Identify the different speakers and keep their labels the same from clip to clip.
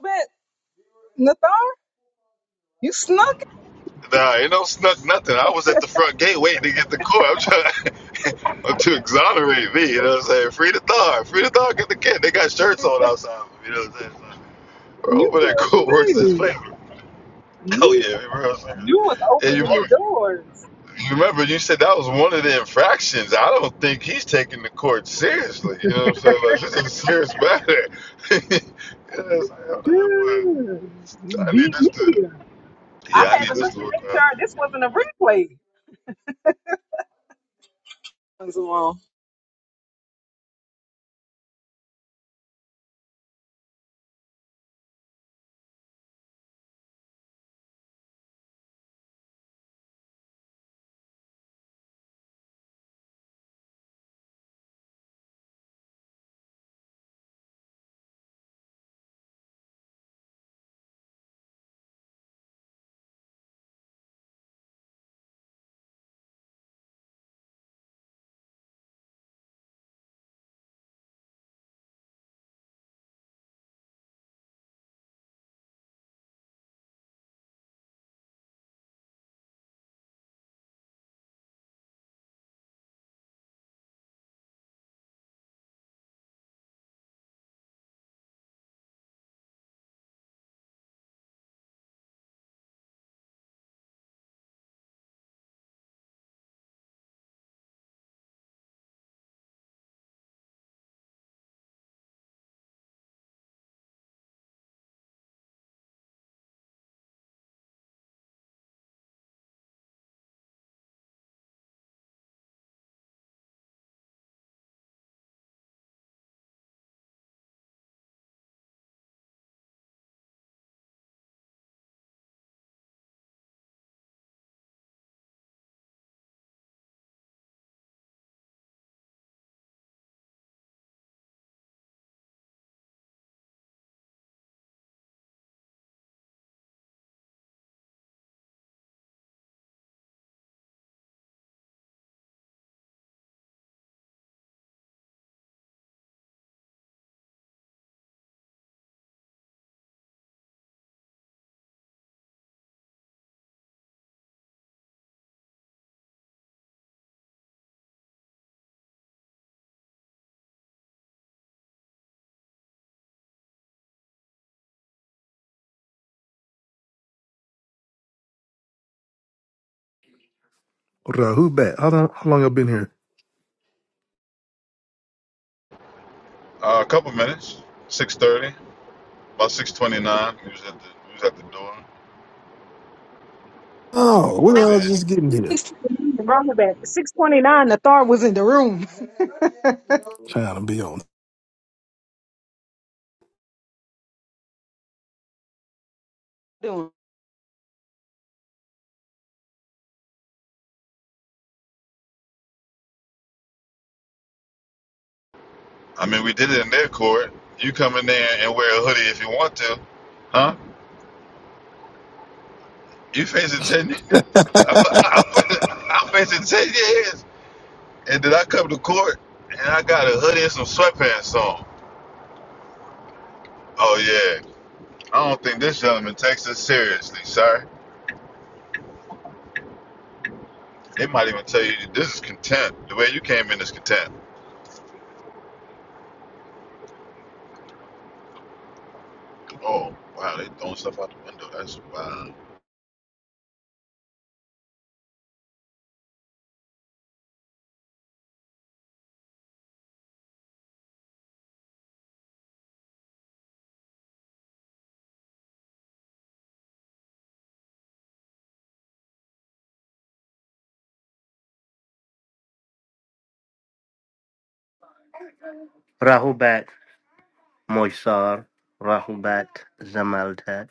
Speaker 1: But Nathar, you snuck it.
Speaker 2: Nah, ain't no snuck nothing. I was at the front gate waiting to get the court. I'm trying I'm to exonerate me. You know what I'm saying? Free the dog. Free the dog. Get the kid. They got shirts on outside. You know what I'm saying? So, we're
Speaker 1: You
Speaker 2: over
Speaker 1: could
Speaker 2: there.
Speaker 1: have
Speaker 2: court works in his
Speaker 1: played.
Speaker 2: favor. Oh
Speaker 1: You,
Speaker 2: yeah, we were outside.
Speaker 1: you was
Speaker 2: And you
Speaker 1: opening the
Speaker 2: remember,
Speaker 1: doors.
Speaker 2: you remember you said that was one of the infractions. I don't think he's taking the court seriously. You know what I'm saying? Like this is a serious matter. Yeah, know what i I'm
Speaker 1: Yeah, you
Speaker 2: not- I need
Speaker 1: beat
Speaker 2: this
Speaker 1: me
Speaker 2: to.
Speaker 1: here. I
Speaker 2: Yeah, I
Speaker 1: had
Speaker 2: need
Speaker 1: to
Speaker 2: this
Speaker 1: look
Speaker 2: to
Speaker 1: to
Speaker 2: work
Speaker 1: make sure
Speaker 2: out.
Speaker 1: this wasn't a replay. Comes along.
Speaker 3: Rahubat. How long, how long y'all been here?
Speaker 2: Uh, a couple minutes. Six thirty. About six twenty nine, we was at the we was at the door in
Speaker 3: Oh, we're
Speaker 2: Florida.
Speaker 3: all
Speaker 2: Angeles.
Speaker 3: just getting here.
Speaker 1: 629 brought me back. 629, Nathar was in the room.
Speaker 3: Trying to be on.
Speaker 1: Doing
Speaker 2: I mean, we did it in their court. You come in there and wear a hoodie if you want to, huh? You facing ten years. I'm facing ten years, and then I come to court and I got a hoodie and some sweatpants on. Oh yeah, I don't think this gentleman takes us seriously, sir. They might even tell you this is contempt. The way you came in is contempt. Oh wow, they throwing stuff out the window. That's wow.
Speaker 4: Rahubat Moisar, Rahubat Zamaldad,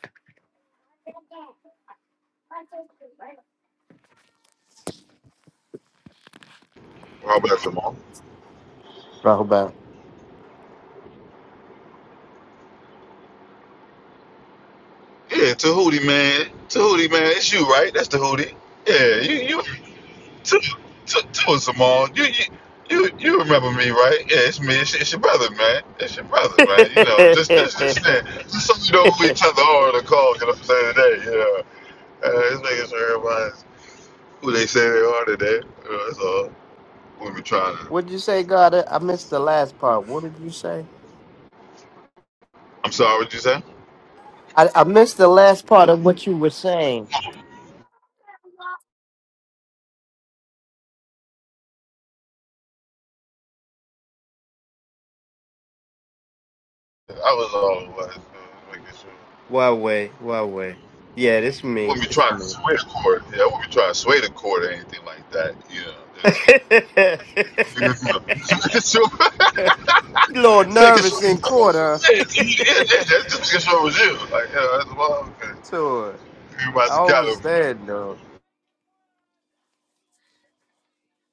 Speaker 2: Rob, bless them all.
Speaker 4: Rahubat.
Speaker 2: Yeah, Tahuti man. Tahuti man, it's you, right? That's Tahuti. Yeah, you you to to to us, You you you you remember me, right? Yeah, it's me. It's, it's your brother, man. It's your brother, man. You know, just just just uh, just so you know who each other are on the call. You know what I'm saying today? You know, uh, just making sure everybody's who they say they are today. You know, that's all. When we trying to,
Speaker 4: What'd you say, God? I I missed the last part. What did you say?
Speaker 2: I'm sorry, what you say? I
Speaker 4: I, I missed the last part of what you were saying.
Speaker 2: was all like, uh, making sure.
Speaker 4: Why way, why way? Yeah, this
Speaker 2: When
Speaker 4: me.
Speaker 2: we
Speaker 4: It's
Speaker 2: try to
Speaker 4: me.
Speaker 2: sway the court, yeah, when we try to sway the court or anything like that, you know, just It's your
Speaker 4: you little
Speaker 2: second show.
Speaker 4: nervous in court, huh?
Speaker 2: Yeah, yeah, yeah, that's just because show was you. Like, yeah, that's well, okay.
Speaker 4: so
Speaker 2: You might as well
Speaker 4: I
Speaker 2: count
Speaker 4: understand though.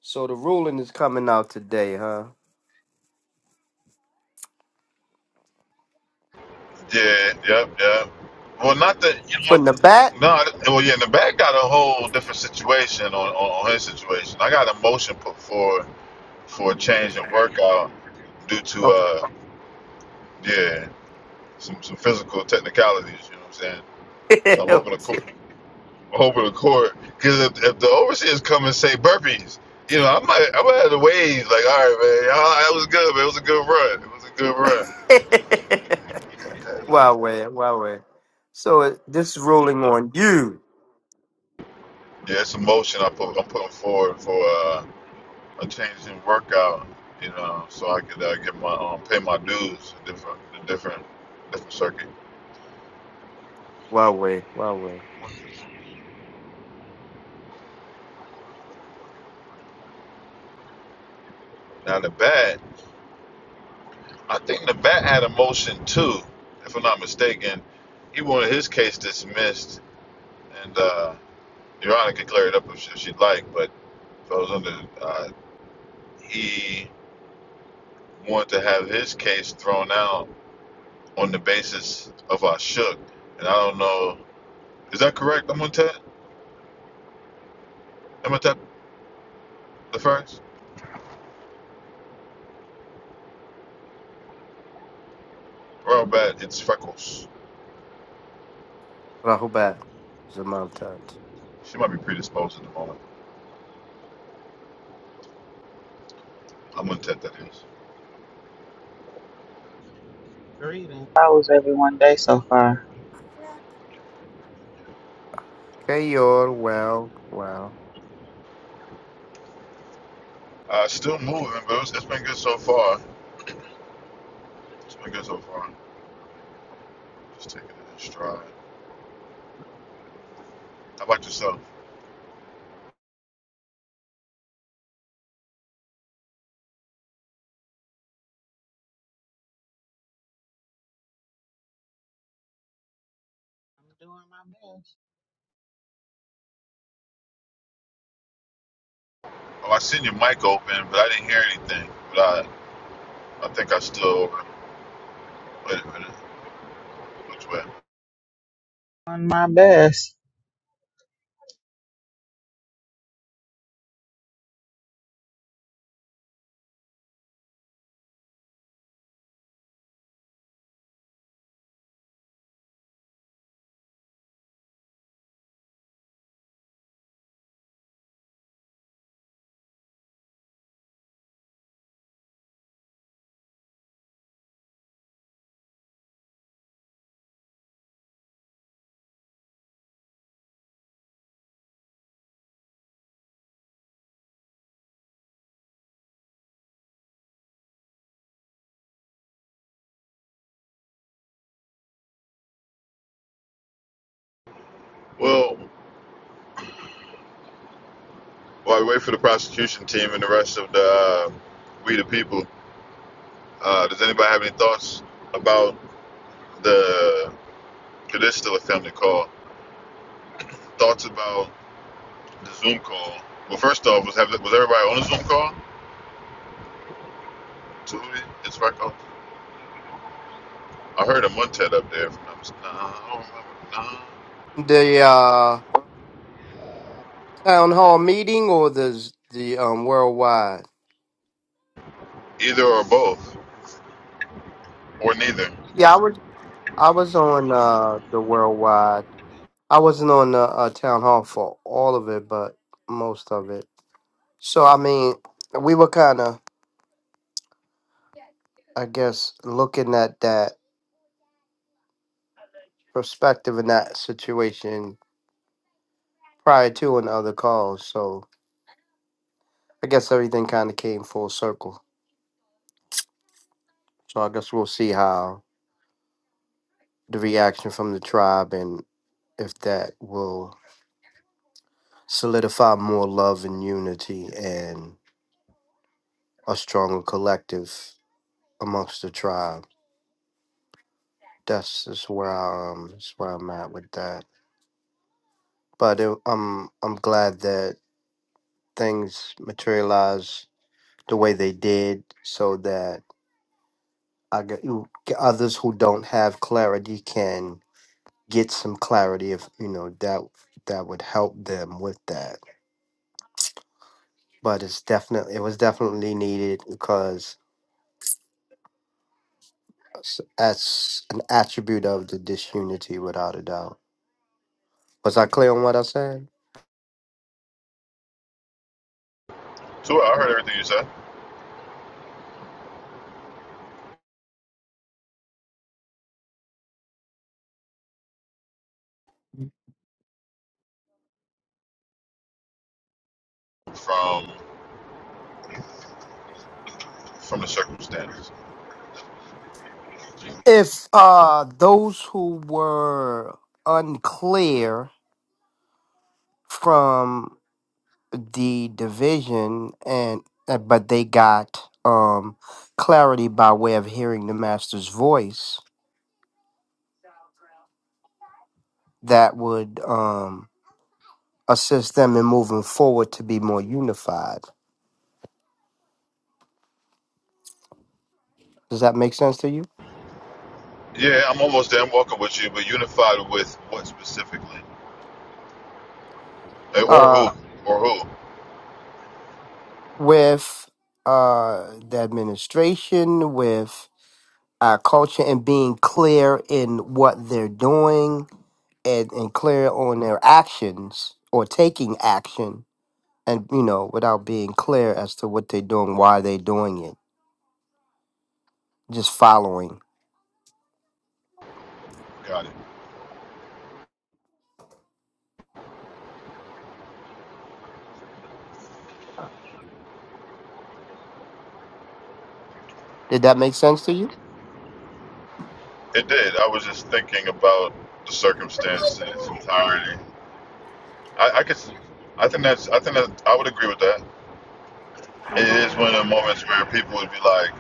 Speaker 4: So the ruling is coming out today, huh?
Speaker 2: it. Yeah, yeah, yeah. Well, not that, you know,
Speaker 4: From the back?
Speaker 2: no, well, yeah, and the bag got a whole different situation on, on, on his situation. I got a motion put for for a change in workout due to,
Speaker 4: Oh.
Speaker 2: uh, yeah, some, some physical technicalities, you know what I'm saying? So I'm hoping to,
Speaker 4: Okay.
Speaker 2: over the court because if, if the overseers come and say burpees, you know, I might I might have to wave like, all right, man, that was good, man. It was a good run. It was a good run.
Speaker 4: Huawei, Huawei. So uh, this is rolling on you.
Speaker 2: Yeah, it's a motion I put I'm putting forward for uh, a change in workout, you know, so I could uh, get my um, pay my dues a different a different different circuit.
Speaker 4: Huawei, Huawei.
Speaker 2: Now the bat, I think the bat had a motion too, if I'm not mistaken. He wanted his case dismissed, and uh, Your can clear it up if she'd like, but. I was under, uh, he wanted to have his case thrown out on the basis of our shook. And I don't know, is that correct? I'm gonna tap, I'm gonna tap the first. Well, bad, it's Freckles.
Speaker 4: Rahubat. Zamantat.
Speaker 2: She might be predisposed at the moment. I'm gonna tap that is.
Speaker 5: Greetings. How was everyone day so far?
Speaker 4: Okay, you're well, well.
Speaker 2: Uh, still moving, but it's, it's been good so far. It's been good so far. Just taking it in stride. How about yourself?
Speaker 5: I'm doing my best.
Speaker 2: Oh, I seen your mic open, but I didn't hear anything. But I, I think I still. Wait a minute. Which way?
Speaker 5: Doing my best.
Speaker 2: Well, While we wait for the prosecution team and the rest of the uh, we the people, uh, does anybody have any thoughts about the? Cause this still a family call. Thoughts about the Zoom call? Well, first off, was have, was everybody on the Zoom call? Tootie, it's Rocco. I heard a Montet up there. If i nah, I don't remember. Nah,
Speaker 4: The uh, town hall meeting or the the um worldwide?
Speaker 2: either or both or neither.
Speaker 4: Yeah, I was I was on uh the worldwide. I wasn't on the uh, town hall for all of it, but most of it. So I mean, we were kind of I guess looking at that perspective in that situation prior to and other calls. So I guess everything kind of came full circle. So I guess we'll see how the reaction from the tribe and if that will solidify more love and unity and a stronger collective amongst the tribe. That's just where I, um that's where I'm at with that. But it, I'm I'm glad that things materialize the way they did so that I got you. Others who don't have clarity can get some clarity if you know that that would help them with that. But it's definitely it was definitely needed because s- that's an attribute of the disunity, without a doubt. Was I clear on what I said?
Speaker 2: So I heard everything you said from from the circumstances.
Speaker 4: If uh those who were unclear from the division and uh, but they got um clarity by way of hearing the master's voice that would um assist them in moving forward to be more unified does that make sense to you
Speaker 2: Yeah, I'm almost there. I'm walking with you, but unified with what specifically? Eh, Or
Speaker 4: uh
Speaker 2: who? Or who?
Speaker 4: with uh the administration with our culture and being clear in what they're doing and, and clear on their actions or taking action and you know without being clear as to what they're doing why they're doing it just following
Speaker 2: Got it.
Speaker 4: did that make sense to you
Speaker 2: It did. I was just thinking about the circumstance in its entirety. I, I could. I think that's. I think that I would agree with that. It is one of the moments where people would be like,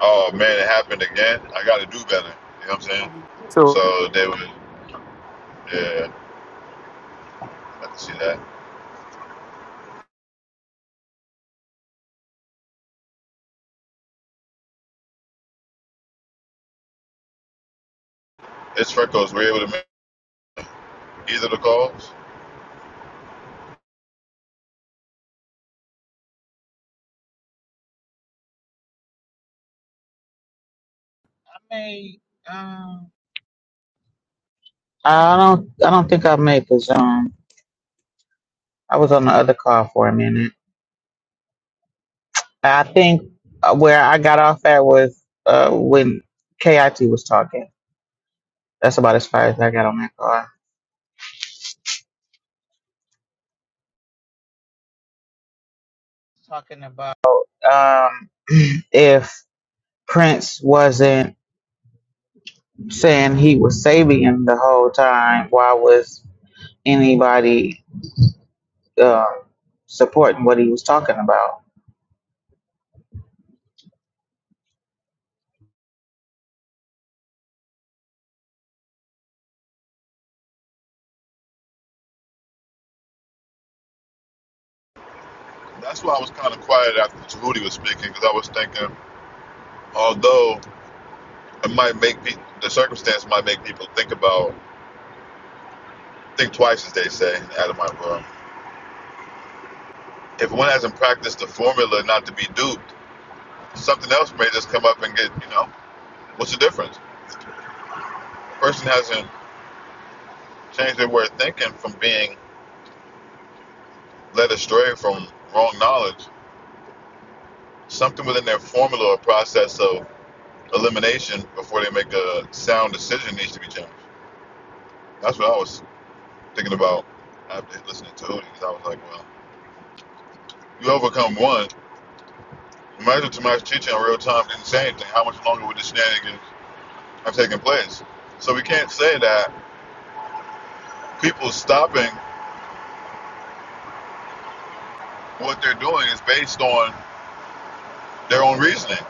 Speaker 2: "Oh man, it happened again. I got to do better." You know what I'm saying?
Speaker 4: so
Speaker 2: So they would. Yeah, I can see that. It's Freckles. Were you able to make either of the calls?
Speaker 5: I made um I don't I don't think I made the Zoom. I was on the other call for a minute. I think uh, where I got off at was uh when KIT was talking. That's about as far as I got on that call. Talking about um if Prince wasn't saying he was Sabian the whole time, why was anybody uh, supporting what he was talking about.
Speaker 2: That's why I was kind of quiet after Tahuti was speaking because I was thinking, although it might make people, the circumstance might make people think about Think twice, as they say, Adam I will. If one hasn't practiced the formula not to be duped, something else may just come up and get, you know, what's the difference? The person hasn't changed their way of thinking from being led astray from wrong knowledge, something within their formula or process of elimination before they make a sound decision needs to be changed. That's what I was thinking about after listening to Hootie, because I was like, well, you overcome one. Imagine Tamari's teaching in real time didn't say anything. How much longer would the shenanigans Have taken place. So we can't say that people stopping what they're doing is based on their own reasoning.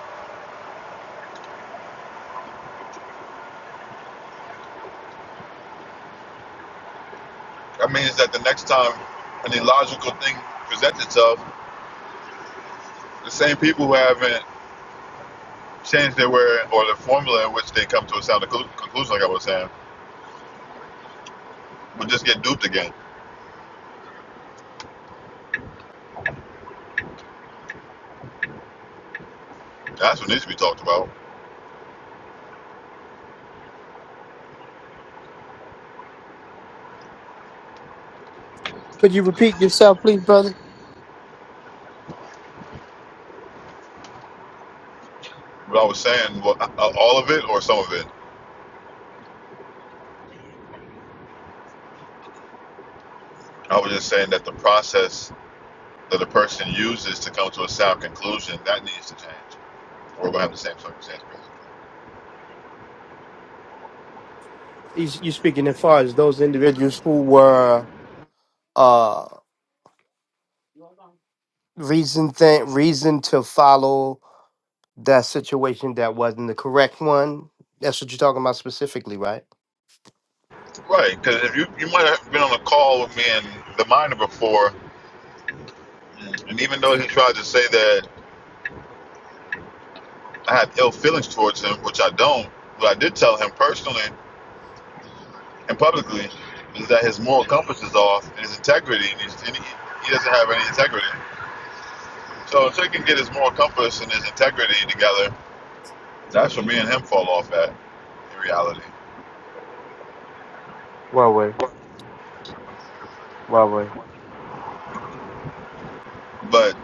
Speaker 2: That means that the next time an illogical thing presents itself, the same people who haven't changed their way or the formula in which they come to a sound conclusion, like I was saying, will just get duped again. That's what needs to be talked about.
Speaker 4: could you repeat yourself please brother
Speaker 2: But I was saying, well, uh, all of it or some of it. I was just saying that the process that a person uses to come to a sound conclusion that needs to change. We're gonna have the same circumstance.
Speaker 4: you, you speaking as far as those individuals who were uh reason th- reason to follow that situation that wasn't the correct one that's what you're talking about specifically right
Speaker 2: Right, because if you you might have been on a call with me and the miner before, and even though he tried to say that I had ill feelings towards him, which I don't, what I did tell him personally and publicly is that his moral compass is off and his integrity, and, he's, and he, he doesn't have any integrity. So until he can get his moral compass and his integrity together, that's where me and him fall off at in reality.
Speaker 4: well way well way
Speaker 2: But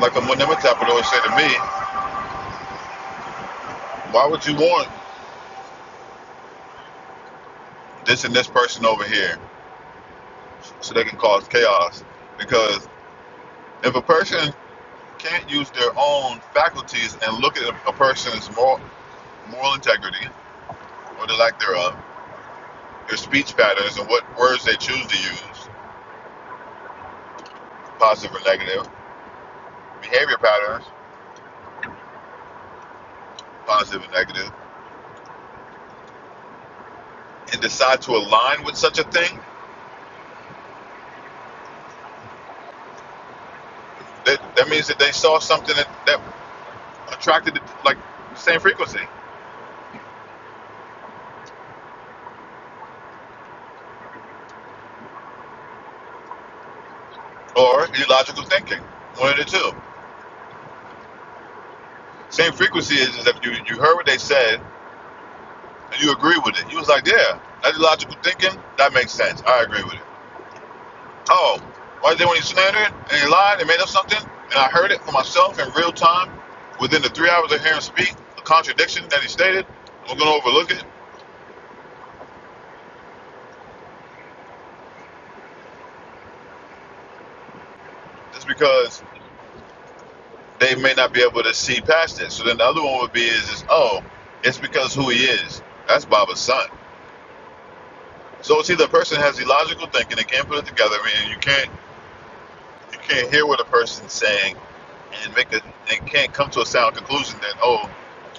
Speaker 2: like a Munimitap would always say to me, why would you want this and this person over here so they can cause chaos? Because if a person can't use their own faculties and look at a person's moral, moral integrity or the lack thereof, their speech patterns and what words they choose to use, positive or negative, behavior patterns, positive and negative, and decide to align with such a thing, that, that means that they saw something that, that attracted like the same frequency or illogical thinking, one of the two. Same frequency is, is if you, you heard what they said and you agree with it. You was like, yeah, that illogical thinking, that makes sense. I agree with it Oh, right there when he slandered and he lied and made up something, and I heard it for myself in real time within the three hours of hearing him speak, a contradiction that he stated, I'm going to overlook it just because they may not be able to see past it. So then the other one would be is, is oh, it's because who he is. That's Baba's son. So it's either a person has illogical thinking and can't put it together, and you can't you can't hear what a person's saying and make a and can't come to a sound conclusion that oh,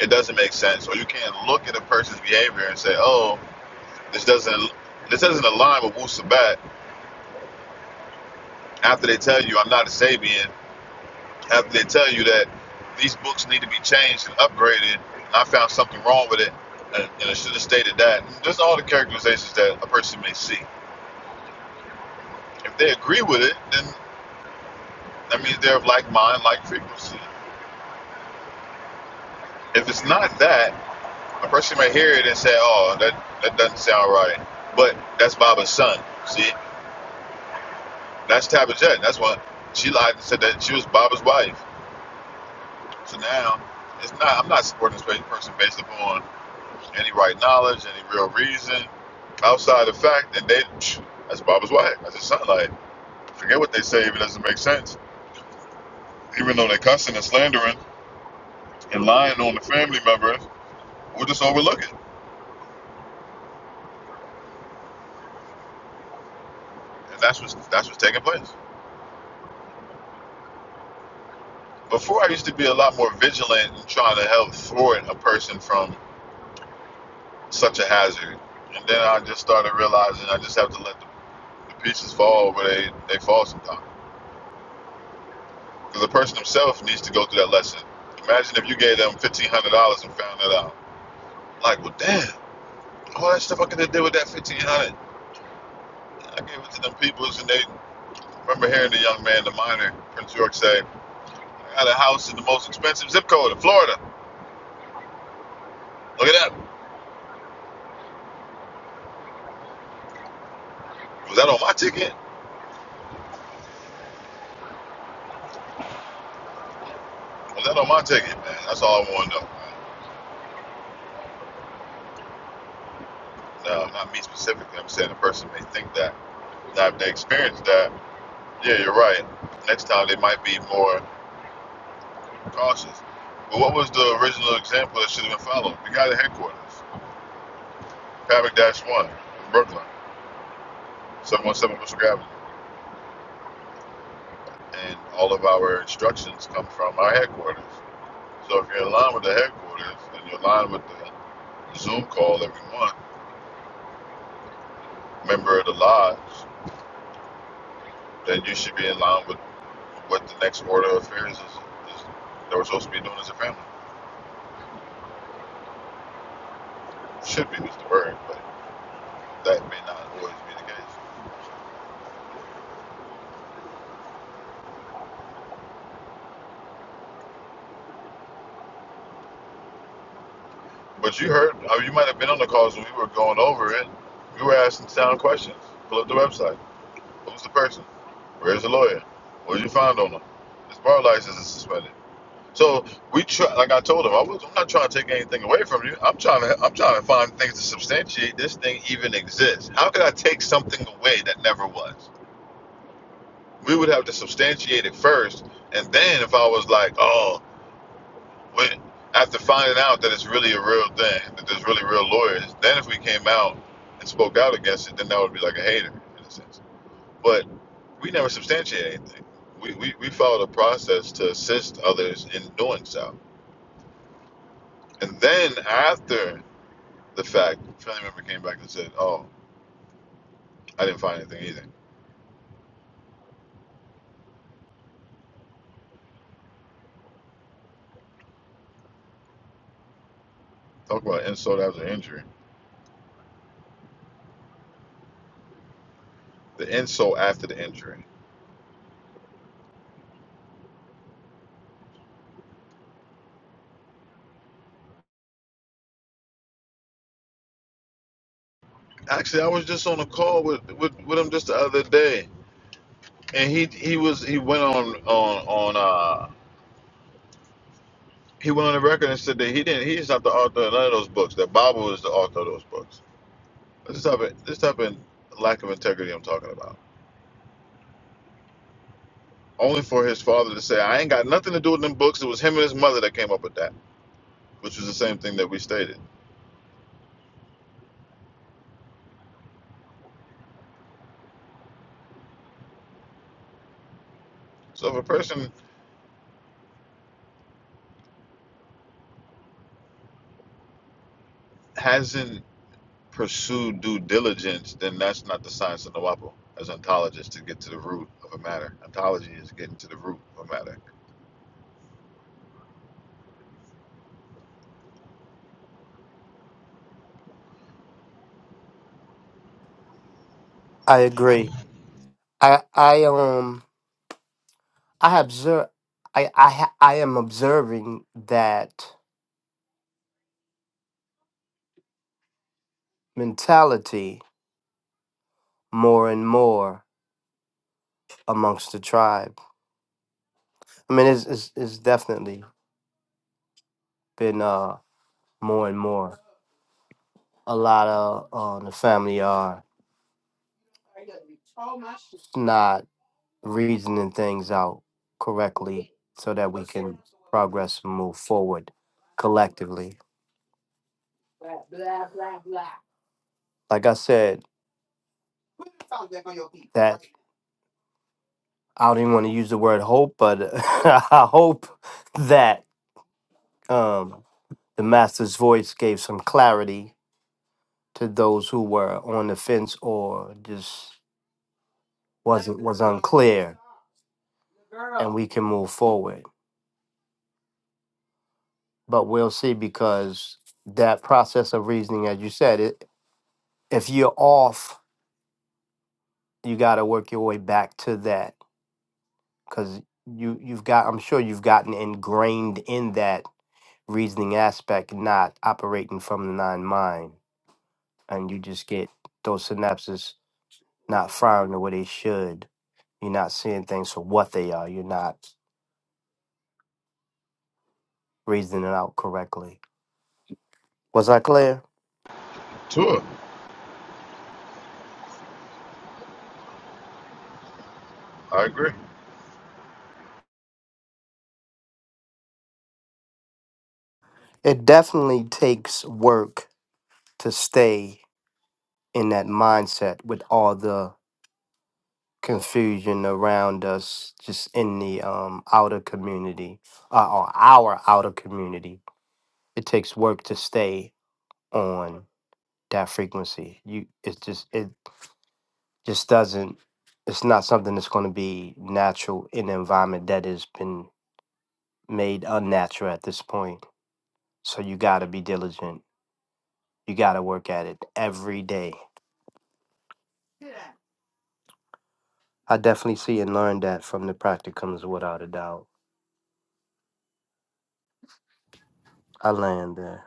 Speaker 2: it doesn't make sense, or you can't look at a person's behavior and say oh This doesn't this doesn't align with Wu Sabat. After they tell you I'm not a Sabian, after they tell you that these books need to be changed and upgraded, and I found something wrong with it, and, and I should have stated that. And Just all the characterizations that a person may see. If they agree with it, then that means they're of like mind, like frequency. If it's not that, a person may hear it and say, "Oh, that that doesn't sound right," but that's Baba's son. See, that's Tabitha. That's what she lied and said that she was Baba's wife. So now, it's not. I'm not supporting this person based upon any right knowledge, any real reason, outside the fact that they. That's Bob's wife. That's his son. Like, forget what they say if it doesn't make sense. Even though they're cussing and slandering and lying on the family members, we'll just overlook it. And that's what's that's what's taking place. Before, I used to be a lot more vigilant in trying to help thwart a person from such a hazard. And then I just started realizing I just have to let the, the pieces fall where they, they fall sometimes Because the person himself needs to go through that lesson. Imagine if you gave them fifteen hundred dollars and found that out. Like, well, damn, all that stuff I could have did with that fifteen hundred. dollars. I gave it to them peoples, and they remember hearing the young man, the miner, Prince York, say, "I got a house in the most expensive zip code in Florida. Look at that. Was that on my ticket? Was that on my ticket, man? That's all I want to know." No, not me specifically. I'm saying the person may think that. Now, if they experience that, yeah, you're right. Next time they might be more. cautious. But what was the original example that should have been followed? The guy at headquarters, Pavic Dash 1 in Brooklyn, 717 Bristol Avenue. And all of our instructions come from our headquarters. So if you're in line with the headquarters and you're in line with the Zoom call every month, member of the lodge, then you should be in line with what the next order of affairs is, is that we're supposed to be doing as a family. Should be was the word, but that may not always be the case. But you heard, uh, you might have been on the calls when we were going over it. You were asking sound questions. Pull up the website. Who's the person? Where's the lawyer? What did you find on them? His bar license is suspended. So we try, like I told him, I was, I'm not trying to take anything away from you. I'm trying to, I'm trying to find things to substantiate this thing even exists. How could I take something away that never was? We would have to substantiate it first, and then if I was like, oh. When, after finding out that it's really a real thing, that there's really real lawyers, then if we came out and spoke out against it, then that would be like a hater in a sense. But we never substantiate anything. We, we, we followed a process to assist others in doing so. And then after the fact, a family member came back and said, Oh, I didn't find anything either. Talk about insult after injury. The insult after the injury. Actually, I was just on a call with, with, with him just the other day. And he, he was he went on on on uh. He went on the record and said that he didn't. He's not the author of none of those books. That Bible is the author of those books. This type of this type of lack of integrity I'm talking about. Only for his father to say, "I ain't got nothing to do with them books." It was him and his mother that came up with that, which was the same thing that we stated. So if a person hasn't pursued due diligence, then that's not the science of the Wapo as ontologist to get to the root of a matter. Ontology is getting to the root of a matter.
Speaker 4: i agree i i um i observe i i ha- i am observing that mentality more and more amongst the tribe. I mean, it's it's, it's definitely been uh, more and more. A lot of uh, the family are not reasoning things out correctly so that we can progress and move forward collectively. Like I said, that I don't even want to use the word hope, but I hope that um, the master's voice gave some clarity to those who were on the fence or just was was unclear, and we can move forward. But we'll see because that process of reasoning, as you said, it, if you're off, you got to work your way back to that because you you've got. I'm sure you've gotten ingrained in that reasoning aspect, not operating from the nine mind, and you just get those synapses not firing the way they should. You're not seeing things for what they are. You're not reasoning it out correctly. Was I clear?
Speaker 2: Tua, I agree.
Speaker 4: It definitely takes work to stay in that mindset with all the confusion around us, just in the um, outer community, uh, or our outer community. It takes work to stay on that frequency. You, it's just it just doesn't. It's not something that's going to be natural in an environment that has been made unnatural at this point. So you got to be diligent. You got to work at it every day. I definitely see and learn that from the practicums without a doubt. I land there.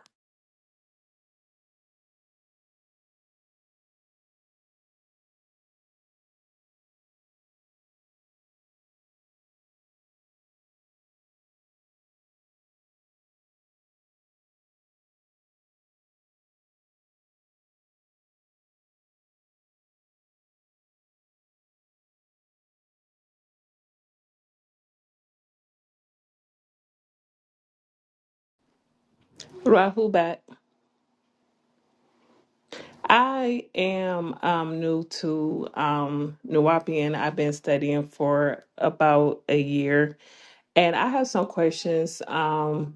Speaker 6: Rahul back. I am um, new to um, Nuwapian. I've been studying for about a year, and I have some questions. Um,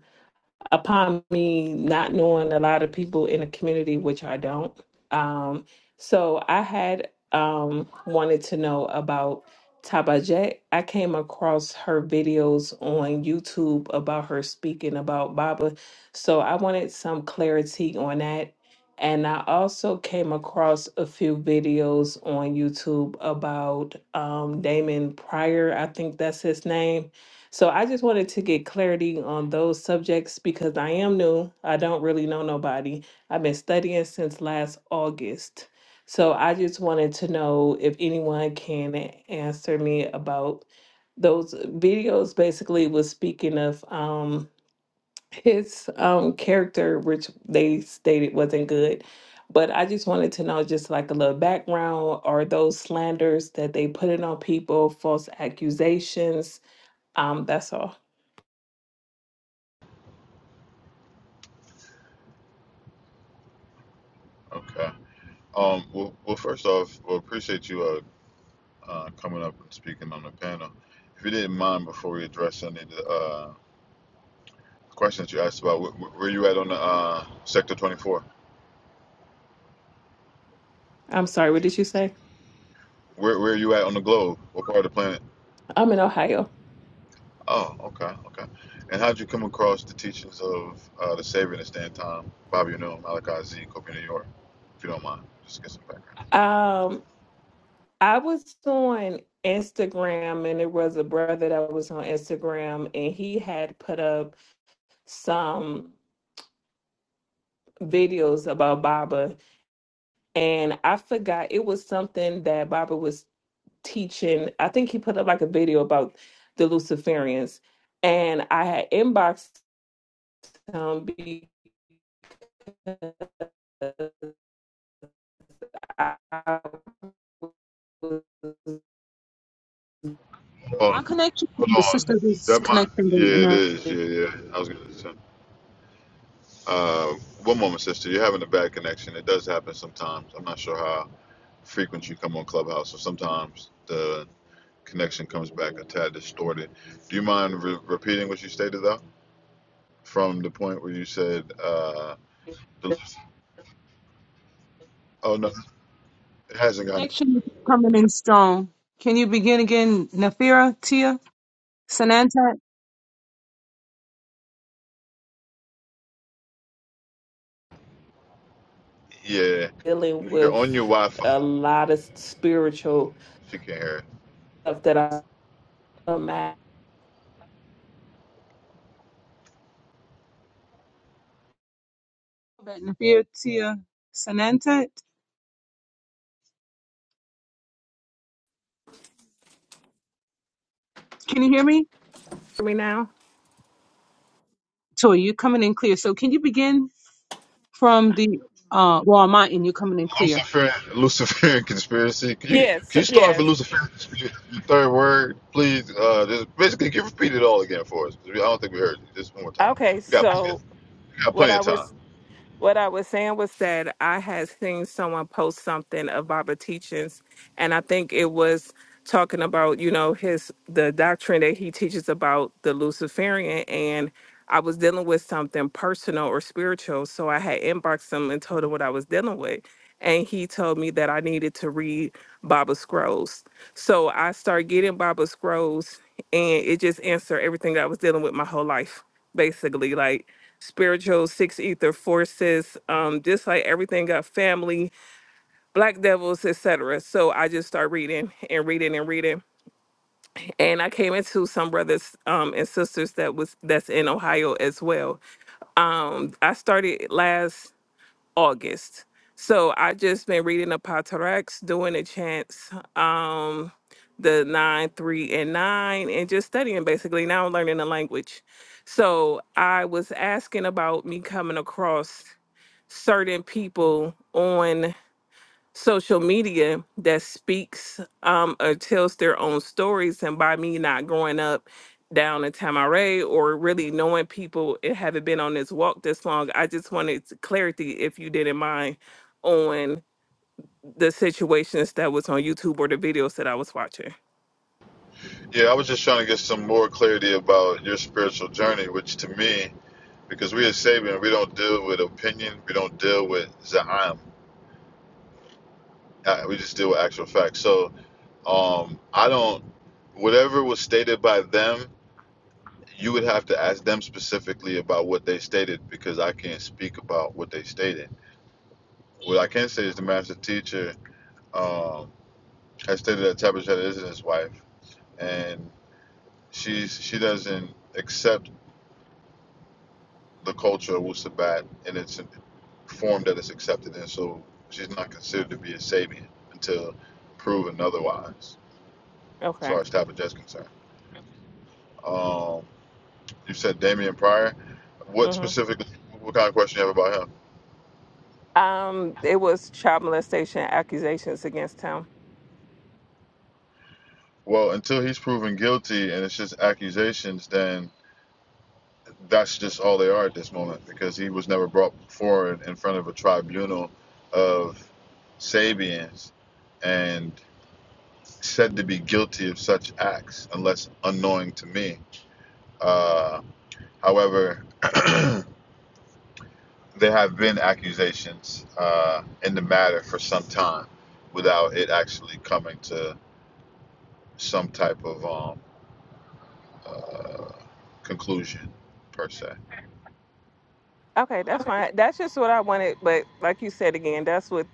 Speaker 6: upon me not knowing a lot of people in the community, which I don't. Um, so I had um, wanted to know about Tabajet. I came across her videos on YouTube about her speaking about Baba. So I wanted some clarity on that. And I also came across a few videos on YouTube about um, Damon Pryor, I think that's his name so I just wanted to get clarity on those subjects because I am new. I don't really know nobody. I've been studying since last August. So I just wanted to know if anyone can a- answer me about those videos basically was speaking of um his um character which they stated wasn't good. But I just wanted to know just like a little background or those slanders that they put in on people, false accusations. Um that's all.
Speaker 2: Okay. Um. Well, well first off, we well, appreciate you. Uh, uh, coming up and speaking on the panel. If you didn't mind, before we address any of the uh, questions you asked about, wh- wh- where you at on the uh, Sector 24?
Speaker 6: I'm sorry, what did you say?
Speaker 2: Where, where are you at on the globe? What part of the planet?
Speaker 6: I'm in Ohio.
Speaker 2: Oh, okay, okay. And how'd you come across the teachings of uh, the Savior and the Stand Time, Bobby Unum, Malachi Z, Kobe New York? If you don't mind, just get some background.
Speaker 6: Um, I was on Instagram and there was a brother that was on Instagram and he had put up some videos about Baba and I forgot it was something that Baba was teaching. I think he put up like a video about the Luciferians and I had inboxed him because I was
Speaker 2: Hold
Speaker 1: My
Speaker 2: on,
Speaker 1: connection, the
Speaker 2: hold on.
Speaker 1: sister
Speaker 2: Is
Speaker 1: is
Speaker 2: that my?
Speaker 1: connecting
Speaker 2: Yeah,
Speaker 1: and
Speaker 2: it
Speaker 1: her
Speaker 2: is. Yeah, yeah. I was gonna say. Uh, one moment, sister. You're having a bad connection. It does happen sometimes. I'm not sure how. frequent you come on Clubhouse, so sometimes the connection comes back a tad distorted. Do you mind re- repeating what you stated though, from the point where you said, uh, the, "Oh no, it hasn't got it."
Speaker 1: connection is coming in strong. Can you begin again, Nafira, Tia, Sanantat?
Speaker 2: Yeah,
Speaker 6: dealing
Speaker 2: if you're on
Speaker 6: with
Speaker 2: your Wi-Fi,
Speaker 6: a lot of spiritual
Speaker 2: she can't hear it.
Speaker 6: stuff that I am at.
Speaker 1: Nafira, Tia, Sanantat? Can you hear me?
Speaker 6: Hear me now?
Speaker 1: Tori, you're coming in clear. So can you begin from the uh well on my end, you're coming in clear.
Speaker 2: Luciferian, Luciferian conspiracy. Can you
Speaker 6: Yes,
Speaker 2: can you start for
Speaker 6: yes.
Speaker 2: Luciferian conspiracy? Your third word, please. Uh, just basically, can you repeat it all again for us? I don't think we heard it. Just one more time.
Speaker 6: Okay,
Speaker 2: We got
Speaker 6: so
Speaker 2: we got
Speaker 6: what
Speaker 2: plenty
Speaker 6: I
Speaker 2: of time.
Speaker 6: was What I was saying was that I had seen someone post something about the teachings, and I think it was talking about you know his the doctrine that he teaches about the Luciferian, and I was dealing with something personal or spiritual, so I had inboxed him and told him what I was dealing with, and he told me that I needed to read Baba Scrolls. So I started getting Baba Scrolls, and it just answered everything that I was dealing with my whole life, basically, like spiritual six ether forces um just like everything got family black devils etc so i just start reading and reading and reading and i came into some brothers um and sisters that was that's in ohio as well um i started last august so i just been reading the Paterex, doing the chants um the nine three and nine and just studying basically now i'm learning the language so i was asking about me coming across certain people on social media that speaks um, or tells their own stories. And by me not growing up down in Tamaray or really knowing people and haven't been on this walk this long, I just wanted s- clarity, if you didn't mind, on the situations that was on YouTube or the videos that I was watching.
Speaker 2: Yeah, I was just trying to get some more clarity about your spiritual journey, which to me, because we as Sabian, we don't deal with opinion, we don't deal with Za'am, Uh, we just deal with actual facts. So um, I don't, whatever was stated by them, you would have to ask them specifically about what they stated because I can't speak about what they stated. What I can say is the master teacher um, has stated that Tabitha is his wife, and she's she doesn't accept the culture of Wusabat in its form that it's accepted in. So she's not considered to be a Sabian until proven otherwise, as far
Speaker 6: Okay.
Speaker 2: as Tappa Jet's concerned. Um, you said Damian Pryor. What
Speaker 6: hmm
Speaker 2: specifically, what kind of question you have about him?
Speaker 6: Um, it was child molestation accusations against him.
Speaker 2: Well, until he's proven guilty and it's just accusations, then that's just all they are at this moment because he was never brought forward in front of a tribunal of Sabians. And said to be guilty of such acts unless unknowing to me. Uh, however, there have been accusations uh, in the matter for some time without it actually coming to some type of um, uh, conclusion, per se.
Speaker 6: Okay, that's
Speaker 2: Okay.
Speaker 6: fine. That's just what I wanted, but like you said again, that's what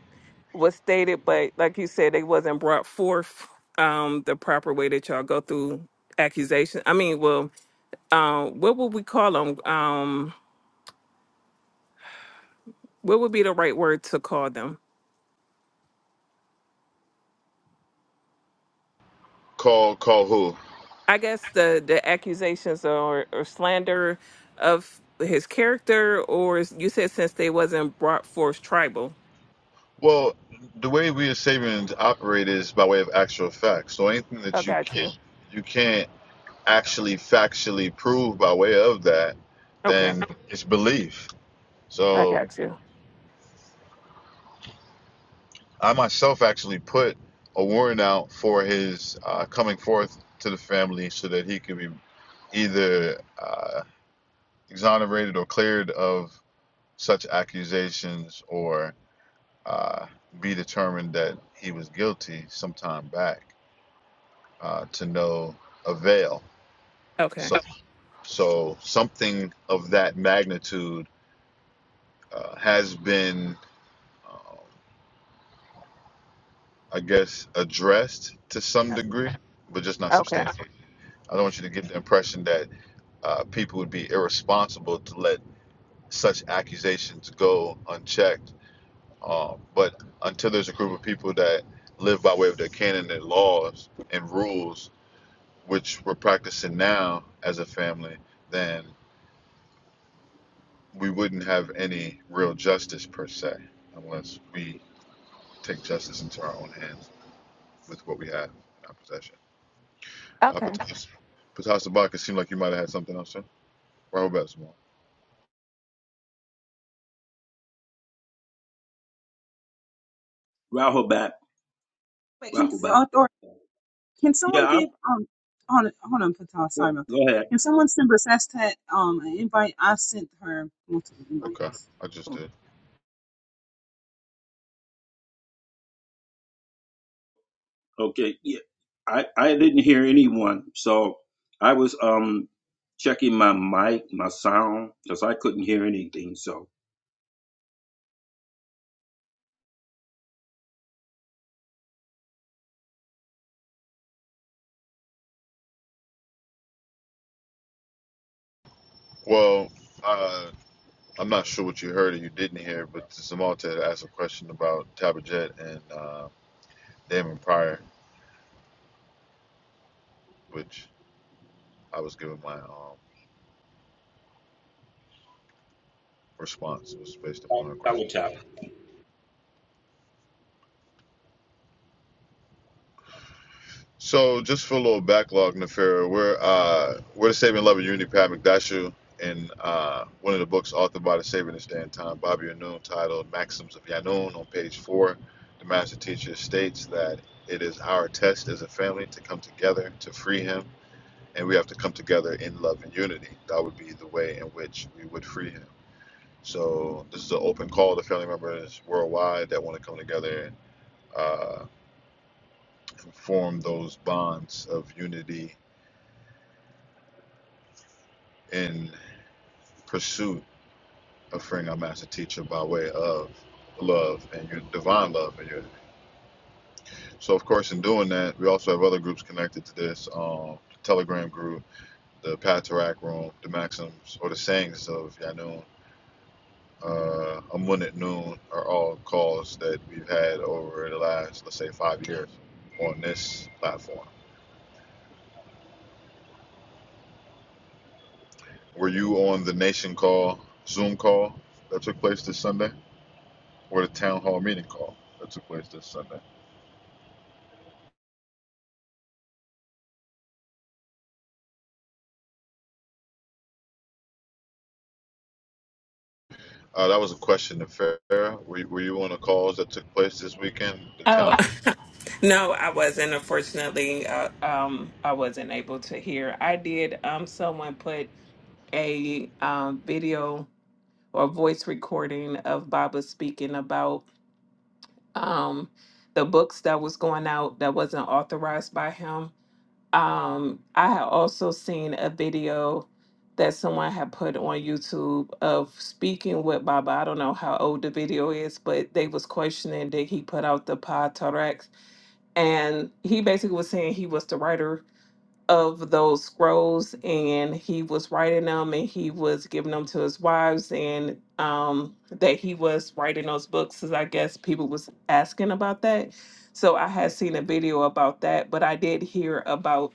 Speaker 6: was stated, but like you said, they wasn't brought forth um the proper way that y'all go through accusation. I mean, well, um, what would we call them? Um, what would be the right word to call them?
Speaker 2: Call, call who?
Speaker 6: I guess the the accusations or or slander of his character, or s- you said since they wasn't brought forth tribal.
Speaker 2: Well, the way we as Sabians operate is by way of actual facts. So anything
Speaker 6: I
Speaker 2: that you
Speaker 6: got you.
Speaker 2: can't, you can't actually factually proved by way of that,
Speaker 6: Okay,
Speaker 2: then it's belief.
Speaker 6: I
Speaker 2: So
Speaker 6: got you.
Speaker 2: I myself actually put a warrant out for his uh, coming forth to the family so that he could be either uh, exonerated or cleared of such accusations or uh, be determined that he was guilty sometime back uh, to no avail.
Speaker 6: Okay.
Speaker 2: So, so something of that magnitude uh, has been um, I guess, addressed to some degree, but just not
Speaker 6: Okay.
Speaker 2: substantially. I don't want you to get the impression that uh, people would be irresponsible to let such accusations go unchecked. Um, but until there's a group of people that live by way of their canon and laws and rules, which we're practicing now as a family, then we wouldn't have any real justice per se, unless we take justice into our own hands with what we have in our possession. Uh,
Speaker 6: Okay.
Speaker 2: Patas, Patas it seemed like you might have had something else, huh? Rahul Basketball.
Speaker 7: Rahobat.
Speaker 1: Wait, can
Speaker 7: Rahobat.
Speaker 1: uh, or can someone
Speaker 7: Yeah, I'm,
Speaker 1: give um on hold on Patel, sorry about that.
Speaker 7: go ahead.
Speaker 1: Can someone send Basestat um an invite? I sent her multiple
Speaker 2: Okay,
Speaker 1: invites.
Speaker 2: I just did.
Speaker 7: Okay. Yeah, I, I didn't hear anyone, so I was um checking my mic, my sound, because I couldn't hear anything. So
Speaker 2: Well, uh, I'm not sure what you heard or you didn't hear, but Samalta had asked a question about Tabajet and uh, Damon Pryor, which I was given my um, response. It was based upon her question.
Speaker 7: I would tell.
Speaker 2: So just for a little backlog, Nefera, we're uh we're the Saving Love of Unity Pat McDashu in uh one of the books authored by the Saving and Stand Time, Bobby Anoon, titled Maxims of Yanun on page four. The master teacher states that it is our test as a family to come together to free him, and we have to come together in love and unity. That would be the way in which we would free him. So this is an open call to family members worldwide that want to come together and uh, form those bonds of unity in pursuit of freeing our master teacher by way of love and your divine love and your so of course in doing that we also have other groups connected to this um the telegram group the patarak room the maxims or the sayings of yanun uh amun at noon are all calls that we've had over the last let's say five years on this platform were you on the nation call zoom call that took place this sunday or the town hall meeting call that took place this sunday Uh, that was a question to Farah. Were, you- were you on the calls that took place this weekend? The town
Speaker 6: Oh, no, I wasn't. Unfortunately, uh, um, I wasn't able to hear. I did. Um, someone put a um, video or voice recording of Baba speaking about um, the books that was going out that wasn't authorized by him. Um, I had also seen a video that someone had put on YouTube of speaking with Baba. I don't know how old the video is, but they was questioning did he put out the Pod and he basically was saying he was the writer of those scrolls and he was writing them and he was giving them to his wives and um that he was writing those books as i guess people was asking about that so i had seen a video about that but i did hear about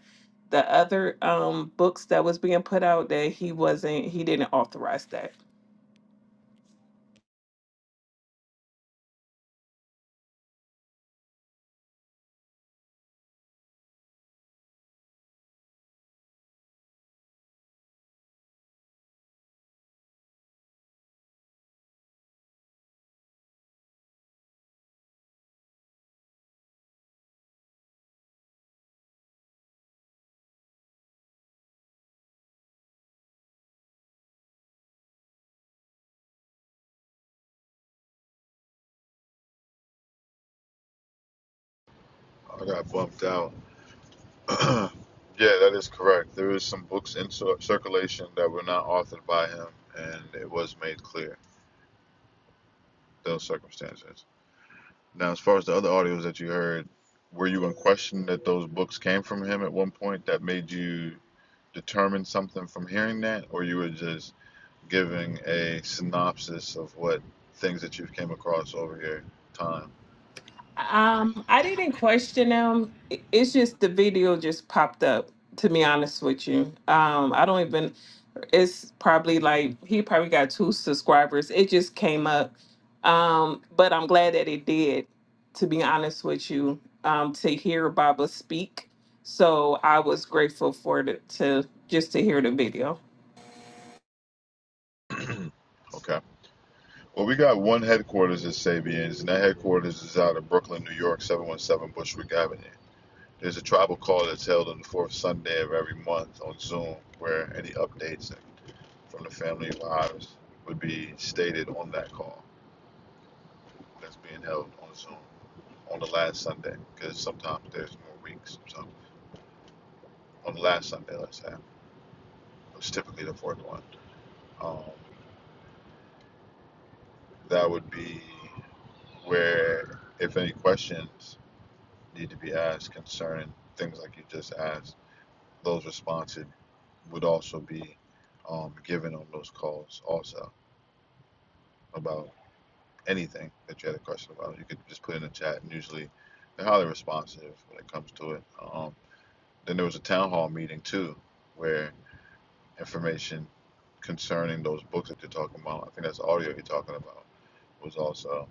Speaker 6: the other um books that was being put out that he wasn't he didn't authorize that
Speaker 2: I got bumped out. yeah, that is correct. There is some books in cir- circulation that were not authored by him, and it was made clear those circumstances. Now, as far as the other audios that you heard, were you in question that those books came from him at one point that made you determine something from hearing that, or you were just giving a synopsis of what things that you've came across over your time?
Speaker 6: Um, I didn't question them. I- It's just the video just popped up. To be honest with you, um, I don't even. It's probably like he probably got two subscribers. It just came up, um, but I'm glad that it did. To be honest with you, um, to hear Baba speak, so I was grateful for the to just to hear the video.
Speaker 2: okay. Well, we got one headquarters at Sabian's, and that headquarters is out of Brooklyn, New York, 717 Bushwick Avenue. There's a tribal call that's held on the fourth Sunday of every month on Zoom, where any updates from the family of Iris would be stated on that call that's being held on Zoom on the last Sunday, because sometimes there's more weeks. So on the last Sunday, let's have, it's typically the fourth one. Um, that would be where, if any questions need to be asked concerning things like you just asked. Those responses would also be um, given on those calls also about anything that you had a question about. You could just put in the chat, and usually they're highly responsive when it comes to it. Um, then there was a town hall meeting too, where information concerning those books that you're talking about, I think that's audio you're talking about, was also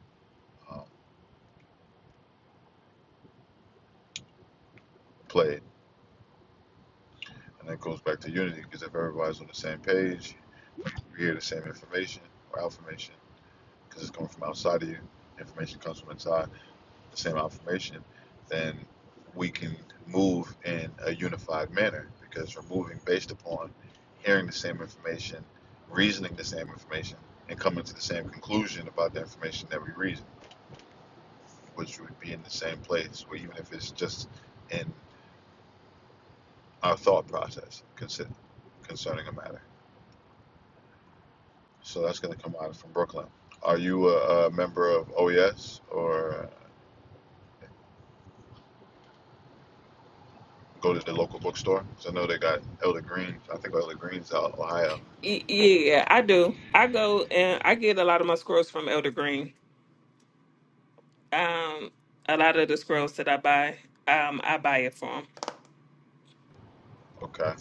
Speaker 2: um, played. And that goes back to unity because if everybody's on the same page, you hear the same information or affirmation, because it's coming from outside of you. Information comes from inside, the same affirmation, then we can move in a unified manner because we're moving based upon hearing the same information, reasoning the same information, and coming to the same conclusion about the information that we reason, which would be in the same place, or even if it's just in our thought process concerning a matter. So that's going to come out from Brooklyn. Are you a, a member of OES or go to the local bookstore? Because I know they got Elder Green. I think Elder Green's out of Ohio.
Speaker 6: Y- Yeah, I do. I go and I get a lot of my scrolls from Elder Green. Um, a lot of the scrolls that I buy, um, I buy it from.
Speaker 2: Okay.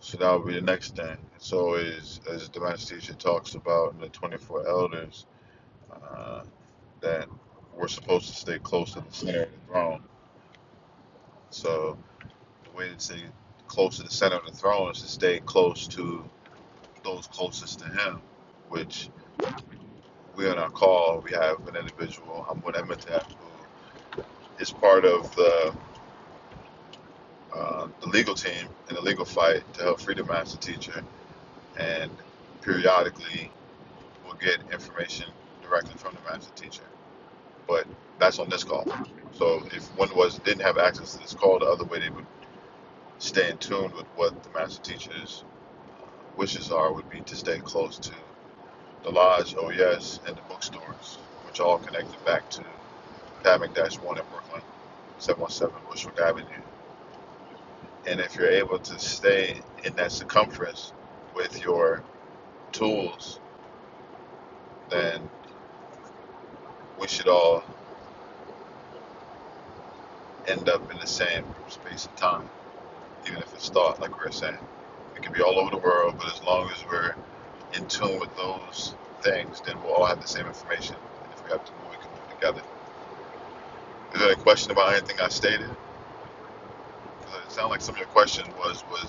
Speaker 2: So that would be the next thing. So is as the master teacher talks about the 24 elders uh, that were supposed to stay close to the center of the throne. So the way to stay close to the center of the throne is to stay close to those closest to him, which We on our call, we have an individual, Hamoud Emitab, who is part of the, uh, the legal team in the legal fight to help Freedom Master Teacher. And periodically, we'll get information directly from the Master Teacher. But that's on this call. So if one was didn't have access to this call, the other way they would stay in tune with what the Master Teacher's wishes are would be to stay close to the Lodge, OES, and the bookstores, which are all connected back to Dime Dash 1 in Brooklyn, 717 Bushwick Avenue. And if you're able to stay in that circumference with your tools, then we should all end up in the same space and time, even if it's thought, like we were saying. It could be all over the world, but as long as we're in tune with those things, then we'll all have the same information. And if we have to move, we can move together. Is there a question about anything I stated? 'Cause it sounded like some of your questions was was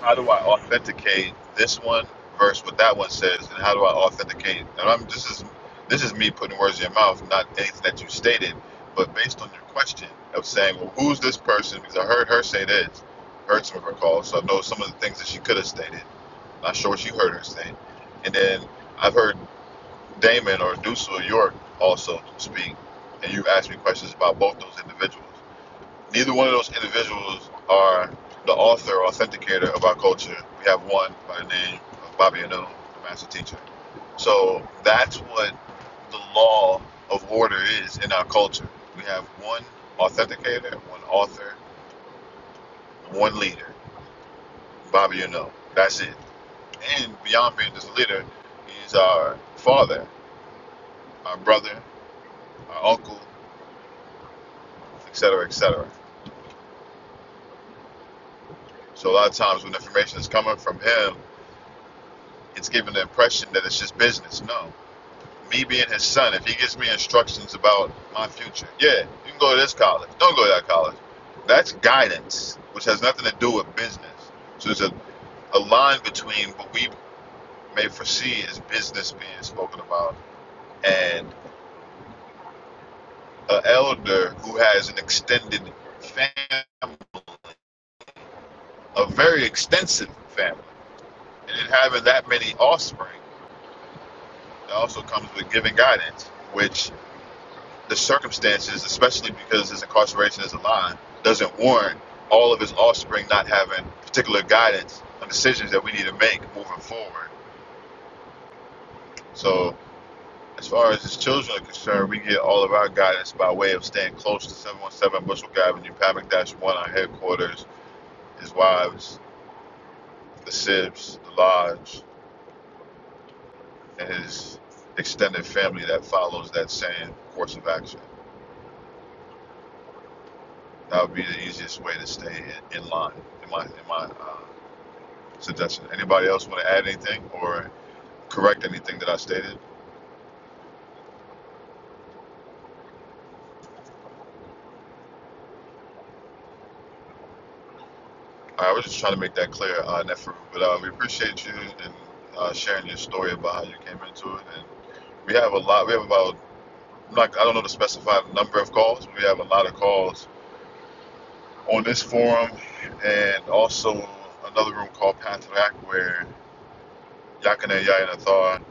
Speaker 2: How do I authenticate this one versus what that one says, and how do I authenticate? And I'm this is this is me putting words in your mouth, not anything that you stated, but based on your question of saying, well, who's this person? Because I heard her say this, heard some of her calls, so I know some of the things that she could have stated. Not sure what she heard her say, and then I've heard Damon or Deuce or York also speak, and you asked me questions about both those individuals. Neither one of those individuals are the author or authenticator of our culture. We have one by the name of Bobby Anu, the master teacher. So that's what the law of order is in our culture. We have one authenticator, one author, one leader, Bobby Anu. That's it. And beyond being just a leader, he's our father, our brother, our uncle, etc., etc. So a lot of times when information is coming from him, it's given the impression that it's just business. No, me being his son, if he gives me instructions about my future, yeah, you can go to this college. Don't go to that college. That's guidance, which has nothing to do with business. So there's a, a line between what we may foresee as business being spoken about and an elder who has an extended family, a very extensive family. And in having that many offspring, it also comes with giving guidance, which the circumstances, especially because his incarceration is a line, doesn't warrant all of his offspring not having particular guidance on decisions that we need to make moving forward. So, as far as his children are concerned, we get all of our guidance by way of staying close to 717 Bushel Avenue, Pavic Dash 1, our headquarters, his wives, the Sibs, the Lodge, and his extended family that follows that same course of action. That would be the easiest way to stay in, in line, in my, in my uh, suggestion. Anybody else want to add anything or correct anything that I stated? I was just trying to make that clear, uh, Neferu. But uh, we appreciate you and uh, sharing your story about how you came into it. And we have a lot. We have about I'm not, I don't know the specified number of calls. But we have a lot of calls on this forum, and also another room called Path where Yakane Yaya and Athar,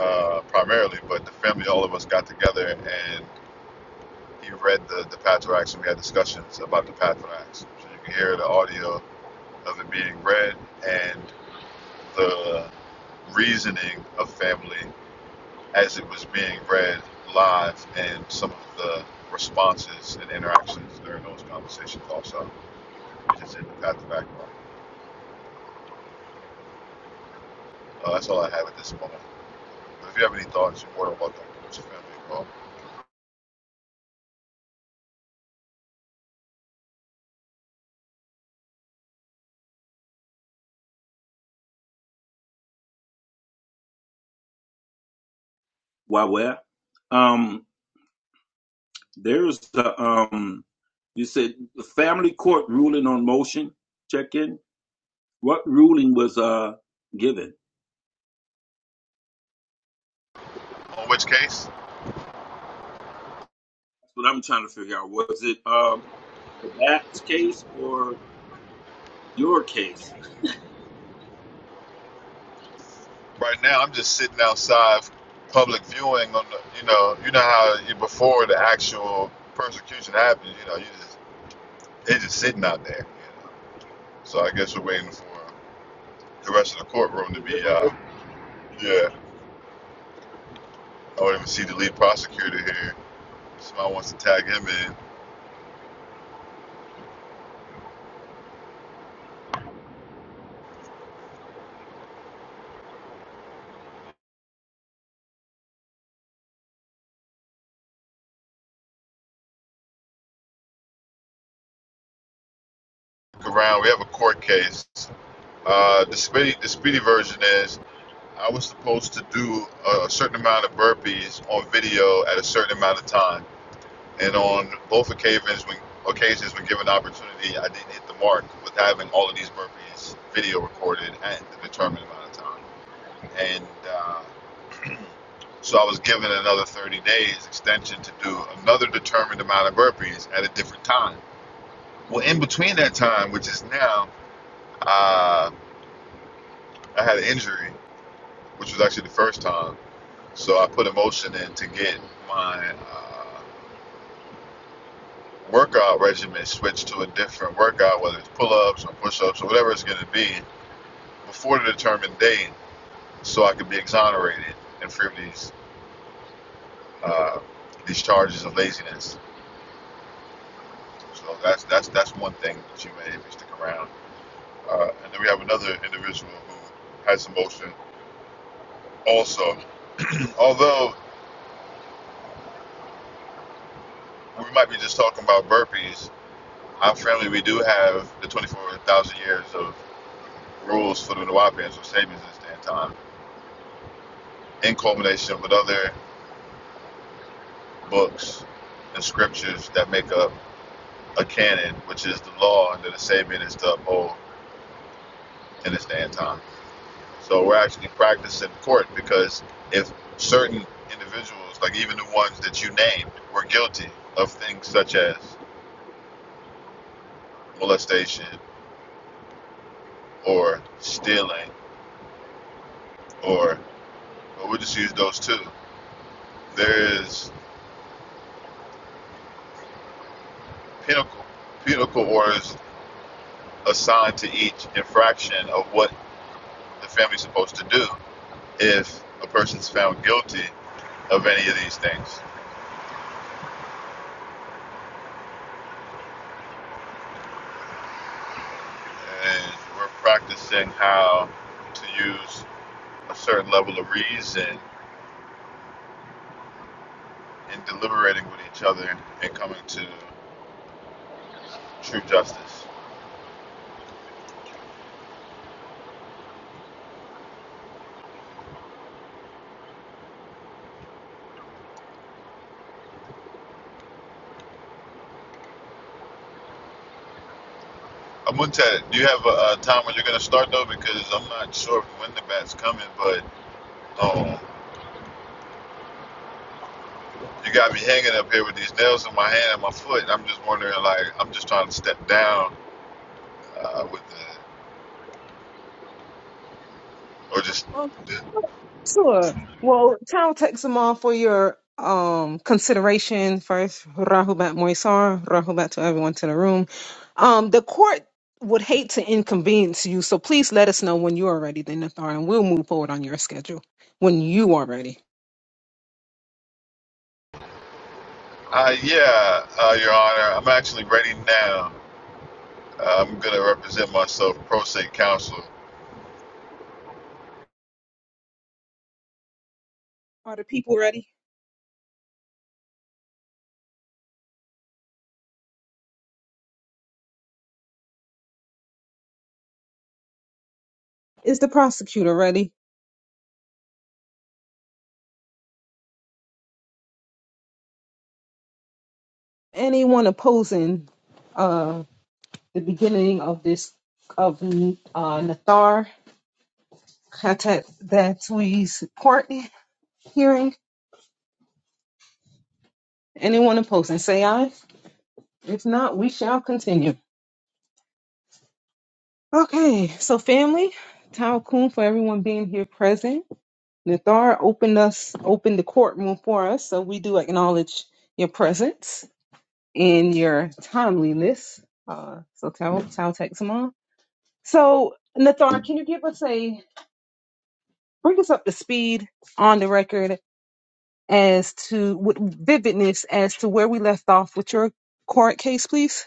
Speaker 2: uh primarily, but the family, all of us got together and. You've read the, the Patriarchs, and we had discussions about the Patriarchs. So you can hear the audio of it being read and the reasoning of family as it was being read live and some of the responses and interactions during those conversations also, which is in the Patriarch book. Uh, that's all I have at this moment. But if you have any thoughts, you're more than welcome to put your family involved.
Speaker 7: Why? Where? Um, there's the um. You said the family court ruling on motion check in. What ruling was uh given?
Speaker 2: In which case,
Speaker 7: That's what I'm trying to figure out. Was it um the Bats case or your case?
Speaker 2: Right now, I'm just sitting outside, public viewing on the. You know, you know how you, before the actual persecution happens, you know, you just they just sitting out there. You know? So I guess we're waiting for the rest of the courtroom to be
Speaker 7: Deliberate.
Speaker 2: out. Yeah, I don't even see the lead prosecutor here. Somebody wants to tag him in. Look around. We have a court case. Uh, the speedy, the speedy version is I was supposed to do a, a certain amount of burpees on video at a certain amount of time. And on both occasions, when occasions when given the opportunity, I didn't hit the mark with having all of these burpees video recorded at the determined amount of time. And uh, so I was given another 30 days extension to do another determined amount of burpees at a different time. Well, in between that time, which is now, uh, I had an injury, which was actually the first time. So I put a motion in to get my uh, workout regimen switch to a different workout, whether it's pull ups or push ups or whatever it's going to be, before the determined date, so I could be exonerated and free of these uh, these charges of laziness. So that's that's that's one thing that you may if you stick around. Uh, and then we have another individual who has some motion. Also, although we might be just talking about burpees, our family we do have the 24,000 years of rules for the Nuwapians or Sabians at this time in culmination with other books and scriptures that make up a canon, which is the law that the Sabian is to uphold in his day and time. So we're actually practicing court because if certain individuals, like even the ones that you named, were guilty of things such as molestation or stealing, or but we'll just use those two, there is pinnacle, pinnacle orders assigned to each infraction of what the family's supposed to do if a person's found guilty of any of these things. And we're practicing how to use a certain level of reason in deliberating with each other and coming to true justice. Amuntet, do you have a, a time when you're going to start though? Because I'm not sure when the bat's coming, but um, you got me hanging up here with these nails in my hand and my foot. And I'm just wondering, like, I'm just trying to step down uh, with the, or just,
Speaker 1: Sure. Well, Tal takes them all for your um consideration first. Rahubat Moisar, Rahubat to everyone to the room. Um, the court would hate to inconvenience you, so please let us know when you are ready, then Nathar, and we'll move forward on your schedule when you are ready.
Speaker 2: uh, yeah, uh, Your Honor, I'm actually ready now. I'm going to represent myself, pro se counsel.
Speaker 1: Are the people ready? Is the prosecutor ready? Anyone opposing uh the beginning of this of uh Nathar Khatat Datui's court hearing? Anyone opposed and say aye? If not, we shall continue. Okay, so family, Tao Kun for everyone being here present. Nathar opened us opened the courtroom for us, so we do acknowledge your presence and your timeliness. Uh, so Tao Tao takes them on. So Nathar, can you give us a bring us up to speed on the record as to with vividness as to where we left off with your court case, please?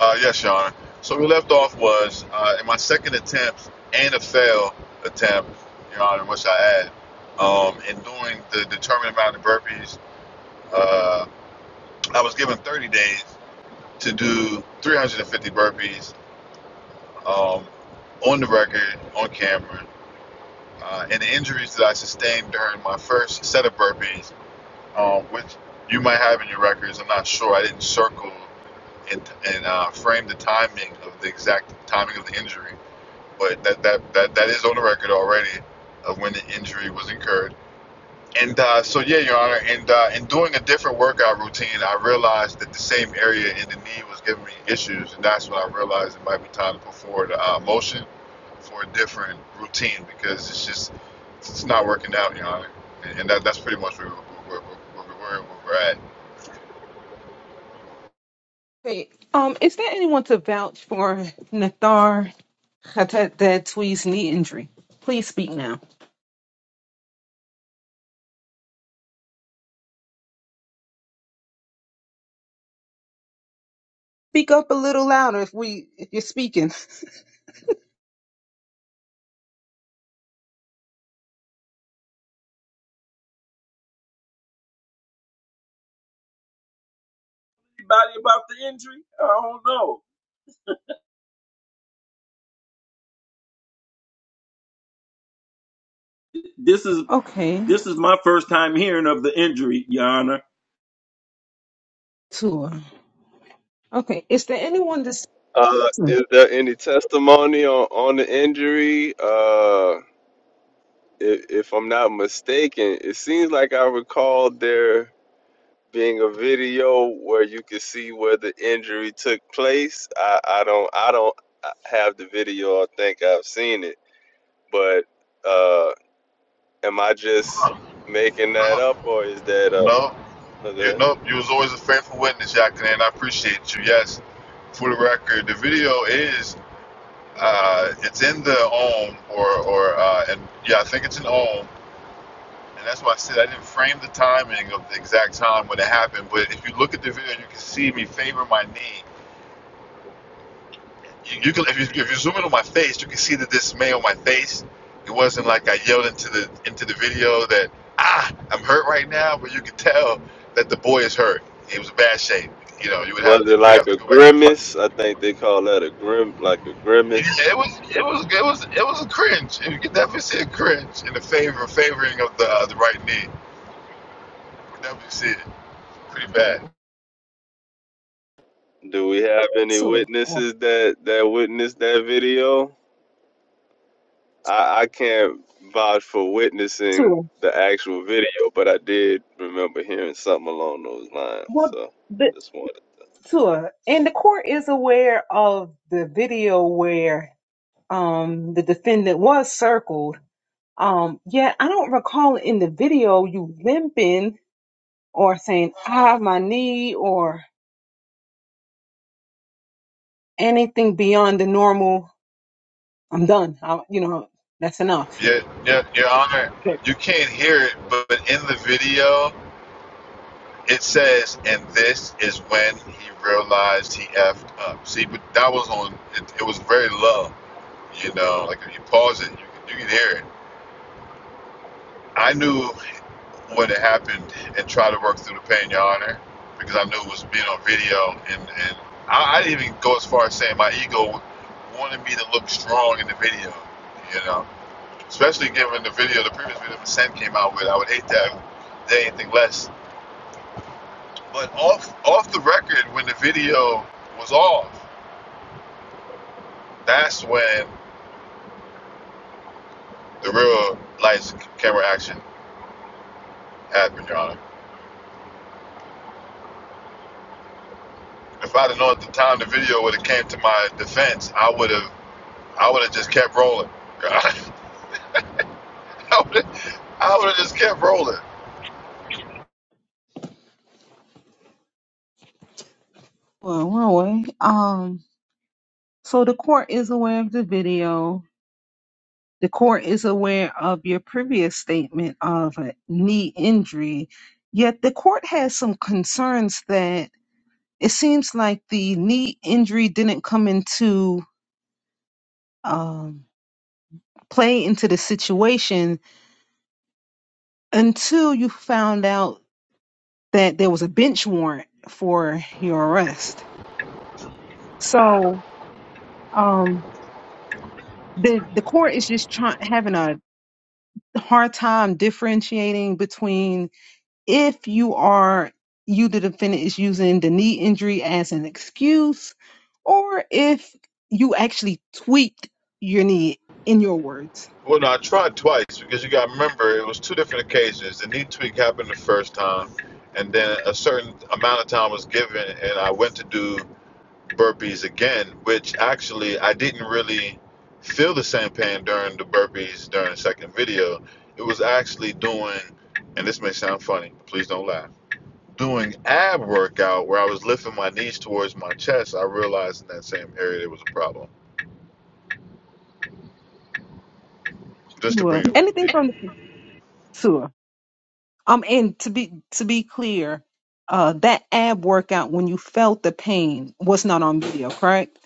Speaker 2: Uh, yes, Your Honor. So we left off was uh, in my second attempt and a failed attempt, Your Honor, which I had, um, in doing the determined amount of burpees, uh, I was given 30 days to do 350 burpees um, on the record, on camera. Uh, and the injuries that I sustained during my first set of burpees, um, which you might have in your records, I'm not sure. I didn't circle and and uh, frame the timing of the exact timing of the injury. But that that that, that is on the record already of when the injury was incurred. And uh, so yeah, Your Honor. And uh, in doing a different workout routine, I realized that the same area in the knee was giving me issues, and that's when I realized it might be time to put forward a uh, motion for a different routine because it's just it's not working out, Your Honor. And, and that that's pretty much where we're, where, where, where we're at.
Speaker 1: Hey, um, is there anyone to vouch for Nathar Hatatatui's knee injury? Please speak now. Speak up a little louder if we if you're speaking.
Speaker 7: anybody about the injury? I don't know. This is
Speaker 1: Okay,
Speaker 7: this is my first time hearing of the injury, Yana.
Speaker 1: Tua. Okay, is there anyone to s-
Speaker 8: Uh, is there any testimony on, on the injury? Uh, if, if I'm not mistaken, it seems like I recall there being a video where you could see where the injury took place. I, I don't I don't have the video. I think I've seen it, but uh, am I just
Speaker 2: Um,
Speaker 8: making that
Speaker 2: no,
Speaker 8: up, or is that uh,
Speaker 2: no, You know, you was always a faithful witness, Yakin, and I appreciate you. Yes, for the record, the video is uh, it's in the OM or or uh, and yeah, I think it's in OM, and that's why I said I didn't frame the timing of the exact time when it happened. But if you look at the video, you can see me favor my knee You, can if you if you zoom in on my face, you can see the dismay on my face. It wasn't like I yelled into the into the video that ah I'm hurt right now, but you can tell that the boy is hurt. He was in bad shape. You know, you would
Speaker 8: was
Speaker 2: have
Speaker 8: it
Speaker 2: to we'd
Speaker 8: like
Speaker 2: have to
Speaker 8: a
Speaker 2: go back to the.
Speaker 8: grimace? I think they call that a grim like a grimace.
Speaker 2: It was it was it was it was a cringe. You can definitely see a cringe in the favor favoring of the uh, the right knee. You can definitely see it pretty bad.
Speaker 8: Do we have any
Speaker 1: Tua? Oh,
Speaker 8: witnesses that that witnessed that video? I I can't vouch for witnessing
Speaker 1: Tua.
Speaker 8: the actual video, but I did remember hearing something along those lines.
Speaker 1: Well,
Speaker 8: So
Speaker 1: the
Speaker 8: just wanted to
Speaker 1: tour and the court is aware of the video where um the defendant was circled. Um, yet I don't recall in the video you limping or saying "ah, my knee" or anything beyond the normal, I'm done. I, you know, that's enough.
Speaker 2: Yeah, yeah, Your Honor,
Speaker 1: Sure.
Speaker 2: you can't hear it, but in the video It says, and this is when he realized he effed up. See, but that was on. It, it was very low. You know, like if you pause it, you can, you can hear it. I knew what had happened and tried to work through the pain, Your Honor, because I knew it was being on video, and and I, I didn't even go as far as saying my ego wanted me to look strong in the video. You know, especially given the video, the previous video that Sen came out with, I would hate that. if They anything less. But off off the record, when the video was off, that's when the real lights camera action happened, Your Honor. If I'd have known at the time the video would have came to my defense, I would have I would have just kept rolling. I would have I would have just kept rolling.
Speaker 1: Well, one way. Um, so the court is aware of the video. The court is aware of your previous statement of a knee injury. Yet the court has some concerns that it seems like the knee injury didn't come into um, play into the situation until you found out that there was a bench warrant for your arrest. So um the the court is just trying having a hard time differentiating between if you are you the defendant is using the knee injury as an excuse or if you actually tweaked your knee in your words
Speaker 2: Well, no, I tried twice because you got to remember it was two different occasions. The knee tweak happened the first time, and then a certain amount of time was given, and I went to do burpees again, which actually I didn't really feel the same pain during the burpees during the second video. It was actually doing, and this may sound funny, please don't laugh, doing ab workout where I was lifting my knees towards my chest. I realized in that same area there was a problem. Just to bring
Speaker 1: Sure.
Speaker 2: it up to
Speaker 1: anything
Speaker 2: people.
Speaker 1: from the sure um and to be to be clear uh that ab workout when you felt the pain was not on video correct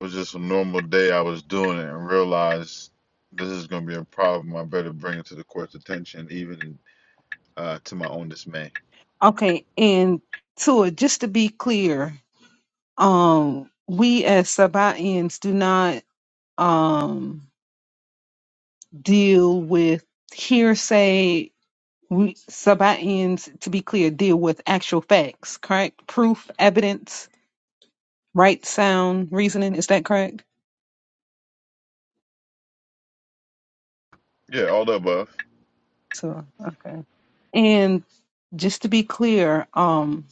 Speaker 2: It was just a normal day I was doing it and realized this is going to be a problem. I better bring it to the court's attention, even uh, to my own dismay.
Speaker 1: okay and Tua, just to be clear um we as Sabaeans do not um deal with hearsay we Sabaeans to be clear deal with actual facts correct proof evidence right sound reasoning is that correct
Speaker 2: Yeah, all the above.
Speaker 1: so okay and just to be clear um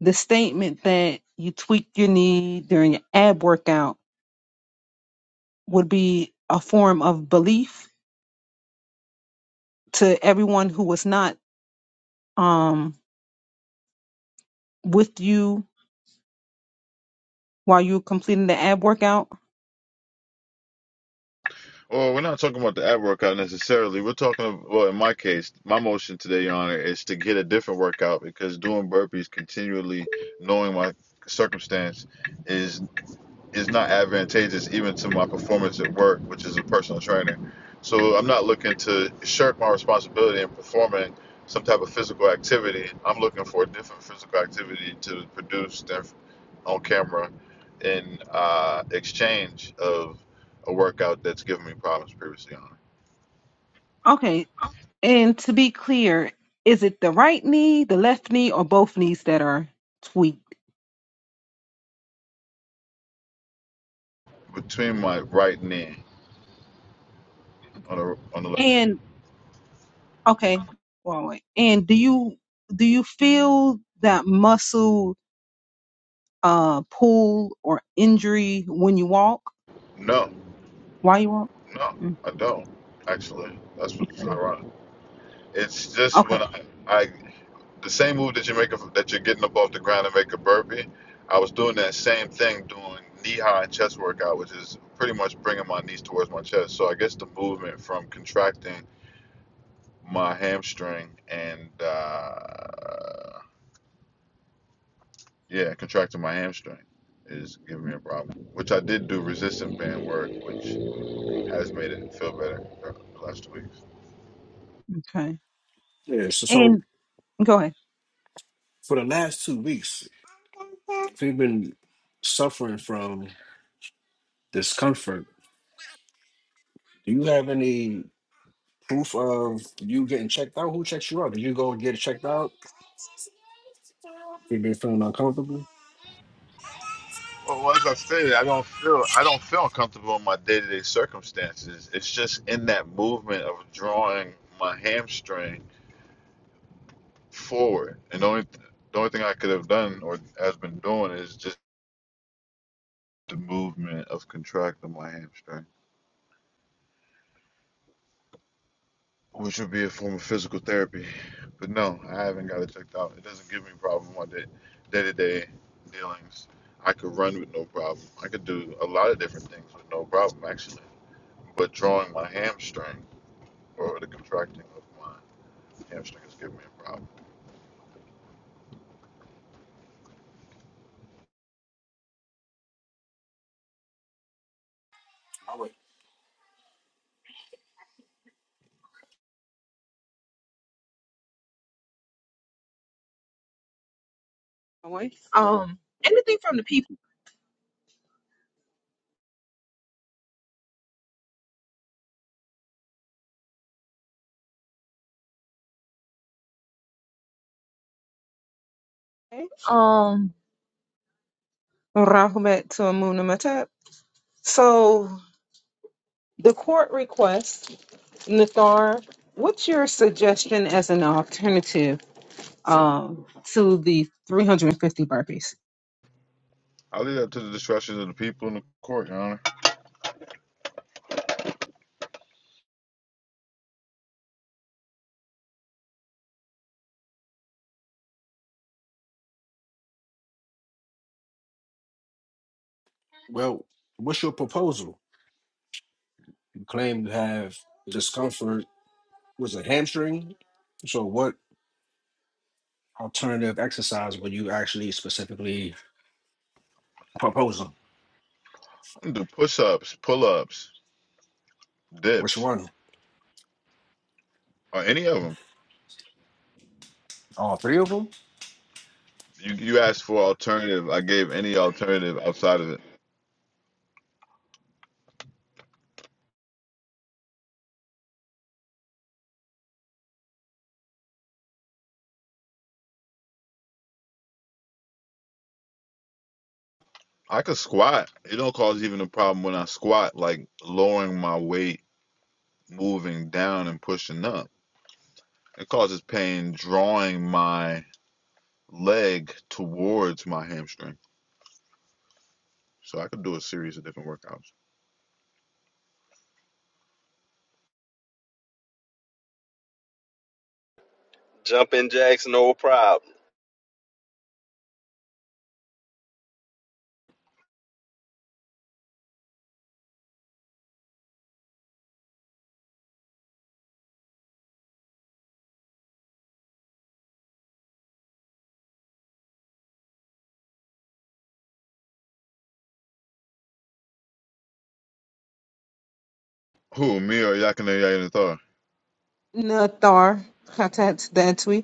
Speaker 1: the statement that you tweak your knee during your ab workout would be a form of belief to everyone who was not um with you while you were completing the ab workout?
Speaker 2: Well, we're not talking about the ab workout necessarily. We're talking, about, well, in my case, my motion today, Your Honor, is to get a different workout because doing burpees continually, knowing my circumstance, is is not advantageous even to my performance at work, which is a personal trainer. So I'm not looking to shirk my responsibility in performing some type of physical activity. I'm looking for a different physical activity to produce on camera in uh, exchange of a workout that's given me problems previously on it.
Speaker 1: Okay. And to be clear, is it the right knee, the left knee, or both knees that are tweaked?
Speaker 2: between my right knee on
Speaker 1: Okay.
Speaker 2: the on the left.
Speaker 1: And okay, well, wait. and do you do you feel that muscle uh pull or injury when you walk?
Speaker 2: No,
Speaker 1: While you walk?
Speaker 2: no,
Speaker 1: Mm,
Speaker 2: I don't actually. That's what's
Speaker 1: okay.
Speaker 2: ironic. It's just
Speaker 1: Okay.
Speaker 2: when I I the same move that you make a- that you're getting up off the ground and make a burpee. I was doing that same thing doing knee high chest workout, which is pretty much bringing my knees towards my chest. So I guess the movement from contracting my hamstring and uh, yeah, contracting my hamstring is giving me a problem. Which I did do resistance band work, which has made it feel better the last two weeks.
Speaker 1: Okay.
Speaker 9: Yeah, so, so
Speaker 1: And go ahead.
Speaker 9: for the last two weeks, if you've been suffering from discomfort, do you have any proof of you getting checked out? Who checks you out? Did you go and get checked out? You've been feeling uncomfortable?
Speaker 2: Well, well, as I stated, I don't feel I don't feel uncomfortable in my day to day circumstances. It's just in that movement of drawing my hamstring forward, and the only the only thing I could have done or has been doing is just the movement of contracting my hamstring, which would be a form of physical therapy. But no, I haven't got it checked out. It doesn't give me a problem with my day day to day dealings. I could run with no problem. I could do a lot of different things with no problem actually. But drawing my hamstring. or the contracting of my hamstring is giving me a problem.
Speaker 9: I would-
Speaker 1: Always. Um, Anything from the people. Okay. Um, Rahumet to Amunimutep. So the court requests, Nathar, what's your suggestion as an alternative um, to the 350 burpees?
Speaker 2: I leave that to the discretion of the people in the court, Your Honor.
Speaker 9: Well, what's your proposal? You claim to have discomfort. Was it hamstring? So what alternative exercise were you actually specifically proposing?
Speaker 2: Do push-ups, pull-ups,
Speaker 9: Which
Speaker 2: dips,
Speaker 9: one?
Speaker 2: or any of them.
Speaker 9: All three of them?
Speaker 2: You you asked for alternative. I gave any alternative outside of it. I could squat. It don't cause even a problem when I squat, like lowering my weight, moving down and pushing up. It causes pain drawing my leg towards my hamstring. So I could do a series of different workouts.
Speaker 8: jump in, jacks, no problem.
Speaker 2: Who, me or Yakina Yainathar?
Speaker 1: Nathar, Khatat Datwi.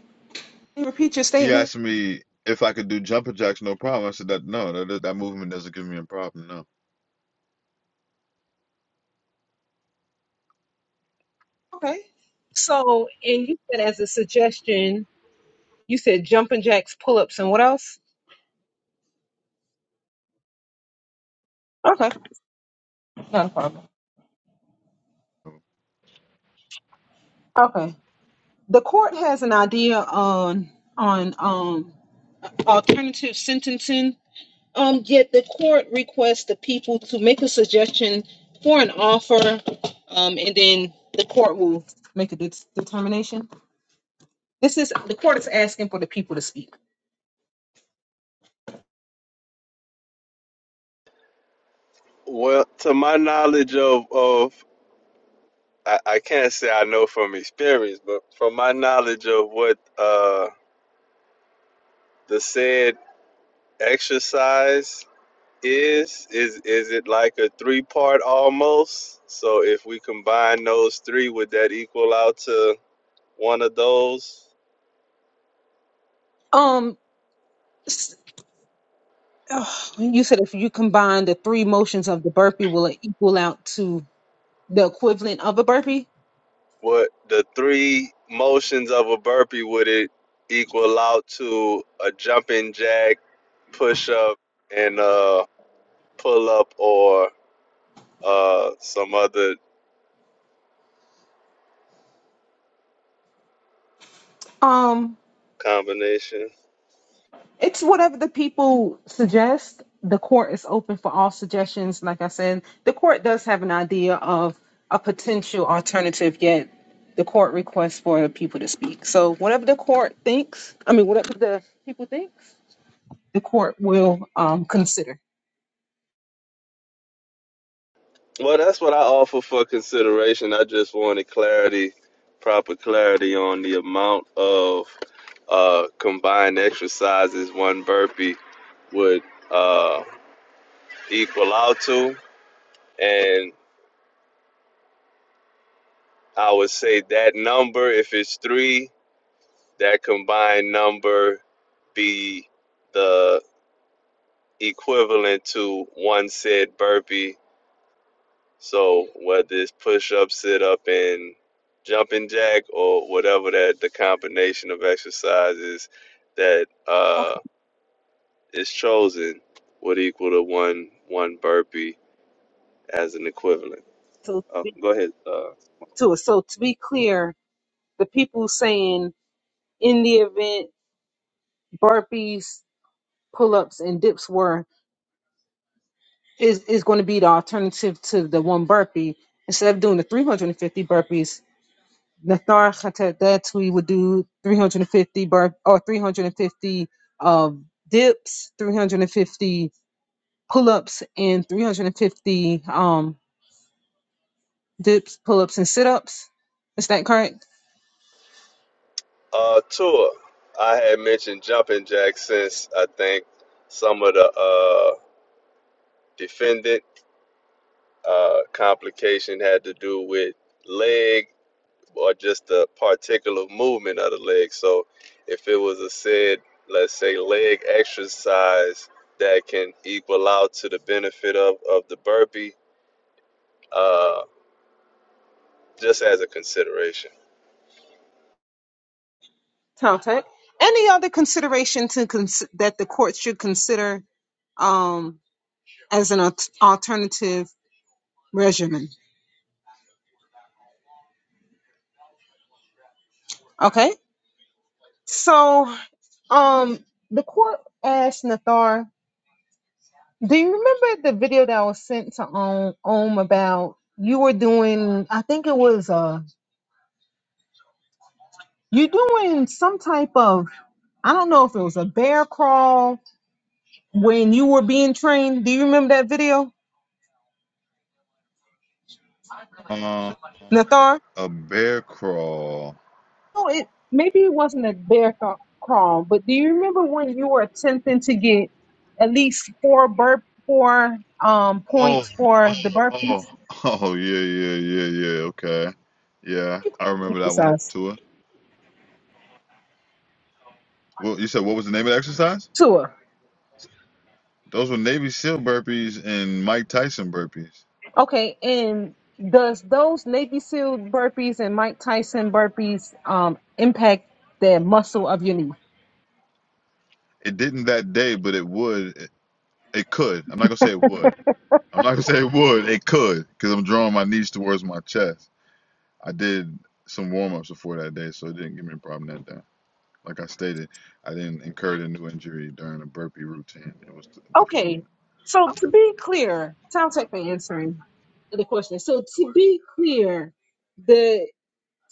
Speaker 1: Can you Repeat your
Speaker 2: He
Speaker 1: statement.
Speaker 2: asked me if I could do jumper jacks, no problem. I said that no, that that movement doesn't give me a problem. No.
Speaker 1: Okay. So, and you said as a suggestion, you said jumping jacks, pull ups, and what else? Okay. Not a problem. Okay. The court has an idea on on um alternative sentencing. Um, yet the court requests the people to make a suggestion for an offer, um, and then the court will make a det- determination. This is the court is asking for the people to speak.
Speaker 8: Well, to my knowledge of of I, I can't say I know from experience, but from my knowledge of what uh the said exercise is is is it like a three part almost? So if we combine those three, would that equal out to one of those?
Speaker 1: Um, s- oh, you said if you combine the three motions of the burpee, will it equal out to the equivalent of a burpee?
Speaker 8: What the three motions of a burpee would it equal out to a jumping jack, push up, and uh pull up, or uh some other
Speaker 1: Um,
Speaker 8: combination?
Speaker 1: it's whatever the people suggest. The court is open for all suggestions. Like I said, the court does have an idea of a potential alternative, yet the court requests for people to speak. So whatever the court thinks, I mean, whatever the people thinks, the court will um, consider.
Speaker 8: Well, that's what I offer for consideration. I just wanted clarity, proper clarity on the amount of uh, combined exercises one burpee would uh, equal out to. And I would say that number, if it's three, that combined number be the equivalent to one said burpee So whether it's push up, sit up, and jumping jack, or whatever that the combination of exercises that uh,
Speaker 1: Okay.
Speaker 8: is chosen would equal to one one burpee as an equivalent.
Speaker 1: So
Speaker 8: Oh,
Speaker 1: be-
Speaker 8: go ahead. Uh,
Speaker 1: to so to be clear, the people saying in the event burpees, pull-ups, and dips were is is going to be the alternative to the one burpee. Instead of doing the 350 burpees, Nathar Khatatui would do 350 burp or 350 um, dips, 350 pull-ups, and 350 um, dips, pull-ups, and sit-ups. Is that correct?
Speaker 8: uh, tour. I had mentioned jumping jack since I think some of the uh, defendant uh, complication had to do with leg or just the particular movement of the leg. So if it was a said, let's say, leg exercise that can equal out to the benefit of, of the burpee, uh, just as a consideration.
Speaker 1: Contact. Any other consideration to cons- that the court should consider um, as an al- alternative regimen? Okay. So Um, the court asked Nathar, "Do you remember the video that was sent to um Om about you were doing? I think it was uh you doing some type of I don't know if it was a bear crawl when you were being trained. Do you remember that video,
Speaker 2: Um,
Speaker 1: Nathar?
Speaker 2: a bear crawl.
Speaker 1: No, it maybe it wasn't a bear ca- crawl, but do you remember when you were attempting to get at least four burp four um
Speaker 2: Oh,
Speaker 1: points
Speaker 2: oh,
Speaker 1: for the burpees
Speaker 2: oh, oh, yeah, yeah, yeah, yeah. Okay, yeah, I remember that one.
Speaker 1: exercise?
Speaker 2: Tua. Well, you said what was the name of the exercise?
Speaker 1: "Sure."
Speaker 2: Those were Navy SEAL burpees and Mike Tyson burpees.
Speaker 1: Okay, and does those Navy SEAL burpees and Mike Tyson burpees um impact the muscle of your knee?
Speaker 2: It didn't that day, but it would. It, it could. I'm not gonna say it would. I'm not gonna say it would. It could, because I'm drawing my knees towards my chest. I did some warm ups before that day, so it didn't give me a problem that day. Like I stated, I didn't incur the new injury during a burpee routine. It was a different
Speaker 1: Okay,
Speaker 2: movement.
Speaker 1: so to be clear, sounds like the answering the question. So to be clear, the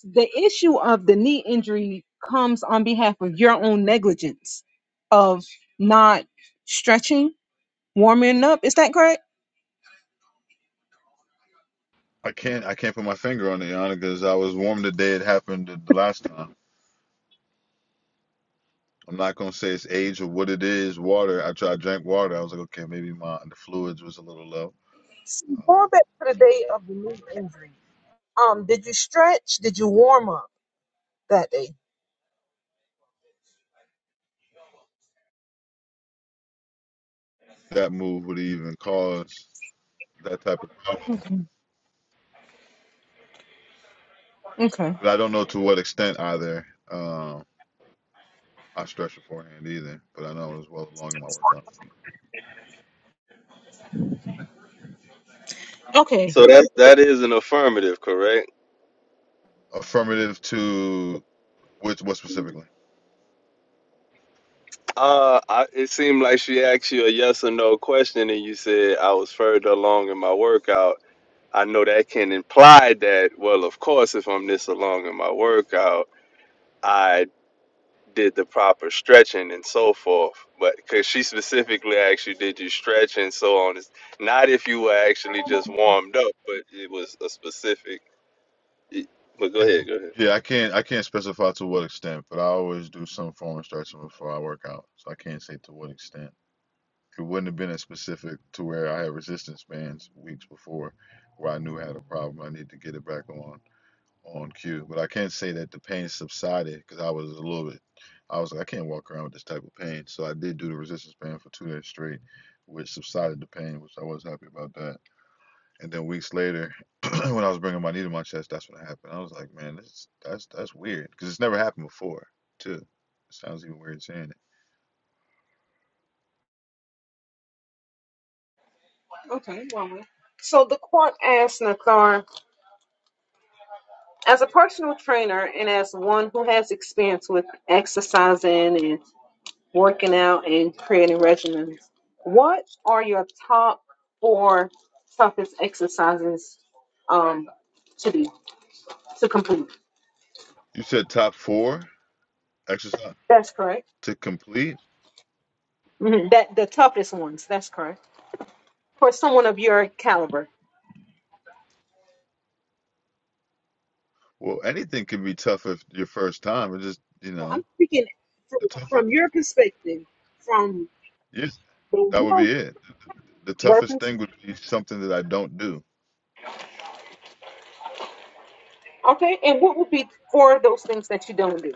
Speaker 1: the issue of the knee injury comes on behalf of your own negligence of not stretching, warming up. Is that correct?
Speaker 2: I can't I can't put my finger on it, Yana, because I was warm the day it happened the, last time. I'm not gonna say it's age or what it is. Water. I tried I drank water. I was like, okay, maybe my the fluids was a little low.
Speaker 1: So
Speaker 2: Um,
Speaker 1: going back to the day of the knee injury, um, did you stretch? Did you warm up that day?
Speaker 2: that move would even cause that type of problem,
Speaker 1: Okay. Okay.
Speaker 2: but I don't know to what extent either. Um, I stretched beforehand either, but I know it was well along in my workout.
Speaker 1: Okay.
Speaker 8: So that that is an affirmative, correct?
Speaker 2: Affirmative to which what specifically?
Speaker 8: Uh, I, it seemed like she asked you a yes or no question, and you said I was further along in my workout. I know that can imply that. Well, of course, if I'm this along in my workout, I. did the proper stretching and so forth. But because she specifically asked you, did you stretch and so on? It's not if you were actually just warmed up, but it was a specific. it- But go ahead, go ahead.
Speaker 2: Yeah, I can't I can't specify to what extent, but I always do some form of stretching before I work out, so I can't say to what extent. It wouldn't have been as specific to where I had resistance bands weeks before, where I knew I had a problem. I need to get it back on on cue, but I can't say that the pain subsided because I was a little bit. I was like, I can't walk around with this type of pain, so I did do the resistance band for two days straight, which subsided the pain, which I was happy about that. And then weeks later, when I was bringing my knee to my chest, that's what happened. I was like, man, this that's that's weird because it's never happened before, too. It sounds even weird saying it.
Speaker 1: Okay. Well, so the court asked Nathar, as a personal trainer and as one who has experience with exercising and working out and creating regimens, what are your top four toughest exercises um, to do to complete?
Speaker 2: You said top four exercise
Speaker 1: That's correct.
Speaker 2: to complete.
Speaker 1: Mhm. That the toughest ones. That's correct for someone of your caliber.
Speaker 2: Well, anything can be tough if your first time. It just you
Speaker 1: So I'm
Speaker 2: know
Speaker 1: speaking from,
Speaker 2: the toughest.
Speaker 1: from your perspective, from
Speaker 2: Yeah,
Speaker 1: the
Speaker 2: that would
Speaker 1: one
Speaker 2: be it. The toughest
Speaker 1: Burpees.
Speaker 2: thing would be something that I don't do.
Speaker 1: Okay, and what would be four of those things that you don't do?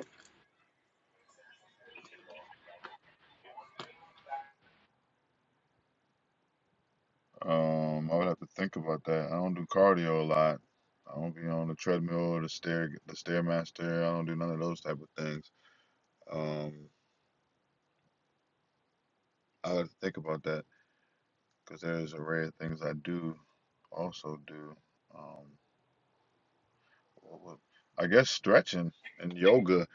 Speaker 2: Um, I would have to think about that. I don't do cardio a lot. I don't be on the treadmill or the stair the stairmaster. I don't do none of those type of things. Um, I would think about that because there's a array of things I do also do. Um, what would- I guess stretching and yoga,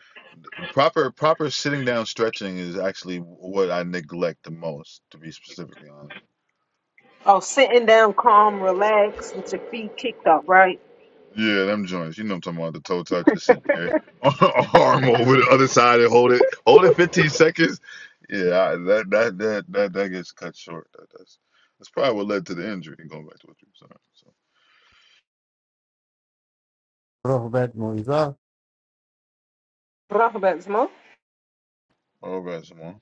Speaker 2: proper proper sitting down stretching is actually what I neglect the most, to be specifically honest.
Speaker 1: Oh, sitting down, calm, relaxed, with your feet kicked up, right?
Speaker 2: Yeah, them joints. You know what I'm talking about. The toe touch, just sit there, arm over the other side and hold it, hold it 15 seconds. Yeah, I, that, that that that that gets cut short. That, that's that's probably what led to the injury. Going back to what you were saying. So,
Speaker 10: Throwback movies are.
Speaker 1: Bravo, Besmo.
Speaker 2: all right, Simone.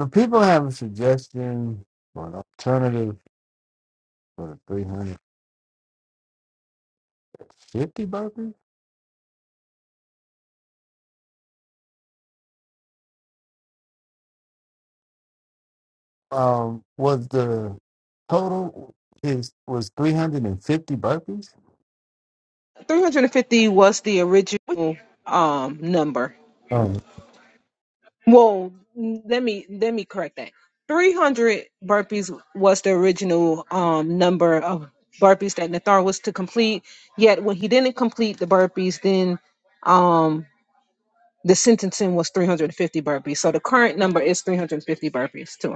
Speaker 10: So people have a suggestion for an alternative for the 350 burpees. Um, was the total is was 350 burpees?
Speaker 1: 350 was the original um number.
Speaker 10: Um,
Speaker 1: Well, let me let me correct that. 300 burpees was the original um number of burpees that Nathar was to complete. Yet when he didn't complete the burpees, then um the sentencing was 350 burpees. So the current number is 350 burpees too.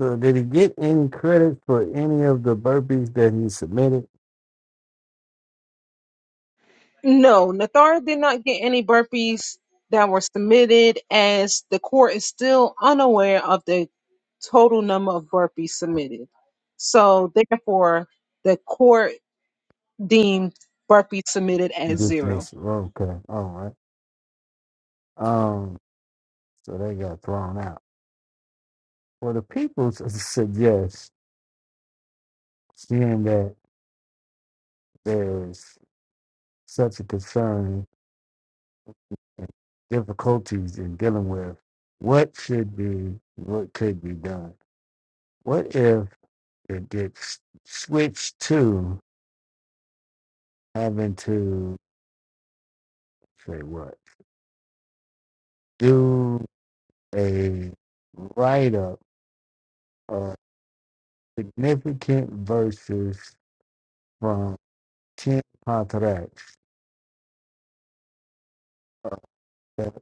Speaker 10: so did he get any credit for any of the burpees that he submitted?
Speaker 1: No, Nathara did not get any burpees that were submitted, as the court is still unaware of the total number of burpees submitted. So, therefore, the court deemed burpees submitted as
Speaker 10: Just
Speaker 1: zero.
Speaker 10: missed. it. Okay, all right. Um, so they got thrown out. Well, the people s- suggest, seeing that there's such a concern and difficulties in dealing with what should be, what could be done. What if it gets switched to having to say what? Do a write up of significant verses from 10 contracts uh, that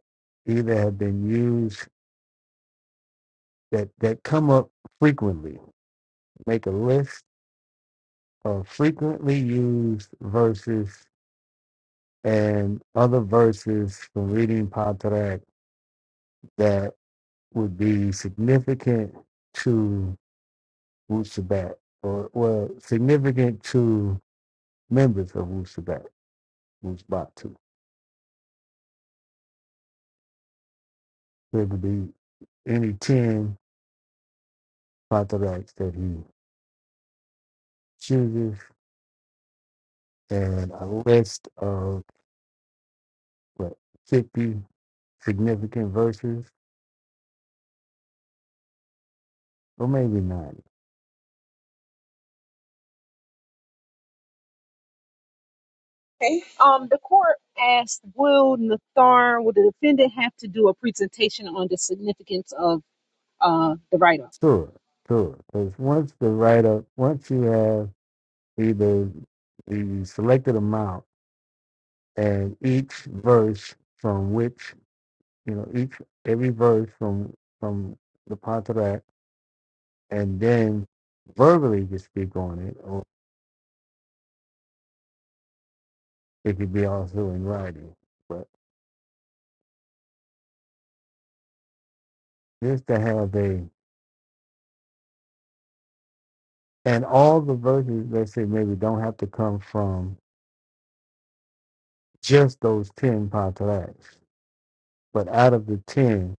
Speaker 10: either have been used that, that come up frequently. Make a list of frequently used verses and other verses from reading Patrak that would be significant to Wusabat, or well, significant to members of Wusabat, Wusbatu. There could be any 10 Patraks that he chooses, and a list of what, 50 significant verses, or maybe 90.
Speaker 1: Um, the court asked, will Nathar, will the defendant have to do a presentation on the significance of uh, the write-up?
Speaker 10: Sure, sure. Because once the write up, once you have either the selected amount and each verse from which you know each every verse from from the Pantarat and then verbally you speak on it or it could be also in writing. But just to have a and all the verses let's say maybe don't have to come from just those ten Pantarats. But out of the ten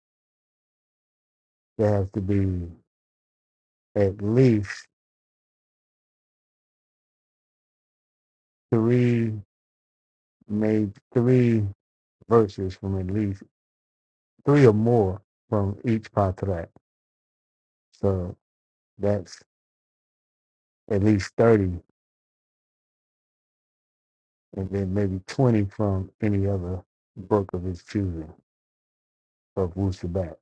Speaker 10: there has to be at least three made three verses from at least three or more from each patrak. So that's at least 30, and then maybe 20 from any other book of his choosing of Wusabat.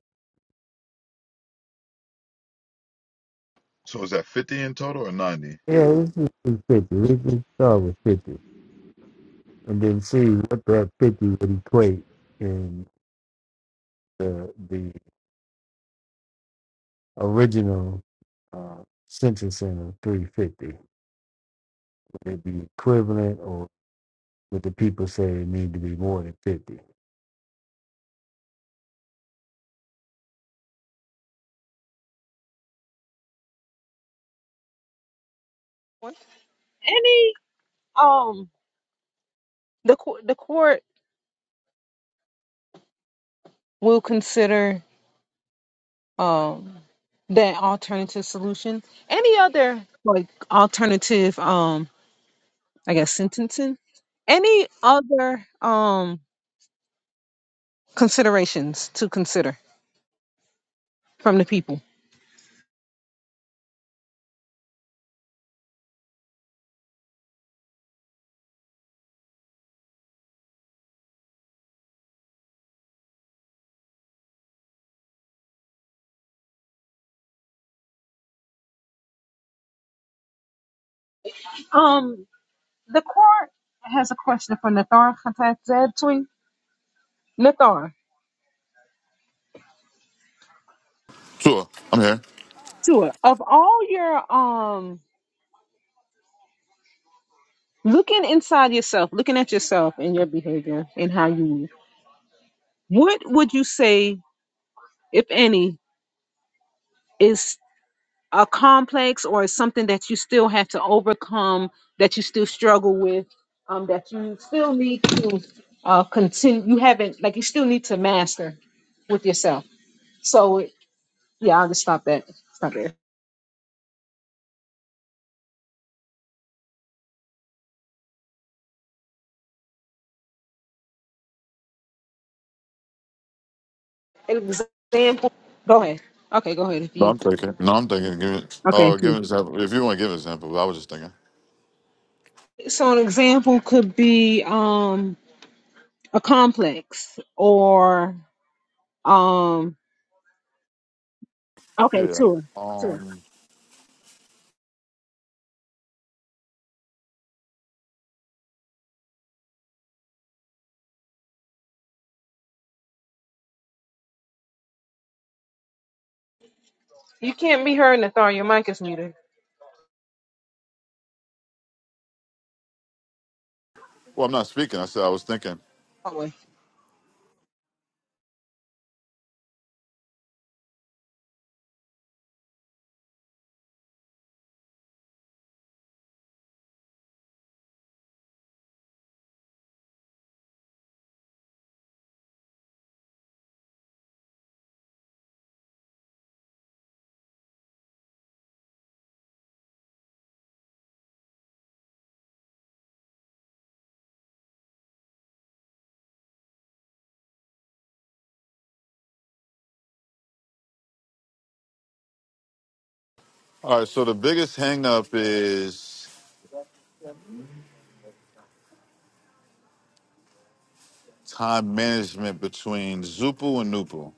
Speaker 2: So is that 50 in total or 90?
Speaker 10: Yeah, this is 50. Let's just start with 50 and then see what that 50 would equate in the, the original uh, sentencing of 350. Would it be equivalent or would the people say it need to be more than 50?
Speaker 1: Any, um, the co- the court will consider um that alternative solution. Any other like alternative, um, I guess sentencing. Any other um considerations to consider from the people? Um, the court has a question for Nathar Khattatzetui. Nathar.
Speaker 2: Sure, I'm here.
Speaker 1: Sure. of all your um looking inside yourself, looking at yourself and your behavior and how you move, what would you say, if any, is a complex or is something that you still have to overcome, that you still struggle with, um, that you still need to uh continue you haven't like you still need to master with yourself. So yeah, I'll just stop that. Stop there. Example. Go ahead. Okay, go ahead if
Speaker 2: No,
Speaker 1: you
Speaker 2: I'm thinking. No, I'm thinking. Give it.
Speaker 1: Okay.
Speaker 2: Oh,
Speaker 1: Cool.
Speaker 2: give an example. If you want to give an example, I was just thinking.
Speaker 1: So an example could be um a complex or um okay,
Speaker 2: Yeah.
Speaker 1: tour. Tour.
Speaker 2: Um.
Speaker 1: You can't be heard, Nathar, your mic is muted.
Speaker 2: Well, I'm not speaking. I said I was thinking.
Speaker 1: Oh,
Speaker 2: All right. So the biggest hang up is time management between Zupu and Nupu.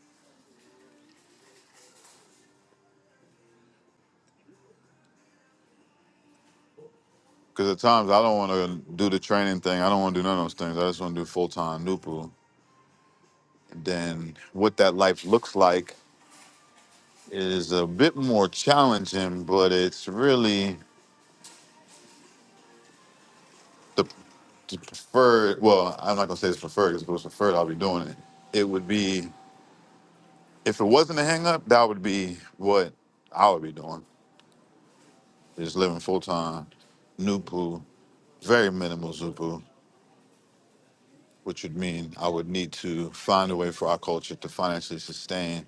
Speaker 2: Because at times I don't want to do the training thing. I don't want to do none of those things. I just want to do full time Nupu. Then what that life looks like is a bit more challenging, but it's really the, the preferred, well, I'm not gonna say it's preferred, because if it was preferred, I'll be doing it. It would be, if it wasn't a hang up, that would be what I would be doing, is living full time, Nupu, very minimal Zupu, which would mean I would need to find a way for our culture to financially sustain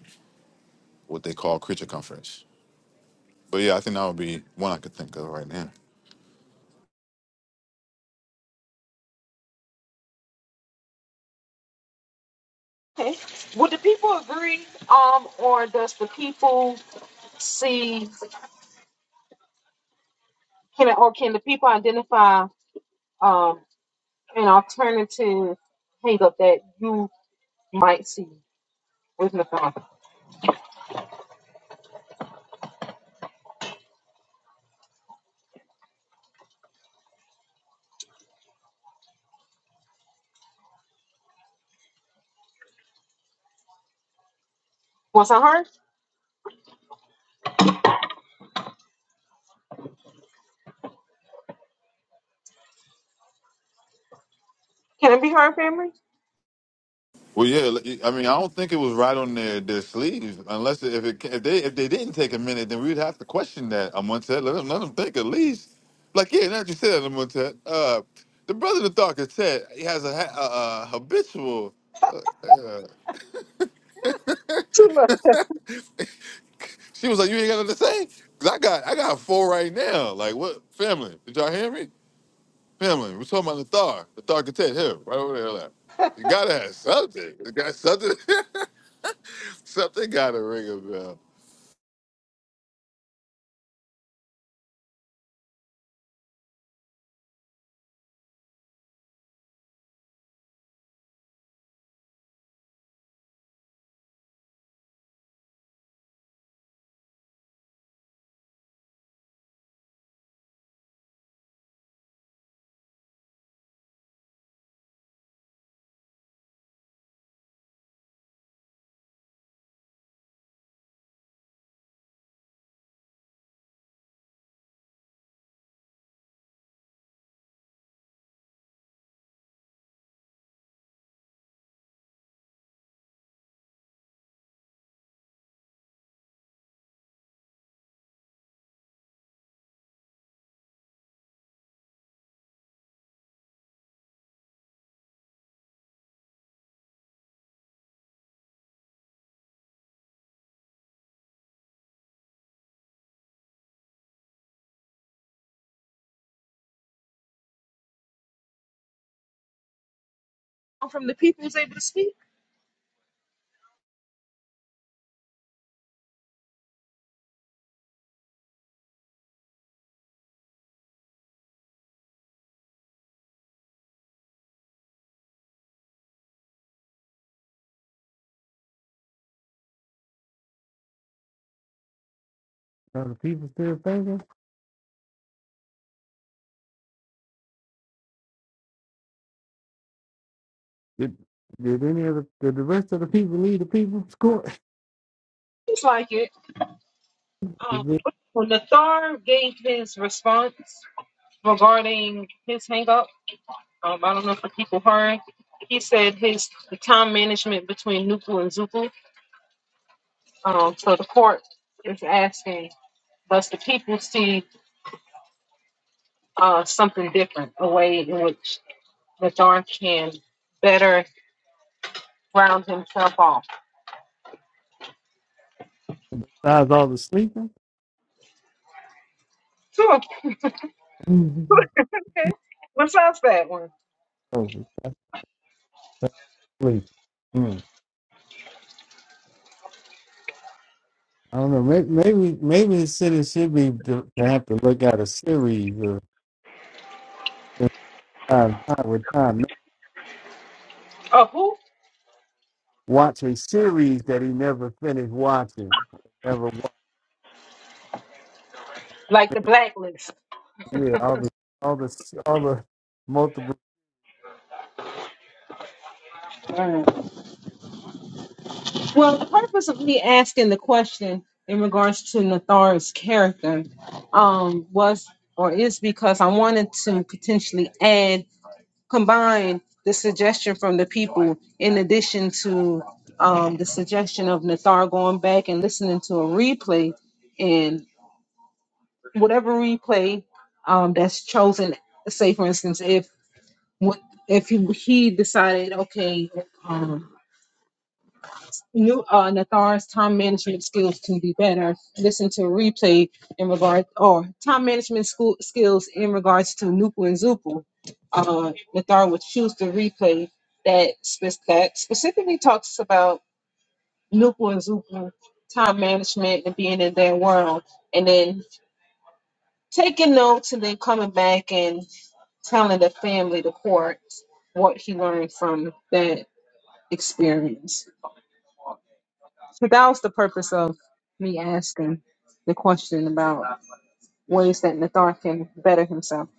Speaker 2: what they call creature comforts. But yeah, I think that would be one I could think of right now.
Speaker 1: Okay. Would the people agree, um, or does the people see can or can the people identify um an alternative hang up that you might see with Nathar? Was I heard? Can it be heard, family?
Speaker 2: Well, yeah. li- I mean, I don't think it was right on their, their sleeve, unless it, if it ca- if they if they didn't take a minute, then we'd have to question that. Amontet, let them let them think at least. Like yeah, now that you said that, Amontet, uh, the brother that thought could said he has a, ha- a, a habitual. Uh,
Speaker 1: Too much.
Speaker 2: she was like, you ain't got nothing to say? 'Cause I got I got four right now. Like what family? Did y'all hear me? Family, we're talking about the Thar, the Thar Katet here, right over there. Like, you gotta have something. You got something. something gotta ring a bell.
Speaker 1: From the people's able to speak?
Speaker 10: Are the people still thinking? Did, did any of the, did the rest of the people leave the people's court?
Speaker 1: It's like it. Um,
Speaker 10: Besides
Speaker 1: when Nathar gave his response regarding his hang up, um, I don't know if the people heard, he said his the time management between Nupu and Zupu. Um, so the court is asking, does the people see uh, something different, a way in which Nathar can better round himself off?
Speaker 10: all the sleeping?
Speaker 1: Sure. okay. What's else that one?
Speaker 10: Oh, that's sleep. Hmm. I don't know. Maybe, maybe, maybe the city should be to, to have to look at a series of of time, time with time.
Speaker 1: Of who?
Speaker 10: Watch a series that he never finished watching. Never
Speaker 1: Like the
Speaker 10: watched.
Speaker 1: blacklist.
Speaker 10: Yeah, all the, all the, all the multiple.
Speaker 1: Well, the purpose of me asking the question in regards to Nathar's character um, was or is because I wanted to potentially add, combine the suggestion from the people in addition to um, the suggestion of Nathar going back and listening to a replay and whatever replay um, that's chosen. Say, for instance, if if he he decided, okay, um, New uh, Nathar's time management skills can be better. Listen to a replay in regard or time management school skills in regards to Nupu and Zupu. Uh, Nathar would choose the replay that spec- that specifically talks about Nupu and Zupu time management and being in their world, and then taking notes and then coming back and telling the family the court what he learned from that experience. So that was the purpose of me asking the question about ways that Nathar can better himself.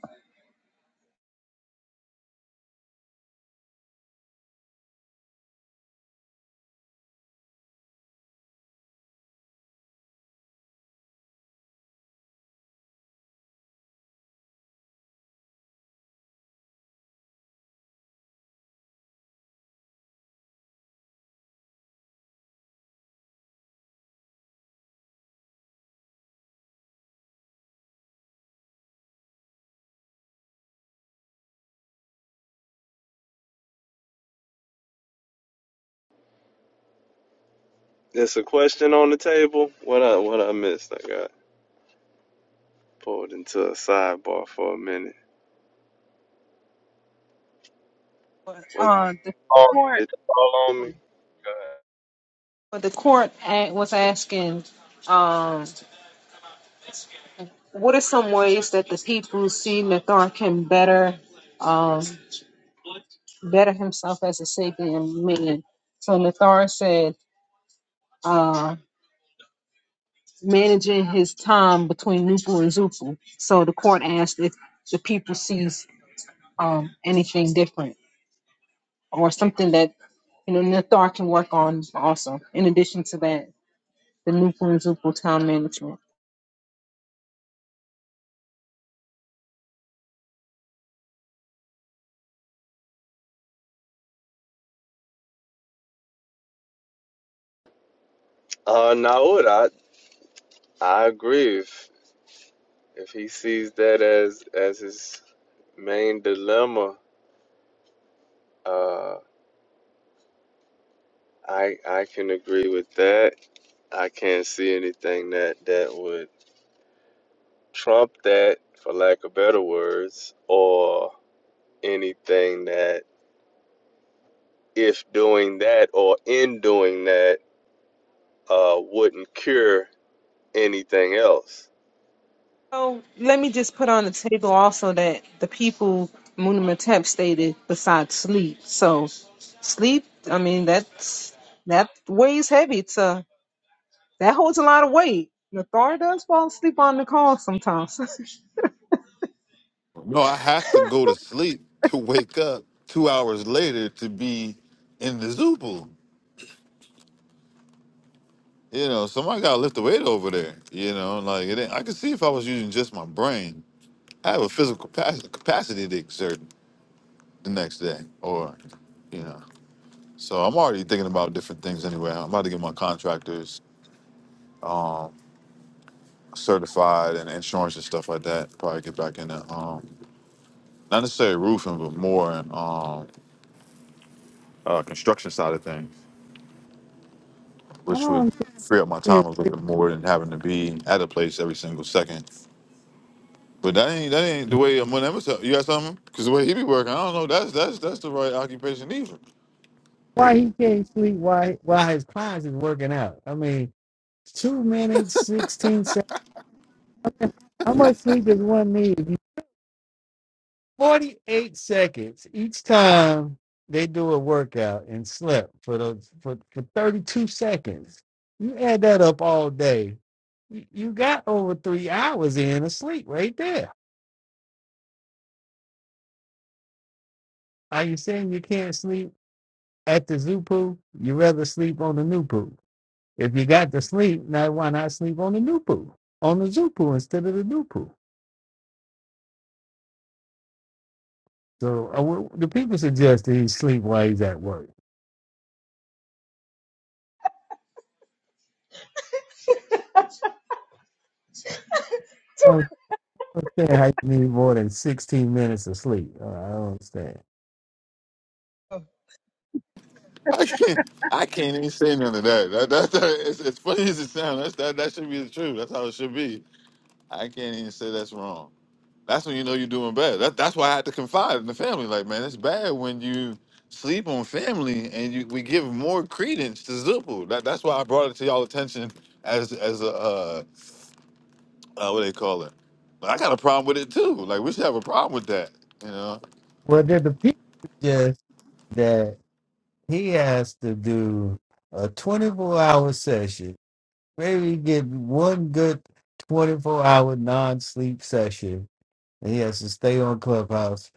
Speaker 8: There's a question on the table. What I what I missed? I got pulled into a sidebar for a minute. Was
Speaker 1: Uh, the
Speaker 8: oh,
Speaker 1: court,
Speaker 8: did you fall on me? Go ahead.
Speaker 1: but the court a- was asking, um, what are some ways that the people see Nathar can better, um, better himself as a sapient man? So Nathar said, uh, managing his time between Nupu and Zupu. So the court asked if the people sees um, anything different. or something that you know Nathar can work on also. In addition to that, the Nupu and Zupu town management.
Speaker 8: Uh, Naud, I I agree. If if he sees that as as his main dilemma, uh. I I can agree with that. I can't see anything that that would trump that, for lack of better words, or anything that if doing that or in doing that uh, wouldn't cure anything else.
Speaker 1: So let me just put on the table also that the people Munamatep stated besides sleep. So sleep, I mean that's that weighs heavy. It's uh that holds a lot of weight. Nathar does fall asleep on the call sometimes.
Speaker 2: No, I have to go to sleep to wake up two hours later to be in the Zoopal. You know, somebody got to lift the weight over there. You know, like it ain't, I could see if I was using just my brain, I have a physical capacity, capacity to exert the next day, or you know. So I'm already thinking about different things anyway. I'm about to get my contractors certified and insurance and stuff like that. Probably get back in the um, not necessarily roofing, but more in um, uh, construction side of things.
Speaker 10: I
Speaker 2: which would
Speaker 10: don't
Speaker 2: free up my
Speaker 10: understand
Speaker 2: time a little bit more than having to be at a place every single second. But that ain't that ain't the way I'm gonna ever tell you got something? Cause the way he be working, I don't know. That's that's that's the right occupation either.
Speaker 10: why he can't sleep. Why, why his clients is working out. I mean, Two minutes, 16 seconds. How much sleep does one need? 48 seconds each time they do a workout and slip for those for, for 32 seconds. You add that up all day. You you got over three hours in of sleep right there. Are you saying you can't sleep at the zoo poo? You rather sleep on the new poo. If you got to sleep, now why not sleep on the new poo? On the zoo poo instead of the new poo. So uh, wh- the people suggest that he sleep while he's at work. I don't understand how you need more than 16 minutes of sleep. Uh, I don't understand.
Speaker 2: I can't I can't even say none of that. That that, that it's, as funny as it sounds. That's that that should be the truth. That's how it should be. I can't even say that's wrong. That's when you know you're doing bad. That, that's why I had to confide in the family. Like, man, it's bad when you sleep on family and you we give more credence to Zupu. That, that's why I brought it to y'all attention as as a uh, uh what they call it. But I got a problem with it too. Like we should have a problem with that. You know.
Speaker 10: Well, then the people suggest that he has to do a 24 hour session, maybe get one good 24 hour non sleep session, and he has to stay on Clubhouse.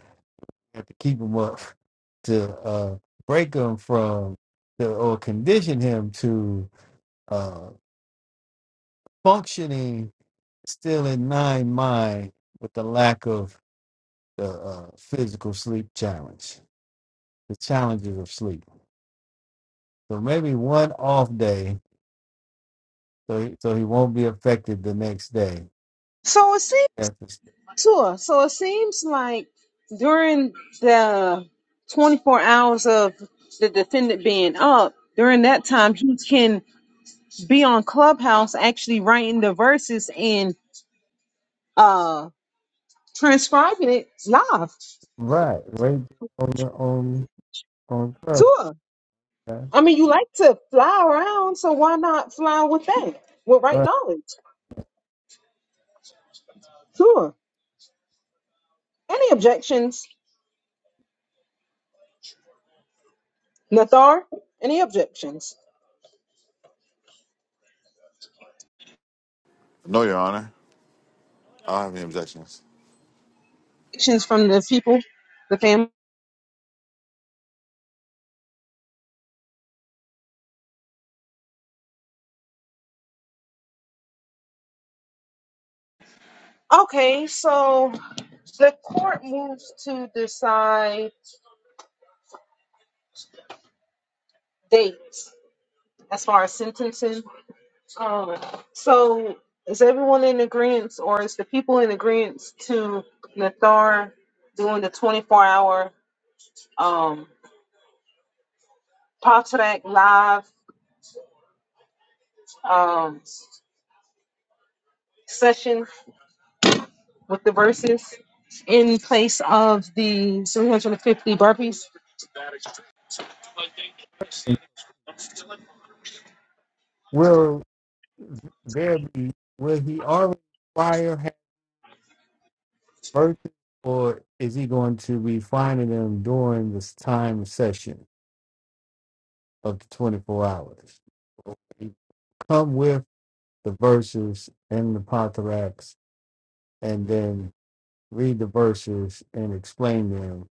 Speaker 10: Have to keep him up to uh, break him from the, or condition him to uh, functioning still in nine mind with the lack of the uh, physical sleep challenge, the challenges of sleep. So maybe one off day, so he, so he won't be affected the next day.
Speaker 1: so it seems.
Speaker 10: That's the-
Speaker 1: Sure. So it seems like during the 24 hours of the defendant being up, during that time, he can be on Clubhouse actually writing the verses and uh transcribing it live.
Speaker 10: right, right on the on on Clubhouse,
Speaker 1: Sure.
Speaker 10: right?
Speaker 1: I mean, you like to fly around, so why not fly with that? With right
Speaker 10: But
Speaker 1: knowledge. Sure. Any objections, Nathar? Any objections?
Speaker 2: No, Your Honor. I don't have any objections.
Speaker 1: Objections from the people, the family? Okay, so the court moves to decide dates as far as sentencing. Um, so is everyone in agreement, or is the people in agreement to Nathar doing the 24 hour um, Potrac live um, session with the verses in place of the 350 burpees?
Speaker 10: will there be? Will he already prior have birthday, or is he going to be finding them during this time session of the twenty four hours? Come with. the verses in the Pontaracs and then read the verses and explain them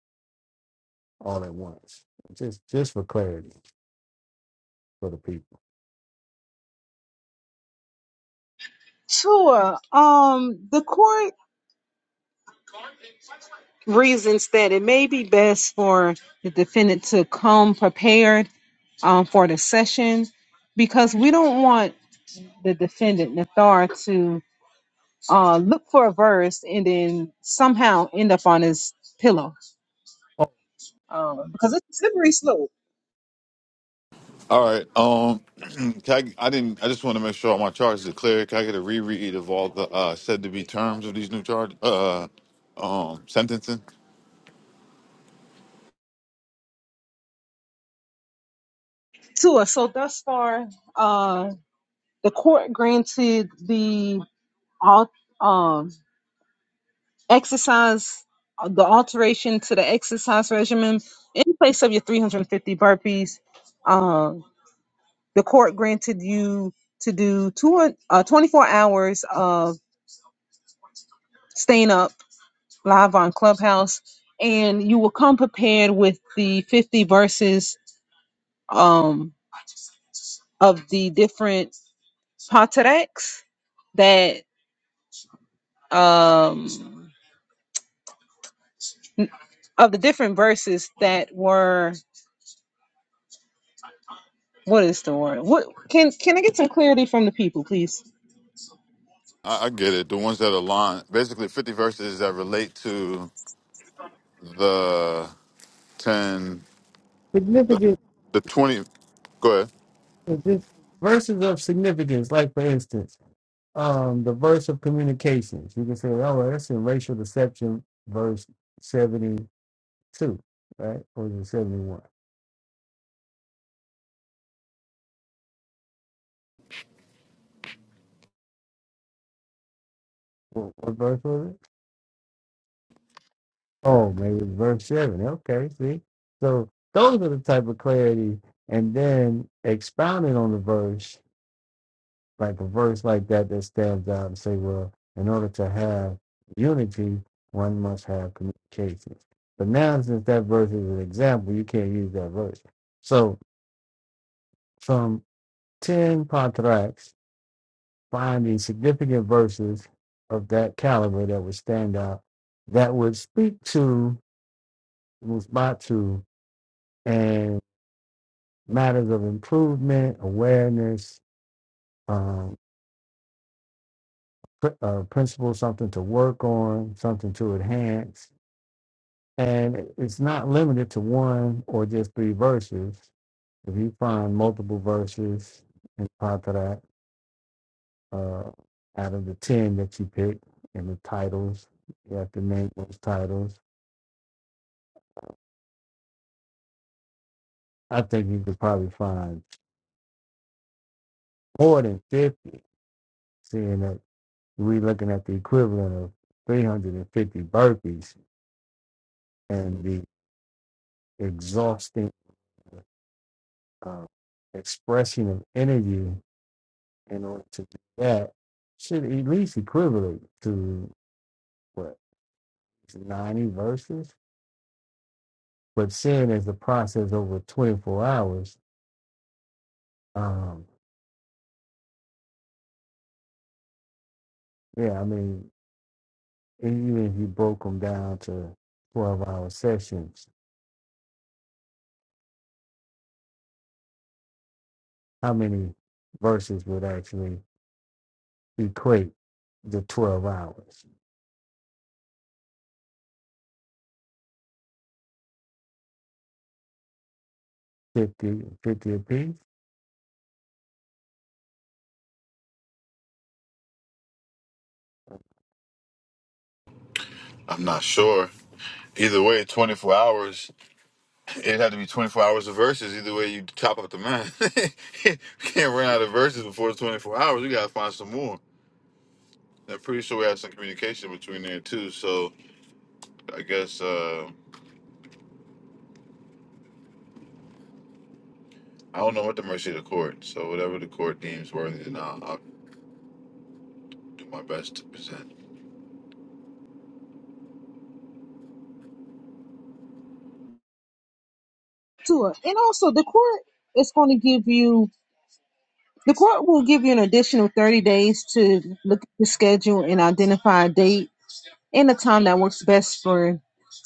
Speaker 10: all at once. Just just for clarity for the people.
Speaker 1: Sure. Um, the court. reasons that it may be best for the defendant to come prepared um, for the session because we don't want the defendant, Nathar, to uh, look for a verse and then somehow end up on his pillow
Speaker 10: Oh,
Speaker 1: um, because it's a slippery slope
Speaker 2: All right. Um, can I, I didn't. I just want to make sure all my charges are clear. Can I get a reread of all the uh, said to be terms of these new charge uh um sentencing?
Speaker 1: to us. So, thus far, uh, the court granted the all. exercise uh, the alteration to the exercise regimen in place of your 350 burpees uh, the court granted you to do two, uh, 24 hours of staying up live on clubhouse and you will come prepared with the 50 verses um, of the different patereks that um, of the different verses that were What is the word? What can can I get some clarity from the people, please?
Speaker 2: I, I get it. The ones that align, basically, fifty verses that relate to the ten, the,
Speaker 10: significant
Speaker 2: the twenty. Go ahead.
Speaker 10: is this verses of significance, like for instance, um the verse of communications. You can say, oh well, that's in racial deception verse seventy two, right? Or is it seventy one? What, what verse was it? Oh, maybe it's verse seven. Okay, see. So those are the type of clarity, and then expounding on the verse, like a verse like that that stands out and say, well, in order to have unity, one must have communication. But now, since that verse is an example, you can't use that verse. So from ten patriarchs, finding significant verses of that caliber that would stand out, that would speak to Musbatu and matters of improvement, awareness, um, pr- uh, principle, something to work on, something to enhance. And it's not limited to one or just three verses. If you find multiple verses in Patarak, uh, out of the 10 that you pick and the titles, you have to name those titles. I think you could probably find more than 50, seeing that we're looking at the equivalent of 350 burpees and the exhausting uh, expression of energy in order to do that should at least equivalent to what 90 verses but seeing as the process over 24 hours um yeah i mean even if you broke them down to 12 hour sessions how many verses would actually equate the 12 hours Fifty, fifty 50 apiece?
Speaker 2: I'm not sure. Either way, 24 hours. It had to be 24 hours of verses. Either way, you chop up the man. we can't run out of verses before the 24 hours. We gotta find some more. I'm pretty sure we had some communication between there too. So I guess uh, I don't know what the mercy of the court. So whatever the court deems worthy, then I'll, I'll do my best to present.
Speaker 1: Tua. And also the court is going to give you the court will give you an additional 30 days to look at the schedule and identify a date and a time that works best for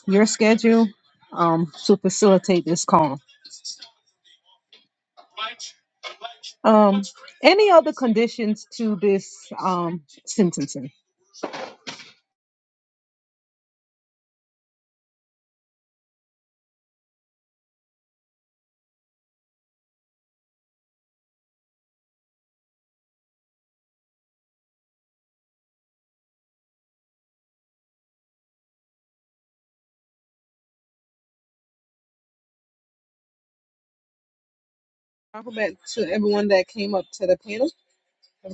Speaker 1: your schedule um to facilitate this call. Um any other conditions to this um sentencing? Alphabet to everyone that came up to the panel.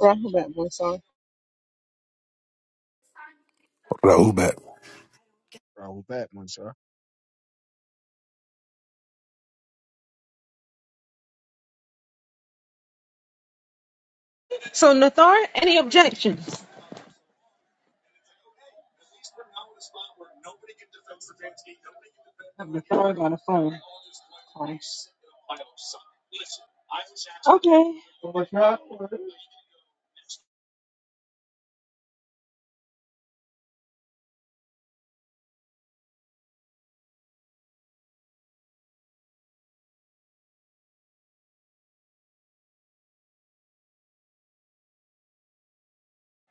Speaker 1: Alphabet, one song.
Speaker 3: Rahubat.
Speaker 11: Rahul back, one sir.
Speaker 1: So Nathar, any objections? Nathar got a phone. Nice. Okay.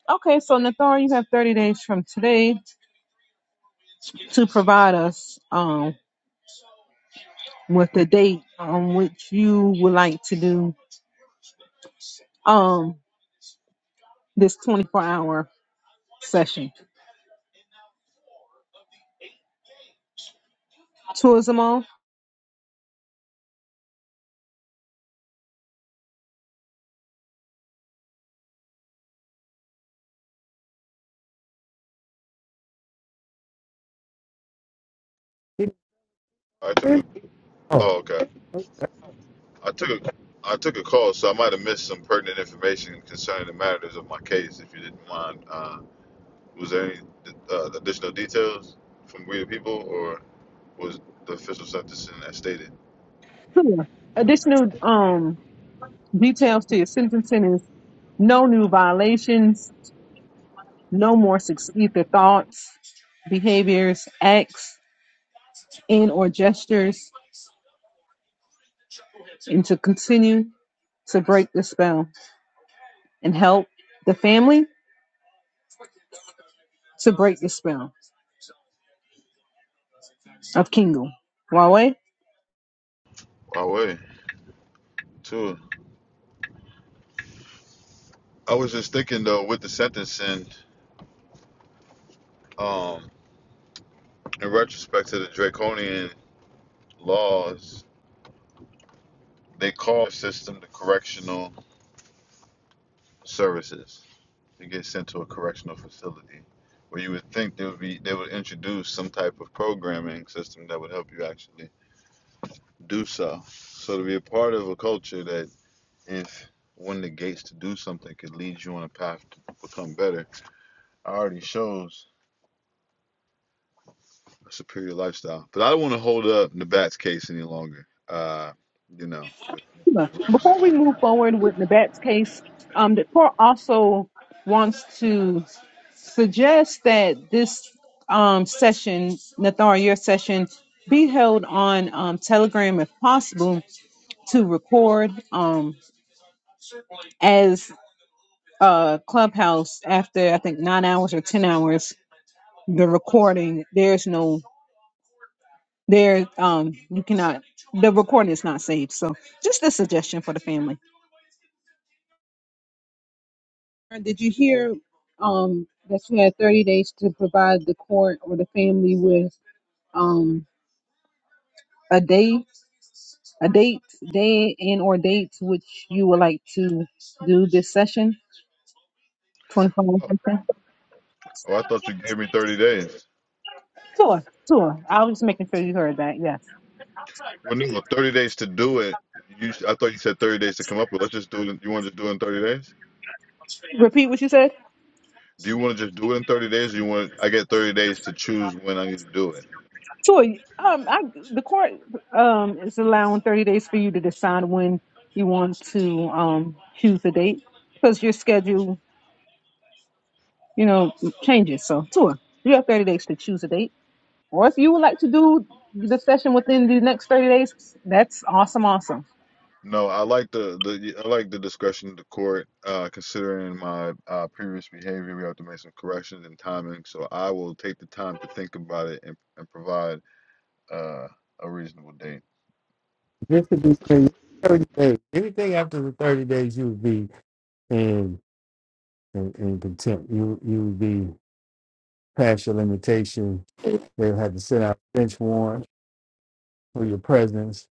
Speaker 1: Okay, so Nathar, you have 30 days from today to provide us um, with the date on which you would like to do um, this 24 hour session. Tourism all?
Speaker 10: It
Speaker 2: I took a.
Speaker 10: depends. oh
Speaker 2: Oh, okay. I took a I took a call, so I might have missed some pertinent information concerning the matters of my case. If you didn't mind, uh, was there any uh, additional details from we people, or was the official sentencing as stated?
Speaker 1: Sure. Additional um, details to your sentencing is no new violations, no more either thoughts, behaviors, acts, and or gestures, and to continue to break the spell. and help the family to break the spell of Kingu. Huawei?
Speaker 2: By the way, too. I was just thinking though, with the sentencing, um, in retrospect to the draconian laws, they call the system the correctional services. to get sent to a correctional facility where you would think they would be they would introduce some type of programming system that would help you actually do so. So to be a part of a culture that if one negates to do something could lead you on a path to become better already shows a superior lifestyle. But I don't want to hold up Nabat's case any longer. Uh, you know, with, with
Speaker 1: Before we move forward with Nabat's case, um, the court also wants to suggest that this um, session, Nathar, your session, be held on um, Telegram if possible to record um, as uh, Clubhouse after I think nine hours or 10 hours. The recording, there's no There, um, you cannot. The recording is not saved. So, just a suggestion for the family. Did you hear um, that you had 30 days to provide the court or the family with um, a day, a date, day, and or dates which you would like to do this session? 24
Speaker 2: oh,
Speaker 1: hour session?
Speaker 2: oh, I thought you gave me 30 days.
Speaker 1: Sure, sure. I was just making sure you heard that. Yes.
Speaker 2: Well, no, 30 days to do it. You, s- I thought you said 30 days to come up with. Let's just do it. in- You want to just do it in 30 days?
Speaker 1: Repeat what you said.
Speaker 2: Do you want to just do it in 30 days, or you want? I get 30 days to choose when I need to do it.
Speaker 1: So, um, I, the court um, is allowing 30 days for you to decide when you want to um, choose a date because your schedule, you know, changes. So, Tua, you have 30 days to choose a date. Or if you would like to do the session within the next 30 days, that's awesome, awesome.
Speaker 2: No, I like the the I like the discretion of the court. Uh, considering my uh, previous behavior, we have to make some corrections and timing. So I will take the time to think about it and, and provide uh, a reasonable date.
Speaker 10: This would be crazy. Thirty days. Anything after the thirty days, you would be in in, in contempt. You you would be past your limitation. They would have to send out a bench warrant for your presence.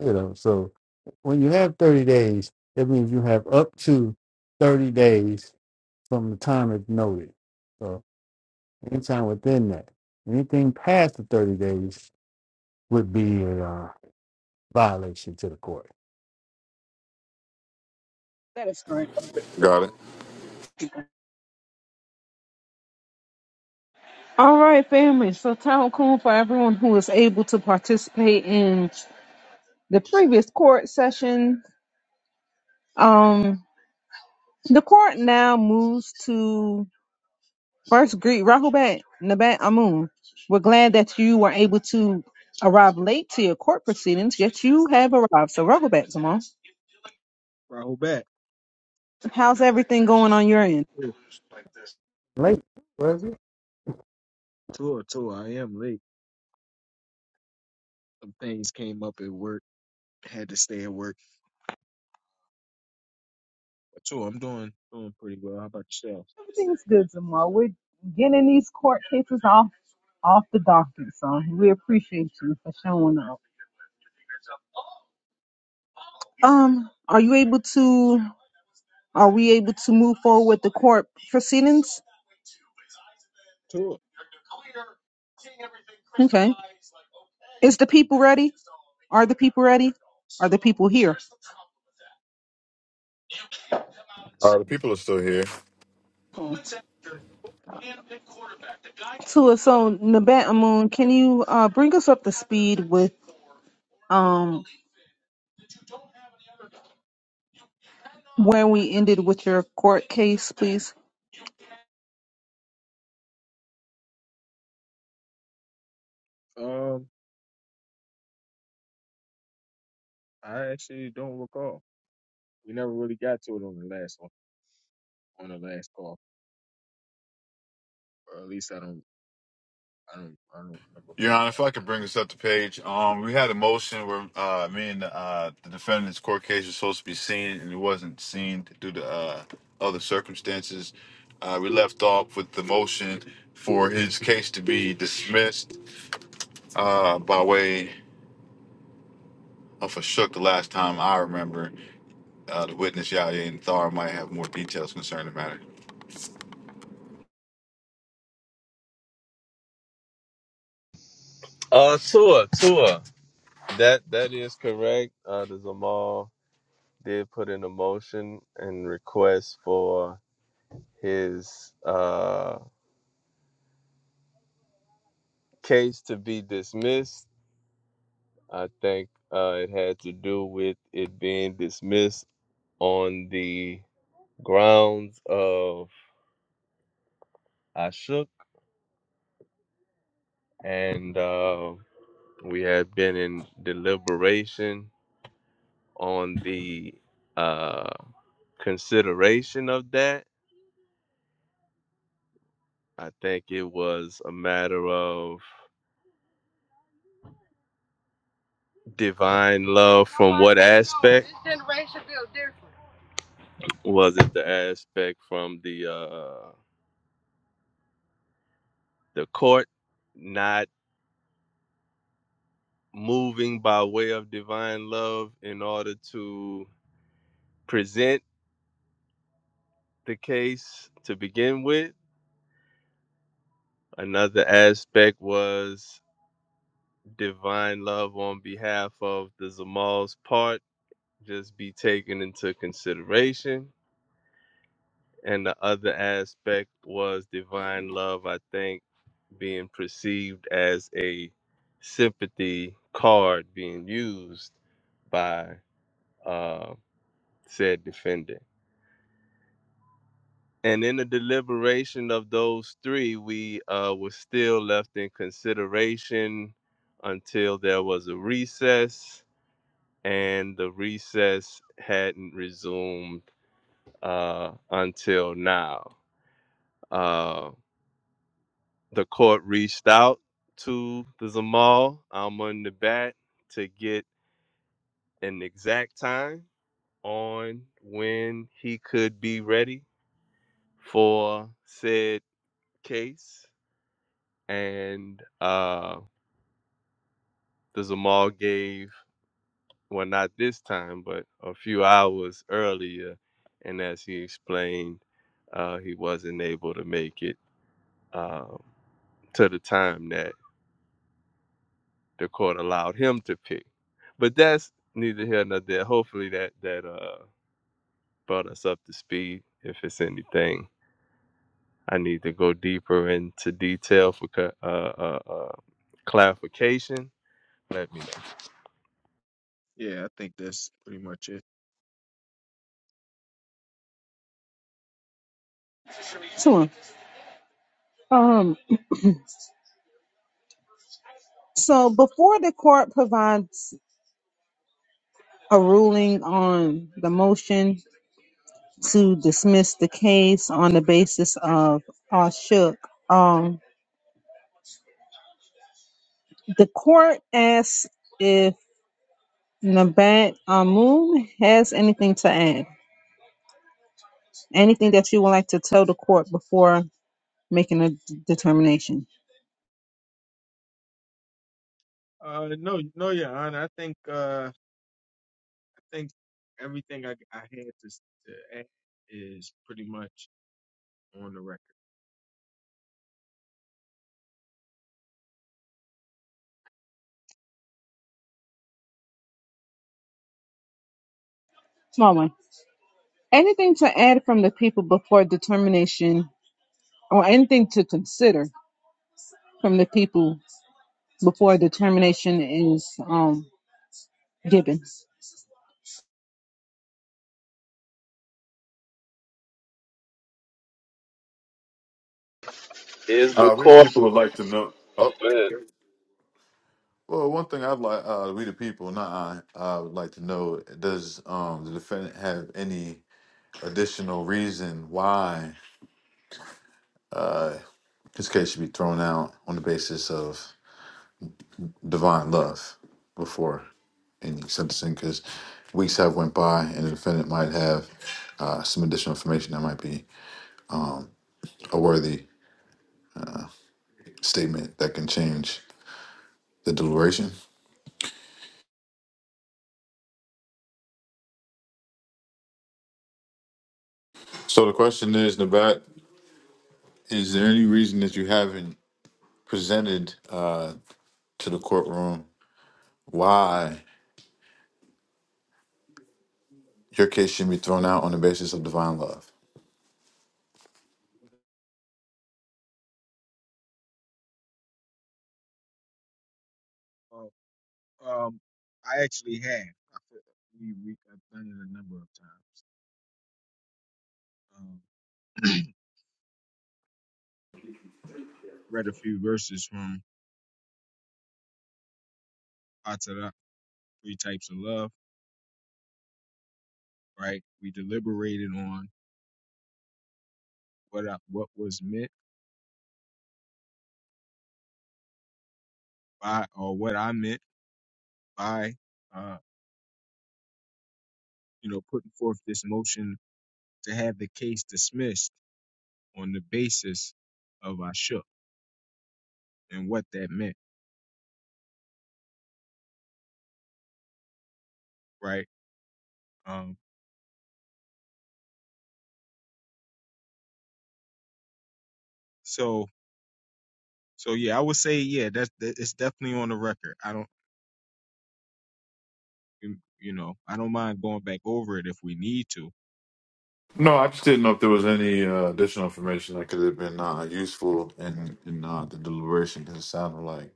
Speaker 10: You know, so when you have thirty days, that means you have up to thirty days from the time it's noted. So anytime within that, anything past the thirty days would be a uh, violation to the court.
Speaker 1: That is great. All right, family. So, town cool for everyone who is able to participate in the previous court session. Um, the court now moves to First, greet Rahubat Nabat Amun. We're glad that you were able to arrive late to your court proceedings, yet you have arrived. So, Rahubat, Zamal,
Speaker 11: Rahul back.
Speaker 1: how's everything going on your end?
Speaker 10: Late, was it?
Speaker 11: Tour, tour. I am late. Some things came up at work. Had to stay at work. But tour, I'm doing doing pretty well. How about yourself?
Speaker 1: Everything's good, Zamal. We're getting these court cases off off the docket, so we appreciate you for showing up. Um, are you able to? Are we able to move forward with the court proceedings?
Speaker 11: Tour.
Speaker 1: Okay. Is the people ready? Are the people ready? Are the people here?
Speaker 2: Uh, the people are still here.
Speaker 1: Tua, so Nabat Amun, can you uh, bring us up to speed with um, where we ended with your court case, please?
Speaker 11: Um, I actually don't recall. We never really got to it on the last one, on the last call, or at least I don't, I don't, I don't remember
Speaker 2: Your
Speaker 11: what.
Speaker 2: Honor,
Speaker 11: Uh,
Speaker 2: if I could bring this up to page, um, we had a motion where uh, me and uh, the defendant's court case was supposed to be seen, and it wasn't seen due to uh, other circumstances. Uh, we left off with the motion for his case to be dismissed uh, by way of a shook. The last time I remember, uh, the witness Yahya and Thar might have more details concerning the matter.
Speaker 8: Uh, Tua, Tua, that that is correct. Uh, the Zamal did put in a motion and request for his uh case to be dismissed I think uh, it had to do with it being dismissed on the grounds of I shook, and uh, we had been in deliberation on the uh, consideration of that. I think it was a matter of divine love from what aspect? This generation feels different. Was it the aspect from the uh, the court not? moving by way of divine love in order to present the case to begin with. Another aspect was divine love on behalf of the Zamal's part, just be taken into consideration. And the other aspect was divine love, I think, being perceived as a sympathy card being used by uh, said defendant. And in the deliberation of those three, we uh, were still left in consideration until there was a recess, and the recess hadn't resumed uh, until now. Uh, the court reached out to the Zamal Almun Nabat to get an exact time on when he could be ready for said case. And uh, the Zamal gave, well, not this time, but a few hours earlier. And as he explained, uh, he wasn't able to make it um, to the time that the court allowed him to pick. But that's neither here nor there. Hopefully, that that uh, brought us up to speed. If it's anything, I need to go deeper into detail for ca- uh, uh, uh, clarification. Let me know.
Speaker 11: yeah, I think that's pretty much it.
Speaker 1: Tua. Um, so before the court provides a ruling on the motion to dismiss the case on the basis of uh, Shook, um, the court asks if Nabat Amun has anything to add, anything that you would like to tell the court before making a d- determination.
Speaker 11: Uh, no, no, yeah, Honor. I think, uh, I think everything I I had to to add is pretty much on the record.
Speaker 1: Small one. Anything to add from the people before determination, or anything to consider from the people before determination is um, given.
Speaker 8: Is the
Speaker 2: Uh, we
Speaker 8: court
Speaker 2: people would like to know. Oh.
Speaker 8: with
Speaker 2: Well, one thing I'd like, uh, we the people, not I, I would like to know, does um, the defendant have any additional reason why uh, his case should be thrown out on the basis of divine love before any sentencing? Because weeks have went by, and the defendant might have uh, some additional information that might be a worthy statement that can change the deliberation. So the question is, Nabat, is there any reason that you haven't presented uh, to the courtroom? Why your case should be thrown out on the basis of divine love?
Speaker 11: Um, Um, I actually have. I feel- we we I've done it a number of times. Um, read a few verses from Atara, Three Types of Love. Right, we deliberated on what I, what was meant by, or what I meant by, uh, you know, putting forth this motion to have the case dismissed on the basis of I and what that meant. Right. Um. So so yeah, I would say yeah, that's that, it's definitely on the record. I don't. You, you know, I don't mind going back over it if we need to.
Speaker 2: No, I just didn't know if there was any uh, additional information that could. have been uh, useful in, in uh, the deliberation because it sounded like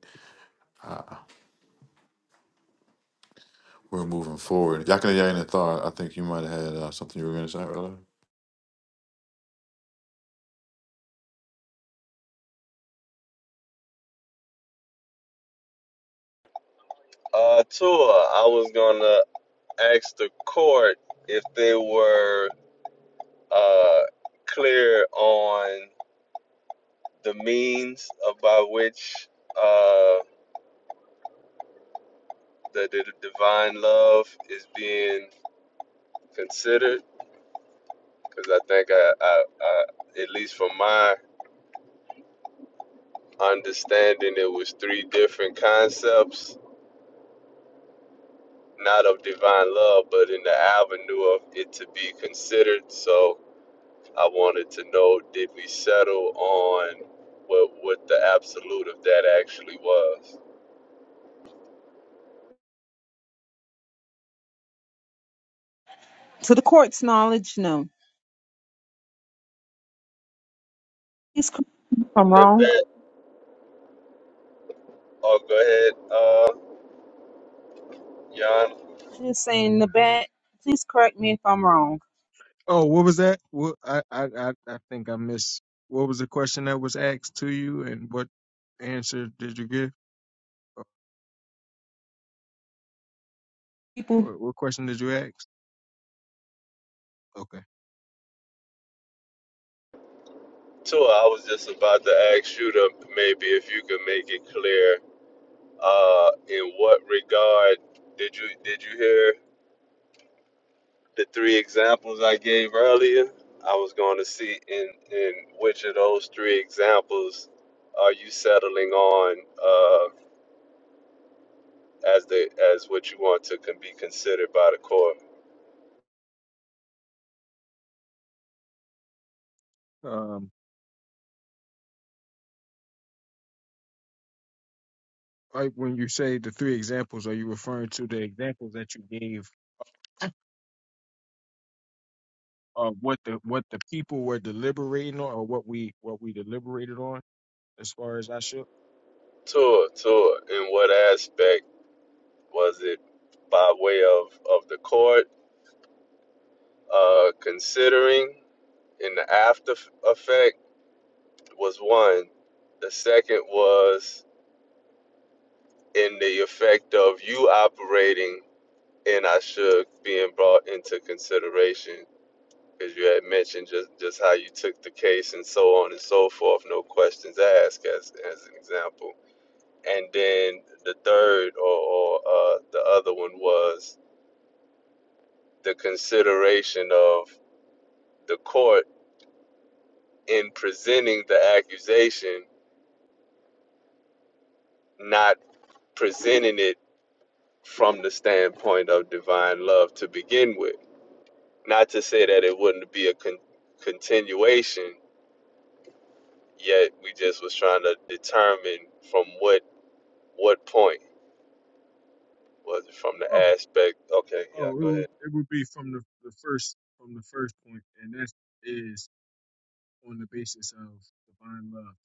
Speaker 2: we're moving forward. Yakina Yakina thought, I think you might have had uh, something you were going to say earlier.
Speaker 8: uh tour? I was gonna asked the court if they were uh, clear on the means by which uh, the, the divine love is being considered. Because I think, I, I, I, at least from my understanding, it was three different concepts, not of divine love, but in the avenue of it to be considered. So I wanted to know did we settle on what what the absolute of that actually was?
Speaker 1: To the court's knowledge, no. Please correct me if I'm wrong.
Speaker 8: Nibet, oh go ahead, uh Jan.
Speaker 1: Just saying the bad. Please correct me if I'm wrong.
Speaker 11: Oh, what was that? What I I I, I think I missed. What was the question that was asked to you, and what answer did you give? Uh,
Speaker 1: People.
Speaker 11: What, what question did you ask? Okay.
Speaker 8: Tua, I was just about to ask you to maybe if you could make it clear, uh, in what regard did you did you hear the three examples I gave earlier? I was going to see in in which of those three examples are you settling on uh as the as what you want to can be considered by the court.
Speaker 11: Um, like when you say the three examples, are you referring to the examples that you gave of what the what the people were deliberating on, or what we what we deliberated on as far as I should?
Speaker 8: Tour, tour. In what aspect was it by way of of the court uh, considering? In the after effect was one. The second was in the effect of you operating and I should being brought into consideration because you had mentioned just just how you took the case and so on and so forth. No questions asked, as as an example And then the third or, or uh, the other one was the consideration of the court in presenting the accusation, not presenting it from the standpoint of divine love to begin with. Not to say that it wouldn't be a con- continuation, yet we just was trying to determine from what what point was it from the
Speaker 11: Oh,
Speaker 8: aspect. Okay, yeah,
Speaker 11: oh, it
Speaker 8: go
Speaker 11: would
Speaker 8: ahead.
Speaker 11: it would be from the the first from the first point, and that's is on the basis of divine love.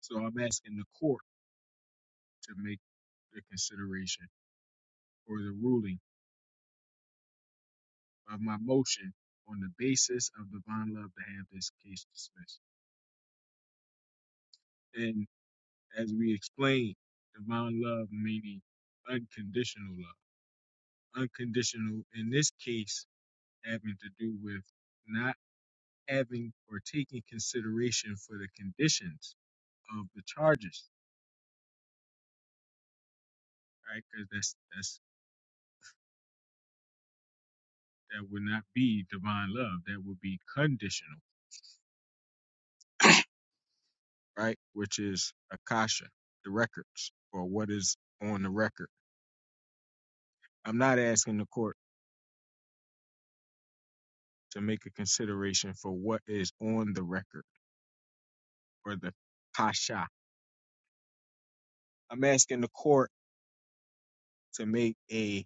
Speaker 11: So I'm asking the court to make the consideration or the ruling of my motion on the basis of divine love to have this case dismissed. And as we explained, divine love meaning unconditional love. Unconditional in this case having to do with not having or taking consideration for the conditions of the charges, right? Because that's that's that would not be divine love. That would be conditional, right? Which is Akasha, the records, or what is on the record. I'm not asking the court to make a consideration for what is on the record or the Akasha. I'm asking the court to make a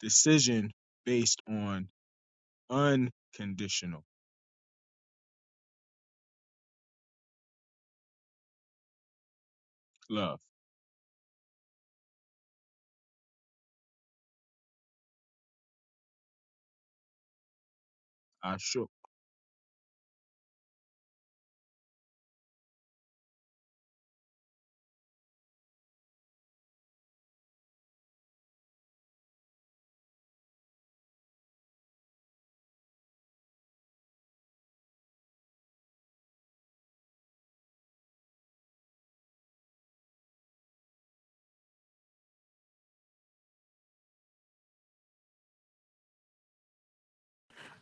Speaker 11: decision based on unconditional love. I shook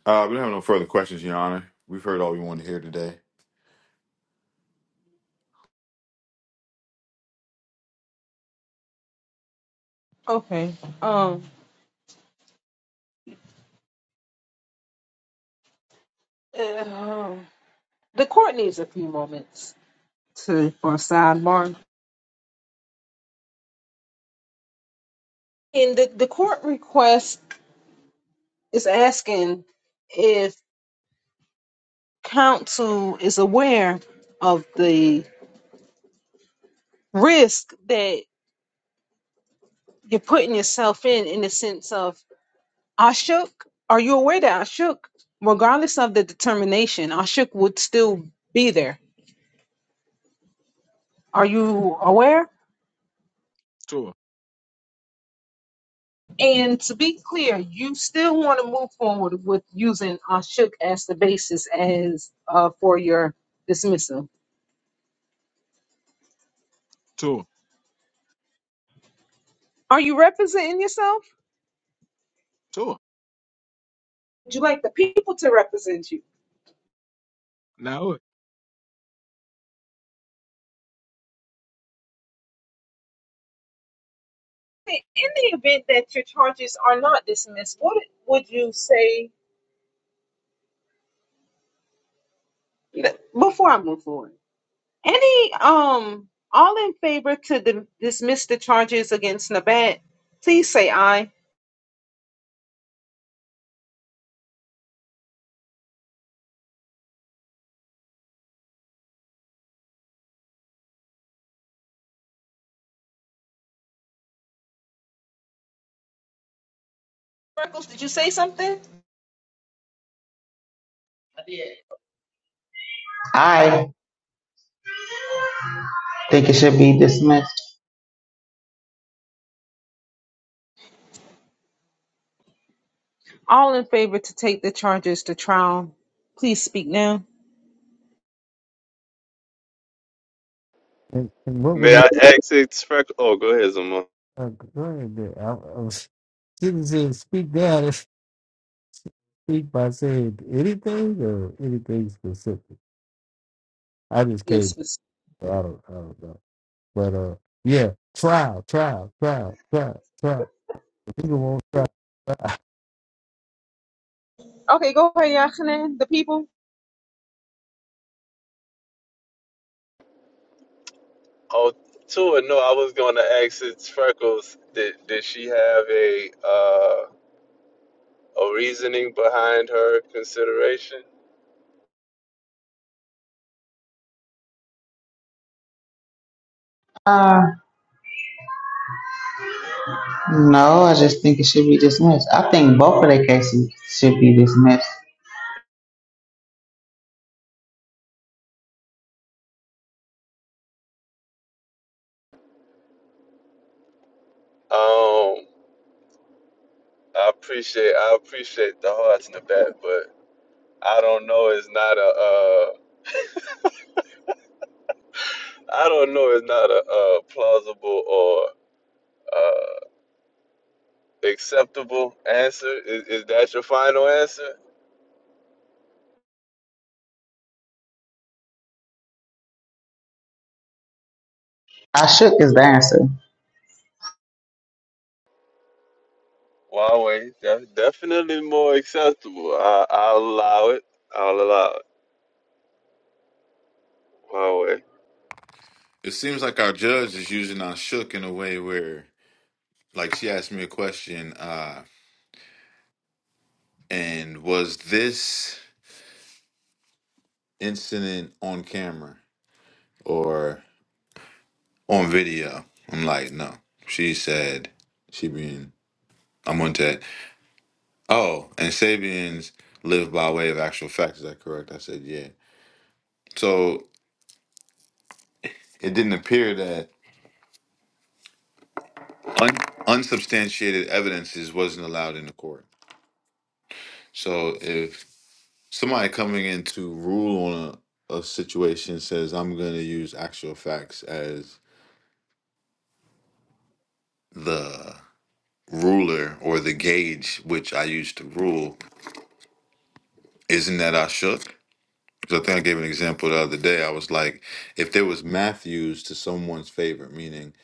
Speaker 2: Uh, we don't have no further questions, Your Honor. We've heard all we want to hear today.
Speaker 1: Okay. Um. uh, the court needs a few moments to for a sidebar. And the the court request is asking if. council is aware of the risk that you're putting yourself in, in the sense of Ashok, are you aware that Ashok, regardless of the determination, Ashok would still be there? Are you aware?
Speaker 11: tour,
Speaker 1: And to be clear, you still want to move forward with using Ashok as the basis as uh, for your dismissal.
Speaker 11: tour,
Speaker 1: Are you representing yourself?
Speaker 11: tour.
Speaker 1: Would you like the people to represent you?
Speaker 11: Now,
Speaker 1: in the event that your charges are not dismissed, what would you say before I move forward? Any um all in favor to di- dismiss the charges against Nabat, please say aye. Freckles, did you say something?
Speaker 5: I did. I think it should be dismissed.
Speaker 1: All in favor to take the charges to trial, please speak now.
Speaker 10: And, and what would
Speaker 8: May I ask it? spec- Oh, go ahead, Zuma.
Speaker 10: Uh, go ahead. there. I, I was didn't speak down and speak by saying anything or anything specific. I just came.
Speaker 1: Yes,
Speaker 10: back,
Speaker 1: miss.
Speaker 10: so I don't. I don't know. But uh, yeah, trial, trial, trial, trial, trial. People won't try. trial.
Speaker 1: Okay, go ahead, Yachanan, the people.
Speaker 8: Oh, Tua, no, I was going to ask it, Freckles. Did did she have a uh, a reasoning behind her consideration?
Speaker 5: Uh, no, I just think it should be dismissed. I think both of their cases should be dismissed.
Speaker 8: Um, I appreciate I appreciate the hearts in the back, but I don't know. It's not a uh, I don't know. It's not a uh, plausible or uh, acceptable answer. Is, is that your final answer?
Speaker 5: I shook is the answer.
Speaker 8: Huawei, def- definitely more acceptable. I, I'll allow it. I'll allow it. Huawei.
Speaker 2: It seems like our judge is using our shook in a way where, like, she asked me a question, uh, and was this incident on camera? or? on video. I'm like, no. She said she being I'm on that. Oh, and Sabians live by way of actual facts. Is that correct? I said, yeah. So it didn't appear that un- unsubstantiated evidences wasn't allowed in the court. So if somebody coming in to rule on a, a situation says, I'm going to use actual facts as the ruler or the gauge which I use to rule, isn't that I shook? 'Cause I think I gave an example the other day. I was like, if there was Matthews to someone's favorite, meaning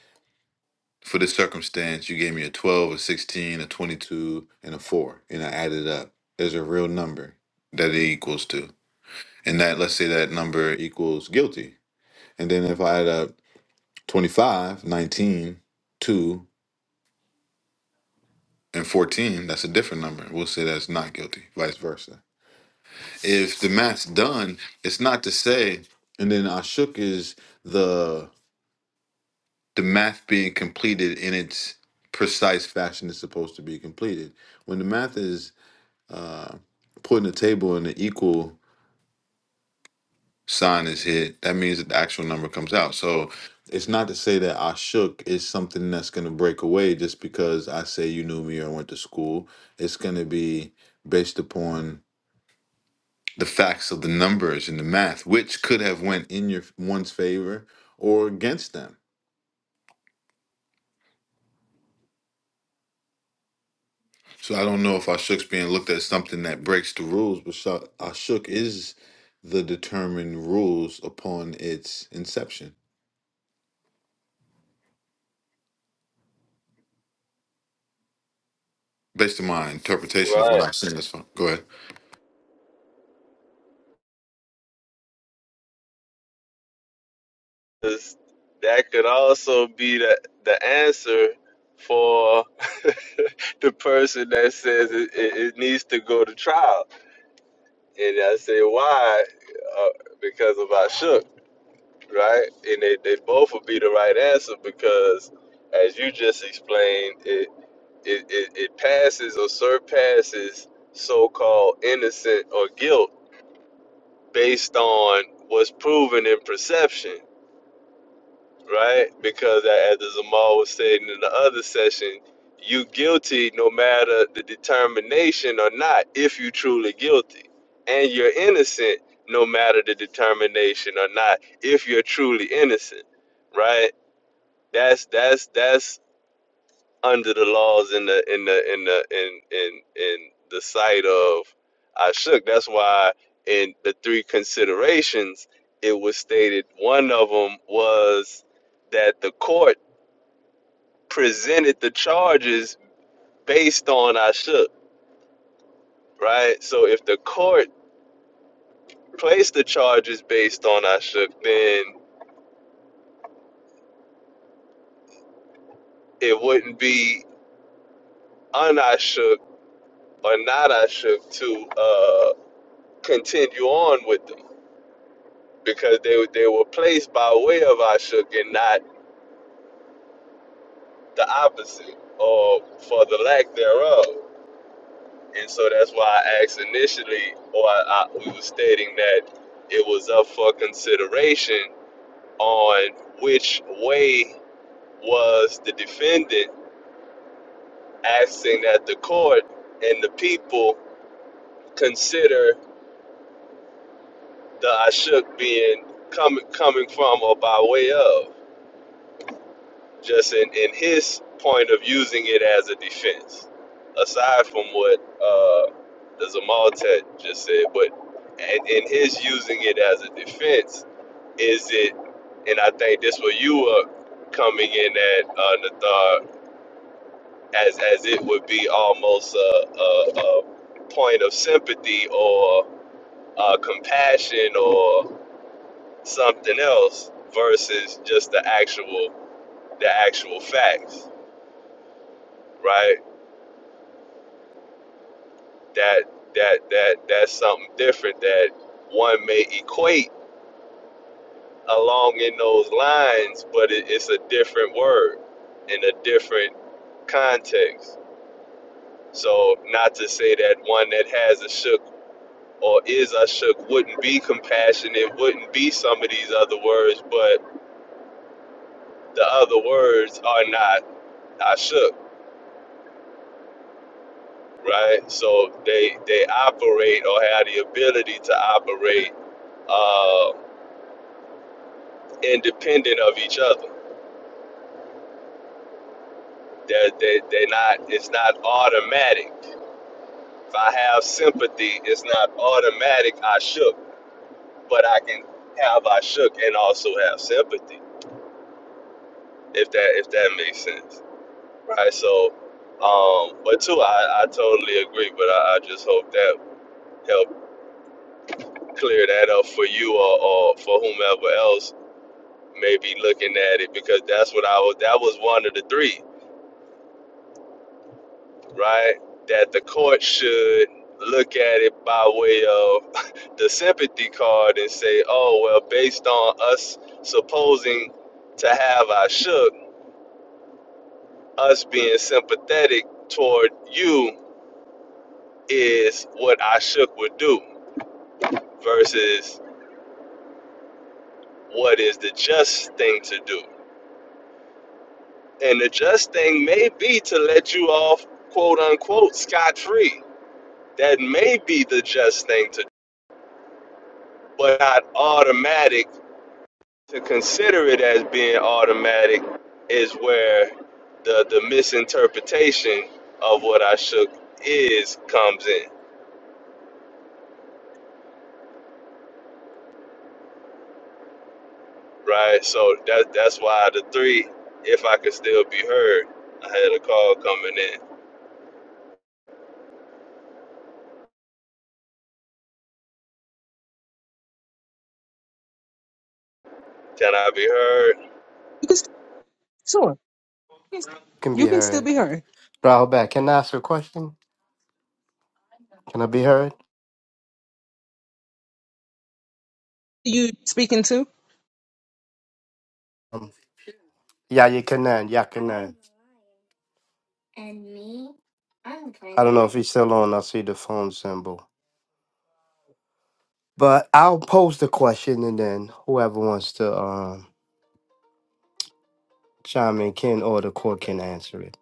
Speaker 2: for this circumstance, you gave me a 12, a 16, a 22, and a 4, and I added it up. There's a real number that it equals to. And that, let's say that number equals guilty. And then if I add up 25, 19, 2, and 14, that's a different number. We'll say that's not guilty, vice versa. If the math's done, it's not to say, and then Ashuk is the the math being completed in its precise fashion it's supposed to be completed. When the math is uh, put in the table and the equal sign is hit, that means that the actual number comes out. So it's not to say that I shook is something that's going to break away just because I say you knew me or went to school. It's going to be based upon the facts of the numbers and the math, which could have went in your one's favor or against them So I don't know if Ashok's being looked at as something that breaks the rules, but Sha- Ashok is the determined rules upon its inception, based on my interpretation of what
Speaker 8: Right.
Speaker 2: I've seen. That's fine. Go ahead.
Speaker 8: 'Cause that could also be the, the answer for the person that says it, it, it needs to go to trial. And I say, why? Uh, because of I shook, right? And they, they both would be the right answer because, as you just explained, it, it, it, it passes or surpasses so called innocent or guilt based on what's proven in perception right? Because as the Zamal was saying in the other session, you guilty no matter the determination or not, if you truly guilty. And you're innocent no matter the determination or not, if you're truly innocent, right? That's that's that's under the laws in the in the in the in in in the sight of I shook. That's why in the three considerations it was stated one of them was that the court presented the charges based on Ashok, right? So if the court placed the charges based on Ashok, then it wouldn't be un I or not Ashok to uh, continue on with them because they were- they were placed by way of Ashok and not the opposite or for the lack thereof. And so that's why I asked initially, or I, I, we were stating that it was up for consideration on which way was the defendant asking that the court and the people consider the Ashuk being coming coming from or by way of, just in, in his point of using it as a defense. Aside from what uh, the Zamaltet just said, but and in his using it as a defense, is it? And I think this where you were coming in at uh, Nathar as as it would be almost a, a, a point of sympathy or uh, compassion or something else versus just the actual the actual facts, right? That that that that's something different that one may equate along in those lines, but it, it's a different word in a different context. So not to say that one that has a shook or is shook wouldn't be compassionate, wouldn't be some of these other words, but the other words are not shook, right? So they they operate or have the ability to operate uh, independent of each other. They're, they, they're not, it's not automatic. If I have sympathy, it's not automatic I shook, but I can have I shook and also have sympathy, if that, if that makes sense. Right. So, um, but too, I, I totally agree. But I, I just hope that help clear that up for you or, or for whomever else may be looking at it because that's what I was. That was one of the three, right? That the court should look at it by way of the sympathy card and say, oh well, based on us supposing to have our shook, us being sympathetic toward you is what I shook would do versus what is the just thing to do. And the just thing may be to let you off, quote unquote, scot free. That may be the just thing to do, but not automatic. To consider it as being automatic is where the, the misinterpretation of what I shook is comes in, right? So that that's why the three, if I could still be heard, I had a call coming in. Can I be heard?
Speaker 1: You can st- sure.
Speaker 4: Can
Speaker 1: You
Speaker 4: be
Speaker 1: can still
Speaker 4: heard.
Speaker 1: be heard.
Speaker 4: Rahul can I ask a question? Can I be heard?
Speaker 1: You speaking to?
Speaker 4: Um, yeah, you can end. Yeah, can end. I don't know if he's still on. I see the phone symbol. But I'll pose the question and then whoever wants to um, chime in can or the court can answer it.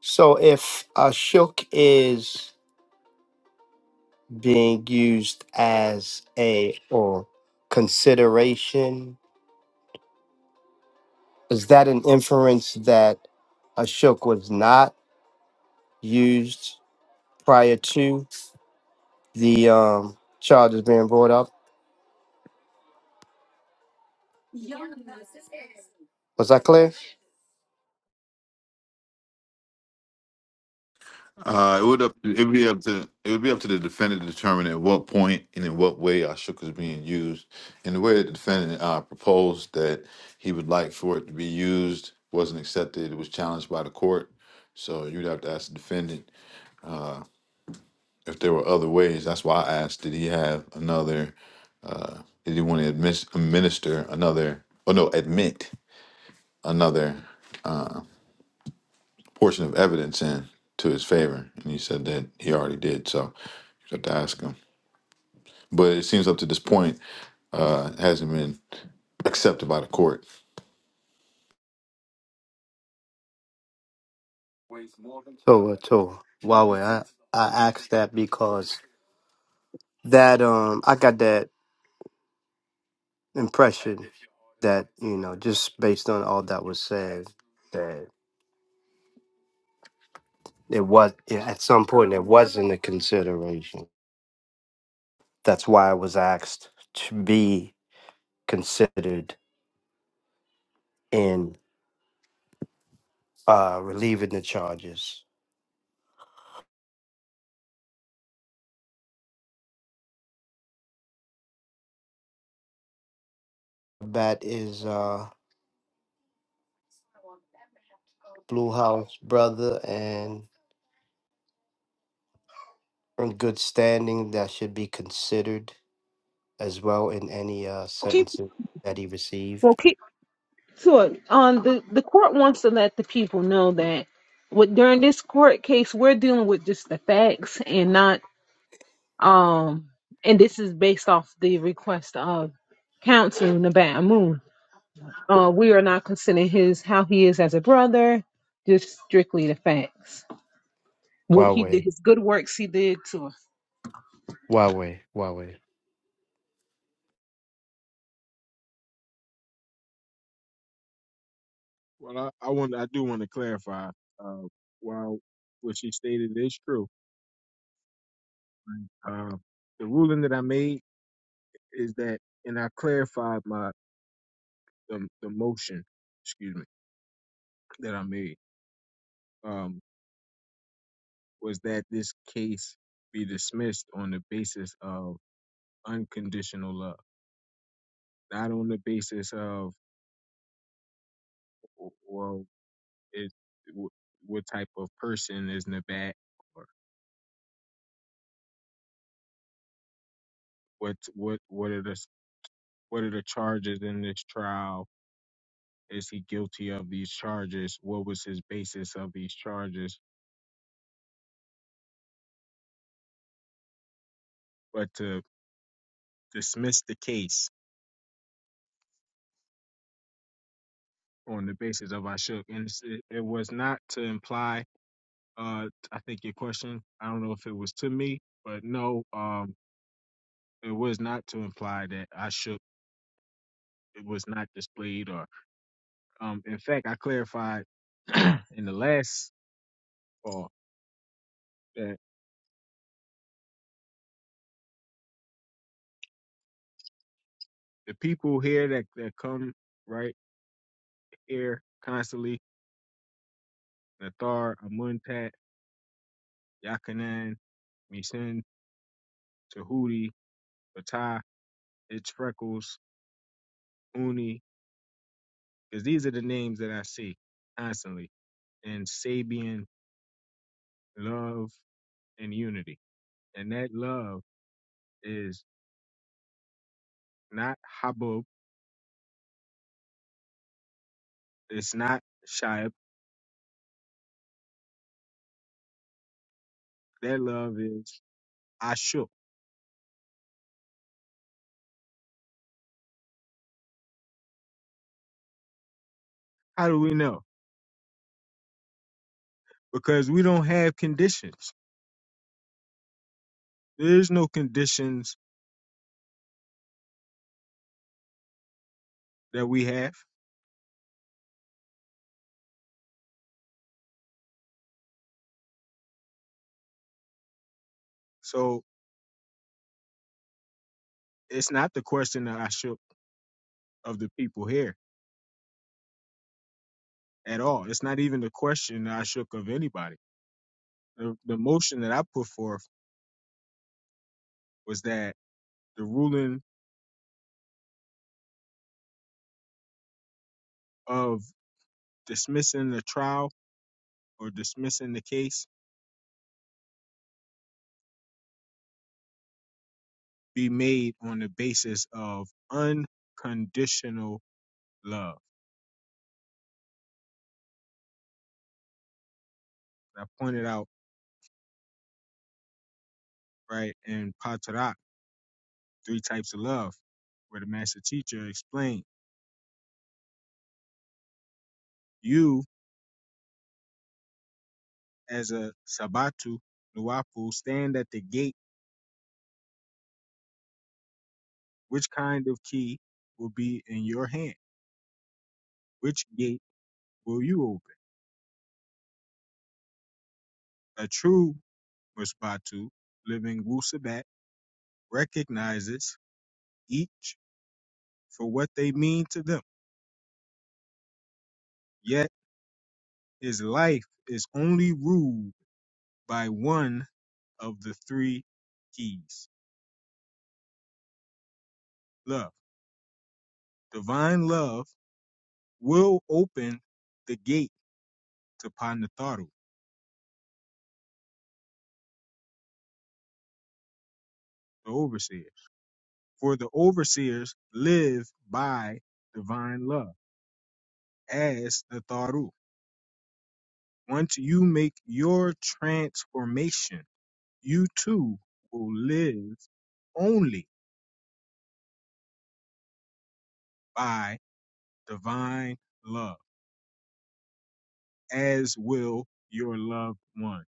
Speaker 4: So if Ashok is being used as a or consideration Is that an inference that Ashok was not used prior to the um, charges being brought up? Was that clear?
Speaker 2: Uh, it would up. It would be up to. It would be up to the defendant to determine at what point and in what way Ashok is being used. And the way the defendant uh, proposed that he would like for it to be used wasn't accepted. It was challenged by the court. So you'd have to ask the defendant if there were other ways. That's why I asked, did he have another, uh, did he want to admit, administer another, or no, admit another portion of evidence in to his favor? And he said that he already did. So you have to ask him. But it seems up to this point, uh, it hasn't been accepted by the court.
Speaker 4: Toa, Toa. Wawe, I, I asked that because that um I got that impression that, you know, just based on all that was said, that it was at some point it wasn't a consideration. That's why I was asked to be considered in uh relieving the charges. Bat is uh, Blue House brother and in good standing. That should be considered as well in any uh,
Speaker 1: Okay.
Speaker 4: sentences that he
Speaker 1: Well,
Speaker 4: received.
Speaker 1: keep So, um, the the court wants to let the people know that with during this court case, we're dealing with just the facts and not um, and this is based off the request of counsel Nabat Moon. Uh, we are not considering his how he is as a brother, just strictly the facts. What he did,
Speaker 4: Huawei,
Speaker 1: his good works he did to us.
Speaker 4: Huawei, Huawei.
Speaker 11: well, I, I want, I do want to clarify. Uh, while what she stated is true, Um, the ruling that I made is that, and I clarified my the, the motion, excuse me, that I made um, was that this case be dismissed on the basis of unconditional love, not on the basis of w- well, it w- what type of person is in or what what what are the s- what are the charges in this trial? Is he guilty of these charges? What was his basis of these charges? But to dismissed the case on the basis of Ashok, and it's- it, it was not to imply. Uh, I think your question. I don't know if it was to me, but no. Um, it was not to imply that Ashok it was not displayed, or um, in fact, I clarified in the last call that the people here that that come right here constantly, Nathar, Amuntat, Yakanan, Misin, Tahuti, Fatah, It's Freckles, Uni. because these are the names that I see constantly. And Sabian, love, and unity. And that love is not Habub, it's not Shaib. That love is Ashuk. How do we know? Because we don't have conditions. There's no conditions that we have. So it's not the question that Ashuk of the people here at all. It's not even the question that Ashuk of anybody. The, the motion that I put forth was that the ruling of dismissing the trial or dismissing the case be made on the basis of unconditional love. I pointed out, right, in Patarak, three types of love, where the master teacher explained you as a Sabatu, Nuapu, stand at the gate. Which kind of key will be in your hand? Which gate will you open? A true Musbatu, living Wusabat, recognizes each for what they mean to them. yet. His life is only ruled by one of the three keys love. Divine love will open the gate to Panatharu, the overseers. For the overseers live by divine love as Natharu. Once you make your transformation, you too will live only by divine love, as will your loved ones.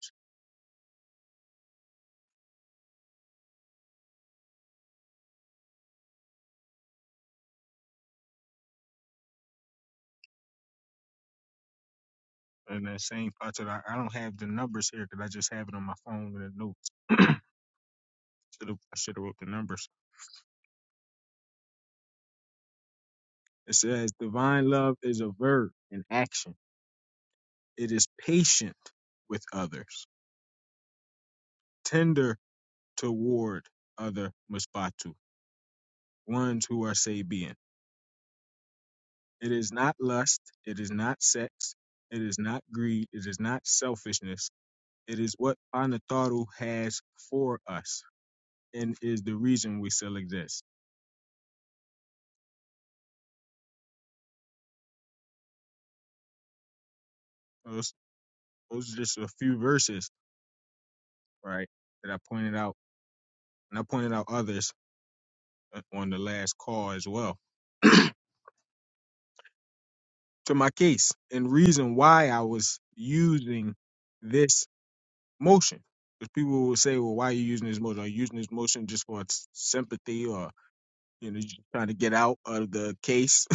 Speaker 11: in that same part that I, I don't have the numbers here because I just have it on my phone in the notes. Should've, I should have wrote the numbers. It says, "Divine love is a verb in action. It is patient with others, tender toward other musbatu, ones who are Sabian. It is not lust. It is not sex. It is not greed. It is not selfishness. It is what Anataru has for us, and is the reason we still exist." Those, those are just a few verses right? That I pointed out, and I pointed out others uh, on the last call as well to my case and reason why I was using this motion. Because people will say, "Well, why are you using this motion? Are you using this motion just for s- sympathy, or you know, just trying to get out of the case?"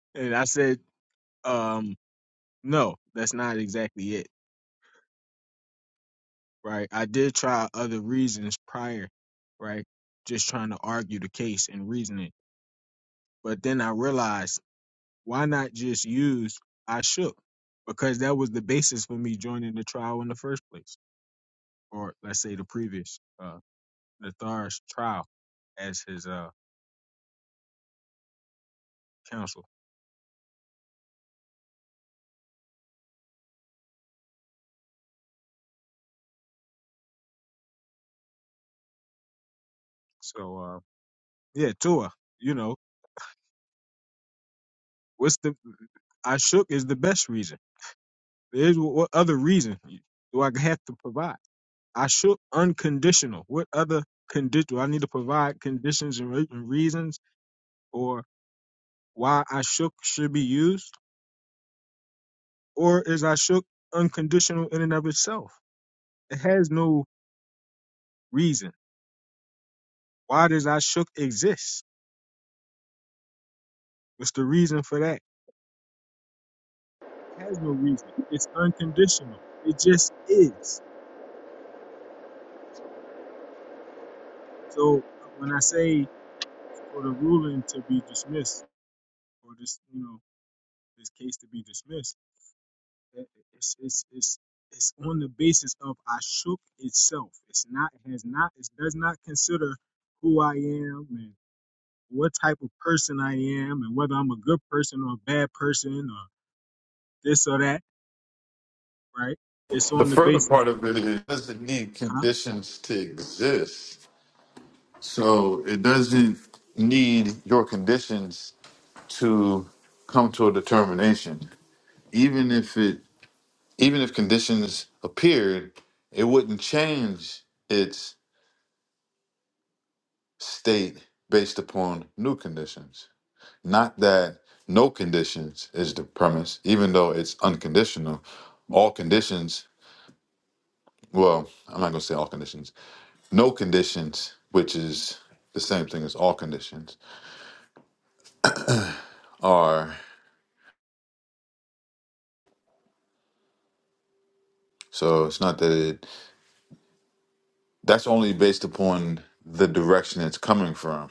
Speaker 11: and I said, um, "No, that's not exactly it, right? I did try other reasons prior, right? Just trying to argue the case and reason it, but then I realized." Why not just use I shook? Because that was the basis for me joining the trial in the first place, or let's say the previous uh Nathar's trial as his uh counsel. So uh yeah, Tua, you know, what's the I shook is the best reason. There's wh- what other reason do I have to provide? I shook unconditional. What other condition do I need to provide conditions and re- and reasons or why I shook should be used? or is Ashuk unconditional in and of itself? It has no reason. Why does Ashuk exist? What's the reason for that? It has no reason. It's unconditional. It just is. So uh, when I say for the ruling to be dismissed, or this, you know, this case to be dismissed, it- it's it's it's it's on the basis of Ashuk itself. It's not. It has not. It does not consider who I am and. what type of person I am and whether I'm a good person or a bad person or this or that, right? It's
Speaker 2: The
Speaker 11: on the
Speaker 2: further
Speaker 11: basis.
Speaker 2: part of it is it doesn't need
Speaker 11: Huh?
Speaker 2: conditions to exist. So it doesn't need your conditions to come to a determination. even if it even if conditions appeared, it wouldn't change its state based upon new conditions. Not that no conditions is the premise, even though it's unconditional. All conditions, well, I'm not gonna say all conditions. No conditions, which is the same thing as all conditions, are so it's not that it that's only based upon the direction it's coming from.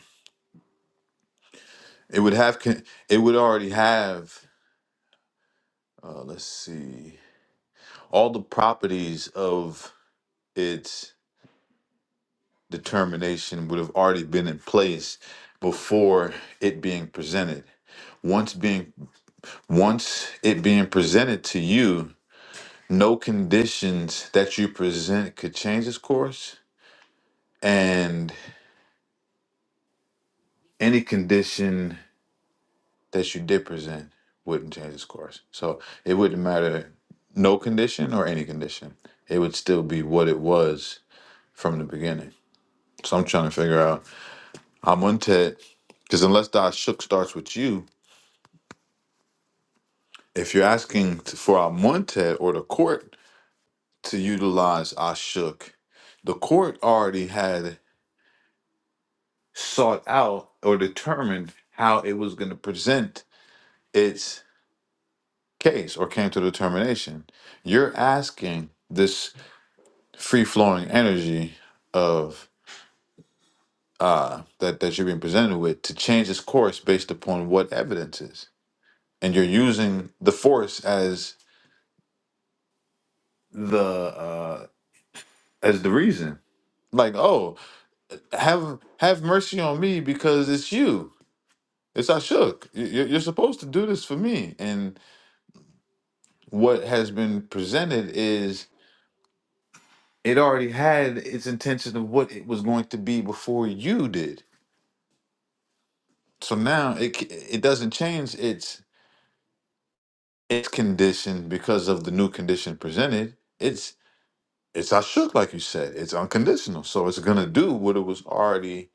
Speaker 2: It would have con- it would already have Uh, let's see. All the properties of its determination would have already been in place before it being presented. Once being once it being presented to you, no conditions that you present could change its course, and any condition that you did present wouldn't change its course. So it wouldn't matter no condition or any condition. It would still be what it was from the beginning. So I'm trying to figure out. I'm on Ted because unless Doc Shook starts with you, if you're asking t- for Amontet or the court to utilize I shook, the court already had sought out or determined how it was going to present its case or came to determination. You're asking this free flowing energy of uh, that that you're being presented with to change its course based upon what evidence is, and you're using the force as the uh as the reason. Like, oh, have have mercy on me because it's you. It's Ashok. You- you- You're supposed to do this for me. And what has been presented is it already had its intention of what it was going to be before you did. So now it c- it doesn't change its its condition because of the new condition presented. It's it's Ashok, like you said. It's unconditional. So it's gonna do what it was already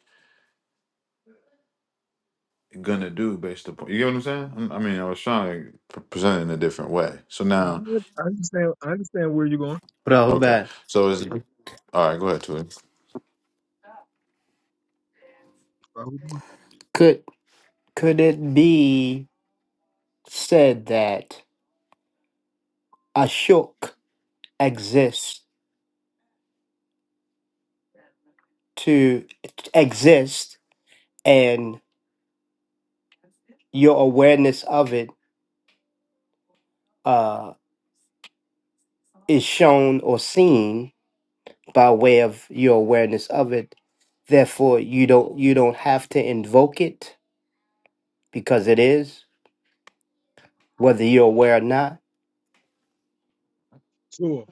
Speaker 2: gonna do based upon you get what I'm saying? I'm- I mean, I was trying to p- present it in a different way. So
Speaker 11: I
Speaker 2: now,
Speaker 11: I understand. I understand where you're going.
Speaker 2: okay,
Speaker 4: Rahubat.
Speaker 2: so is
Speaker 11: Sure,
Speaker 2: all right. Go ahead, Tui.
Speaker 11: bro.
Speaker 4: Could could it be said that Ashok exists to exist and your awareness of it uh, is shown or seen by way of your awareness of it. Therefore, you don't you don't have to invoke it because it is, whether you're aware or not.
Speaker 11: sure.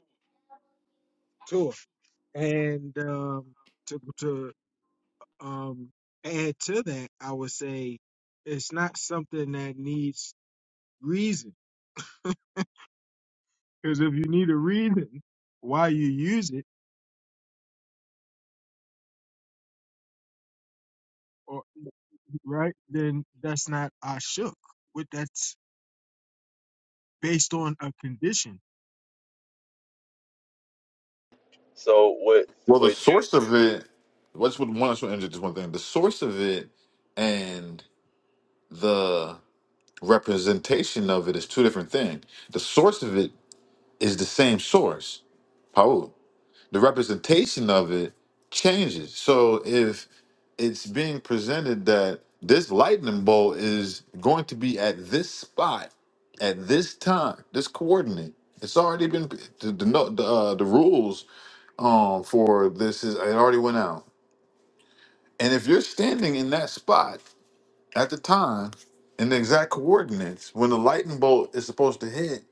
Speaker 11: sure. And um, to to um, add to that, I would say it's not something that needs reason. Because if you need a reason why you use it, or right, then that's not I shook. What that's based on a condition.
Speaker 8: So
Speaker 2: Well, the
Speaker 8: what?
Speaker 2: source of it. Let's with one. Let's enter just one thing. The source of it and the representation of it is two different things. The source of it is the same source, Paul. The representation of it changes. So if it's being presented that this lightning bolt is going to be at this spot at this time, this coordinate. It's already been the the, no- the, uh, the rules um for this is it already went out. And if you're standing in that spot at the time in the exact coordinates when the lightning bolt is supposed to hit,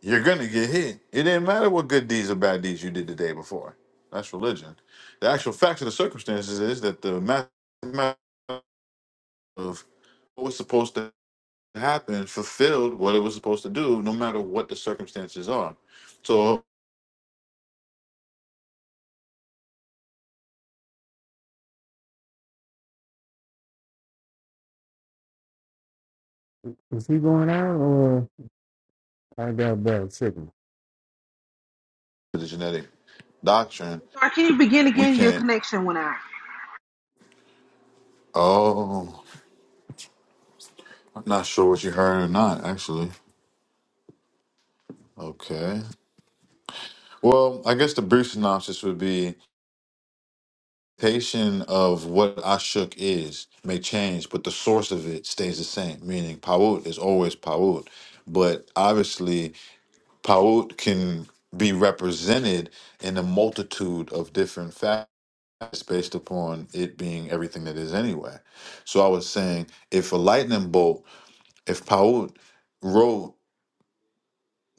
Speaker 2: you're gonna get hit. It didn't matter what good deeds or bad deeds you did the day before. That's religion. The actual facts of the circumstances is that the math what was supposed to happen fulfilled what it was supposed to do, no matter what the circumstances are. So
Speaker 10: Is he going out or I got bad signal?
Speaker 2: the genetic doctrine,
Speaker 1: Sorry, can you begin
Speaker 2: we
Speaker 1: again? Your
Speaker 2: can't.
Speaker 1: connection went out.
Speaker 2: Oh, I'm not sure what you heard or not, actually. Okay. Well, I guess the brief synopsis would be patient of what Ashuk is may change, but the source of it stays the same, meaning Pawut is always Pawut. But obviously, Pawut can be represented in a multitude of different fashions It's based upon it being everything that is anyway. So I was saying, if a lightning bolt, if Paul wrote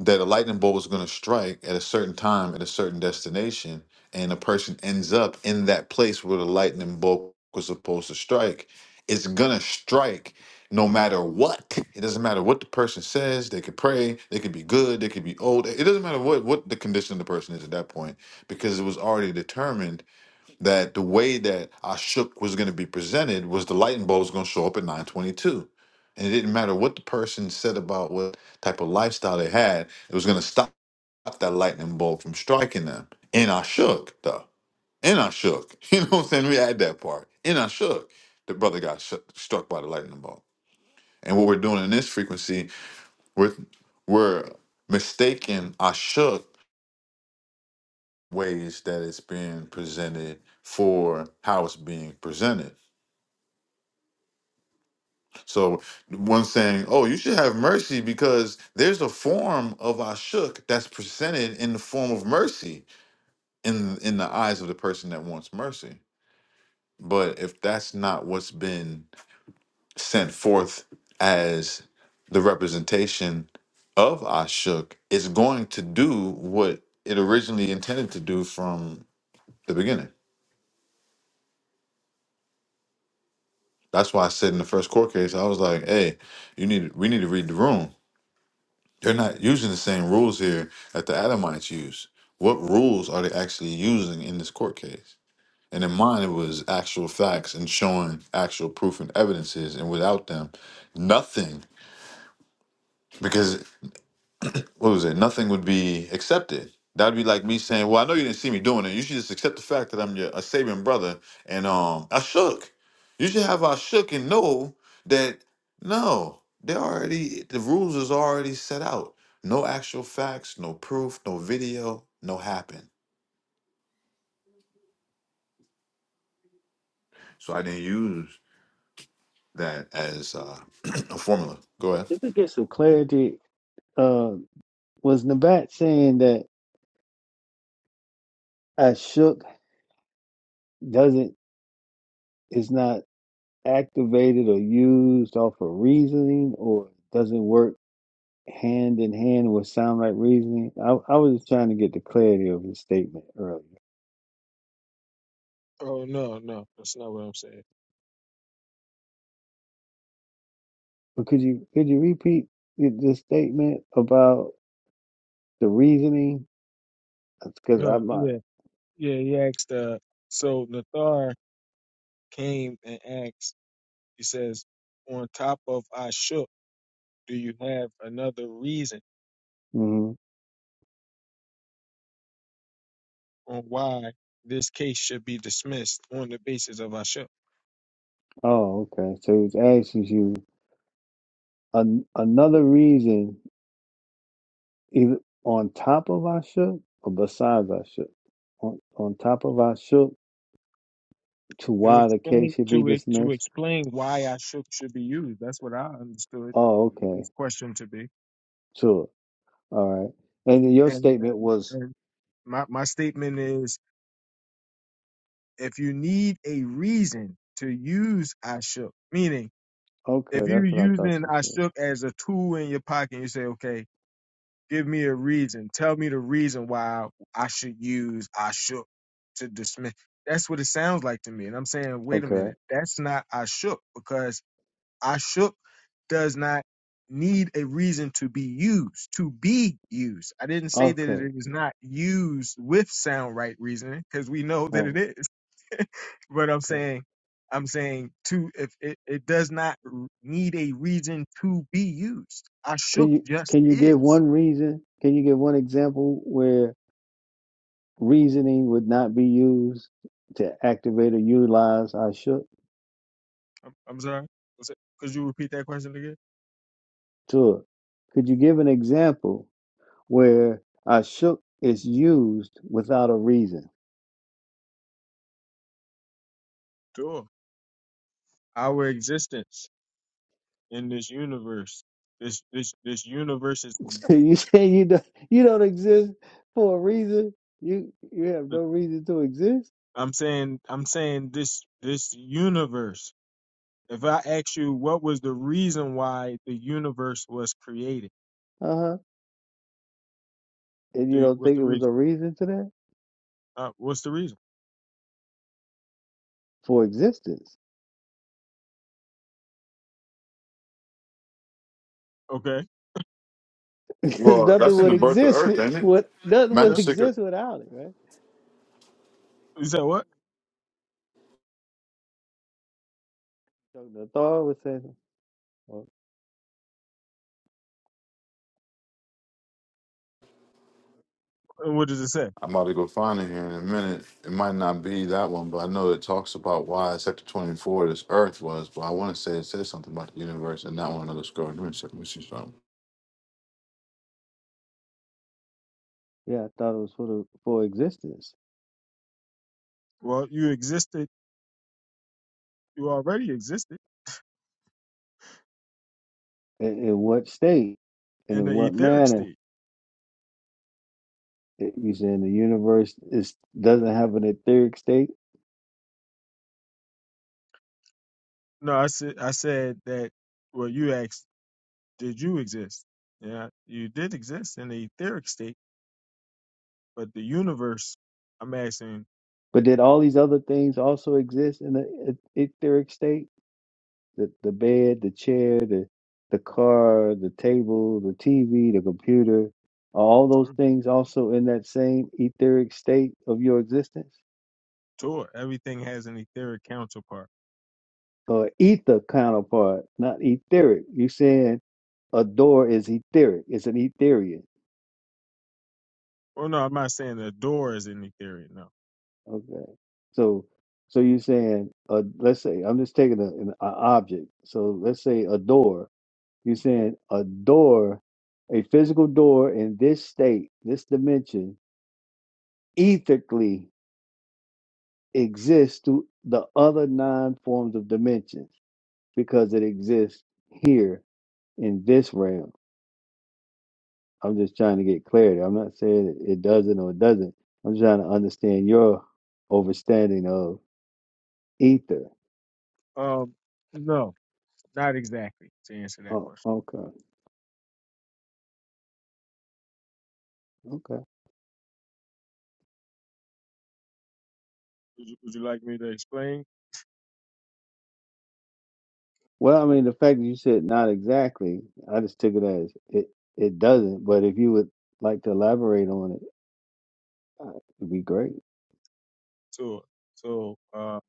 Speaker 2: that a lightning bolt was going to strike at a certain time at a certain destination, and a person ends up in that place where the lightning bolt was supposed to strike, it's gonna strike no matter what. It doesn't matter what the person says. They could pray. They could be good. They could be old. It doesn't matter what what the condition of the person is at that point because it was already determined that the way that Ashok was going to be presented was the lightning bulb was going to show up at 922. And it didn't matter what the person said about what type of lifestyle they had, it was going to stop that lightning bolt from striking them. And Ashok, though. And Ashok. You know what I'm saying? We had that part. And Ashok, the brother got sh- struck by the lightning bolt. And what we're doing in this frequency, we're, we're mistaking Ashok ways that it's being presented for how it's being presented So one saying, "Oh, you should have mercy because there's a form of ashuk that's presented in the form of mercy in in the eyes of the person that wants mercy. But if that's not what's been sent forth as the representation of ashuk, it's going to do what it originally intended to do from the beginning. That's why I said in the first court case, I was like, "Hey, you need we need to read the room." They're not using the same rules here that the Adamites use. What rules are they actually using in this court case? And in mine, it was actual facts and showing actual proof and evidences. And without them, nothing. Because what was it? Nothing would be accepted. That'd be like me saying, "Well, I know you didn't see me doing it. You should just accept the fact that I'm your a saving brother." And um, I shook. You should have I shook and know that no, they already the rules is already set out. No actual facts, no proof, no video, no happen. So I didn't use that as uh, a formula. Go ahead.
Speaker 10: So clarity, uh, was Nabat saying that I shook doesn't is not activated or used off of reasoning or doesn't work hand in hand with sound like reasoning. I, I was just trying to get the clarity of his statement earlier.
Speaker 11: Oh no, no, that's not what I'm saying.
Speaker 10: But could you could you repeat the the statement about the reasoning? Because
Speaker 11: No,
Speaker 10: I'm not.
Speaker 11: yeah, yeah. He asked. Uh, so Nathar came and asked. He says, "On top of I shook, do you have another reason
Speaker 10: hmm
Speaker 11: on why this case should be dismissed on the basis of I shook?"
Speaker 10: Oh, okay. So he's asking you an, another reason, either on top of our shook or besides our shook, on, on top of our shook to
Speaker 11: To
Speaker 10: why the
Speaker 11: explain
Speaker 10: case should be
Speaker 11: to it to
Speaker 10: dismissed.
Speaker 11: explain why I shook should be used. That's what I understood
Speaker 10: Oh, okay.
Speaker 11: his question to be.
Speaker 10: Sure. All right. And then your
Speaker 11: And
Speaker 10: statement
Speaker 11: and,
Speaker 10: was
Speaker 11: and my my statement is, if you need a reason to use I shook, meaning
Speaker 10: okay.
Speaker 11: if you're
Speaker 10: That's what I thought
Speaker 11: using
Speaker 10: you
Speaker 11: I
Speaker 10: said.
Speaker 11: shook as a tool in your pocket, you say, okay, give me a reason. Tell me the reason why I should use I shook to dismiss. That's what it sounds like to me. And I'm saying, wait a
Speaker 10: Okay.
Speaker 11: minute, that's not I shook because I shook does not need a reason to be used, to be used. I didn't say that it
Speaker 10: Okay.
Speaker 11: is not used with sound right reasoning because we know that it
Speaker 10: Um,
Speaker 11: is. But I'm
Speaker 10: okay.
Speaker 11: saying, I'm saying to if it, it does not r- need a reason to be used. Ashuk
Speaker 10: Can you
Speaker 11: just
Speaker 10: can you give
Speaker 11: is.
Speaker 10: one reason? Can you give one example where reasoning would not be used to activate or utilize Ashuk
Speaker 11: I'm, I'm sorry. Was it- Could you repeat that question again?
Speaker 10: Tur? Could you give an example where Ashuk is used without a reason?
Speaker 11: Sure. Our existence in this universe, this this this universe is.
Speaker 10: So you say you don't you don't exist for a reason. You you have no reason to exist.
Speaker 11: I'm saying, I'm saying this this universe. If I ask you what was the reason why the universe was created,
Speaker 10: Uh huh. And
Speaker 11: do
Speaker 10: you
Speaker 11: you,
Speaker 10: don't
Speaker 11: what's
Speaker 10: think
Speaker 11: the
Speaker 10: it was
Speaker 11: reason?
Speaker 10: a reason to that
Speaker 11: Uh, what's the reason?
Speaker 10: for existence.
Speaker 11: Okay.
Speaker 10: because
Speaker 2: Well,
Speaker 10: nothing
Speaker 2: that's in
Speaker 10: would
Speaker 2: the birth of
Speaker 10: exist.
Speaker 2: Earth,
Speaker 10: w-
Speaker 2: ain't it?
Speaker 10: What nothing
Speaker 2: Matthew
Speaker 10: would
Speaker 11: Yeah.
Speaker 2: six.
Speaker 10: exist without it, right?
Speaker 11: You said what?
Speaker 10: So the Thor was saying, well,
Speaker 11: And What does it say?
Speaker 2: I'm about to go find it here in a minute. It might not be that one, but I know it talks about why Sector 24 this Earth was. But I want to say it says something about the universe and not one another score. Give me a second. Let me see something.
Speaker 10: "Yeah, I thought it was for the for existence.
Speaker 11: Well, you existed. You already existed
Speaker 10: In, in what state and
Speaker 11: in
Speaker 10: in
Speaker 11: the
Speaker 10: what
Speaker 11: etheric
Speaker 10: manner?
Speaker 11: state.
Speaker 10: It, you saying the universe is doesn't have an etheric state?
Speaker 11: No, I said. I said that. Well, you asked, did you exist? Yeah, you did exist in the etheric state, but the universe. I'm asking
Speaker 10: But did all these other things also exist in the eth- etheric state? The the bed, the chair, the the car, the table, the TV, the computer, are all those things also in that same etheric state of your existence?
Speaker 11: tour. Everything has an etheric counterpart.
Speaker 10: Or ether counterpart, not etheric. You're saying a door is etheric, it's an etherian.
Speaker 11: Well, no, I'm not saying the door is an etheric. No.
Speaker 10: Okay. So so you're saying uh, let's say I'm just taking a- an a object. So let's say a door You're saying a door, a physical door in this state, this dimension, ethically exists through the other nine forms of dimensions because it exists here in this realm. I'm just trying to get clarity. I'm not saying it it doesn't or it doesn't. I'm trying to understand your overstanding of ether.
Speaker 11: Um, no, not exactly. To answer that
Speaker 10: Oh,
Speaker 11: question,
Speaker 10: okay, okay.
Speaker 11: would you, would you like me to explain?
Speaker 10: Well, I mean, the fact that you said not exactly, I just took it as it it doesn't. But if you would like to elaborate on it Uh, it'd be great,
Speaker 11: Tour. So, uh,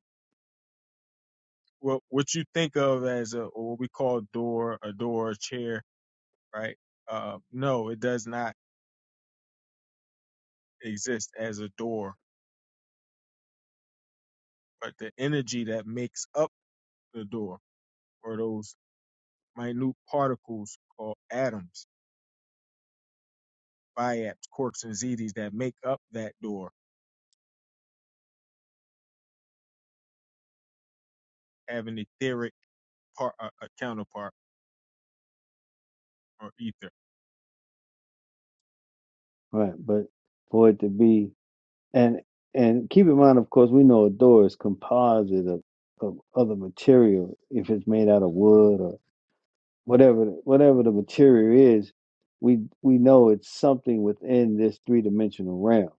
Speaker 11: what what you think of as a or what we call door, a door, a chair, right? Uh, no, it does not exist as a door, but the energy that makes up the door or those minute particles called atoms, biaps, quarks, and zetas that make up that door have an etheric part, uh, a counterpart or ether.
Speaker 10: right? But for it to be and and keep in mind, of course, we know a door is composite of, of other material. If it's made out of wood or whatever, whatever the material is, we we know it's something within this three dimensional realm.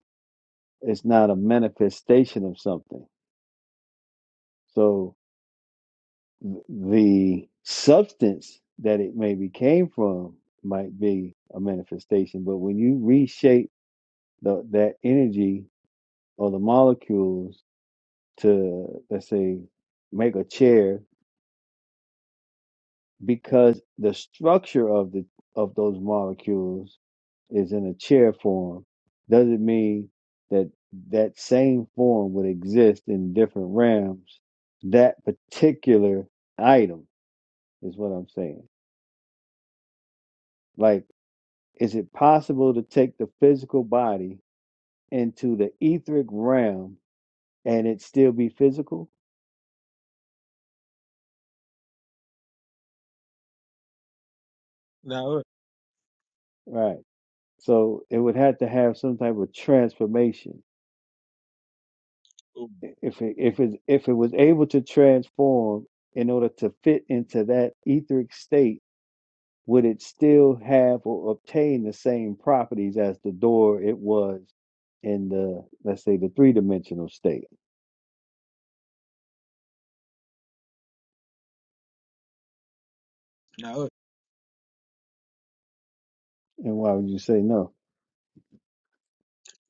Speaker 10: It's not a manifestation of something. So th- the substance that it maybe came from might be a manifestation, but when you reshape the, that energy or the molecules to let's say make a chair because the structure of the of those molecules is in a chair form doesn't mean that that same form would exist in different realms that particular item is what i'm saying like is it possible to take the physical body into the etheric realm and it still be physical
Speaker 11: Now, look,
Speaker 10: right So it would have to have some type of transformation.
Speaker 11: um,
Speaker 10: If it, if it if it was able to transform in order to fit into that etheric state, would it still have or obtain the same properties as the door it was in the let's say the three dimensional state?
Speaker 11: now look,
Speaker 10: And why would you say no?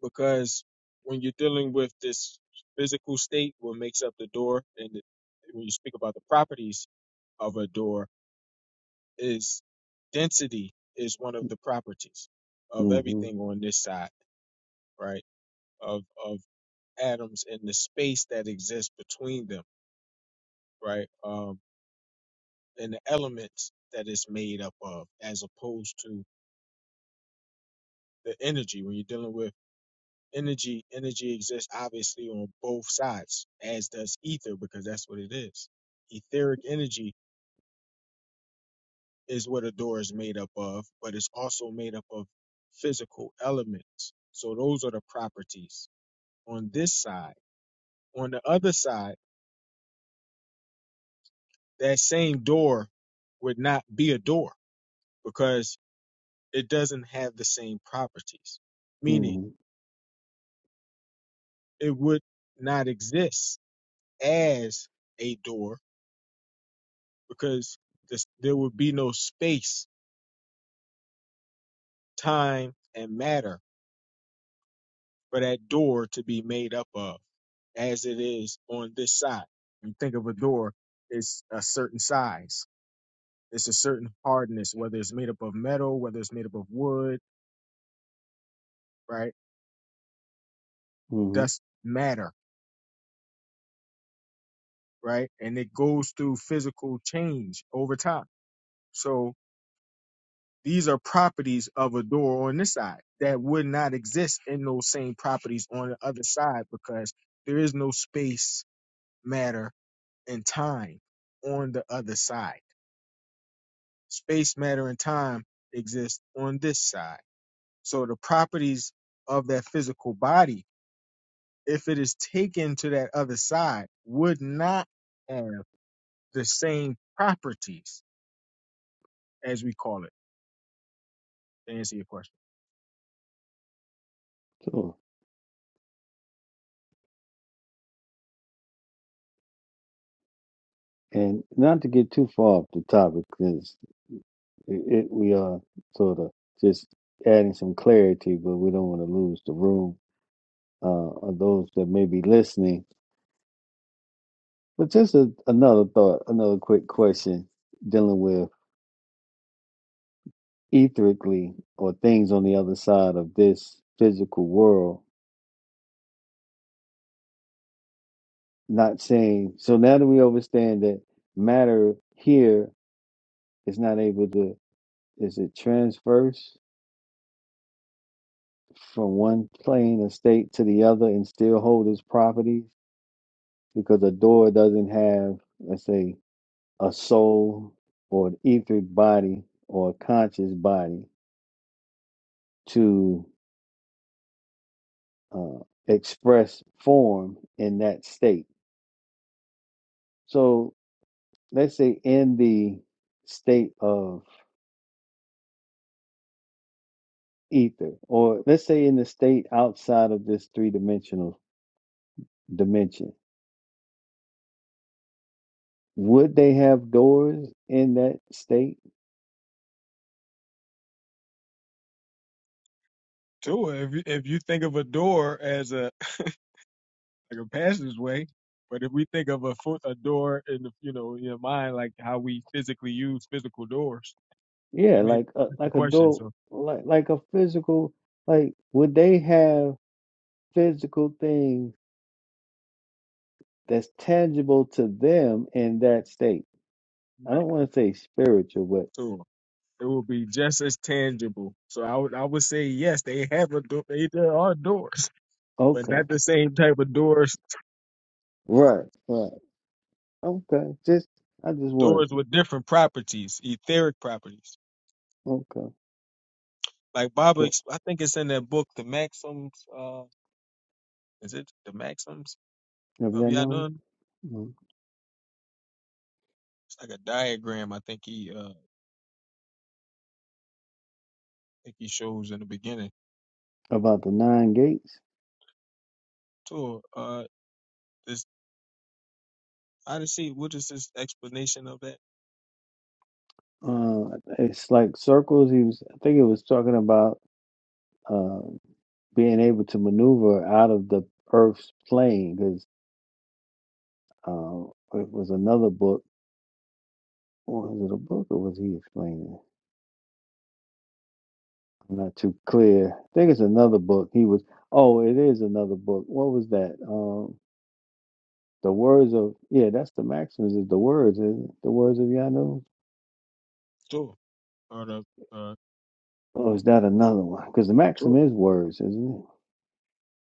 Speaker 11: because when you're dealing with this physical state, what makes up the door, and the, when you speak about the properties of a door, is density is one of the properties of
Speaker 10: Mm hmm
Speaker 11: everything on this side, right? Of of atoms and the space that exists between them, right? Um, and the elements that it's made up of, as opposed to the energy. When you're dealing with energy, energy exists obviously on both sides, as does ether, because that's what it is. Etheric energy is what a door is made up of, but it's also made up of physical elements. So those are the properties on this side. On the other side, that same door would not be a door because it doesn't have the same properties, meaning
Speaker 10: hmm
Speaker 11: it would not exist as a door because this, there would be no space, time, and matter for that door to be made up of as it is on this side. you think of a door, it's a certain size, it's a certain hardness, whether it's made up of metal, whether it's made up of wood, right?
Speaker 10: hmm
Speaker 11: that's matter, right? And it goes through physical change over time. So these are properties of a door on this side that would not exist in those same properties on the other side because there is no space, matter, and time on the other side. Space, matter, and time exist on this side. So the properties of that physical body, if it is taken to that other side, would not have the same properties as we call it, to answer your question.
Speaker 10: So, and not to get too far off the topic, because. It, it, we are sort of just adding some clarity, but we don't want to lose the room uh, of those that may be listening. But just a, another thought, another quick question dealing with etherically or things on the other side of this physical world. Not saying so now that we understand that matter here is not able to is it transverse from one plane of state to the other and still hold its properties because a door doesn't have, let's say, a soul or an etheric body or a conscious body to uh, express form in that state. So let's say in the state of ether, or let's say in the state outside of this three dimensional dimension, would they have doors in that state?
Speaker 11: Sure. If you, if you think of a door as a like a passageway, but if we think of a foot a door in the you know in your mind like how we physically use physical doors, I
Speaker 10: Yeah,
Speaker 11: mean
Speaker 10: like a,
Speaker 11: that's the
Speaker 10: like a
Speaker 11: question.
Speaker 10: door,
Speaker 11: So
Speaker 10: like like a physical. Like, would they have? physical things that's tangible to them in that state. I
Speaker 11: right.
Speaker 10: don't want to say spiritual, but
Speaker 11: So it will be just as tangible. So I would I would say yes, they have a door. They there are doors, but
Speaker 10: okay,
Speaker 11: not the same type of doors.
Speaker 10: right, right, okay. Just I just wanted
Speaker 11: Doors
Speaker 10: to,
Speaker 11: with different properties, etheric properties.
Speaker 10: okay.
Speaker 11: Like Baba,
Speaker 10: So
Speaker 11: ex- I think it's in that book, the Maxims. Uh, is it the Maxims?
Speaker 10: have
Speaker 11: Uh,
Speaker 10: y'all
Speaker 11: yeah,
Speaker 10: known
Speaker 11: none.
Speaker 10: mm,
Speaker 11: It's like a diagram. I think he, uh, I think he shows in the beginning.
Speaker 10: about the nine gates?
Speaker 11: Tour. Uh, this Odyssey. What is this explanation of that
Speaker 10: Uh, it's like circles. He was, I think, it was talking about uh being able to maneuver out of the Earth's plane because uh, it was another book. or Was it a book or was he explaining? I'm Not too clear. I think it's another book. He was. Oh, it is another book. What was that? Um, the words of yeah, that's the Maxims. Is the words? Is it? the words of Yanu?
Speaker 11: tour or the uh
Speaker 10: Oh, is that another one? Because the
Speaker 11: tour?
Speaker 10: Maxim is words, isn't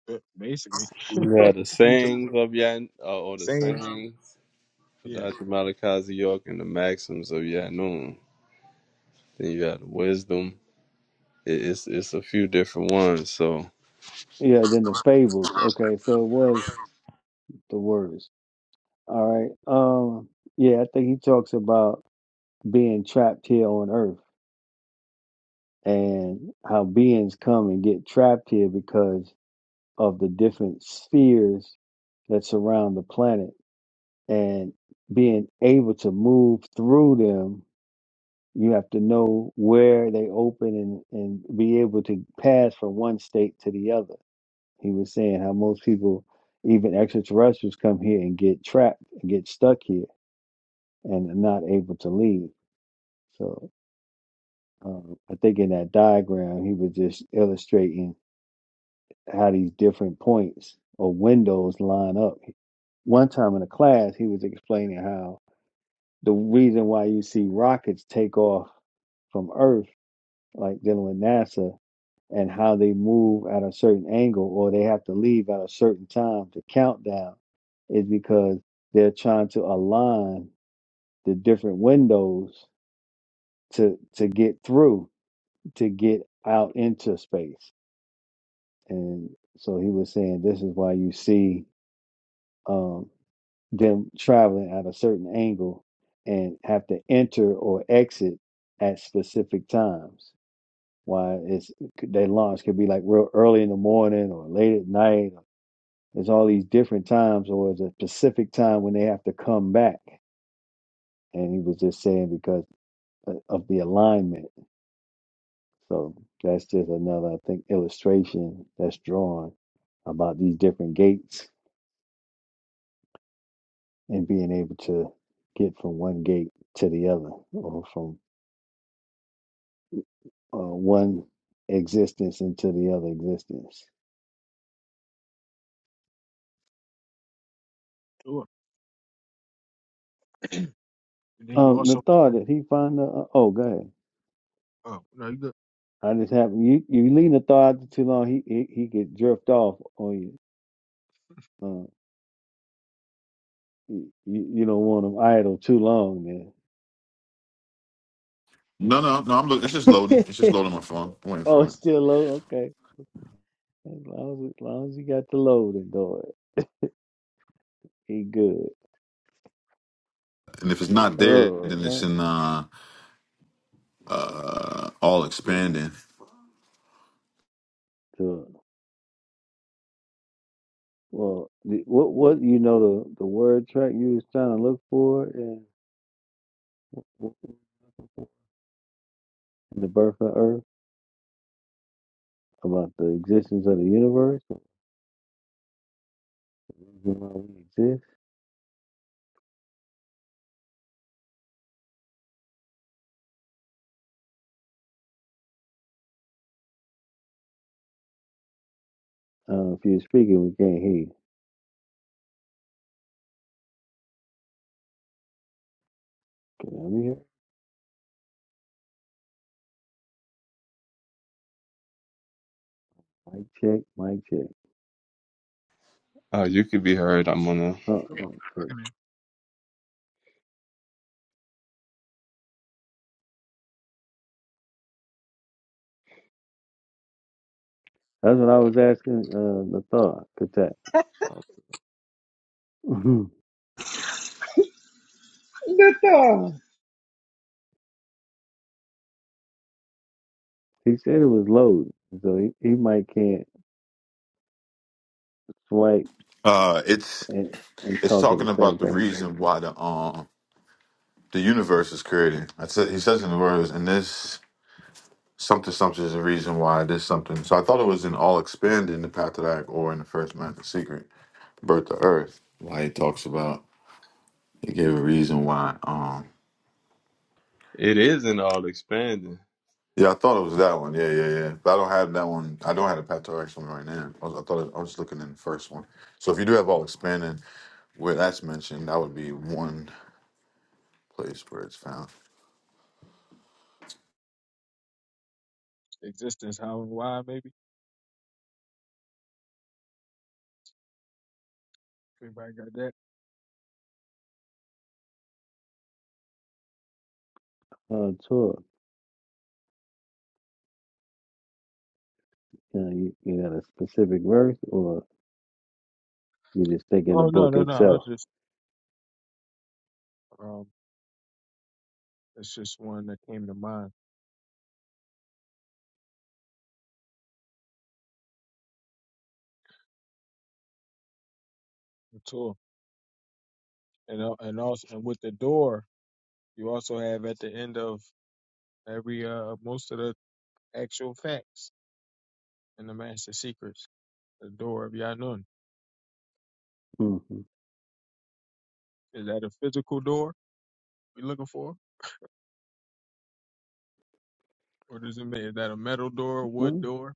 Speaker 11: uh, Basically,
Speaker 8: Yeah, the
Speaker 11: use of
Speaker 8: sayings of Yan, uh, or the
Speaker 11: sayings.
Speaker 8: sayings of
Speaker 11: Yeah,
Speaker 8: Dr. Malachi York and the maxims of Yanun. Then you got the wisdom. It, it's it's a few different ones. So
Speaker 10: it? Yeah. Then the fables. Okay, so it was the words. All right. Um. Yeah, I think he talks about being trapped here on Earth and how beings come and get trapped here because of the different spheres that surround the planet and being able to move through them you have to know where they open and and be able to pass from one state to the other he was saying how most people even extraterrestrials come here and get trapped and get stuck here and are not able to leave so um, i think in that diagram he was just illustrating how these different points or windows line up one time in a class he was explaining how the reason why you see rockets take off from Earth, like dealing with NASA, and how they move at a certain angle or they have to leave at a certain time to countdown is because they're trying to align the different windows to to get through, to get out into space. And so he was saying this is why you see um, them traveling at a certain angle and have to enter or exit at specific times why it's they launch could be like real early in the morning or late at night. There's all these different times, or it's a specific time when they have to come back. And he was just saying because uh, of the alignment. So that's just another, I think, illustration that's drawn about these different gates and being able to get from one gate to the other, or from uh, one existence into the other existence.
Speaker 11: tour. And then you
Speaker 10: Um, the
Speaker 11: also.
Speaker 10: thought that he find the uh, oh, go ahead.
Speaker 11: Oh no, you good.
Speaker 10: I just have you. You lean the thought out too long, he he, he get drift off on you. Uh, you. You don't want him idle too long,
Speaker 2: No, no, no. I'm looking. It's just loading.
Speaker 10: man.
Speaker 2: It's just loading my phone. I'm waiting
Speaker 10: Oh,
Speaker 2: for
Speaker 10: it's
Speaker 2: it.
Speaker 10: still low. Okay, as long as, as long as you got the load and do it, he good.
Speaker 2: And if it's not there, then it's
Speaker 10: Oh, uh,
Speaker 2: in uh, uh, all expanding.
Speaker 10: so, well, the, what what you know the the word track you was trying to look for in, in the birth of Earth about the existence of the universe, the reason why we exist. Uh, if you're speaking, we can't hear. you. Can I hear? Mic check. Mic check.
Speaker 8: uh, you could be heard. I'm gonna.
Speaker 10: Uh-uh.
Speaker 11: Tour.
Speaker 10: too.
Speaker 11: Talking
Speaker 10: That's what I was asking uh, the Nathar Katat. Mhm.
Speaker 1: Good dog.
Speaker 10: he said it was loaded, so he, he might can't swipe
Speaker 2: Uh, it's
Speaker 10: and, and
Speaker 2: it's
Speaker 10: talk at the
Speaker 2: talking
Speaker 10: same
Speaker 2: about the
Speaker 10: time.
Speaker 2: reason why the um the universe is created. I said he says in the words in this. Something something is the reason why I did something. So I thought it was in All Expanded in the Path of Act or in the first Master Secret, Birth to Earth. Why he talks about he gave a reason why. Um
Speaker 8: It is an all expanding.
Speaker 2: yeah, I thought it was that one. Yeah, yeah, yeah. But I don't have that one. I don't have the Path to Earth one right now. I, was, I thought it, I was just looking in the first one. So if you do have All Expanded where that's mentioned, that would be one place where it's found.
Speaker 11: in existence, how and why, maybe. Everybody got that?
Speaker 10: Uh, tour. You, know, you, you got a specific verse, or you just thinking the
Speaker 11: Oh no,
Speaker 10: book
Speaker 11: no, no. I was
Speaker 10: itself?
Speaker 11: just um, it's just one that came to mind. The tour, and uh, and also, and with the door, you also have at the end of every uh most of the actual facts and the master secrets. The door of Yanun.
Speaker 10: hmm
Speaker 11: Is that a physical door we're looking for? Or does it mean is that a metal door, a wood
Speaker 10: Well,
Speaker 11: door?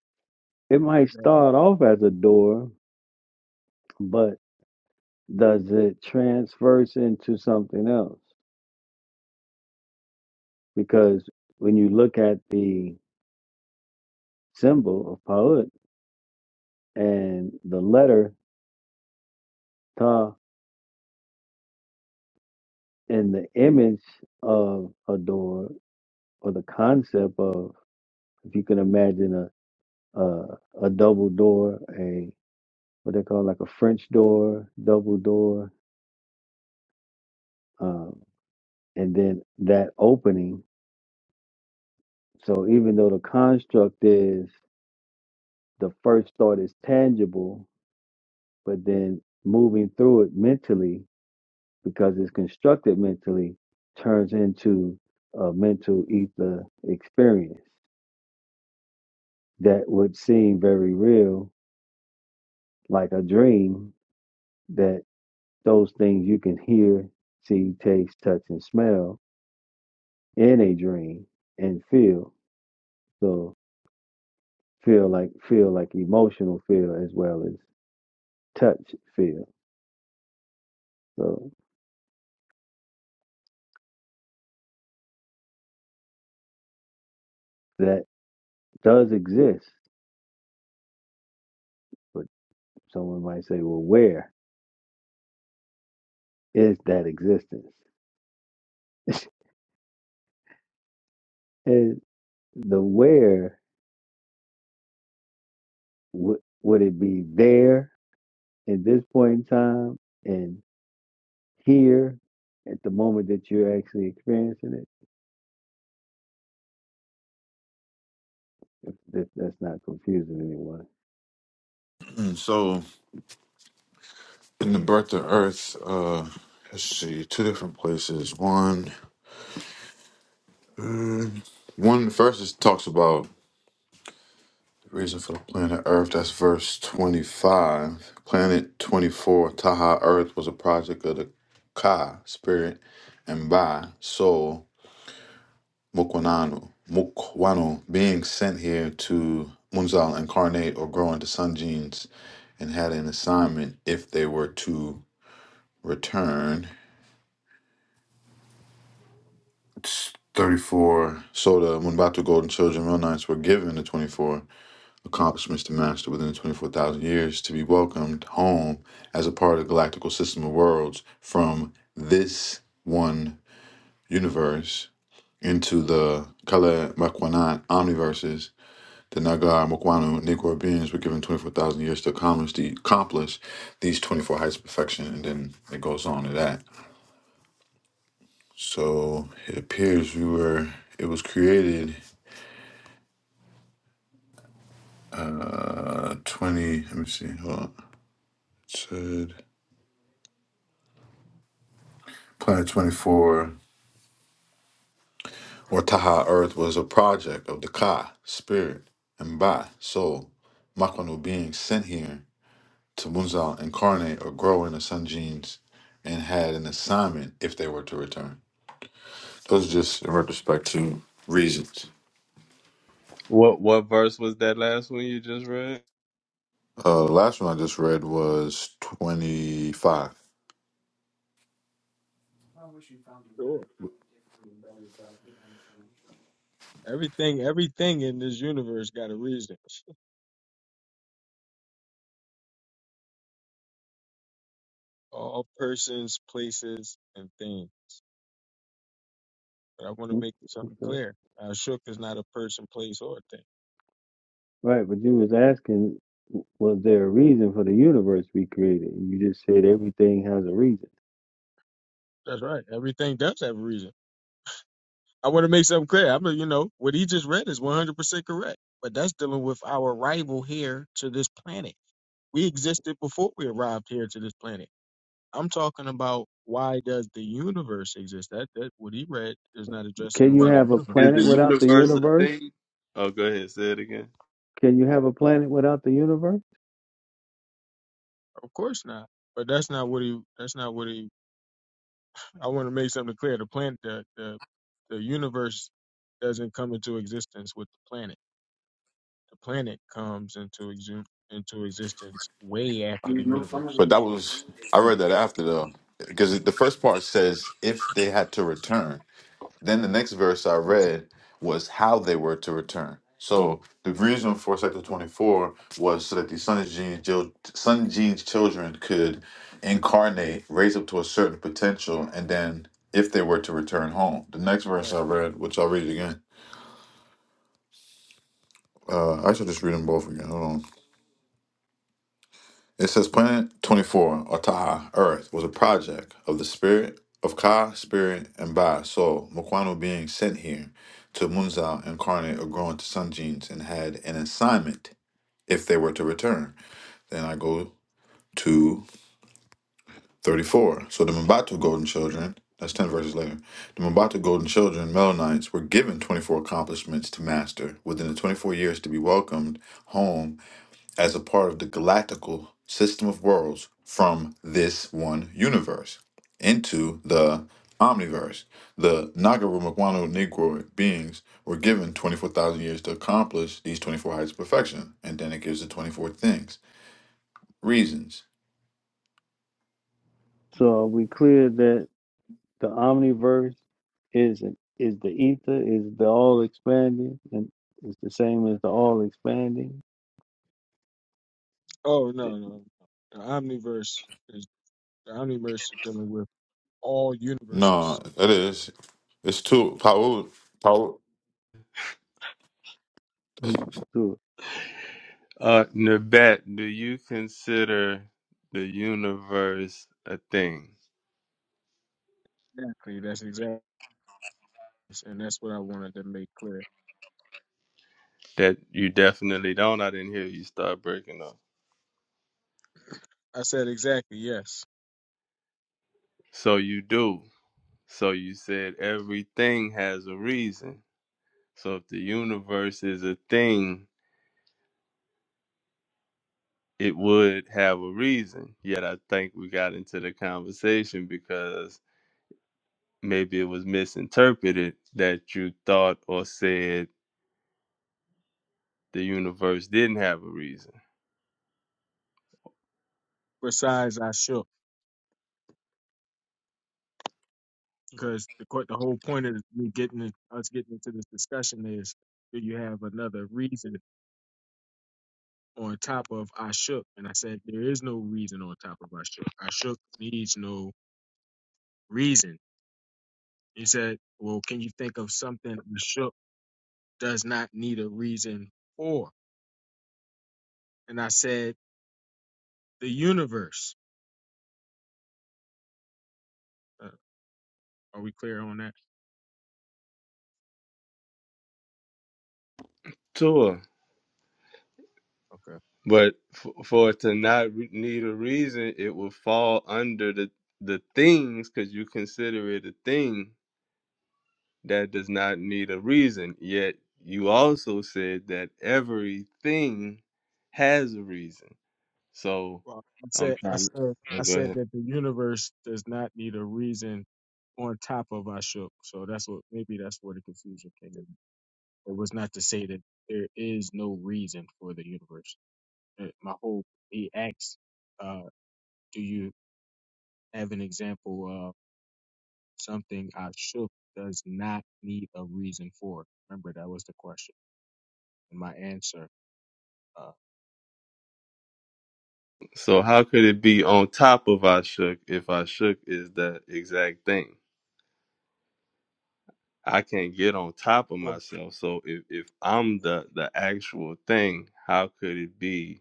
Speaker 10: it
Speaker 11: Or
Speaker 10: might
Speaker 11: is that
Speaker 10: start off as a door, but does it transverse into something else? Because when you look at the symbol of Pa'ut and the letter Ta and the image of a door or the concept of if you can imagine a a, a double door a what they call like a french door double door um, and then that opening so even though the construct is the first thought is tangible but then moving through it mentally because it's constructed mentally turns into a mental ether experience that would seem very real like a dream that those things you can hear, see, taste, touch, and smell in a dream and feel. So feel like feel like emotional feel as well as touch feel. So that does exist, but someone might say, well, where is that existence? and the where would would it be there at this point in time and here at the moment that you're actually experiencing it? If, if that's not confusing anyone.
Speaker 2: Mm, So in the Birth to Earth, uh let's see, two different places. One, mm, one first is talks about. Reason for the planet Earth, that's verse 25. Planet 24, Taha Earth was a project of the Ka, spirit, and Ba, soul, Mukwananu. Mukwanu, being sent here to Munzal incarnate or grow into sun genes and had an assignment if they were to return. It's 34. So the Munbatu golden children, real knights, were given the 24 accomplishments to master within 24,000 years to be welcomed home as a part of the galactical system of worlds from this one universe into the Kale Makwanat omniverses. The Nagar Mokwanu Negro beings were given 24,000 years to accomplish, the, accomplish these 24 heights of perfection, and then it goes on to that. So it appears we were, it was created uh, 20, let me see, hold on. It said Planet 24. or Taha Earth was a project of the Ka, spirit, and Ba, soul, Makanu being sent here to Munzal incarnate or grow in the Sun genes and had an assignment if they were to return. Those are just in retrospect to reasons.
Speaker 8: What what verse was that last one you just read?
Speaker 2: Uh, the last one I just read was 25.
Speaker 11: a door? Everything everything in this universe got a reason. All persons, places, and things. But I want to make something
Speaker 10: Okay.
Speaker 11: clear. Ashuk is not a person, place, or a thing.
Speaker 10: Right, but you was asking, was there a reason for the universe to be created? And you just said everything has a reason.
Speaker 11: That's right. Everything does have a reason. I want to make something clear. I mean, you know, what he just read is 100% correct. But that's dealing with our arrival here to this planet We existed before we arrived here to this planet. I'm talking about why does the universe exist? That that what he read is not
Speaker 10: Can
Speaker 11: addressing
Speaker 10: you
Speaker 11: why the
Speaker 10: have a
Speaker 8: Is
Speaker 11: universe.
Speaker 8: the
Speaker 10: planet without the
Speaker 8: universe a
Speaker 10: universe?
Speaker 8: thing? Oh, go ahead. Say it again.
Speaker 10: Can you have a planet without the universe?
Speaker 11: Of course not. But that's not what he. That's not what he. I want to make something clear. The planet, the the, the universe doesn't come into existence with the planet. The planet comes into exu- into existence way after the universe.
Speaker 2: But that was, I read that after though, because the first part says if they had to return. Then the next verse I
Speaker 11: Exactly.
Speaker 2: read was how they were to return. So the reason for Sector 24 was so that the Sun Gene's, Jil- Sun Gene's children could incarnate, raise up to a certain potential, and then if they were to return home. The next verse
Speaker 11: Right.
Speaker 2: I read, which I'll read again. Uh, I should just read them both again. Hold on. It says Planet 24, or Taha, Earth, was a project of the spirit of Ka, spirit, and Ba, soul, Mokwano being sent here to Munzal incarnate or grow into sun genes and had an assignment if they were to return. Then I go to 34. So the Mbatu golden children, that's 10 verses later, the Mbatu golden children, Melanites, were given 24 accomplishments to master within the 24 years to be welcomed home as a part of the galactical system of worlds from this one universe into the omniverse. The Nagaru Maguano Negroic beings were given 24,000 years to accomplish these 24 heights of perfection, and then it gives the 24 things, reasons.
Speaker 10: So are we clear that the omniverse is is the ether, is the all expanding, and it's the same as the all expanding?
Speaker 11: Oh no no. no. The omniverse is the omniverse is dealing with all universes.
Speaker 2: No, it is. It's its too power. Power.
Speaker 10: Mm. So,
Speaker 8: Uh, Nabat, do you consider the universe a thing?
Speaker 11: Exactly. That's exactly, and that's what I wanted to make clear.
Speaker 8: That you definitely don't. I didn't hear you start breaking up.
Speaker 11: I said exactly yes.
Speaker 8: So you do. So you said everything has a reason. So if the universe is a thing, it would have a reason. Yet I think we got into the conversation because maybe it was misinterpreted that you thought or said the universe didn't have a reason.
Speaker 11: Besides, I shook because the court. The whole point of me getting it, us getting into this discussion is do you have another reason on top of I shook? And I said there is no reason on top of I shook. I shook needs no reason. He said, well, can you think of something I shook does not need a reason for? And I said the universe. Uh, are we clear on that?
Speaker 8: Sure.
Speaker 11: Okay.
Speaker 8: But f- for it to not re- need a reason, it would fall under the the things because you consider it a thing that does not need a reason. Yet you also said that everything has a reason. So
Speaker 11: Well, I
Speaker 8: I'm
Speaker 11: said, I
Speaker 8: trying
Speaker 11: said,
Speaker 8: to
Speaker 11: I
Speaker 8: go
Speaker 11: said
Speaker 8: ahead.
Speaker 11: that the universe does not need a reason on top of Ashok. So that's what maybe that's where the confusion came in. It was not to say that there is no reason for the universe. Uh, My whole he asks, uh, do you have an example of something Ashok does not need a reason for? Remember that was the question. And my answer, uh,
Speaker 8: So how could it be on top of I shook if I shook is the exact thing? I can't get on top of myself. So if, if I'm the the actual thing, how could it be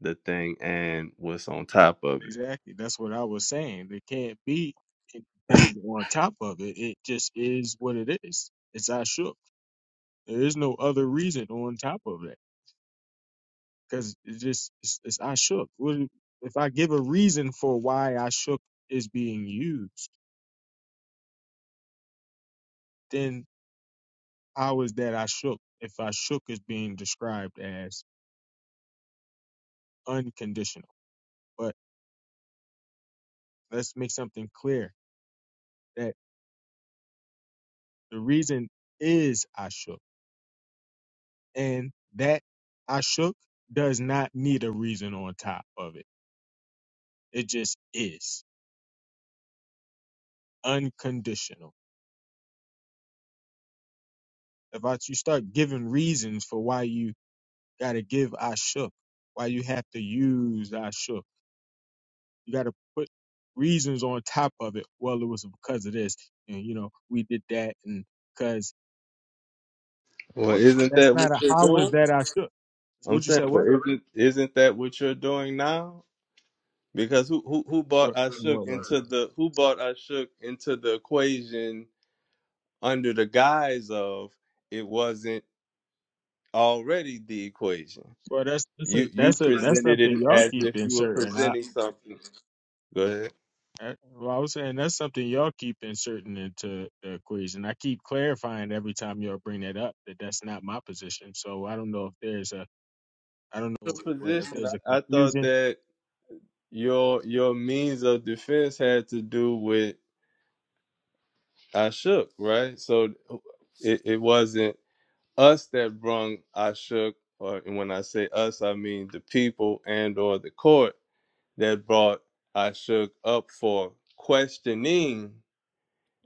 Speaker 8: the thing and what's on top of it?
Speaker 11: Exactly. That's what I was saying. There can't be anything on top of it. It just is what it is. It's I shook. There is no other reason on top of that because it just it's, it's I shook. What if if I give a reason for why I shook is being used? Then how is that I shook? If I shook is being described as unconditional, but let's make something clear that the reason is I shook. and that I shook does not need a reason on top of it. It just is unconditional. If I, you start giving reasons for why you got to give I shook, why you have to use I shook, you got to put reasons on top of it. Well, it was because of this, and you know we did that, and because
Speaker 8: Well,
Speaker 11: what?
Speaker 8: isn't
Speaker 11: That's
Speaker 8: that what
Speaker 11: not a
Speaker 8: you're
Speaker 11: how was
Speaker 8: doing?
Speaker 11: that I shook?
Speaker 8: I'm
Speaker 11: What you
Speaker 8: saying,
Speaker 11: said?
Speaker 8: but
Speaker 11: What?
Speaker 8: isn't isn't that what you're doing now? Because who who who
Speaker 11: What?
Speaker 8: bought I shook
Speaker 11: What? what?
Speaker 8: into the who bought I shook into the equation under the guise of it wasn't already the equation.
Speaker 11: Well, that's that's a
Speaker 8: You you
Speaker 11: that's a that's
Speaker 8: presented it
Speaker 11: something y'all
Speaker 8: as
Speaker 11: keep
Speaker 8: if you were
Speaker 11: inserting. I.
Speaker 8: presenting something. Go ahead.
Speaker 11: Uh, Well, I was saying that's something y'all keep inserting into the equation. I keep clarifying every time y'all bring that up that that's not my position. So I don't know if there's a I don't know
Speaker 8: Your
Speaker 11: where if
Speaker 8: position,
Speaker 11: there's a
Speaker 8: I, I thought
Speaker 11: confusion.
Speaker 8: that your your means of defense had to do with I shook, right? So it, it wasn't us that brung I shook, or and when I say us, I mean the people and or the court that brought I up for questioning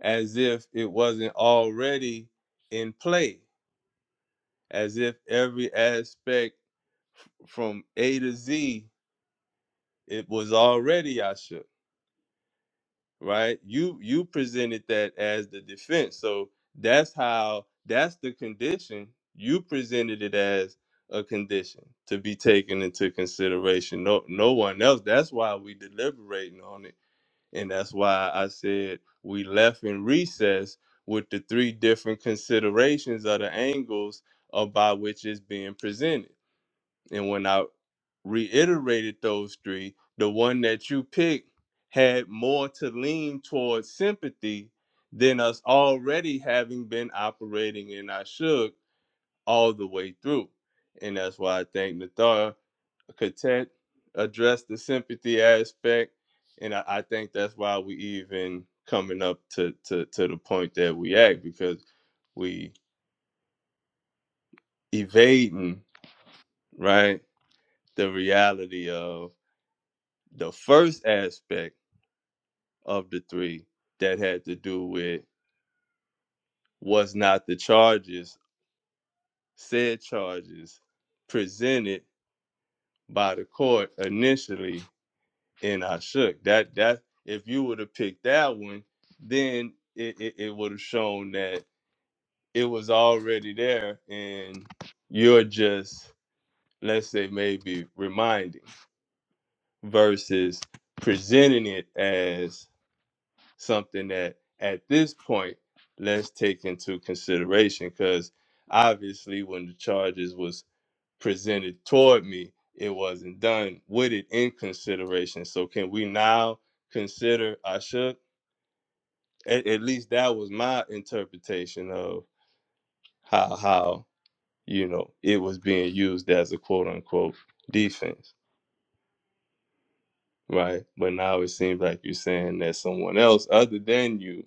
Speaker 8: as if it wasn't already in play, as if every aspect from A to Z it was already I right? You you presented that as the defense. So that's how that's the condition. You presented it as a condition to be taken into consideration. No no one else. That's why we deliberating on it And that's why I said we left in recess with the three different considerations of the angles of by which it's being presented. And when I reiterated those three, the one that you picked had more to lean towards sympathy than us already having been operating in our shook all the way through. And that's why I thank Nathar content, address the sympathy aspect, and I, I think that's why we even coming up to, to to the point that we act because we evading right the reality of the first aspect of the three that had to do with was not the charges said charges presented by the court initially and I shook. That that if you would have picked that one, then it, it, it would have shown that it was already there and you're just let's say maybe reminding versus presenting it as something that at this point let's take into consideration because obviously when the charges was presented toward me it wasn't done with it in consideration so can we now consider i should at, at least that was my interpretation of how how you know it was being used as a quote unquote defense right but now it seems like you're saying that someone else other than you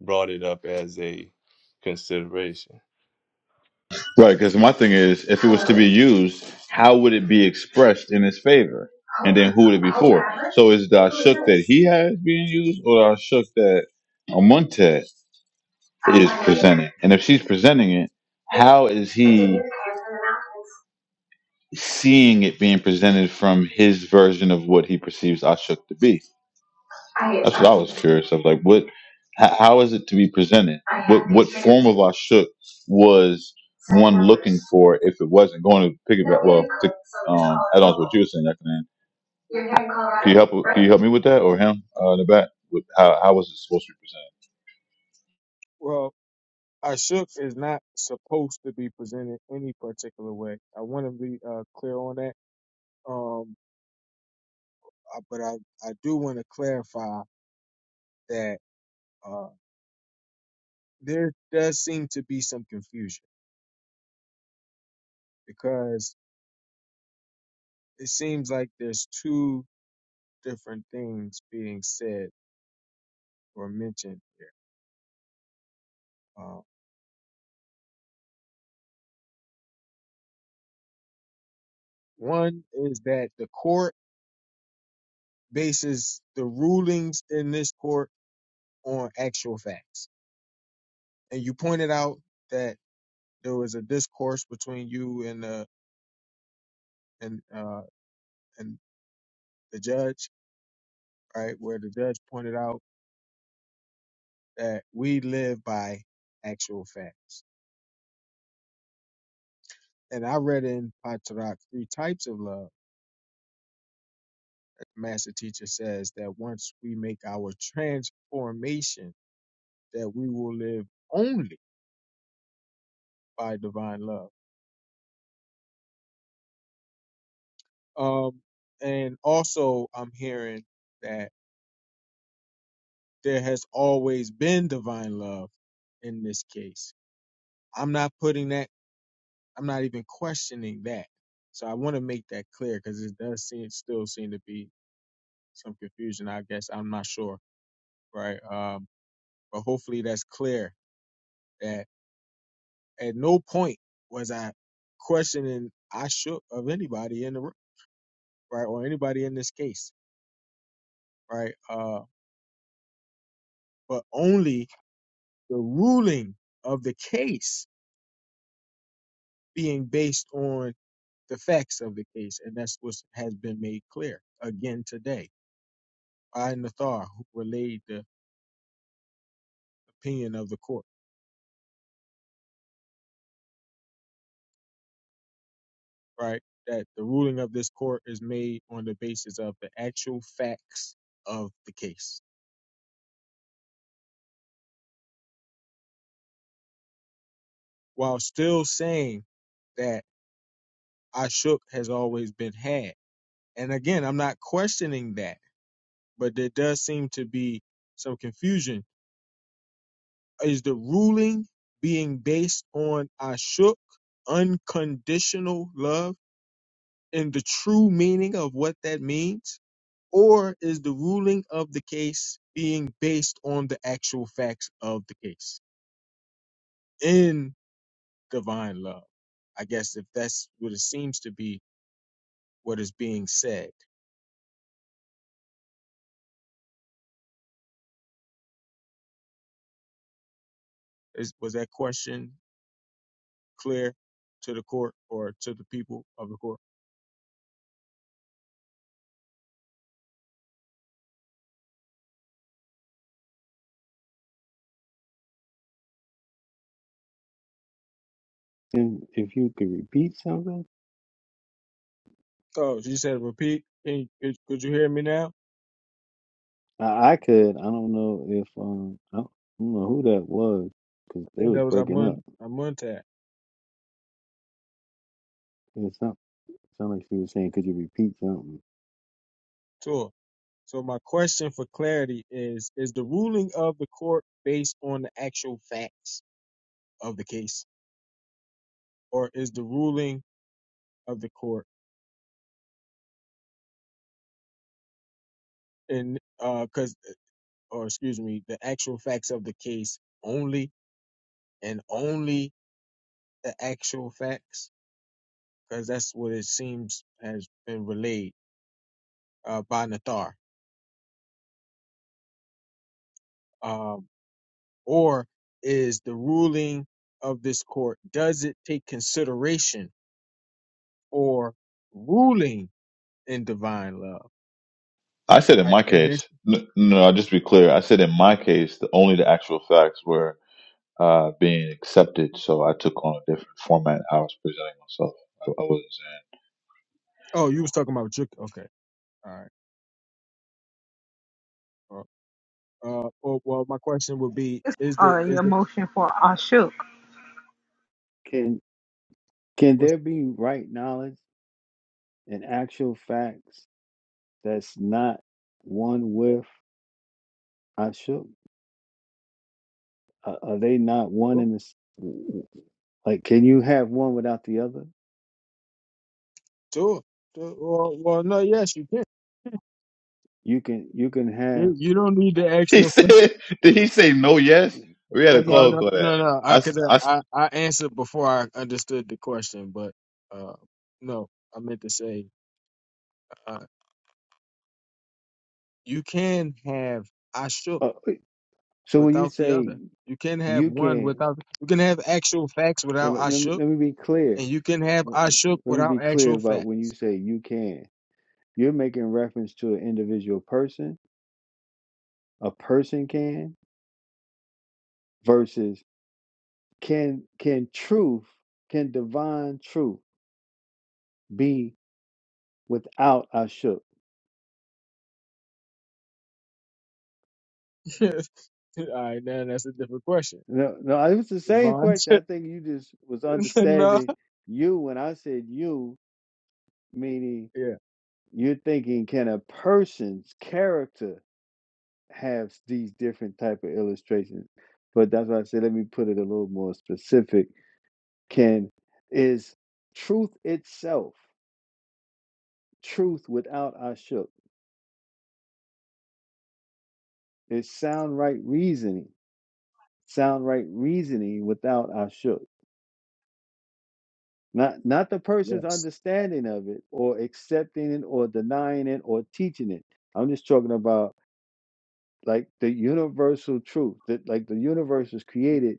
Speaker 8: brought it up as a consideration.
Speaker 2: Right, because my thing is, if it was to be used, how would it be expressed in his favor? And then who would it be for? So is the Ashuk that he has being used or the Ashuk that Amuntet is presenting? And if she's presenting it, how is he seeing it being presented from his version of what he perceives Ashuk to be? That's what I was curious of. Like, what? How, how is it to be presented? What what form of ashuk was one looking for if it wasn't going to piggyback? Well, to, um, add on to what you were saying, Ekman. Can you help? Can you help me with that, or him uh, in the back? With how how was it supposed to be presented?
Speaker 11: Well, Ashok is not supposed to be presented any particular way. I want to be uh, clear on that. Um, uh, but I I do want to clarify that uh there does seem to be some confusion because it seems like there's two different things being said or mentioned here. Uh, one is that the court bases the rulings in this court on actual facts, and you pointed out that there was a discourse between you and the and uh, and the judge, right, where the judge pointed out that we live by actual facts. And I read in Patarak three types of love. The master teacher says that once we make our transformation, that we will live only by divine love Um, and also, I'm hearing that there has always been divine love in this case. I'm not putting that, I'm not even questioning that. So I want to make that clear because it does seem, still seem to be some confusion, I guess. I'm not sure, right? Um, but hopefully that's clear that at no point was I questioning I shook of anybody in the room, right? Or anybody in this case, right? Uh, but only the ruling of the case being based on the facts of the case, and that's what has been made clear again today. I Nathar who relayed the opinion of the court, right? That the ruling of this court is made on the basis of the actual facts of the case, while still saying that Ashuk has always been had. And again, I'm not questioning that, but there does seem to be some confusion is the ruling being based on ashuk, unconditional love, in the true meaning of what that means? Or is the ruling of the case being based on the actual facts of the case in divine love? I guess if that's what it seems to be, what is being said. Is, was that question clear to the court or to the people of the court?
Speaker 10: and if you could repeat something.
Speaker 11: Oh, she said repeat. Can you- could could you hear me now?
Speaker 10: I, I could. I don't know if um I don't, I don't know who that was because
Speaker 11: I
Speaker 10: they
Speaker 11: think
Speaker 10: was
Speaker 11: that was
Speaker 10: breaking up.
Speaker 11: Amun, Amuntab.
Speaker 10: It sound sound like she was saying, "Could you repeat something?"
Speaker 11: Sure. So my question for clarity is is the ruling of the court based on the actual facts of the case or is the ruling of the court in uh cuz or excuse me the actual facts of the case only and only the actual facts cuz that's what it seems has been relayed uh by Nathar. Um or is the ruling of this court does it take consideration or ruling in divine love,
Speaker 2: I said in
Speaker 11: right?
Speaker 2: my
Speaker 11: And this,
Speaker 2: case. No, no, I'll just to be clear. I said in my case, the only the actual facts were uh, being accepted, so I took on a different format. I was presenting myself. I, I wasn't saying.
Speaker 11: oh, you was talking about Juk. Okay, all right. Well, uh, well, well, my question would be: Is the is the
Speaker 10: Can can
Speaker 11: what's
Speaker 10: there be right knowledge and actual facts that's not one with I should? Uh, are they not one
Speaker 11: oh,
Speaker 10: in this? Like, can you have one without the other?
Speaker 11: sure, sure. Well, well, no, yes, you can.
Speaker 10: You can. You can
Speaker 11: You, you don't need to ask
Speaker 2: He
Speaker 11: your.
Speaker 2: said, did he say no, yes? We had
Speaker 11: Well,
Speaker 2: a
Speaker 11: no,
Speaker 2: call
Speaker 10: have.
Speaker 11: no,
Speaker 2: for that.
Speaker 11: no, no.
Speaker 2: I,
Speaker 11: I
Speaker 2: s-
Speaker 11: could
Speaker 2: I s-
Speaker 11: I I answered before I understood the question, but uh, no, I meant to say uh, you can have Ashuk
Speaker 10: Uh, so when you
Speaker 11: without the
Speaker 10: say
Speaker 11: other. You can have
Speaker 10: you
Speaker 11: one
Speaker 10: can,
Speaker 11: without. You can have actual facts
Speaker 10: so
Speaker 11: without
Speaker 10: let, let me
Speaker 11: Ashuk
Speaker 10: let me be
Speaker 11: and
Speaker 10: clear.
Speaker 11: you can have
Speaker 10: let
Speaker 11: I shook
Speaker 10: let me be
Speaker 11: without
Speaker 10: clear
Speaker 11: actual
Speaker 10: about when you
Speaker 11: facts.
Speaker 10: say you can. You're making reference to an individual person. A person can versus can can truth can divine truth be without Ashuk?
Speaker 11: All right, now that's a different question.
Speaker 10: No, no. It was the same
Speaker 11: Yvonne,
Speaker 10: question. I think you just was
Speaker 11: no,
Speaker 10: understanding you when I said you, meaning
Speaker 11: yeah,
Speaker 10: you're thinking can a person's character have these different type of illustrations? But that's why I said let me put it a little more specific can is truth itself, truth without ashuk. It's sound right reasoning, sound right reasoning without ashuk. Not not the person's
Speaker 11: yes.
Speaker 10: understanding of it or accepting it or denying it or teaching it. I'm just talking about like the universal truth that like the universe is created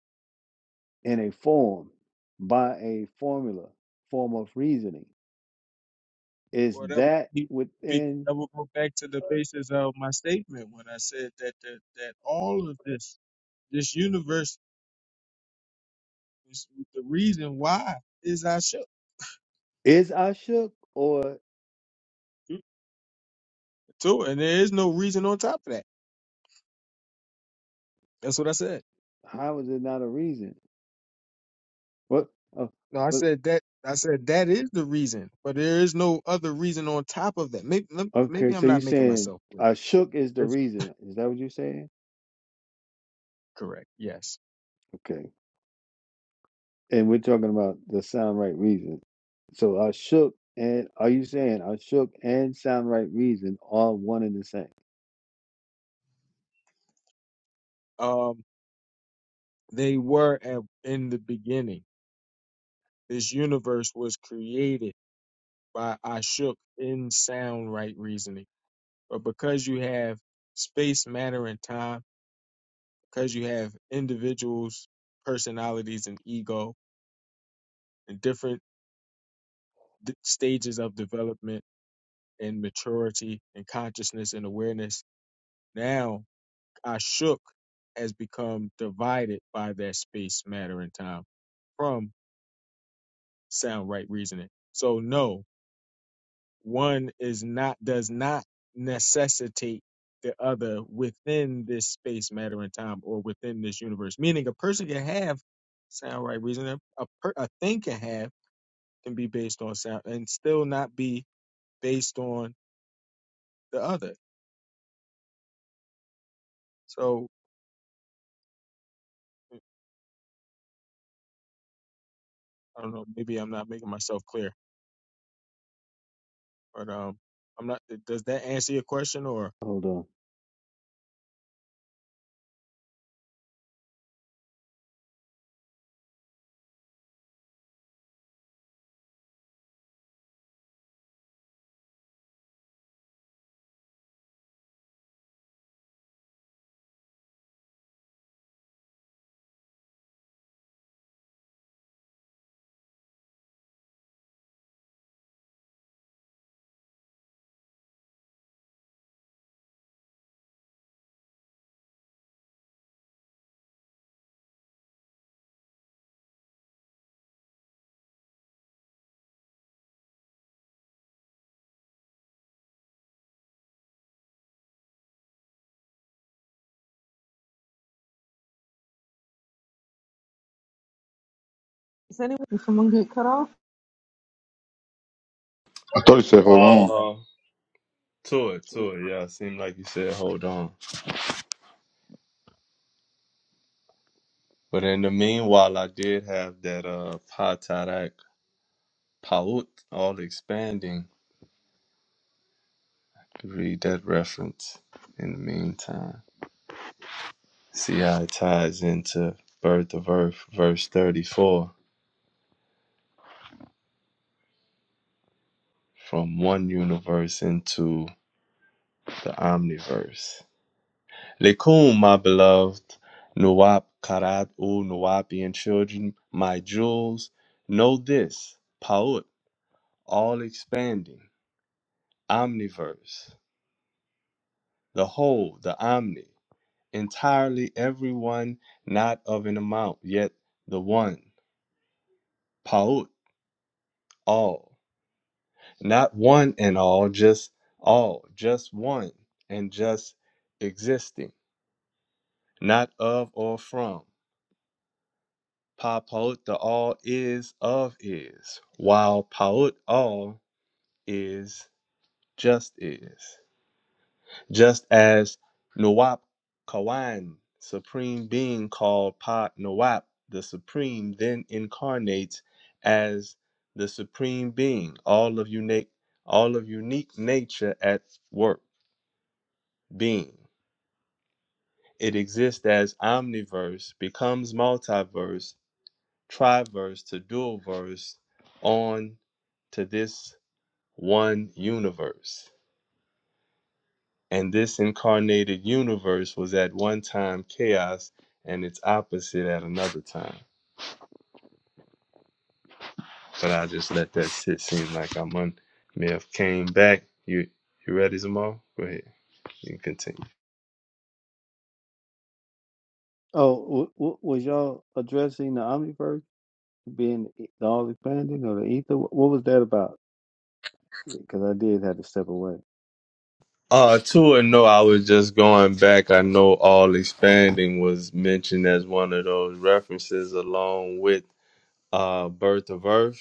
Speaker 10: in a form by a formula, form of reasoning. Is
Speaker 11: Well, that would
Speaker 10: that
Speaker 11: be big.
Speaker 10: within
Speaker 11: That would go back to the basis of my statement when I said that that, that all of this this universe is the reason why is I shook
Speaker 10: is ashuk or?
Speaker 11: too, and there is no reason on top of that. That's what I said.
Speaker 10: How is it not a reason? What? Oh,
Speaker 11: No, I
Speaker 10: what-
Speaker 11: said that. I said that is the reason, but there is no other reason on top of that. Maybe maybe
Speaker 10: okay,
Speaker 11: I'm
Speaker 10: so you're
Speaker 11: not making
Speaker 10: saying
Speaker 11: myself clear
Speaker 10: I shook is the
Speaker 11: That's
Speaker 10: reason. Is that what you're saying?
Speaker 11: correct. Yes.
Speaker 10: Okay. And we're talking about the sound right reason. So I shook and are you saying I shook and sound right reason are one and the same?
Speaker 11: Um, they were at, in the beginning. This universe was created by Ashuk in sound right reasoning. But because you have space, matter, and time, because you have individuals, personalities, and ego, and different d- stages of development and maturity and consciousness and awareness, now Ashuk has become divided by that space, matter, and time from sound right reasoning. So no, one is not does not necessitate the other within this space, matter, and time, or within this universe. Meaning, a person can have sound right reasoning. A per, a thing can have can be based on sound and still not be based on the other. So I don't know. Maybe I'm not making myself clear, but um, I'm not. Does that answer your question or?
Speaker 10: Hold on.
Speaker 1: Is anyone did someone get cut off?
Speaker 2: I thought he said, hold on.
Speaker 8: Uh, to it, to
Speaker 11: Sure.
Speaker 8: it. Yeah, It seemed like you said, hold on. But in the meanwhile, I did have that uh, Patarak Paut, all expanding. Read that reference in the meantime. See how it ties into Birth of Earth, verse 34, from one universe into the omniverse. Lekum, my beloved, Nuwab Karat U Nuwabian children, my jewels, know this, Paut, all expanding, omniverse, the whole, the omni, entirely everyone, not of an amount, yet the one, Paut, all, not one and all, just all, just one, and just existing, not of or from. Pa Paut, the all is of is, while Paut all is just is. Just as Nawab Kawan, supreme being called Pa Nawab, the supreme, then incarnates as the supreme being, all of unique, all of unique nature at work, being. It exists as omniverse, becomes multiverse, triverse to dual verse on to this one universe. And this incarnated universe was at one time chaos and its opposite at another time. But I just let that sit seem like I'm on may have came back. You you ready, Zamal? Go ahead. You can continue.
Speaker 10: Oh, w- w- was y'all addressing the omniverse being the all expanding or the ether? Wh- What was that about? Because I did have to step away.
Speaker 8: Uh two and no, I was just going back. I know all expanding was mentioned as one of those references along with uh Birth of Earth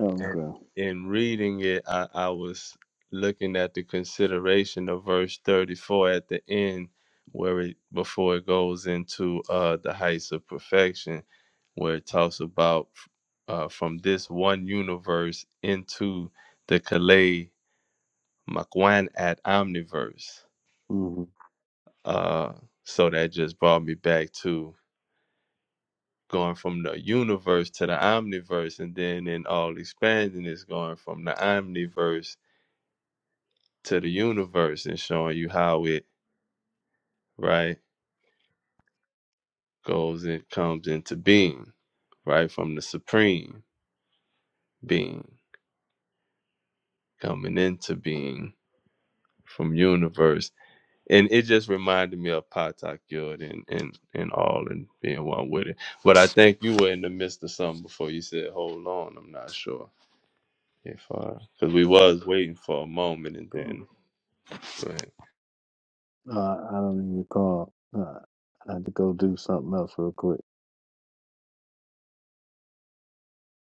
Speaker 10: Oh,
Speaker 8: And
Speaker 10: okay.
Speaker 8: in reading it, I, I was looking at the consideration of verse 34 at the end, where it before it goes into uh, the heights of perfection, where it talks about uh, from this one universe into the Kalei Makwan at omniverse. Uh, so that just brought me back to going from the universe to the omniverse, and then in all expanding, it's going from the omniverse to the universe and showing you how it right goes and comes into being right from the supreme being coming into being from universe and it just reminded me of Patak Yod and, and and all and being one with it. But I think you were in the midst of something before you said, "Hold on," I'm not sure if I, because we was
Speaker 10: Mm-hmm.
Speaker 8: waiting for a moment and then go ahead.
Speaker 10: Uh, I don't even recall. Uh, I had to go do something else real quick.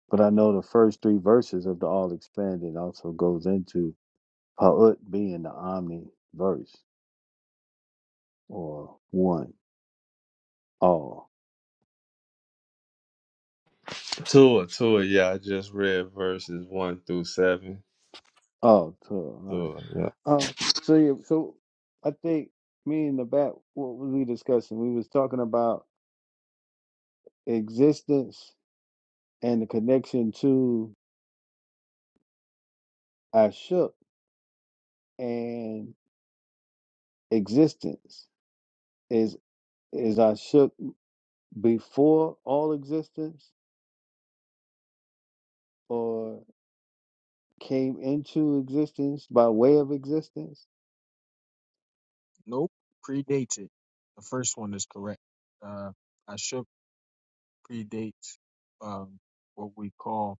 Speaker 10: But I know the first three verses of the All Expanded also goes into Ha'ut being the omni verse or one, all.
Speaker 8: Tua Tua, yeah, I just read verses one through seven.
Speaker 10: Oh, so, all right.
Speaker 8: Tua, yeah.
Speaker 10: Oh, so, yeah, so I think me and the back, what was we discussing? We was talking about existence and the connection to Ashuk and existence. Is is Ashuk? before all existence or came into existence by way of existence?
Speaker 11: Nope. Predated. The first one is correct. Uh, I predates um, what we call,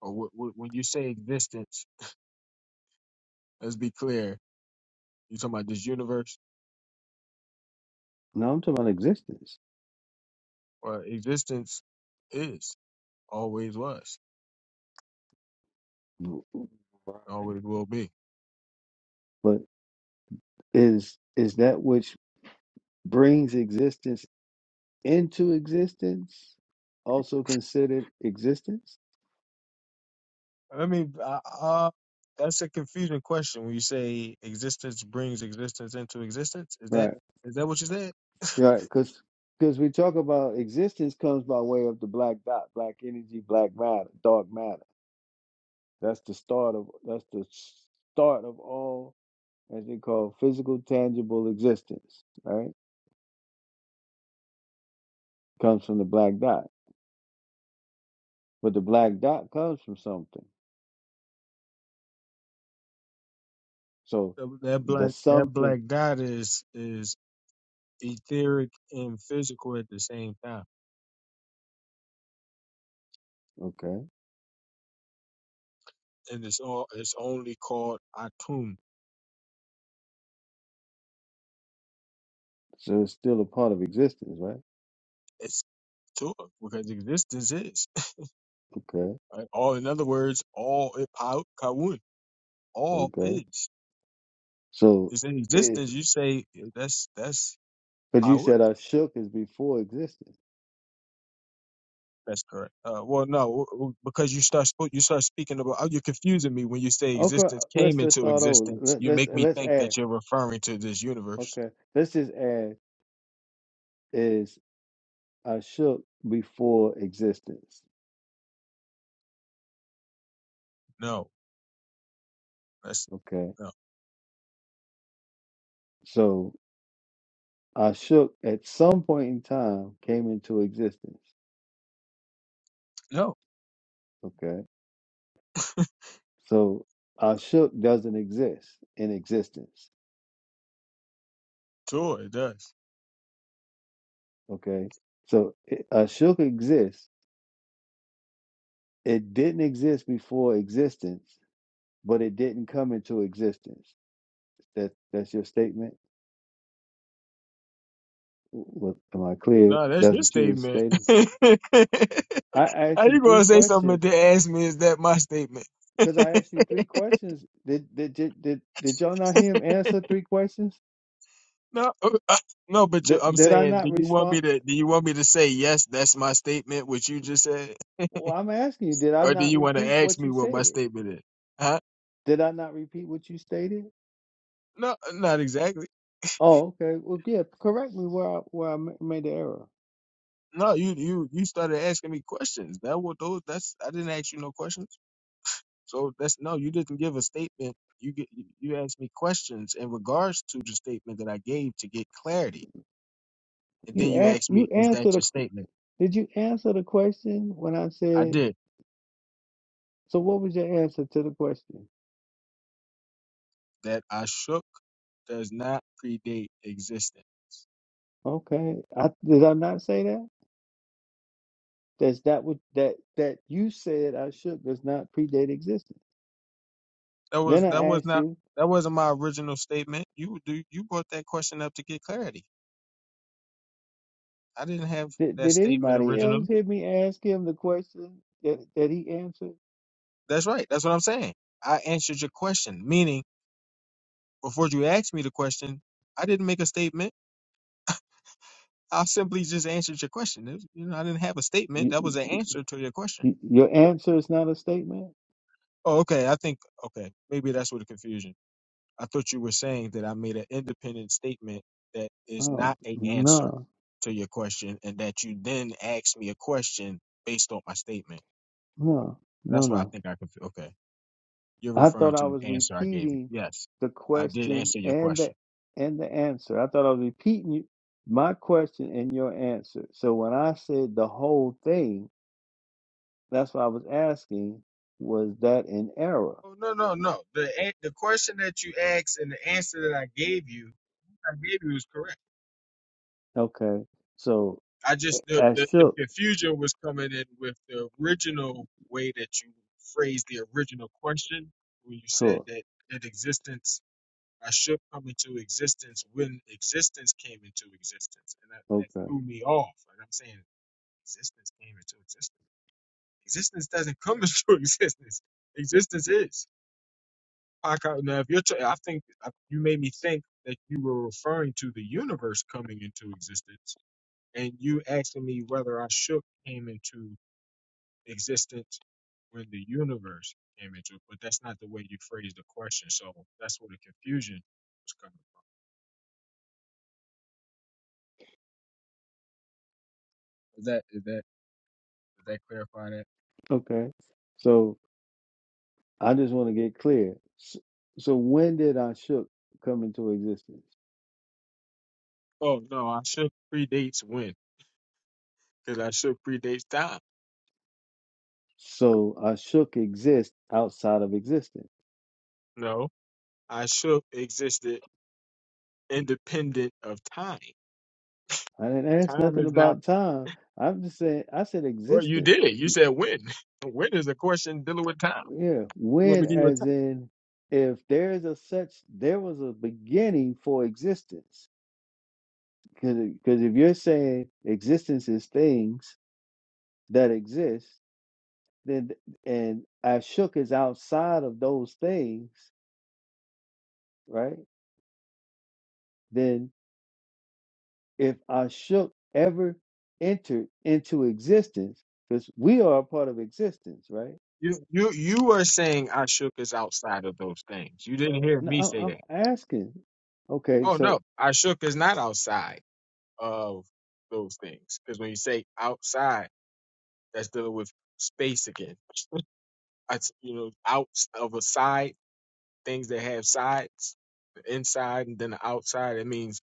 Speaker 11: or what, what, when you say existence, let's be clear, you're talking about this universe,
Speaker 10: No, I'm talking about existence.
Speaker 11: or existence is, always was,
Speaker 10: Right.
Speaker 11: always will be.
Speaker 10: But is is that which brings existence into existence also considered existence?
Speaker 11: I mean, uh, uh, that's a confusing question when you say existence brings existence into existence. Is that
Speaker 10: Right.
Speaker 11: is that what you said?
Speaker 10: Right. Because because we talk about existence comes by way of the black dot, black energy, black matter, dark matter. That's the start of that's the start of all. as they call physical, tangible existence, right? Comes from the black dot. But the black dot comes from something. So
Speaker 11: That that
Speaker 10: the
Speaker 11: black that
Speaker 10: something,
Speaker 11: black dot is is etheric and physical at the same time,
Speaker 10: okay.
Speaker 11: and it's all it's only called atum.
Speaker 10: So it's still a part of existence, right?
Speaker 11: Sure, because existence is.
Speaker 10: Okay,
Speaker 11: Right? All in other words, all it pa- kawun, all
Speaker 10: okay.
Speaker 11: is.
Speaker 10: So
Speaker 11: It's in
Speaker 10: is,
Speaker 11: existence. You say eh, that's that's
Speaker 10: but you
Speaker 11: kawun.
Speaker 10: said I shook is before existence.
Speaker 11: That's correct. Uh, well, no, w- w- because you start spo- you start speaking about. oh, You're confusing me when you say
Speaker 10: Okay,
Speaker 11: existence
Speaker 10: let's
Speaker 11: came
Speaker 10: just
Speaker 11: into
Speaker 10: start over.
Speaker 11: existence.
Speaker 10: Let,
Speaker 11: You
Speaker 10: let's
Speaker 11: make me
Speaker 10: let's
Speaker 11: think
Speaker 10: add.
Speaker 11: that you're referring to this universe.
Speaker 10: Okay, let's just add is I shook before existence.
Speaker 11: No, that's
Speaker 10: Okay,
Speaker 11: no,
Speaker 10: so Ashuk at some point in time came into existence.
Speaker 11: no.
Speaker 10: Okay. So Ashuk doesn't exist in existence.
Speaker 11: Sure, it does.
Speaker 10: Okay. So it- Ashuk exists. It didn't exist before existence, but it didn't come into existence. That that's your statement. What, am I clear?
Speaker 11: No, that's
Speaker 10: That's
Speaker 11: your
Speaker 10: what you was
Speaker 11: statement.
Speaker 10: stating.
Speaker 11: How
Speaker 10: I asked you
Speaker 11: you
Speaker 10: three
Speaker 11: gonna say something
Speaker 10: questions
Speaker 11: to ask me? Is that my statement?
Speaker 10: because I asked you three questions. Did did did did, did y'all not hear him answer three questions?
Speaker 11: No, uh, uh, no, but you,
Speaker 10: Did,
Speaker 11: I'm
Speaker 10: did I
Speaker 11: saying, do
Speaker 10: not
Speaker 11: you want
Speaker 10: respond?
Speaker 11: me to? Do you want me to say yes? That's my statement, which you just said,
Speaker 10: Well, I'm asking you, did I
Speaker 11: or do
Speaker 10: not
Speaker 11: you want to
Speaker 10: repeat
Speaker 11: ask
Speaker 10: what
Speaker 11: me
Speaker 10: you
Speaker 11: what my
Speaker 10: said?
Speaker 11: statement is? Huh?
Speaker 10: Did I not repeat what you stated?
Speaker 11: No, not exactly.
Speaker 10: Oh, okay. Well, yeah, correct me where I, where I ma- made the error.
Speaker 11: No, you you you started asking me questions. That what those? That's I didn't ask you no questions. So that's no, you didn't give a statement. You get you you asked me questions in regards to the statement that I gave to get clarity, and then
Speaker 10: You
Speaker 11: you
Speaker 10: a-
Speaker 11: asked
Speaker 10: you
Speaker 11: me, is
Speaker 10: answered
Speaker 11: that
Speaker 10: the
Speaker 11: your statement?
Speaker 10: did you answer the question when I
Speaker 11: I
Speaker 10: said,
Speaker 11: did.
Speaker 10: so what was your answer to the question?
Speaker 11: That I shook does not predate existence.
Speaker 10: Okay. I, did I not say that? That's that what that that you said I should does not predate existence.
Speaker 11: That
Speaker 10: Then
Speaker 11: was that
Speaker 10: I
Speaker 11: was
Speaker 10: asked
Speaker 11: not
Speaker 10: you,
Speaker 11: that wasn't my original statement. You do you brought that question up to get clarity. I didn't have
Speaker 10: did,
Speaker 11: that
Speaker 10: did
Speaker 11: statement
Speaker 10: anybody else
Speaker 11: originally.
Speaker 10: hear me ask him the question that, that he answered?
Speaker 11: That's right. That's what I'm saying. I answered your question, meaning before you asked me the question, I didn't make a statement. I simply just answered your question. It- you know, I didn't have a statement.
Speaker 10: You,
Speaker 11: That
Speaker 10: you,
Speaker 11: was an
Speaker 10: you-
Speaker 11: answer to your question.
Speaker 10: your answer is not a statement?
Speaker 11: Oh, okay. I think okay. Maybe that's where the confusion. I thought you were saying that I made an independent statement that is
Speaker 10: Oh,
Speaker 11: not a answer
Speaker 10: no,
Speaker 11: to your question, and that you then asked me a question based on my statement.
Speaker 10: no, no,
Speaker 11: That's why I
Speaker 10: no.
Speaker 11: think I could. Okay, you're
Speaker 10: I thought
Speaker 11: referring
Speaker 10: I
Speaker 11: to the
Speaker 10: was
Speaker 11: answer I gave you.
Speaker 10: repeating
Speaker 11: Yes,
Speaker 10: the
Speaker 11: I did
Speaker 10: question
Speaker 11: answer your
Speaker 10: and the
Speaker 11: question.
Speaker 10: and the answer. I thought I was repeating you, my question and your answer. So when I said the whole thing, that's what I was asking, was that an error?
Speaker 11: Oh no no no. The a- the question that you asked and the answer that I gave you, I gave you was correct.
Speaker 10: Okay. So
Speaker 11: I just the,
Speaker 10: as
Speaker 11: the the
Speaker 10: shook
Speaker 11: confusion was coming in with the original way that you phrased the original question when you said
Speaker 10: took.
Speaker 11: that that existence. I should come into existence when existence came into existence. And that, that
Speaker 10: Okay.
Speaker 11: threw me off. And I'm saying existence came into existence. Existence doesn't come into existence. Existence is. Paka- Now, if you're, tr- I think uh, you made me think that you were referring to the universe coming into existence, and you asking me whether I shook came into existence when the universe came into it. But that's not the way you phrased the question. So that's where the confusion was coming. from. Is that is that? Is that clarify that?
Speaker 10: Okay. So I just want to get clear. S- So when did I shook come into existence?
Speaker 11: Oh no, I shook predates when because I shook predates time.
Speaker 10: So Ashuk exists outside of existence.
Speaker 11: No, I shook existed independent of time.
Speaker 10: I didn't ask
Speaker 11: Time
Speaker 10: nothing
Speaker 11: is not.
Speaker 10: about time. I'm just saying, I said
Speaker 11: Well, you
Speaker 10: existence.
Speaker 11: did. You said when. When is a question dealing with time?
Speaker 10: Yeah.
Speaker 11: You want
Speaker 10: When,
Speaker 11: me to give you a
Speaker 10: as
Speaker 11: time?
Speaker 10: in, if there is a such, there was a beginning for existence. Because if you're saying existence is things that exist, then, and Ashuk is outside of those things, right? Then if Ashuk ever entered into existence, because we are a part of existence, right?
Speaker 11: You you you are saying I shook is outside of those things. You didn't hear me
Speaker 10: No, I'm,
Speaker 11: say
Speaker 10: I'm
Speaker 11: that.
Speaker 10: asking. Okay,
Speaker 11: Oh
Speaker 10: so
Speaker 11: no, I shook is not outside of those things because when you say outside, that's dealing with space again. That's you know out of a side. things that have sides, the inside and then the outside. It means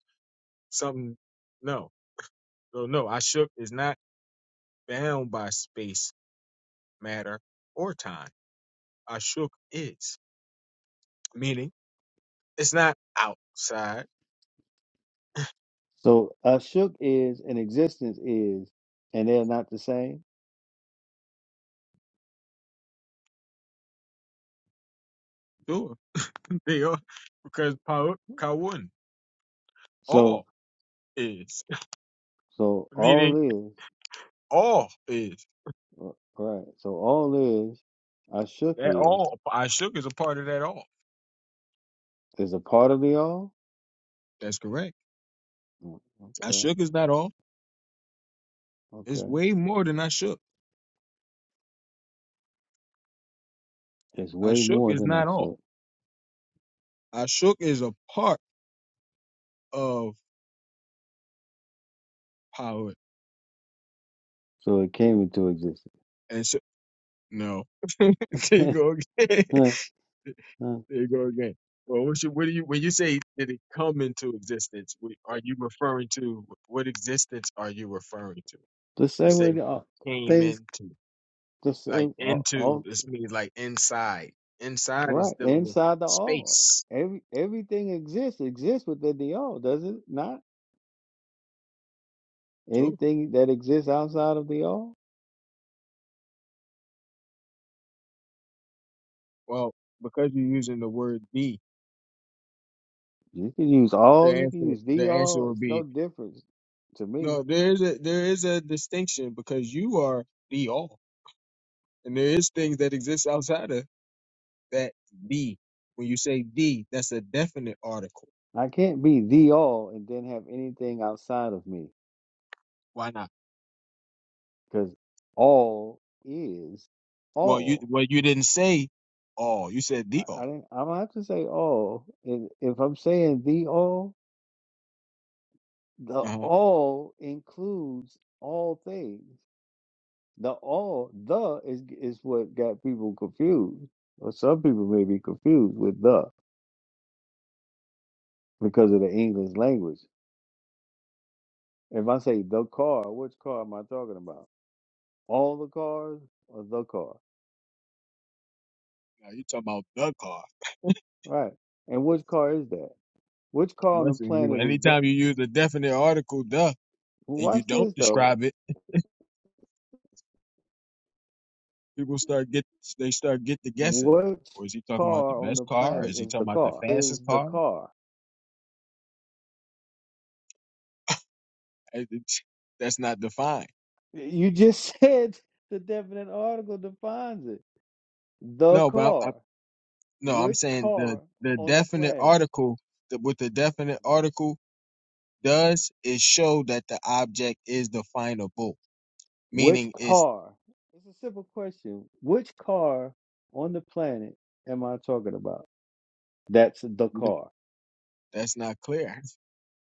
Speaker 11: something. No, no, no. Ashuk is not bound by space, matter, or time. Ashuk is, meaning it's not outside.
Speaker 10: so Ashuk is and existence is, and they're not the same.
Speaker 11: Sure, they are because Paut Kawun,
Speaker 10: So
Speaker 11: all is,
Speaker 10: so
Speaker 11: meaning
Speaker 10: all is
Speaker 11: all is.
Speaker 10: uh, right. So all is Ashuk
Speaker 11: That
Speaker 10: is
Speaker 11: all. Ashuk is a part of that all.
Speaker 10: is a part of the all.
Speaker 11: That's correct.
Speaker 10: Mm, Okay,
Speaker 11: Ashuk is not all. It's
Speaker 10: okay.
Speaker 11: way more than Ashuk.
Speaker 10: It's way
Speaker 11: Ashuk
Speaker 10: more
Speaker 11: is
Speaker 10: than
Speaker 11: not all.
Speaker 10: Ashuk.
Speaker 11: Ashuk is a part of. power
Speaker 10: So it came into existence.
Speaker 11: and so no. there you go again.
Speaker 10: the
Speaker 11: there you go again. Well, what, you, what do you when you say did it come into existence? wh- Are you referring to what existence are you referring to? You
Speaker 10: same way
Speaker 11: say
Speaker 10: the, uh,
Speaker 11: it came
Speaker 10: things.
Speaker 11: into
Speaker 10: Just
Speaker 11: like
Speaker 10: same, all,
Speaker 11: into.
Speaker 10: all
Speaker 11: This means like inside. Inside is
Speaker 10: right
Speaker 11: dealing with
Speaker 10: inside the all.
Speaker 11: space
Speaker 10: Every everything exists exists within the all, does it not?
Speaker 11: too.
Speaker 10: Anything that exists outside of the all,
Speaker 11: Well, because you're using the word be,
Speaker 10: you can use all.
Speaker 11: the
Speaker 10: You
Speaker 11: answer
Speaker 10: can use the
Speaker 11: the answer
Speaker 10: all.
Speaker 11: would
Speaker 10: It's no
Speaker 11: be
Speaker 10: difference to me.
Speaker 11: no. There is a there is a distinction because you are the all. And there is things that exist outside of that be. When you say the, that's a definite article.
Speaker 10: I can't be the all and then have anything outside of me
Speaker 11: Why not?
Speaker 10: because all is
Speaker 11: Well, you
Speaker 10: all.
Speaker 11: well you didn't say all. You said the
Speaker 10: I,
Speaker 11: all.
Speaker 10: I didn't. I don't have to say all. If, if I'm saying the all, the
Speaker 11: Uh-huh.
Speaker 10: all includes all things. The all the is is what got people confused, or some people may be confused with the because of the English language. If I say the car, which car am I talking about? All the cars or the car?
Speaker 11: Now you talking about the car.
Speaker 10: Right. And which car is that? Which
Speaker 11: It
Speaker 10: car on the
Speaker 11: must be you.
Speaker 10: planet is the?
Speaker 11: Anytime you use a definite article, the, and you
Speaker 10: Watch
Speaker 11: don't
Speaker 10: this though.
Speaker 11: describe it, people start get they start get the guessing.
Speaker 10: Which
Speaker 11: Or is he talking about the
Speaker 10: car on
Speaker 11: best
Speaker 10: the
Speaker 11: car?
Speaker 10: planet
Speaker 11: Is he
Speaker 10: is the
Speaker 11: talking about the
Speaker 10: car? Is
Speaker 11: fastest
Speaker 10: the
Speaker 11: car?
Speaker 10: car?
Speaker 11: I- it's- That's not defined.
Speaker 10: You just said the definite article defines it. The
Speaker 11: No, but I, I,
Speaker 10: car.
Speaker 11: no, I'm
Speaker 10: Which
Speaker 11: saying
Speaker 10: car
Speaker 11: the the
Speaker 10: on the
Speaker 11: definite
Speaker 10: planet?
Speaker 11: article the, with the definite
Speaker 10: about.
Speaker 11: article. does is show that the object is definable,
Speaker 10: Which
Speaker 11: meaning it's
Speaker 10: car? It's a simple question. Which car on the planet am I talking about? That's the
Speaker 11: you don't-
Speaker 10: car.
Speaker 11: that's not clear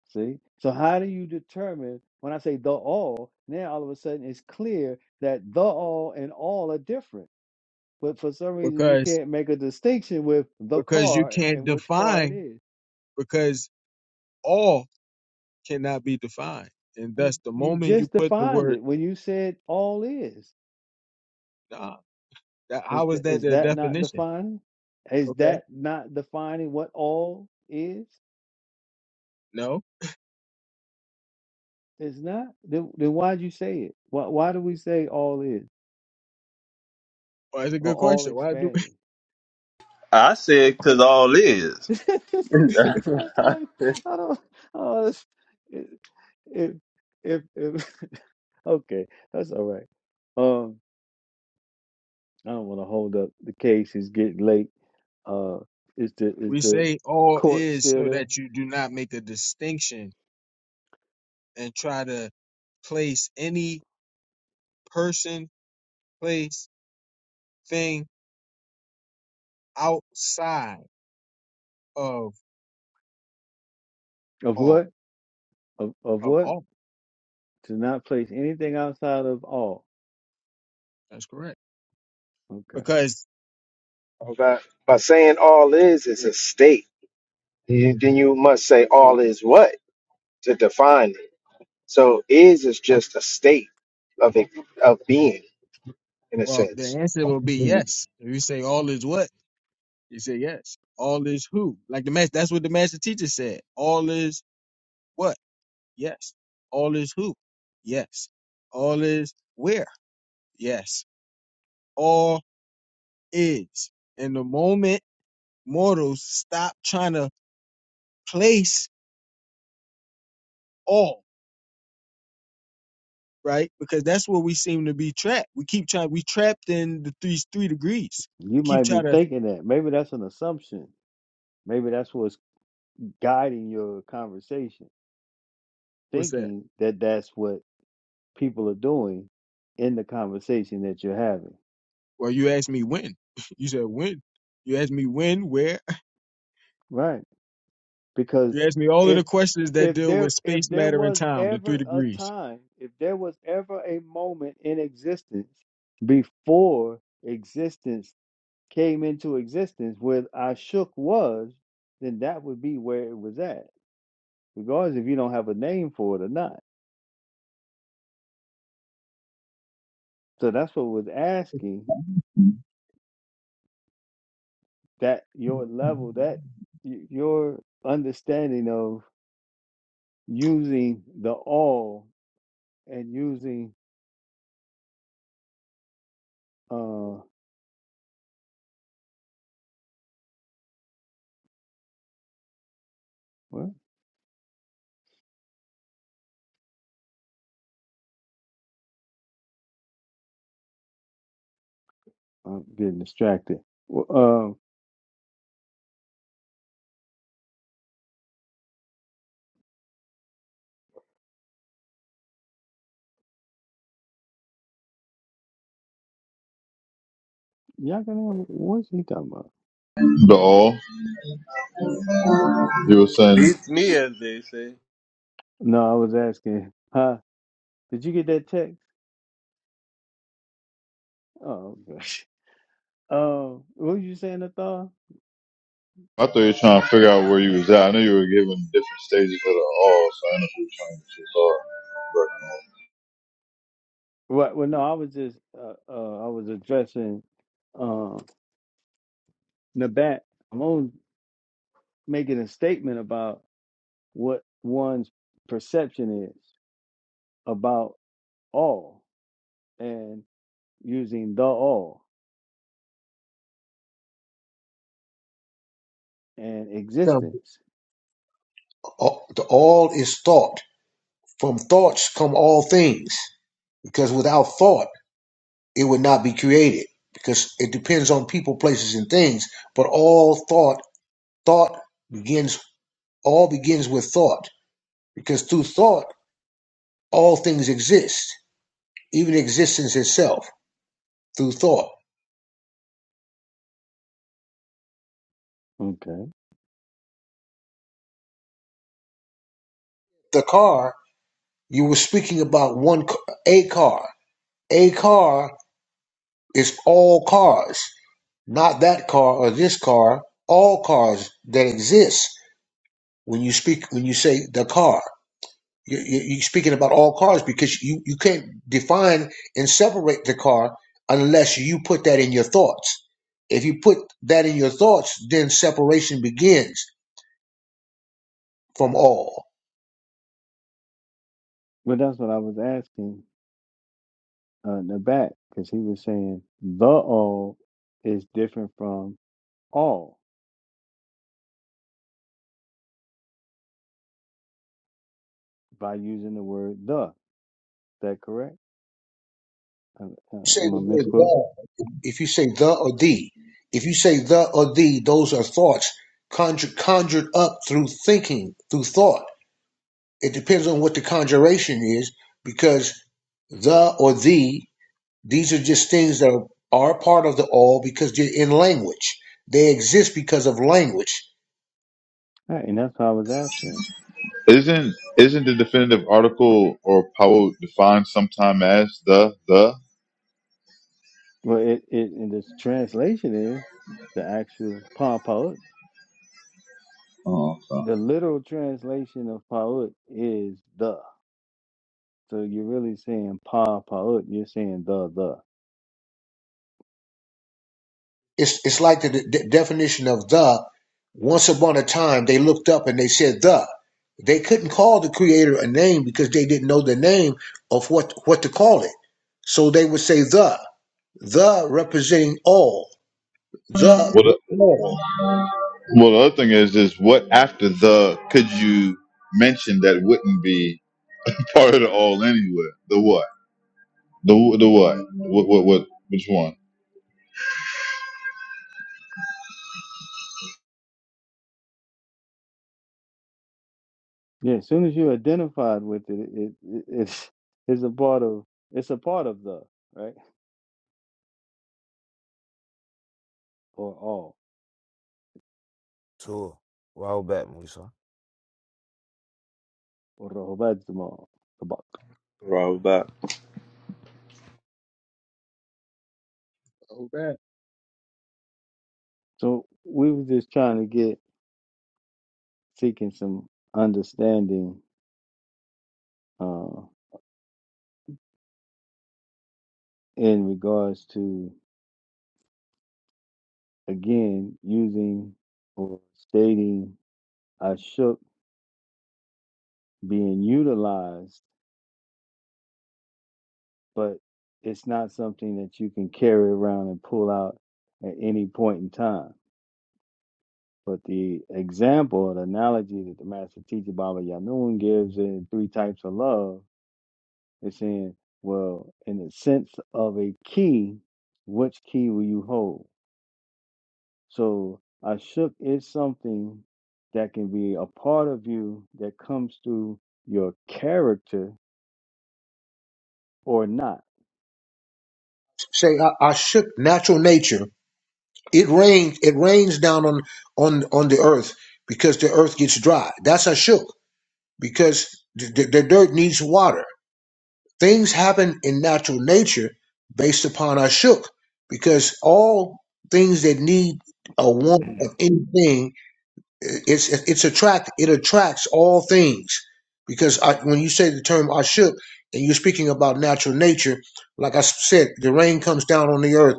Speaker 10: See? So how do you determine when I say the all, now all of a sudden it's clear that the all and all are different. But for some reason you
Speaker 11: because
Speaker 10: can't make a distinction with the
Speaker 11: because you
Speaker 10: car
Speaker 11: can't
Speaker 10: and which car it
Speaker 11: define
Speaker 10: is.
Speaker 11: because all cannot be defined, and
Speaker 10: You
Speaker 11: thus the
Speaker 10: you
Speaker 11: moment you
Speaker 10: just
Speaker 11: put the
Speaker 10: defined
Speaker 11: word
Speaker 10: it when you said all is.
Speaker 11: nah, that
Speaker 10: Is
Speaker 11: how is
Speaker 10: th-
Speaker 11: that
Speaker 10: is
Speaker 11: the
Speaker 10: that not
Speaker 11: definition?
Speaker 10: defining? Is
Speaker 11: Okay,
Speaker 10: that not defining what all is?
Speaker 11: no,
Speaker 10: It's not. Then, then why'd you say it? Why, why do we say all is
Speaker 11: well, that's a
Speaker 10: or
Speaker 11: good
Speaker 10: all
Speaker 11: question. Why do
Speaker 10: expanding?
Speaker 8: I said, cause all is
Speaker 10: So That's what I'm, I don't. Oh, it's, it, it, if, if, okay, that's all right. Um, I don't want to hold up the case. It's getting late. Uh, is the is
Speaker 11: we
Speaker 10: the
Speaker 11: say all
Speaker 10: court
Speaker 11: is
Speaker 10: still
Speaker 11: so
Speaker 10: there?
Speaker 11: that you do not make a distinction and try to place any person, place, thing outside of
Speaker 10: Of
Speaker 11: all
Speaker 10: what? Of of
Speaker 11: of
Speaker 10: what?
Speaker 11: all.
Speaker 10: To not place anything outside of all.
Speaker 11: That's correct.
Speaker 10: Okay.
Speaker 11: Because
Speaker 12: All Right. By saying all is is a state, you- then you must say all is what to define it. So is is just a state of it, of being in a
Speaker 11: well, the
Speaker 12: sense.
Speaker 11: answer will be
Speaker 12: want
Speaker 11: yes. If you say all is what, you say yes. All is who? Like the master. That's what the master teacher said. All is what? Yes. All is who? Yes. All is where? Yes. All is. And the moment mortals stop trying to place all right, because that's where we seem to be trapped. We keep trying. We trapped in the three three degrees. We
Speaker 10: You
Speaker 11: keep
Speaker 10: might be
Speaker 11: trying to.
Speaker 10: thinking that. Maybe that's an assumption. Maybe that's what's guiding your conversation,
Speaker 11: What's that?
Speaker 10: thinking that that's what people are doing in the conversation that you're having,
Speaker 11: Well, you asked me when. You said when. You asked me when, where.
Speaker 10: right? Because
Speaker 11: You asked me all of
Speaker 10: if
Speaker 11: the questions that
Speaker 10: if
Speaker 11: deal with
Speaker 10: there if
Speaker 11: space,
Speaker 10: there
Speaker 11: matter, and
Speaker 10: was
Speaker 11: time, the three
Speaker 10: ever a
Speaker 11: degrees.
Speaker 10: time, if there was ever a moment in existence before existence came into existence where Ashuk was, then that would be where it was at, regardless if you don't have a name for it or not. So that's what was asking that your level that y- your understanding of using the all and using uh what i'm getting distracted Well, uh y'all gonna what's he talking about
Speaker 2: The all. You were saying,
Speaker 8: beats me, as they say.
Speaker 10: no i was asking huh did you get that text oh gosh um what was you saying Nathal?
Speaker 2: I thought you were trying to figure out where you was at. I knew you were giving different stages of the all, so I know you were trying to get to all.
Speaker 10: what well no i was just uh, uh i was addressing uh nabat i'm only making a statement about what one's perception is about all and using the all and
Speaker 13: So
Speaker 10: existence.
Speaker 13: all, the all is thought. From thoughts come all things, because without thought, it would not be created. Because it depends on people, places, and things. But all thought, thought begins. All begins with thought, because through thought, all things exist, even existence itself. Through thought,
Speaker 10: Okay.
Speaker 13: the car you were speaking about one, c- a car. A car is all cars. Not that car or this car, all cars that exist. When you speak, when you say the car, you, you, you're speaking about all cars because you, you can't define and separate the car unless you put that in your thoughts. If you put that in your thoughts, then separation begins from all.
Speaker 10: Well, that's what I was asking uh, in the back because he was saying the all is different from all by using the word the. Is that correct? Uh,
Speaker 13: You
Speaker 10: uh,
Speaker 13: say
Speaker 10: am I
Speaker 13: the word
Speaker 10: misquote?
Speaker 13: the, if you say the or the, if you say the or the, those are thoughts conjured, conjured up through thinking, through thought. It depends on what the conjuration is, because the or the, these are just things that are, are part of the all because they're in language. They exist because of language.
Speaker 10: All right, and that's what I was asking.
Speaker 2: But isn't, isn't the definitive article or power defined sometime as the, the?
Speaker 10: Well, it, it and this translation is the actual pa Paut.
Speaker 2: Oh, okay.
Speaker 10: The literal translation of Paut is the. So you're really saying pa paut. You're saying the the.
Speaker 13: It's, it's like the de- definition of the. Once upon a time, they looked up and they said the. They couldn't call the creator a name because they didn't know the name of what, what to call it. So they would say the, the representing all, the, the
Speaker 2: What,
Speaker 13: all.
Speaker 2: Well, the other thing is, is what after the could you mention that wouldn't be part of the all anywhere? The what? The the what? What what what? Which one?
Speaker 10: Yeah. As soon as you're identified with it, it, it it's it's a part of it's a part of the right or all
Speaker 14: Tour. Wow back, Musa.
Speaker 10: or rohbadzma tabak.
Speaker 8: Robot.
Speaker 11: Oh, that.
Speaker 10: So we were just trying to get seeking some understanding uh, in regards to again using or stating I shook being utilized but it's not something that you can carry around and pull out at any point in time. But the example, or the analogy that the master teacher Baba Yanun gives in three types of love is saying, well, in the sense of a key, which key will you hold? So Ashuk is something that can be a part of you that comes through your character or not.
Speaker 13: Say, I, I shook natural nature It rains. It rains down on on on the earth because the earth gets dry. That's Ashuk because the, the, the dirt needs water. Things happen in natural nature based upon Ashuk because all things that need a want of anything, it's it's attract. It attracts all things because I, when you say the term Ashuk and you're speaking about natural nature, like I said, the rain comes down on the earth.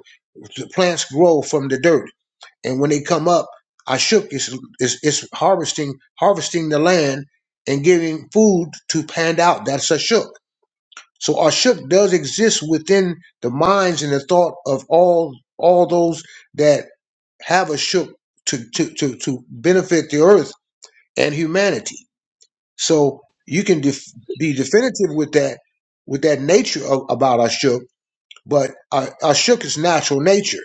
Speaker 13: The plants grow from the dirt and when they come up, Ashuk is, is is harvesting harvesting the land and giving food to hand out. That's Ashuk. So Ashuk does exist within the minds and the thought of all all those that have Ashuk to to to, to benefit the earth and humanity. So you can def- be definitive with that with that nature of, about Ashuk, but uh, Ashuk is natural nature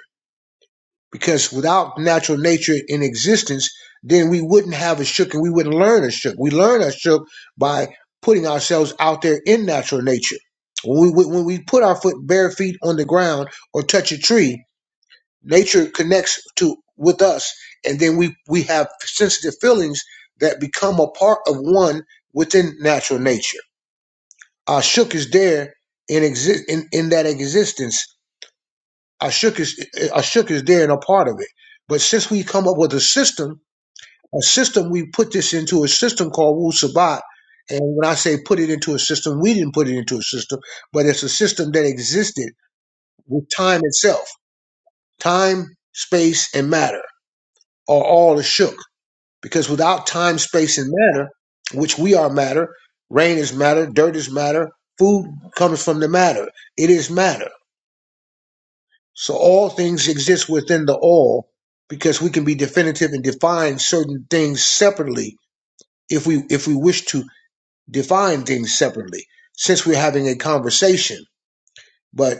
Speaker 13: because without natural nature in existence, then we wouldn't have a shook and we wouldn't learn a shook. We learn a shook by putting ourselves out there in natural nature. When we when we put our foot bare feet on the ground or touch a tree, nature connects to with us, and then we we have sensitive feelings that become a part of one within natural nature. Our shook is there in exist in, in that existence Ashuk is Ashuk is there and a part of it. But since we come up with a system, a system we put this into a system called Wu Sabat. And when I say put it into a system, we didn't put it into a system, but it's a system that existed with time itself. Time, space, and matter are all Ashuk. Because without time, space, and matter, which we are matter, rain is matter, dirt is matter, food comes from the matter. It is matter. So all things exist within the all because we can be definitive and define certain things separately if we if we wish to define things separately since we're having a conversation. But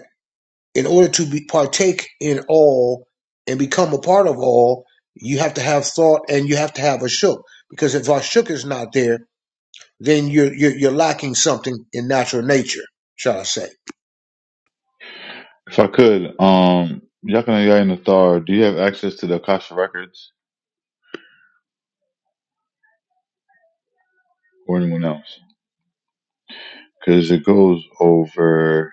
Speaker 13: in order to be partake in all and become a part of all, you have to have thought and you have to have a shook because if our shook is not there, then you're you're, you're lacking something in natural nature, shall I say?
Speaker 2: If I could, um, Yakana Yai Nathar, do you have access to the Akasha records or anyone else? Because it goes over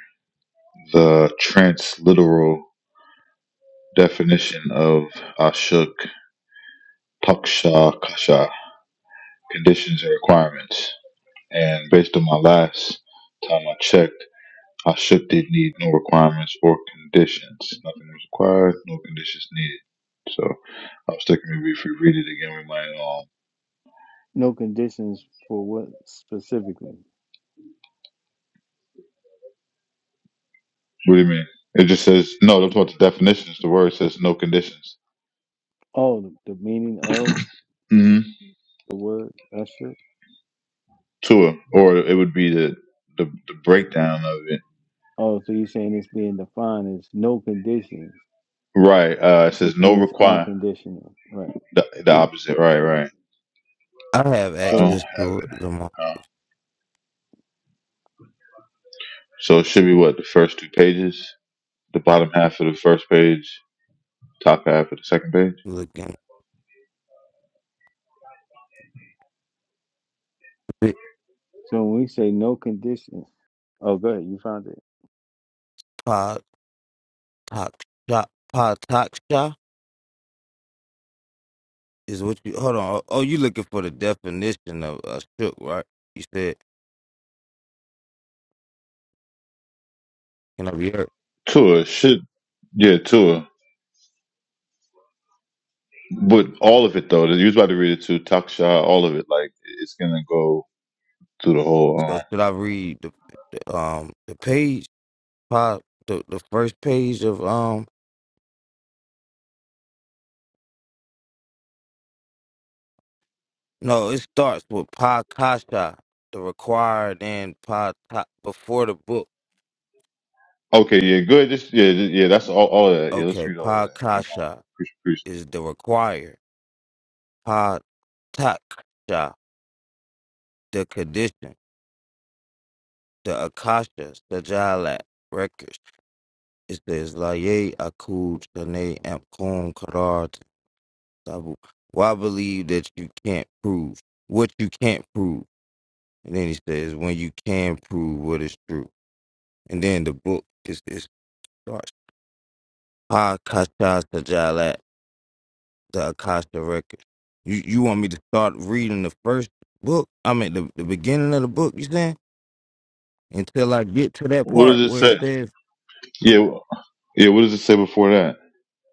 Speaker 2: the transliteral definition of Ashuk, Taksha, Kasha, conditions and requirements. And based on my last time I checked Our ship did need no requirements or conditions. Nothing was required, no conditions needed. So I was thinking maybe if we read it again, we might. Um,
Speaker 10: No conditions for what specifically.
Speaker 2: what do you mean? It just says no. That's what the definition is. The word says no conditions.
Speaker 10: Oh, the, the meaning of
Speaker 2: hmm
Speaker 10: the word usher.
Speaker 2: To it, or it would be the the, the breakdown of it.
Speaker 10: Oh, so you're saying it's being defined as no conditions,
Speaker 2: Right. Uh, it says
Speaker 10: which
Speaker 2: no
Speaker 10: means
Speaker 2: require.
Speaker 10: unconditional, right?
Speaker 2: The, the opposite. Right. Right.
Speaker 14: I have
Speaker 2: I don't have
Speaker 10: So,
Speaker 14: access to
Speaker 2: it.
Speaker 14: it. Lamar.
Speaker 2: Uh, so it should be what the first two pages, the bottom half of the first page, top half of the second page.
Speaker 14: Looking big
Speaker 10: so when we say no conditions, oh, go ahead, you found it.
Speaker 14: pod talk shop. Pod talk shop is what you. Hold on. Oh, oh, you looking for the definition of uh, shook, right? You said can I be heard?
Speaker 2: Tour should, yeah, tour. But all of it though, you was about to read it too. Taksha, all of it. Like it's gonna go through the whole.
Speaker 14: So
Speaker 2: Um,
Speaker 14: should I read the, the um the page pod the, the first page of um no it starts with pod kasha the required and pod ta- before the book.
Speaker 2: okay, yeah, good. Just yeah, just, yeah. That's all. All of that. Yeah, let's
Speaker 14: Okay,
Speaker 2: read all of
Speaker 14: pod
Speaker 2: that. If you don't mind.
Speaker 14: kasha
Speaker 2: Appreciate, appreciate.
Speaker 14: is the required. Pataksha, the condition, the Akasha, the Jalak records, is the Islaye Akud Shane Amkum Karar Tabu. Why believe that you can't prove what you can't prove? And then he says, when you can prove what is true. And then the book is it starts. Pakasha Sajalat, the Akasha records. You you want me to start reading the first book? I mean the, the beginning of the book, you saying? until I get to that
Speaker 2: What
Speaker 14: part
Speaker 2: does it
Speaker 14: where it
Speaker 2: say?
Speaker 14: says
Speaker 2: Yeah, wh- yeah. What does it say before that?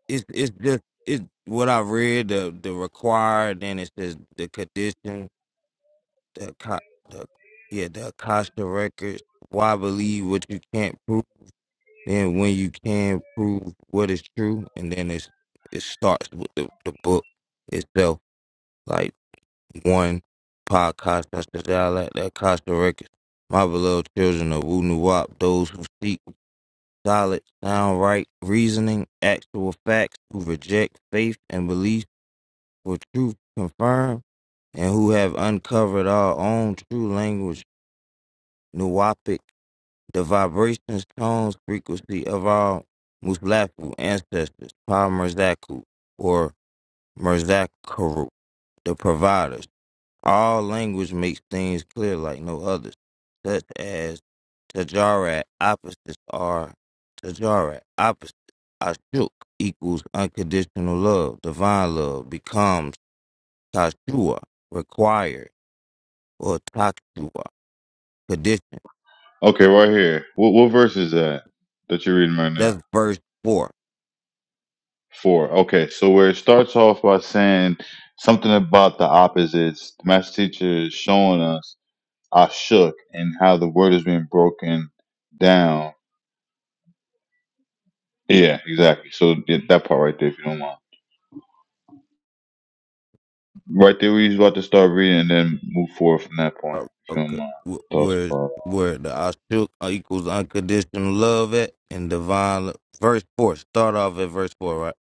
Speaker 14: it's it's just it's what I read the the required then it says the condition the co- the yeah the Acosta records why believe what you can't prove then when you can prove what is true and then it's it starts with the, the book itself like one podcast that's the Acosta records my beloved children of Wu Nuwap those who seek solid, downright reasoning, actual facts, who reject faith and belief for truth confirmed, and who have uncovered our own true language, Nuwapic, the vibrations, tones, frequency of our Muslafu ancestors, Pa Merzaku, or Merzakaru, the providers. All language makes things clear like no others, such as Tajarat opposites are Tajarat opposites. Ashuk equals unconditional love, divine love becomes Tashua, required, or Takshua, condition.
Speaker 2: Okay, right here. What what verse is that that you're reading right now?
Speaker 14: That's verse 4.
Speaker 2: Four. Okay, so where it starts off by saying something about the opposites, the master teacher is showing us I shook, and how the word has been broken down. Yeah, exactly. So yeah, that part right there, if you don't mind. Right there, we was about to start reading and then move forward from that point,
Speaker 14: Oh,
Speaker 2: if you don't
Speaker 14: Okay,
Speaker 2: mind.
Speaker 14: wh-
Speaker 2: It talks
Speaker 14: where,
Speaker 2: about uh,
Speaker 14: where the Ashuk equals unconditional love at and divine love. Verse 4, start off at verse 4, right?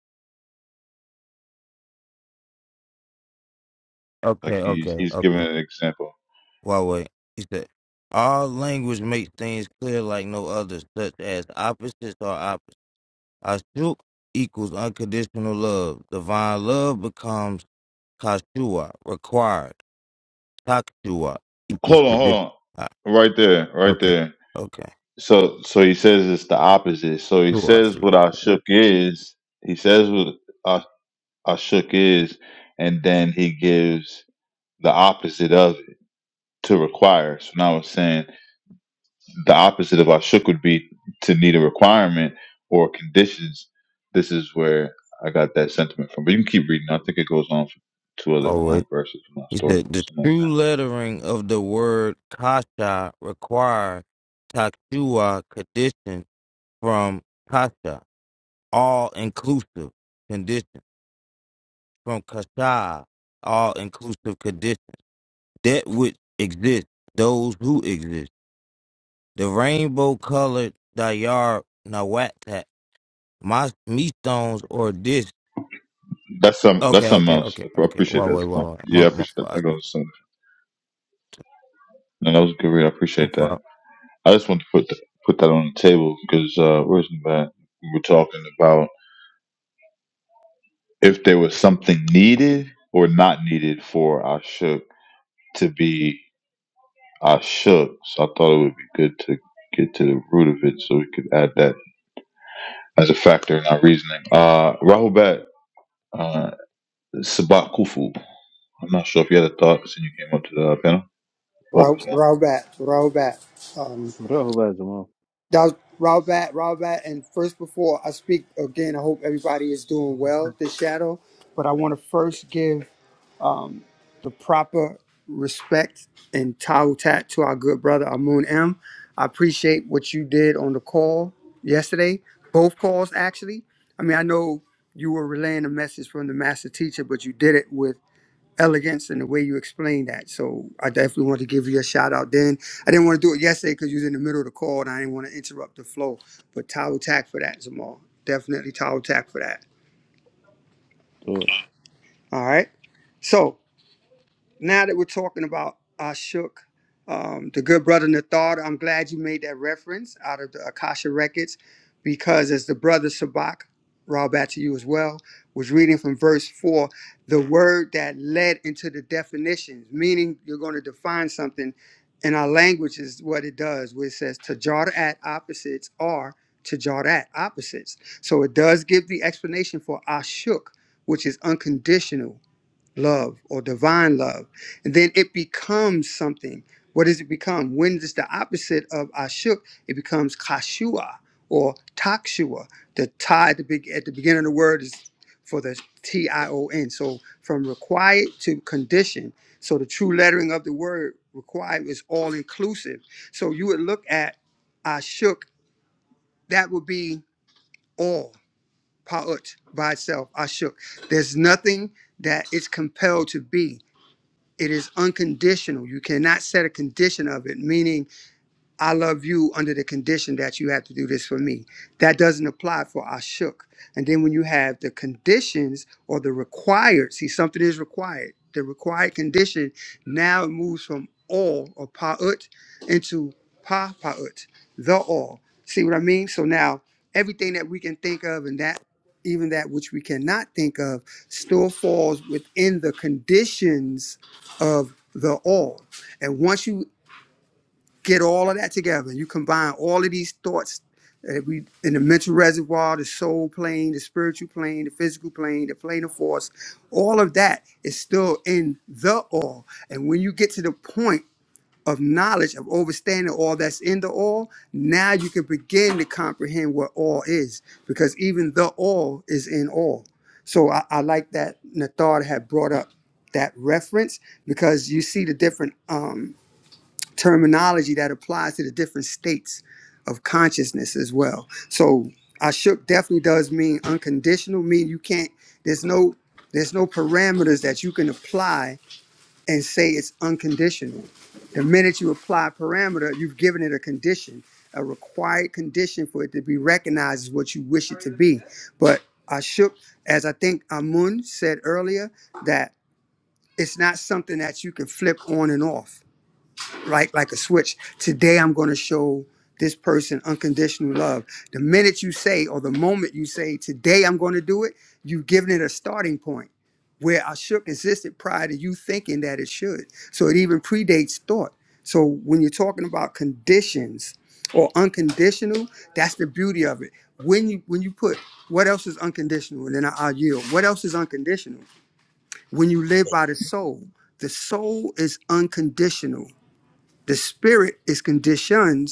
Speaker 2: like
Speaker 14: Okay,
Speaker 2: he's
Speaker 14: okay,
Speaker 2: he's giving
Speaker 14: okay.
Speaker 2: an example.
Speaker 14: Huawei. He said, All language makes things clear like no others. such as opposites are opposites. Ashuk equals unconditional love. Divine love becomes kashua, required. Takshua equals
Speaker 2: Hold on, hold
Speaker 14: condition. Ah,
Speaker 2: on. Right there, right
Speaker 14: Okay.
Speaker 2: there.
Speaker 14: Okay.
Speaker 2: So so he says it's the opposite. So he
Speaker 14: Sure, I
Speaker 2: says
Speaker 14: see.
Speaker 2: what I shook is. He says what I I shook is, and then he gives the opposite of it to require. So now it's saying the opposite of Ashuk would be to need a requirement or conditions. This is where I got that sentiment from. But you can keep reading. I think it goes on for two other
Speaker 14: All right.
Speaker 2: um, verses from my
Speaker 14: He
Speaker 2: story,
Speaker 14: said, The
Speaker 2: something like
Speaker 14: true lettering of the word kasha, required, takshua, condition, from kasha, all inclusive, condition. from Kasha, all inclusive conditions, that which exists, those who exist. The rainbow colored Dayar Nawatat, my me stones or this.
Speaker 2: that. That's some. That's
Speaker 14: Okay,
Speaker 2: something
Speaker 14: okay,
Speaker 2: else.
Speaker 14: okay,
Speaker 2: I
Speaker 14: okay.
Speaker 2: appreciate
Speaker 14: Wait,
Speaker 2: that
Speaker 14: wait,
Speaker 2: as
Speaker 14: wait,
Speaker 2: well.
Speaker 14: wait. My,
Speaker 2: Yeah, I
Speaker 14: my,
Speaker 2: appreciate that.
Speaker 14: fault. I
Speaker 2: That
Speaker 14: see.
Speaker 2: goes. Some, no, that was a good read. I
Speaker 14: no
Speaker 2: appreciate that.
Speaker 14: problem.
Speaker 2: I just wanted to put th- put that on the table because uh, where's the bad? We were talking about if there was something needed or not needed for Ashuk to be. I shook, so I thought it would be good to get to the root of it so we could add that as a factor in our reasoning. Uh, Rahul Bat, uh, Sabat Kufu. I'm not sure if you had a thought since you came up to the panel. Welcome,
Speaker 15: Rob,
Speaker 2: man.
Speaker 15: Robert, Robert. Um,
Speaker 10: Rahubaz Zaman,
Speaker 15: that was Robert, Robert. And first, before I speak again, I hope everybody is doing well this shadow. But I want to first give the proper respect and tat to our good brother Amun M. I appreciate what you did on the call yesterday, both calls actually. I mean, I know you were relaying a message from the master teacher, but you did it with elegance in the way you explained that. So I definitely want to give you a shout out. Then I didn't want to do it yesterday because you was in the middle of the call and I didn't want to interrupt the flow. But towel tack for that, Zamal. Definitely towel tack for that.
Speaker 10: Lord.
Speaker 15: All right. So now that we're talking about Ashok, um, the good brother Nathar, I'm glad you made that reference out of the Akasha records because as the brother Sabak, Raw back to you as well, was reading from verse four, the word that led into the definitions, meaning you're going to define something in our language is what it does, where it says tajar opposites are tajar opposites. So it does give the explanation for Ashuk, which is unconditional love or divine love. And then it becomes something. What does it become? When it's the opposite of Ashuk, it becomes Kashua or Takshua. The tie at the, big, at the beginning of the word is for the T I O N. So from required to condition. So the true lettering of the word required is all inclusive. So you would look at Ashuk, that would be all, Pa'ut, by itself, Ashuk. There's nothing that it's compelled to be it is unconditional. You cannot set a condition of it, meaning I love you under the condition that you have to do this for me. That doesn't apply for Ashuk. And then when you have the conditions or the required, see, something is required. The required condition now it moves from all or pa'ut into pa pa'ut, the all. See what I mean? So now everything that we can think of and that even that which we cannot think of still falls within the conditions of the all. And once you get all of that together. and You combine all of these thoughts that we in the mental reservoir, the soul plane, the spiritual plane, the physical plane, the plane of force, all of that is still in the all. And when you get to the point of knowledge of understanding all that's in the all, now you can begin to comprehend what all is, because even the all is in all. So I, I like that Nathar had brought up that reference because you see the different um, terminology that applies to the different states of consciousness as well. So Ashuk definitely does mean unconditional, mean you can't there's no there's no parameters that you can apply and say it's unconditional. The minute you apply a parameter, you've given it a condition, a required condition for it to be recognized as what you wish it to be. But Ashuk, as I think Amun said earlier, that it's not something that you can flip on and off like like a switch. Today I'm going to show this person unconditional love. The minute you say or the moment you say today I'm going to do it, you've given it a starting point where I shook existed prior to you thinking that it should. So it even predates thought. So when you're talking about conditions or unconditional, that's the beauty of it. When you when you put what else is unconditional, and then I, I yield. What else is unconditional? When you live by the soul, the soul is unconditional the spirit is conditioned,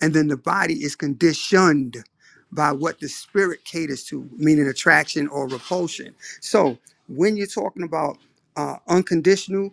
Speaker 15: and then the body is conditioned by what the spirit caters to, meaning attraction or repulsion. So when you're talking about uh, unconditional,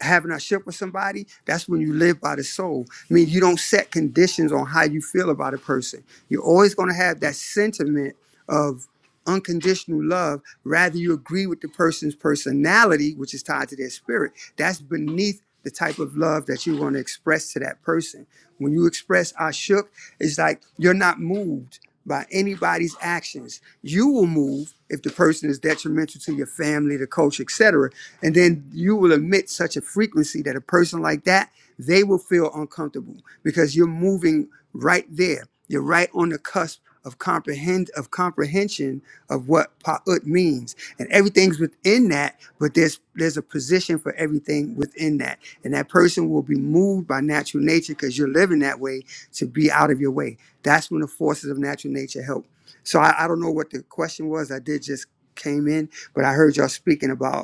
Speaker 15: having a ship with somebody, that's when you live by the soul. I mean, you don't set conditions on how you feel about a person. You're always going to have that sentiment of unconditional love. Rather, you agree with the person's personality, which is tied to their spirit. That's beneath the type of love that you want to express to that person. When you express I shook, it's like you're not moved by anybody's actions. You will move if the person is detrimental to your family, the culture, etc. And then you will emit such a frequency that a person like that, they will feel uncomfortable because you're moving right there. You're right on the cusp of comprehend of comprehension of what pa'ut means and everything's within that but there's there's a position for everything within that and that person will be moved by natural nature because you're living that way to be out of your way that's when the forces of natural nature help so i, I don't know what the question was i did just came in but i heard y'all speaking about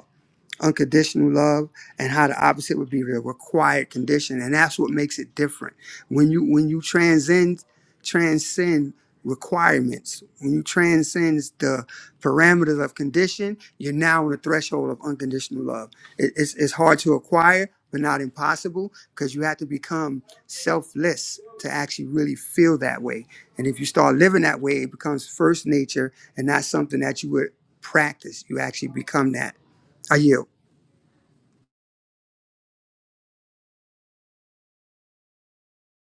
Speaker 15: unconditional love and how the opposite would be the required condition and that's what makes it different when you when you transcend transcend requirements when you transcend the parameters of condition you're now on the threshold of unconditional love it, it's, it's hard to acquire but not impossible because you have to become selfless to actually really feel that way and if you start living that way it becomes first nature and not something that you would practice you actually become that i yield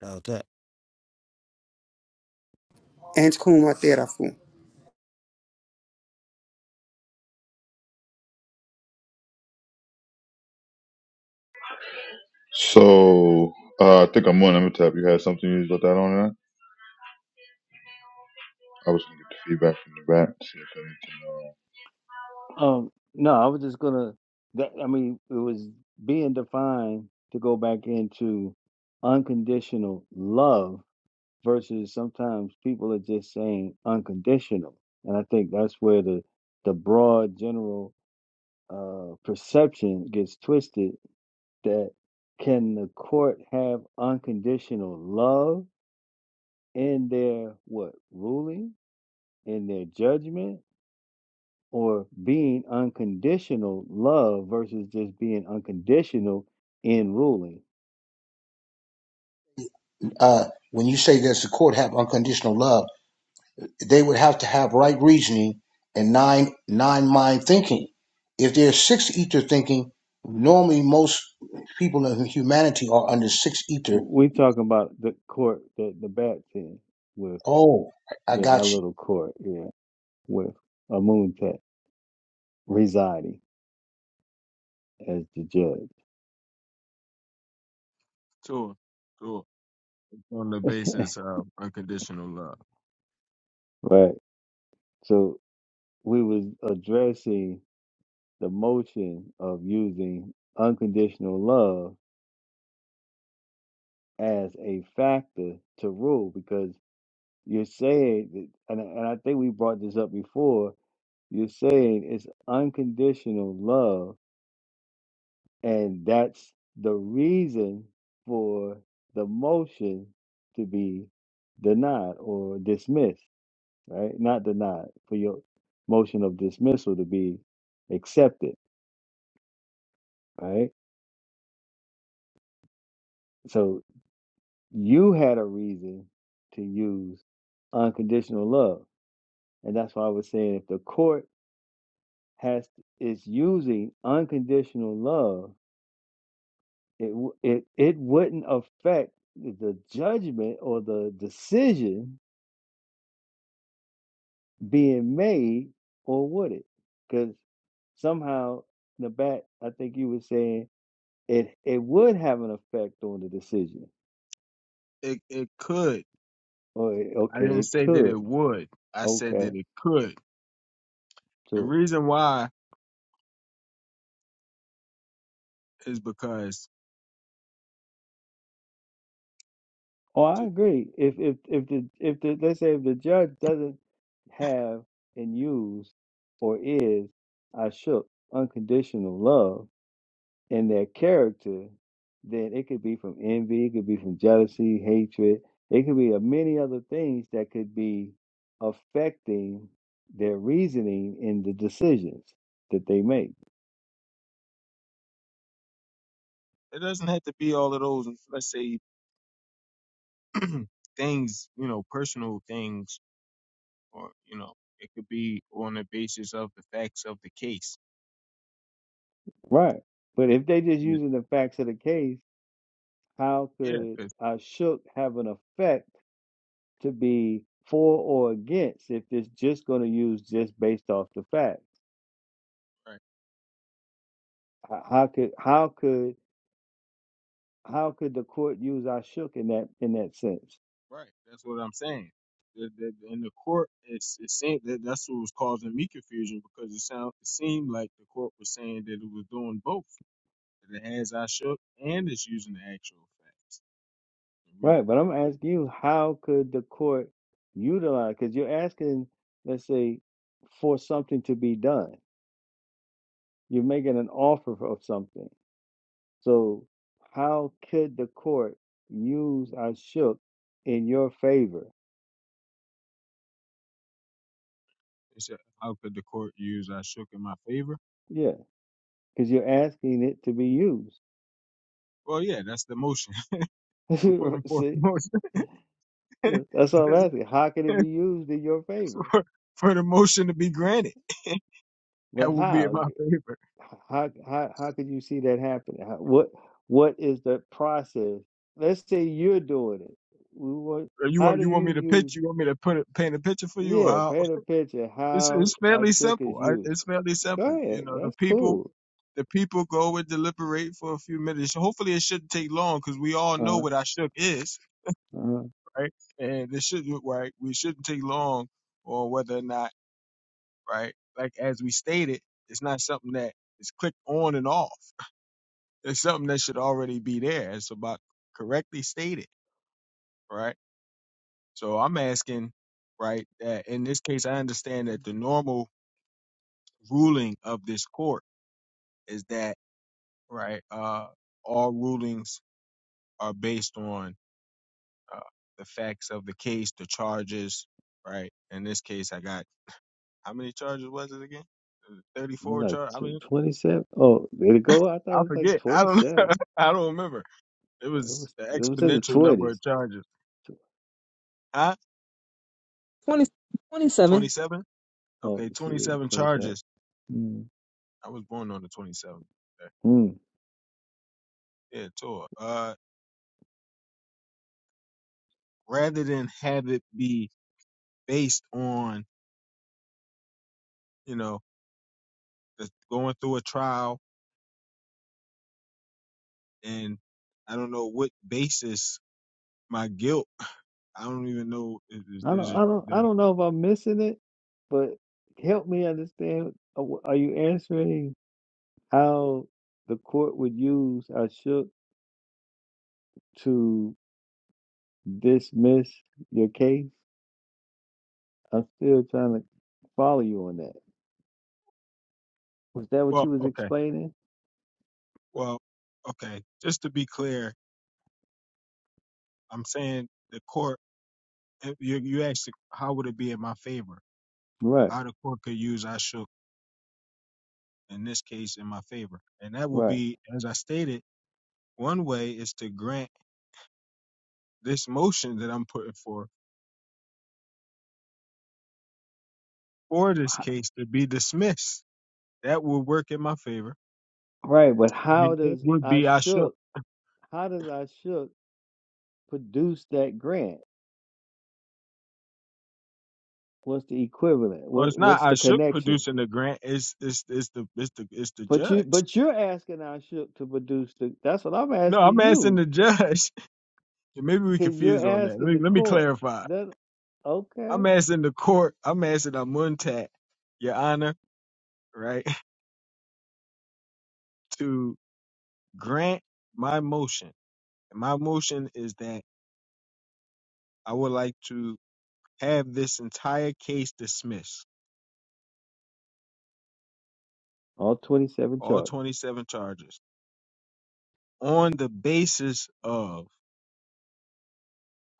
Speaker 14: That was that.
Speaker 15: Antikum Aterafu.
Speaker 2: So uh, I think I'm on Amitab. You had something you got that on that? I was gonna get the feedback from the back. See
Speaker 10: Um, no, I was just gonna. That I mean, it was being defined to go back into unconditional love versus sometimes people are just saying unconditional, and I think that's where the the broad general uh, perception gets twisted that can the court have unconditional love in their what ruling in their judgment or being unconditional love versus just being unconditional in ruling
Speaker 13: Uh, when you say does the court have unconditional love? they would have to have right reasoning and nine nine mind thinking. If there's six ether thinking, normally most people in humanity are under six ether.
Speaker 10: we talking about the court that the bat's in with
Speaker 13: Oh, I
Speaker 10: yeah our
Speaker 13: got you.
Speaker 10: little court yeah with a moon residing as the judge
Speaker 11: Sure, sure. On the basis of unconditional love.
Speaker 10: right so we was addressing the motion of using unconditional love as a factor to rule because you're saying that, and, and I think we brought this up before, you're saying it's unconditional love, and that's the reason for the motion to be denied or dismissed, right? Not denied, for your motion of dismissal to be accepted, right? So you had a reason to use unconditional love. And that's why I was saying if the court has is using unconditional love, it w- it it wouldn't affect the judgment or the decision being made, or would it? Because somehow in the back, I think you were saying it it would have an effect on the decision.
Speaker 11: It it could.
Speaker 10: Or it-
Speaker 11: I
Speaker 10: okay,
Speaker 11: didn't
Speaker 10: it
Speaker 11: say that
Speaker 10: could.
Speaker 11: it would. I said
Speaker 10: Okay,
Speaker 11: that it could. The
Speaker 10: so.
Speaker 11: reason why is because
Speaker 10: Oh, I
Speaker 11: t-
Speaker 10: agree. If if if the if the let's say if the judge doesn't have and use or is I shook unconditional love in their character, then it could be from envy, it could be from jealousy, hatred, it could be of many other things that could be affecting their reasoning in the decisions that they make.
Speaker 11: it doesn't have to be all of those. Let's say things, you know, personal things, or you know, it could be on the basis of the facts of the case.
Speaker 10: Right. But if they just using the facts of the case, how
Speaker 11: Yeah,
Speaker 10: could
Speaker 11: 'cause-
Speaker 10: I shook have an effect? to be for or against if it's just going to use just based off the facts.
Speaker 11: right,
Speaker 10: How could how could how could the court use I in that in that sense?
Speaker 11: right. That's what I'm saying. The, the, in the court, it's it seemed that that's what was causing me confusion because it sound it seemed like the court was saying that it was doing both. That it has I shook and it's using the actual facts. And we
Speaker 10: Right, but I'm asking you, how could the court utilize? Because you're asking, let's say, for something to be done. You're making an offer of something. So how could the court use I in your favor?
Speaker 11: it said, how could the court use I shook in my favor?
Speaker 10: Yeah, because you're asking it to be used.
Speaker 11: Well, yeah, that's the motion. I'm putting forth
Speaker 10: See?
Speaker 11: the motion
Speaker 10: That's what I'm
Speaker 11: That's
Speaker 10: asking. How can it be used in your favor?
Speaker 11: for, for the motion to be granted.
Speaker 10: But
Speaker 11: That would be in
Speaker 10: how?
Speaker 11: my favor.
Speaker 10: How how how could you see that happening? How, what what is the process? Let's say you're doing it. We want,
Speaker 11: Or you
Speaker 10: how
Speaker 11: want
Speaker 10: do
Speaker 11: you
Speaker 10: you
Speaker 11: want me to
Speaker 10: use?
Speaker 11: pitch? You want me to put it, paint a picture for you? Or
Speaker 10: Yeah,
Speaker 11: how?
Speaker 10: paint a picture
Speaker 11: It's
Speaker 10: how
Speaker 11: it's fairly
Speaker 10: Ashok is
Speaker 11: simple. I,
Speaker 10: used.
Speaker 11: it's fairly
Speaker 10: Go
Speaker 11: simple.
Speaker 10: ahead.
Speaker 11: You know, the
Speaker 10: That's
Speaker 11: people
Speaker 10: cool.
Speaker 11: the people go and deliberate for a few minutes. Hopefully, it shouldn't take long because we all know
Speaker 10: Uh
Speaker 11: what our shook is,
Speaker 10: uh.
Speaker 11: right? And it shouldn't right. We shouldn't take long on whether or not right. Like as we stated, it's not something that is clicked on and off. It's something that should already be there. It's about correctly stated, right? So I'm asking, right? That in this case, I understand that the normal ruling of this court is that. right? Uh, all rulings are based on uh, the facts of the case, the charges, right? In this case, I got how many charges was it again? Uh,
Speaker 10: I'm
Speaker 11: Thirty-four
Speaker 10: like
Speaker 11: charge. I mean,
Speaker 10: twenty seven. Oh, did it go? I thought
Speaker 11: I
Speaker 10: it was like
Speaker 11: forget. I
Speaker 10: twenty
Speaker 11: don't.
Speaker 10: seven.
Speaker 11: I don't remember. It
Speaker 10: It
Speaker 11: was
Speaker 10: was
Speaker 11: an
Speaker 10: it was in the
Speaker 11: exponential number
Speaker 10: twenties.
Speaker 11: of charges. Huh?
Speaker 1: Twenty twenty seven.
Speaker 11: Twenty-seven.
Speaker 10: Oh,
Speaker 11: Okay,
Speaker 10: you see,
Speaker 11: twenty-seven
Speaker 10: twenty
Speaker 11: charges.
Speaker 10: seven.
Speaker 11: I was born on the twenty-seventh. Okay.
Speaker 10: Hmm.
Speaker 11: Yeah, tour. Uh, rather than have it be based on, you know, the, going through a trial and I don't know what basis my guilt. I don't even know if there's,
Speaker 10: I
Speaker 11: there's
Speaker 10: don't, I
Speaker 11: a
Speaker 10: don't, I
Speaker 11: there,
Speaker 10: don't know if I'm missing it, but help me understand. uh, wh- Are you answering how the court would use I shook to dismiss your case? I'm still trying to follow you on that. Was that what
Speaker 11: well,
Speaker 10: you was
Speaker 11: okay,
Speaker 10: explaining?
Speaker 11: well, okay. Just to be clear, I'm saying the court. if You you asked how would it be in my favor?
Speaker 10: Right,
Speaker 11: How the court could use I shook in this case in my favor, and that would
Speaker 10: right,
Speaker 11: be as I stated. One way is to grant this motion that I'm putting for for this
Speaker 10: H-
Speaker 11: case to be dismissed. That would work in my favor.
Speaker 10: right. But how
Speaker 11: And It
Speaker 10: does
Speaker 11: would
Speaker 10: I
Speaker 11: be I shook.
Speaker 10: shook? How does I shook produce that grant? What's the equivalent?
Speaker 11: Well,
Speaker 10: What
Speaker 11: it's not
Speaker 10: What's
Speaker 11: I
Speaker 10: the
Speaker 11: shook
Speaker 10: connection?
Speaker 11: producing the grant. It's it's it's the it's the it's the
Speaker 10: But you,
Speaker 11: judge.
Speaker 10: but you're asking our ship to produce the. That's what I'm
Speaker 11: No,
Speaker 10: asking
Speaker 11: I'm asking
Speaker 10: you,
Speaker 11: the judge. Maybe we
Speaker 10: because you're
Speaker 11: confused on that. Let
Speaker 10: asking
Speaker 11: me
Speaker 10: the
Speaker 11: let me
Speaker 10: court.
Speaker 11: clarify.
Speaker 10: Then, okay,
Speaker 11: I'm asking the court. I'm asking Amuntat, Your Honor, right, to grant my motion. And my motion is that I would like to have this entire case dismissed,
Speaker 10: all 27
Speaker 11: all
Speaker 10: charges.
Speaker 11: 27 charges, on the basis of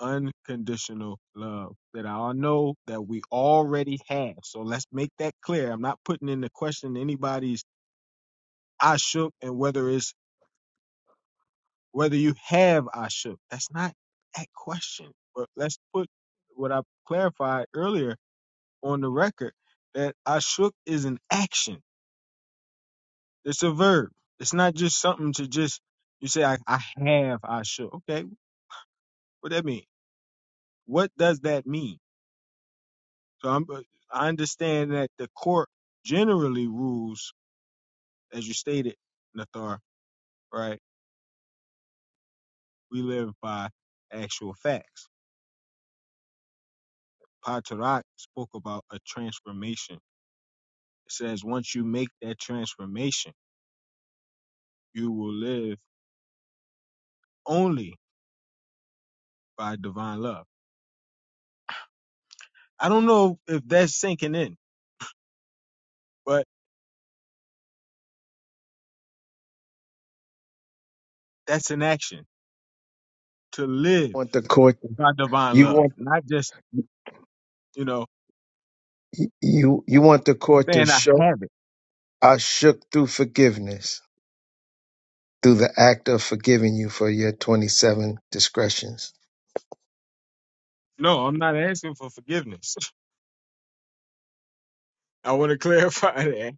Speaker 11: unconditional love that I know that we already have. So let's make that clear. I'm not putting in the question anybody's I shook and whether it's whether you have I shook. That's not that question. But let's put what I clarified earlier on the record that I shook is an action. It's a verb. It's not just something to just you say I, I have I shook. Okay, what that mean? What does that mean? So I'm, uh, I understand that the court generally rules, as you stated, Nathar, right? We live by actual facts. Patarak spoke about a transformation. It says once you make that transformation, you will live only by divine love. I don't know if that's sinking in, but that's an action to live
Speaker 12: the court
Speaker 11: by divine
Speaker 12: you
Speaker 11: love,
Speaker 12: want
Speaker 11: not just, you know,
Speaker 12: you you want the court to
Speaker 11: saying I
Speaker 12: show
Speaker 11: have it.
Speaker 12: I shook through forgiveness through the act of forgiving you for your 27 discretions.
Speaker 11: No, I'm not asking for forgiveness. I want to clarify that.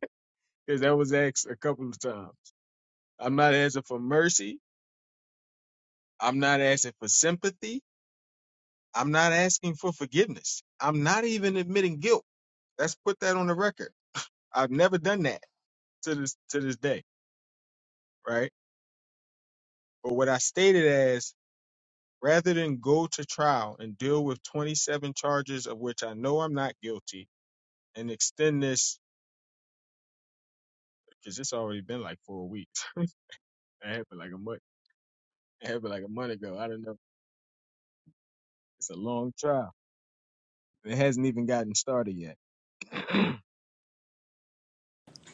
Speaker 11: because that was asked a couple of times. I'm not asking for mercy. I'm not asking for sympathy. I'm not asking for forgiveness. I'm not even admitting guilt. Let's put that on the record. I've never done that to this to this day, right? But what I stated as rather than go to trial and deal with 27 charges of which I know I'm not guilty and extend this because it's already been like four weeks. it happened like a month. It happened like a month ago. I don't know. It's a long trial. It hasn't even gotten started yet I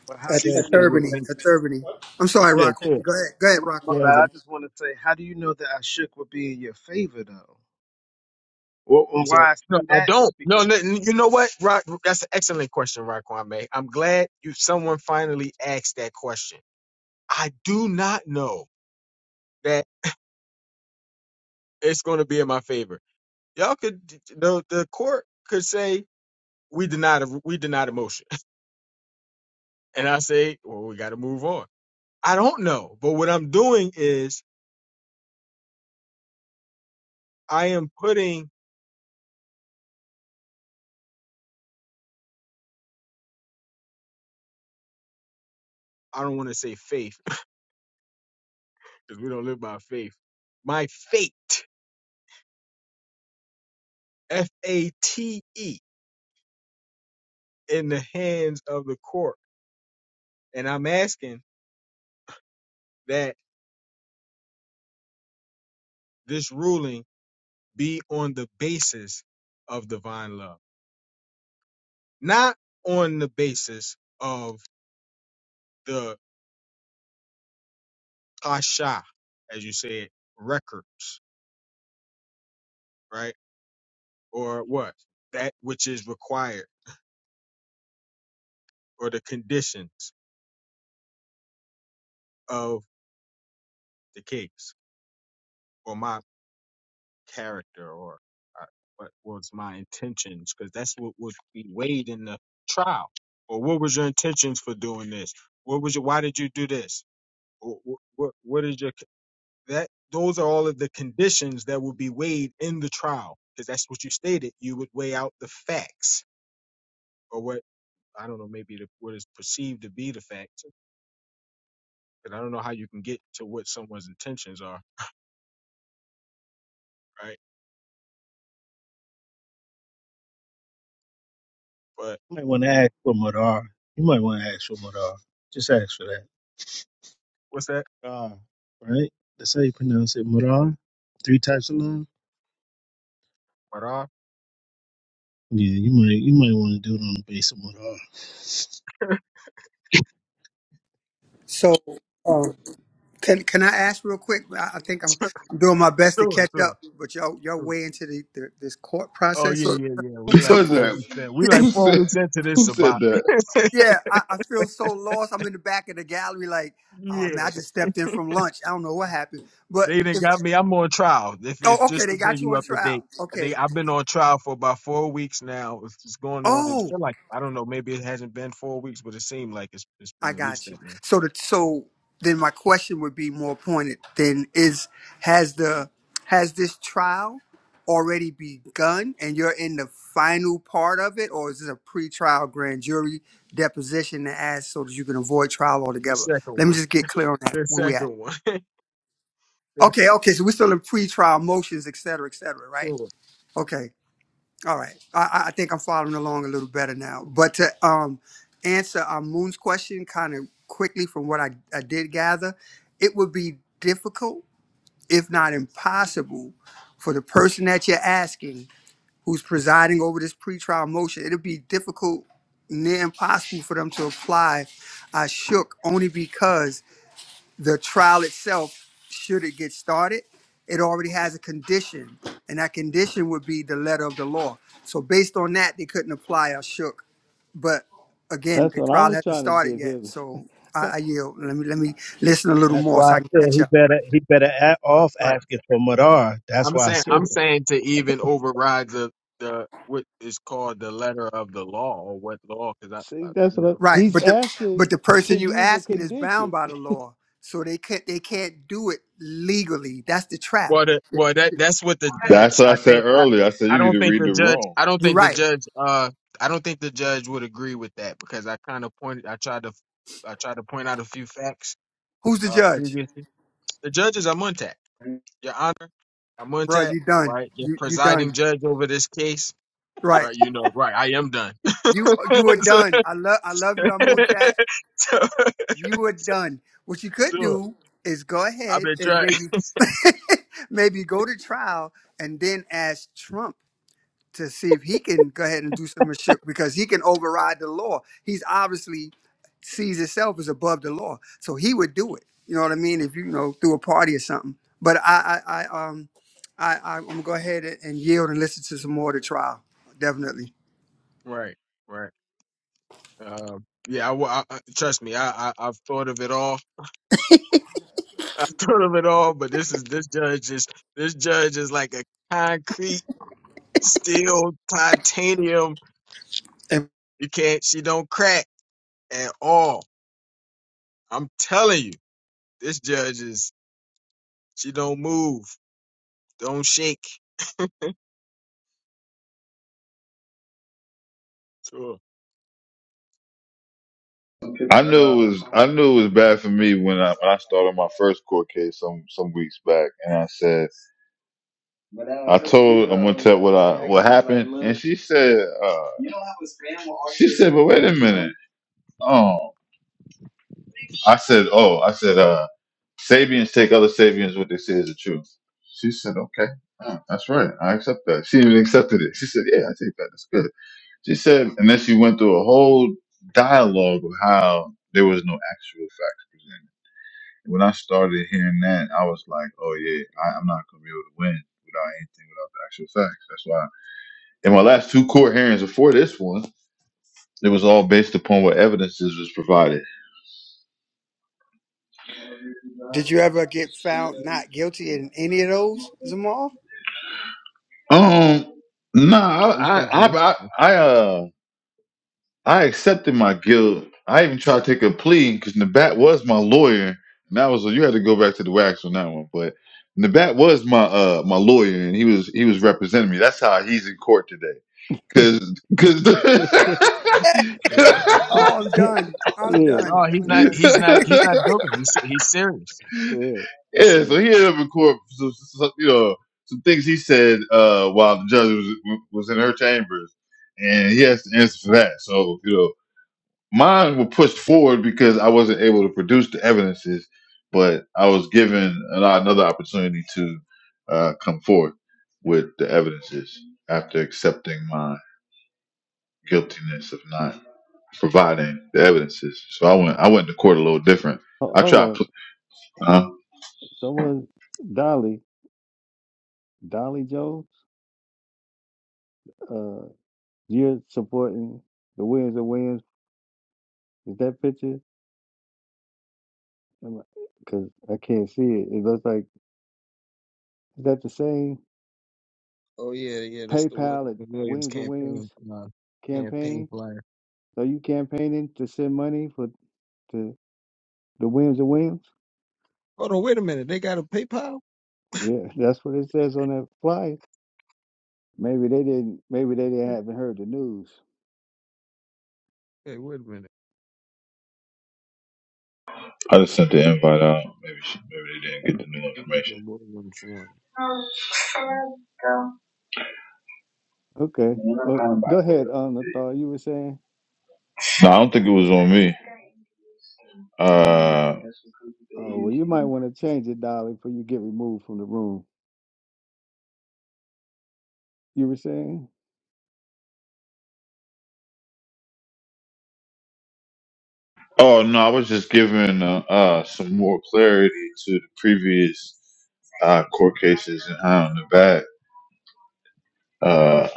Speaker 12: But how
Speaker 15: At
Speaker 12: do
Speaker 11: said it
Speaker 15: A
Speaker 12: you
Speaker 11: would
Speaker 15: Turbany.
Speaker 11: make
Speaker 15: a Turbany. I'm sorry,
Speaker 11: yeah,
Speaker 15: Rock.
Speaker 11: sure.
Speaker 15: Go ahead. Go ahead, Rock
Speaker 12: my
Speaker 15: for
Speaker 11: There's
Speaker 15: me.
Speaker 11: a
Speaker 12: bad, I just want to say how do you know that I shook would be in your favor though? Well,
Speaker 11: you
Speaker 12: and
Speaker 11: said
Speaker 12: why I
Speaker 11: no,
Speaker 12: say
Speaker 11: I
Speaker 12: that is
Speaker 11: don't.
Speaker 12: because
Speaker 11: No, no, you know what, Rock? That's an excellent question, Rock Kwame. I'm glad you someone finally asked that question. I do not know that it's going to be in my favor. Y'all could the the court could say we denied a, we denied a motion, and I say well we got to move on. I don't know, but what I'm doing is I am putting I don't want to say faith because we don't live by faith. My fate. F A T E in the hands of the court. And I'm asking that this ruling be on the basis of divine love, not on the basis of the kasha, as you said, records, right? Or what? That which is required or the conditions of the case or my. character or uh, what was my intentions because that's what would be weighed in the trial or what was your intentions for doing this what was your why did you do this what, what, what is your that those are all of the conditions that will be weighed in the trial because that's what you stated you would weigh out the facts or what i don't know maybe the, what is perceived to be the facts because i don't know how you can get to what someone's intentions are right but
Speaker 12: You might want to ask for Madar. You might want to ask for Madar. Just ask for that.
Speaker 11: what's that
Speaker 12: Ah, right? That's how you pronounce it. Madar? Three types of love?
Speaker 11: what are
Speaker 12: Yeah, you might you might want to do it on the base of Madar.
Speaker 15: So um can can I ask real quick? I, I think I'm I'm doing my best to
Speaker 11: sure
Speaker 15: catch
Speaker 11: sure
Speaker 15: up, but y'all y'all
Speaker 11: sure.
Speaker 15: way into the, the this court
Speaker 11: Oh
Speaker 15: process.
Speaker 11: yeah,
Speaker 15: So,
Speaker 11: yeah, yeah. We
Speaker 2: if anything. Who
Speaker 15: so
Speaker 11: like
Speaker 2: was
Speaker 11: four
Speaker 2: that?
Speaker 11: weeks in. We like
Speaker 2: Who
Speaker 11: four
Speaker 2: said?
Speaker 11: weeks into this
Speaker 2: Who said
Speaker 11: about.
Speaker 2: that?
Speaker 15: yeah, I, I feel so lost. I'm in the back of the gallery like Oh man, I
Speaker 11: yeah,
Speaker 15: just stepped in from lunch. I don't know what happened, but
Speaker 11: they didn't
Speaker 15: if
Speaker 11: got me. I'm on trial. If, if
Speaker 15: oh okay,
Speaker 11: just
Speaker 15: they
Speaker 11: to
Speaker 15: got
Speaker 11: bring
Speaker 15: you
Speaker 11: you
Speaker 15: on
Speaker 11: up to
Speaker 15: trial.
Speaker 11: date, they
Speaker 15: Okay.
Speaker 11: I've been on trial for about four weeks now. It's it's going on. It's
Speaker 15: Oh
Speaker 11: feel like I don't know. Maybe it hasn't been four weeks, but it seemed like it's it's
Speaker 15: I
Speaker 11: been at least
Speaker 15: got you.
Speaker 11: that. yeah.
Speaker 15: So the so then my question would be more pointed. Then is has the has this trial already begun and you're in the final part of it, or is this a pre-trial grand jury deposition to ask so that you can avoid trial
Speaker 11: The
Speaker 15: altogether?
Speaker 11: second
Speaker 15: Let me
Speaker 11: one.
Speaker 15: just get clear on that.
Speaker 11: The
Speaker 15: Where we at?
Speaker 11: second one. The
Speaker 15: Okay, okay. So we're still in pre-trial motions, et cetera, et cetera, right?
Speaker 11: second one.
Speaker 15: Okay. All right. I, I think I'm following along a little better now. But to um, answer um, Moon's question kind of quickly from what I, I did gather, it would be difficult, if not impossible, for the person that you're asking who's presiding over this pretrial motion, it'd be difficult, near impossible for them to apply. I shook only because the trial itself, should it get started, it already has a condition, and that condition would be the letter of the law. So based on that, they couldn't apply a shook. But again,
Speaker 10: That's
Speaker 15: the
Speaker 10: what I
Speaker 15: trial
Speaker 10: was
Speaker 15: hasn't
Speaker 10: trying to
Speaker 15: started
Speaker 10: get
Speaker 15: yet,
Speaker 10: him
Speaker 15: so I, I yield. Let me let me listen a little
Speaker 12: That's
Speaker 15: more
Speaker 12: why
Speaker 15: so
Speaker 12: I
Speaker 15: I can
Speaker 12: said
Speaker 15: catch
Speaker 12: he
Speaker 15: up.
Speaker 12: better he better a
Speaker 11: Right.
Speaker 12: off
Speaker 11: right.
Speaker 12: asking for Madar. That's
Speaker 11: I'm
Speaker 12: why I
Speaker 11: saying
Speaker 12: said
Speaker 11: I'm
Speaker 10: to
Speaker 11: saying to even override the the what is called the letter of the law or what law because I,
Speaker 10: see.
Speaker 11: I
Speaker 10: That's
Speaker 11: you
Speaker 10: what
Speaker 11: know.
Speaker 10: I,
Speaker 15: Right,
Speaker 10: he's
Speaker 15: but the
Speaker 10: asking
Speaker 15: but the
Speaker 10: to
Speaker 15: person you
Speaker 10: use a
Speaker 15: asking is bound
Speaker 10: condition.
Speaker 15: by the law, so they can't they can't do it legally. That's the trap.
Speaker 11: Well, the, well, that that's what the
Speaker 2: That's
Speaker 11: judge.
Speaker 2: what I
Speaker 11: I
Speaker 2: said
Speaker 11: think I,
Speaker 2: earlier. I said
Speaker 11: I
Speaker 2: you need
Speaker 11: don't
Speaker 2: to
Speaker 11: think
Speaker 2: read
Speaker 11: the
Speaker 2: the
Speaker 11: judge.
Speaker 2: room.
Speaker 11: I don't
Speaker 15: You're
Speaker 11: think the
Speaker 15: right.
Speaker 11: judge. Uh, I don't think the judge would agree with that because I kind of pointed. I tried to, I tried to point out a few facts.
Speaker 15: Who's the
Speaker 11: Uh,
Speaker 15: judge,
Speaker 11: previously, the judges are Muntat, Your Honor, are
Speaker 15: bro?
Speaker 11: Muntat,
Speaker 15: You done.
Speaker 11: right? The
Speaker 15: You you done.
Speaker 11: presiding judge over this case,
Speaker 15: Right.
Speaker 11: right? You know, right? I am done.
Speaker 15: You you were
Speaker 11: so,
Speaker 15: done. I love I love you, Amuntat.
Speaker 11: so,
Speaker 15: You were done. What you could
Speaker 11: so,
Speaker 15: do is go
Speaker 11: I've
Speaker 15: ahead
Speaker 11: been
Speaker 15: and
Speaker 11: trying.
Speaker 15: maybe maybe go to trial and then ask Trump to see if he can go ahead and do some shit because he can override the law. He's obviously sees himself as above the law, so he would do it. You know what I mean? If you, you know through a party or something. But I I, I um I, I am gonna go ahead and and yield and listen to some more of the trial. Definitely.
Speaker 11: right, right. Um, yeah, I, wa- I, I- trust me. I, I, I've thought of it all I told him it all, but this is this judge is this judge is like a concrete steel titanium. You can't she don't crack at all. I'm telling you, this judge is she don't move, don't shake. Sure.
Speaker 2: I
Speaker 11: But uh
Speaker 2: knew it was I knew it was bad for me when I when I started my first court case some some weeks back, and I said I told Amontet what I what happened, and she said uh, she said, but wait a minute, oh, I said, oh, I said, uh, Sabians take other Sabians what they say is the truth. She said, okay, uh, that's right, I accept that. She even accepted it. She said, yeah, I take that. That's good. She said, and then she went through a whole dialogue of how there was no actual facts presented. When I started hearing that, I was like, oh yeah, I, I'm not gonna be able to win without anything, without the actual facts. That's why in my last two court hearings before this one, it was all based upon what evidences was provided.
Speaker 15: Did you ever get found not guilty in any of those, Zamal?
Speaker 2: Um, nah,
Speaker 11: Oh, you
Speaker 2: I, I,
Speaker 11: talking
Speaker 2: I,
Speaker 11: to me?
Speaker 2: I, uh, I accepted my guilt. I even tried to take a plea because Nabat was my lawyer, and that was you had to go back to the wax on that one. But Nabat was my uh my lawyer, and he was he was representing me. That's how he's in court today, because because.
Speaker 10: yeah,
Speaker 15: Oh, I'm done. I'm
Speaker 10: yeah,
Speaker 11: no,
Speaker 15: done. I'm
Speaker 11: he's not
Speaker 15: done.
Speaker 10: yeah,
Speaker 11: he's not he's not joking. He's se- he's serious. He's
Speaker 2: Yeah,
Speaker 11: se-
Speaker 10: yeah.
Speaker 2: so he ended up in court. for Some, some, you know, some things he said uh, while the judge was, was in her chambers, and he has to answer for that. So you know, mine were pushed forward because I wasn't able to produce the evidences, but I was given an, another opportunity to uh, come forth with the evidences after accepting my guiltiness of not providing the evidences. So I went I went to court a little different.
Speaker 10: Ho-
Speaker 2: I
Speaker 10: Hold
Speaker 2: tried.
Speaker 10: on,
Speaker 2: pl- Uh,
Speaker 10: someone, Dolly, Dolly Jones. Uh, you're supporting the Williams and Williams. Is that picture? I'm because I can't see it. It looks like is that the same
Speaker 11: Oh, yeah, yeah, that's the William
Speaker 10: PayPal at
Speaker 11: Williams
Speaker 10: Williams and
Speaker 11: campaign
Speaker 10: Williams
Speaker 11: uh, campaign
Speaker 10: campaign?
Speaker 11: flyer.
Speaker 10: Are you campaigning to send money for to the Williams and Williams?
Speaker 11: Hold on, wait a minute. They got a PayPal?
Speaker 10: Yeah, that's what it says on that flyer. Maybe they didn't. Maybe they didn't haven't heard the news.
Speaker 11: Hey, wait a minute.
Speaker 2: I just sent the invite out. Maybe she, maybe they didn't get the new
Speaker 11: Williams
Speaker 2: information.
Speaker 11: and Williams one.
Speaker 10: Okay, well,
Speaker 2: No,
Speaker 10: go ahead, on the you were saying.
Speaker 2: I don't think it was on me. Uh,
Speaker 10: Oh well, you might want to change it, Dolly, before you get removed from the room. You were saying.
Speaker 2: Oh no, I was just giving uh, uh, some more clarity to the previous uh, court cases and how in the back uh,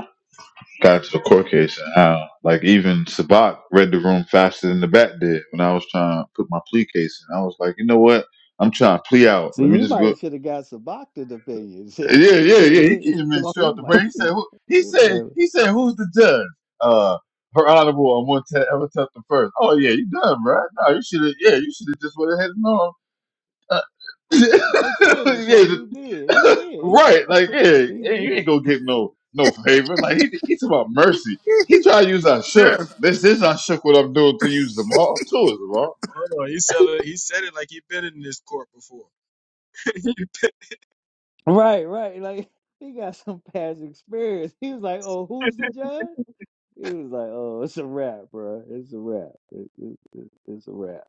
Speaker 2: got to the court case and how like even Sabak read the room faster than the back did when I was trying to put my plea case in. I was like, you know what? I'm trying to plea out.
Speaker 10: See,
Speaker 2: Let me
Speaker 10: you
Speaker 2: just
Speaker 10: might
Speaker 2: go.
Speaker 10: have should have got some doctor's opinion. See,
Speaker 2: Yeah, yeah, yeah. He
Speaker 10: he
Speaker 2: came in straight off the
Speaker 10: might.
Speaker 2: break. He said, who, he
Speaker 10: He might.
Speaker 2: said, he said, who's the judge? Uh, her honorable, I'm going to ever the first. Oh yeah, you done, right? No, you should have. Yeah, you should have just went ahead and on. yeah,
Speaker 10: no sentence like he did. He did.
Speaker 11: Hold
Speaker 10: He went
Speaker 2: right.
Speaker 10: up.
Speaker 2: Like, yeah,
Speaker 10: He
Speaker 2: hey, you
Speaker 10: did.
Speaker 2: ain't gonna get no no favor. Like,
Speaker 10: He-
Speaker 2: he, he's about mercy. He try to use our shook.
Speaker 15: Yeah.
Speaker 2: This is our shook. What I'm doing to use you, Zamal. Too, is Zamal.
Speaker 11: on, he said it. He said it like he been in this court before.
Speaker 10: right, right. Like he got some past experience. He was like, "Oh, who's the judge?" He was like, "Oh, it's a rap, bro. It's a rap. It, it, it- it's a rap."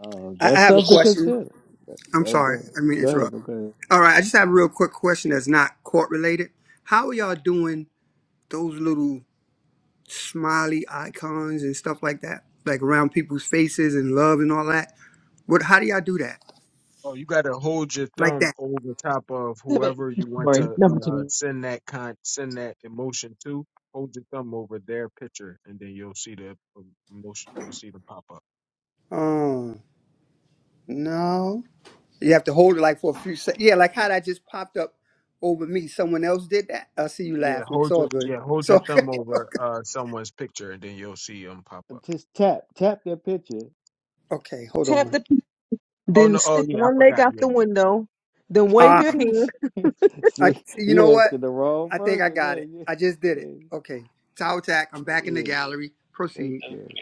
Speaker 10: Um,
Speaker 15: I, I
Speaker 10: that's
Speaker 15: have a
Speaker 10: something to
Speaker 15: question.
Speaker 10: consider.
Speaker 15: I'm
Speaker 10: Oh, go
Speaker 15: sorry. I
Speaker 10: ahead.
Speaker 15: didn't mean to
Speaker 10: Go ahead.
Speaker 15: interrupt.
Speaker 10: No, go ahead.
Speaker 15: All right. I just have a real quick question that's not court related. How are y'all doing those little smiley icons and stuff like that? Like around people's faces and love and all that? What? How do y'all do that?
Speaker 11: oh, you got to hold your
Speaker 15: Like
Speaker 11: thumb
Speaker 15: that?
Speaker 11: over top of whoever you want
Speaker 1: Sorry,
Speaker 11: to
Speaker 1: number two.
Speaker 11: uh, send that con send that emotion to. Hold your thumb over their picture, and then you'll see the emotion. You'll see the pop up.
Speaker 15: Oh, no. You have to hold it like for a few seconds. Yeah, like how that just popped up over me. Someone else did that. I see you
Speaker 11: Yeah,
Speaker 15: laughing. It's
Speaker 11: hold
Speaker 15: all
Speaker 11: your
Speaker 15: good.
Speaker 11: yeah, hold
Speaker 15: It's
Speaker 11: your
Speaker 15: all good.
Speaker 11: thumb over uh someone's picture, and then you'll see them pop up.
Speaker 10: Just tap, tap that picture.
Speaker 15: Okay, hold
Speaker 1: Tap
Speaker 15: on.
Speaker 1: the,
Speaker 11: Oh
Speaker 1: then
Speaker 11: no! Oh
Speaker 1: stick
Speaker 11: yeah, I
Speaker 1: one leg
Speaker 11: forgot.
Speaker 1: out
Speaker 11: Yeah.
Speaker 1: the
Speaker 11: yeah.
Speaker 1: window, then wave your
Speaker 15: Ah,
Speaker 1: hand.
Speaker 15: I,
Speaker 10: See,
Speaker 15: you
Speaker 10: you
Speaker 15: know
Speaker 10: asking
Speaker 15: what?
Speaker 10: the wrong
Speaker 15: I think I
Speaker 10: person
Speaker 15: got
Speaker 10: there.
Speaker 15: it.
Speaker 10: Yeah,
Speaker 15: I just did it.
Speaker 10: yeah,
Speaker 15: Okay, Tower Tack. I'm back in the
Speaker 10: yeah.
Speaker 15: gallery. Proceed.
Speaker 10: Okay.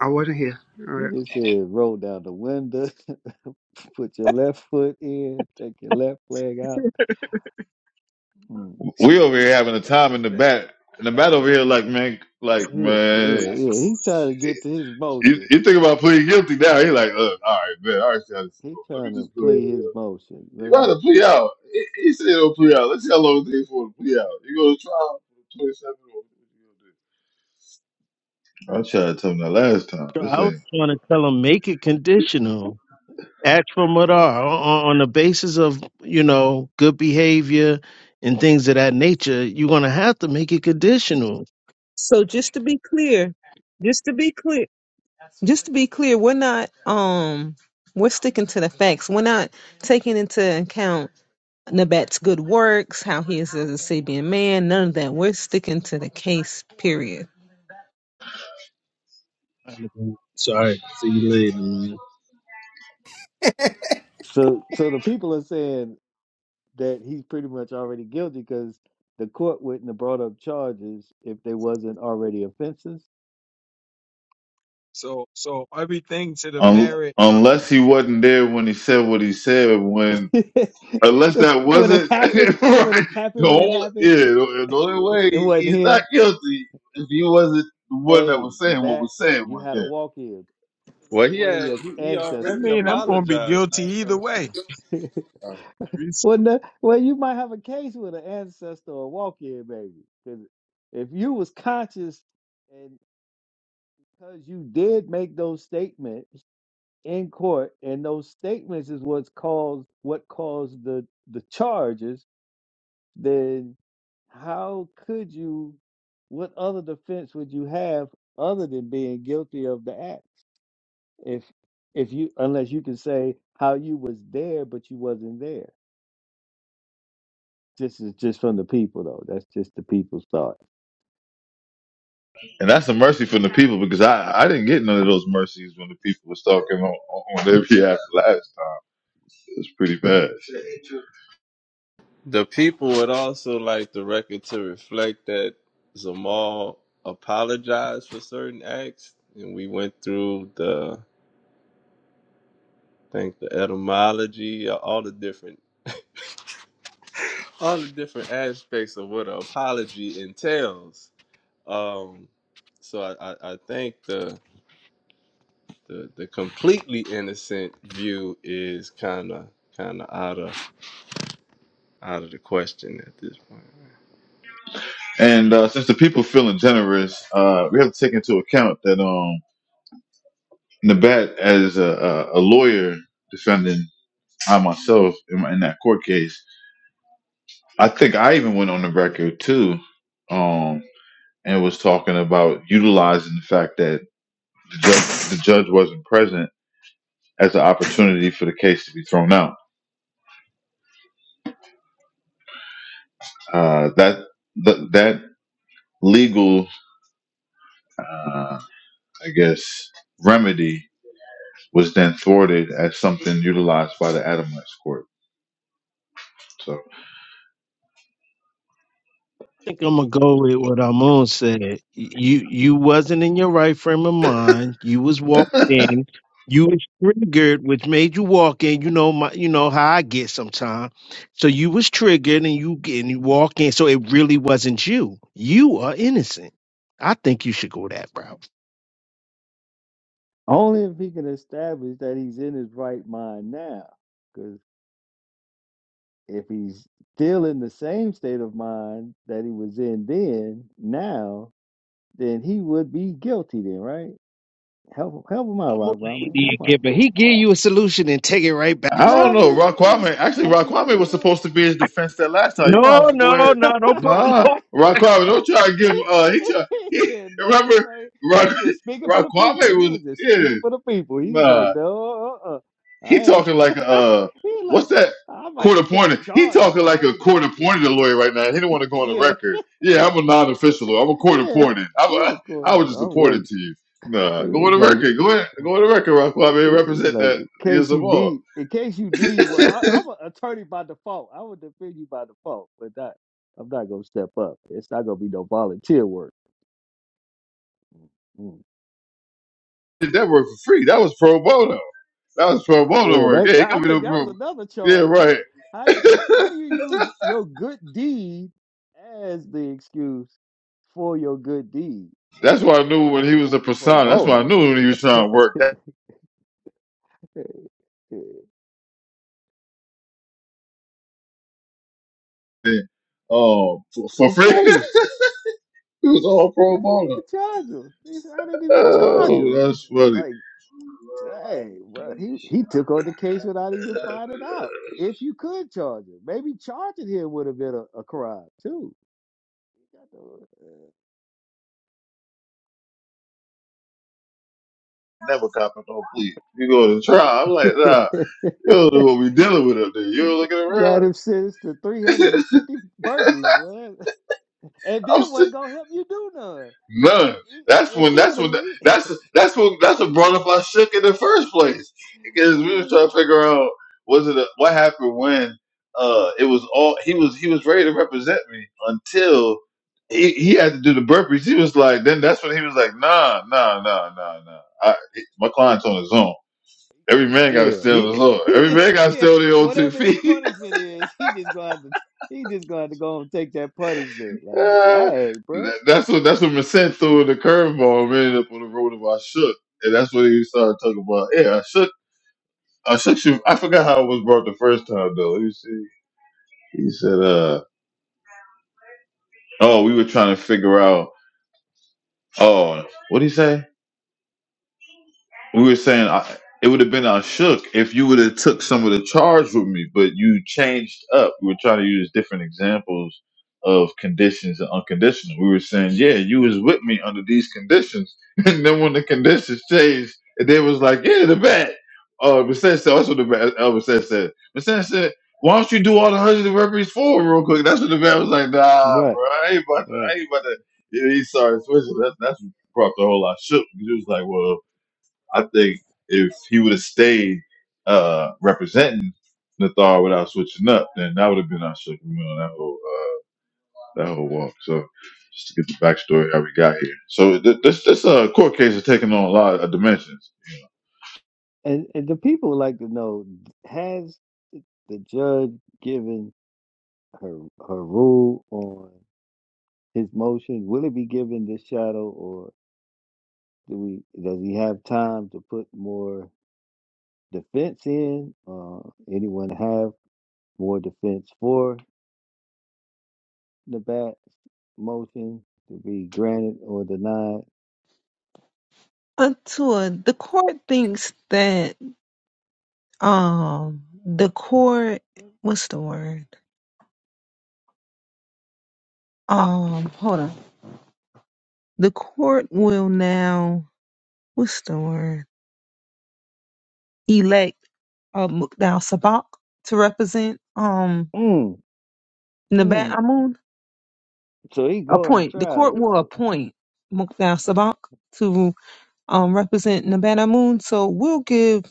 Speaker 15: I wasn't here.
Speaker 10: She
Speaker 15: All
Speaker 10: just said roll down the window. Put your left foot in, take your left leg out. Mm.
Speaker 2: We over here having a time in the bat, and the bat over here, like man, like
Speaker 10: Yeah, yeah,
Speaker 2: man.
Speaker 10: yeah. He's trying to get to his
Speaker 2: You,
Speaker 10: motion.
Speaker 2: you think about pleading guilty now? He like, look, all right, man, all right, see how this is
Speaker 10: He's
Speaker 2: going. Let me
Speaker 10: trying to
Speaker 2: just go ahead
Speaker 10: play
Speaker 2: and.
Speaker 10: his
Speaker 2: Uh,
Speaker 10: motion. Let
Speaker 2: you got
Speaker 10: him-
Speaker 2: to plea out. He, he said he'll plea out. Let's see how long it takes for him to plea out. You go to trial for 27 or I tried to tell him that last time.
Speaker 12: So
Speaker 2: This
Speaker 12: I was
Speaker 2: ain't
Speaker 12: trying to tell them make it conditional. Ask for madar on, on the basis of you know good behavior and things of that nature. You're gonna have to make it conditional.
Speaker 1: So just to be clear, just to be clear, just to be clear, we're not, um, we're sticking to the facts. We're not taking into account Nabat's good works, how he is as a Sabian man, none of that. We're sticking to the case, period.
Speaker 12: Sorry, see you later, man.
Speaker 15: right.
Speaker 10: So, so the people are saying that he's pretty much already guilty because the court wouldn't have brought up charges if they wasn't already offenses.
Speaker 11: So so everything to the
Speaker 2: un-
Speaker 11: merit
Speaker 2: unless
Speaker 11: of.
Speaker 2: he wasn't there when he said what he said. When unless that
Speaker 10: when it
Speaker 2: wasn't
Speaker 10: happened, when
Speaker 2: right,
Speaker 10: it
Speaker 2: the
Speaker 10: happened, when it
Speaker 2: only
Speaker 10: happened,
Speaker 2: yeah, the only way
Speaker 10: it
Speaker 2: he-
Speaker 10: wasn't
Speaker 2: he's not
Speaker 10: him.
Speaker 2: guilty if he wasn't the one that
Speaker 10: Hey,
Speaker 2: was saying what
Speaker 10: Nabat,
Speaker 2: was said.
Speaker 10: you
Speaker 2: When,
Speaker 10: had a
Speaker 2: yeah.
Speaker 10: walk in. Put it
Speaker 8: Well,
Speaker 10: on
Speaker 8: he
Speaker 10: one of
Speaker 8: had,
Speaker 10: your
Speaker 8: he, he
Speaker 11: I
Speaker 8: already
Speaker 10: ancestors
Speaker 11: mean, I'm
Speaker 10: there.
Speaker 11: gonna be
Speaker 8: apologized.
Speaker 11: guilty either way.
Speaker 10: Well, no, well, you might have a case with an ancestor or walk-in baby, because if you was conscious and because you did make those statements in court, and those statements is what's caused what caused the the charges, then how could you? What other defense would you have other than being guilty of the act? If if you unless you can say how you was there but you wasn't there. This is just from the people, though. That's just the people's thought.
Speaker 2: And that's a mercy from the people because I I didn't get none of those mercies when the people was talking on on their behalf last time. It's pretty bad.
Speaker 8: The people would also like the record to reflect that Zamal apologized for certain acts, and we went through the, I think the etymology, all the different, all the different aspects of what an apology entails. Um, so I, I, I think the the the completely innocent view is kind of kind of out of out of the question at this point.
Speaker 2: And uh, since the people feeling generous, uh, we have to take into account that um. Nabat, as a, a, a lawyer defending I myself in, in that court case, I think I even went on the record too, um, and was talking about utilizing the fact that the judge, the judge wasn't present as an opportunity for the case to be thrown out. Uh, that th- that legal, uh, I guess, remedy was then thwarted as something utilized by the Adamites court. So.
Speaker 12: think I'm gonna go with what Amon said. You you wasn't in your right frame of mind. You was walked in. You was triggered, which made you walk in. You know my, you know how I get sometimes. So you was triggered, and you and you walk in. So it really wasn't you. You are innocent. I think you should go that route.
Speaker 10: Only if he can establish that he's in his right mind now. Because if he's still in the same state of mind that he was in then, now, then he would be guilty then, right? Help, help him out,
Speaker 12: Come on,
Speaker 10: Rock
Speaker 12: the
Speaker 10: man.
Speaker 12: Indian
Speaker 10: Help him out.
Speaker 12: giver. He give you a solution and take it right
Speaker 2: I
Speaker 12: back
Speaker 10: No,
Speaker 12: from.
Speaker 2: don't
Speaker 10: I'm
Speaker 2: know.
Speaker 10: just,
Speaker 2: Rock
Speaker 10: I'm just,
Speaker 2: Kwame actually
Speaker 10: I'm just,
Speaker 2: Rock Kwame
Speaker 10: you
Speaker 2: was supposed to be his defense that last time. You might as
Speaker 12: No,
Speaker 2: well go
Speaker 12: no,
Speaker 2: ahead.
Speaker 12: no, don't put
Speaker 2: Nah,
Speaker 10: know.
Speaker 12: no.
Speaker 2: Rock Kwame, don't try to give. Uh, he try.
Speaker 10: he
Speaker 2: He
Speaker 10: said,
Speaker 2: remember
Speaker 10: no, no. He he
Speaker 2: Rock
Speaker 10: was just speaking for
Speaker 2: Rock
Speaker 10: the
Speaker 2: Kwame
Speaker 10: people. He
Speaker 2: was
Speaker 10: was just
Speaker 2: yeah.
Speaker 10: speaking for the people. He's like,
Speaker 2: Nah,
Speaker 10: no, uh-uh.
Speaker 2: he
Speaker 10: I ain't.
Speaker 2: talking like a uh,
Speaker 10: He's like,
Speaker 2: what's that
Speaker 10: I
Speaker 2: court
Speaker 10: might
Speaker 2: appointed?
Speaker 10: catch
Speaker 2: He
Speaker 10: charges.
Speaker 2: talking
Speaker 10: I
Speaker 2: like a
Speaker 10: ain't
Speaker 2: court
Speaker 10: getting it.
Speaker 2: appointed lawyer right now. He don't want to go on the
Speaker 10: Yeah,
Speaker 2: record. Yeah, I'm a non official. lawyer. I'm a court
Speaker 10: yeah.
Speaker 2: appointed. I'm
Speaker 10: He's
Speaker 2: a,
Speaker 10: a
Speaker 2: I
Speaker 10: quarterback.
Speaker 2: was just
Speaker 10: Oh,
Speaker 2: appointed
Speaker 10: wait.
Speaker 2: to you. Nah,
Speaker 10: He
Speaker 2: go on
Speaker 10: was
Speaker 2: the
Speaker 10: like,
Speaker 2: record. Go ahead. Go on the record, Rock
Speaker 10: he
Speaker 2: Kwame.
Speaker 10: he was
Speaker 2: Represent
Speaker 10: like,
Speaker 2: that.
Speaker 10: in
Speaker 2: Yes,
Speaker 10: case you
Speaker 2: of all.
Speaker 10: need, in case you need, well, I, I'm an attorney by default. I would defend you by default, but not, I'm not going to step up. It's not going to be no volunteer work. Mm.
Speaker 2: did that work for free. That was pro bono. That was pro bono
Speaker 10: Yeah,
Speaker 2: work.
Speaker 10: that,
Speaker 2: Yeah,
Speaker 10: that-
Speaker 2: it
Speaker 10: I
Speaker 2: could be no
Speaker 10: think that was
Speaker 2: pro.
Speaker 10: another
Speaker 2: Yeah,
Speaker 10: charge. What?
Speaker 2: right.
Speaker 10: How do how do you use your good deed as the excuse for your good deed?
Speaker 2: That's
Speaker 10: Like
Speaker 2: why I knew when he was a
Speaker 10: doing pro
Speaker 2: persona. That's why I
Speaker 10: bono
Speaker 2: knew when he was trying to work that thing. Um, for, for
Speaker 10: for
Speaker 2: free.
Speaker 10: free.
Speaker 2: it was all
Speaker 10: I
Speaker 2: pro
Speaker 10: didn't
Speaker 2: bono.
Speaker 10: even charge him. He said, I didn't even charge
Speaker 2: Oh,
Speaker 10: him.
Speaker 2: that's funny.
Speaker 10: Like, dang, bro, he he took on the case without even finding out. If you could charge him, maybe charging him would have been a, a crime too. You
Speaker 2: Never cop it, don't please. You go to trial. I'm
Speaker 10: got
Speaker 2: like, nah, you
Speaker 10: to-
Speaker 2: don't know what we dealing with up there. You don't looking
Speaker 10: Got him
Speaker 2: around.
Speaker 10: sentenced to 350 burpees, boy. And
Speaker 2: I'm
Speaker 10: then
Speaker 2: still
Speaker 10: wasn't gonna help you do none.
Speaker 2: None.
Speaker 10: He,
Speaker 2: That's
Speaker 10: if
Speaker 2: when.
Speaker 10: he
Speaker 2: That's
Speaker 10: would have
Speaker 2: when.
Speaker 10: least
Speaker 2: That's that's what. That's what brought up our shook in the first place because we was
Speaker 10: he
Speaker 2: trying to figure out was it a, what happened when uh it was all he was he was ready to represent me until he, he had to do the burpees. He was like, then that's when he was like, nah, nah, nah, nah, nah. I, my client's on his own. Every
Speaker 10: going to
Speaker 2: man got to
Speaker 10: jail.
Speaker 2: stand on
Speaker 10: He
Speaker 2: his own.
Speaker 10: he
Speaker 2: Every
Speaker 10: just
Speaker 2: man got to
Speaker 10: yeah,
Speaker 2: stand on their own two
Speaker 10: whatever his
Speaker 2: feet.
Speaker 10: punishment is, he just gonna have to he just gonna have to go and take that punishment. Like,
Speaker 2: Uh,
Speaker 10: dang, bro.
Speaker 2: that- that's what that's what Merced threw in the curveball and ended up on the road of I shook, and that's what he started talking about. Yeah, I shook, I shook you. I forgot how it was brought the first time though. He said, he said, uh, oh, we were trying to figure out. Oh, what did he say? we were saying I, it would have been on shook if you would have took some of the charge with me, but you changed up. We were trying to use different examples of conditions and unconditional. We were saying, yeah, you was with me under these conditions, and then when the conditions changed, and they was like, yeah, the bat. Uh, but said so. That's what the bat. Elvis said. Said but said Why don't you do all the hundred of referees for real quick? That's what the bat was like. Nah,
Speaker 10: Right,
Speaker 2: bro, I ain't about to.
Speaker 10: right.
Speaker 2: I ain't about to. Yeah, he started switching. That, that's what brought the whole lot of shook. He was like, well. I think if he would have stayed uh, representing Nathar without switching up, then that would have been our second win on that whole uh, that whole walk. So just to get the backstory how we got here. So th- this this uh, court case is taking on a lot of dimensions.
Speaker 10: And and the people would like to know, has the judge given her her rule on his motion? Will it be given this shadow or? Do we does he have time to put more defense in? Uh, anyone have more defense for the bat motion to be granted or denied?
Speaker 1: Until the court thinks that, um, the court, what's the word? Um, hold on. The court will now. what's the word? Elect uh, Mukdal Sabak to represent um
Speaker 10: Mm,
Speaker 1: Nabat
Speaker 10: mm.
Speaker 1: Amun.
Speaker 10: So he going to
Speaker 1: Appoint the
Speaker 10: trial
Speaker 1: court
Speaker 10: there.
Speaker 1: will
Speaker 10: So
Speaker 1: appoint Mukdal Sabak to um represent Nabat Amun. So we'll give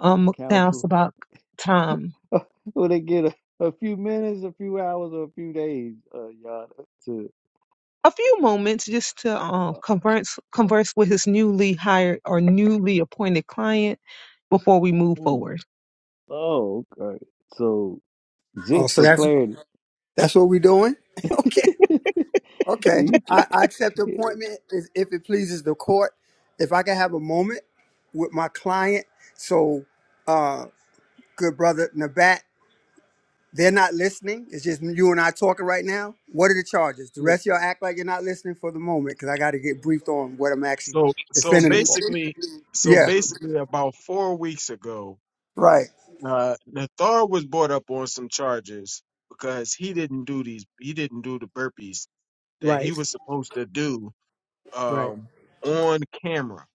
Speaker 1: um Mukdal
Speaker 10: counsel
Speaker 1: Sabak time.
Speaker 10: will they get a, a few minutes, a few hours, or a few days? Uh, y'all to
Speaker 1: A few moments just to uh,
Speaker 10: uh,
Speaker 1: converse
Speaker 10: uh,
Speaker 1: converse with his newly hired or newly appointed client before we move
Speaker 10: mm.
Speaker 1: forward.
Speaker 10: oh okay. So
Speaker 15: Oh,
Speaker 10: just
Speaker 15: so
Speaker 10: for
Speaker 15: that's
Speaker 10: clarity,
Speaker 15: that's what we're doing. Okay. Okay.
Speaker 10: you can.
Speaker 15: I, I accept the appointment if if it pleases the court. If I can have a moment with my client, so. good brother Nabat, they're not listening. It's just you and I talking right now. What are the charges? The rest of y'all act like you're not listening for the moment because I got to get briefed on what I'm actually
Speaker 11: So so
Speaker 15: defending it for.
Speaker 11: basically, so
Speaker 15: Yeah,
Speaker 11: basically, about four weeks ago,
Speaker 15: right,
Speaker 11: uh, Nathar was brought up on some charges because he didn't do these. He didn't do the burpees that he
Speaker 15: right,
Speaker 11: was supposed to do
Speaker 15: right.
Speaker 11: um, on camera.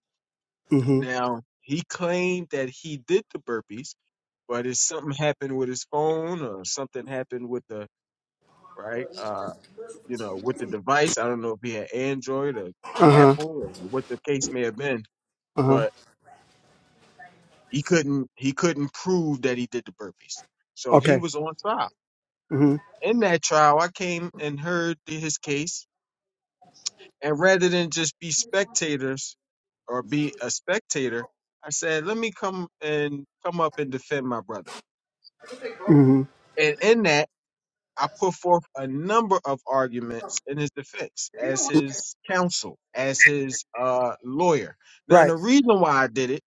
Speaker 15: Mm-hmm.
Speaker 11: Now he claimed that he did the burpees, but if something happened with his phone or something happened with the right, uh, you know, with the device. I don't know if he had Android or
Speaker 15: Uh-huh.
Speaker 11: Apple or what the case may have been,
Speaker 15: Uh-huh.
Speaker 11: but. He couldn't he couldn't prove that he did the burpees. So he
Speaker 15: Okay.
Speaker 11: was on trial.
Speaker 15: Mm-hmm.
Speaker 11: In that trial, I came and heard his case. And rather than just be spectators or be a spectator, I said, let me come and come up and defend my brother.
Speaker 15: Mm-hmm.
Speaker 11: And in that, I put forth a number of arguments in his defense as his counsel, as his uh, lawyer. Now,
Speaker 15: Right.
Speaker 11: the reason why I did it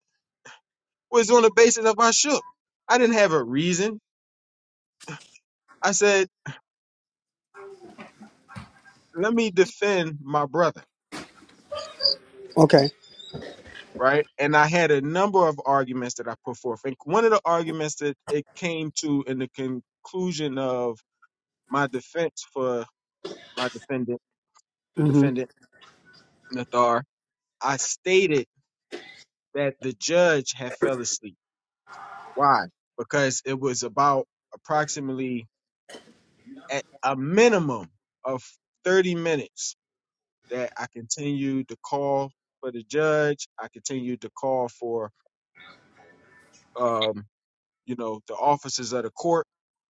Speaker 11: was on the basis of I shook. I didn't have a reason. I said, let me defend my brother,
Speaker 15: Okay.
Speaker 11: right? And I had a number of arguments that I put forth. And one of the arguments that it came to in the conclusion of my defense for my defendant, the
Speaker 15: Mm-hmm.
Speaker 11: defendant, Nathar, I stated that the judge had fell asleep. Why? Because it was about approximately at a minimum of 30 minutes that I continued to call for the judge. I continued to call for um, you know, the officers of the court.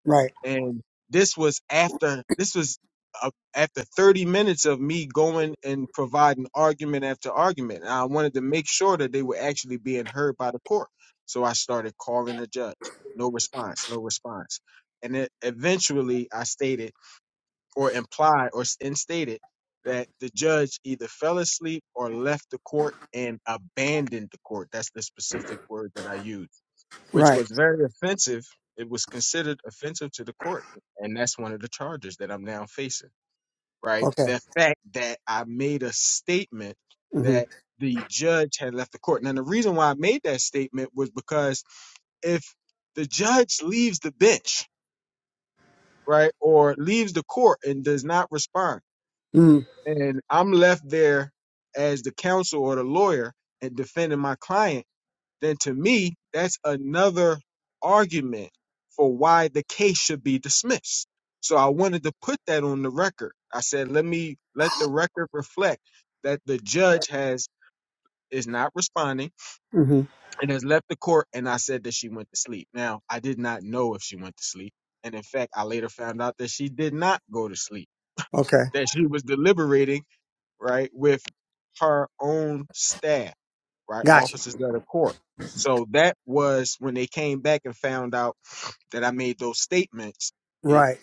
Speaker 15: Right.
Speaker 11: And this was after this was uh, after 30 minutes of me going and providing argument after argument. And I wanted to make sure that they were actually being heard by the court. So I started calling the judge. No response, no response. And then eventually I stated or implied or s- and stated that the judge either fell asleep or left the court and abandoned the court. That's the specific word that I used which
Speaker 15: Right.
Speaker 11: was very offensive. It was considered offensive to the court, and that's one of the charges that I'm now facing. Right,
Speaker 15: Okay.
Speaker 11: the fact that I made a statement
Speaker 15: Mm-hmm.
Speaker 11: that the judge had left the court. Now, the reason why I made that statement was because if the judge leaves the bench, right, or leaves the court and does not respond,
Speaker 15: Mm-hmm.
Speaker 11: and I'm left there as the counsel or the lawyer and defending my client then to me, that's another argument for why the case should be dismissed. So I wanted to put that on the record. I said, let me let the record reflect that the judge has is not responding
Speaker 15: Mm-hmm.
Speaker 11: and has left the court. And I said that she went to sleep. Now, I did not know if she went to sleep. And in fact, I later found out that she did not go to sleep,
Speaker 15: Okay.
Speaker 11: that she was deliberating, right, with her own staff right?
Speaker 15: Gotcha.
Speaker 11: Officers of the court. So that was when they came back and found out that I made those statements, it
Speaker 15: Right.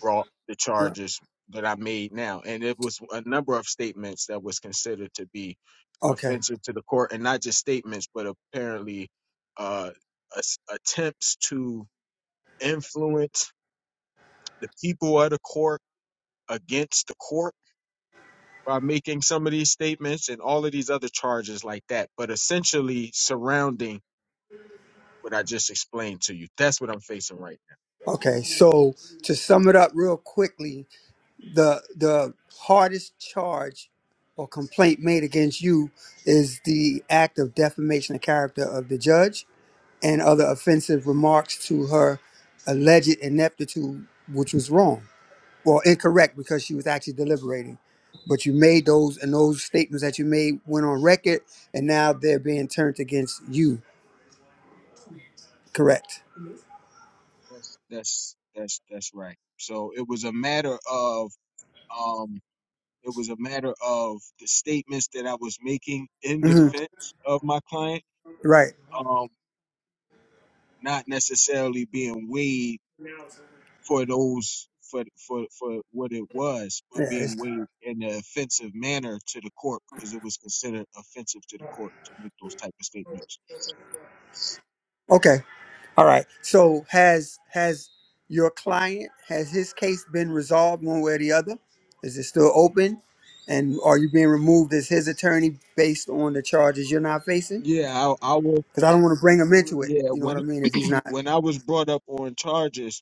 Speaker 11: brought the
Speaker 15: Right.
Speaker 11: charges that I made now. And it was a number of statements that was considered to be
Speaker 15: Okay.
Speaker 11: offensive to the court, and not just statements, but apparently uh, as- attempts to influence the people of the court against the court by making some of these statements and all of these other charges like that. But essentially surrounding what I just explained to you. That's what I'm facing right
Speaker 15: Okay. So to sum it up real quickly, the the hardest charge or complaint made against you is the act of defamation of character of the judge and other offensive remarks to her alleged ineptitude, which was wrong or incorrect because she was actually deliberating. But you made those and those statements that you made went on record, and now they're being turned against you. Correct.
Speaker 11: now. That's that's that's that's right. So it was a matter of um it was a matter of the statements that I was making in
Speaker 15: hmm
Speaker 11: defense of my client,
Speaker 15: Right.
Speaker 11: um, not necessarily being weighed for those for for for what it was, but
Speaker 15: Yeah. it's-
Speaker 11: being weighed in an offensive manner to the court because it was considered offensive to the court to make those type of statements.
Speaker 15: Okay. All right. So has has your client has his case been resolved one way or the other? Is it still open? And are you being removed as his attorney based on the charges you're not facing?
Speaker 11: Yeah, I, I will.
Speaker 15: Because I don't want to bring him into it.
Speaker 11: Yeah,
Speaker 15: You know what I
Speaker 11: when
Speaker 15: mean? If he's not.
Speaker 11: when I was brought up on charges,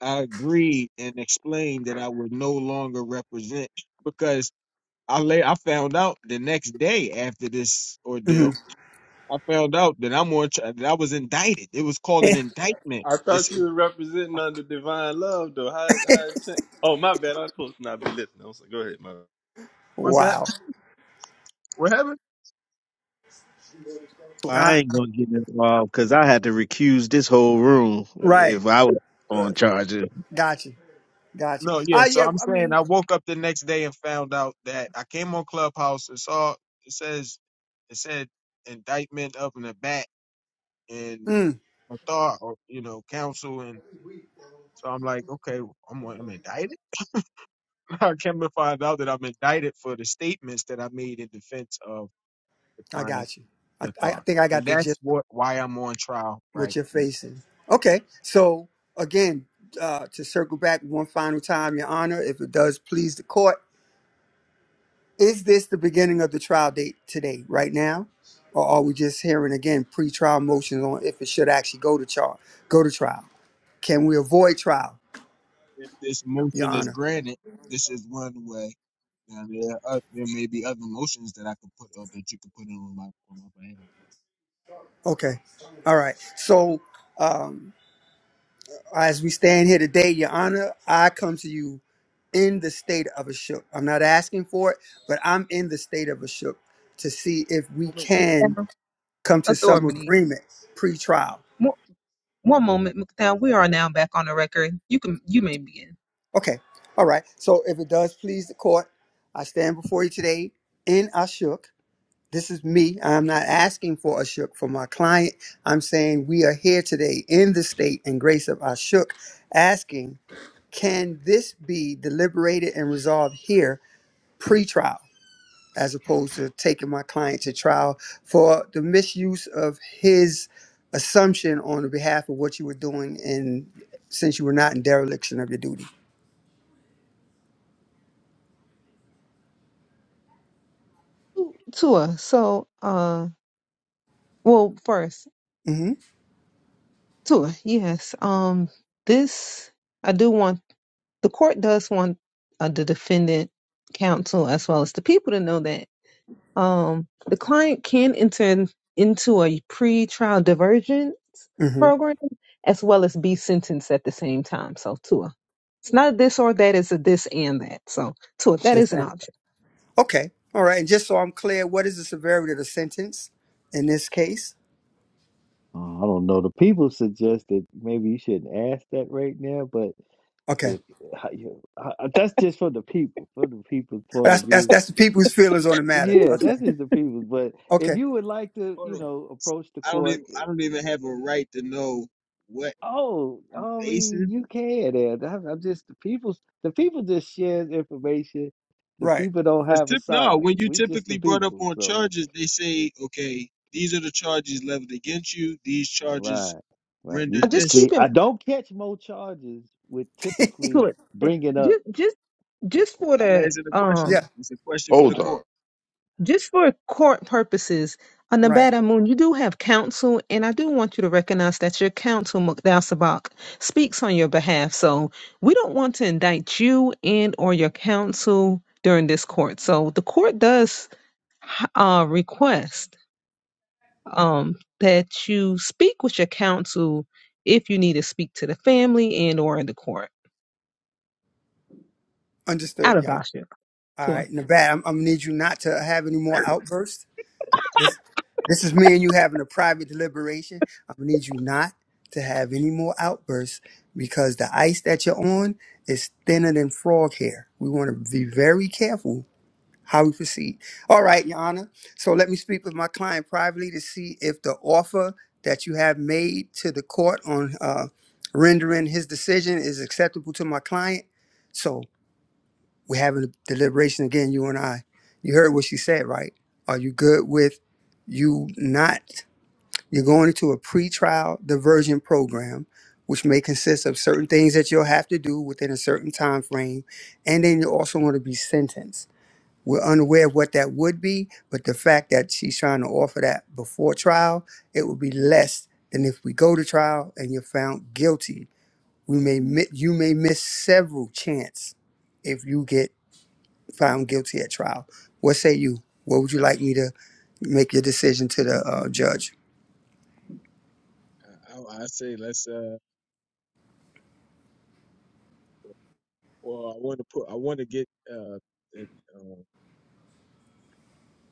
Speaker 11: I agreed and explained that I would no longer represent because I lay I found out the next day after this ordeal.
Speaker 15: Mhm.
Speaker 11: I found out that I'm on tri- that I was indicted. It was called an indictment.
Speaker 8: I thought
Speaker 11: It's
Speaker 8: you were representing under divine love, though. How how it change? Oh, my bad. I am supposed to not be listening. I'm sorry. Go ahead, my. bad.
Speaker 11: what's that?
Speaker 15: wow.
Speaker 11: What happened?
Speaker 12: I
Speaker 15: I,
Speaker 12: ain't gonna get involved because I had to recuse this whole room
Speaker 15: right.
Speaker 12: if I was
Speaker 15: Uh,
Speaker 12: on charges.
Speaker 15: Got you. Got you.
Speaker 11: No, yeah.
Speaker 15: Ah,
Speaker 11: So
Speaker 15: yeah.
Speaker 11: I'm
Speaker 15: I
Speaker 11: saying
Speaker 15: mean,
Speaker 11: I woke up the next day and found out that I came on Clubhouse and saw it says it said indictment up in the back and
Speaker 15: mm,
Speaker 11: I thought or you know counsel and so I'm like okay I'm I'm indicted I came to find out that I'm indicted for the statements that I made in defense of the
Speaker 15: I
Speaker 11: client,
Speaker 15: got you. I, I I
Speaker 11: Nathar.
Speaker 15: think I
Speaker 11: And
Speaker 15: got the gist.
Speaker 11: that's what why I'm on trial
Speaker 15: what
Speaker 11: right
Speaker 15: you're
Speaker 11: now.
Speaker 15: facing. Okay, so again, uh, to circle back one final time, Your Honor, if it does please the court, is this the beginning of the trial date today, right now, or are we just hearing again pre-trial motions on if it should actually go to trial? Go to trial? Can we avoid trial,
Speaker 11: If this
Speaker 15: Your
Speaker 11: motion is
Speaker 15: Honor?
Speaker 11: granted, this is one way. Now there are, oth- there may be other motions that I could put or that you could put in on my on my behalf.
Speaker 15: Okay, all right. So um, as we stand here today, Your Honor, I come to you in the state of a shook. I'm not asking for it, but I'm in the state of a shook to see if we
Speaker 1: Moment,
Speaker 15: can
Speaker 1: Mukdal.
Speaker 15: come to some
Speaker 1: Authority.
Speaker 15: agreement pre-trial.
Speaker 1: Mo- One moment, McDowell. We are now back on the record. You can you may begin.
Speaker 15: Okay. All right. So if it does please the court, I stand before you today in a shook. This is me. I'm not asking for a shook for my client. I'm saying we are here today in the state and grace of our shook, asking, can this be deliberated and resolved here pre-trial? as opposed to taking my client to trial for the misuse of his assumption on the behalf of what you were doing and since you were not in dereliction of your duty.
Speaker 1: Tua, so uh well first,
Speaker 15: hmm
Speaker 1: Tua, yes. Um this I do want the court does want uh, the defendant counsel as well as the people to know that Um, the client can enter in- into a pre-trial divergence
Speaker 15: hmm
Speaker 1: program as well as be sentenced at the same time. So, Tua, it's not a this or that; it's a this and that. So, Tua, that
Speaker 15: This
Speaker 1: is an
Speaker 15: act.
Speaker 1: option.
Speaker 15: Okay. All right. And just so I'm clear, what is the severity of the sentence in this case?
Speaker 10: Uh, I don't know. The people suggest that maybe you shouldn't ask that right now, but
Speaker 15: Okay.
Speaker 10: if how you- uh, uh, that's just for the people, from the people's point
Speaker 15: That's
Speaker 10: of
Speaker 15: that's
Speaker 10: view.
Speaker 15: that's the people's feelings on the matter.
Speaker 10: Yeah,
Speaker 15: Okay.
Speaker 10: that's just the people. But if
Speaker 15: Okay.
Speaker 10: you would like to,
Speaker 11: Hold
Speaker 10: you
Speaker 11: on.
Speaker 10: know, approach the
Speaker 11: I don't
Speaker 10: court,
Speaker 11: even I
Speaker 10: eh,
Speaker 11: don't even have a right to know what
Speaker 10: oh,
Speaker 11: I'm
Speaker 10: I mean,
Speaker 11: facing
Speaker 10: you can. And I'm I'm just the people. The people just shares information. The
Speaker 15: Right.
Speaker 10: people don't
Speaker 11: Cause
Speaker 10: have a
Speaker 11: tip no,
Speaker 10: side.
Speaker 11: when you
Speaker 10: We just the
Speaker 11: typically brought up
Speaker 10: people.
Speaker 11: on
Speaker 10: So
Speaker 11: charges, they say, okay, these are the charges leveled against you. These charges
Speaker 10: right, right. You
Speaker 1: Uh,
Speaker 11: render
Speaker 10: you
Speaker 1: Just
Speaker 11: this.
Speaker 1: keep
Speaker 10: see,
Speaker 1: in
Speaker 10: I don't catch more charges with typically
Speaker 1: Tua,
Speaker 10: bringing up.
Speaker 1: just just
Speaker 10: okay,
Speaker 1: just for
Speaker 11: I'm
Speaker 1: the
Speaker 11: asking a question.
Speaker 1: um
Speaker 15: yeah.
Speaker 11: It's a question
Speaker 10: Yeah.
Speaker 11: for the
Speaker 2: Hold on.
Speaker 11: court.
Speaker 1: just for court purposes, on
Speaker 15: Right.
Speaker 1: Nevada Moon, you do have counsel, and I do want you to recognize that your counsel, Mukdal Sabak, speaks on your behalf. So we don't want to indict you and or your counsel during this court. So the court does uh, request um, that you speak with your counsel if you need to speak to the family and or in the court. Out
Speaker 15: Understood.
Speaker 1: of
Speaker 15: Yeah.
Speaker 1: Basha.
Speaker 15: All
Speaker 1: Sure.
Speaker 15: right. Nevada, I'm, I'm gonna need you not to have any more outbursts. This. This is me and you having a private deliberation. I'm gonna need you not to have any more outbursts because the ice that you're on is thinner than frog hair. We want to be very careful how we proceed. All right, Your Honor. So let me speak with my client privately to see if the offer that you have made to the court on uh, rendering his decision is acceptable to my client. So we're having a deliberation again, you and I. You heard what she said, right? Are you good with you not? You're going into a pretrial diversion program, which may consist of certain things that you'll have to do within a certain time frame, and then you're also going to be sentenced. We're unaware of what that would be, but the fact that she's trying to offer that before trial, it would be less than if we go to trial and you're found guilty. We may mi- you may miss several chance if you get found guilty at trial. What say you? What would you like me to make your decision to the uh, judge?
Speaker 11: I, I I say let's. Uh, well, I want to put. I want to get. Uh, it, uh,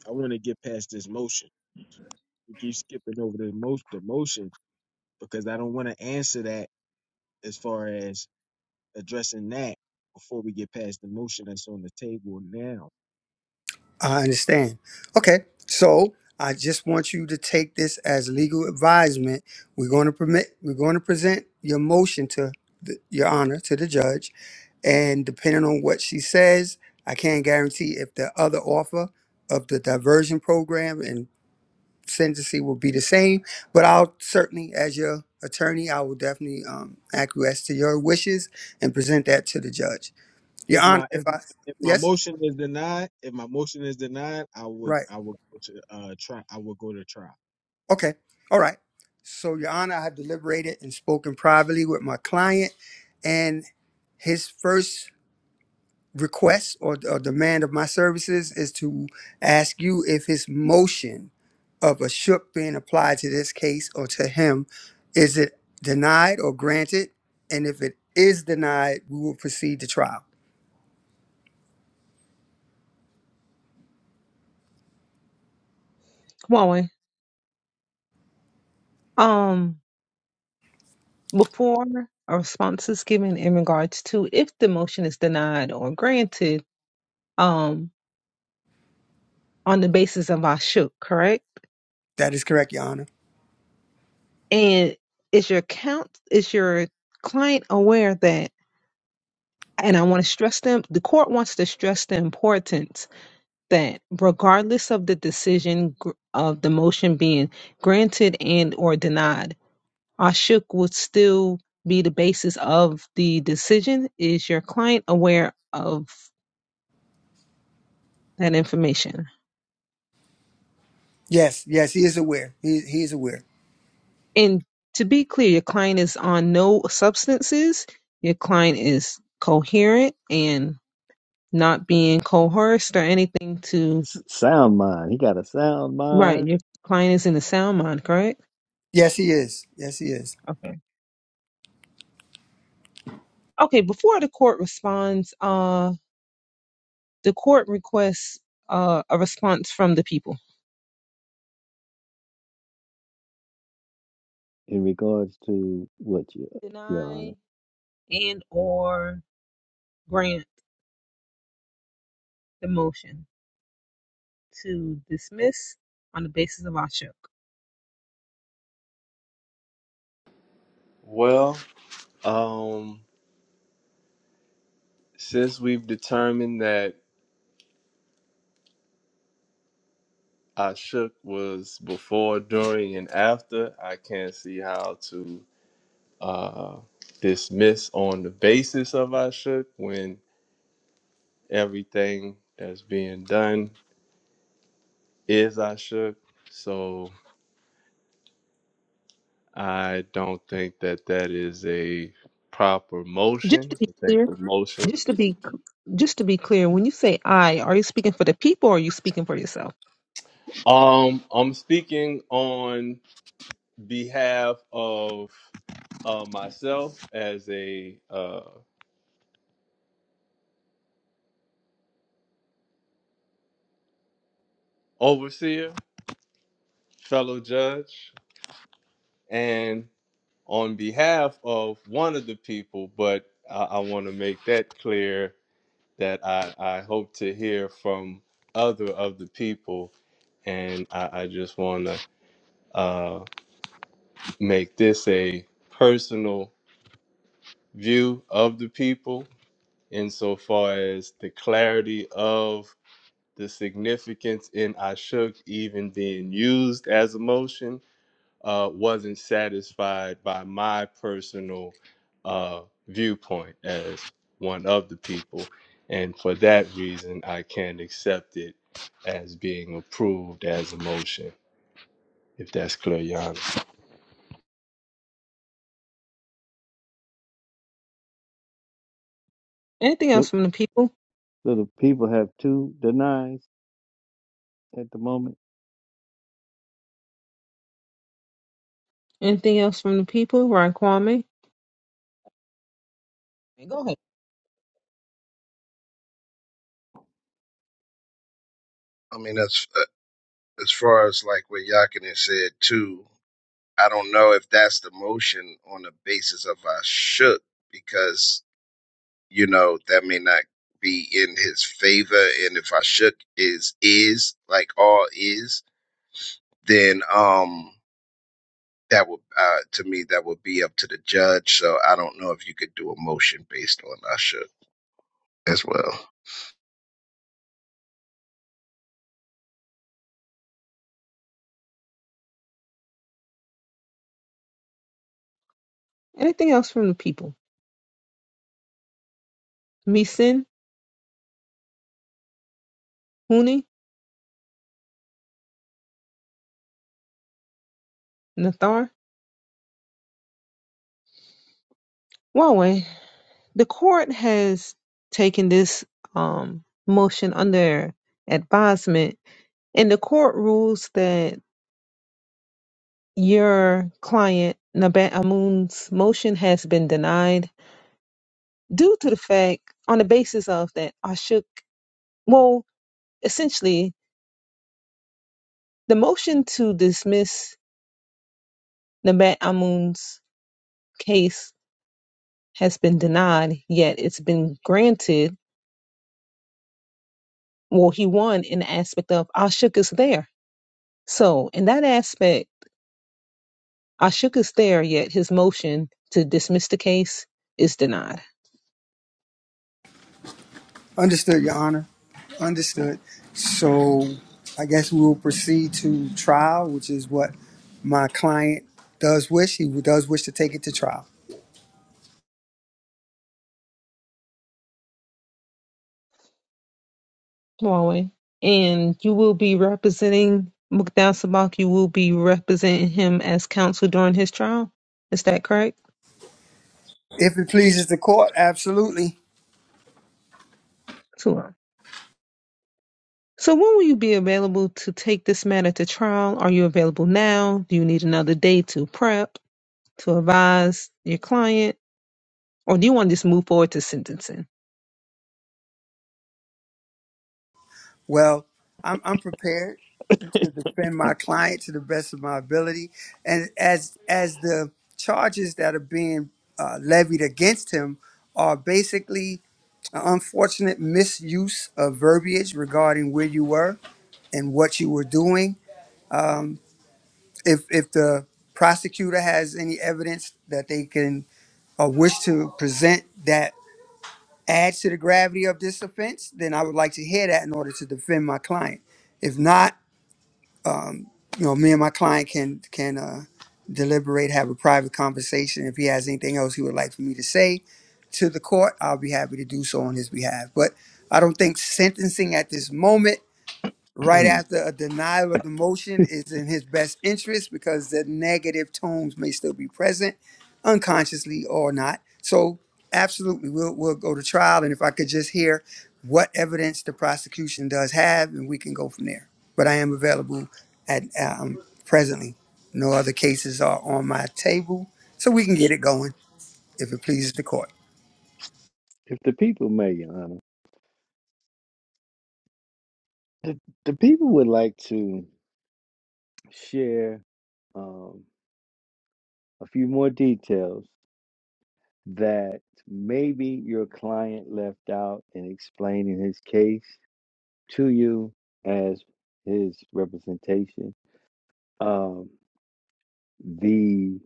Speaker 11: I want to get past this motion. We keep skipping over the most the motion because I don't want to answer that as far as addressing that before we get past the motion that's on the table now.
Speaker 15: I understand. Okay, so I just want you to take this as legal advisement. We're going to permit. We're going to present your motion to the, your honor to the judge, and depending on what she says, I can't guarantee if the other offer of the diversion program and sentencing will be the same. But I'll certainly, as your attorney, I will definitely um, acquiesce to your wishes and present that to the judge. Your
Speaker 11: If
Speaker 15: honor,
Speaker 11: my
Speaker 15: if
Speaker 11: if,
Speaker 15: I
Speaker 11: if my
Speaker 15: yes,
Speaker 11: motion is denied, if my motion is denied, I would
Speaker 15: right.
Speaker 11: I would go to uh try I would go to trial.
Speaker 15: Okay. All right. So, Your Honor, I have deliberated and spoken privately with my client, and his first request or, or demand of my services is to ask you if his motion of a shook being applied to this case or to him is it denied or granted? And if it is denied, we will proceed to trial.
Speaker 1: Come on. Wayne. Um, Before a response is given in regards to if the motion is denied or granted, um, on the basis of I shook, correct?
Speaker 15: That is correct, Your Honor.
Speaker 1: And is your count is your client aware that and I want to stress them the court wants to stress the importance that regardless of the decision gr- of the motion being granted and or denied, Ashuk would still be the basis of the decision. Is your client aware of that information?
Speaker 15: Yes, yes, he is aware. He, he is aware.
Speaker 1: And to be clear, your client is on no substances. Your client is coherent and not being coerced or anything to.
Speaker 10: S- sound mind. He got a sound
Speaker 1: Right.
Speaker 10: mind
Speaker 1: Your client is in a sound mind, correct?
Speaker 15: Yes, he is. Yes, he is.
Speaker 1: Okay. Okay. Before the court responds, uh, the court requests uh, a response from the people.
Speaker 10: in regards to what you, Your Honor.
Speaker 1: Deny and or grant the motion to dismiss on the basis of Ashok.
Speaker 8: Well, um, since we've determined that I shook was before, during, and after, I can't see how to uh dismiss on the basis of I shook when everything that's being done is I shook. So I don't think that that is a proper
Speaker 1: Just
Speaker 8: motion.
Speaker 1: to be
Speaker 8: I think
Speaker 1: clear,
Speaker 8: the motion
Speaker 1: just to
Speaker 8: is.
Speaker 1: be Just to be clear, when you say I, are you speaking for the people or are you speaking for yourself?
Speaker 8: Um, I'm speaking on behalf of uh, myself as a uh, overseer, fellow judge, and on behalf of one of the people. But I, I want to make that clear that I, I hope to hear from other of the people. And I, I just want to uh, make this a personal view of the people insofar as the clarity of the significance in Ashuk even being used as a motion uh, wasn't satisfied by my personal uh, viewpoint as one of the people. And for that reason, I can't accept it as being approved as a motion, if that's clear, Your Honor.
Speaker 1: Anything
Speaker 10: So,
Speaker 1: else from the people?
Speaker 10: so the people have two denies at the moment.
Speaker 1: Anything else from the people? Ryan Kwame? Go ahead.
Speaker 12: I mean, that's It's fucking- I don't know if that's the motion on the basis of I shook because you know that may not be in his favor. And if I shook is is like all is, then um that would to me that would be up to the judge. So I don't know if you could do a motion based on I shook as well.
Speaker 1: Anything else from the people? Misin, Huni, Nathar? Huawei. The court has taken this um, motion under advisement, and the court rules that your client Nabat Amun's motion has been denied due to the fact on the basis of that Ashok well essentially the motion to dismiss Nabat Amun's case has been denied yet it's been granted well he won in the aspect of Ashok is there so in that aspect Ashok is there, yet his motion to dismiss the case is denied.
Speaker 15: Understood, Your Honor. Understood. So I guess we will proceed to trial, which is what my client does wish. He does wish to take it to trial.
Speaker 1: Huawei. And you will be representing Mukdal Sabak. You will be representing him as counsel during his trial. Is that correct?
Speaker 15: If it pleases the court, absolutely.
Speaker 1: Sure. So when will you be available to take this matter to trial? Are you available now? Do you need another day to prep? to advise your client, or do you want to just move forward to sentencing?
Speaker 15: Well, I'm, I'm prepared to defend my client to the best of my ability. And as as the charges that are being uh, levied against him are basically an unfortunate misuse of verbiage regarding where you were and what you were doing if if the prosecutor has any evidence that they can or wish to present that adds to the gravity of this offense, then I would like to hear that in order to defend my client. If not, you know, me and my client can can uh, deliberate, have a private conversation. If he has anything else he would like for me to say to the court, I'll be happy to do so on his behalf. But I don't think sentencing at this moment Right after a denial of the motion
Speaker 10: if
Speaker 15: is in his best interest because the negative tones may still be present, unconsciously or not. So, absolutely, we'll, we'll go to trial. And if I could just hear what evidence the prosecution does have, and we can go from there. But I am available at um, presently. No other cases are on my table, so we can get it going if it pleases the court.
Speaker 10: the people may, Your Honor, the, the people would like to share um, a few more details that maybe your client left out in explaining his case to you as his representation. Um, the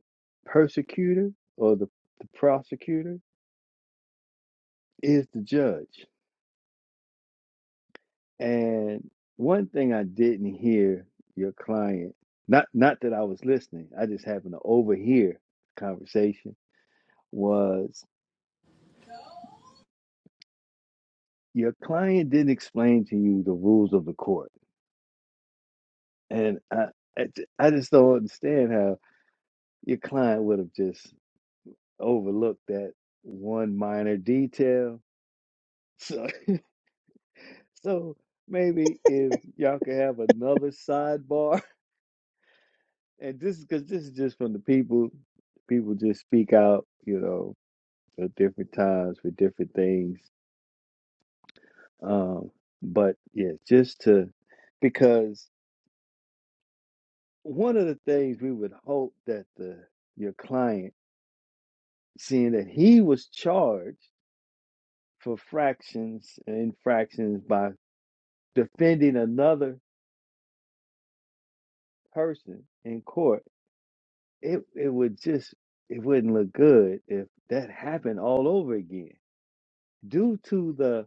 Speaker 10: persecutor or the, the prosecutor is the judge. And one thing I didn't hear your client, not not that I was listening, I just happened to overhear the conversation, was your client didn't explain to you the rules of the court. And I I j- I just don't understand how your client would have just overlooked that one minor detail. So So maybe if y'all could have another sidebar, and this is because this is just from the people, people just speak out, you know, at different times for different things. Um, but yeah, just to because one of the things we would hope that the your client, seeing that he was charged for fractions and infractions by defending another person in court It it would just it wouldn't look good if that happened all over again due to the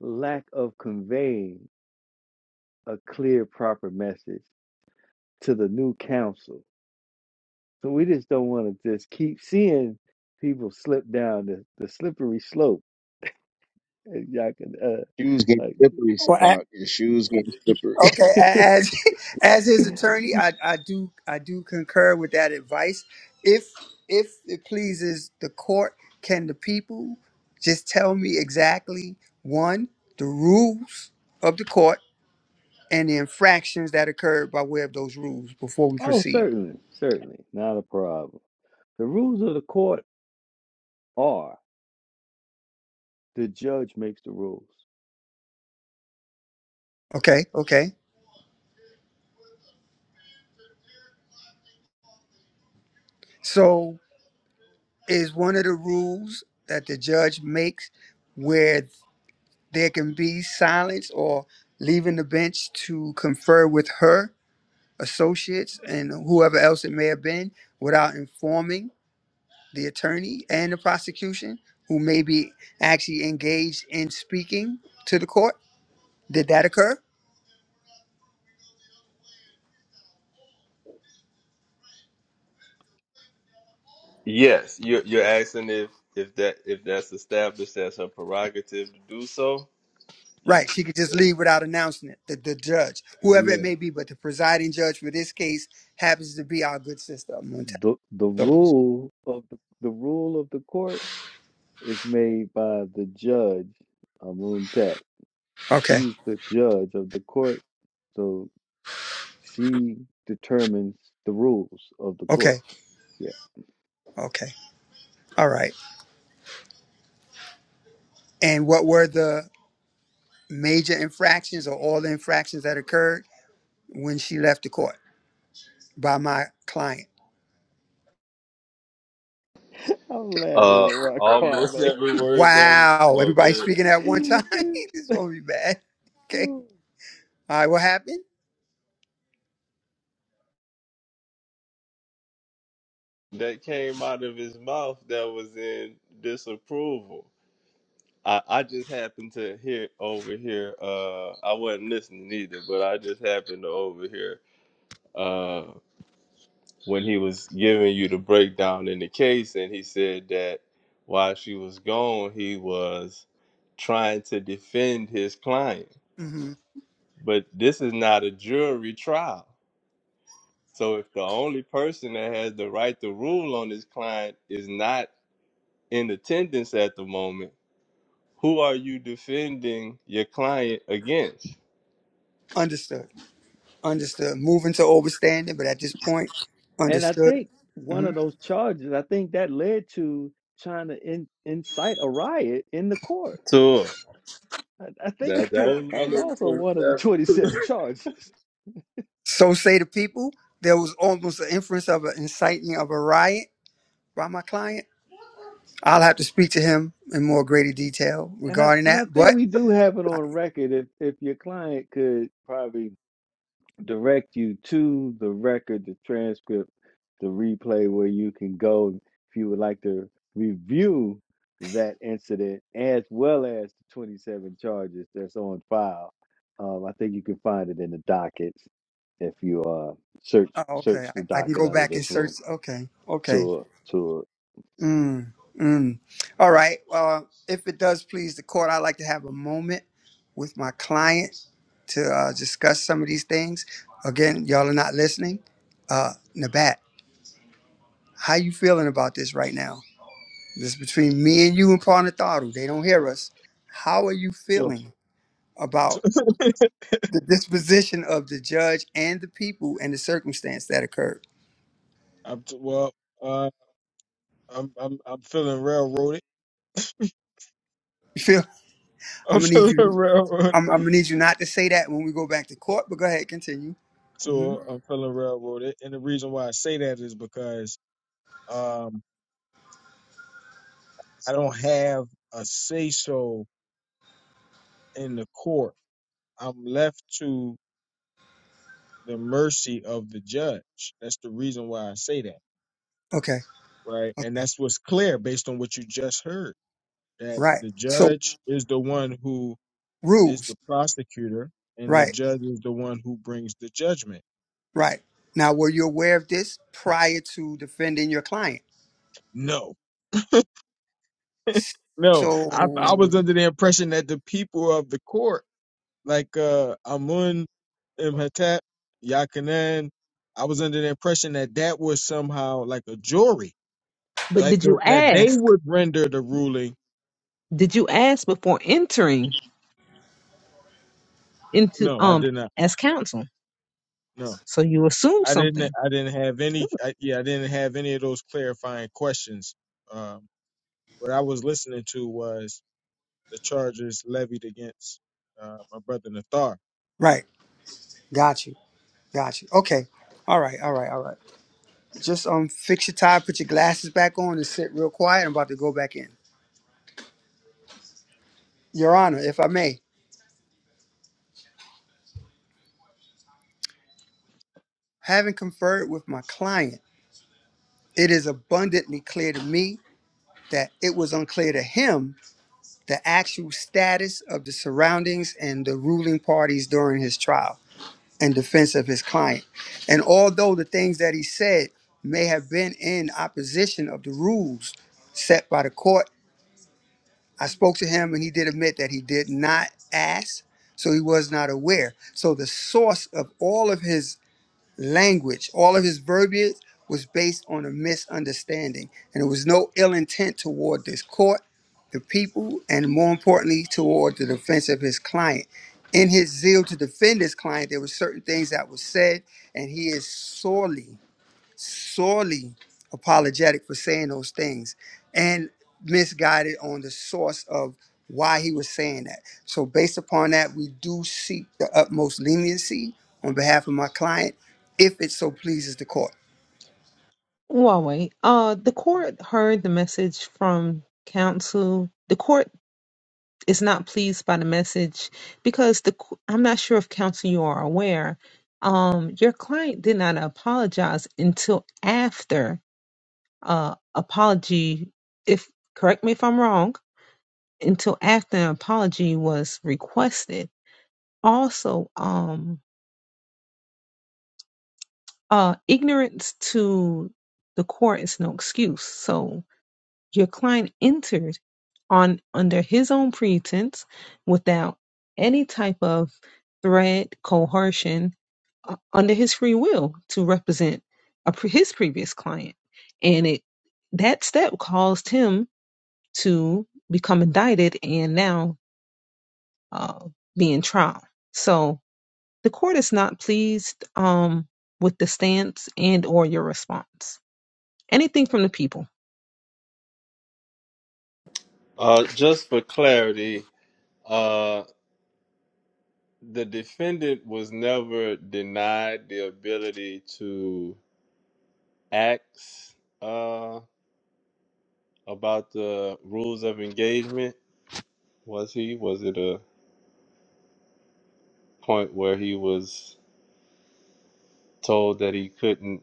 Speaker 10: lack of conveying a clear, proper message to the new council. So we just don't want to just keep seeing people slip down the, the slippery slope. If y'all can,
Speaker 12: She was getting
Speaker 10: uh,
Speaker 12: slippery, Sabak. She was getting.
Speaker 15: Okay, a- as as his attorney,
Speaker 10: like,
Speaker 15: I, I do I do concur with that advice. If if it pleases the court, can the people just tell me exactly one the rules of the court and the infractions that occurred by way of those rules before we
Speaker 10: oh,
Speaker 15: proceed?
Speaker 10: certainly, certainly, not a problem. The rules of the court are the judge makes the rules.
Speaker 15: Okay, okay. So is one of the rules that the judge makes where there can be silence or leaving the bench to confer with her associates and whoever else it may have been without informing the attorney and the prosecution who may be actually engaged in speaking to the court? Did that occur?
Speaker 8: Yes, you're you're asking if if that if that's established as her prerogative to do so. Yes.
Speaker 15: Right, she could just leave without announcing it, the, the judge, whoever
Speaker 10: Yeah.
Speaker 15: it may be, but the presiding judge for this case happens to be our good sister Montel.
Speaker 10: the the
Speaker 15: So,
Speaker 10: rule of the, the rule of the court is made by the judge Amuntat.
Speaker 15: okay,
Speaker 10: She's the judge of the court, so she determines the rules of the
Speaker 15: okay,
Speaker 10: court. Yeah,
Speaker 15: okay, all right. And what were the major infractions or all the infractions that occurred when she left the court by my client?
Speaker 10: I'm laughing
Speaker 8: Uh,
Speaker 10: at Rock
Speaker 8: almost
Speaker 10: Kwame.
Speaker 8: every word that
Speaker 15: Wow.
Speaker 8: oh,
Speaker 15: Everybody
Speaker 8: good,
Speaker 15: speaking at one time? this is going to be bad. Okay. All right. What happened?
Speaker 8: that came out of his mouth that was in disapproval. I, I just happened to hear over here. Uh, I wasn't listening either, but I just happened to overhear uh, when he was giving you the breakdown in the case, and he said that while she was gone, he was trying to defend his client.
Speaker 15: hmm
Speaker 8: But this is not a jury trial. So if the only person that has the right to rule on his client is not in attendance at the moment, who are you defending your client against?
Speaker 15: Understood. Understood. Moving to overstanding, but at this point,
Speaker 10: and I
Speaker 15: understood.
Speaker 10: think one
Speaker 15: hmm
Speaker 10: of those charges, I think that led to trying to in, incite a riot in the court.
Speaker 8: Sure.
Speaker 10: I, I think
Speaker 8: That
Speaker 10: that
Speaker 8: that
Speaker 10: was,
Speaker 8: was one
Speaker 10: that
Speaker 8: of
Speaker 10: was
Speaker 8: the
Speaker 10: also
Speaker 8: points.
Speaker 10: one of the 27
Speaker 8: that-
Speaker 10: charges.
Speaker 15: So say the people. There was almost an inference of an inciting of a riot by my client. I'll have to speak to him in more greater detail
Speaker 10: And I
Speaker 15: regarding
Speaker 10: and
Speaker 15: that.
Speaker 10: I think
Speaker 15: But
Speaker 10: we do have it
Speaker 15: I,
Speaker 10: on record. If if your client could probably direct you to the record, the transcript, the replay where you can go if you would like to review that incident as well as the 27 charges that's on file. Um, I think you can find it in the dockets if you uh search
Speaker 15: oh, okay,
Speaker 10: search the
Speaker 15: I, I can
Speaker 10: docket
Speaker 15: go
Speaker 10: under
Speaker 15: back and
Speaker 10: this
Speaker 15: search.
Speaker 10: room.
Speaker 15: Okay, okay.
Speaker 10: To to
Speaker 15: Mm, mm. All right. Uh, if it does please the court, I'd like to have a moment with my client to uh, discuss some of these things. Again, y'all are not listening. Uh, Nabat, how you feeling about this right now? This is between me and you and Parnatharu. They don't hear us. How are you
Speaker 11: Sure.
Speaker 15: feeling about the disposition of the judge and the people and the circumstance that occurred?
Speaker 11: I'm t- well, uh, I'm I'm I'm feeling railroaded.
Speaker 15: You feel?
Speaker 11: I'm
Speaker 15: I'm gonna need
Speaker 11: feeling
Speaker 15: you.
Speaker 11: railroaded.
Speaker 15: I'm, I'm gonna need you not to say that when we go back to court. But go ahead, continue. hmm
Speaker 11: So I'm feeling railroaded, and the reason why I say that is because um I don't have a say so in the court. I'm left to the mercy of the judge. That's the reason why I say that
Speaker 15: Okay.
Speaker 11: right? And
Speaker 15: Okay.
Speaker 11: that's what's clear based on what you just heard that
Speaker 15: Right.
Speaker 11: the
Speaker 15: So
Speaker 11: judge is the one who is
Speaker 15: rules.
Speaker 11: the prosecutor and the
Speaker 15: Right.
Speaker 11: judge is the one who brings the judgment.
Speaker 15: Right. Now, were you aware of this prior to defending your client?
Speaker 11: No, no, I,
Speaker 15: So,
Speaker 11: I was under the impression that the people of the court, like uh, Amun Imhotep, Yakanan, I was under the impression that that was somehow like a jury
Speaker 1: But
Speaker 11: that
Speaker 1: did you
Speaker 11: that they
Speaker 1: ask?
Speaker 11: would render the ruling.
Speaker 1: Did you ask before entering into
Speaker 11: No, I
Speaker 1: um
Speaker 11: did not.
Speaker 1: as counsel.
Speaker 11: No.
Speaker 1: So you assume
Speaker 11: I didn't
Speaker 1: something.
Speaker 11: I didn't have
Speaker 1: too.
Speaker 11: any I, yeah I didn't have any of those clarifying questions. Um, what I was listening to was the charges levied against uh, my brother Nathar.
Speaker 15: right. Got you. Got you. Okay. All right. All right. All right. Just um, fix your tie, put your glasses back on, and sit real quiet. I'm about to go back in. Your Honor, if I may, having conferred with my client, it is abundantly clear to me that it was unclear to him the actual status of the surroundings and the ruling parties during his trial. in defense of his client. And although the things that he said may have been in opposition of the rules set by the court, I spoke to him and he did admit that he did not ask, so he was not aware. So the source of all of his language. All of his verbiage was based on a misunderstanding, and there was no ill intent toward this court, the people, and more importantly, toward the defense of his client. In his zeal to defend his client, there were certain things that were said, and he is sorely sorely apologetic for saying those things and misguided on the source of why he was saying that. So, based upon that, we do seek the utmost leniency on behalf of my client if it so pleases the court.
Speaker 1: Huawei. Uh, the court heard the message from counsel. The court is not pleased by the message because the co- I'm not sure if counsel you are aware. Um, your client did not apologize until after uh apology. If correct me if I'm wrong. until after an apology was requested. Also, um, uh, ignorance to the court is no excuse. So your client entered on under his own pretense, without any type of threat, coercion, uh, under his free will to represent a, pre- his previous client, and it that step caused him to become indicted and now uh, be in trial. So the court is not pleased um, with the stance and or your response. Anything from the people.
Speaker 8: Uh, just for clarity, uh, the defendant was never denied the ability to ask uh, about the rules of engagement. Was he? Was it a point where he was told that he couldn't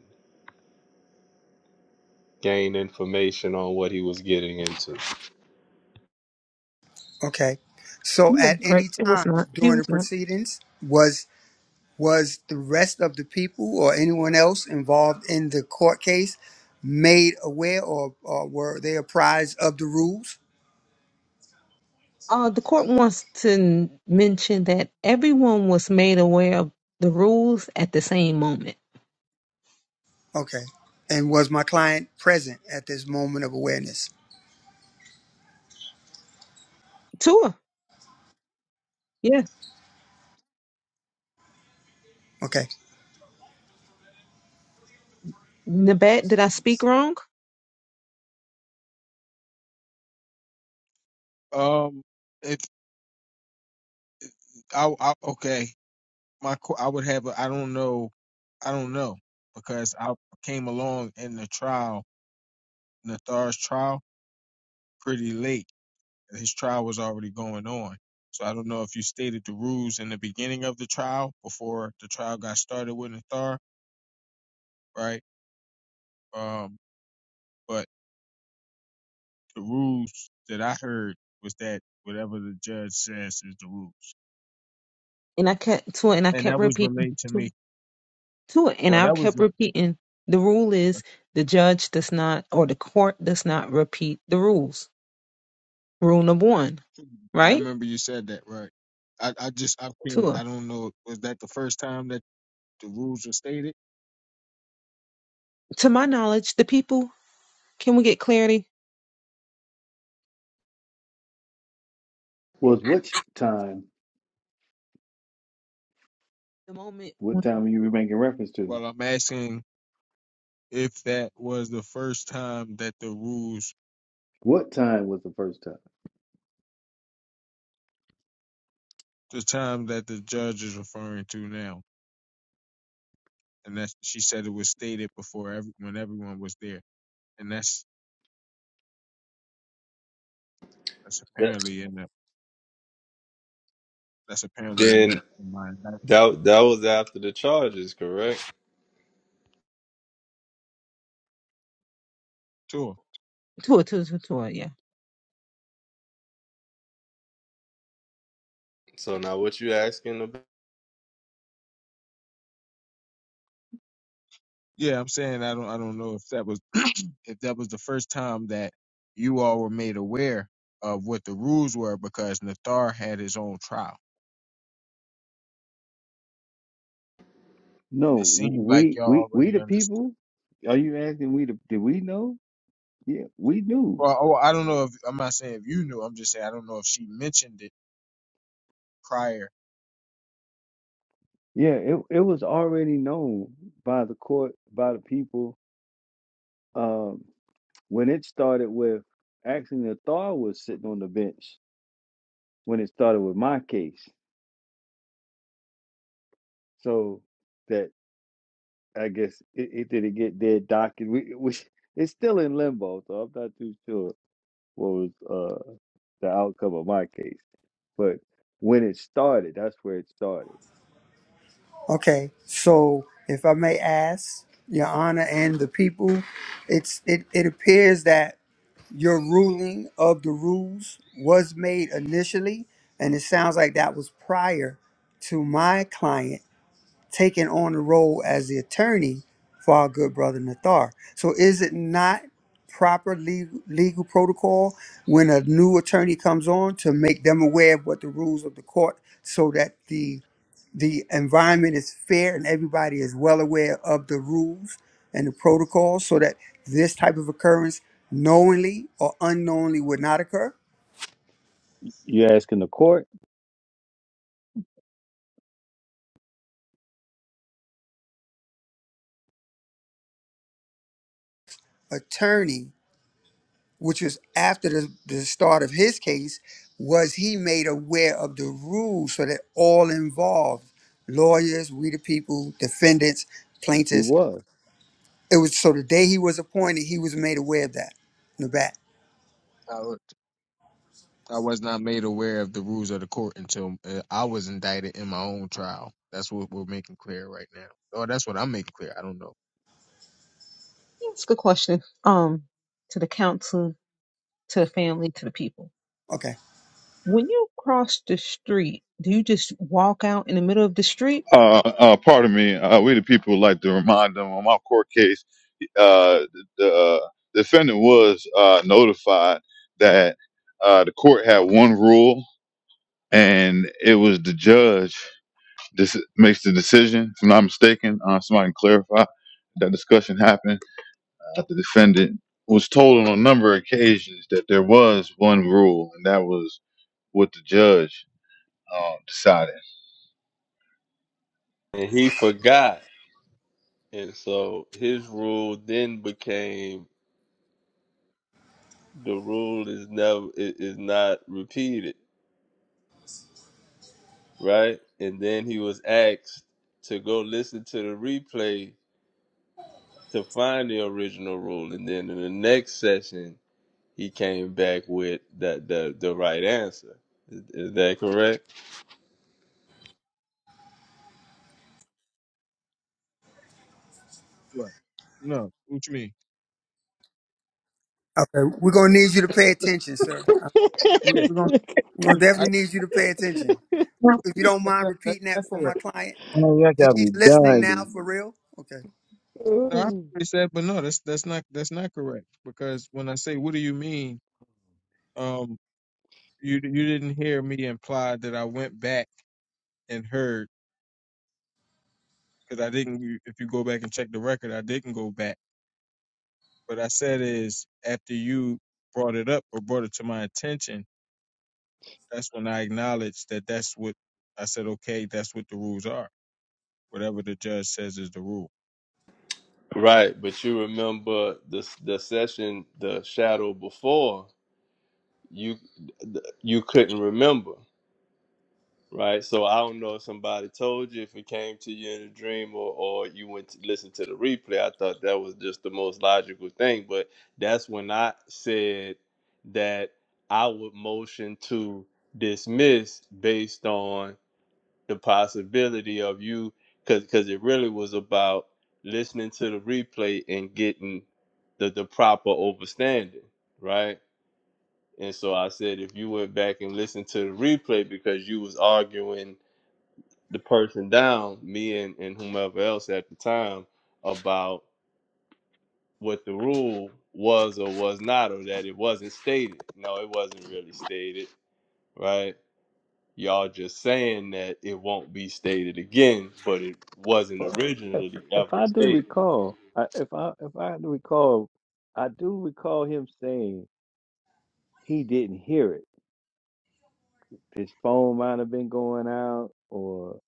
Speaker 8: gain information on what he was getting into?
Speaker 15: Okay. So,
Speaker 1: You were
Speaker 15: at any
Speaker 1: correct. It
Speaker 15: time
Speaker 1: was not. He
Speaker 15: during
Speaker 1: was
Speaker 15: the
Speaker 1: not.
Speaker 15: proceedings, was was the rest of the people or anyone else involved in the court case made aware or, or were they apprised of the rules?
Speaker 1: Uh, the court wants to n- mention that everyone was made aware of the rules at the same moment.
Speaker 15: Okay. And was my client present at this moment of awareness?
Speaker 1: Tua, yeah.
Speaker 15: Okay.
Speaker 1: Nabat, did I speak wrong?
Speaker 11: Um, it I, I okay my qu- I would have a, I don't know I don't know because I came along in the trial Nathar's trial pretty late. His trial was already going on. So I don't know if you stated the rules in the beginning of the trial before the trial got started with Nathar, right? Um, but the rules that I heard was that whatever the judge says is the rules,
Speaker 1: And I kept Tua, and I
Speaker 11: and
Speaker 1: kept
Speaker 11: that was
Speaker 1: repeating
Speaker 11: relayed to
Speaker 1: Tua,
Speaker 11: me.
Speaker 1: Tua, and
Speaker 11: Well,
Speaker 1: I
Speaker 11: that was.
Speaker 1: kept repeating. The rule is the judge does not, or the court does not repeat the rules. Rule number one,
Speaker 11: I
Speaker 1: right?
Speaker 11: remember you said that, right? I, I just I can't.
Speaker 1: Tua.
Speaker 11: I don't know. Was that the first time that the rules were stated?
Speaker 1: to my knowledge, the people. Can we get clarity?
Speaker 10: was which time?
Speaker 1: The moment.
Speaker 10: What time were you making reference to?
Speaker 11: Well, I'm asking if that was the first time that the rules,
Speaker 10: What time was the first time?
Speaker 11: the time that the judge is referring to now, and that she said it was stated before every, when everyone was there, and that's that's
Speaker 8: That,
Speaker 11: apparently in the that's apparently
Speaker 8: then
Speaker 11: in, in my indictment
Speaker 8: that that was after the charges, correct?
Speaker 11: too.
Speaker 1: Tour, tour, tour, tour. Yeah.
Speaker 8: So now what you asking about?
Speaker 11: Yeah, I'm saying I don't I don't know if that was if that was the first time that you all were made aware of what the rules were because Nathar had his own trial. And
Speaker 10: No,
Speaker 11: it seemed like
Speaker 10: we we
Speaker 11: y'all
Speaker 10: we
Speaker 11: already
Speaker 10: the
Speaker 11: understood.
Speaker 10: people. Are you asking we the did we know? Yeah, we knew.
Speaker 11: Well, oh, I don't know if I'm not saying if you knew. I'm just saying I don't know if she mentioned it prior.
Speaker 10: Yeah, it it was already known by the court, by the people. Um, when it started with actually the Nathar was sitting on the bench when it started with my case. So that I guess it, it didn't get dead docket. We, we it's still in limbo, so I'm not too sure what was uh the outcome of my case. But when it started, that's where it started.
Speaker 15: Okay. So if I may ask, Your Honor and the people, it's it, it appears that your ruling of the rules was made initially, and it sounds like that was prior to my client. taking on the role as the attorney for our good brother Nathar. So is it not proper legal, legal protocol when a new attorney comes on to make them aware of what the rules of the court so that the the environment is fair and everybody is well aware of the rules and the protocols so that this type of occurrence knowingly or unknowingly would not occur?
Speaker 10: You asking the court?
Speaker 15: Attorney which was after the, the start of his case, was he made aware of the rules so that all involved lawyers, we the people, defendants,
Speaker 10: He
Speaker 15: plaintiffs.
Speaker 10: was.
Speaker 15: It was so the day he was appointed, he was made aware of that in the back.
Speaker 11: I, w- I was not made aware of the rules of the court until uh, I was indicted in my own trial. That's what we're making clear right now. Or that's what I'm making clear. I don't know.
Speaker 1: That's a good question. Um, to the council, to the family, to the people.
Speaker 15: Okay.
Speaker 1: When you cross the street, do you just walk out in the middle of the street?
Speaker 2: Uh, uh, pardon me. Uh, we the people like to remind them on my court case. Uh, the uh, defendant was uh, notified that uh, the court had one rule, and it was the judge. This makes the decision, if I'm not mistaken. Uh, somebody can clarify. That discussion happened. Uh, the defendant was told on a number of occasions that there was one rule, and that was what the judge uh, decided.
Speaker 8: And he forgot. And so his rule then became the rule is never i- is not repeated, right? And then he was asked to go listen to the replay to find the original rule. And then in the next session, he came back with that the the right answer. Is, is that correct?
Speaker 11: Right. No. What you mean?
Speaker 15: Okay. We're gonna need you to pay attention, sir. Uh, we-
Speaker 11: Yeah.
Speaker 15: We're gonna we're gonna definitely need you to pay attention. If you don't mind repeating that for
Speaker 11: I,
Speaker 15: my client,
Speaker 12: Oh, y'all
Speaker 15: He-
Speaker 12: got
Speaker 15: he's
Speaker 12: me
Speaker 15: listening now
Speaker 12: done.
Speaker 15: for real. Okay.
Speaker 11: No, I
Speaker 10: Well,
Speaker 11: already said, but no, that's that's not that's not correct because when I say what do you mean, um, you you didn't hear me imply that I went back and heard because I didn't. you- If you go back and check the record, I didn't go back. What I said is after you brought it up or brought it to my attention, that's when I acknowledged that that's what I said. Okay, that's what the rules are. Whatever the judge says is the rule.
Speaker 8: Right, but you remember the the session the shadow before you you couldn't remember. right? So I don't know if somebody told you, if it came to you in a dream, or or you went to listen to the replay. I thought that was just the most logical thing, but that's when I said that I would motion to dismiss based on the possibility of you, because because it really was about listening to the replay and getting the the proper overstanding, right? And so I said, if you went back and listened to the replay because you was arguing the person down, me and, and whomever else at the time, about what the rule was or was not, or that it wasn't stated. No, it wasn't really stated, right? Y'all just saying that it won't be stated again, but it wasn't
Speaker 10: If,
Speaker 8: originally
Speaker 10: if
Speaker 8: ever
Speaker 10: I do
Speaker 8: stated.
Speaker 10: recall, I, if I if I do recall, I do recall him saying he didn't hear it. His phone might have been going out, or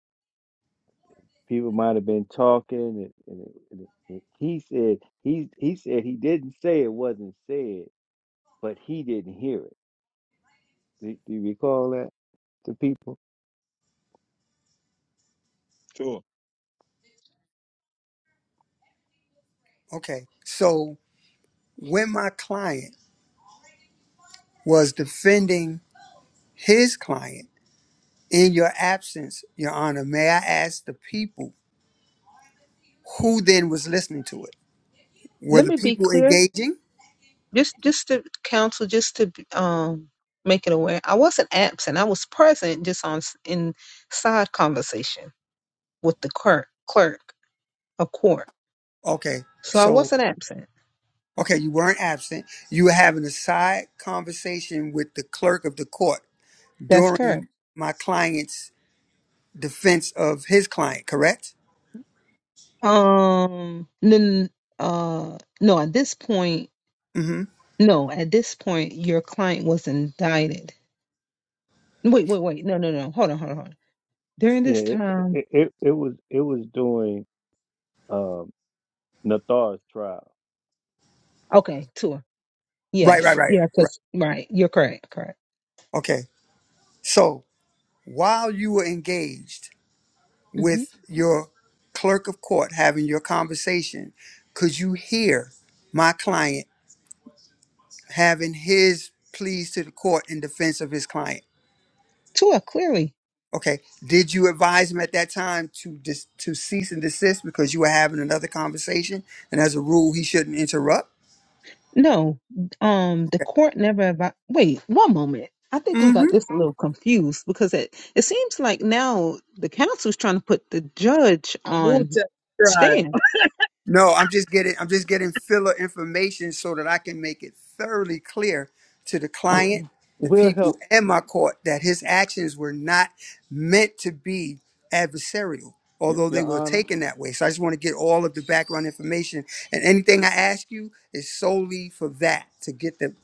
Speaker 10: people might have been talking. And, and, it- and, it- and he said he he said he didn't say it wasn't said, but he didn't hear it. Do, do you recall that to people?
Speaker 11: Sure.
Speaker 15: Okay. So when my client was defending his client. In your absence, Your Honor, may I ask the people who then was listening to it? Were
Speaker 1: Let
Speaker 15: the
Speaker 1: me be
Speaker 15: people
Speaker 1: clear.
Speaker 15: engaging?
Speaker 1: Just, just to council, just to um make it aware. I wasn't absent. I was present, just on s- in side conversation with the clerk, clerk of court.
Speaker 15: Okay,
Speaker 1: So I
Speaker 15: so,
Speaker 1: wasn't absent.
Speaker 15: okay, you weren't absent. You were having a side conversation with the clerk of the court
Speaker 1: That's correct.
Speaker 15: during my client's defense of his client, correct?
Speaker 1: Um, then, uh, no, at this point,
Speaker 15: Mm hmm.
Speaker 1: no, at this point, your client was indicted. Wait, wait, wait. No, no, no. Hold on, hold on, hold on. During
Speaker 10: Yeah,
Speaker 1: this
Speaker 10: it,
Speaker 1: time,
Speaker 10: it it it was it was during. um, Nathar's trial.
Speaker 1: okay, Tua.
Speaker 15: Right, right,
Speaker 1: Yes,
Speaker 15: right,
Speaker 1: yeah,
Speaker 15: right.
Speaker 1: because, right, you're correct, correct.
Speaker 15: Okay, so while you were engaged,
Speaker 1: hmm
Speaker 15: with your clerk of court having your conversation, could you hear my client having his pleas to the court in defense of his client?
Speaker 1: Tua, clearly.
Speaker 15: Okay. Did you advise him at that time to dis- to cease and desist because you were having another conversation, and as a rule, he shouldn't interrupt?
Speaker 1: No, um, the
Speaker 15: Okay.
Speaker 1: court never, advi- wait, one moment. I think we got this a little confused because it, it seems like now the counsel's trying to put the judge
Speaker 12: Now, Moon
Speaker 1: on stand.
Speaker 15: No, I'm just getting I'm just getting filler information so that I can make it thoroughly clear to the
Speaker 10: We'll,
Speaker 15: client,
Speaker 1: Okay,
Speaker 15: the
Speaker 10: we'll
Speaker 15: people,
Speaker 10: help,
Speaker 15: and my court that his actions were not meant to be adversarial,
Speaker 10: Your,
Speaker 15: although they
Speaker 10: Your
Speaker 15: were
Speaker 10: Honor.
Speaker 15: taken that way. So I just want to get all of the background information, and anything I ask you is solely for that to get the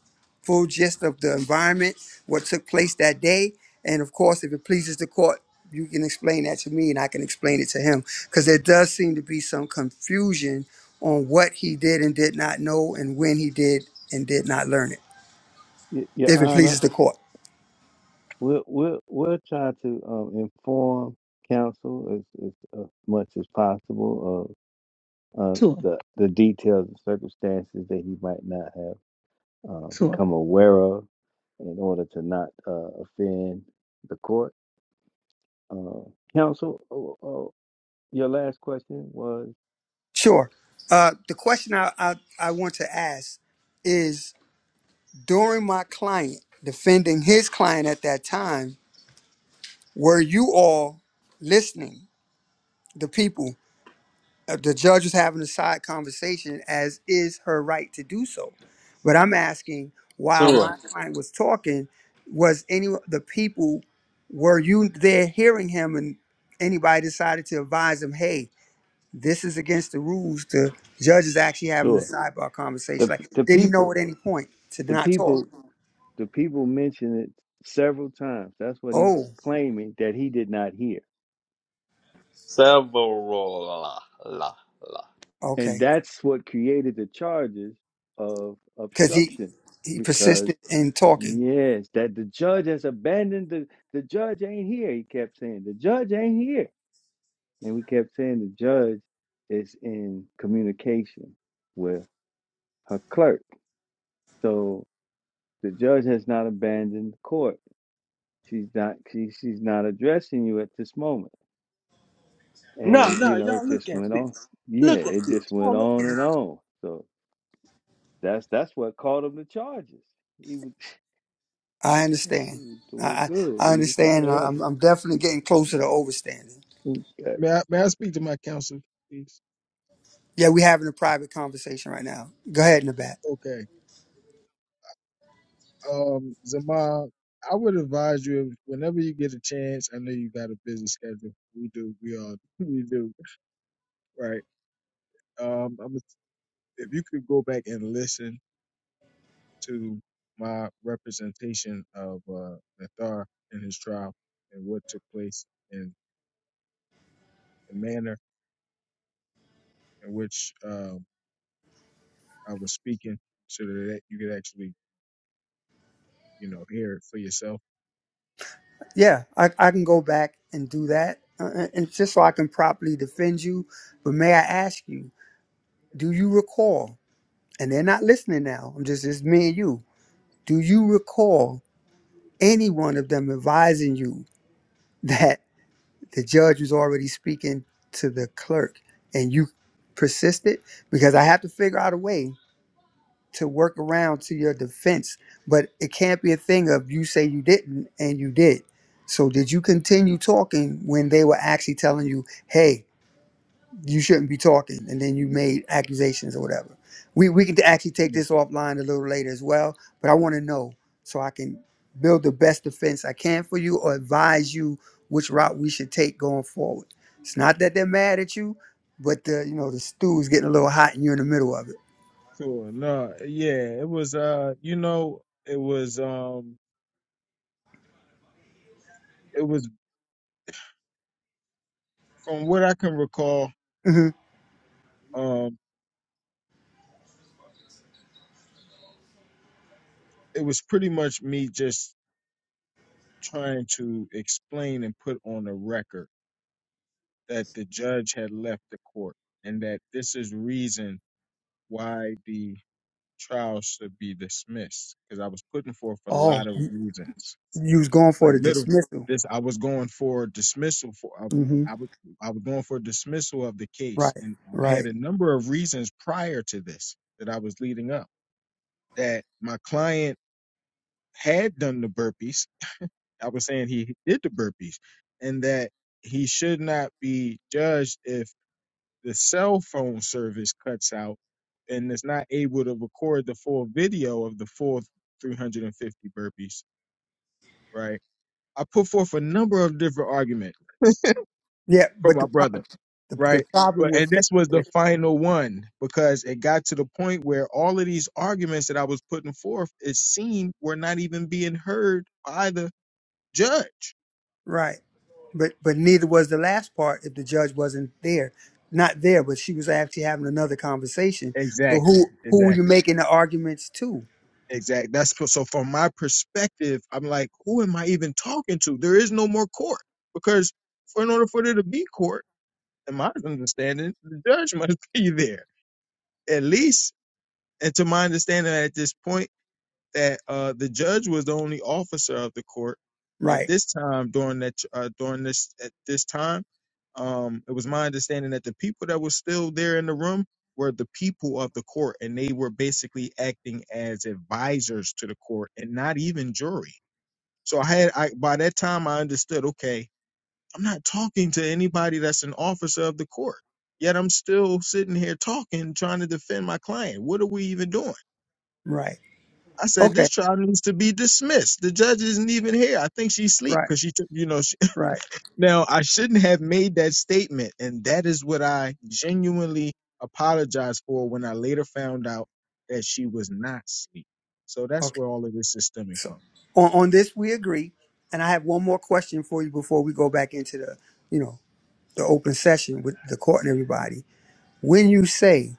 Speaker 15: full gist of the environment, what took place that day. And of course, if it pleases the court, you can explain that to me and I can explain it to him. Because there does seem to be some confusion on what he did and did not know and when he did and did not learn it,
Speaker 10: Y- Your
Speaker 15: if it
Speaker 10: Honor,
Speaker 15: pleases the court.
Speaker 10: we'll, we'll, we'll try to um, inform counsel as, as uh, much as possible of uh,
Speaker 1: Tua,
Speaker 10: the, the details and circumstances that he might not have uh,
Speaker 1: Tua.
Speaker 10: become aware of in order to not uh, offend the court. Uh, counsel, oh, oh, your last question was
Speaker 15: Sure. Uh, the question I, I, I want to ask is during my client defending his client at that time, were you all listening, the people? uh, the judge was having a side conversation, as is her right to do so. But I'm asking, while
Speaker 8: Tua.
Speaker 15: my client was talking, was any of the people were you there hearing him, and anybody decided to advise him, hey, this is against the rules. The judge is actually having a
Speaker 10: sure.
Speaker 15: sidebar conversation.
Speaker 10: The,
Speaker 15: Like,
Speaker 10: the
Speaker 15: did he know
Speaker 10: people.
Speaker 15: at any point to
Speaker 10: The
Speaker 15: not talk?
Speaker 10: people The people mentioned it several times. That's what
Speaker 15: Oh,
Speaker 10: he's claiming that he did not hear.
Speaker 8: Several la la la.
Speaker 10: And
Speaker 15: okay,
Speaker 10: that's what created the charges of
Speaker 15: because he
Speaker 10: obstruction
Speaker 15: he
Speaker 10: because,
Speaker 15: persisted in talking.
Speaker 10: yes, that the judge has abandoned the, the judge ain't here. He kept saying, the judge ain't here. And we kept saying the judge is in communication with her clerk. So the judge has not abandoned the court. She's not she, she's not addressing you at this moment.
Speaker 8: No,
Speaker 10: and you
Speaker 8: no,
Speaker 10: know
Speaker 8: y'all
Speaker 10: it
Speaker 8: look
Speaker 10: just
Speaker 8: at
Speaker 10: went on
Speaker 8: this.
Speaker 10: yeah
Speaker 8: Look at
Speaker 10: it
Speaker 8: this.
Speaker 10: just went
Speaker 8: Y'all look at
Speaker 10: on and on so that's that's what caught him the charges he was
Speaker 15: I
Speaker 10: he
Speaker 15: understand.
Speaker 10: was
Speaker 15: I
Speaker 10: doing
Speaker 15: I
Speaker 10: good
Speaker 15: I
Speaker 10: we was trying
Speaker 15: understand.
Speaker 10: to help
Speaker 15: I'm
Speaker 10: him
Speaker 15: I'm definitely getting closer to overstanding.
Speaker 10: Okay.
Speaker 11: May I, may I speak to my counsel, please?
Speaker 15: Yeah, we're having a private conversation right now. Go ahead, Nabat.
Speaker 11: Okay. Um, Zamal, I would advise you if, whenever you get a chance. I know you got a busy schedule. We do. We all we do. Right. Um, I'm, if you could go back and listen to my representation of uh, Nathar and his trial and what took place and the manner in which um, I was speaking, so that you could actually, you know, hear it for yourself.
Speaker 15: Yeah, I, I can go back and do that, uh, uh, and just so I can properly defend you. But may I ask you, do you recall? And they're not listening now. I'm just it's me and you. Do you recall any one of them advising you that the judge was already speaking to the clerk, and you persisted? Because I have to figure out a way to work around to your defense, but it can't be a thing of you say you didn't and you did. So did you continue talking when they were actually telling you, "Hey, you shouldn't be talking," and then you made accusations or whatever? We we can actually take this offline a little later as well, but I want to know so I can build the best defense I can for you or advise you which route we should take going forward. It's not that they're mad at you, but the you know the stew is getting a little hot and you're in the middle of it.
Speaker 11: Sure. No. Yeah. It was. Uh. You know. It was. Um. It was from what I can recall,
Speaker 15: hmm
Speaker 11: um, it was pretty much me just trying to explain and put on a record that the judge had left the court and that this is reason why the trial should be dismissed because I was putting forth a
Speaker 15: Oh,
Speaker 11: lot of reasons,
Speaker 15: You was going for
Speaker 11: like
Speaker 15: the
Speaker 11: little
Speaker 15: dismissal.
Speaker 11: this I was going for dismissal for.
Speaker 15: hmm
Speaker 11: I, I was I was going for dismissal of the case,
Speaker 15: Right,
Speaker 11: and I
Speaker 15: right.
Speaker 11: had a number of reasons prior to this that I was leading up that my client had done the burpees. I was saying he did the burpees, and that he should not be judged if the cell phone service cuts out and is not able to record the full video of the full 350 burpees. Right? I put forth a number of different arguments
Speaker 15: Yeah,
Speaker 11: for
Speaker 15: but the
Speaker 11: my brother.
Speaker 15: problem, the, the
Speaker 11: Right?
Speaker 15: problem
Speaker 11: But
Speaker 15: with
Speaker 11: and
Speaker 15: faith,
Speaker 11: this was the
Speaker 15: there-
Speaker 11: final one because it got to the point where all of these arguments that I was putting forth, it seemed were not even being heard by the judge
Speaker 15: right? But but neither was the last part if the judge wasn't there, not there. But she was actually having another conversation. So
Speaker 11: Exactly.
Speaker 15: who who were you
Speaker 11: Exactly.
Speaker 15: making the arguments to?
Speaker 11: Exactly. That's p- so from my perspective, I'm like, who am I even talking to? There is no more court because for in order for there to be court, in my understanding, the judge must be there. At least, and to my understanding at this point. that uh, the judge was the only officer of the court at
Speaker 15: Right,
Speaker 11: this time during that uh, during this at this time. Um, it was my understanding that the people that were still there in the room were the people of the court, and they were basically acting as advisors to the court and not even jury. So I had I by that time I understood. Okay, I'm not talking to anybody that's an officer of the court. Yet I'm still sitting here talking, trying to defend my client. What are we even doing?
Speaker 15: right.
Speaker 11: I said,
Speaker 15: Okay,
Speaker 11: this trial needs to be dismissed. The judge isn't even here. I think she's asleep
Speaker 15: right,
Speaker 11: because she took, you know, she,
Speaker 15: right.
Speaker 11: now I shouldn't have made that statement. And that is what I genuinely apologize for when I later found out that she was not asleep. So that's
Speaker 15: Okay.
Speaker 11: where all of this is stemming
Speaker 15: So
Speaker 11: from.
Speaker 15: on on this we agree. And I have one more question for you before we go back into the you know the open session with the court and everybody. When you say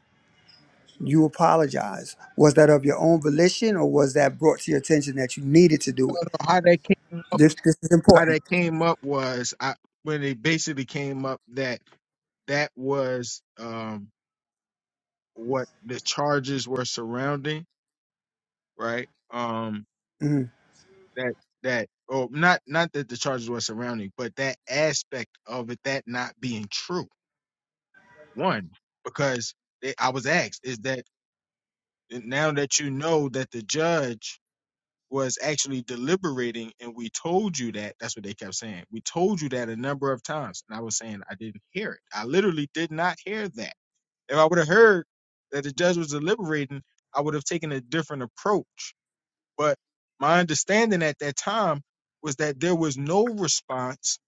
Speaker 15: you apologize. Was that of your own volition, or was that brought to your attention that you needed to do it?
Speaker 11: So how that came,
Speaker 15: This this is
Speaker 11: how
Speaker 15: important.
Speaker 11: that came up was I, when it basically came up that that was um, what the charges were surrounding, right? Um,
Speaker 15: hmm
Speaker 11: that that or not not that the charges were surrounding, but that aspect of it that not being true. One, because they, I was asked, is that now that you know that the judge was actually deliberating and we told you that that's what they kept saying. We told you that a number of times. And I was saying I didn't hear it. I literally did not hear that. If I would have heard that the judge was deliberating, I would have taken a different approach but my understanding at that time was that there was no response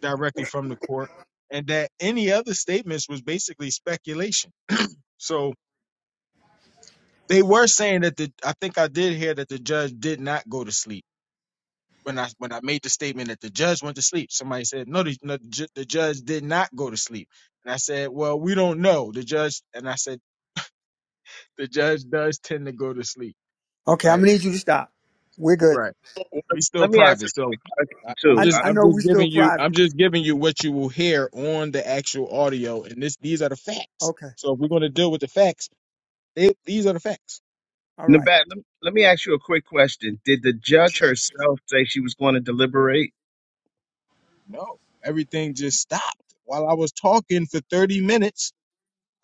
Speaker 11: directly from the court and that any other statements was basically speculation. So they were saying that the I think I did hear that the judge did not go to sleep. When I when I made the statement that the judge went to sleep, somebody said no, the, no, the ju- the judge did not go to sleep. And I said, well, we don't know the judge. And I said the judge does tend to go to sleep,
Speaker 15: Okay, I'm
Speaker 11: right?
Speaker 15: gonna need you to stop. We're good.
Speaker 11: Right. We still
Speaker 12: let me ask
Speaker 11: private,
Speaker 12: her
Speaker 11: so I, I'm
Speaker 15: I
Speaker 12: too. Uh,
Speaker 11: just
Speaker 15: I
Speaker 11: I'm
Speaker 15: know
Speaker 11: just
Speaker 15: we're still
Speaker 11: giving you I'm
Speaker 15: private.
Speaker 11: just giving you what you will hear on the actual audio, and this these are the facts.
Speaker 15: Okay,
Speaker 11: So if we're going to deal with the facts, they, these are the facts.
Speaker 15: all
Speaker 12: Nebe-
Speaker 15: right.
Speaker 12: let me ask you a quick. Did they want to deliberate?
Speaker 11: No, everything just stopped while I was talking for 30 minutes.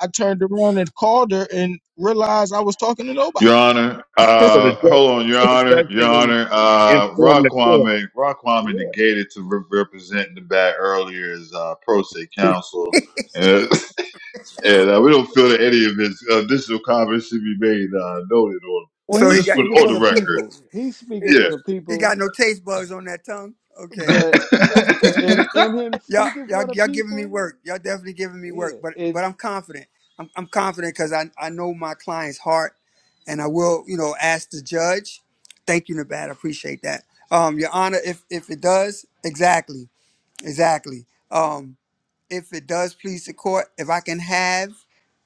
Speaker 11: I turned around and called her and realized I was talking to nobody.
Speaker 2: Your Honor,
Speaker 12: So the
Speaker 2: uh,
Speaker 12: judge,
Speaker 2: hold on, Your
Speaker 12: so the
Speaker 2: Honor,
Speaker 12: judge
Speaker 2: Your
Speaker 12: didn't
Speaker 2: Honor, uh,
Speaker 12: inform
Speaker 2: Rock
Speaker 12: the court.
Speaker 2: Kwame, Rock Kwame
Speaker 11: Yeah.
Speaker 2: negated to re- represent the bat earlier as uh, pro se counsel. And, and uh, we don't feel that any of his additional comments should be made uh, noted on,
Speaker 10: well
Speaker 15: So
Speaker 2: or
Speaker 15: he
Speaker 10: he's
Speaker 2: just
Speaker 15: got
Speaker 2: for
Speaker 10: speaking
Speaker 2: on
Speaker 10: for
Speaker 2: the
Speaker 10: the
Speaker 2: record.
Speaker 10: people he's speaking
Speaker 2: Yeah.
Speaker 10: for the
Speaker 15: he,
Speaker 10: people
Speaker 15: got no taste bugs on that tongue. Okay.
Speaker 10: but in, in him
Speaker 15: y'all,
Speaker 10: speaking
Speaker 15: y'all,
Speaker 10: for the
Speaker 15: y'all giving me
Speaker 10: people
Speaker 15: work. Y'all definitely giving me
Speaker 10: yeah
Speaker 15: work. But
Speaker 10: it
Speaker 15: but I'm confident. I'm, I'm confident because I, I know my client's heart, and I will you know ask the judge. Thank you, Nevada. Appreciate that. Um, Your Honor, if if it does, exactly, exactly. Um, if it does please the court, if I can have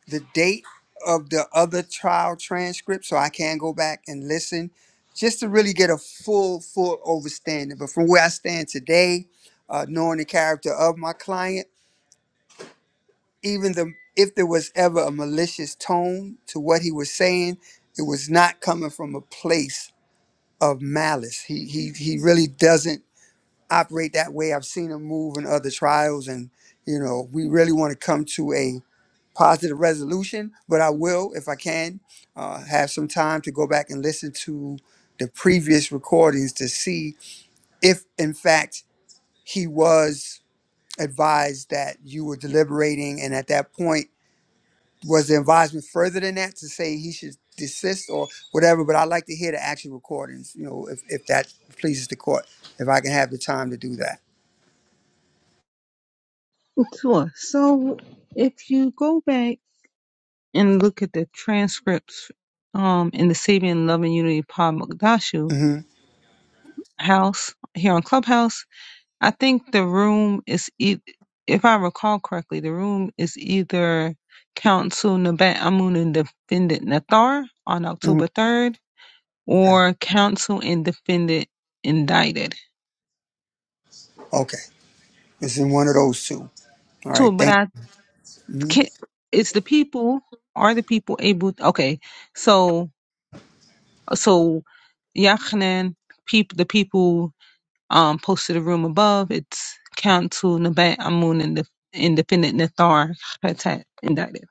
Speaker 15: the date of the other trial transcript so I can go back and listen just to really get a full, full overstanding. But from where I stand today, uh, knowing the character of my client, even the if there was ever a malicious tone to what he was saying, it was not coming from a place of malice. He he he really doesn't operate that way. I've seen him move in other trials, and you know we really want to come to a positive resolution, but I will, if I can, uh, have some time to go back and listen to the previous recordings to see if, in fact, he was advised that you were deliberating. And at that point, was the advisement further than that to say he should desist or whatever? But I'd like to hear the actual recordings, you know, if, if that pleases the court, if I can have the time to do that.
Speaker 1: Sure. So if you go back and look at the transcripts um, in the Sabian Love and Unity Pod Mokdashu
Speaker 15: hmm
Speaker 1: house here on Clubhouse, I think the room is, e- if I recall correctly, the room is either Council Nabat Amun and Defendant Nathar on
Speaker 15: hmm
Speaker 1: October 3rd
Speaker 15: Okay.
Speaker 1: or Council and Defendant Indicted.
Speaker 15: Okay. It's in one of those two. All right.
Speaker 1: So, but
Speaker 15: Thank.
Speaker 1: I
Speaker 15: mhm.
Speaker 1: can, is the people are the people able okay so so Yachanan people the people um posted a room above it's council Nabat Amun and the independent Nathar Khatat indicted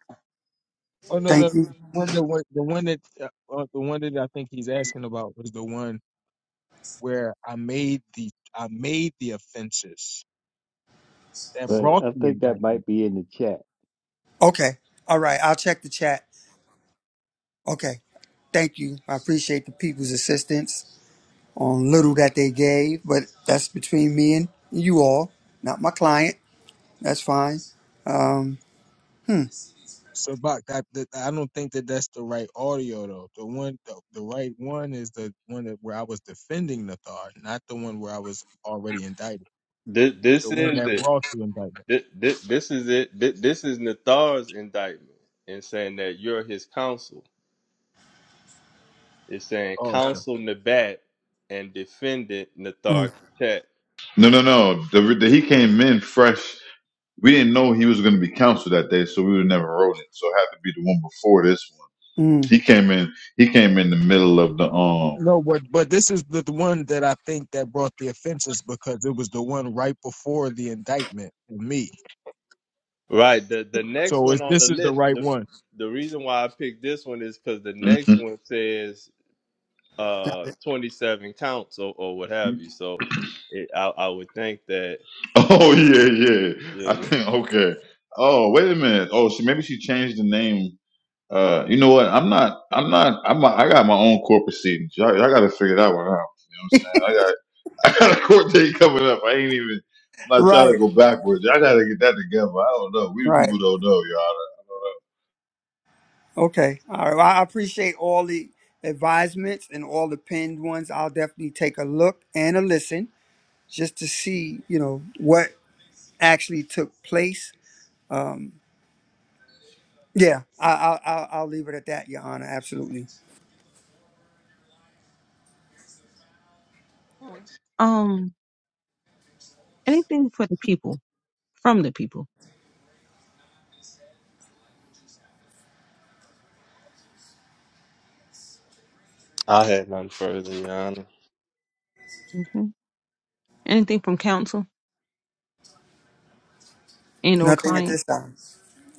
Speaker 11: Oh no, no,
Speaker 15: Thank you.
Speaker 11: no. One, the one, the one that uh, uh, the one that I think he's asking about was the one where I made the I made the offenses that
Speaker 10: but
Speaker 11: brought
Speaker 10: i
Speaker 11: the
Speaker 10: think that
Speaker 11: indictment.
Speaker 10: might be in the chat
Speaker 15: Okay. All right. I'll check the chat. Okay. Thank you. I appreciate the people's assistance on little that they gave, but that's between me and you all, not my client. That's fine. Um, hmm,
Speaker 11: So, Bach, that, that I don't think that that's the right audio though. The one, the, the right one is the one that where I was defending the Nathar, not the one where I was already indicted.
Speaker 8: this. This,
Speaker 11: The one
Speaker 8: is
Speaker 11: that
Speaker 8: it.
Speaker 11: brought the indictment.
Speaker 8: This, this, this is it. This, this is Nathar's indictment in saying that you're his counsel. It's saying
Speaker 11: Oh, okay.
Speaker 8: counsel Nabat and defendant Nathar
Speaker 15: mm,
Speaker 8: Katet.
Speaker 2: no, no, no. The, the, he came in fresh. We didn't know he was going to be counseled that day, so we would have never wrote it. So it had to be the one before this one.
Speaker 15: mm.
Speaker 2: He came in. He came in the middle of the um.
Speaker 11: No, but but this is the, the one that I think that brought the offenses because it was the one right before the indictment for me.
Speaker 8: Right. The the next
Speaker 11: So
Speaker 8: one
Speaker 11: is
Speaker 8: on the
Speaker 11: this is the
Speaker 8: list.
Speaker 11: right
Speaker 8: The,
Speaker 11: one?
Speaker 8: the reason why I picked this one is because the next
Speaker 2: mhm.
Speaker 8: one says
Speaker 15: Got
Speaker 8: uh
Speaker 15: it.
Speaker 8: 27 counts or, or what have you. So it, I I would think that.
Speaker 2: Oh yeah, yeah.
Speaker 8: Yeah,
Speaker 2: I
Speaker 8: yeah.
Speaker 2: think okay. Oh wait a minute. Oh, she maybe she changed the name. Uh, you know what? I'm not. I'm not. I'm. A, i am not i am not i am not i got my own corporate seat. I all got to figure that one out. You know what I'm saying? I got a court date coming up. I ain't even. I'm not trying to
Speaker 15: Right.
Speaker 2: go backwards. I gotta get that together. I don't know. We the
Speaker 15: Right.
Speaker 2: people don't know, Your Honor.
Speaker 15: Okay. All right. Well, I appreciate all the advisements and all the pinned ones. I'll definitely take a look and a listen just to see, you know, what actually took place. Um, Yeah, I, I, I'll, I'll leave it at that, Your Honor. Absolutely.
Speaker 1: um anything for the people from the people
Speaker 8: I had none further, Your Honor.
Speaker 1: okay. anything from council and or
Speaker 15: Nothing at
Speaker 1: client
Speaker 15: this time.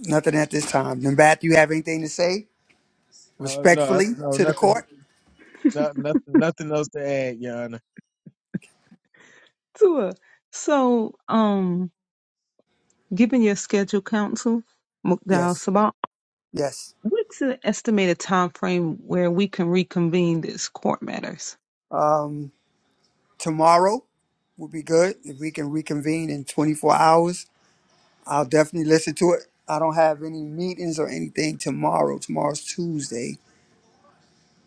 Speaker 15: Nothing at this time. Then, Bat, do you have anything to say
Speaker 11: Uh, no, I-
Speaker 15: respectfully
Speaker 11: no,
Speaker 15: to the
Speaker 11: nothing,
Speaker 15: court?
Speaker 11: no, nothing, nothing else to add, Your Honor.
Speaker 1: Sure. so um given your schedule council Mukdal
Speaker 15: Yes,
Speaker 1: Sabak
Speaker 15: yes.
Speaker 1: What's an estimated time frame where we can reconvene this court matters?
Speaker 15: Um, tomorrow would be good if we can reconvene in 24 hours. I'll definitely listen to it. I don't have any meetings or anything tomorrow. Tomorrow's Tuesday.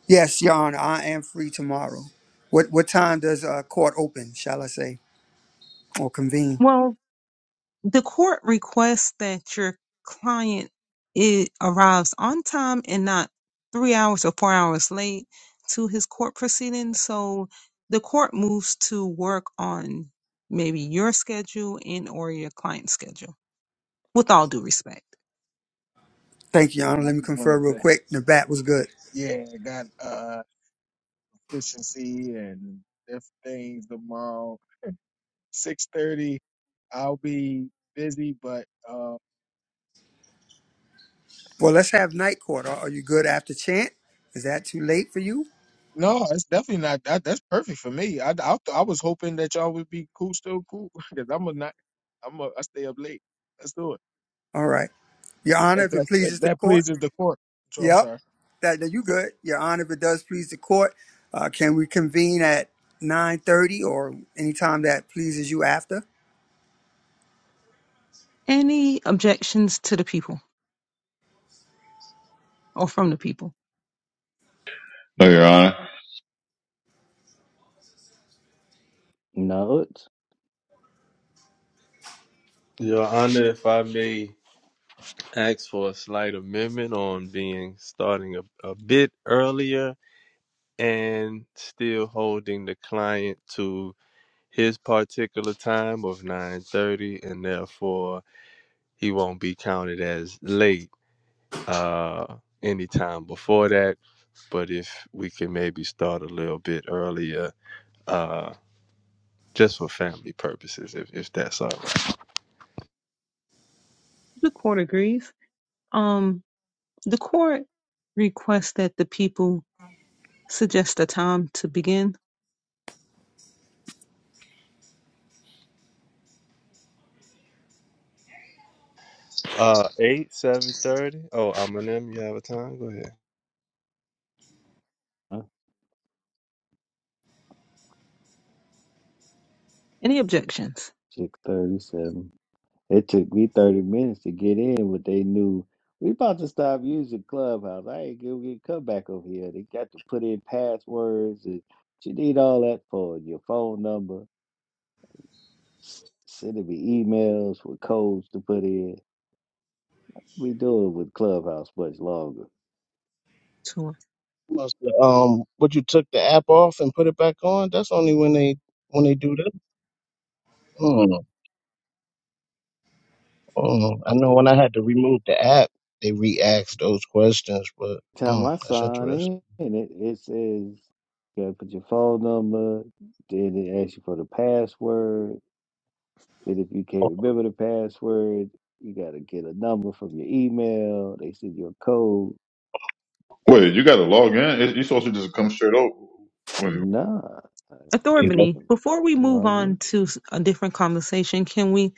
Speaker 15: Yes, Your Honor, I am free tomorrow. What what time does uh, court open? Shall I say or convene?
Speaker 1: Well, The court requests that your client it arrives on time and not three hours or four hours late to his court proceeding. So the court moves to work on maybe your schedule and or your client's schedule. With all due respect.
Speaker 15: Thank you, Your Honor.
Speaker 11: Yeah, I
Speaker 15: Let me
Speaker 11: just want
Speaker 15: confer
Speaker 11: to
Speaker 15: real
Speaker 11: say,
Speaker 15: quick. The bat was good.
Speaker 11: yeah, I got. efficiency and different things tomorrow. Six thirty, I'll be busy, but uh,
Speaker 15: Well, let's have night court. Are are you good after chant? Is that too late for you?
Speaker 11: no, it's definitely not that. That's perfect for me. I, I I was hoping that y'all would be cool, still cool, because I'm a not. I'm a I stay up late. Let's do it.
Speaker 15: All right. Your Honor,
Speaker 11: If
Speaker 15: if
Speaker 11: that
Speaker 15: it
Speaker 11: if
Speaker 15: pleases the
Speaker 11: that
Speaker 15: court.
Speaker 11: pleases the court. So I'm
Speaker 15: Yep.
Speaker 11: sorry.
Speaker 15: That, that you good. Your Honor, if it does please the court, uh, can we convene at 9:30 or any time that pleases you after?
Speaker 1: Any objections to the people or from the people?
Speaker 2: No, Your Honor.
Speaker 10: no it's
Speaker 8: Your Honor, if I may asked for a slight amendment on being starting a, a bit earlier and still holding the client to his particular time of 9.30 and therefore he won't be counted as late uh, any time before that but if we can maybe start a little bit earlier uh, just for family purposes if, if that's all right
Speaker 1: The court agrees. Um, the court requests that the people suggest a time to begin.
Speaker 8: Uh, eight, seven thirty. Oh, I'm an M. You have a time? Go ahead.
Speaker 1: Any objections?
Speaker 10: 637 It took me 30 minutes to get in, but they knew we about to stop using Clubhouse. I ain't gonna get come back over here. They got to put in passwords and you need all that for your phone number, s- sending me emails with codes to put in. We do it with Clubhouse much longer.
Speaker 1: to it?
Speaker 12: Must, Um, would you took the app off and put it back on? That's only when they when they do that. Hmm. hmm. I know when I had to remove the app, they re-asked those questions, but hmm,
Speaker 10: Time I
Speaker 12: that's
Speaker 10: sign
Speaker 12: interesting.
Speaker 10: in, and it, it says you gotta put your phone number, then it asks you for the password. Then if you can't
Speaker 12: Oh,
Speaker 10: remember the password, you gotta get a number from your email. They send you a code.
Speaker 2: Wait,
Speaker 10: Just
Speaker 2: you gotta log in. It- You supposed to just come straight over. Wait,
Speaker 10: nah. They
Speaker 12: yeah,
Speaker 1: Authority,
Speaker 10: log,
Speaker 1: before we move
Speaker 10: log in.
Speaker 1: on to s- a different conversation, can we,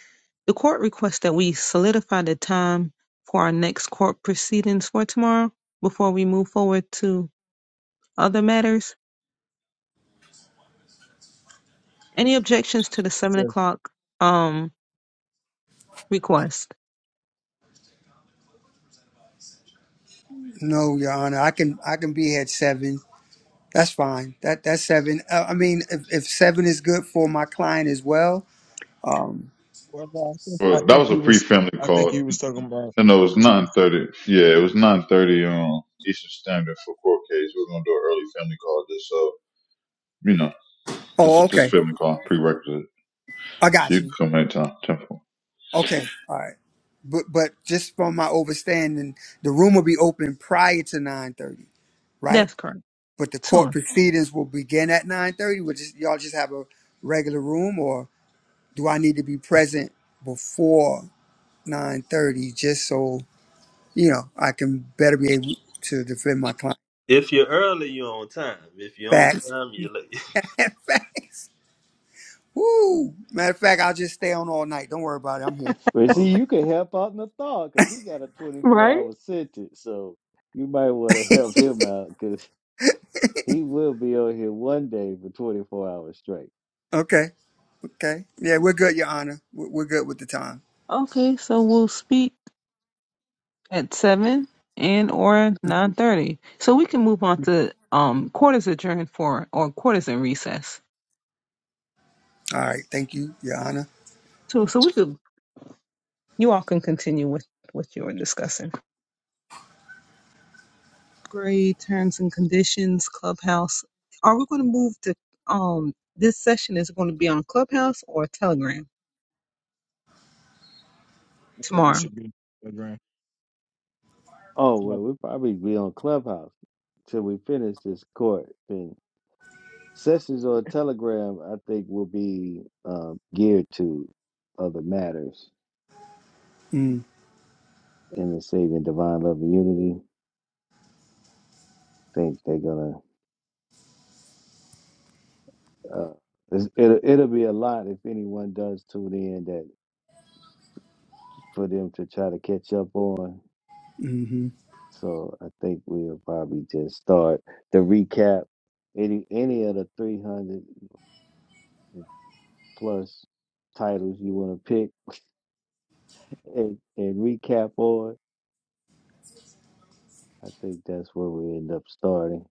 Speaker 1: the court requests that we solidify the time for our next court proceedings for tomorrow before we move forward to other matters? Any objections to the
Speaker 11: It
Speaker 1: seven
Speaker 11: says,
Speaker 1: o'clock um request?
Speaker 15: No, Your Honor. I can I can be here at 7. That's fine. That that's 7. Uh, I mean, if, if 7 is good for my client as well. Um
Speaker 11: well, no, I think I
Speaker 2: well, that
Speaker 11: think
Speaker 2: was a
Speaker 11: he was
Speaker 2: pre-family
Speaker 11: I think
Speaker 2: call.
Speaker 11: he was talking about.
Speaker 2: And no, it was
Speaker 11: She
Speaker 2: nine
Speaker 11: was-
Speaker 2: thirty. Yeah, it was nine thirty um Eastern Standard for court case. We are gonna do an early family call. Just so you know, this
Speaker 15: oh,
Speaker 2: this
Speaker 15: okay.
Speaker 2: family call prerequisite.
Speaker 15: I
Speaker 2: So
Speaker 15: got
Speaker 2: you can
Speaker 15: you.
Speaker 2: come anytime. Ten four.
Speaker 15: Okay, all right. But but just from my overstanding, the room will be open prior to nine thirty, right?
Speaker 1: That's correct.
Speaker 15: But the court
Speaker 1: Sure.
Speaker 15: proceedings will begin at nine thirty. Which is y'all just have a regular room, or do I need to be present before nine thirty just so you know I can better be able to defend my client?
Speaker 8: If you're early, you're on time. If you're on
Speaker 15: Facts,
Speaker 8: time, you're late.
Speaker 15: facts. Woo! Matter of fact, I'll just stay on all night. Don't worry about it. I'm here. Don't
Speaker 10: But
Speaker 15: worry
Speaker 10: see,
Speaker 15: about
Speaker 10: you can help out Nathal because he got a 24 hour sentence. So you might want to help him out because he will be on here one day for 24 hours straight.
Speaker 15: it. Okay, okay. Yeah, we're good, Your Honor. We're we're good with the time.
Speaker 1: Okay, so we'll speak at seven and or nine thirty. So we can move on to um court is adjourned for or court is in recess.
Speaker 15: All right. Thank you, Your Honor.
Speaker 1: So so we could You all can continue with what you were discussing. Grade terms and conditions, Clubhouse. Are we going to move to um? This session is going to be on Clubhouse or Telegram
Speaker 11: I think it
Speaker 1: tomorrow.
Speaker 11: should be a grand.
Speaker 10: Oh, well,
Speaker 11: Somebody-
Speaker 10: we'll probably be on Clubhouse till we finish this court thing Sessions on Telegram, I think, will be uh, geared to other matters
Speaker 15: Mm,
Speaker 10: in the saving divine love and unity. I think they're gonna. Uh, it's, it'll, it'll be a lot if anyone does tune in that for them to try to catch up on.
Speaker 15: hmm
Speaker 10: So I think we'll probably just start the recap. Any any of the three hundred plus titles you want to pick and, and recap on. I think that's where we end up starting.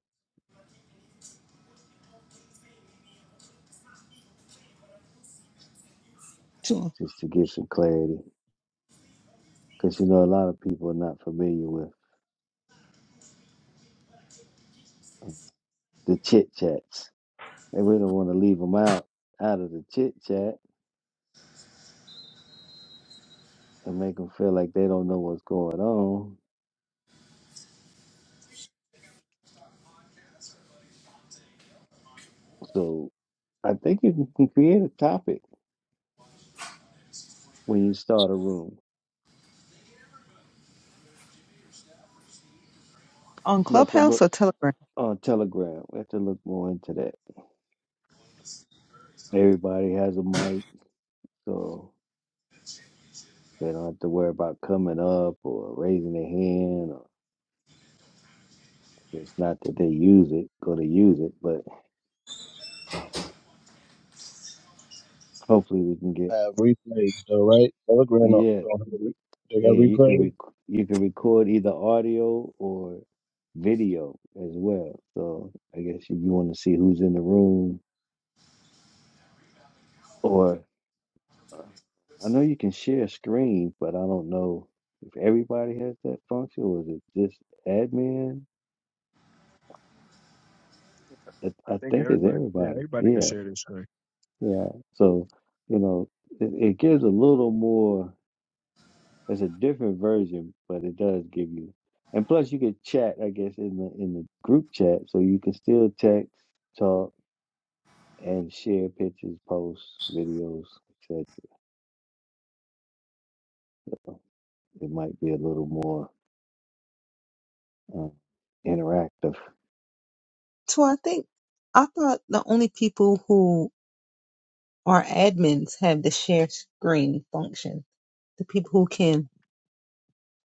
Speaker 1: To
Speaker 10: just to get some clarity. Because you know, a lot of people are not familiar with the chit chats, and we don't want to leave them out out of the chit chat and make them feel like they don't know what's going on. So I think you can can create a topic when you start a room.
Speaker 1: on
Speaker 10: We have to
Speaker 1: Clubhouse
Speaker 10: look
Speaker 1: or Telegram.
Speaker 10: on Telegram. We have to look more into that. Everybody has a mic, so they don't have to worry about coming up or raising their hand. Or it's not that they use it, go to use it, but hopefully we can get
Speaker 12: they have replays, though, right? Telegram don't,
Speaker 10: yeah.
Speaker 12: don't have re- they got
Speaker 10: Yeah, you can
Speaker 12: replays.
Speaker 10: rec- you can record either audio or video as well. So I guess if you want to see who's in the room, or uh, I know you can share screen, but I don't know if everybody has that function or is it just admin. I,
Speaker 11: I
Speaker 10: I
Speaker 11: think
Speaker 10: think it's
Speaker 11: everybody, yeah,
Speaker 10: everybody.
Speaker 11: everybody could
Speaker 10: Yeah,
Speaker 11: share this screen.
Speaker 10: yeah. So you know, it, it gives a little more. It's a different version, but it does give you. And plus, you could chat, I guess, in the in the group chat, so you can still text, talk, and share pictures, posts, videos, etc. It might be a little more uh, interactive.
Speaker 1: So I think I thought the only people who are admins have the share screen function. The people who can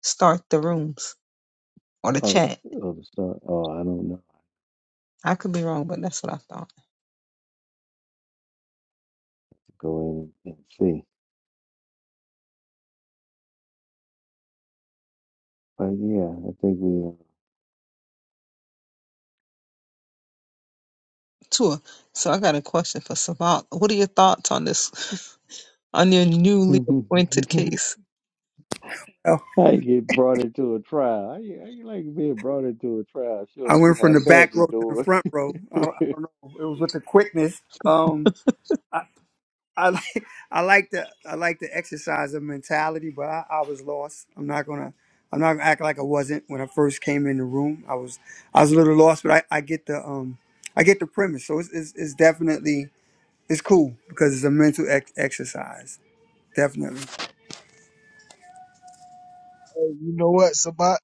Speaker 1: start the rooms or the
Speaker 10: Oh,
Speaker 1: chat.
Speaker 10: oh, the star. Oh, I don't know.
Speaker 1: I could be wrong, but that's what I thought.
Speaker 10: Go in and see. But yeah, I think we.
Speaker 1: Tua, so I got a question for Sabat. What are your thoughts on this, on your newly appointed
Speaker 10: Uh,
Speaker 1: case?
Speaker 15: Oh,
Speaker 10: I get brought into a trial. I, I like being brought into a trial. Show
Speaker 15: I
Speaker 10: up, see
Speaker 15: went from
Speaker 10: how
Speaker 15: the back
Speaker 10: family
Speaker 15: row to the
Speaker 10: doing.
Speaker 15: front row. I don't, I don't know. It was with the quickness. Um, I, I like I like the I like the exercise of mentality, but I, I was lost. I'm not gonna I'm not gonna act like I wasn't when I first came in the room. I was I was a little lost, but I, I get the um I get the premise. So it's it's, it's definitely it's cool because it's a mental ex- exercise. Definitely.
Speaker 11: Hey, you know what, Sabat?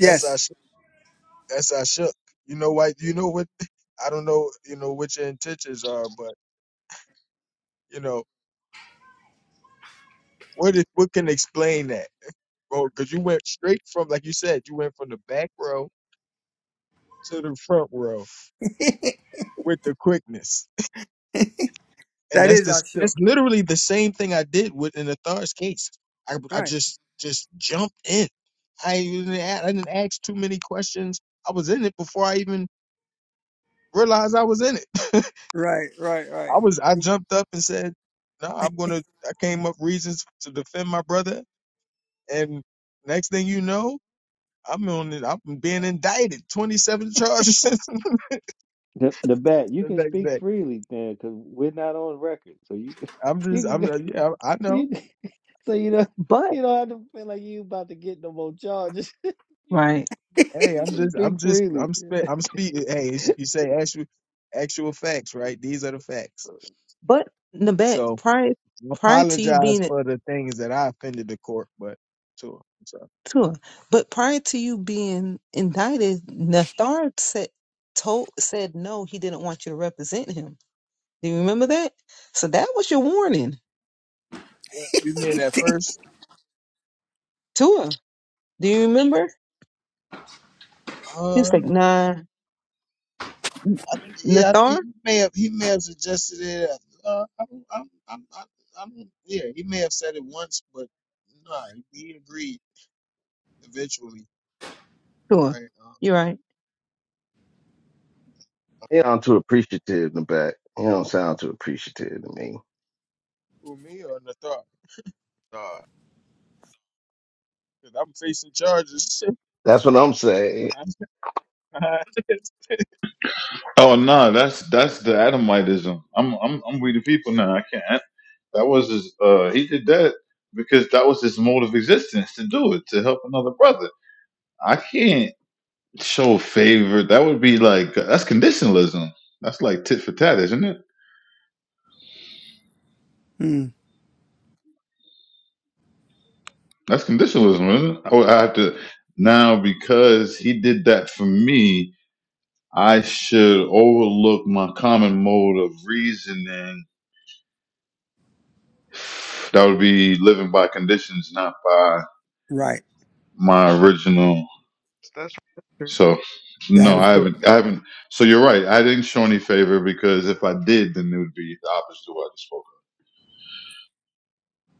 Speaker 11: That's our That's I shook. You know why? You know what? I don't know. You know what your intentions are, but you know what? Is, what can explain that? Well, because you went straight from, like you said, you went from the back row to the front row
Speaker 15: that
Speaker 11: with the quickness, and that's
Speaker 15: is our
Speaker 11: this.
Speaker 15: shook.
Speaker 11: That's literally the same thing I did with in the Thar's case. I I
Speaker 15: Right.
Speaker 11: just just jumped in. I even a- I didn't ask too many questions. I was in it before I even realized I was in it.
Speaker 15: Right, right, right.
Speaker 11: I was I jumped up and said, "No, I'm gonna." I came up reasons to defend my brother, and next thing you know, I'm on. it- I'm being indicted, 27 charges
Speaker 10: The the bat, you
Speaker 11: the
Speaker 10: can
Speaker 11: next
Speaker 10: speak
Speaker 11: day.
Speaker 10: freely then, because we're not on record. So you can,
Speaker 11: I'm
Speaker 10: you
Speaker 11: just.
Speaker 10: can
Speaker 11: I'm.
Speaker 10: go-
Speaker 11: uh, Yeah, I know.
Speaker 10: you can, so you know
Speaker 1: But,
Speaker 10: you don't have to feel like you about to get no more charges. You can
Speaker 1: right,
Speaker 11: Hey,
Speaker 10: you
Speaker 11: I'm
Speaker 10: can
Speaker 11: just.
Speaker 10: speak
Speaker 11: I'm just.
Speaker 10: freely.
Speaker 11: I'm. Spe- I'm speaking. Hey, it's- you say actual, actual facts, right? These are the facts.
Speaker 1: but Nabet
Speaker 11: So
Speaker 1: prior
Speaker 11: I
Speaker 1: prior to you
Speaker 11: apologize
Speaker 1: being
Speaker 11: for the things that I offended the court, but to so
Speaker 1: Sure. But prior to you being indicted, Nathard said told said no, he didn't want you to represent him. Do you remember that? So that was your warning
Speaker 11: what you mean at first?
Speaker 1: to her. Do you remember? He was
Speaker 11: Uh,
Speaker 1: like, nah, N-
Speaker 11: I, Yeah, I mean,
Speaker 1: Nathar,
Speaker 11: he may have he may have suggested it. Uh, I'm, I'm, I'm, I'm, I'm- yeah, he may have said it once, but no, he agreed eventually,
Speaker 1: to
Speaker 11: right? Um,
Speaker 1: You're right.
Speaker 12: They don't too appreciative in the back. You don't sound too appreciative to me.
Speaker 11: who me or Nathar?
Speaker 12: Dog,
Speaker 11: Because I'm facing charges.
Speaker 12: That's what I'm saying.
Speaker 11: hey,
Speaker 2: Oh no, that's that's the Adamitism. I'm I'm I'm we the people now. I can't. That was his. Uh, he did that because that was his mode of existence to do it to help another brother. I can't show favor. That would be like that's conditionalism. That's like tit for tat, isn't it?
Speaker 15: Mm,
Speaker 2: That's conditionalism, isn't it? I would I have to now because he did that for me. I should overlook my common mode of reasoning. That would be living by conditions, not by
Speaker 15: right.
Speaker 2: my original.
Speaker 12: that's
Speaker 2: So
Speaker 15: That
Speaker 2: no,
Speaker 15: is
Speaker 2: I
Speaker 15: correct.
Speaker 2: haven't. I haven't. So you're right. I didn't show any favor because if I did, then it would be the opposite of what I just spoke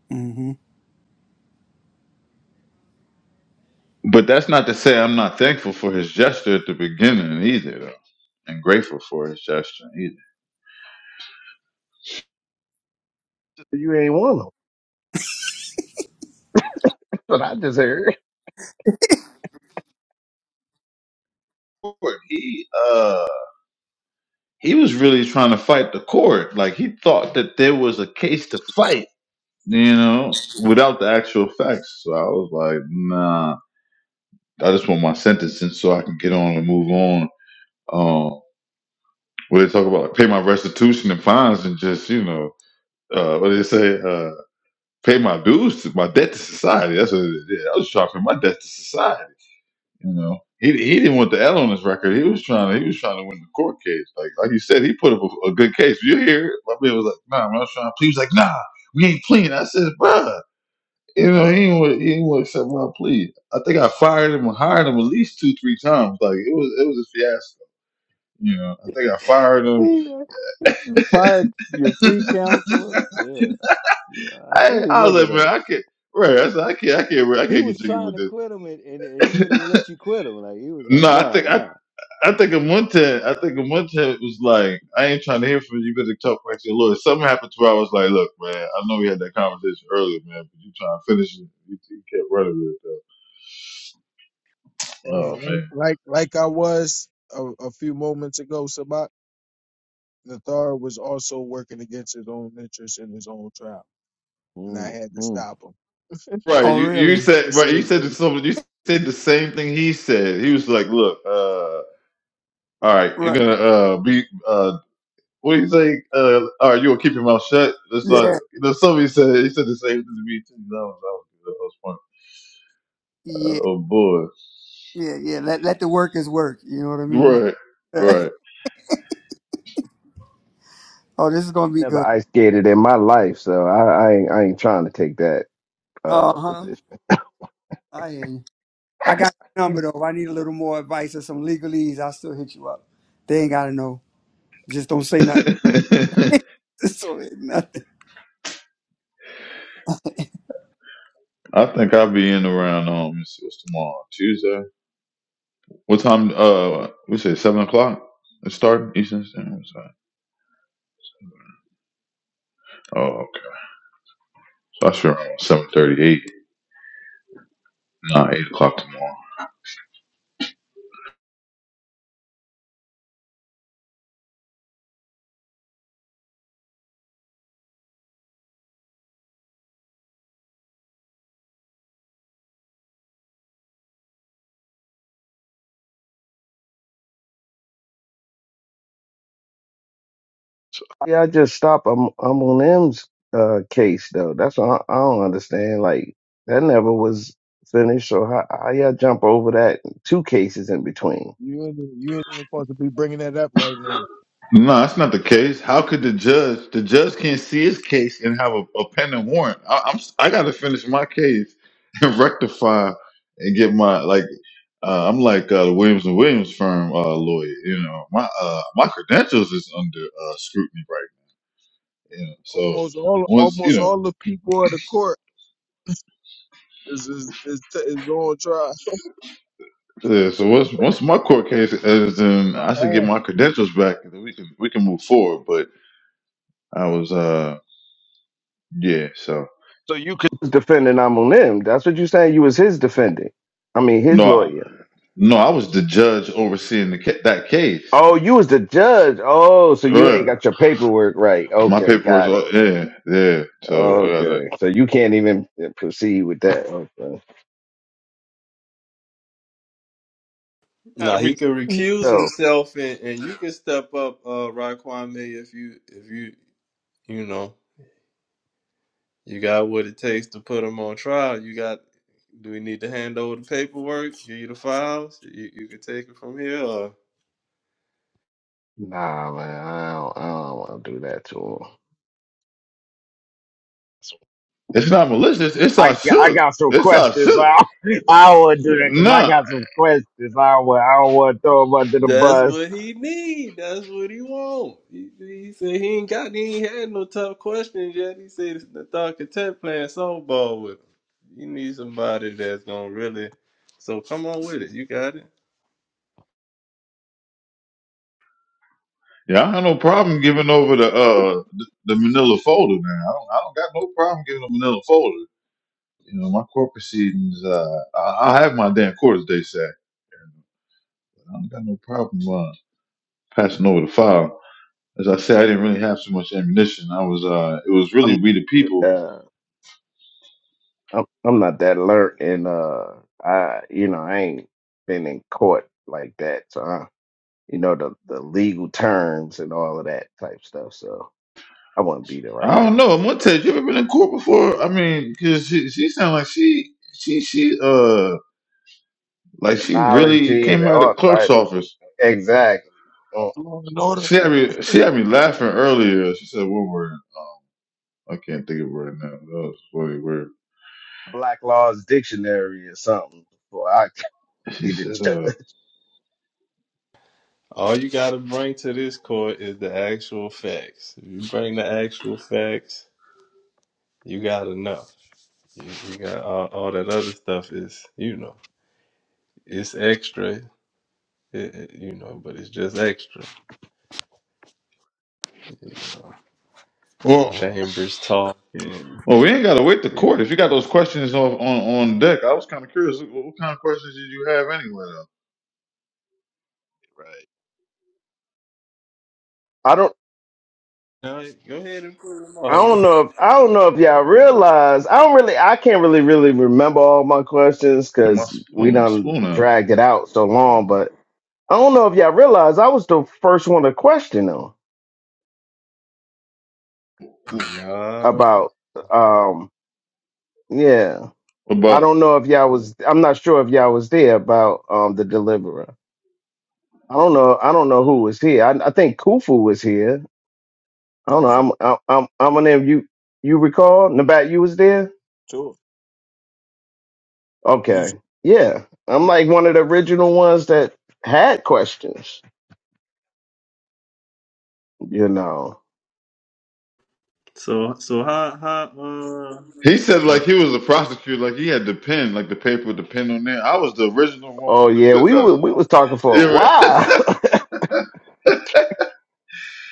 Speaker 15: hmm
Speaker 2: of. But that's not to say I'm not thankful for his gesture at the beginning either, though, and grateful for his gesture either.
Speaker 12: You ain't one of them. That's what I just heard.
Speaker 2: Lord, He uh he was really trying to fight the court. Like he thought that there was a case to fight, you know, without the actual facts. So I was like, nah. I just want my sentencing so I can get on and move on. where they talk about like pay my restitution and fines and just you know uh, what do they say uh, pay my dues to my debt to society. That's what it is. Yeah, I was trying to pay my debt to society. You know, he he didn't want the L on his record. He was trying to he was trying to win the court case. Like like you said, he put up a, a good case. You hear? it? My man was like, nah, man, I was trying to plead. He was like, nah, we ain't pleading. I said, bruh. You know, he ain't want he ain't want to accept my plea. I think I fired him and hired him at least two, three times. Like it was it was a fiasco. You know, I think I fired him
Speaker 10: You know, you fired your free counselor. Yeah, I do
Speaker 2: I, I was
Speaker 10: remember
Speaker 2: like, man,
Speaker 10: that.
Speaker 2: I can't. Right, I said, I can't, I can't, I
Speaker 10: He
Speaker 2: can't get
Speaker 10: was
Speaker 2: jiggy
Speaker 10: trying
Speaker 2: with
Speaker 10: to
Speaker 2: this.
Speaker 10: quit him, and, and and he wouldn't even let you quit him. Like he was like,
Speaker 2: No, I
Speaker 10: nah,
Speaker 2: think, I,
Speaker 10: nah.
Speaker 2: I think in one ten, I think in one ten it was like, I ain't trying to hear from you. You better talk back to your lawyer. Something happened to where I was like, look, man, I know we had that conversation earlier, man, but you trying to finish it. You, you kept running with it though. Oh
Speaker 11: like
Speaker 2: man.
Speaker 11: like like I was a, a few moments ago, Sabat Nathar was also working against his own interests in his own trial, and I
Speaker 10: Mm,
Speaker 11: had to
Speaker 10: mm,
Speaker 11: stop him.
Speaker 2: Right,
Speaker 15: Oh,
Speaker 2: you, you
Speaker 15: really?
Speaker 2: said,
Speaker 11: This
Speaker 2: right, you
Speaker 11: ain't-
Speaker 2: said something. You said the same thing he said. He was like, look, uh, all right, you're
Speaker 15: Right.
Speaker 2: gonna uh, be. uh, What do you think? Uh, all right, you gonna keep your mouth shut? That's like
Speaker 15: Yeah,
Speaker 2: you know, somebody said he said the same thing to me too. That was that was, that
Speaker 15: yeah,
Speaker 2: was funny. Uh, oh
Speaker 15: yeah, yeah. Let let the workers work. You know what I
Speaker 2: boy,
Speaker 15: mean?
Speaker 2: right, right.
Speaker 15: oh, this is gonna be
Speaker 12: Never
Speaker 15: good.
Speaker 12: ice skated in my life, so I, I ain't I ain't trying to take that.
Speaker 15: Uh
Speaker 12: uh,
Speaker 15: huh.
Speaker 12: position.
Speaker 15: I hear you. I got your number though. If I need a little more advice or some legalese, I'll still hit you up. They ain't gotta know. Just don't say nothing. Just don't say nothing.
Speaker 2: I think I'll be in around um, let me see, what's tomorrow? Tuesday. What time? Uh, we say seven o'clock. It's starting Eastern Standard Time. Oh, okay. So I should around seven thirty-eight. Nah, eight o'clock tomorrow.
Speaker 12: Yeah, I just stopped um, Amon M's uh, case though. That's what I, I don't understand. Like that never was finished. So how, how y'all jump over that two cases in between?
Speaker 11: you ain't, you ain't even supposed to be bringing that up right now.
Speaker 2: No, that's not the case. How could the judge? The judge can't see his case and have a, a pending warrant. I, I'm I got to finish my case and rectify and get my like. Uh, I'm like uh, the Williams and Williams firm uh, lawyer. You know, my uh, my credentials is under uh, scrutiny right. now. You know, so
Speaker 11: Almost all,
Speaker 2: once you
Speaker 11: almost
Speaker 2: know,
Speaker 11: all the people of the court is is is, is on trial.
Speaker 2: yeah, so once once my court case is in,
Speaker 11: Or
Speaker 2: I should get
Speaker 11: half.
Speaker 2: my credentials back. and then We can we can move forward. But I was uh yeah. So
Speaker 12: So you could Was defending Amon M. That's what you saying. You was his defendant. I mean his
Speaker 2: no.
Speaker 12: lawyer.
Speaker 2: No, I was the judge overseeing the ca- that case.
Speaker 12: Oh, you was the judge. Oh, so you ain't
Speaker 2: Right.
Speaker 12: got your paperwork right.
Speaker 2: My
Speaker 12: Okay,
Speaker 2: paperwork,
Speaker 12: got it.
Speaker 2: yeah, yeah. So I gotta.
Speaker 12: Okay, so you can't even proceed with that. Okay. had a
Speaker 8: Now he
Speaker 12: re-
Speaker 8: can recuse
Speaker 12: So
Speaker 8: himself, and, and you can step up, uh, Raquan May, if you if you you know you got what it takes to put him on trial. You got. Do we need to hand over the paperwork? Give you the files. You you can take it from here. or
Speaker 12: nah, man, I don't, I don't want to do that to him.
Speaker 2: It's not malicious. It's
Speaker 12: I
Speaker 2: our
Speaker 12: got, I
Speaker 2: shook.
Speaker 12: got some
Speaker 2: It's our
Speaker 12: questions.
Speaker 2: shook.
Speaker 12: I I would do that because I
Speaker 2: Nah.
Speaker 12: got some questions. I want the
Speaker 8: That's
Speaker 12: bus.
Speaker 8: what he need. That's what he want. He, he said he ain't got, he ain't had no tough questions yet. He said it's the thought content playing softball with him. You need somebody that's gonna really. So come on with it. You got it.
Speaker 2: Yeah, I have no problem giving over the uh the, the Manila folder, man. I don't, I don't got no problem giving the Manila folder. You know, my court proceedings. Uh, I, I have my damn court, as they say. I don't got no problem uh, passing over the file. As I said, I didn't really have so much ammunition. I was, uh, it was
Speaker 12: I'm
Speaker 2: really we the people
Speaker 12: uh I'm I'm not that alert, and uh I you know I ain't been in court like that, so I, you know the the legal terms and all of that type stuff. So I wouldn't be the
Speaker 2: I
Speaker 12: right
Speaker 2: don't
Speaker 12: person.
Speaker 2: know. Montez, you ever been in court before? I mean, because she, she sounded like she, she, she, uh, like she really
Speaker 12: Terminology and
Speaker 2: came out of the
Speaker 12: all
Speaker 2: clerk's
Speaker 12: type of
Speaker 2: office.
Speaker 12: exactly. Uh,
Speaker 11: That's Law and order.
Speaker 2: She had me, she had me laughing earlier. She said one word. I can't think of it right now. That was a funny word.
Speaker 12: Black Laws Dictionary or something. before I can
Speaker 2: She
Speaker 12: be the
Speaker 2: said,
Speaker 12: judge.
Speaker 2: uh,
Speaker 8: All you gotta bring to this court is the actual facts. If you bring the actual facts, you got enough. You, you got all, all that other stuff is, you know, it's extra. It, it- you know, but it's just extra. You know,
Speaker 2: well,
Speaker 8: Chambers talk and
Speaker 2: well, we ain't got to wait to
Speaker 8: you know.
Speaker 2: court. If you got those questions on, on, on deck, I was kind of curious. What, what kind of questions did you have anyway, though?
Speaker 12: Right. I don't.
Speaker 8: No, go ahead and put them
Speaker 12: I
Speaker 8: all.
Speaker 12: don't know if I don't know if y'all realize I don't really I can't really really remember all my questions
Speaker 2: Get my
Speaker 12: because we
Speaker 2: spoon,
Speaker 12: done
Speaker 2: spoon out.
Speaker 12: dragged it out so long. But I don't know if y'all realize I was the first one to question them
Speaker 8: No.
Speaker 12: about um yeah I
Speaker 2: About?
Speaker 12: don't know if y'all was I'm not sure if y'all was there about um the deliverer. I don't know I don't know who was here. I, I think Kufu was here. I
Speaker 11: That
Speaker 12: don't know.
Speaker 11: was it.
Speaker 12: I'm I'm I'm I'm gonna you you recall Nabat you was there.
Speaker 11: Two. You
Speaker 12: Okay.
Speaker 11: should-
Speaker 12: Yeah. I'm like one of the original ones that had questions, you know.
Speaker 8: So so how how uh,
Speaker 2: He said like
Speaker 8: uh
Speaker 2: he was a prosecutor, like he had the pen, like the paper with the pen on there. I was the original one with
Speaker 12: Oh
Speaker 2: the
Speaker 12: yeah,
Speaker 2: pen.
Speaker 12: we
Speaker 2: No,
Speaker 12: were we was talking for a
Speaker 2: no, no. Yeah,
Speaker 12: while.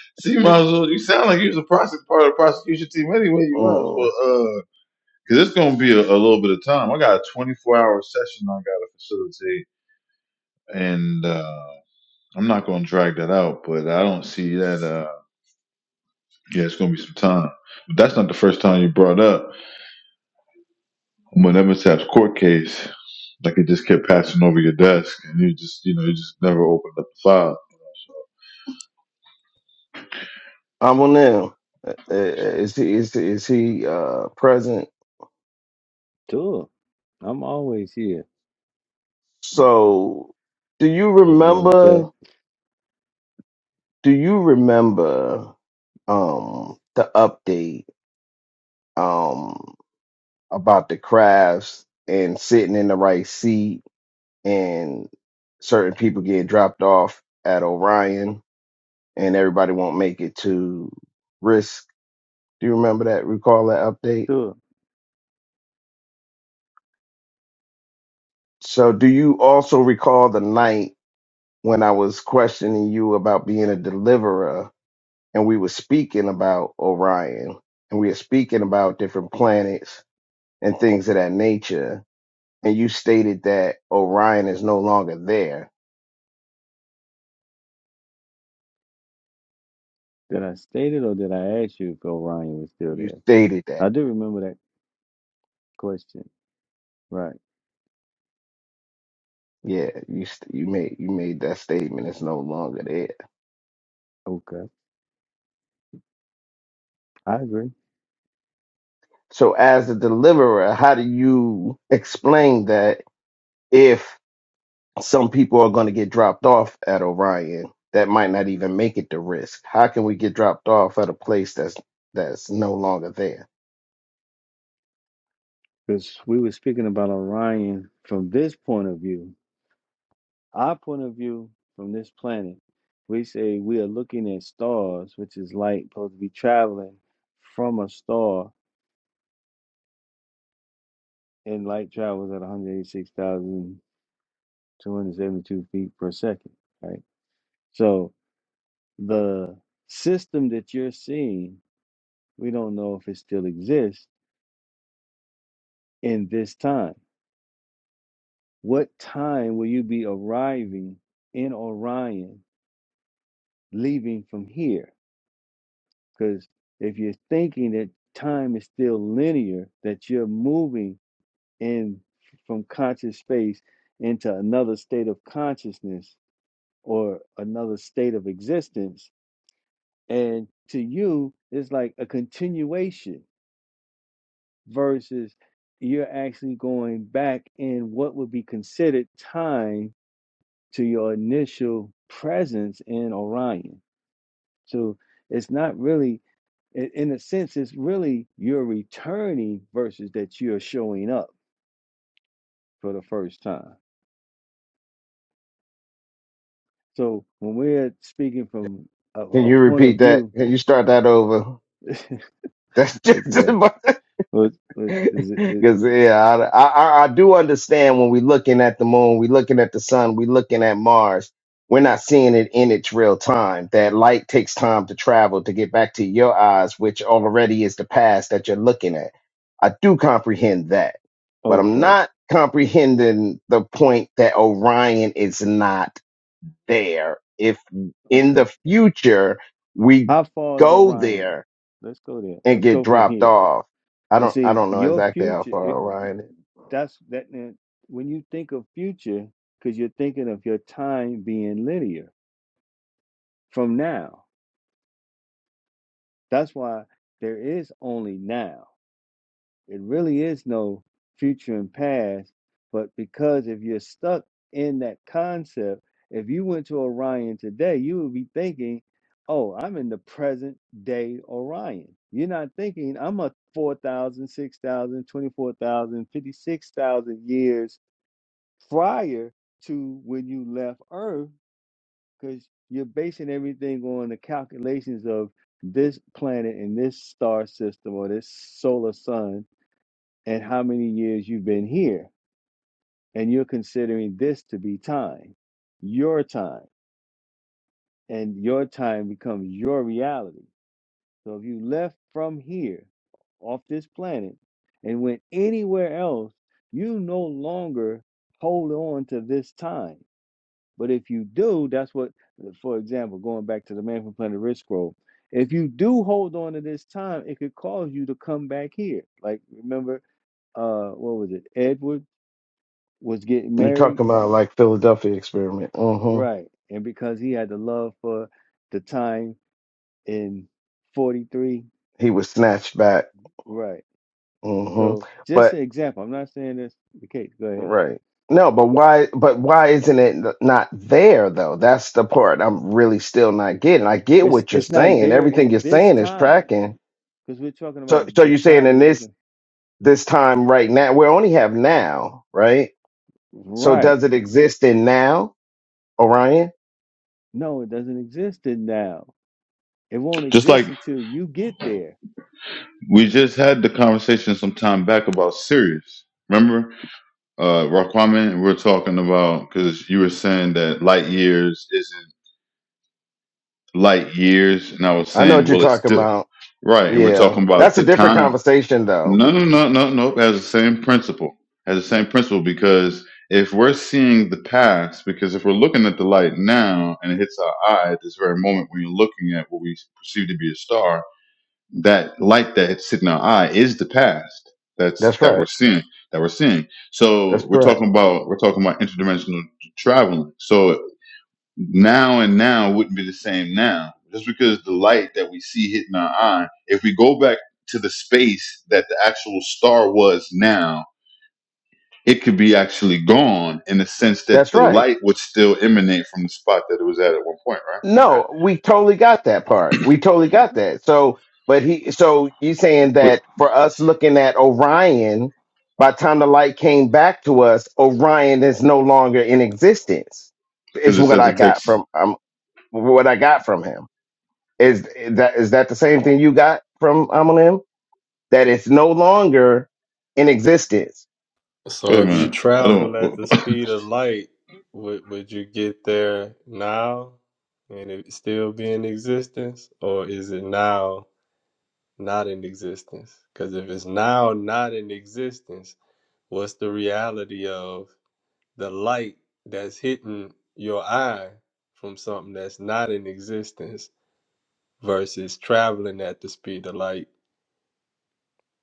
Speaker 2: See, might as well. You sound like you was a prosec- part of the prosecution team anyway. You might as
Speaker 12: mm.
Speaker 2: well, uh, because it's gonna be a, a little bit of time. I got a 24 hour session I gotta facilitate, and uh, I'm not gonna drag that out. But I don't see that. Uh, yeah, it's gonna be some time. But that's not the first time you brought up. Whenever it's that court case, like it just kept passing over your desk, and you just, you know, you just never opened up the file.
Speaker 12: I'm on them. Uh, uh, Is he is he, is he uh present?
Speaker 10: sure, I'm always here.
Speaker 12: So do you
Speaker 10: Moon
Speaker 12: remember do you remember um the update um about the crafts and sitting in the right seat and certain people get dropped off at Orion and everybody won't make it to risk. Do you remember that? Recall that update? So do you also recall the night when I was questioning you about being a deliverer and we were speaking about Orion and we were speaking about different planets and things of that nature and you stated that Orion is no longer there.
Speaker 10: Did I state it or did I ask you if Orion was still
Speaker 12: You
Speaker 10: there?
Speaker 12: stated that.
Speaker 10: I do remember that question. Right.
Speaker 12: Yeah, you st- you made you made that statement. It's no longer there.
Speaker 10: Okay. I agree.
Speaker 12: So, as a deliverer, how do you explain that if some people are going to get dropped off at Orion that might not even make it to risk? How can we get dropped off at a place that's that's no longer there?
Speaker 10: Because we were speaking about Orion from this point of view. Our point of view from this planet, we say we are looking at stars, which is light supposed to be traveling from a star, and light travels at 186,272 feet per second. Right. So the system that you're seeing, we don't know if it still exists in this time. What time will you be arriving in Orion, leaving from here? Because if you're thinking that time is still linear, that you're moving in from conscious space into another state of consciousness or another state of existence, and to you, it's like a continuation versus you're actually going back in what would be considered time to your initial presence in Orion. So it's not really, in, in a sense, it's really you're returning versus that you're showing up for the first time. So when we're speaking from a,
Speaker 12: Can
Speaker 10: a
Speaker 12: you
Speaker 10: point of
Speaker 12: repeat that?
Speaker 10: view,
Speaker 12: Can you start that over? That's just
Speaker 10: okay, What, what is it, it?
Speaker 12: because yeah, I, I I do understand when we're looking at the moon, we're looking at the sun, we're looking at Mars. We're not seeing it in its real time. That light takes time to travel to get back to your eyes, which already is the past that you're looking at. I do comprehend that, but I'm
Speaker 10: Okay,
Speaker 12: not comprehending the point that Orion is not there. If in
Speaker 10: okay.
Speaker 12: the future we
Speaker 10: How far is
Speaker 12: go
Speaker 10: Orion?
Speaker 12: there
Speaker 10: Let's go there.
Speaker 12: and
Speaker 10: Let's
Speaker 12: get
Speaker 10: go from
Speaker 12: dropped
Speaker 10: here.
Speaker 12: off. I
Speaker 10: But
Speaker 12: don't I
Speaker 10: see,
Speaker 12: don't know
Speaker 10: your
Speaker 12: exactly how
Speaker 10: future,
Speaker 12: far
Speaker 10: it,
Speaker 12: Orion is.
Speaker 10: that's that. that- When you think of future, because you're thinking of your time being linear from now. That's why there is only now. It really is no future and past, but because if you're stuck in that concept, if you went to Orion today, you would be thinking, oh, I'm in the present day Orion. You're not thinking, I'm a 4,000, 6,000, 24,000, 56,000 years prior to when you left Earth because you're basing everything on the calculations of this planet and this star system or this solar sun and how many years you've been here. And you're considering this to be time, your time, and your time becomes your reality. So if you left from here off this planet and went anywhere else, you no longer hold on to this time But if you do, that's what, for example, going back to the man from Planet Risk scroll, if you do hold on to this time, it could cause you to come back here. Like, remember, uh, what was it? Edward was getting
Speaker 12: You're
Speaker 10: married,
Speaker 12: talking about like Philadelphia experiment. mm hmm
Speaker 10: right? And because he had the love for the time in 43,
Speaker 12: He was snatched back.
Speaker 10: right?
Speaker 12: mm hmm
Speaker 10: So, just
Speaker 12: But
Speaker 10: an example, I'm not saying this, okay, go ahead.
Speaker 12: right. No, but why? But why isn't it not there though? That's the part I'm really still not getting. I get
Speaker 10: It's,
Speaker 12: what you're
Speaker 10: it's not
Speaker 12: saying.
Speaker 10: there
Speaker 12: Everything
Speaker 10: in
Speaker 12: you're
Speaker 10: this
Speaker 12: saying is
Speaker 10: time
Speaker 12: tracking.
Speaker 10: because we're talking about
Speaker 12: So, so
Speaker 10: the
Speaker 12: you're saying
Speaker 10: time
Speaker 12: in
Speaker 10: we're
Speaker 12: this
Speaker 10: looking
Speaker 12: this time right now. We only have now, right? So
Speaker 10: right.
Speaker 12: does it exist in now, Orion?
Speaker 10: No, it doesn't exist in now It won't
Speaker 2: Just like
Speaker 10: exist until you get there.
Speaker 2: we just had the conversation some time back about Sirius. Remember, uh, Raquaman, we were talking about because you were saying that light years isn't light years, and I was
Speaker 12: I know what
Speaker 2: saying,
Speaker 12: you're
Speaker 2: well, it's
Speaker 12: talking
Speaker 2: still
Speaker 12: about.
Speaker 2: right, and we're
Speaker 12: Yeah.
Speaker 2: talking about
Speaker 12: That's a
Speaker 2: the
Speaker 12: different
Speaker 2: time
Speaker 12: conversation though.
Speaker 2: No, no, no, no, nope. It Has the same principle. Has the same principle because if we're seeing the past, because if we're looking at the light now and it hits our eye at this very moment when you're looking at what we perceive to be a star, that light that hits in our eye is the past. That's
Speaker 12: That's
Speaker 2: that we're
Speaker 12: right.
Speaker 2: seeing. That we're seeing.
Speaker 12: That's
Speaker 2: So we're
Speaker 12: correct.
Speaker 2: talking about we're talking about interdimensional traveling. So now and now wouldn't be the same now just because the light that we see hitting our eye if we go back to the space that the actual star was now it could be actually gone in the sense that
Speaker 12: That's
Speaker 2: the
Speaker 12: right.
Speaker 2: light would still emanate from the spot that it was at at one point right okay
Speaker 12: No, we totally got that part. We totally got that. So but he so you saying
Speaker 2: but
Speaker 12: that for us looking at Orion, by the time the light came back to us, Orion is no longer in existence.
Speaker 2: because
Speaker 12: Is
Speaker 2: it
Speaker 12: what
Speaker 2: says
Speaker 12: I
Speaker 2: it
Speaker 12: got
Speaker 2: takes
Speaker 12: from um what I got from him. Is that is that the same thing you got from Amalim? That it's no longer in existence.
Speaker 2: wait
Speaker 8: So
Speaker 2: a
Speaker 8: if you
Speaker 2: minute i
Speaker 8: travel
Speaker 2: don't
Speaker 8: at
Speaker 2: well,
Speaker 8: the speed of light, would would you get there now and it still be in existence, or is it now not in existence? Because if it's now not in existence, what's the reality of the light that's hitting your eye from something that's not in existence? versus traveling at the speed of light,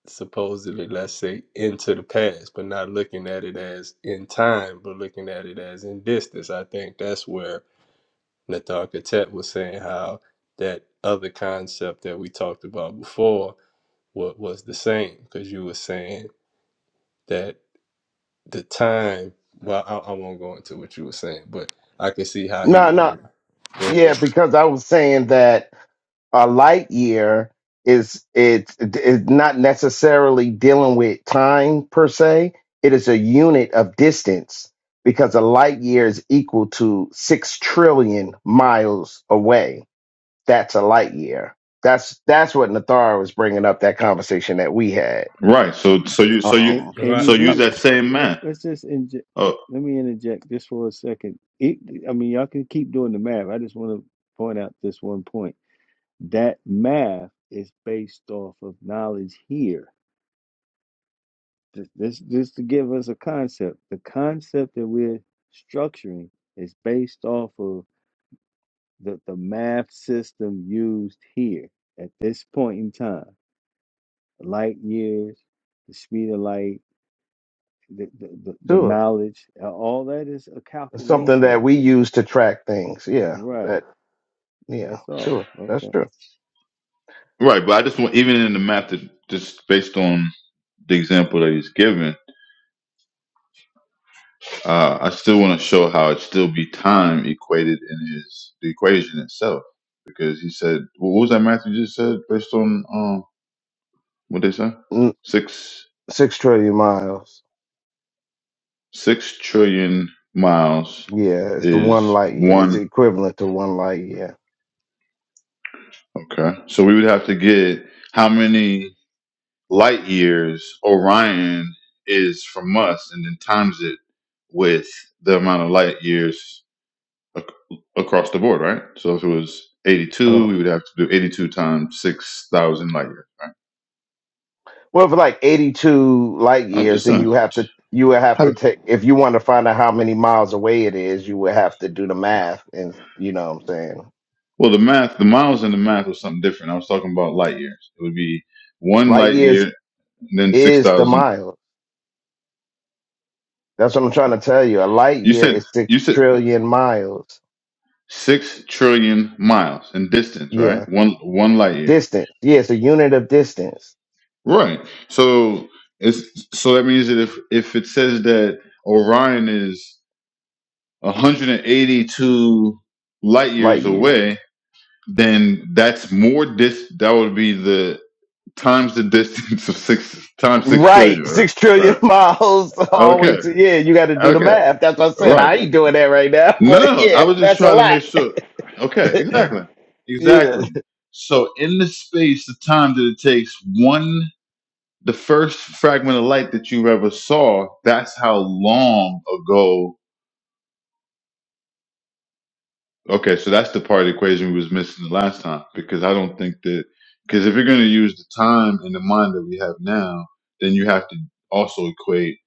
Speaker 8: supposedly, let's say, into the past, but not looking at it as in time, but looking at it as in distance. I think that's where Nathan Katet was saying how that other concept that we talked about before what was the same, because you were saying that the time, well, I, I won't go into what you were saying, but I could see how he
Speaker 12: No,
Speaker 8: was.
Speaker 12: no,
Speaker 8: Right.
Speaker 12: yeah, because I was saying that a light year is it's it's not necessarily dealing with time per se. It is a unit of distance because a light year is equal to six trillion miles away. That's a light year. That's that's what Nathar was bringing up that conversation that we had.
Speaker 2: right so so you so you
Speaker 10: And
Speaker 12: Um,
Speaker 10: and
Speaker 8: Right.
Speaker 10: you
Speaker 2: so use
Speaker 10: do.
Speaker 2: that
Speaker 10: Uh,
Speaker 2: same
Speaker 10: let,
Speaker 2: math
Speaker 10: let's just inject.
Speaker 2: oh
Speaker 10: Let me interject just for a second. It, I mean, y'all can keep doing the math. I just want to point out this one point. That math is based off of knowledge here. This, this, this to give us a concept. The concept that we're structuring is based off of the, the math system used here at this point in time. Light years, the speed of light the, the, the the
Speaker 12: Sure.
Speaker 10: mileage, uh, all that is a
Speaker 12: It's something
Speaker 10: calculation.
Speaker 12: that we use to track things. Yeah.
Speaker 10: Right.
Speaker 12: That yeah,
Speaker 10: That's all.
Speaker 12: sure. That's
Speaker 10: Okay.
Speaker 12: true.
Speaker 2: right but i just want even in the math that just based on the example that he's given Uh, I still want to show how it still be time equated in his the equation itself because he said what was that Matthew just said based on um what they say
Speaker 12: N-
Speaker 2: six
Speaker 12: Six trillion miles.
Speaker 2: six trillion miles
Speaker 12: Yeah, it's one
Speaker 2: is
Speaker 12: light year. It's
Speaker 2: one
Speaker 12: equivalent to one light year.
Speaker 2: okay so we would have to get how many light years Orion is from us and then times it with the amount of light years ac- across the board, right? So if it was
Speaker 12: I
Speaker 2: 82,
Speaker 12: don't
Speaker 2: we would have to do 82 times 6,000 light years, right?
Speaker 12: well for like eighty two light
Speaker 2: I'm
Speaker 12: years,
Speaker 2: just
Speaker 12: then
Speaker 2: saying.
Speaker 12: you have to you would have
Speaker 2: How,
Speaker 12: to take if you want to find out how many miles away it is, you would have to do the math and you know what I'm saying.
Speaker 2: well, the math, the miles in the math was something different. I was talking about light years. It would be one
Speaker 12: Light
Speaker 2: light year,
Speaker 12: years
Speaker 2: and then
Speaker 12: is the
Speaker 2: 6,000.
Speaker 12: miles. That's what I'm trying to tell you. A light
Speaker 2: You
Speaker 12: year
Speaker 2: said,
Speaker 12: is six
Speaker 2: you said
Speaker 12: trillion miles.
Speaker 2: 6 trillion miles in distance, right?
Speaker 12: Yeah.
Speaker 2: One, one light year.
Speaker 12: Distance. Yeah, it's a unit of distance.
Speaker 2: Right. So it's, so that means that if, if it says that Orion is 182 light
Speaker 12: light
Speaker 2: years
Speaker 12: years.
Speaker 2: away, then that's more dis that would be the times the distance of six times six trillion
Speaker 12: Right,
Speaker 2: right,
Speaker 12: six
Speaker 2: right.
Speaker 12: trillion miles all the way
Speaker 2: okay
Speaker 12: to yeah. You got to do the
Speaker 2: okay
Speaker 12: math. That's what I said.
Speaker 2: right
Speaker 12: I ain't doing that right now,
Speaker 2: no, no
Speaker 12: but
Speaker 2: no, i
Speaker 12: yeah,
Speaker 2: was just
Speaker 12: that's a
Speaker 2: trying to
Speaker 12: lot.
Speaker 2: make sure okay exactly
Speaker 12: yeah,
Speaker 2: exactly so in the space the time that it takes one the first fragment of light that you ever saw that's how long ago Okay, so that's the part of the equation we was missing the last time because I don't think that because if you're going to use the time and the mind that we have now, then you have to also equate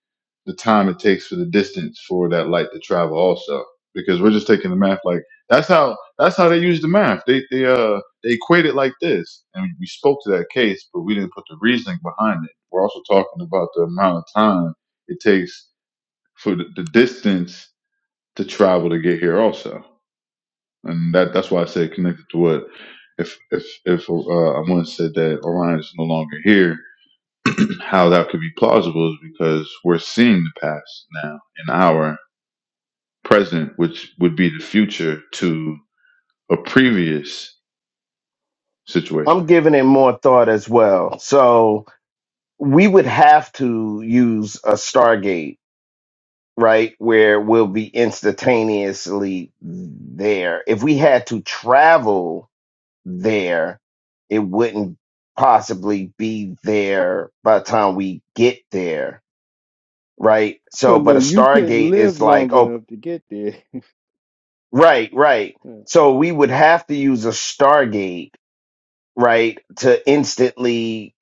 Speaker 2: the time it takes for the distance for that light to travel also because we're just taking the math like that's how that's how they use the math they they uh they equate it like this and we spoke to that case but we didn't put the reasoning behind it we're also talking about the amount of time it takes for the, the distance to travel to get here also and that that's why I said connected to what if if if uh, I once said that Orion is no longer here, how that could be plausible is because we're seeing the past now in our present, which would be the future to a previous situation.
Speaker 12: I'm giving it more thought as well. So we would have to use a Stargate, right, where we'll be instantaneously there. If we had to travel there, it wouldn't possibly be there by the time we get there right?
Speaker 10: Well,
Speaker 12: So,
Speaker 10: no,
Speaker 12: but a
Speaker 10: you couldn't
Speaker 12: Stargate is
Speaker 10: live
Speaker 12: like,
Speaker 10: long
Speaker 12: oh,
Speaker 10: enough to get there.
Speaker 12: right, right. So we would have to use a Stargate, right, to instantly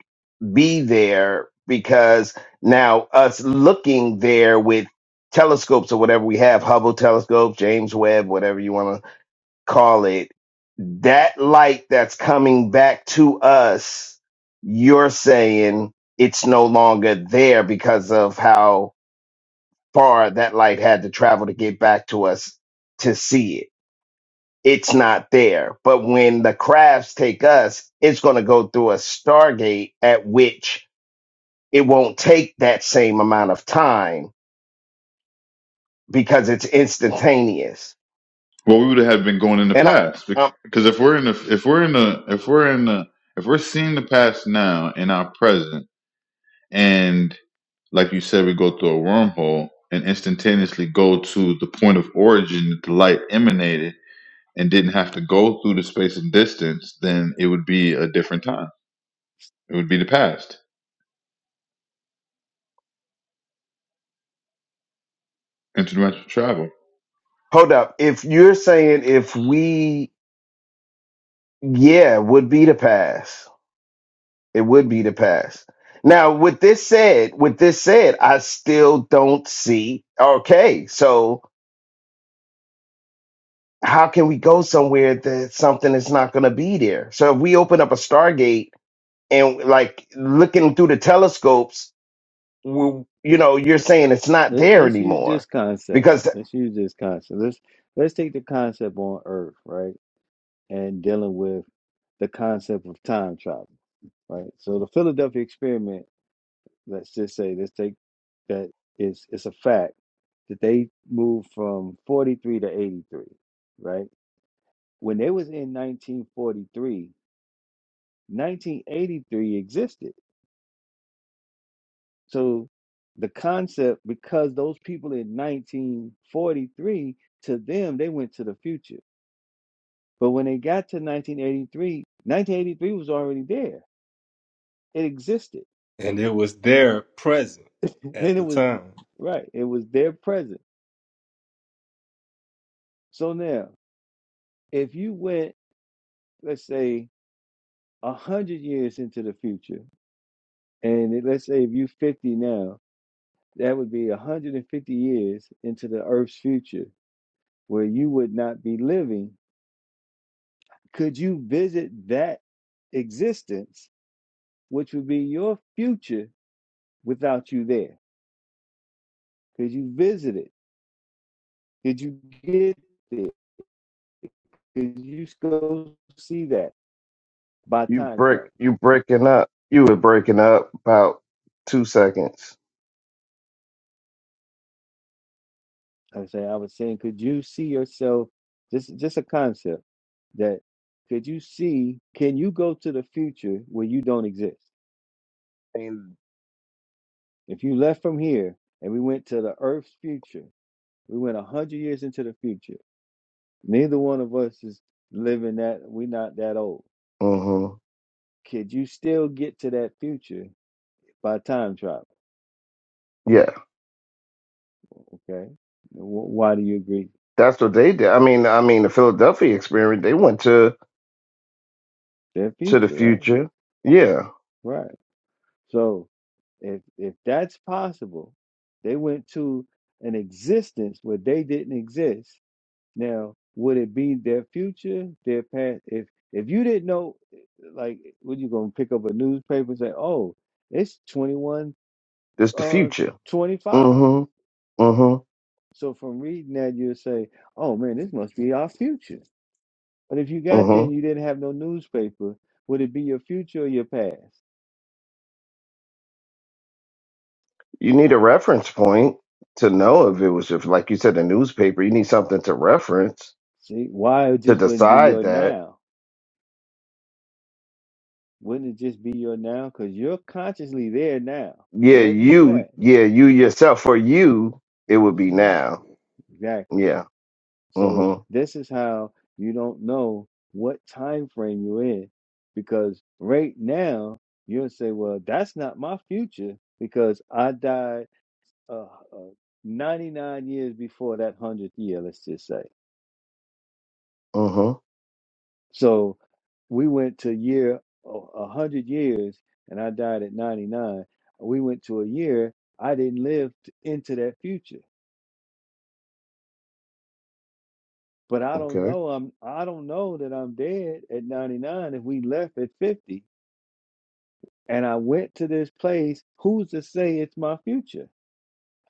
Speaker 12: be there because now us looking there with telescopes or whatever we have, Hubble telescope, James Webb, whatever you want to call it, that light that's coming back to us, you're saying it's no longer there because of how far that light had to travel to get back to us to see it. It's not there. But when the crafts take us, it's going to go through a stargate at which it won't take that same amount of time because it's instantaneous.
Speaker 2: Well, we would have been going in the
Speaker 12: And I,
Speaker 2: past bec-
Speaker 12: um,
Speaker 2: because if we're in the if we're in the if we're in the if we're seeing the past now in our present and like you said, we go through a wormhole and instantaneously go to the point of origin that the light emanated and didn't have to go through the space and distance, then it would be a different time. It would be the past, interdimensional travel.
Speaker 12: hold up. If you're saying if we, yeah, would be the pass, it would be the pass. Now, with this said, with this said, I still don't see. Okay, so how can we go somewhere that something is not going to be there? So if we open up a Stargate and like looking through the telescopes, we, you know, you're saying it's not
Speaker 10: Let,
Speaker 12: there
Speaker 10: let's use
Speaker 12: anymore
Speaker 10: this concept.
Speaker 12: because
Speaker 10: Let's use this concept. Let's let's take the concept on Earth, right, and dealing with the concept of time travel, right. So the Philadelphia experiment. Let's just say, let's take that. it's it's a fact that they moved from forty three to eighty three, right when they was in 1943, 1983 existed. So the concept, because those people in 1943, to them, they went to the future. But when they got to 1983, 1983 was already there. It existed.
Speaker 8: And it was there present at
Speaker 10: And it
Speaker 8: the
Speaker 10: was,
Speaker 8: time.
Speaker 10: right, it was there present. So now, if you went, let's say, 100 years into the future, and it- let's say if you 50 now, That would be 150 years into the earth's future where you would not be living. Could you visit that existence, which would be your future without you there? Could you visit it? Could you get there? Could you go see that by
Speaker 12: you
Speaker 10: time
Speaker 12: break
Speaker 10: travel?
Speaker 12: you breaking up. You were breaking up about two seconds.
Speaker 10: Like I was saying, I was saying, could you see yourself? Just, just a concept that could you see? Can you go to the future where you don't exist?
Speaker 12: And
Speaker 10: If you left from here and we went to the Earth's future, we went a hundred years into the future. Neither one of us is living that. We're not that old.
Speaker 12: hmm
Speaker 10: Could you still get to that future by time travel?
Speaker 12: Yeah,
Speaker 10: Okay. Wh- Why do you agree?
Speaker 12: that's what they did. I mean, I mean, the Philadelphia experiment. They went to
Speaker 10: Their
Speaker 12: to the
Speaker 10: future, right?
Speaker 12: future. Yeah,
Speaker 10: Right. So if if that's possible, they went to an existence where they didn't exist Now, would it be their future, their past? If if you didn't know, like, what you gonna pick up a newspaper and say, "Oh, it's twenty one,
Speaker 12: it's the
Speaker 10: uh,
Speaker 12: future.
Speaker 10: twenty five.
Speaker 12: hmm hmm
Speaker 10: So from reading that, you'll say, "Oh man, this must be our future." But if you got
Speaker 12: hmm
Speaker 10: there and you didn't have no newspaper, would it be your future or your past?
Speaker 12: You need a reference point to know if it was just like you said, a newspaper. You need something to reference
Speaker 10: See, why it
Speaker 12: to
Speaker 10: just wouldn't be
Speaker 12: decide
Speaker 10: your
Speaker 12: that.
Speaker 10: now? Wouldn't it just be your now? Because you're consciously there now,
Speaker 12: Yeah,
Speaker 10: wherever you
Speaker 12: you.
Speaker 10: at.
Speaker 12: Yeah, you yourself. For you, it would be
Speaker 10: Mhm.
Speaker 12: now.
Speaker 10: Exactly.
Speaker 12: Yeah.
Speaker 10: So
Speaker 12: Mm-hmm.
Speaker 10: this is how you don't know what time frame you're in because right now you'll say, "Well, that's not my future because I died uh, uh, 99 years before that hundredth year." Let's just say.
Speaker 12: Mm-hmm.
Speaker 10: So we went to year oh, a hundred years, and I died at 99. We went to a year I didn't live t- into that future. But I don't
Speaker 12: Okay.
Speaker 10: know. I'm. I don't know that I'm dead at 99. If we left at 50, and I went to this place, who's to say it's my future?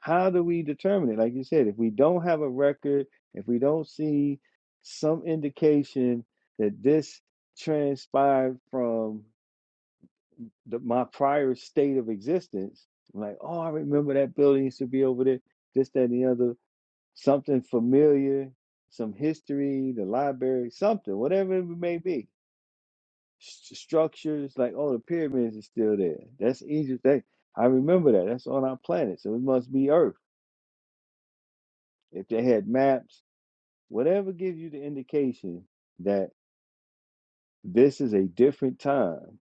Speaker 10: How do we determine it? Like you said, if we don't have a record, if we don't see some indication that this transpired from the, my prior state of existence, I'm like, oh, I remember that building used to be over there, this, that, and the other, something familiar, some history, the library, something, whatever it may be st- structures like oh the pyramids are still there that's egypt they i remember that that's on our planet so it must be earth if they had maps whatever gives you the indication that this is a different time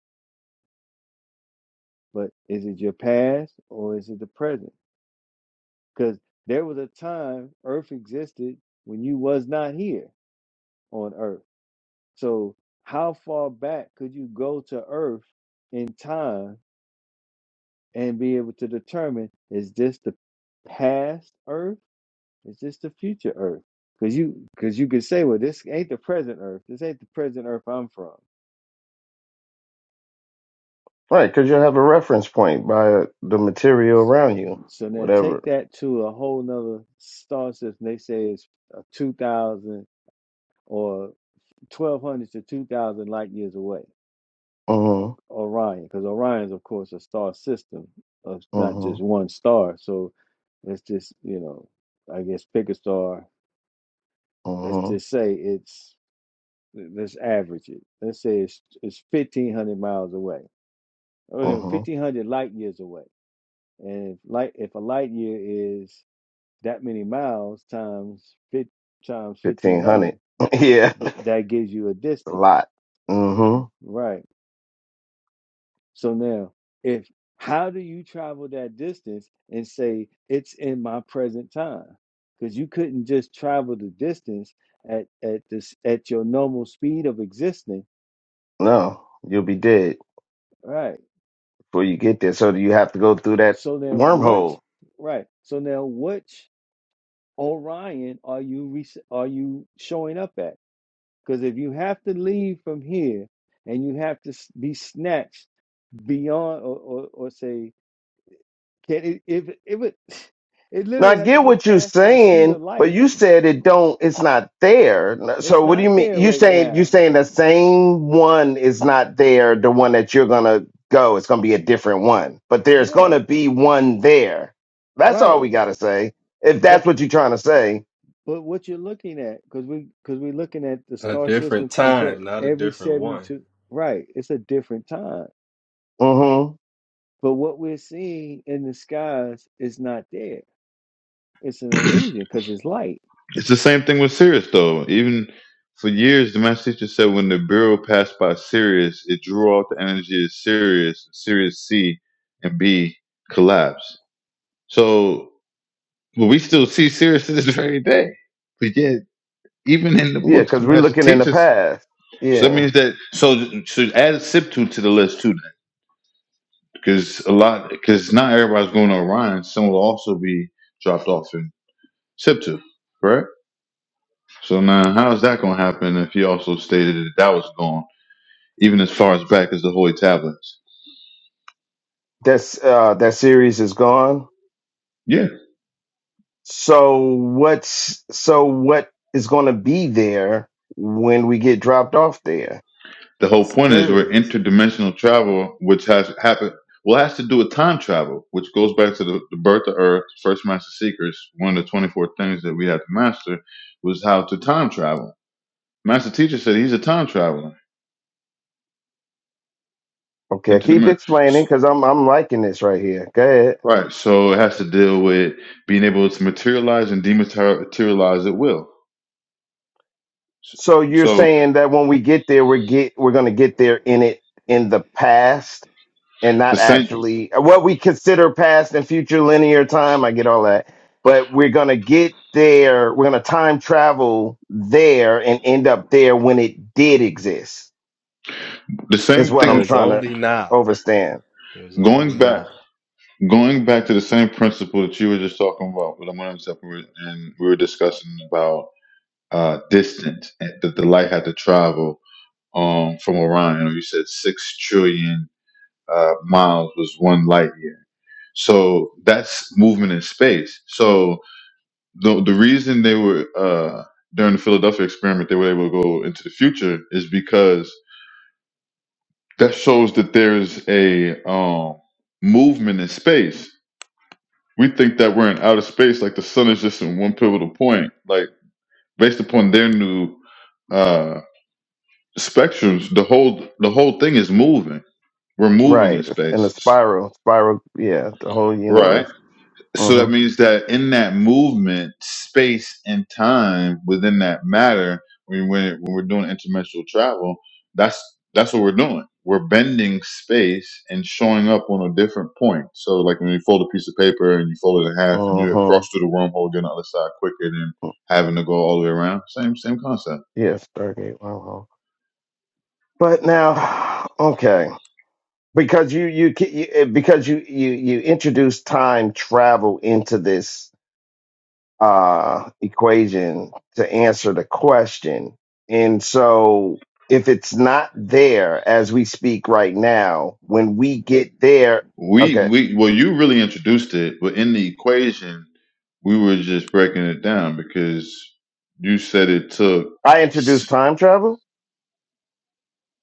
Speaker 10: but is it your past or is it the present because there was a time earth existed when you was not here on earth so how far back could you go to earth in time and be able to determine is this the past earth It's just the future Earth. Cause you, cause you could say, well, this ain't the present Earth. This ain't the present Earth I'm from.
Speaker 12: Right, because you have a reference point by the material around you,
Speaker 10: So now take
Speaker 12: whatever.
Speaker 10: that to a whole nother star system. They say it's uh, two thousand or twelve hundred to two thousand light years away.
Speaker 12: Mm-hmm.
Speaker 10: Orion, because Orion's of course a star system of not just
Speaker 12: Mm-hmm.
Speaker 10: one star. So let's just, you know, I guess pick a star. Let's
Speaker 12: Mm-hmm.
Speaker 10: just say it's let's average it. Let's say it's it's fifteen hundred miles away oh, no,
Speaker 12: Mm-hmm.
Speaker 10: 1500 light years away and if light if a light year is that many miles times fif- times
Speaker 12: Fifteen hundred.
Speaker 10: 1500
Speaker 12: yeah,
Speaker 10: th-
Speaker 12: a
Speaker 10: that gives you a distance
Speaker 12: lot. Mm-hmm.
Speaker 10: right so now if how do you travel that distance and say it's in my present time because you couldn't just travel the distance at at this at your normal speed of existing
Speaker 12: No, you'll be dead
Speaker 10: right
Speaker 12: before you get there. So do you have to go through that
Speaker 10: so then what
Speaker 12: wormhole
Speaker 10: right so now which Orion are you rece- are you showing up at? Because if you have to leave from here and you have to s- be snatched beyond, or or, or say, can it, if it would, it
Speaker 12: Now
Speaker 10: literally
Speaker 12: I
Speaker 10: had to
Speaker 12: get
Speaker 10: be
Speaker 12: what you're
Speaker 10: fast in the speed of
Speaker 12: saying, but
Speaker 10: light.
Speaker 12: you said it don't. It's not there.
Speaker 10: It's
Speaker 12: So what do
Speaker 10: not
Speaker 12: you mean?
Speaker 10: there
Speaker 12: You
Speaker 10: right
Speaker 12: saying you
Speaker 10: now.
Speaker 12: saying the same one is not there. The one that you're gonna go, it's gonna be a different one. But there's
Speaker 10: Yeah,
Speaker 12: gonna be one there. That's
Speaker 10: right.
Speaker 12: all we gotta say. If
Speaker 10: But
Speaker 12: that's what you're trying to say.
Speaker 10: but what you're looking at, because we because we're looking at the
Speaker 8: A
Speaker 10: star
Speaker 8: different
Speaker 10: system comes up
Speaker 8: time, not a
Speaker 10: every
Speaker 8: different
Speaker 10: seventy
Speaker 8: one.
Speaker 10: two. Right, it's a different time.
Speaker 12: Mm-hmm.
Speaker 10: But what we're seeing in the skies is not there It's an
Speaker 2: it's
Speaker 10: illusion because it's light.
Speaker 2: the same thing with Sirius, though. Even for years, the master teacher said when the Bureau passed by Sirius, it drew out the energy of Sirius, Sirius C and B collapsed. So, but we still see Sirius to this very day. But yet, even in the
Speaker 12: Yeah,
Speaker 2: books
Speaker 12: because we're
Speaker 2: master
Speaker 12: looking in the
Speaker 2: Massachusetts.
Speaker 12: past.
Speaker 2: So that
Speaker 12: Yeah,
Speaker 2: means that so so add a sip to the list too, because a lot because not everybody's going to Orion. Some will also be dropped off in Siptu, correct? So now how is that going to happen if he also stated that that was gone even as far as back as the Holy Tablets?
Speaker 12: that's uh, that series is gone.
Speaker 2: Yeah,
Speaker 12: So what's so what is gonna be there when we get dropped off there?
Speaker 2: The whole point is we're
Speaker 8: Serious.
Speaker 2: interdimensional travel, which has happened. Well, it has to do with time travel, which goes back to the, the birth of Earth, first master seekers. One of the 24 things that we had to master was how to time travel. Master teacher said he's a time traveler.
Speaker 12: Okay, keep
Speaker 2: Interdimensional. So,
Speaker 12: explaining because I'm I'm liking this right here. Go ahead.
Speaker 2: right. So it has to deal with being able to materialize and dematerialize at will.
Speaker 12: So you're
Speaker 2: So
Speaker 12: saying that when we get there, we get we're gonna get there in it in the past and
Speaker 2: the
Speaker 12: not
Speaker 2: same,
Speaker 12: actually uh, what we consider past and future linear time. I get all that, but we're gonna get there. We're gonna time travel there and end up there when it did exist.
Speaker 2: the
Speaker 12: Is
Speaker 2: same
Speaker 12: what I'm
Speaker 2: thing
Speaker 8: There's
Speaker 12: trying to
Speaker 8: only now.
Speaker 12: overstand.
Speaker 8: There's only
Speaker 2: going back.
Speaker 8: now.
Speaker 2: Going back to the same principle that you were just talking about, but I'm going to separate, and we were discussing about uh, distance and that the light had to travel um, from Orion. You said six trillion uh, miles was one light year, so that's movement in space. So the the reason they were uh, during the Philadelphia experiment they were able to go into the future is because that shows that there's a um, movement in space we think that we're in outer space, like the sun is just in one pivotal point. Like based upon their new uh spectrums, the whole the whole thing is moving. We're moving in
Speaker 12: Right in the
Speaker 2: space.
Speaker 12: spiral, spiral. Yeah, the whole
Speaker 2: Right.
Speaker 12: universe.
Speaker 2: So
Speaker 12: Mm-hmm.
Speaker 2: that means that in that movement, space and time within that matter, when when, when we're doing interdimensional travel, that's that's what we're doing. We're bending space and showing up on a different point. So like when you fold a piece of paper and you fold it in half and you cross
Speaker 12: Mm-hmm.
Speaker 2: through the wormhole, get on the other side quicker than having to go all the way around. Same same concept.
Speaker 12: Yes, Stargate Wow. wow. But now, okay, because you you, ki- you eh, because you you you introduce time travel into this uh equation to answer the question, and so if it's not there as we speak right now, when we get there,
Speaker 2: We
Speaker 12: okay,
Speaker 2: we well you really introduced it, but in the equation we were just breaking it down because you said it took
Speaker 12: I introduced time travel.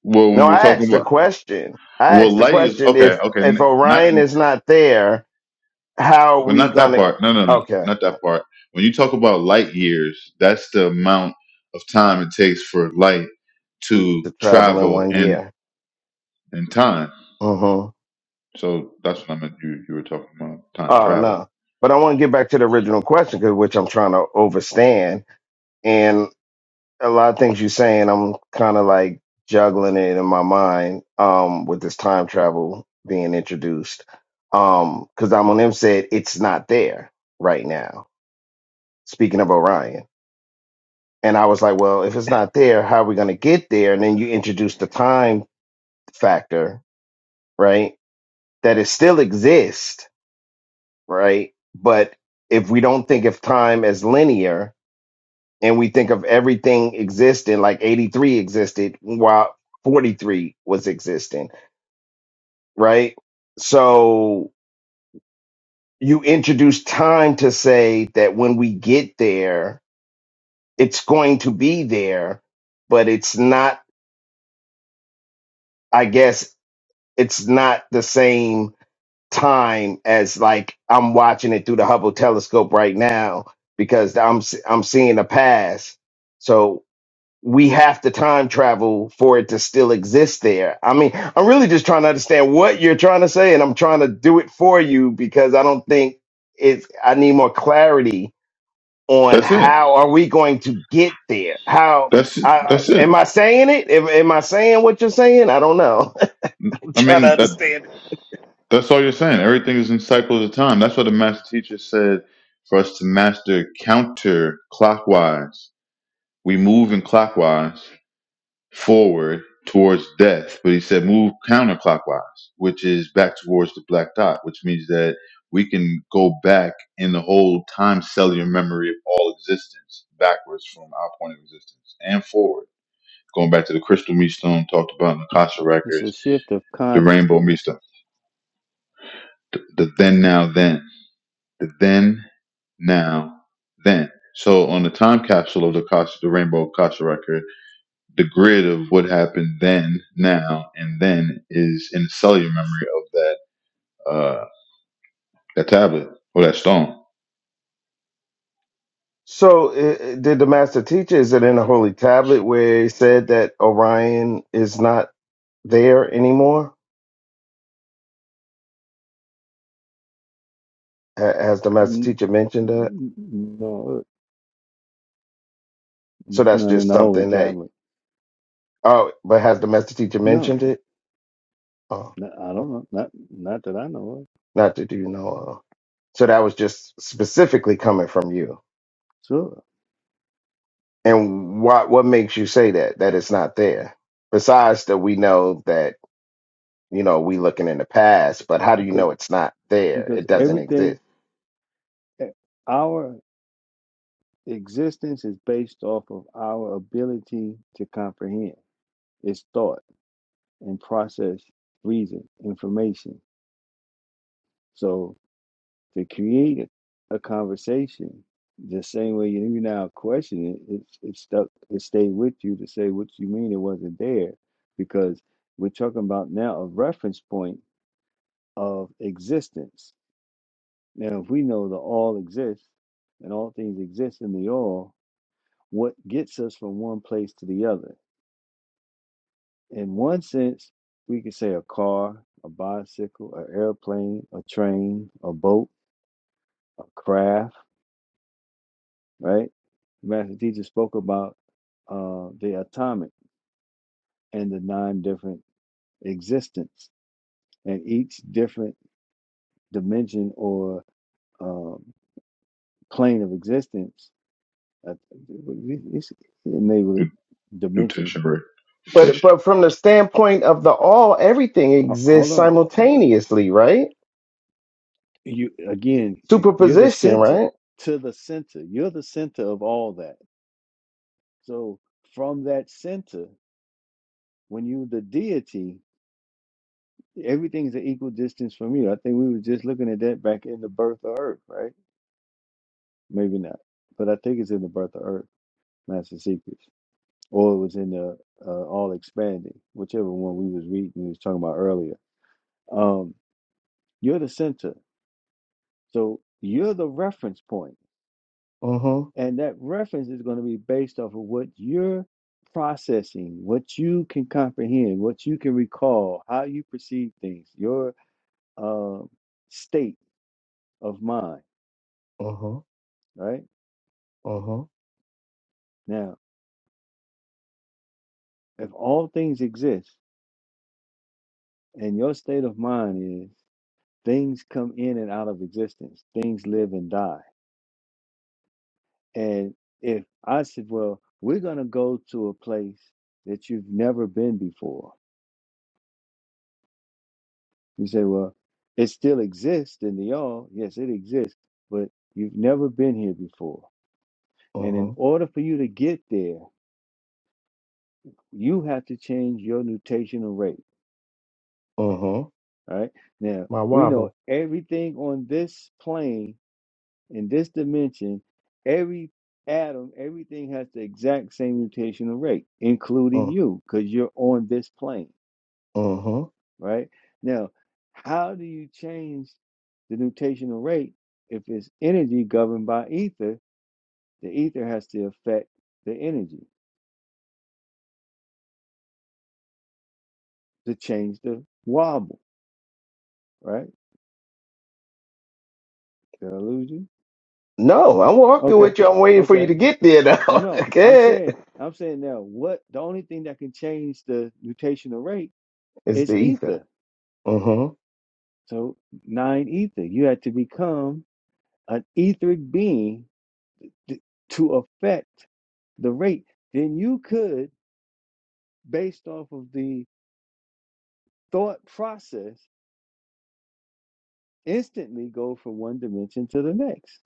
Speaker 2: Well,
Speaker 12: No,
Speaker 2: when we are
Speaker 12: I
Speaker 2: talking
Speaker 12: asked the
Speaker 2: about
Speaker 12: question. I
Speaker 2: well,
Speaker 12: asked the
Speaker 2: light years.
Speaker 12: question
Speaker 2: Okay,
Speaker 12: if
Speaker 2: okay,
Speaker 12: if
Speaker 2: n- not
Speaker 12: Orion is not there, how are
Speaker 2: well,
Speaker 12: we
Speaker 2: not that
Speaker 12: gonna?
Speaker 2: part. No, no, no,
Speaker 12: Okay.
Speaker 2: not that part. When you talk about light years, that's the amount of time it takes for light to
Speaker 12: to travel in
Speaker 2: travel
Speaker 12: one
Speaker 2: in
Speaker 12: year.
Speaker 2: in time.
Speaker 12: hmm
Speaker 2: So that's what I meant. You you were talking about time
Speaker 12: Oh
Speaker 2: travel.
Speaker 12: no, but I want to get back to the original question, 'cause- which I'm trying to overstand, and a lot of things you're saying, I'm kind of like juggling it in my mind um, with this time travel being introduced, Um, because I'm on them said it's not there right now. Speaking of Orion, and I was like, well, if it's not there, how are we going to get there? And then you introduce the time factor, right? That it still exists right? But if we don't think of time as linear and we think of everything existing, like 83 existed while 43 was existing, right? So you introduce time to say that when we get there, it's going to be there, but it's not, I guess, it's not the same time as like I'm watching it through the Hubble telescope right now because I'm I'm seeing the past. So we have to time travel for it to still exist there. I mean, I'm really just trying to understand what you're trying to say, and I'm trying to do it for you because I don't think it's, I need more clarity on
Speaker 2: That's it.
Speaker 12: how are we going to get there? How,
Speaker 2: That's
Speaker 12: I, I-
Speaker 2: that's it.
Speaker 12: am I saying it? Am, am I saying what you're saying? I don't know. I'm
Speaker 2: I
Speaker 12: trying to
Speaker 2: mean that
Speaker 12: understand it.
Speaker 2: that's all you're saying. Everything is in cycles of time. That's what the master teacher said for us to master counter clockwise. We move in clockwise forward towards death, but he said move counterclockwise, which is back towards the black dot, which means that we can go back in the whole time cellular memory of all existence, backwards from our point of existence and forward, going back to the crystal meat stone talked about in the Akasha
Speaker 10: It's a
Speaker 2: records,
Speaker 10: shift of
Speaker 2: the rainbow
Speaker 10: consciousness.
Speaker 2: meat stone, the, the then, now, then, the then, now, then. So on the time capsule of the Akasha, the rainbow Akasha record the grid of what happened then, now, and then is in the cellular memory of that uh that tablet or that stone.
Speaker 12: So, uh, uh, did the master teacher, is it in the Holy Tablet where he said that Orion is not there anymore? Ha- Has the master
Speaker 10: N-
Speaker 12: teacher mentioned that?
Speaker 10: n- No,
Speaker 12: So
Speaker 10: it's
Speaker 12: that's
Speaker 10: not in
Speaker 12: just
Speaker 10: the holy
Speaker 12: something that.
Speaker 10: tablet.
Speaker 12: Oh, but has the domestic teacher
Speaker 10: No,
Speaker 12: mentioned it? Oh,
Speaker 10: no, I don't
Speaker 12: well,
Speaker 10: know. Not, not that I know of.
Speaker 12: not that you know. of. So that was just specifically coming from you.
Speaker 10: Sure,
Speaker 12: And what what makes you say that that it's not there? Besides that, we know that you know we looking in the past, but how do you
Speaker 10: because
Speaker 12: know it's not there?
Speaker 10: because
Speaker 12: It doesn't
Speaker 10: everything,
Speaker 12: exist.
Speaker 10: eh, our existence is based off of our ability to comprehend. It's thought and process, reason, information. So to create a conversation the same way you you now question it it, it stuck it stayed with you to say what you mean it wasn't there because we're talking about now a reference point of existence now if we know that all exists and all things exist in the all what gets us from one place to the other in one sense we could say a car a bicycle an airplane a train a boat a craft right? Master teacher spoke about uh, the atomic and the nine different existence, and each different dimension or um, plane of existence. Uh, it's enabled
Speaker 2: Nu-
Speaker 10: dimension.
Speaker 2: Nutation, right?
Speaker 12: But
Speaker 2: Nutation.
Speaker 12: but from the standpoint of the all, everything
Speaker 10: Ho- Hold
Speaker 12: exists
Speaker 10: on,
Speaker 12: simultaneously, right?
Speaker 10: you again. You're the
Speaker 12: Superposition,
Speaker 10: center
Speaker 12: right?
Speaker 10: to the center. You're the center of all that. So from that center, when you the deity. everything is an equal distance from you. I think we were just looking at that back in the birth of Earth, right? Maybe not, but I think it's in the birth of Earth, Master Secrets, or it was in the uh, All Expanding, whichever one we was reading we was talking about earlier. Um, you're the center, so you're the reference point,
Speaker 12: Mm-hmm.
Speaker 10: and that reference is going to be based off of what you're processing, what you can comprehend, what you can recall, how you perceive things, your uh, state of mind,
Speaker 12: Mm-hmm.
Speaker 10: right?
Speaker 12: Mm-hmm.
Speaker 10: now. If all things exist and your state of mind is things come in and out of existence, things live and die. And if I said, well, we're going to go to a place that you've never been before, you say, well, it still exists in the all. Yes, it exists, but you've never been here before. And in
Speaker 12: Mm-hmm.
Speaker 10: order for you to get there, you have to change your nutational rate.
Speaker 12: Mm-hmm.
Speaker 10: All right. Now,
Speaker 12: My
Speaker 10: we know
Speaker 12: wobble.
Speaker 10: everything on this plane In this dimension, every atom, everything has the exact same mutational rate, including
Speaker 12: Mm.
Speaker 10: you, because you're on this plane,
Speaker 12: Mm-hmm.
Speaker 10: right? Now, how do you change the mutational rate if it's energy governed by ether? The ether has to affect the energy to change the wobble, right? Did I lose you?
Speaker 12: No, I'm walking
Speaker 10: Okay,
Speaker 12: with you. I'm waiting for you
Speaker 10: okay.
Speaker 12: to get there now.
Speaker 10: Oh no, I'm
Speaker 12: okay.
Speaker 10: saying, I'm saying now, what the only thing that can change the mutational rate
Speaker 12: It's the
Speaker 10: is
Speaker 12: ether.
Speaker 10: ether
Speaker 12: Mm-hmm.
Speaker 10: So nine ether. You had to become an etheric being t- to affect the rate. Then you could, based off of the thought process, instantly go from one dimension to the next,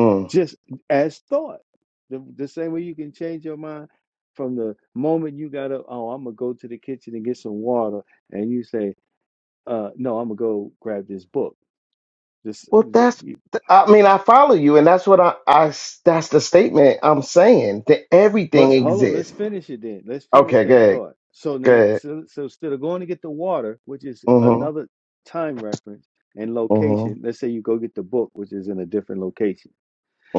Speaker 12: Mm.
Speaker 10: just as thought. The, the same way you can change your mind from the moment you got up, oh, I'm going to go to the kitchen and get some water. And you say, uh, no, I'm going to go grab this book. This,
Speaker 12: Well, that's th- I mean, I follow you, and that's what I, I s- that's the statement I'm saying that everything
Speaker 10: But hold on, let's
Speaker 12: exists.
Speaker 10: finish it then. Let's finish
Speaker 12: Okay,
Speaker 10: that
Speaker 12: good.
Speaker 10: thought. So
Speaker 12: Go
Speaker 10: now,
Speaker 12: ahead.
Speaker 10: so, so instead of going to get the water, which is
Speaker 12: Mm-hmm.
Speaker 10: another time reference and location,
Speaker 12: Mm-hmm.
Speaker 10: let's say you go get the book, which is in a different location.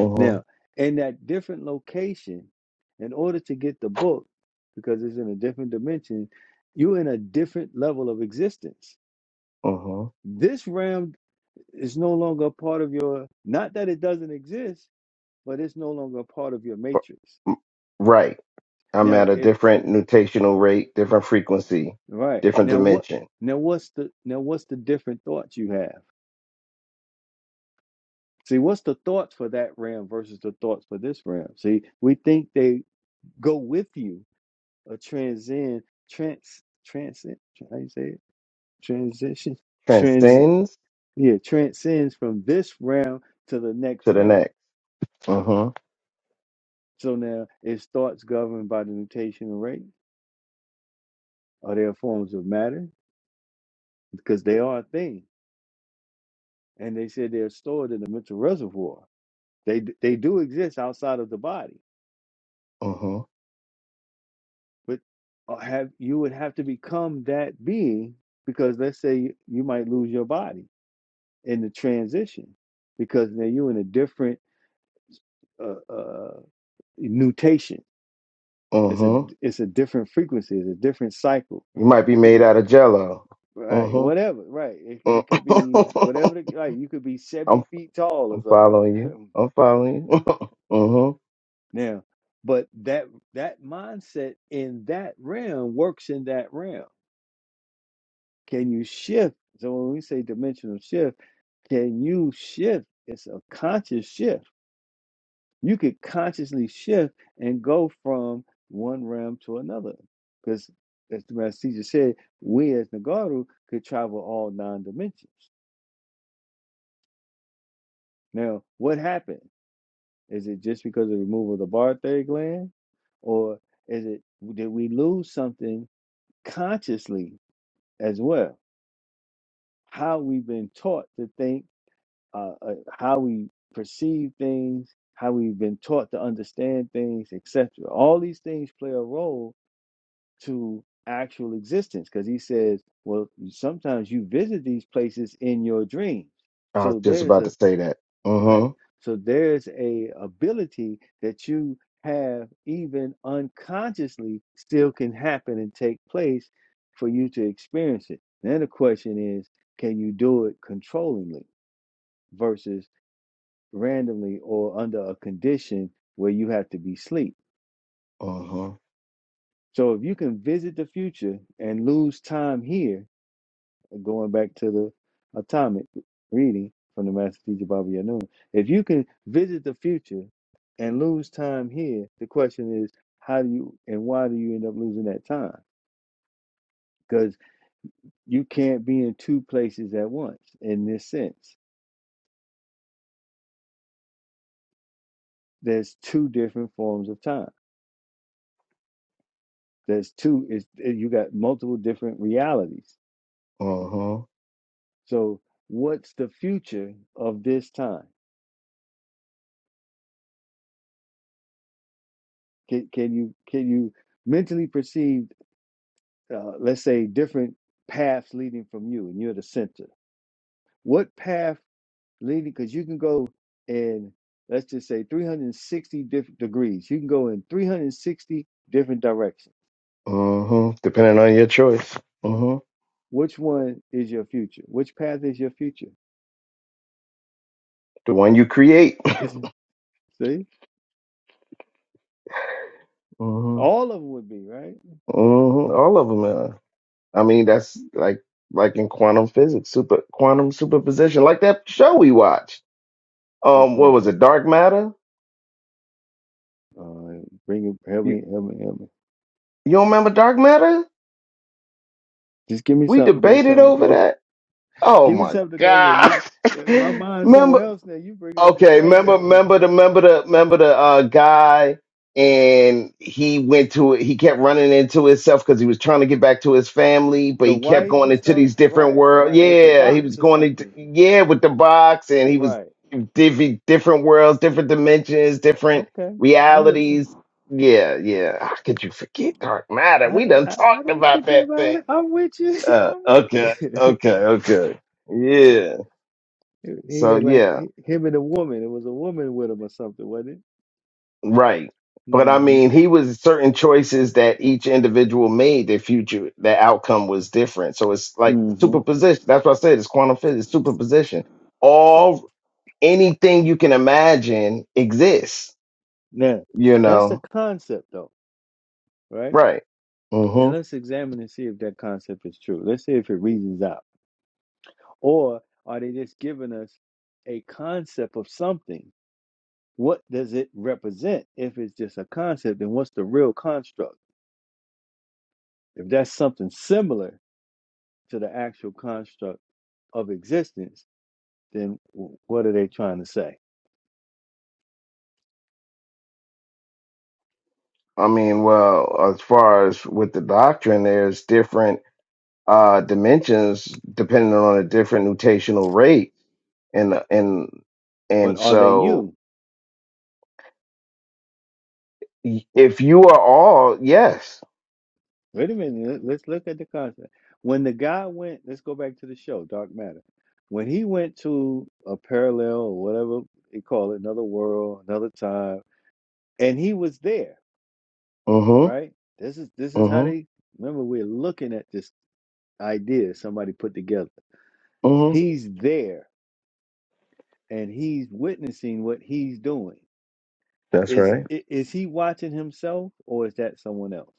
Speaker 12: Mm-hmm.
Speaker 10: Now, in that different location, in order to get the book, because it's in a different dimension, you're in a different level of existence.
Speaker 12: Mm-hmm.
Speaker 10: This realm is no longer a part of your, not that it doesn't exist, but it's no longer a part of your matrix.
Speaker 12: M- Right. I'm
Speaker 10: Now,
Speaker 12: at a different nutational rate, different frequency,
Speaker 10: Right.
Speaker 12: different
Speaker 10: Now what
Speaker 12: dimension.
Speaker 10: now what's the now what's the different thoughts you have? See, what's the thoughts for that realm versus the thoughts for this realm? See, we think they go with you a transcend trans transit how you say it? Transition. Trans
Speaker 12: Transcends
Speaker 10: yeah, transcends from this realm to the next
Speaker 12: to the
Speaker 10: realm.
Speaker 12: next. Mm-hmm.
Speaker 10: So now is thoughts governed by the nutational rate? Are they forms of matter? Because they are a thing. And they said they're stored in the mental reservoir. They they do exist outside of the body,
Speaker 12: Mm-hmm.
Speaker 10: but uh, have you would have to become that being because let's say you, you might lose your body in the transition because now you're in a different uh, uh, mutation. It's a
Speaker 12: Mm-hmm.
Speaker 10: it's a different frequency. It's a different cycle.
Speaker 12: You might be
Speaker 10: You could,
Speaker 12: made out of jello.
Speaker 10: right
Speaker 12: Mm-hmm.
Speaker 10: whatever right it it could be
Speaker 12: Mm.
Speaker 10: whatever the, like you could be
Speaker 12: I'm
Speaker 10: seventy feet tall or
Speaker 12: I'm following you.
Speaker 10: something.
Speaker 12: I'm following you. mm-hmm.
Speaker 10: now, but that that mindset in that realm works in that realm Can you shift? So when we say dimensional shift, can you shift? It's a conscious shift. You could consciously shift and go from one realm to another. Because as the master teacher said, we as Nagaru could travel all nine dimensions. Now, what happened? Is it just because of the removal of the Barthay gland? Or is it did we lose something consciously as well? How we've been taught to think uh, uh, how we perceive things, how we've been taught to understand things, etc. All these things play a role to actual existence because he says, well, sometimes you visit these places in your dreams.
Speaker 12: I was
Speaker 10: So
Speaker 12: just
Speaker 10: there's
Speaker 12: about to
Speaker 10: a
Speaker 12: say that.
Speaker 10: right.
Speaker 12: Mm-hmm.
Speaker 10: So there's a ability that you have even unconsciously still can happen and take place for you to experience it. Then the question is, can you do it controllingly versus randomly or under a condition where you have to be asleep.
Speaker 12: Mm-hmm.
Speaker 10: So if you can visit the future and lose time here, going back to the atomic reading from the Master Teacher Baba Yanun, if you can visit the future and lose time here, the question is how do you and why do you end up losing that time? Because you can't be in two places at once in this sense. There's two different forms of time. There's two is you got multiple different realities
Speaker 12: Mm-hmm.
Speaker 10: So what's the future of this time? Can, can you can you mentally perceive, uh, let's say, different paths leading from you, and you're the center. What path leading? Because you can go in, let's just say, 360 different degrees. You can go in 360 different directions.
Speaker 12: Mm-hmm. Depending on your choice. Mm-hmm.
Speaker 10: Which one is your future? Which path is your future?
Speaker 12: The one you create.
Speaker 10: See,
Speaker 12: mm-hmm.
Speaker 10: all of them would be right.
Speaker 12: hmm All of them are. I mean, that's like like in quantum physics, super quantum superposition, like that show we watched.
Speaker 10: Which
Speaker 12: Um, what
Speaker 10: one?
Speaker 12: was it? Dark Matter?
Speaker 10: Uh, bring it. Help
Speaker 12: You
Speaker 10: me. Help me. Help me.
Speaker 12: you don't remember Dark Matter?
Speaker 10: Just give me
Speaker 12: We
Speaker 10: something. Give me
Speaker 12: debated
Speaker 10: something to
Speaker 12: over
Speaker 10: go.
Speaker 12: that. Oh
Speaker 10: Give me
Speaker 12: my
Speaker 10: something to go with.
Speaker 12: God.
Speaker 10: You, my mind's
Speaker 12: Remember?
Speaker 10: somewhere else now. You bringing up a
Speaker 12: Okay,
Speaker 10: show
Speaker 12: remember,
Speaker 10: that
Speaker 12: remember the, remember the, remember the uh, guy, and he went to it. He kept running into himself because he was trying to get back to his family, but
Speaker 10: the
Speaker 12: he kept
Speaker 10: wife
Speaker 12: going
Speaker 10: and
Speaker 12: into
Speaker 10: stuff.
Speaker 12: these different
Speaker 10: Right,
Speaker 12: worlds.
Speaker 10: right, with the
Speaker 12: Yeah, he was
Speaker 10: box or
Speaker 12: going into
Speaker 10: something.
Speaker 12: yeah with the box, and he was
Speaker 10: Right.
Speaker 12: diff- different worlds, different dimensions, different
Speaker 10: Okay, I'm with you.
Speaker 12: realities. Yeah, yeah. How could you forget Dark Matter?
Speaker 10: I
Speaker 12: We
Speaker 10: didn't.
Speaker 12: done
Speaker 10: I, I
Speaker 12: talked
Speaker 10: didn't
Speaker 12: about
Speaker 10: forget
Speaker 12: that
Speaker 10: about
Speaker 12: thing.
Speaker 10: it. I'm with you.
Speaker 12: Uh,
Speaker 10: I'm with you.
Speaker 12: okay, okay, okay.
Speaker 10: yeah.
Speaker 12: Yeah.
Speaker 10: He he
Speaker 12: So
Speaker 10: had like
Speaker 12: yeah.
Speaker 10: h- him and a woman. It was a woman with him or something, wasn't it?
Speaker 12: Right. But I
Speaker 10: Mm-hmm.
Speaker 12: mean, he was certain choices that each individual made, their future, their outcome was different. So it's like
Speaker 10: Mm-hmm.
Speaker 12: superposition. That's what I said. It's quantum physics, superposition. All anything you can imagine exists,
Speaker 10: Now,
Speaker 12: you
Speaker 10: That's the
Speaker 12: know?
Speaker 10: concept, though, right?
Speaker 12: Right.
Speaker 10: Now
Speaker 12: Mm-hmm.
Speaker 10: let's examine and see if that concept is true. Let's see if it reasons out. Or are they just giving us a concept of something? What does it represent? If it's just a concept, then what's the real construct? If that's something similar to the actual construct of existence, then w- what are they trying to say?
Speaker 12: I mean, well, as far as with the doctrine, there's different uh dimensions depending on a different nutational rate. And and
Speaker 10: But
Speaker 12: and
Speaker 10: are they
Speaker 12: so
Speaker 10: you?
Speaker 12: y- if you are all, yes
Speaker 10: Wait a minute, let- let's look at the concept. When the guy went, let's go back to the show, Dark Matter. When he went to a parallel or whatever they call it, another world, another time, and he was there
Speaker 12: hmm
Speaker 10: right? This is this is how
Speaker 12: hmm
Speaker 10: they remember we're looking at this idea somebody put together.
Speaker 12: hmm
Speaker 10: He's there and he's witnessing what he's doing.
Speaker 12: That's
Speaker 10: Is
Speaker 12: right.
Speaker 10: i- is he watching himself or is that someone else?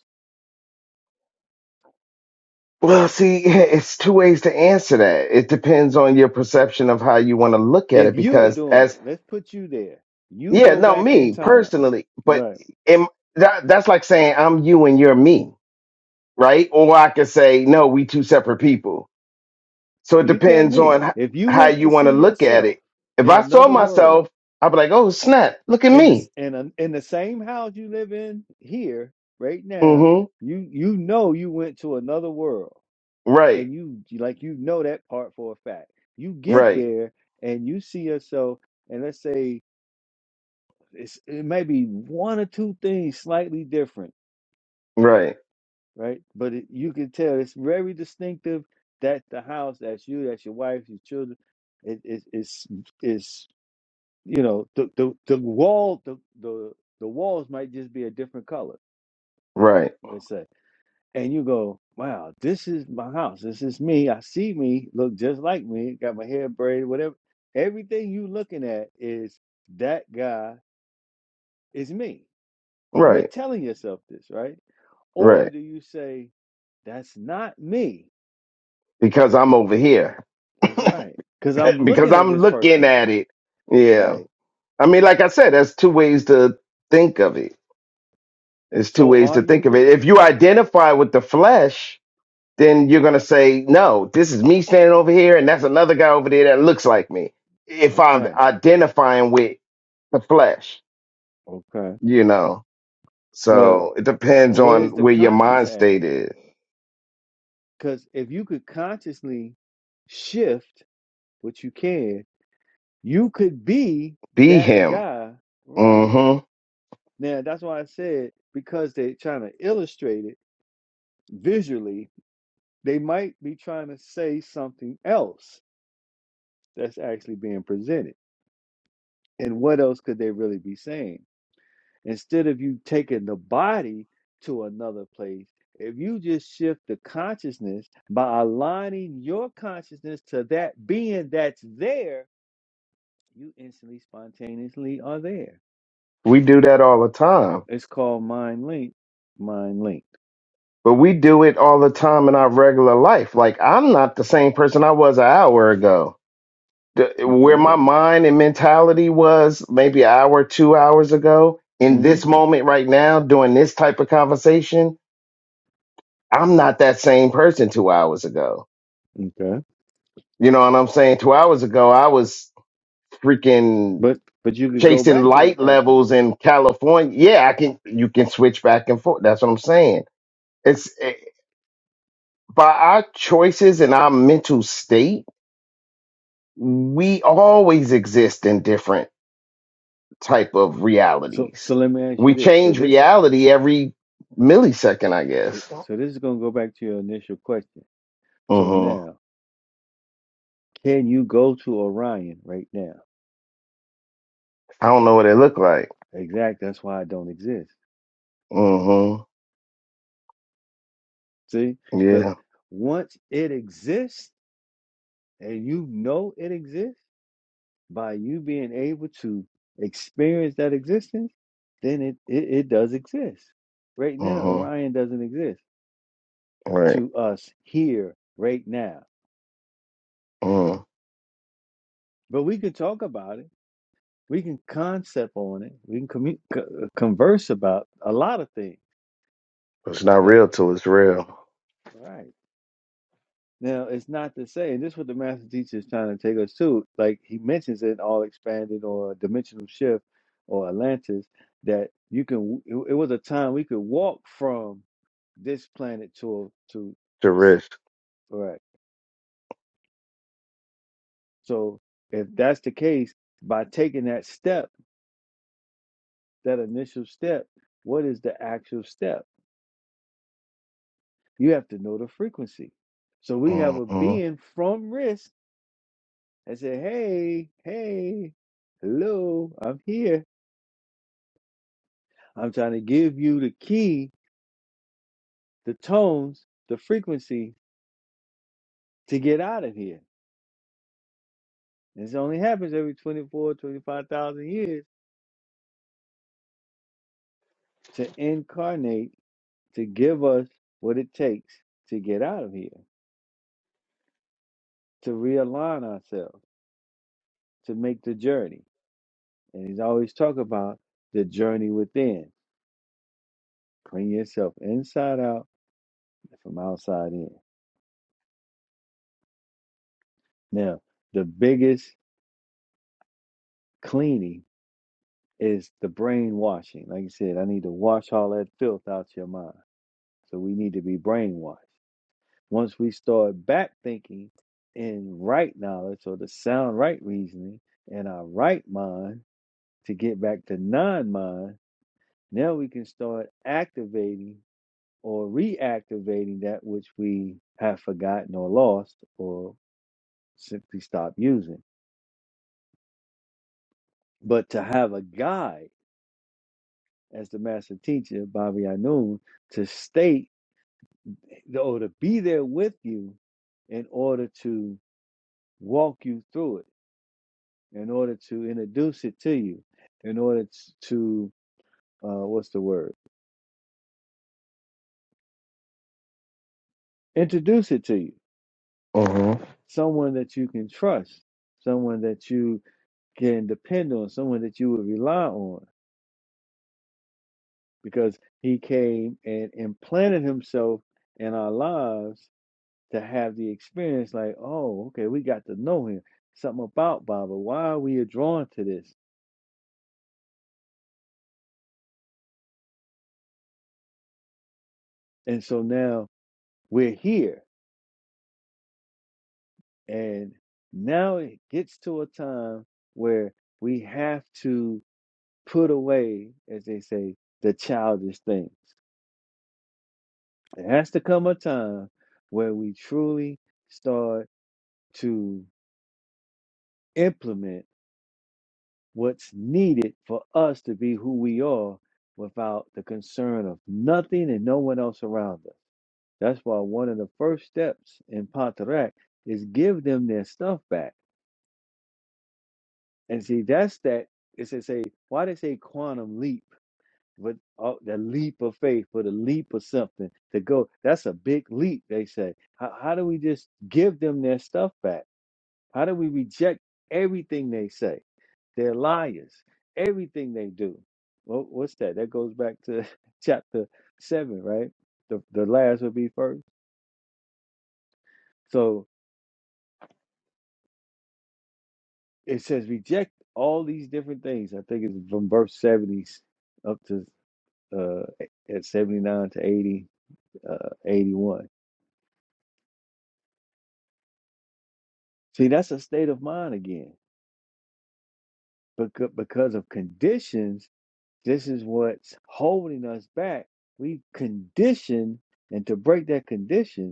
Speaker 12: Well, see, it's two ways to answer that. It depends on your perception of how you want to look at
Speaker 10: If
Speaker 12: it.
Speaker 10: you're
Speaker 12: Because
Speaker 10: doing it,
Speaker 12: as
Speaker 10: let's put you there. You
Speaker 12: yeah,
Speaker 10: go
Speaker 12: no,
Speaker 10: back in
Speaker 12: me
Speaker 10: time.
Speaker 12: personally, but
Speaker 10: Right.
Speaker 12: in, that that's like saying I'm you and you're me, right? Or I could say no, we two separate people. So it
Speaker 10: You tell
Speaker 12: depends
Speaker 10: me.
Speaker 12: on h-
Speaker 10: If you
Speaker 12: how
Speaker 10: went
Speaker 12: you
Speaker 10: to
Speaker 12: want to
Speaker 10: see
Speaker 12: look at
Speaker 10: yourself
Speaker 12: it. If
Speaker 10: in
Speaker 12: I saw
Speaker 10: another world
Speaker 12: myself, I'd be like, oh snap, look at
Speaker 10: in the
Speaker 12: me.
Speaker 10: s- in a, in the same house you live in here right now,
Speaker 12: Mm-hmm.
Speaker 10: you you know you went to another world
Speaker 12: Right,
Speaker 10: and you like you know that part for a fact. You get
Speaker 12: right,
Speaker 10: there and you see yourself, and let's say it's it may be one or two things slightly different,
Speaker 12: right,
Speaker 10: right? But it, you can tell it's very distinctive. That's the house. That's you. That's your wife. Your children. It, it, it's it's you know the the the wall the the the walls might just be a different color.
Speaker 12: right,
Speaker 10: Let's say. and you go, wow, this is my house. This is me. I see me, look just like me, got my hair braided, whatever. Everything you looking at is that guy is me. You're
Speaker 12: right,
Speaker 10: telling yourself this, right? Or
Speaker 12: right.
Speaker 10: do you say, that's not me?
Speaker 12: Because I'm over here.
Speaker 10: That's right. Because I'm
Speaker 12: because
Speaker 10: looking at
Speaker 12: I'm
Speaker 10: this
Speaker 12: looking
Speaker 10: person.
Speaker 12: at it. Yeah.
Speaker 10: Right.
Speaker 12: I mean, like I said, that's two ways to think of it. It's two
Speaker 10: So
Speaker 12: ways
Speaker 10: are
Speaker 12: to
Speaker 10: you
Speaker 12: think of it.
Speaker 10: looking?
Speaker 12: If you identify with the flesh, then you're going to say, no, this is me standing over here, and that's another guy over there that looks like me. If I'm
Speaker 10: Okay.
Speaker 12: identifying with the flesh,
Speaker 10: Okay.
Speaker 12: you know.
Speaker 10: Well,
Speaker 12: So it depends
Speaker 10: where's
Speaker 12: on
Speaker 10: the
Speaker 12: where your
Speaker 10: conscious
Speaker 12: mind
Speaker 10: at?
Speaker 12: state is.
Speaker 10: Because if you could consciously shift what you can, you could be
Speaker 12: Be
Speaker 10: that
Speaker 12: him.
Speaker 10: guy right
Speaker 12: hmm
Speaker 10: now that's why i said because they're trying to illustrate it visually they might be trying to say something else that's actually being presented and what else could they really be saying instead of you taking the body to another place if you just shift the consciousness by aligning your consciousness to that being that's there you instantly spontaneously are there
Speaker 12: We do that all the time
Speaker 10: It's called Mind Link. Mind Link.
Speaker 12: but we do it all the time in our regular life. Like I'm not the same person I was an hour ago. The- Where
Speaker 10: Okay.
Speaker 12: my mind and mentality was maybe an hour, two hours ago, in
Speaker 10: hmm
Speaker 12: this moment right now, doing this type of conversation, I'm not that same person two hours ago.
Speaker 10: Okay.
Speaker 12: You know what I'm saying? Two hours ago, I was freaking
Speaker 10: But but you could go
Speaker 12: chasing
Speaker 10: back to
Speaker 12: light
Speaker 10: that person,
Speaker 12: levels
Speaker 10: right?
Speaker 12: in California. Yeah, I can, you can switch back and forth. That's what I'm saying. It's eh, by our choices and our mental state we always exist in different type of
Speaker 10: So so
Speaker 12: realities.
Speaker 10: let me ask
Speaker 12: We
Speaker 10: you this. So
Speaker 12: change
Speaker 10: this
Speaker 12: reality every millisecond, I
Speaker 10: so,
Speaker 12: guess.
Speaker 10: so this is gonna go back to your initial question. So
Speaker 12: hmm
Speaker 10: now, can you go to Orion right now?
Speaker 12: I don't know what it look like.
Speaker 10: Exactly. That's why I don't exist.
Speaker 12: hmm
Speaker 10: See, because
Speaker 12: Yeah.
Speaker 10: once it exists and you know it exists by you being able to experience that existence, then it it, it does exist. Right now,
Speaker 12: hmm
Speaker 10: Orion doesn't exist.
Speaker 12: Right.
Speaker 10: to us here right now.
Speaker 12: Mm.
Speaker 10: But we can talk about it. We can concept on it. We can commu- co- uh, converse about a lot of things.
Speaker 12: It's not
Speaker 10: But
Speaker 12: real till it's real.
Speaker 10: right now, it's not to say, and this is what the master teacher is trying to take us to. Like he mentions in all expanded or dimensional shift or Atlantis, that you can. It it was a time we could walk from this planet to to.
Speaker 12: The risk.
Speaker 10: Right. So if that's the case, by taking that step. that initial step, what is the actual step? You have to know the frequency. So we
Speaker 12: hmm
Speaker 10: have a being from risk and say, Hey, hey, hello, I'm here. I'm trying to give you the key, the tones, the frequency to get out of here. And This only happens every 24, 25,000 years to incarnate, to give us what it takes to get out of here, to realign ourselves, to make the journey. And he's always talking about the journey within. Clean yourself inside out and from outside in. Now, the biggest cleaning is the brainwashing. Like you said, I need to wash all that filth out your mind. So we need to be brainwashed. Once we start back thinking in right knowledge or the sound right reasoning in our right mind to get back to non mind, now we can start activating or reactivating that which we have forgotten or lost or simply stopped using. But to have a guide as the master teacher, Bobby Anoon, to state or to be there with you in order to walk you through it, in order to introduce it to you, in order t- to, uh, what's the word? Introduce it to you.
Speaker 12: hmm
Speaker 10: Someone that you can trust, someone that you can depend on, someone that you would rely on because he came and implanted himself in our lives to have the experience like, oh, okay, we got to know him. Something about Baba. Why are we drawn to this? And so now we're here. And now it gets to a time where we have to put away, as they say, the childish things. There has to come a time where we truly start to implement what's needed for us to be who we are without the concern of nothing and no one else around us. That's why one of the first steps in Pantarak is give them their stuff back. And see, that's that. It's a say, why they say quantum leap, but oh, the leap of faith or the leap of something to go. That's a big leap, they say. How, how do we just give them their stuff back? How do we reject everything they say? They're liars. Everything they do. Well, what's that? That goes back to chapter seven, right? The the last will be first. So it says reject all these different things. I think it's from verse seventy up to uh at seventy nine to 80, uh, 81. See, that's a state of mind again. Because because of conditions, this is what's holding us back. We condition, and to break that condition.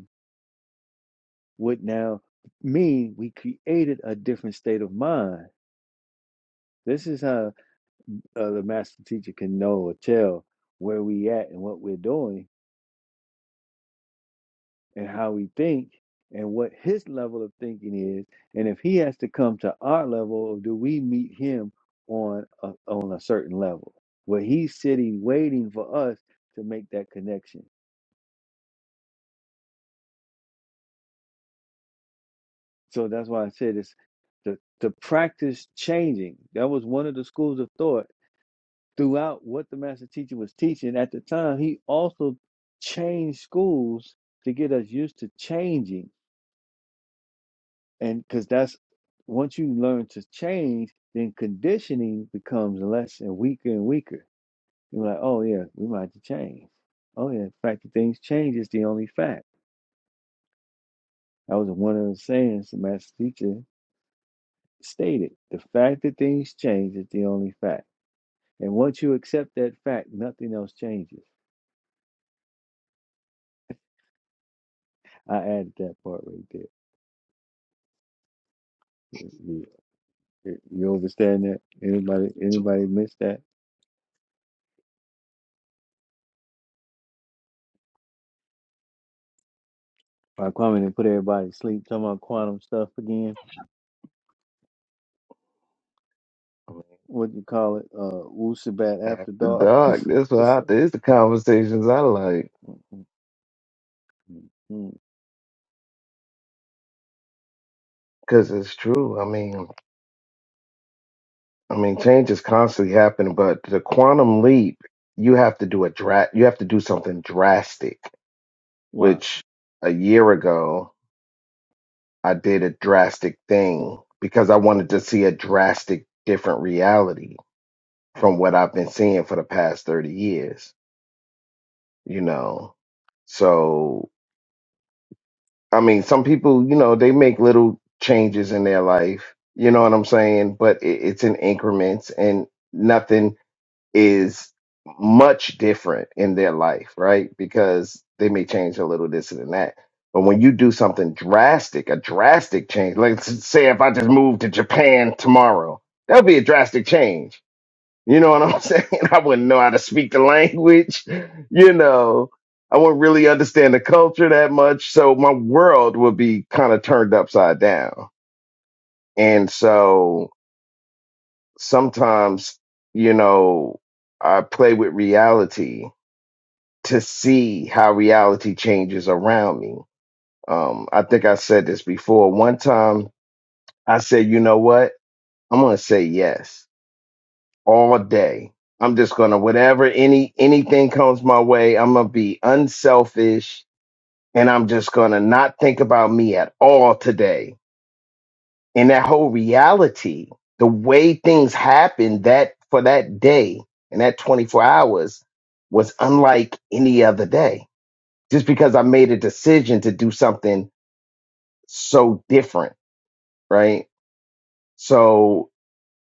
Speaker 10: Would now mean we created a different state of mind. This is how uh, the master teacher can know or tell where we at and what we're doing and how we think and what his level of thinking is and if he has to come to our level or do we meet him on a, on a certain level where he's sitting waiting for us to make that connection. So that's why I said it's to, to practice changing. That was one of the schools of thought throughout what the master teacher was teaching at the time, he also changed schools to get us used to changing. And because that's once you learn to change, then conditioning becomes less and weaker and weaker. You're like, oh yeah, we might have to change. Oh yeah, the fact that things change is the only fact. That was one of the sayings the master teacher stated. The fact that things change is the only fact. And once you accept that fact, nothing else changes. I added that part right there. You you understand that? Anybody
Speaker 12: Tua.
Speaker 10: anybody miss that? By Kwame and put everybody to sleep. Talking about quantum stuff again. What you call it? Uh Wu Sabat after
Speaker 12: After
Speaker 10: dark.
Speaker 12: dark, that's what
Speaker 10: What's
Speaker 12: I,
Speaker 10: up?
Speaker 12: this the conversations I like
Speaker 10: Mm, mm, mm. mm.
Speaker 12: because it's true. I mean. I mean, change is constantly happening, but the quantum leap, you have to do a dra- you have to do something drastic,
Speaker 10: Wow.
Speaker 12: which a year ago I did a drastic thing because I wanted to see a drastic different reality from what I've been seeing for the past 30 years, you know. So, I mean, some people, you know, they make little changes in their life, you know what I'm saying, but it, it's in increments and nothing is much different in their life, right? Because they may change a little this and that. But when you do something drastic, a drastic change, let's say if I just moved to Japan tomorrow, that would be a drastic change. You know what I'm saying? I wouldn't know how to speak the language. You know, I wouldn't really understand the culture that much. So my world would be kind of turned upside down. And so sometimes, you know, I play with reality to see how reality changes around me. Um, I think I said this before. One time I said, you know what? I'm gonna say yes all day. I'm just gonna whatever any anything comes my way, I'm gonna be unselfish and I'm just gonna not think about me at all today. And that whole reality, the way things happened that for that day and that 24 hours was unlike any other day just because I made a decision to do something so different, right? So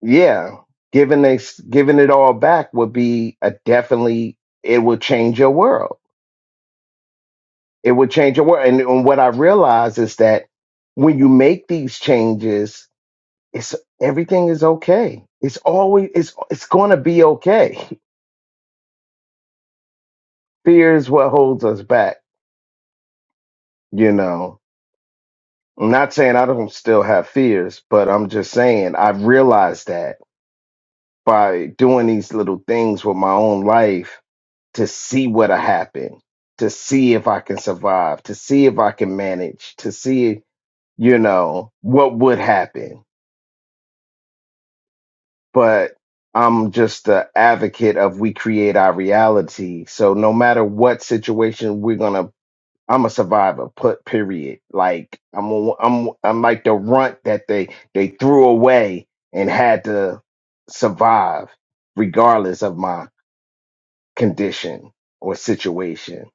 Speaker 12: yeah, giving a, giving it all back would be a definitely it would change your world. It would change your world. And, and what I realize is that when you make these changes, it's everything is okay. It's always it's it's gonna be okay. Fear is what holds us back, you know. I'm not saying I don't still have fears, but I'm just saying I've realized that by doing these little things with my own life to see what'll happen, to see if I can survive, to see if I can manage, to see, you know, what would happen. But I'm just the advocate of we create our reality. So no matter what situation we're gonna I'm a survivor, put period. Like I'm a, I'm I'm like the runt that they they threw away and had to survive regardless of my condition or situation.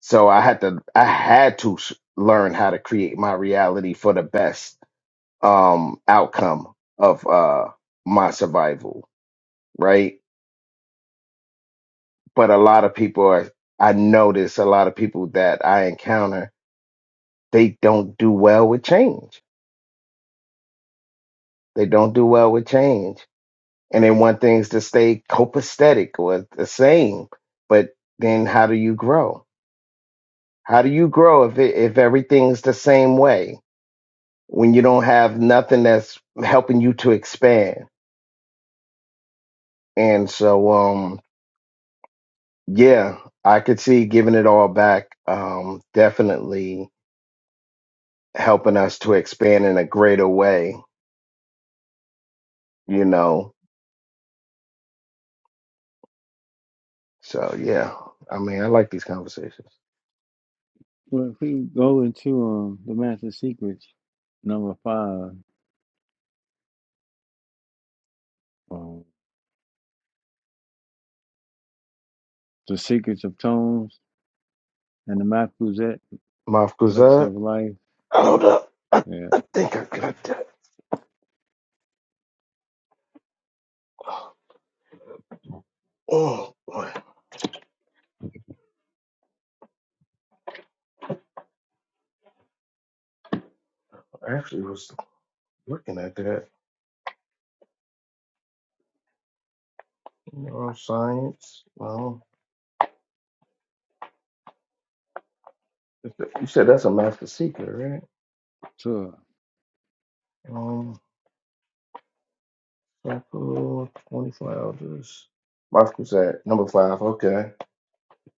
Speaker 12: So I had to I had to s- learn how to create my reality for the best um outcome of uh my survival, right? But a lot of people are I notice a lot of people that I encounter, they don't do well with change. They don't do well with change. And they want things to stay copacetic or the same. But then how do you grow? How do you grow if it, if everything's the same way? when you don't have nothing that's helping you to expand. And so, um, yeah, I could see giving it all back, um, definitely helping us to expand in a greater way, you know. So, yeah, I mean, I like these conversations.
Speaker 10: Well if we go into um the Master Secrets, number five, um, The Secrets of Tones and the Mafuzet,
Speaker 12: Maf
Speaker 10: Elixir
Speaker 12: Kuzat,
Speaker 10: of Life.
Speaker 12: hold up. I,
Speaker 10: Yeah,
Speaker 12: I think I got that. Oh, boy. I actually was looking at that. Neuroscience. Well, you said that's a master secret,
Speaker 10: sure.
Speaker 12: right? Temple, 24 elders. Marcus at number five. Okay.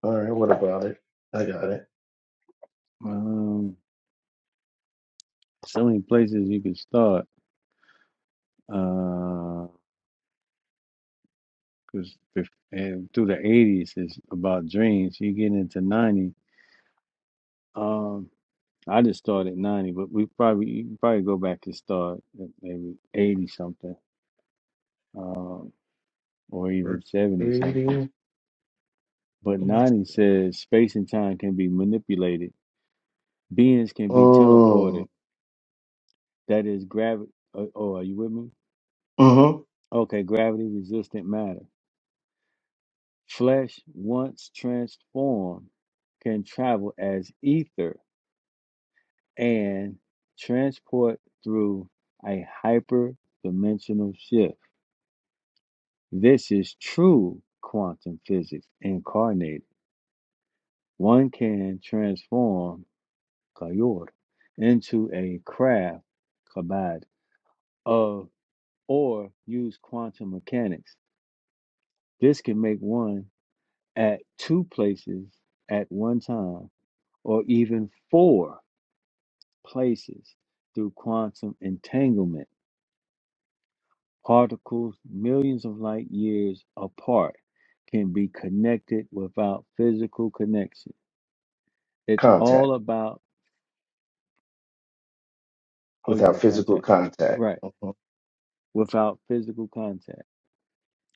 Speaker 12: All right. What about it? I got it.
Speaker 10: Um so many places you can start. Uh. because through the eighties is about dreams. You get into ninety. Um, I just started ninety, but we probably you can probably go back and start at maybe eighty something, um, or even
Speaker 12: First
Speaker 10: seventy something.
Speaker 12: reading.
Speaker 10: But
Speaker 12: Yes.
Speaker 10: ninety says space and time can be manipulated. Beings can be
Speaker 12: Mm.
Speaker 10: teleported. That is gravity. Oh, are you with me?
Speaker 12: hmm
Speaker 10: Okay, gravity resistant matter. Flesh once transformed can travel as ether and transport through a hyperdimensional shift. This is true quantum physics incarnated. One can transform Kayor into a craft kabad of or use quantum mechanics. This can make one at two places at one time or even four places through quantum entanglement Particles millions of light years apart can be connected without physical connection. It's
Speaker 12: Contact
Speaker 10: all about, oh, you
Speaker 12: without
Speaker 10: said
Speaker 12: physical
Speaker 10: contact,
Speaker 12: contact.
Speaker 10: right?
Speaker 12: hmm
Speaker 10: Without physical contact.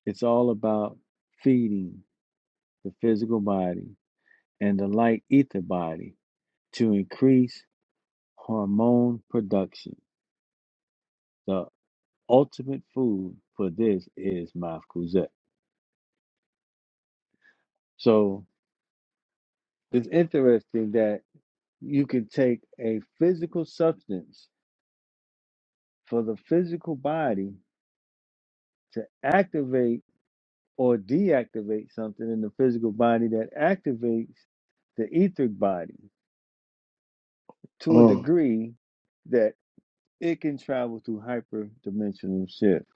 Speaker 10: It's all about feeding the physical body and the light ether body to increase hormone production. The ultimate food for this is mafkuzet. So it's interesting that you can take a physical substance for the physical body to activate or deactivate something in the physical body that activates the etheric body to a
Speaker 12: Mm.
Speaker 10: degree that it can travel through hyperdimensional shift,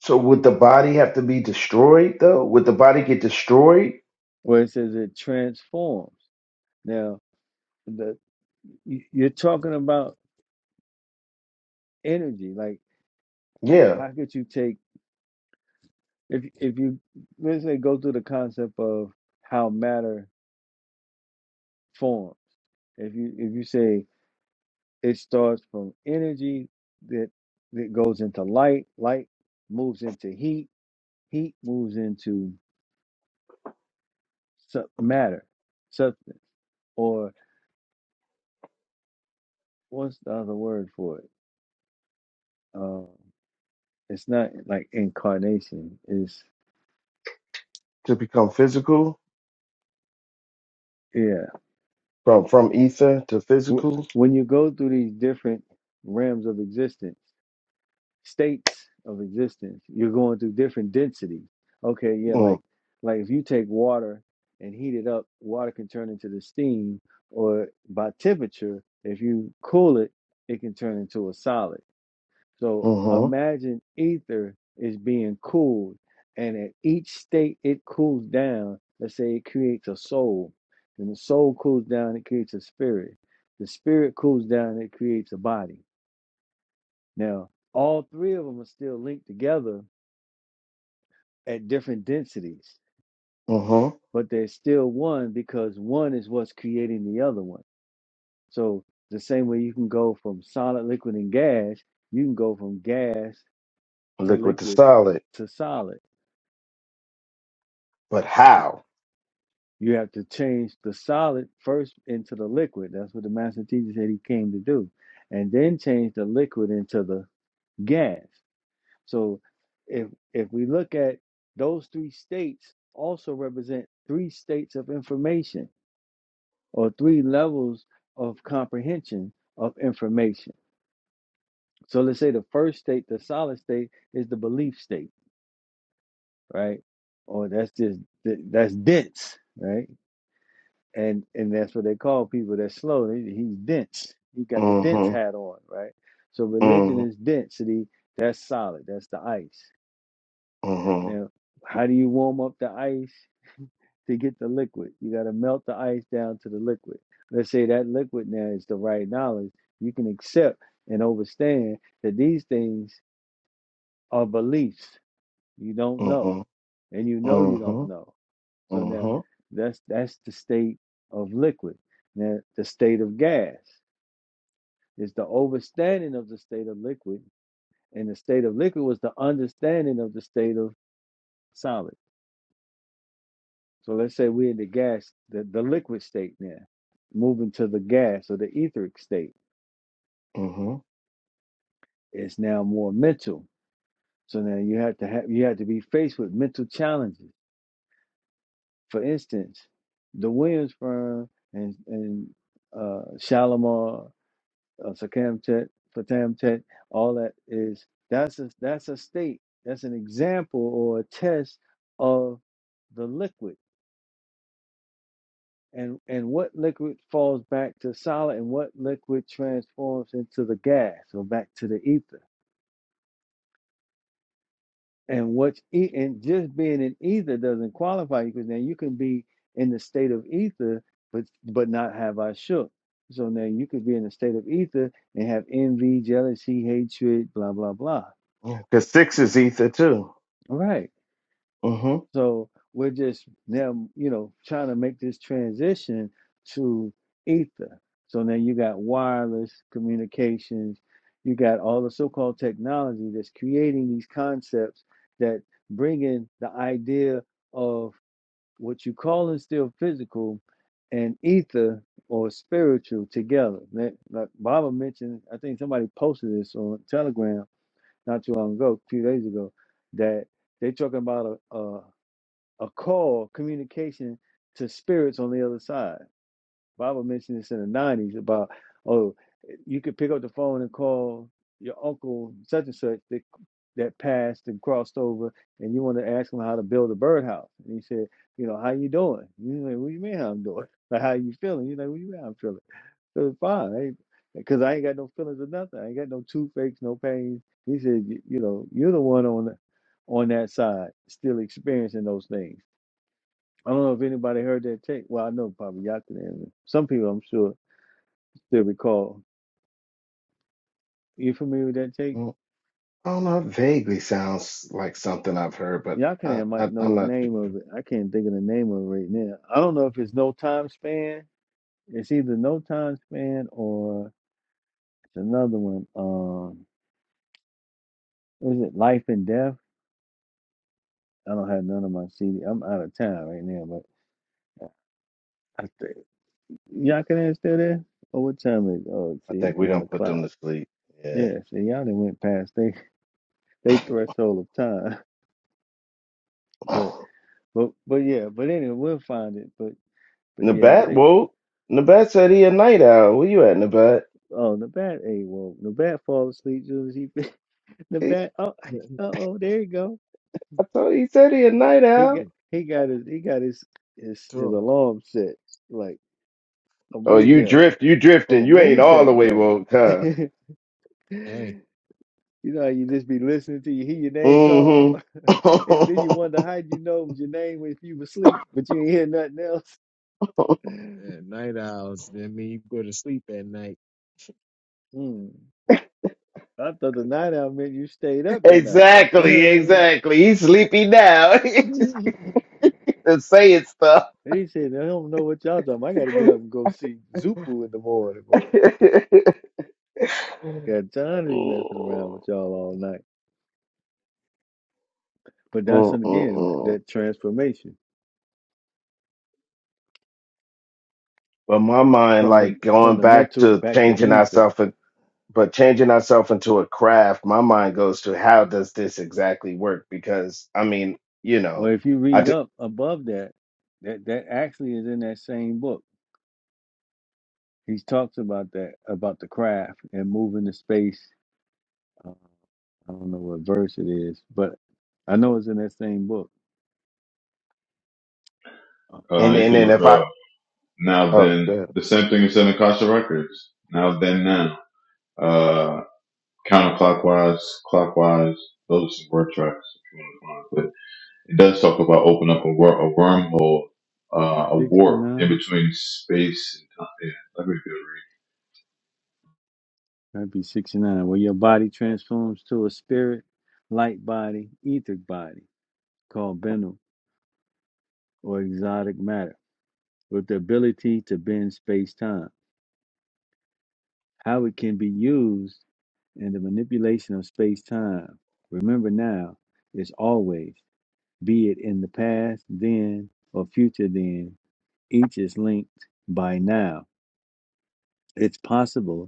Speaker 12: So would the body have to be destroyed though? Would the body get destroyed?
Speaker 10: where it says it transforms. Now, the you- you're talking about energy. Like,
Speaker 12: Yeah.
Speaker 10: how could you take if if you let's say go through the concept of how matter forms? If you if you say It starts from energy that that goes into light, light moves into heat, heat moves into sub- matter, substance, or what's the other word for it? Um, it's not like incarnation. It's
Speaker 12: to become physical
Speaker 10: yeah.
Speaker 12: from from ether to
Speaker 10: Wh-
Speaker 12: physical.
Speaker 10: When you go through these different realms of existence, states of existence. You're going through different densities. Okay, yeah,
Speaker 12: Mm,
Speaker 10: like like if you take water and heat it up, water can turn into the steam, or by temperature, if you cool it, it can turn into a solid. So
Speaker 12: mm-hmm.
Speaker 10: imagine ether is being cooled, and at each state it cools down. Let's say it creates a soul, and the soul cools down, it creates a spirit. The spirit cools down, it creates a body now, all three of them are still linked together at different densities,
Speaker 12: Mm-hmm.
Speaker 10: but they're still one because one is what's creating the other one. So, the same way you can go from solid, liquid, and gas, you can go from gas to
Speaker 12: Liquid to
Speaker 10: liquid
Speaker 12: solid.
Speaker 10: to solid.
Speaker 12: But how?
Speaker 10: You have to change the solid first into the liquid. That's what the master teacher said he came to do. And then change the liquid into the gas. So if if we look at those three states also represent three states of information or three levels of comprehension of information. So let's say the first state, the solid state, is the belief state, right? Or that's just that's dense, right? And and that's what they call people that's slow. They- He's dense. He got the dense
Speaker 12: Mm-hmm.
Speaker 10: hat on, right? So religion
Speaker 12: Mm-hmm.
Speaker 10: is density. That's solid. That's the ice.
Speaker 12: Mm-hmm.
Speaker 10: Now, how do you warm up the ice? to get the liquid. You got to melt the ice down to the liquid. Let's say that liquid now is the right knowledge. You can accept and understand that these things are beliefs. You don't know,
Speaker 12: Mm-hmm.
Speaker 10: and you know you don't
Speaker 12: Mm-hmm.
Speaker 10: know. So now,
Speaker 12: Mm-hmm.
Speaker 10: that's that's the state of liquid. Now, the state of gas is the overstanding of the state of liquid, and the state of liquid was the understanding of the state of solid. So let's say we're in the gas, the, the liquid state now, moving to the gas or the etheric state.
Speaker 12: mm-hmm.
Speaker 10: It's now more mental. So now you have to have you have to be faced with mental challenges. For instance, the Williams firm and and uh, Shalimar, uh, Sakamtet, Fatamtet, all that is that's a that's a state. That's an example or a test of the liquid. and and what liquid falls back to solid and what liquid transforms into the gas or back to the ether and what's e- and just being in ether doesn't qualify you because now you can be in the state of ether but but not have ashuk. so now you could be in the state of ether and have envy jealousy hatred blah blah blah
Speaker 12: Because six is ether too.
Speaker 10: all right
Speaker 12: Mm-hmm.
Speaker 10: So we're just now, you know, trying to make this transition to ether. So now you got wireless communications, you got all the so-called technology that's creating these concepts that bring in the idea of what you call is still physical and ether or spiritual together. Like like Baba mentioned, I think somebody posted this on Telegram not too long ago, a few days ago, that they're talking about a call communication to spirits on the other side. Bible mentioned this in the nineties about oh, you could pick up the phone and call your uncle such and such that that passed and crossed over, and you want to ask him how to build a birdhouse. And he said, you know, how you doing? You like, what do you mean how I'm doing? Like how you feeling? You like, what do you mean how I'm feeling? So fine, because I ain't got no feelings or nothing. I ain't got no toothaches, no pain. He said, you, you know, you're the one on the, on that side still experiencing those things I don't know if anybody heard that take. Well, I know probably Yakanan. Some people, I'm sure, still recall. You familiar with that take?
Speaker 12: mm-hmm. I don't know. It vaguely sounds like something I've heard, but I,
Speaker 10: Yakanan might
Speaker 12: I,
Speaker 10: know
Speaker 12: I'm
Speaker 10: the
Speaker 12: not too
Speaker 10: name
Speaker 12: sure.
Speaker 10: of it. I can't think of the name of it right now. I don't know if it's No Time Span. It's either No Time Span or it's another one. Um, what is it Life and Death? I don't have none of my CD. I'm out of town right now, but I I think Yakanan still there. Oh, what time is? It? Oh,
Speaker 12: I
Speaker 10: see, it's
Speaker 12: think we
Speaker 10: one
Speaker 12: don't put
Speaker 10: o'clock.
Speaker 12: them to sleep. Yeah.
Speaker 10: Yeah, see, y'all done went past they they threshold of time, but. But but yeah, but anyway, we'll find it. But but yeah, I
Speaker 12: Nabat
Speaker 10: think
Speaker 12: woke. Nabat said he a night owl. Where you at, Nabat?
Speaker 10: oh Nabat a woke. Nabat falls asleep soon as he
Speaker 12: He,
Speaker 10: Nabat oh
Speaker 11: yeah,
Speaker 10: uh oh there you go.
Speaker 12: I told he said he a night
Speaker 10: He
Speaker 12: owl.
Speaker 11: yeah,
Speaker 10: got he got his he got his his, his
Speaker 11: Two.
Speaker 10: alarm set like a
Speaker 12: Oh,
Speaker 10: moon
Speaker 12: you
Speaker 10: tap
Speaker 12: drift. You
Speaker 10: or
Speaker 12: drifting.
Speaker 10: a
Speaker 12: You ain't
Speaker 10: moon
Speaker 12: all
Speaker 10: tap
Speaker 12: the way
Speaker 10: goal.
Speaker 12: woke, huh?
Speaker 10: you
Speaker 11: Hey,
Speaker 10: know how you just be listening to you hear your name call
Speaker 12: Mm-hmm.
Speaker 10: and then you wonder how you know it was your name if you were asleep but you ain't hear nothing else.
Speaker 11: at night owls. I mean, you go to sleep at night.
Speaker 10: Hmm. I thought the night out meant you stayed up at
Speaker 12: exactly.
Speaker 10: night.
Speaker 12: Exactly. He's sleepy now. Just saying stuff.
Speaker 10: They said, I don't know what y'all talking about. I got to get up and go see Zupu in the morning. But
Speaker 12: Mm,
Speaker 10: got time to be messing around with
Speaker 12: mm,
Speaker 10: y'all all night. But that's,
Speaker 12: mm,
Speaker 10: and again,
Speaker 12: mm.
Speaker 10: that transformation
Speaker 12: But my mind,
Speaker 10: from the
Speaker 12: like
Speaker 10: from
Speaker 12: going
Speaker 10: the
Speaker 12: back
Speaker 10: mental
Speaker 12: to
Speaker 10: back to
Speaker 12: changing
Speaker 10: ether.
Speaker 12: ourselves, but changing ourselves into a craft, my mind goes to how does this exactly work? Because I mean, you
Speaker 10: Well,
Speaker 12: know,
Speaker 10: if you
Speaker 12: I
Speaker 10: read
Speaker 12: d-
Speaker 10: up above that, that, that actually is in that same book. He talks about that, about the craft and moving the space. Uh, I don't know what verse it is, but I know it's in that same book. Uh,
Speaker 2: Uh,
Speaker 12: and
Speaker 2: you
Speaker 12: and
Speaker 2: can
Speaker 12: then
Speaker 2: look
Speaker 12: if I
Speaker 2: up now
Speaker 12: oh
Speaker 2: then.
Speaker 12: good,
Speaker 2: The same thing is said in Kasha Records. Now then now. Uh, counterclockwise, clockwise. Those are some word tracks if you want to find. it. But it does talk about open up a, wor- a wormhole, uh, a warp in
Speaker 10: 69?
Speaker 2: between space and time. Yeah, let me do it.
Speaker 10: That'd be 69. Where your body transforms to a spirit, light body, etheric body, called Bennu or exotic matter, with the ability to bend space time. How it can be used in the manipulation of space time. Remember now, is always, be it in the past, then, or future, then, each is linked by now. It's possible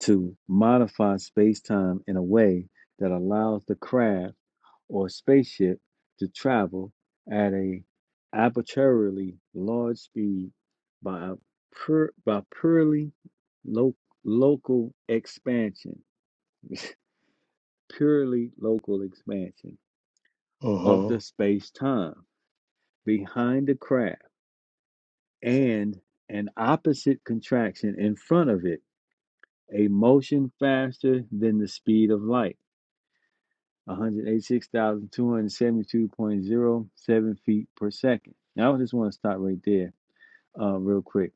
Speaker 10: to modify space time in a way that allows the craft or spaceship to travel at a arbitrarily large speed by pur- by purely lo- local expansion, purely local expansion of
Speaker 12: hmm
Speaker 10: the space time behind the craft and an opposite contraction in front of it, a motion faster than the speed of light 186,272.07 feet per second. Now, I just want to stop right there, uh, real quick,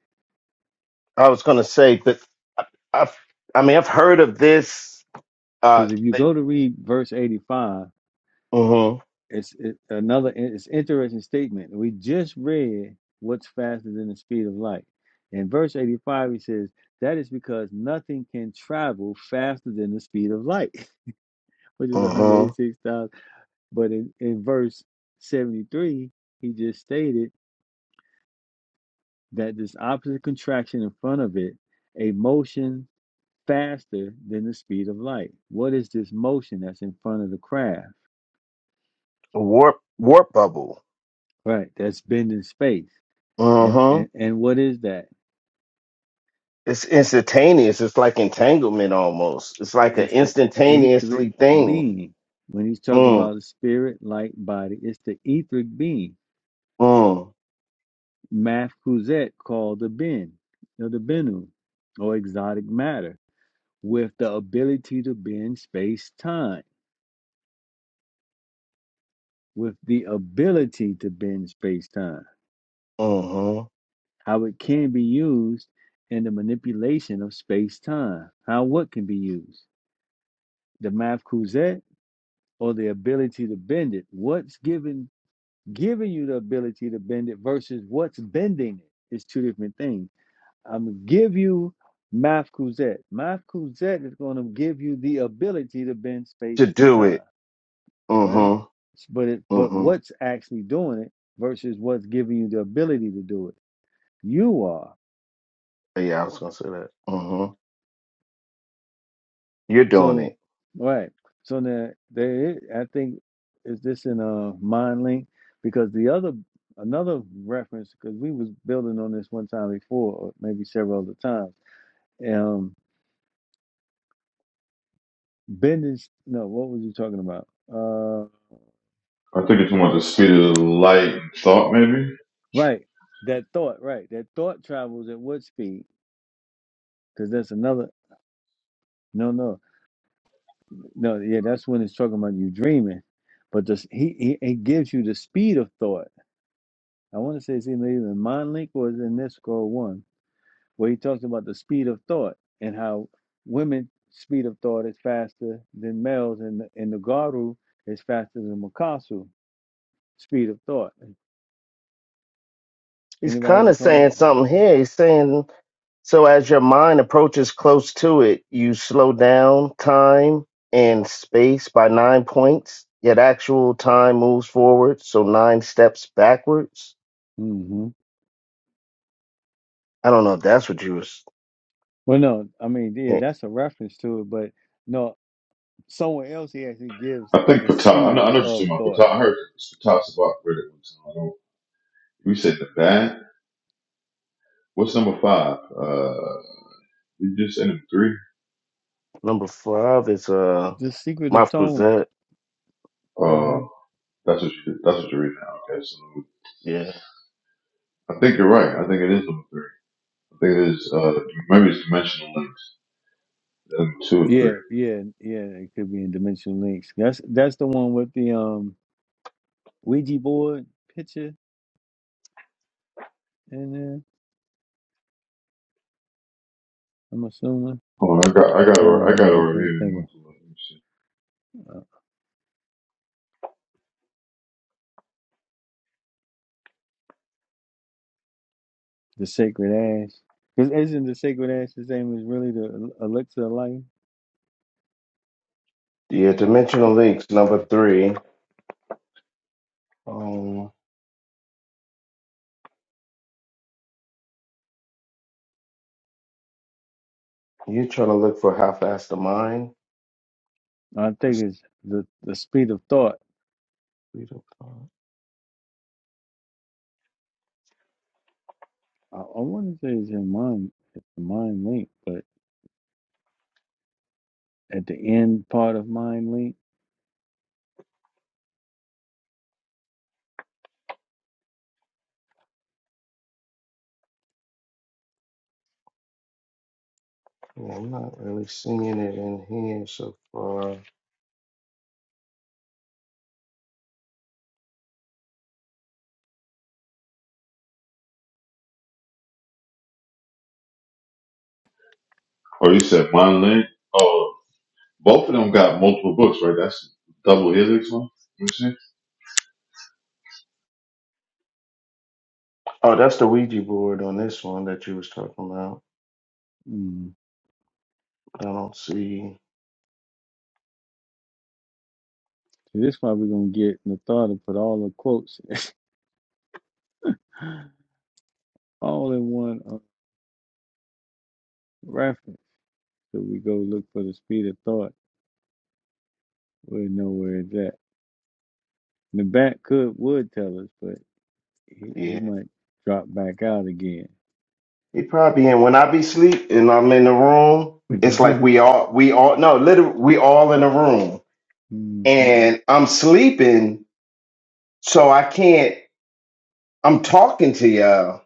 Speaker 12: I was gonna say that I, I've I mean I've heard of this uh
Speaker 10: because if you go to read verse 85,
Speaker 12: mm-hmm,
Speaker 10: it's it, another it's interesting statement. We just read what's faster than the speed of light. In verse 85, he says, That is because nothing can travel faster than the speed of light, which is
Speaker 12: mm-hmm,
Speaker 10: 186,000. But in, in verse 73, he just stated that this opposite contraction in front of it a motion faster than the speed of light. What is this motion that's in front of the craft?
Speaker 12: warp warp bubble.
Speaker 10: Right, that's bending space. And
Speaker 12: Mm-hmm.
Speaker 10: and, and what is that?
Speaker 12: it's instantaneous. It's like entanglement almost. It's like an
Speaker 10: It's the etheric
Speaker 12: instantaneously thing.
Speaker 10: being. When he's talking
Speaker 12: Mm,
Speaker 10: about the spirit, light, body, it's the etheric being.
Speaker 12: mm,
Speaker 10: Math Kuzet called the Ben, or the Benu, or exotic matter, with the ability to bend space time, with the ability to bend space time
Speaker 12: mm-hmm.
Speaker 10: how it can be used in the manipulation of space time. How what can be used? The math cousette or the ability to bend it? What's given giving you the ability to bend it versus what's bending it is two different things. I'm gonna give you math cousette. Math cousette is gonna give you the ability to bend
Speaker 12: To
Speaker 10: space and
Speaker 12: do
Speaker 10: time,
Speaker 12: it.
Speaker 10: right?
Speaker 12: Mm-hmm.
Speaker 10: But it but
Speaker 12: Mm-hmm.
Speaker 10: what's actually doing it versus what's giving you the ability to do it? You are.
Speaker 12: Yeah, I was gonna say that. Mm-hmm. You're doing
Speaker 10: So,
Speaker 12: it.
Speaker 10: right. So now there is, I think is this in a mind link because the other another reference because we was building on this one time before or maybe several other times. Um, Bendis. No, what was you talking about? Uh,
Speaker 2: I think you're talking about the speed of light and thought, maybe.
Speaker 10: right. That thought. Right. That thought travels at what speed? Because that's another. No, no, no. Yeah, that's when it's talking about you dreaming. But this, he, he, he gives you the speed of thought. I want to say it's either in Mind Link or it's in this scroll one where he talks about the speed of thought and how women's speed of thought is faster than males, and the, and the garu is faster than Makasu speed of thought.
Speaker 12: He's
Speaker 10: Anybody
Speaker 12: kind of
Speaker 10: recall
Speaker 12: saying
Speaker 10: it?
Speaker 12: something here. He's saying so as your mind approaches close to it, you slow down time and space by nine points. Yet actual time moves forward, so nine steps backwards.
Speaker 10: hmm
Speaker 12: I don't know if that's what you was.
Speaker 10: Well, no, I mean, yeah, that's a reference to it, but no, somewhere else he actually gives
Speaker 2: I think
Speaker 10: the
Speaker 2: Patah. I know,
Speaker 10: speed
Speaker 2: I know what
Speaker 10: of
Speaker 2: you're talking
Speaker 10: thought,
Speaker 2: about. Patah. I heard Patah Sabak read it one time. I don't, we said the bad. What's number five? Uh, you just ended with three.
Speaker 12: Number five is uh
Speaker 10: the secret of
Speaker 12: Mouth
Speaker 10: tones.
Speaker 12: Cruzette.
Speaker 2: Uh,
Speaker 10: hmm
Speaker 2: that's what you, that's what you're reading now. Okay, so
Speaker 12: Yeah.
Speaker 2: I think you're right. I think it is number three. I think it is. Uh, maybe it's dimensional links. Then two or three.
Speaker 10: Yeah, yeah, yeah. It could be in dimensional links. That's that's the one with the um Ouija board picture in there. I'm assuming.
Speaker 2: Hold on, I got, I
Speaker 10: I'm
Speaker 2: got, it-
Speaker 10: trying to
Speaker 2: right, I got it
Speaker 10: remember. I
Speaker 2: over
Speaker 10: can't
Speaker 2: here. I
Speaker 10: think
Speaker 2: want to look. Let me see.
Speaker 10: of uh, the sacred ash. Because isn't the sacred ash the same as really the el- elixir of life?
Speaker 12: Yeah, Dimensional Links, number three. Um you trying to look for half assed the mind.
Speaker 10: I
Speaker 12: The
Speaker 10: think it's the the speed of thought.
Speaker 12: Street of Thought.
Speaker 10: I, I want to say it's in mind, it's the mind link, but at the end part of mind link,
Speaker 12: Yeah, I'm not really seeing it in here so far.
Speaker 2: Oh, you said mind link. Oh, both of them got multiple books, right? That's double helix one.
Speaker 12: Oh, that's the Ouija board on this one that you was talking about.
Speaker 10: mm,
Speaker 12: I don't see
Speaker 10: so this is why we're gonna get Nathar to put all the quotes all in one uh, reference. So we go look for the speed of thought. We know where it's at. The back could would tell us, he, he
Speaker 12: yeah.
Speaker 10: might drop back out again.
Speaker 12: He probably in when I be sleep and I'm in the room, it's like we all we all no, literally we all in the room.
Speaker 10: Mhm,
Speaker 12: And I'm sleeping, so I can't. I'm talking to y'all,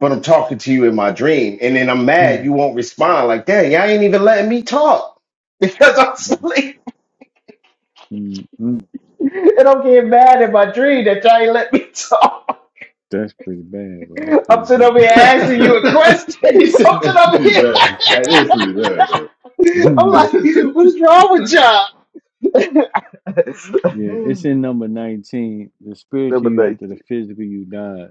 Speaker 12: but I'm talking to you in my dream. And then I'm mad
Speaker 10: mhm,
Speaker 12: you won't respond. Like, dang, y'all ain't even letting me talk because I'm asleep.
Speaker 10: mhm, mhm.
Speaker 12: And I'm getting mad in my dream that y'all ain't let me talk.
Speaker 10: That's pretty bad, bro. That's
Speaker 12: I'm
Speaker 10: pretty
Speaker 12: sitting
Speaker 10: bad.
Speaker 12: over here asking you a question.
Speaker 2: he said
Speaker 12: I'm sitting
Speaker 2: that's
Speaker 12: over
Speaker 2: pretty
Speaker 12: here.
Speaker 2: bad.
Speaker 10: Mhm.
Speaker 2: That is pretty bad, though.
Speaker 12: I'm like, what is wrong with y'all?
Speaker 10: yeah, it's in number 19. The spiritual
Speaker 12: Number
Speaker 10: you
Speaker 12: 19.
Speaker 10: after the physical you dies.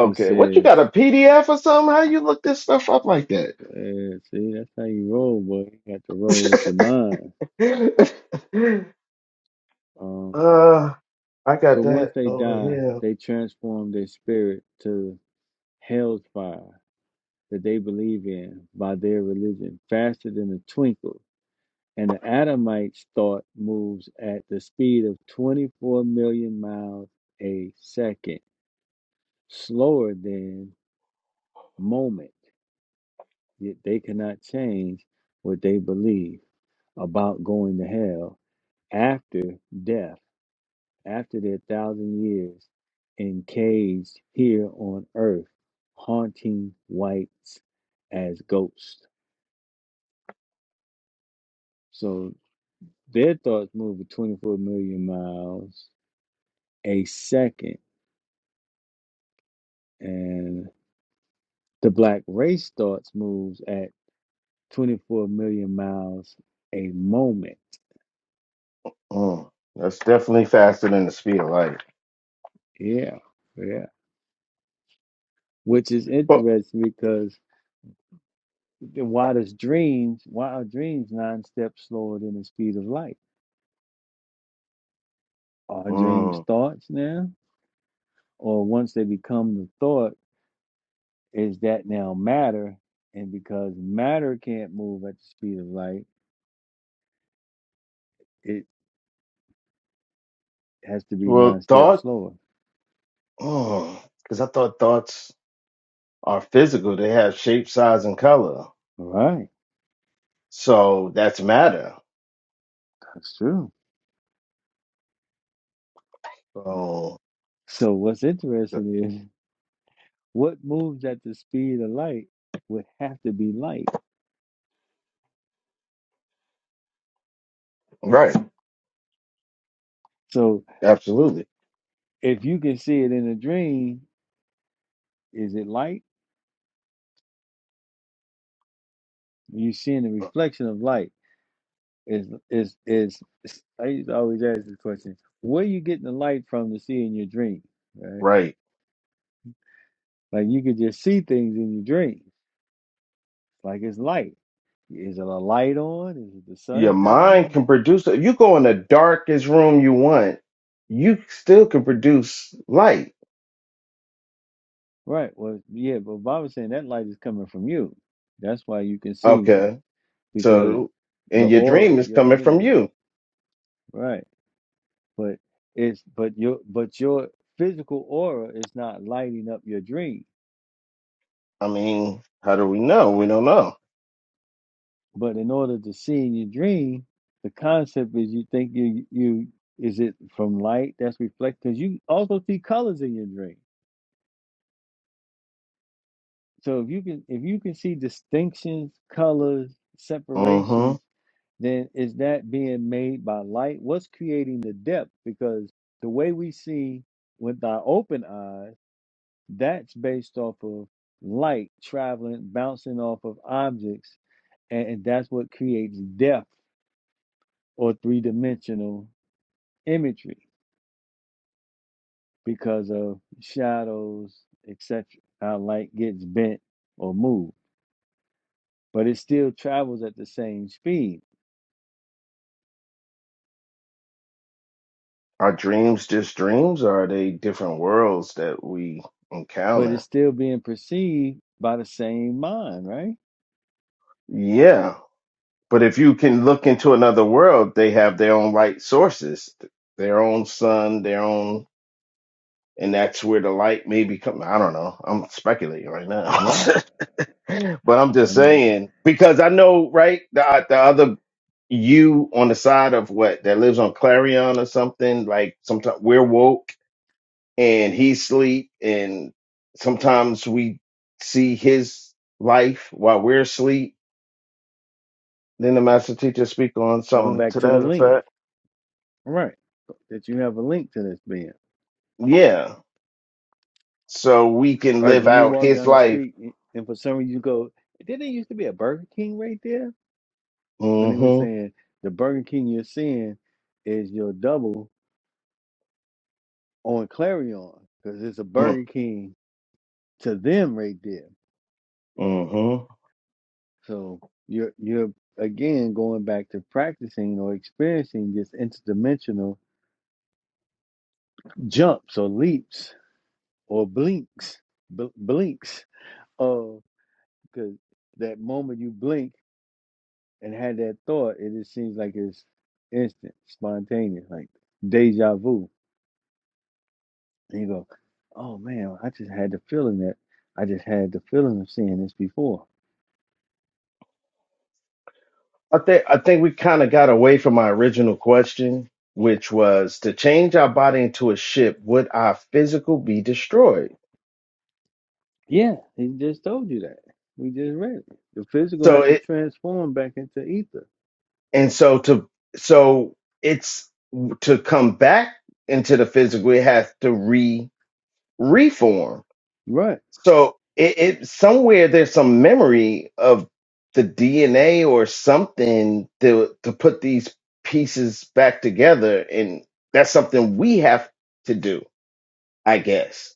Speaker 10: It
Speaker 12: What you got a
Speaker 10: says,
Speaker 12: PDF or something? How you look this stuff up like
Speaker 10: uh, see, that's how you roll, boy. You got to roll with your
Speaker 12: that?
Speaker 10: mind. Um,
Speaker 12: Uh, I
Speaker 10: so
Speaker 12: got
Speaker 10: once
Speaker 12: that
Speaker 10: they
Speaker 12: over
Speaker 10: die,
Speaker 12: here.
Speaker 10: they transform their spirit to hell's fire that they believe in by their religion faster than a twinkle and the Adamites' thought moves at the speed of 24 million miles a second, slower than moment. Yet they cannot change what they believe about going to hell after death, after their thousand years encaged here on earth, haunting whites as ghosts. So their thoughts move at 24 million miles a second. and The black race starts moves at 24 million miles a moment.
Speaker 12: Mm, that's definitely faster than the speed of light.
Speaker 10: Yeah, yeah. Which is
Speaker 12: But
Speaker 10: interesting because the- why does dreams, why are dreams nine steps slower than the speed of light? Are dreams
Speaker 12: mm,
Speaker 10: thoughts now? Or once they become the thought, is that now matter? And because matter can't move at the speed of light, it has to be
Speaker 12: well,
Speaker 10: nine steps
Speaker 12: thought,
Speaker 10: slower.
Speaker 12: because I thought thoughts are physical. They have shape, size, and color.
Speaker 10: All right,
Speaker 12: So that's matter.
Speaker 10: that's true.
Speaker 12: So
Speaker 10: So what's interesting is what moves at the speed of light would have to be light.
Speaker 12: right,
Speaker 10: So
Speaker 12: absolutely
Speaker 10: if you can see it in a dream, is it light? You're seeing the reflection of light. Is is is I used to always ask this question, where you getting the light from to see in your dream? Right?
Speaker 12: right.
Speaker 10: Like you could just see things in your dreams, like it's light. Is it a light on? Is it the
Speaker 12: Your
Speaker 10: sun
Speaker 12: mind
Speaker 10: shining?
Speaker 12: can produce. If you go in the darkest room you want, you still can produce light.
Speaker 10: Right. Well, yeah, but Bob was saying that light is coming from you. That's why you can see
Speaker 12: Okay,
Speaker 10: because
Speaker 12: so
Speaker 10: the
Speaker 12: and your
Speaker 10: aura,
Speaker 12: dream is
Speaker 10: your
Speaker 12: coming from
Speaker 10: energy.
Speaker 12: you.
Speaker 10: Right. But it's but your but your physical aura is not lighting up your dream.
Speaker 12: I mean, how do we know? We don't know.
Speaker 10: But in order to see in your dream, the concept is you think you you is it from light that's reflected because you also see colors in your dream. So if you can if you can see distinctions, colors,
Speaker 12: hmm
Speaker 10: separations, then is that being made by light? What's creating the depth? Because the way we see with our open eyes That's based off of light traveling, bouncing off of objects, and, and that's what creates depth or three dimensional imagery because of shadows, etc. How light gets bent or moved, but it still travels at the same speed,
Speaker 12: Are dreams just dreams, or are they different worlds that we
Speaker 10: but it's
Speaker 12: encounter?
Speaker 10: still being perceived by the same mind, right?
Speaker 12: Yeah, but if you can look into another world, they have their own light sources, their own sun, their own, and that's where the light may be coming. I don't know. I'm speculating right now,
Speaker 10: Right.
Speaker 12: but I'm
Speaker 10: I
Speaker 12: just
Speaker 10: mean,
Speaker 12: saying because I know, right? The uh, the other you on the side of what that lives on Clarion or something like sometimes we're woke and he sleep and sometimes we see his life while we're asleep then the master teacher speak on
Speaker 10: going
Speaker 12: something
Speaker 10: back
Speaker 12: to
Speaker 10: to
Speaker 12: that
Speaker 10: the link,
Speaker 12: effect
Speaker 10: right? That you have a link to this being.
Speaker 12: yeah so we can
Speaker 10: Like
Speaker 12: live
Speaker 10: when you
Speaker 12: out
Speaker 10: walk
Speaker 12: his
Speaker 10: down the
Speaker 12: life
Speaker 10: street a- and for some reason you go, didn't there used to be a Burger King right there? And he was
Speaker 12: hmm
Speaker 10: saying the Burger King you're seeing is your double on Clarion because it's a Burger King to them right there.
Speaker 12: mm-hmm.
Speaker 10: So you're you're again going back to practicing or experiencing this interdimensional jumps or leaps or blinks, bl- blinks. Oh, because that moment you blink. and had that thought, it just seems like it's instant, spontaneous, like deja vu. And you go, oh man, I just had the feeling that I just had the feeling of seeing this before.
Speaker 12: i think i think we kind of got away from my original question which was to change our body into a ship would our physical be destroyed
Speaker 10: Yeah, he just told you that. We just read it. The physical
Speaker 12: so
Speaker 10: had
Speaker 12: it.
Speaker 10: to transform back into ether.
Speaker 12: and so to so it's to come back into the physical it has to re reform
Speaker 10: Right.
Speaker 12: so it, it somewhere there's some memory of the dna or something to to put these pieces back together and that's something we have to do i guess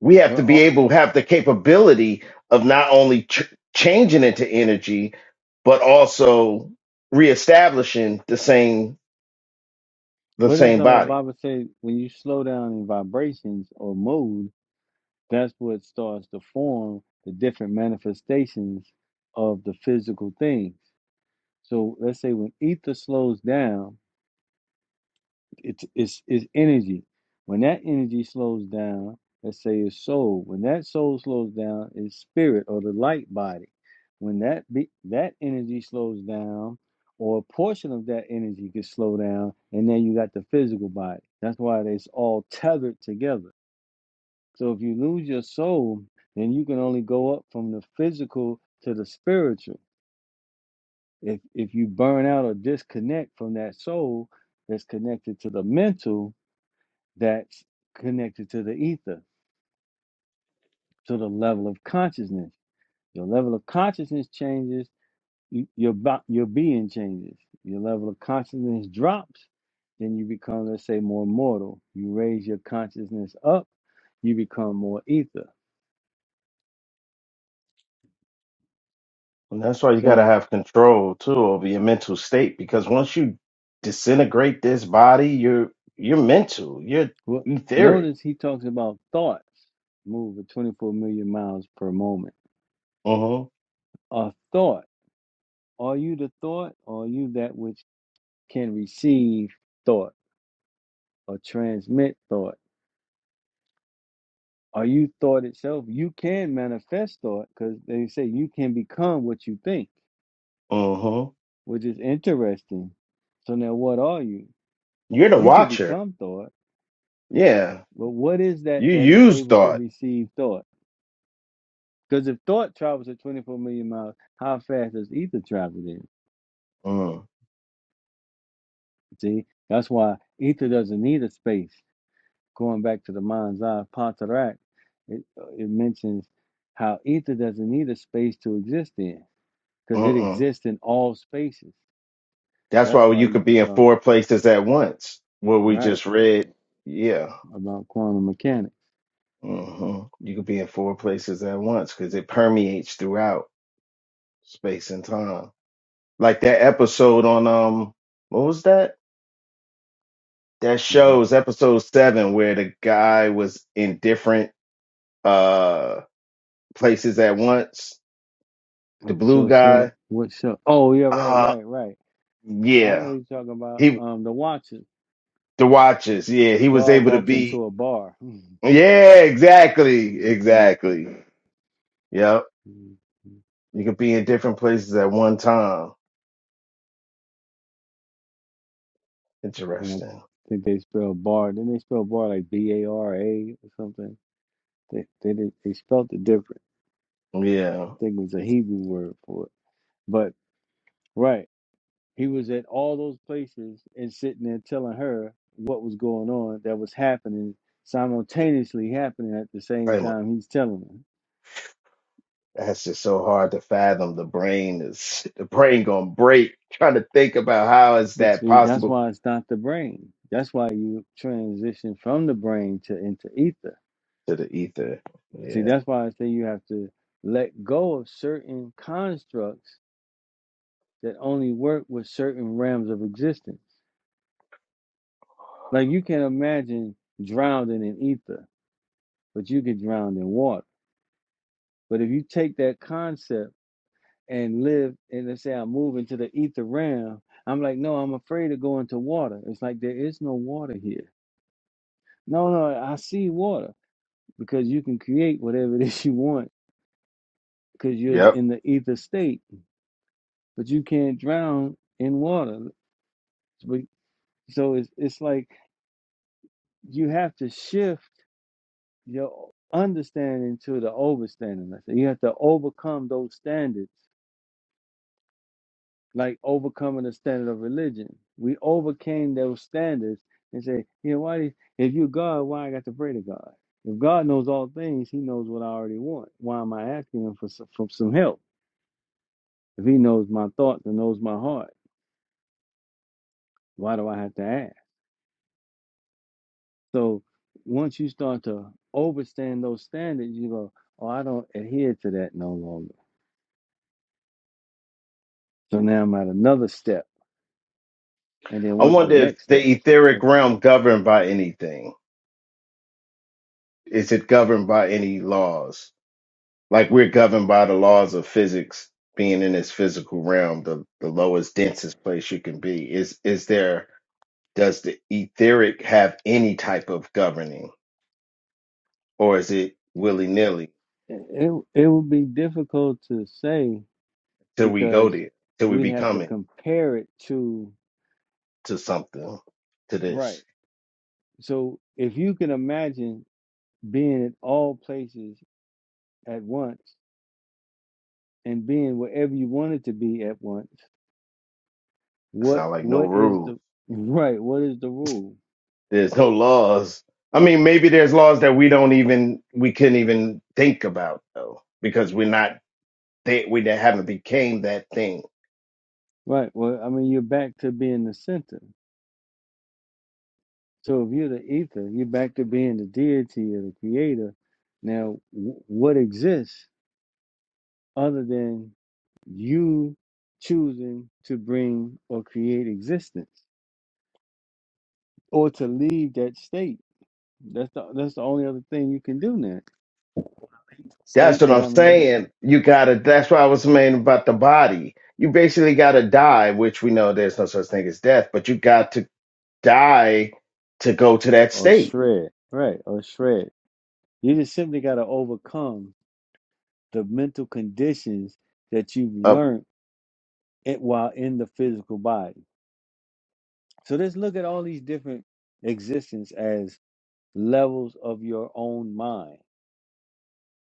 Speaker 12: we have
Speaker 10: Well,
Speaker 12: to be
Speaker 10: all,
Speaker 12: able to have the capability of not only ch- changing into energy but also reestablishing the same the
Speaker 10: well that's
Speaker 12: same
Speaker 10: how the
Speaker 12: body.
Speaker 10: Baba said when you slow down in vibrations or mood, that's what starts to form the different manifestations of the physical things. So let's say when ether slows down, it's it's, it's energy. When that energy slows down, let's say it's soul. When that soul slows down, it's spirit or the light body. When that be, that energy slows down, or a portion of that energy can slow down, and then you got the physical body. That's why it's all tethered together. So if you lose your soul, then you can only go up from the physical to the spiritual If if you burn out or disconnect from that soul that's connected to the mental, that's connected to the ether, to the level of consciousness. Your level of consciousness changes, you, your bo- your being changes. Your level of consciousness drops, then you become, let's say, more mortal. You raise your consciousness up, you become more ether.
Speaker 12: And that's why you got to
Speaker 10: So
Speaker 12: have control too over your mental state because once you disintegrate this body, you're you're mental, you're
Speaker 10: what
Speaker 12: etheric.
Speaker 10: notice he talks about thoughts move at 24 million miles per moment.
Speaker 12: Mhm.
Speaker 10: A thought. Are you the thought, or are you that which can receive thought or transmit thought? Are you thought itself? You can manifest thought because they say you can become what you think,
Speaker 12: Mhm.
Speaker 10: which is interesting. So now, what are you?
Speaker 12: You're the
Speaker 10: You can
Speaker 12: watcher.
Speaker 10: become thought,
Speaker 12: Yeah.
Speaker 10: but what is that
Speaker 12: You
Speaker 10: that is
Speaker 12: use
Speaker 10: able to
Speaker 12: thought.
Speaker 10: receive thought? Because if thought travels at 24 million miles, how fast does ether travel then?
Speaker 12: Mm.
Speaker 10: See, that's why ether doesn't need a space. going back to the mind's eye Pantarak, it uh, it mentions how ether doesn't need a space to exist in because it
Speaker 12: Mm.
Speaker 10: exists in all spaces.
Speaker 12: That's
Speaker 10: That's
Speaker 12: why
Speaker 10: why
Speaker 12: you
Speaker 10: you
Speaker 12: could be in
Speaker 10: become
Speaker 12: four places at once. What we
Speaker 10: right
Speaker 12: just read. Yeah.
Speaker 10: about quantum mechanics.
Speaker 12: Mhm. You could be in four places at once cuz it permeates throughout space and time. Like that episode on um what was that? that
Speaker 10: hmm
Speaker 12: shows episode seven where the guy was in different uh places at once. The blue
Speaker 10: Episode seven.
Speaker 12: guy.
Speaker 10: What show? Oh yeah, right,
Speaker 12: Uh
Speaker 10: right, right. I know
Speaker 12: yeah.
Speaker 10: you're talking about
Speaker 12: He
Speaker 10: um the Watchers.
Speaker 12: the watchers. yeah, he was
Speaker 10: God
Speaker 12: able to
Speaker 10: walks into
Speaker 12: be
Speaker 10: a bar. hmm
Speaker 12: Yeah, exactly.
Speaker 10: And
Speaker 12: Exactly. Yep. You could be in different places at one time.
Speaker 10: I
Speaker 12: Interesting.
Speaker 10: think they spell bar. Didn't they spell bar like B A R A or something? They they they spelled it different.
Speaker 12: Yeah.
Speaker 10: think it was a Hebrew word for it. But right, he was at all those places and sitting there telling her what was going on that was happening simultaneously happening at the same
Speaker 12: Hey, man,
Speaker 10: time he's telling her.
Speaker 12: That's just so hard to fathom. The brain is the brain gonna break trying to think about how is
Speaker 10: But
Speaker 12: that
Speaker 10: see, that's
Speaker 12: possible
Speaker 10: why it's not the brain. That's why you transition from the brain to into ether.
Speaker 12: to the ether.
Speaker 10: See,
Speaker 12: Yeah.
Speaker 10: that's why I say you have to let go of certain constructs that only work with certain realms of existence. Like you can imagine drowning in ether but you get drowned in water. But if you take that concept and live, and let's say I move into the ether realm, I'm like, no, I'm afraid of going to water. It's like there is no water here. No, no, I see water because you can create whatever it is you want because you're
Speaker 12: Yep.
Speaker 10: in the ether state, but you can't drown in water. But- So it's it's like you have to shift your understanding to the overstanding. I say You have to overcome those standards like overcoming the standard of religion. We overcame those standards and say, yeah, why do if you are God, why I got to pray to God? If God knows all things, He knows what I already want. Why am I asking Him for some, for some help? If He knows my thoughts and knows my heart, why do I have to ask? So once you start to overstand those standards, you go, oh, I don't adhere to that no longer. So now I'm at another step. And then
Speaker 12: I
Speaker 10: what's the
Speaker 12: wonder if
Speaker 10: next
Speaker 12: the
Speaker 10: step?
Speaker 12: etheric realm governed by anything. Is it governed by any laws? Like we're governed by the laws of physics, being in this physical realm, the, the lowest, densest place you can be. Is is there does the etheric have any type of governing? Or is it willy
Speaker 10: it,
Speaker 12: nilly
Speaker 10: it it would be difficult to say
Speaker 12: till we go
Speaker 10: because
Speaker 12: there, till we
Speaker 10: we have to
Speaker 12: become it
Speaker 10: compare it to
Speaker 12: to something, to
Speaker 10: right.
Speaker 12: this?
Speaker 10: So if you can imagine being at all places at once and being wherever you wanted to be at once,
Speaker 12: It's
Speaker 10: what
Speaker 12: not like no
Speaker 10: what is
Speaker 12: rules.
Speaker 10: the right? What is the rule?
Speaker 12: There's no laws. I mean, maybe there's laws that we don't even we couldn't even think about though, because we're not they, we haven't became that thing.
Speaker 10: Right. Well, I mean, you're back to being the center. So if you're the ether, you're back to being the deity or the creator. Now, w- what exists other than you choosing to bring or create existence? or to leave that state. That's the that's the only other thing you can do now.
Speaker 12: That's
Speaker 10: State
Speaker 12: what
Speaker 10: that
Speaker 12: I'm
Speaker 10: I'm in,
Speaker 12: saying. You gotta. That's why I was saying about the body. You basically gotta die, which we know there's no such thing as death, but you got to die to go to that
Speaker 10: or
Speaker 12: state.
Speaker 10: shred, right? Or shred. You just simply got to overcome the mental conditions that you've
Speaker 12: Uh,
Speaker 10: learned it while in the physical body. So let's look at all these different existence as levels of your own mind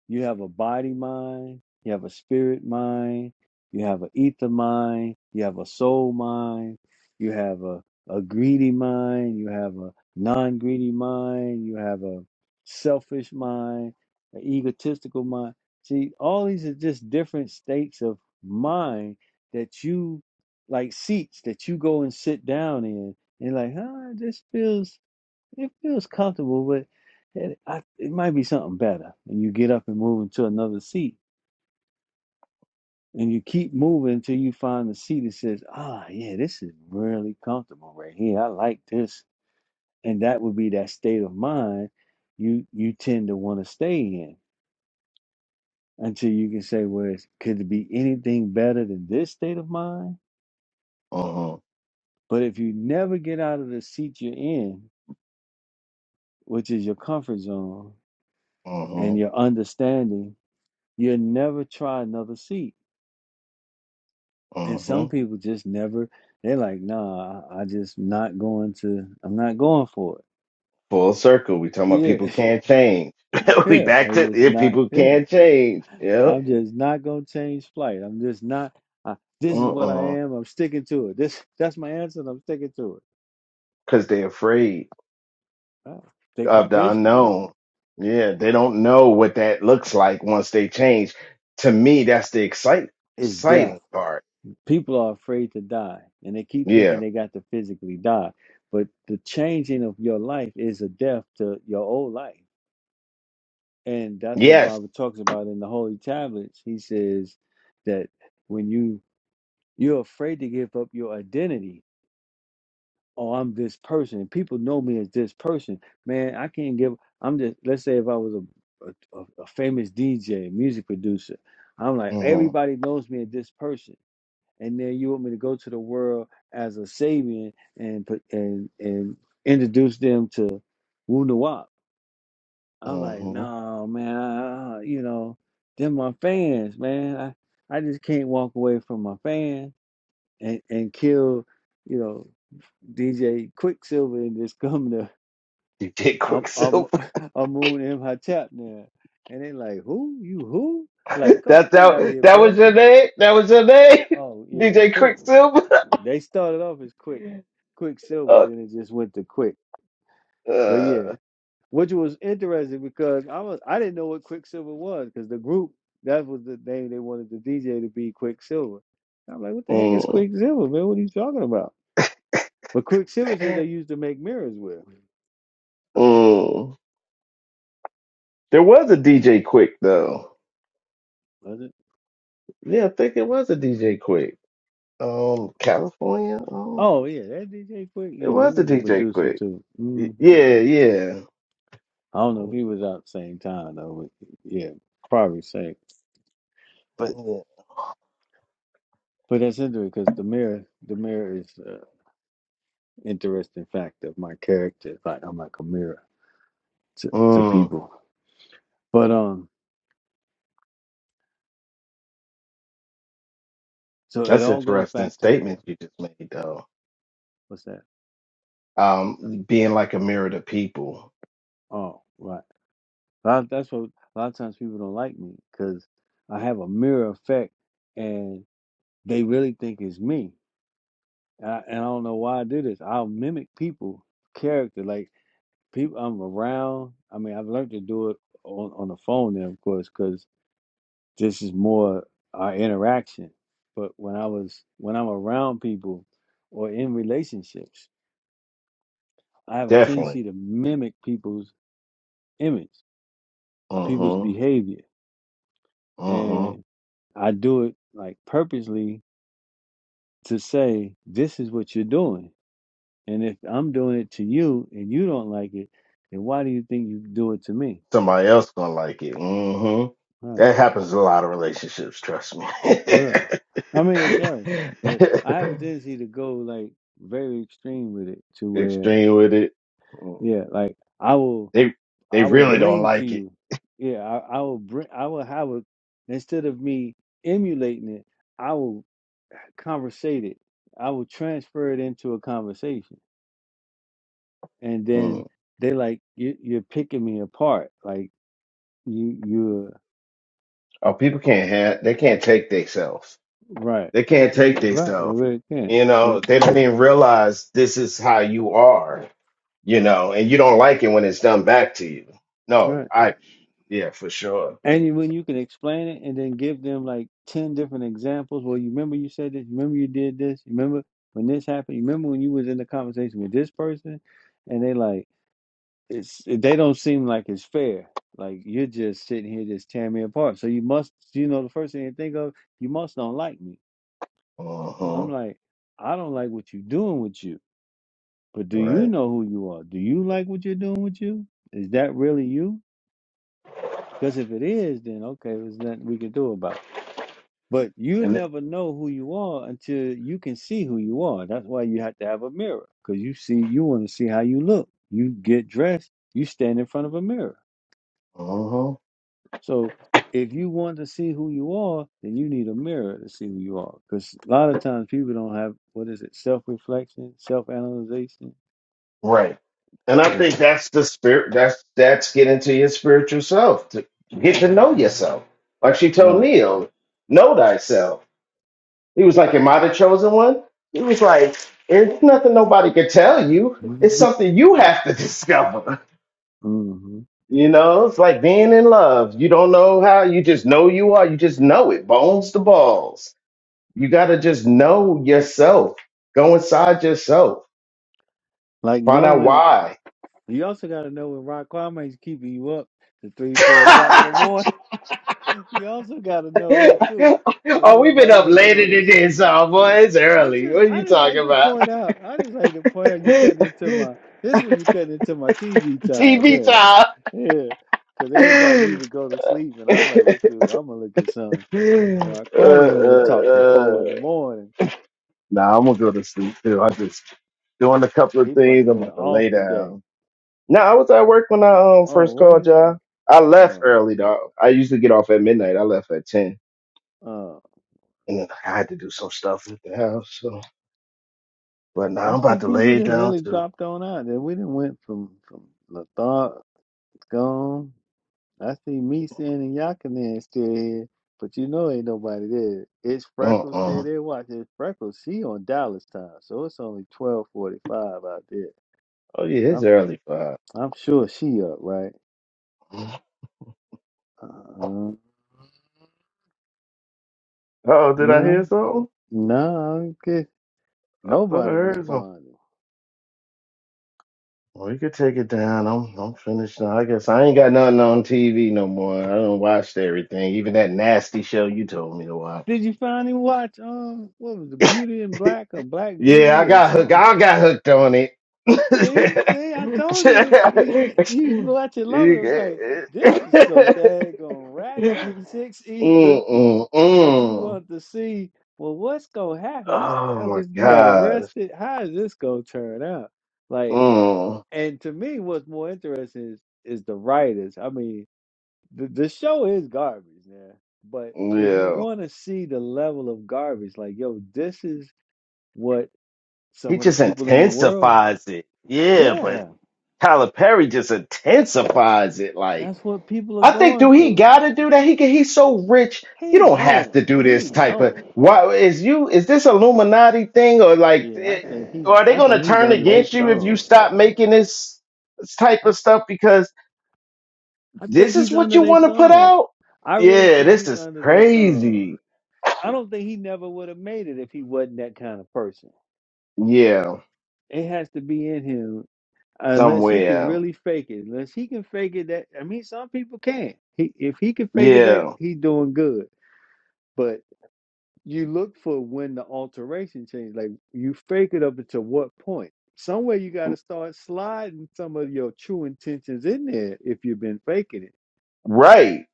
Speaker 10: You have a body mind, you have a spirit mind, you have an ether mind, you have a soul mind, you have a, a greedy mind, you have a non greedy mind, you have a selfish mind, an egotistical mind. See, all these are just different states of mind that you like seats that you go and sit down in and like, huh, this feels it feels comfortable, but it, I, it might be something better. And you get up and move into another seat, and you keep moving until you find the seat that says, "Ah, yeah, this is really comfortable right here. I like this." And that would be that state of mind you you tend to want to stay in until you can say, "Well, it's, could it be anything better than this state of mind?"
Speaker 12: Uh-huh.
Speaker 10: But if you never get out of the seat you're in, which is your comfort zone and
Speaker 12: Uh-huh.
Speaker 10: your understanding, you'll never try another seat And some
Speaker 12: Uh-huh.
Speaker 10: people just never, they're like, nah, I, I just not going to, I'm not going for it.
Speaker 12: Full circle. We talking about people
Speaker 10: Yeah,
Speaker 12: can't change. we
Speaker 10: yeah,
Speaker 12: back
Speaker 10: I'm
Speaker 12: to
Speaker 10: just
Speaker 12: if
Speaker 10: not,
Speaker 12: people
Speaker 10: yeah,
Speaker 12: can't change.
Speaker 10: I'm
Speaker 12: Yep.
Speaker 10: just not going to change flight. I'm just not, I, this is what I
Speaker 12: Uh-uh.
Speaker 10: am. I'm sticking to it. This, that's my answer and I'm sticking to it.
Speaker 12: Cause they afraid.
Speaker 10: Wow. The
Speaker 12: of the
Speaker 10: condition
Speaker 12: unknown. Yeah, they don't know what that looks like once they change. To me, that's the excite-
Speaker 10: is death.
Speaker 12: exciting part.
Speaker 10: People are afraid to die and they keep thinking
Speaker 12: Yeah.
Speaker 10: they got to physically die. But the changing of your life is a death to your old life. And that's what
Speaker 12: Yes.
Speaker 10: Bible talks about in the Holy Tablets. He says that when you you're afraid to give up your identity, oh, I'm this person. And People know me as this person. Man, I can't give. I'm just. Let's say if I was a a, a a famous DJ, music producer, I'm like
Speaker 12: hmm
Speaker 10: everybody knows me as this person. And then you want me to go to the world as a Sabian and put and and introduce them to Wu Nawab. I'm like,
Speaker 12: hmm
Speaker 10: no, man, uh, you know, them my fans, man. I, I just can't walk away from my fans and, and kill, you know, DJ Quicksilver and just come to
Speaker 12: DJ
Speaker 10: um um
Speaker 12: Quicksilver.
Speaker 10: Amun M Hotep now. And they like, who? You who? Like, come on,
Speaker 12: that
Speaker 10: get out of
Speaker 12: that
Speaker 10: here,
Speaker 12: that was
Speaker 10: brother.
Speaker 12: your name. That was your name.
Speaker 10: Oh yeah,
Speaker 12: DJ
Speaker 10: quick.
Speaker 12: Quicksilver.
Speaker 10: They started off as quick, Quicksilver,
Speaker 12: uh,
Speaker 10: then it just went to quick. But yeah,
Speaker 12: uh,
Speaker 10: which was interesting because I was I didn't know what Quicksilver was because the group that was the name they wanted the DJ to be Quicksilver. And I'm like, what the heck is
Speaker 12: mm,
Speaker 10: Quicksilver, man? What are you talking about? But Quicksilver is what they used to make mirrors with,
Speaker 12: mm. There was a DJ Quick though.
Speaker 10: was it?
Speaker 12: Yeah, I think it was a DJ Quick. Um, California. Oh,
Speaker 10: Oh yeah, that DJ Quick,
Speaker 12: it
Speaker 10: yeah, he
Speaker 12: was a
Speaker 10: was a
Speaker 12: DJ
Speaker 10: producer
Speaker 12: Quick.
Speaker 10: too.
Speaker 12: Y-
Speaker 10: Mm.
Speaker 12: Yeah, yeah.
Speaker 10: I don't know if he was out at the same time though. But yeah, probably same. But
Speaker 12: Mm,
Speaker 10: but that's interesting because the mirror, the mirror is an interesting fact of my character. Like I'm like a mirror to, to
Speaker 12: mm.
Speaker 10: people. But um, So it
Speaker 12: that's
Speaker 10: all goes
Speaker 12: interesting
Speaker 10: back to
Speaker 12: statement you just made, though.
Speaker 10: what's that?
Speaker 12: Um, being like a mirror to people,
Speaker 10: Oh, right. A lot- that's what a lot of times people don't like me because I have a mirror effect, and they really think it's me. And I, and I don't know why I do this. I'll mimic people character, like people I'm around. I mean, I've learned to do it on on the phone, now, of course, because this is more our interaction. But when I was when I'm around people or in relationships, I have a
Speaker 12: definitely.
Speaker 10: tendency to mimic people's image people's
Speaker 12: Mm-hmm.
Speaker 10: behavior.
Speaker 12: Mm-hmm.
Speaker 10: And I do it like purposely to say, this is what you're doing. And if I'm doing it to you and you don't like it, then why do you think you do it to me?
Speaker 12: Somebody else gonna like it. Mm-hmm.
Speaker 10: Right.
Speaker 12: That happens in a lot of relationships. Trust me.
Speaker 10: Yeah. I mean, it does. But I have a tendency to go like very extreme with it to where,
Speaker 12: Extreme with it. Mm.
Speaker 10: yeah, like I will,
Speaker 12: They they
Speaker 10: I will
Speaker 12: really don't
Speaker 10: bring to
Speaker 12: like it.
Speaker 10: you. Yeah. I, I will bring, I will have a, instead of me emulating it, I will. conversated. I would transfer it into a conversation, and then
Speaker 12: Mm.
Speaker 10: they like you, you're picking me apart. Like you, you're
Speaker 12: Oh, people can't have. They can't take themselves.
Speaker 10: right,
Speaker 12: They can't take
Speaker 10: right. They
Speaker 12: themselves.
Speaker 10: really can't,
Speaker 12: You
Speaker 10: Uh,
Speaker 12: know, they don't even realize this is how you are you know, and you don't like it when it's done back to you. No,
Speaker 10: right.
Speaker 12: I yeah, for sure.
Speaker 10: And you- when you can explain it, and then give them like ten different examples. Well, you remember you said this. You remember you did this. You remember when this happened. You remember when you was in the conversation with this person, and they like. it's they don't seem like it's fair. Like you're just sitting here just tearing me apart. So you must, you know, the first thing you think of, you must don't like me. I'm
Speaker 12: Uh-huh.
Speaker 10: like, I don't like what you're doing with you. But do you
Speaker 12: Right.
Speaker 10: know who you are? Do you like what you're doing with you? Is that really you? Because if it is, then okay, there's nothing we can do about it. But you
Speaker 12: And it-
Speaker 10: never know who you are until you can see who you are. That's why you have to have a mirror because you see, you want to see how you look. You get dressed, you stand in front of a mirror
Speaker 12: uh-huh.
Speaker 10: So if you want to see who you are, then you need a mirror to see who you are. Because a lot of times people don't have what is it, self reflection, self analyzation.
Speaker 12: Right. And I
Speaker 10: Yeah,
Speaker 12: think that's the spirit that's that's getting to your spiritual self to get to know yourself. Like she told
Speaker 10: right.
Speaker 12: Neil, know thyself. He was like, Am I the chosen one? He was like, It's nothing nobody could tell you. It's
Speaker 10: hmm
Speaker 12: something you have to discover.
Speaker 10: hmm
Speaker 12: You know, it's like being in love. You don't know how, you just know you are. You just know it, bones to balls. You got to just know yourself. Go inside yourself.
Speaker 10: Like
Speaker 12: Find out
Speaker 10: knowing
Speaker 12: why.
Speaker 10: you also got to know when Rock Climate's keeping you up to three, four o'clock in the morning. You also got to know that too when
Speaker 12: oh, we've been
Speaker 10: everybody
Speaker 12: up
Speaker 10: else
Speaker 12: later
Speaker 10: goes to
Speaker 12: than
Speaker 10: sleep.
Speaker 12: this, oh boy. It's
Speaker 10: I'm
Speaker 12: early.
Speaker 10: just
Speaker 12: What are
Speaker 10: I
Speaker 12: you
Speaker 10: just
Speaker 12: talking
Speaker 10: like to
Speaker 12: about?
Speaker 10: point out I just like to point out you cutting into my this one you cutting into my TV time
Speaker 12: TV
Speaker 10: there.
Speaker 12: time.
Speaker 10: Yeah. Cause everybody usually go to sleep and I'm like, well shoot, I'm gonna look at something. All right,
Speaker 12: uh,
Speaker 10: Kwame wanna talk
Speaker 12: uh,
Speaker 10: to four
Speaker 12: uh.
Speaker 10: in the morning.
Speaker 12: Nah, I'm gonna go to sleep too. I just doing a couple of
Speaker 10: He must
Speaker 12: things.
Speaker 10: have
Speaker 12: I'm
Speaker 10: been
Speaker 12: about to
Speaker 10: off
Speaker 12: lay
Speaker 10: today.
Speaker 12: down. No, I was at work when I um
Speaker 10: Oh,
Speaker 12: first
Speaker 10: was
Speaker 12: called
Speaker 10: you?
Speaker 12: y'all. I left
Speaker 10: Oh.
Speaker 12: early dog. I usually get off at midnight. I left at ten,
Speaker 10: Uh
Speaker 12: and then I had to do some stuff at the house. So, but now
Speaker 10: I
Speaker 12: I'm
Speaker 10: see
Speaker 12: about to
Speaker 10: people
Speaker 12: lay it
Speaker 10: that
Speaker 12: down
Speaker 10: really
Speaker 12: too.
Speaker 10: dropped on out and we didn't went from from letharg gone I see me and Yakanan still here, but you know ain't nobody there. It's
Speaker 12: Uh
Speaker 10: Freckles still
Speaker 12: uh
Speaker 10: there. Watch it's Freckles. She on Dallas time, so it's only twelve forty five out there.
Speaker 12: Oh yeah, it's
Speaker 10: I'm
Speaker 12: early five.
Speaker 10: I'm sure she up, right? Uh,
Speaker 12: Oh, did I hear
Speaker 10: no,
Speaker 12: something?
Speaker 10: no, I guess
Speaker 12: I thought I
Speaker 10: nobody
Speaker 12: heard something.
Speaker 10: responded.
Speaker 12: Well, you could take it down. I'm I'm finished now. I guess I ain't got nothing on TV no more. I don't watch everything, even that nasty show you told me to watch.
Speaker 10: Did you finally watch um what was the Beauty in Black or Black
Speaker 12: Yeah,
Speaker 10: Beauty
Speaker 12: I
Speaker 10: or
Speaker 12: got hooked.
Speaker 10: something?
Speaker 12: I got hooked on it.
Speaker 10: See,
Speaker 12: mm,
Speaker 10: see, I told you, you, you watch it love it. It was like this is some daggone ratchet six ether
Speaker 12: mm,
Speaker 10: But you
Speaker 12: mm.
Speaker 10: want to see, well, what's gonna happen? These
Speaker 12: Oh my
Speaker 10: jokers got
Speaker 12: gosh.
Speaker 10: arrested. How is this gonna turn out? Like,
Speaker 12: Mm,
Speaker 10: and to me, what's more interesting is, is the writers. I mean, the, the show is garbage, man. But if you
Speaker 12: yeah.
Speaker 10: want to see the level of garbage, like, yo, this is what
Speaker 12: He
Speaker 10: some of the
Speaker 12: just
Speaker 10: people in the world,
Speaker 12: intensifies it. Yeah, but
Speaker 10: yeah,
Speaker 12: Tyler Perry just intensifies it. like.
Speaker 10: that's what people are
Speaker 12: I think do
Speaker 10: going
Speaker 12: he
Speaker 10: through.
Speaker 12: gotta do that? He can, he's so rich. You
Speaker 10: He
Speaker 12: don't have
Speaker 10: don't.
Speaker 12: to do
Speaker 10: He
Speaker 12: this type of
Speaker 10: don't.
Speaker 12: why is you is this Illuminati thing or like
Speaker 10: Yeah, I
Speaker 12: it,
Speaker 10: think he.
Speaker 12: or are they
Speaker 10: I
Speaker 12: gonna
Speaker 10: think he's
Speaker 12: turn
Speaker 10: under their
Speaker 12: against you if you
Speaker 10: thumb.
Speaker 12: stop making this, this type
Speaker 10: I.
Speaker 12: of stuff because
Speaker 10: I think
Speaker 12: this is
Speaker 10: he's
Speaker 12: what
Speaker 10: under
Speaker 12: you
Speaker 10: their
Speaker 12: want to put
Speaker 10: thumb.
Speaker 12: out?
Speaker 10: I really
Speaker 12: Yeah,
Speaker 10: think
Speaker 12: this
Speaker 10: he's
Speaker 12: is
Speaker 10: under their thumb.
Speaker 12: crazy.
Speaker 10: I don't think he never would have made it if he wasn't that kind of person.
Speaker 12: Yeah,
Speaker 10: It has to be in him unless he can
Speaker 12: somewhere.
Speaker 10: really fake it. Unless he can fake it that I mean some people can. He if he can fake it that
Speaker 12: Yeah,
Speaker 10: he's doing good. But you look for when the alteration changes. Like you fake it up until what point? Somewhere you gotta start sliding some of your true intentions in there if you've been faking it.
Speaker 12: right.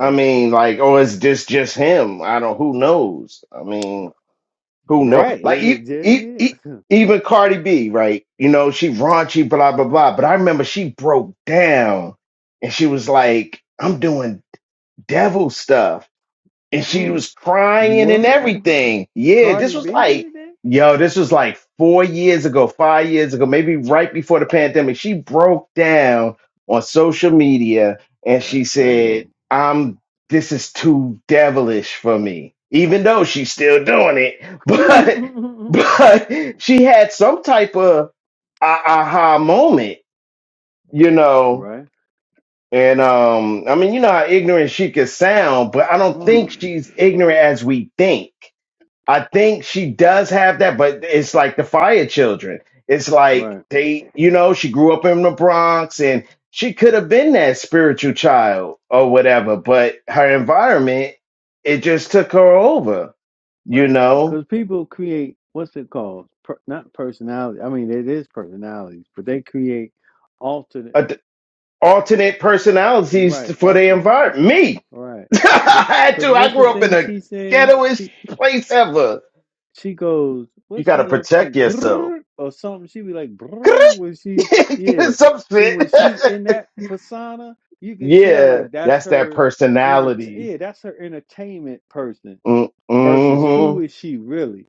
Speaker 12: I mean, like, or is this just him? I don't. Who knows? I mean.
Speaker 10: uh,
Speaker 12: Who know?
Speaker 10: right,
Speaker 12: Like
Speaker 10: is it
Speaker 12: e-
Speaker 10: just
Speaker 12: e-
Speaker 10: him?
Speaker 12: e- even Cardi B, right? You know, she raunchy, blah blah blah. But I remember she broke down and she was like, "I'm doing devil stuff." and she
Speaker 10: Mm,
Speaker 12: was crying and
Speaker 10: what?
Speaker 12: everything. Yeah,
Speaker 10: Cardi
Speaker 12: this was
Speaker 10: B
Speaker 12: like,
Speaker 10: did that?
Speaker 12: yo, this was like four years ago, five years ago, maybe right before the pandemic. She broke down on social media and she
Speaker 10: That's
Speaker 12: said,
Speaker 10: crazy.
Speaker 12: I'm this is too devilish for me, even though she's still doing it. But but she had some type of a- aha moment, you know,
Speaker 10: right?
Speaker 12: and um, I mean, you know how ignorant she could sound, but I don't think
Speaker 10: Mm,
Speaker 12: she's ignorant as we think. I think she does have that, but it's like the fire children. It's like
Speaker 10: right,
Speaker 12: they, you know, she grew up in the Bronx and she could have been that spiritual child or whatever, but her environment, it just took her over, you
Speaker 10: right.
Speaker 12: know,
Speaker 10: Because people create what's it called? Per, not personality. I mean, it is personalities, but they create alternate.
Speaker 12: A- d- alternate
Speaker 10: al- You're
Speaker 12: personalities
Speaker 10: right,
Speaker 12: for the
Speaker 10: alternate.
Speaker 12: environment. Me,
Speaker 10: Right.
Speaker 12: I had
Speaker 10: Because
Speaker 12: to. I
Speaker 10: what's the
Speaker 12: grew up in
Speaker 10: thing
Speaker 12: the
Speaker 10: she said?
Speaker 12: ghettoest
Speaker 10: She.
Speaker 12: place ever
Speaker 10: she goes,
Speaker 12: You
Speaker 10: what's that
Speaker 12: gotta
Speaker 10: little
Speaker 12: protect
Speaker 10: thing?
Speaker 12: yourself.
Speaker 10: Grrr, or something. She be like, brrr, when she, yeah.
Speaker 12: Get Some
Speaker 10: See, when
Speaker 12: shit.
Speaker 10: she's in that persona, you can tell
Speaker 12: yeah,
Speaker 10: like that's
Speaker 12: that's that
Speaker 10: her enter,
Speaker 12: personality.
Speaker 10: yeah, that's her entertainment person
Speaker 12: Mm,
Speaker 10: versus who
Speaker 12: Mm-hmm.
Speaker 10: is she really?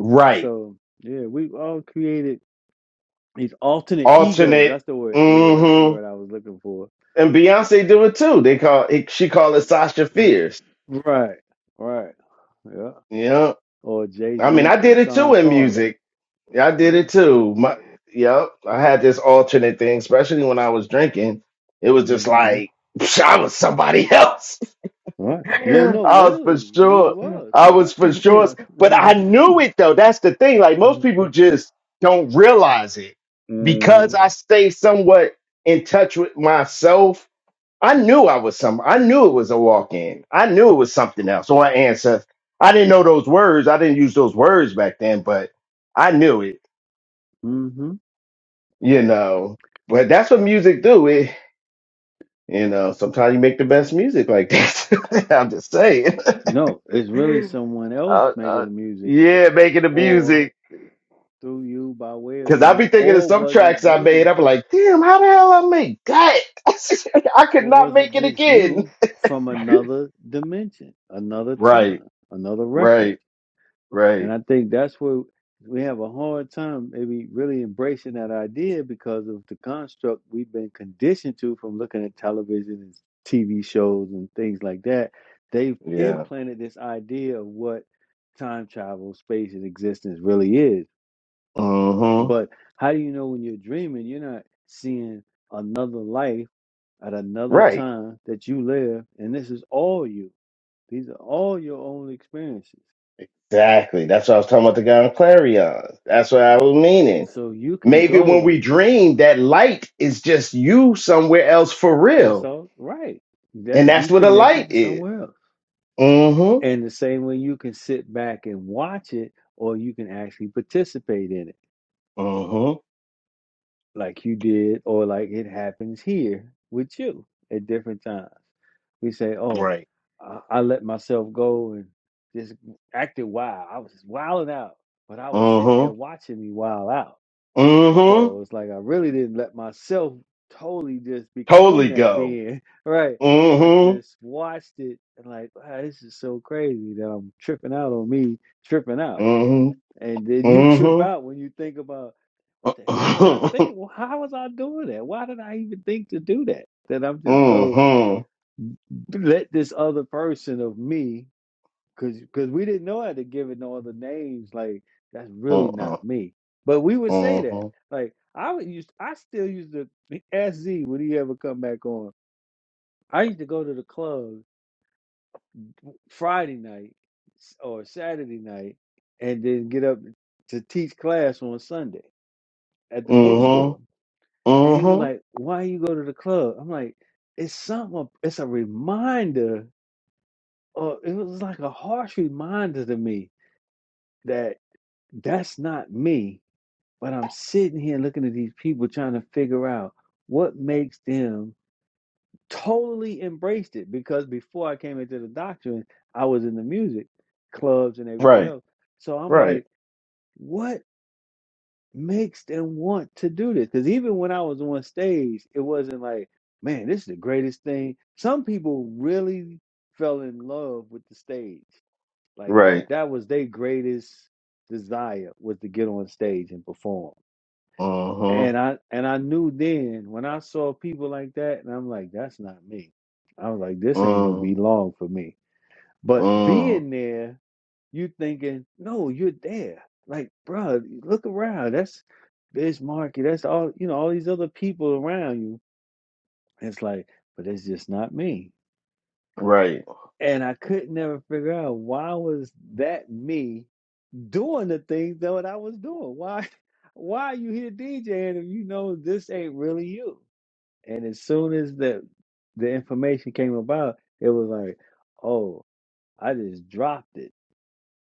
Speaker 12: Right.
Speaker 10: So yeah, we've all created these alternate egos.
Speaker 12: Alternate.
Speaker 10: That's the word. Yeah, that's the
Speaker 12: Mm-hmm.
Speaker 10: word I was looking for.
Speaker 12: And Beyonce do it too. They call it, she call it Sasha
Speaker 10: R-
Speaker 12: Fierce.
Speaker 10: Right, right, yeah.
Speaker 12: Yeah.
Speaker 10: Or Jay
Speaker 12: I mean,
Speaker 10: Z
Speaker 12: I
Speaker 10: from
Speaker 12: did it too
Speaker 10: Sean
Speaker 12: in
Speaker 10: Carter.
Speaker 12: music. Yeah, I did
Speaker 10: Yeah.
Speaker 12: it too. My, yep. I had this alternate thing, especially when I was drinking. It was just
Speaker 10: mm-hmm.
Speaker 12: like I was somebody else.
Speaker 10: Right. No, no,
Speaker 12: I was for
Speaker 10: literally, we
Speaker 12: sure.
Speaker 10: was.
Speaker 12: I
Speaker 10: We
Speaker 12: was
Speaker 10: was
Speaker 12: for
Speaker 10: somebody
Speaker 12: sure.
Speaker 10: else.
Speaker 12: But I
Speaker 10: mm-hmm.
Speaker 12: knew it though. That's the thing. Like most people just don't realize it. Because hmm I stay somewhat in touch with myself, I knew I was some I knew it was a walk-in. I knew it was something else or an ancestor. I didn't know those words. I didn't use those words back then, but I knew it,
Speaker 10: hmm
Speaker 12: you know. But that's what music do. It you know, sometimes you make the best music like this. I'm just saying.
Speaker 10: No, it's really someone else
Speaker 12: Uh,
Speaker 10: making
Speaker 12: uh,
Speaker 10: the music
Speaker 12: yeah, making the
Speaker 10: or
Speaker 12: music.
Speaker 10: through you, by way of
Speaker 12: Cause I
Speaker 10: you,
Speaker 12: be thinking of
Speaker 10: or
Speaker 12: some
Speaker 10: was it
Speaker 12: tracks I made.
Speaker 10: you,
Speaker 12: I'm like, damn, how the hell I make that? I could
Speaker 10: or
Speaker 12: not
Speaker 10: was it
Speaker 12: make it
Speaker 10: just
Speaker 12: again.
Speaker 10: you from another dimension, another
Speaker 12: Right,
Speaker 10: time, another reference?
Speaker 12: right,
Speaker 10: And
Speaker 12: right.
Speaker 10: I think that's where we have a hard time maybe really embracing that idea because of the construct we've been conditioned to from looking at television and TV shows and things like that. They've
Speaker 12: Yeah.
Speaker 10: implanted this idea of what time travel, space, and existence really is.
Speaker 12: hmm
Speaker 10: But how do you know when you're dreaming, you're not seeing another life at another
Speaker 12: Right.
Speaker 10: time that you live, and this is all you? These are all your own experiences.
Speaker 12: Exactly. That's what I was talking about the guy on Clarion. That's what I was meaning.
Speaker 10: So you can
Speaker 12: Maybe when
Speaker 10: go
Speaker 12: we dream, that light is just you somewhere else for
Speaker 10: That's
Speaker 12: real.
Speaker 10: all right.
Speaker 12: And
Speaker 10: That's
Speaker 12: that's
Speaker 10: you
Speaker 12: what a
Speaker 10: connected
Speaker 12: light
Speaker 10: to
Speaker 12: is.
Speaker 10: somewhere else.
Speaker 12: Mm-hmm.
Speaker 10: And the same way you can sit back and watch it, or you can actually participate in it,
Speaker 12: Mm-hmm.
Speaker 10: like you did, or like it happens here with you at different times. We say, Oh,
Speaker 12: Right.
Speaker 10: I, I let myself go and just acted wild. I was just wilding out, but I was sitting there
Speaker 12: Mm-hmm.
Speaker 10: watching me wild out.
Speaker 12: Mm-hmm.
Speaker 10: So it's like I really didn't let myself totally just become
Speaker 12: Totally
Speaker 10: that
Speaker 12: go.
Speaker 10: being, right? I
Speaker 12: Mm-hmm.
Speaker 10: just watched it and like, wow, this is so crazy that I'm tripping out on me tripping out.
Speaker 12: Mm-hmm.
Speaker 10: And then you trip
Speaker 12: Mm-hmm.
Speaker 10: out when you think about what the heck was I
Speaker 12: Mm-hmm.
Speaker 10: thinking? Well, how was I doing that? Why did I even think to do that? That I'm just go
Speaker 12: Mm-hmm.
Speaker 10: let this other person of me Cause, cause we didn't know how to give it no other names. Like that's really not
Speaker 12: Mm-hmm.
Speaker 10: me. But we would say that. Like I would use, I still used to ask Z would he ever come back on. I used to go to the club Friday night s- or Saturday night, and then get up to teach class on Sunday at the bookstore.
Speaker 12: Mm-hmm.
Speaker 10: And he was
Speaker 12: Mm-hmm.
Speaker 10: like, "Why you go to the club?" I'm like, "It's something. It's a reminder, or it was like a harsh reminder to me that that's not me." But I'm sitting here looking at these people trying to figure out what makes them totally embraced it. Because before I came into the doctrine, I was in the music clubs and everything
Speaker 12: Right.
Speaker 10: else. So I'm
Speaker 12: Right.
Speaker 10: like, what makes them want to do this? Because even when I was on stage, it wasn't like, man, this is the greatest thing. Some people really fell in love with the stage. Like
Speaker 12: Right.
Speaker 10: that was their greatest desire was to get on stage and perform
Speaker 12: Mm-hmm.
Speaker 10: And I and I knew then when I saw people like that, and I'm like, that's not me. I was like, this ain't gonna be long for me. But
Speaker 12: Mm-hmm.
Speaker 10: being there, you thinking, no, you're there. Like, bruh, look around. That's this market. That's all you know. All these other people around you. It's like, but it's just not me.
Speaker 12: Right.
Speaker 10: And I could never figure out why was that me doing the things that what I was doing. Why, why are you here DJing if you know this ain't really you? And as soon as the the information came about, it was like, oh, I just dropped it.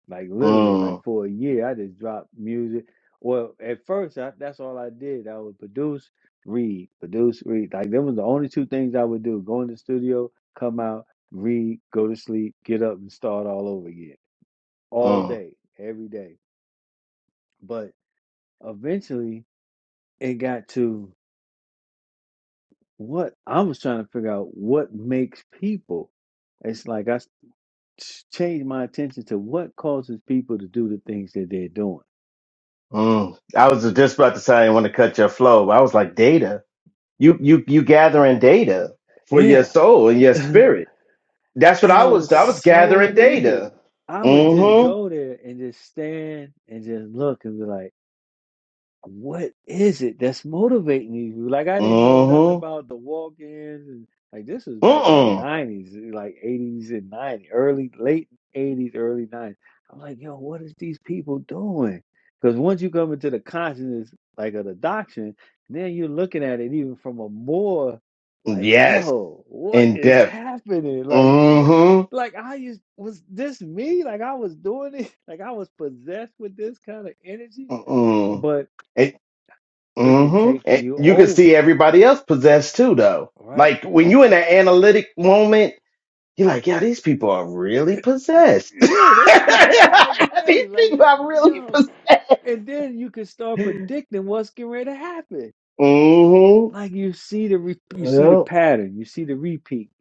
Speaker 10: Like literally, like
Speaker 12: Mm-hmm.
Speaker 10: for a year, I just dropped music. Well, at first, I, that's all I did. I would produce, read, produce, read. Like that was the only two things I would do: go in the studio, come out, read, go to sleep, get up, and start all over again, all day, every day. But eventually, it got to what I was trying to figure out: what makes people it's like I ch- change my attention to what causes people to do the things that they're doing.
Speaker 12: Mm. I was just about to say I want to cut your flow. but I was like, data. You you you gathering data for your
Speaker 10: Yeah.
Speaker 12: soul and your
Speaker 10: and
Speaker 12: spirit. That's what I
Speaker 10: it
Speaker 12: was.
Speaker 10: was
Speaker 12: I was
Speaker 10: so
Speaker 12: gathering
Speaker 10: weird.
Speaker 12: data.
Speaker 10: I would just
Speaker 12: Mm-hmm.
Speaker 10: go there and just stand and just look and be like, what is it that's motivating you? Like I didn't know
Speaker 12: Mm-hmm.
Speaker 10: nothing about the walk-ins and like this was back in the
Speaker 12: Mm-mm.
Speaker 10: nineties, like eighties and nineties, early late eighties, early nineties. I'm like, yo, what is these people doing? Because once you come into the consciousness like of the doctrine, then you're looking at it even from a more like,
Speaker 12: Yes.
Speaker 10: yo, what
Speaker 12: In
Speaker 10: is
Speaker 12: depth.
Speaker 10: happening? Like, look at
Speaker 12: Mm-hmm.
Speaker 10: like I used was this me? Like I was doing it, like I was possessed with this kind of energy.
Speaker 12: Mm-mm.
Speaker 10: But
Speaker 12: It,
Speaker 10: it can
Speaker 12: mm-hmm.
Speaker 10: take
Speaker 12: And
Speaker 10: you
Speaker 12: you can see
Speaker 10: over,
Speaker 12: everybody else possessed too, though.
Speaker 10: right?
Speaker 12: Like when you in that analytic moment, you're like, yeah, these people are really possessed. these
Speaker 10: Yeah, they just re- like really like
Speaker 12: people are really
Speaker 10: yo,
Speaker 12: possessed.
Speaker 10: and then you can start predicting what's getting ready to happen.
Speaker 12: Mm-hmm.
Speaker 10: Like you see the re- you see the
Speaker 12: Yep.
Speaker 10: pattern, you see the repeat.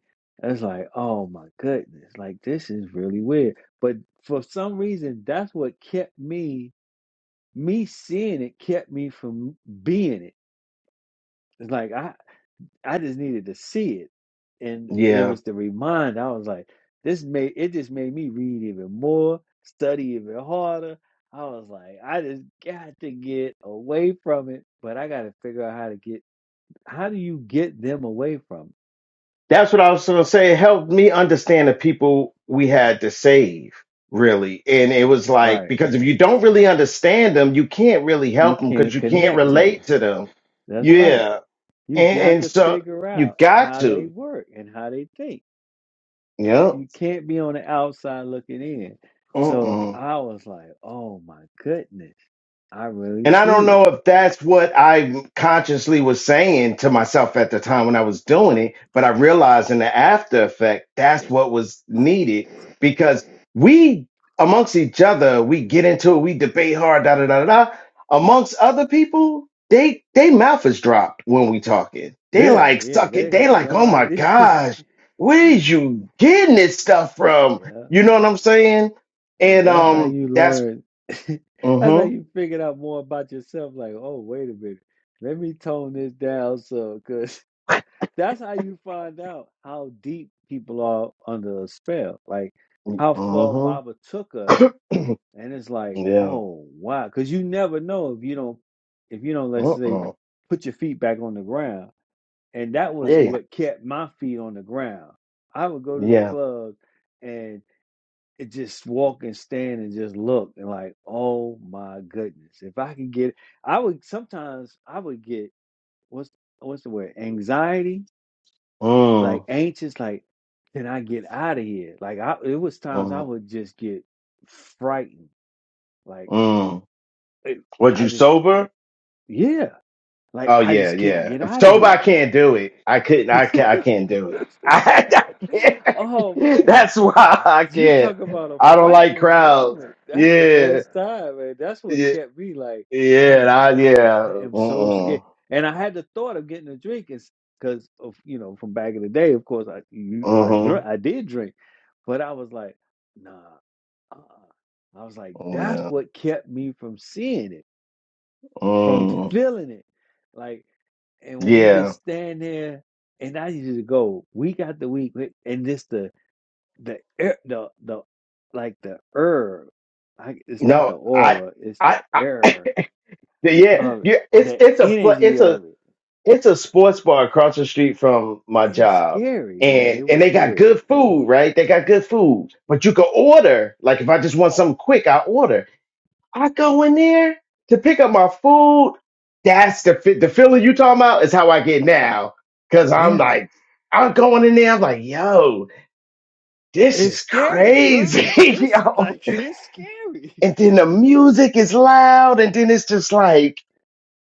Speaker 10: It's like, oh my goodness, like this is really weird. But for some reason, that's what kept me me seeing it kept me from being it. It's like I I just needed to see it. And it
Speaker 12: Yeah.
Speaker 10: was the reminder. I was like, this made it just made me read even more, study even harder. I was like, I just got to get away from it, but I got to figure out how to get how do you get them away from it?
Speaker 12: That's what I was gonna say. It helped me understand the people we had to save, really. And it was like
Speaker 10: Right.
Speaker 12: because if you don't really understand them, you can't really
Speaker 10: You
Speaker 12: help them because
Speaker 10: can't
Speaker 12: you can't
Speaker 10: connect to
Speaker 12: relate to them.
Speaker 10: them. That's right.
Speaker 12: Yeah,
Speaker 10: You
Speaker 12: and,
Speaker 10: got
Speaker 12: and
Speaker 10: to
Speaker 12: so
Speaker 10: figure
Speaker 12: you
Speaker 10: out
Speaker 12: got
Speaker 10: how they
Speaker 12: to.
Speaker 10: work and how they think.
Speaker 12: Yep.
Speaker 10: You can't be on the outside looking in. So I was like, oh my goodness, I really
Speaker 12: And I don't
Speaker 10: see it
Speaker 12: know if that's what I consciously was saying to myself at the time when I was doing it, but I realized in the after effect, that's what was needed because we, amongst each other, we get into it, we debate hard, da da da da. da. Amongst other people, they they mouth is dropped when we talking. They
Speaker 10: Yeah,
Speaker 12: like
Speaker 10: yeah,
Speaker 12: suck it.
Speaker 10: they
Speaker 12: They
Speaker 10: have
Speaker 12: like,
Speaker 10: no
Speaker 12: oh my
Speaker 10: idea.
Speaker 12: gosh, where is you getting this stuff from?
Speaker 10: Yeah,
Speaker 12: You know what I'm saying?
Speaker 10: and
Speaker 12: And
Speaker 10: that's how
Speaker 12: um,
Speaker 10: you
Speaker 12: that's
Speaker 10: learn. That's how
Speaker 12: mm-hmm,
Speaker 10: you figured out more about yourself. Like, oh, wait a minute, let me tone this down so, because that's how you find out how deep people are under a spell. Like, how far
Speaker 12: mm-hmm,
Speaker 10: Baba took us, and it's like,
Speaker 12: yeah.
Speaker 10: oh, wow, because you never know if you don't, if you don't, let's say,
Speaker 12: Mm-mm.
Speaker 10: put your feet back on the ground and that was
Speaker 12: Yeah.
Speaker 10: what kept my feet on the ground. I would go to the
Speaker 12: Yeah.
Speaker 10: club and it just walk and stand and just look and like, oh my goodness, if I could get, I would sometimes I would get what's what's the word anxiety, like
Speaker 12: Mm.
Speaker 10: anxious, like can I get out of here? Like I, it was times I
Speaker 12: Mm.
Speaker 10: would just get frightened, like
Speaker 12: Mm.
Speaker 10: eh,
Speaker 12: Was
Speaker 10: I
Speaker 12: you
Speaker 10: just ca-
Speaker 12: sober?
Speaker 10: yeah, like
Speaker 12: Oh
Speaker 10: I
Speaker 12: yeah,
Speaker 10: just can't
Speaker 12: yeah.
Speaker 10: get
Speaker 12: If
Speaker 10: out of
Speaker 12: sober, I
Speaker 10: here.
Speaker 12: can't do it. I couldn't. I can't. I can't do it. I, can't, I
Speaker 10: oh
Speaker 12: can't.
Speaker 10: man
Speaker 12: That's why I
Speaker 10: You
Speaker 12: can't.
Speaker 10: talk about a
Speaker 12: I don't like
Speaker 10: frightening
Speaker 12: crowds.
Speaker 10: moment. That's the
Speaker 12: Yeah.
Speaker 10: best time, man. That's what
Speaker 12: Yeah.
Speaker 10: kept me like, oh
Speaker 12: Yeah.
Speaker 10: my
Speaker 12: I,
Speaker 10: God,
Speaker 12: yeah.
Speaker 10: I am so scared.
Speaker 12: Mm.
Speaker 10: And I had the thought of getting a drink because of you know from back in the day, of course, I you, I drink,
Speaker 12: Mm.
Speaker 10: I did drink, but I was like, nah. uh I was like,
Speaker 12: Mm.
Speaker 10: that's
Speaker 12: Yeah.
Speaker 10: what kept me from seeing it, from
Speaker 12: Mm.
Speaker 10: feeling it, like. And when you
Speaker 12: Yeah.
Speaker 10: just stand there, and I used to go week after week, and just the the air the the like the herb I, it's not the
Speaker 12: No. I.
Speaker 10: aura it's the
Speaker 12: I. I
Speaker 10: air
Speaker 12: yeah.
Speaker 10: of it
Speaker 12: Yeah. It's.
Speaker 10: the
Speaker 12: It's a. pla-
Speaker 10: energy
Speaker 12: It's a.
Speaker 10: of it
Speaker 12: it's a sports bar across the street from my
Speaker 10: it's
Speaker 12: job.
Speaker 10: scary man it
Speaker 12: And and
Speaker 10: was
Speaker 12: they got
Speaker 10: scary
Speaker 12: good food, right? They got good food. But you can order. Like if I just want something quick, I order. I go in there to pick up my food. That's the fe- the feeling you talking about is how I get now. Cause I'm
Speaker 10: yeah
Speaker 12: like, I'm going in there, I'm like, yo, this
Speaker 10: it's
Speaker 12: is
Speaker 10: scary bro.
Speaker 12: crazy.
Speaker 10: it's
Speaker 12: yo.
Speaker 10: like it's scary
Speaker 12: And then the music is loud, and then it's just like,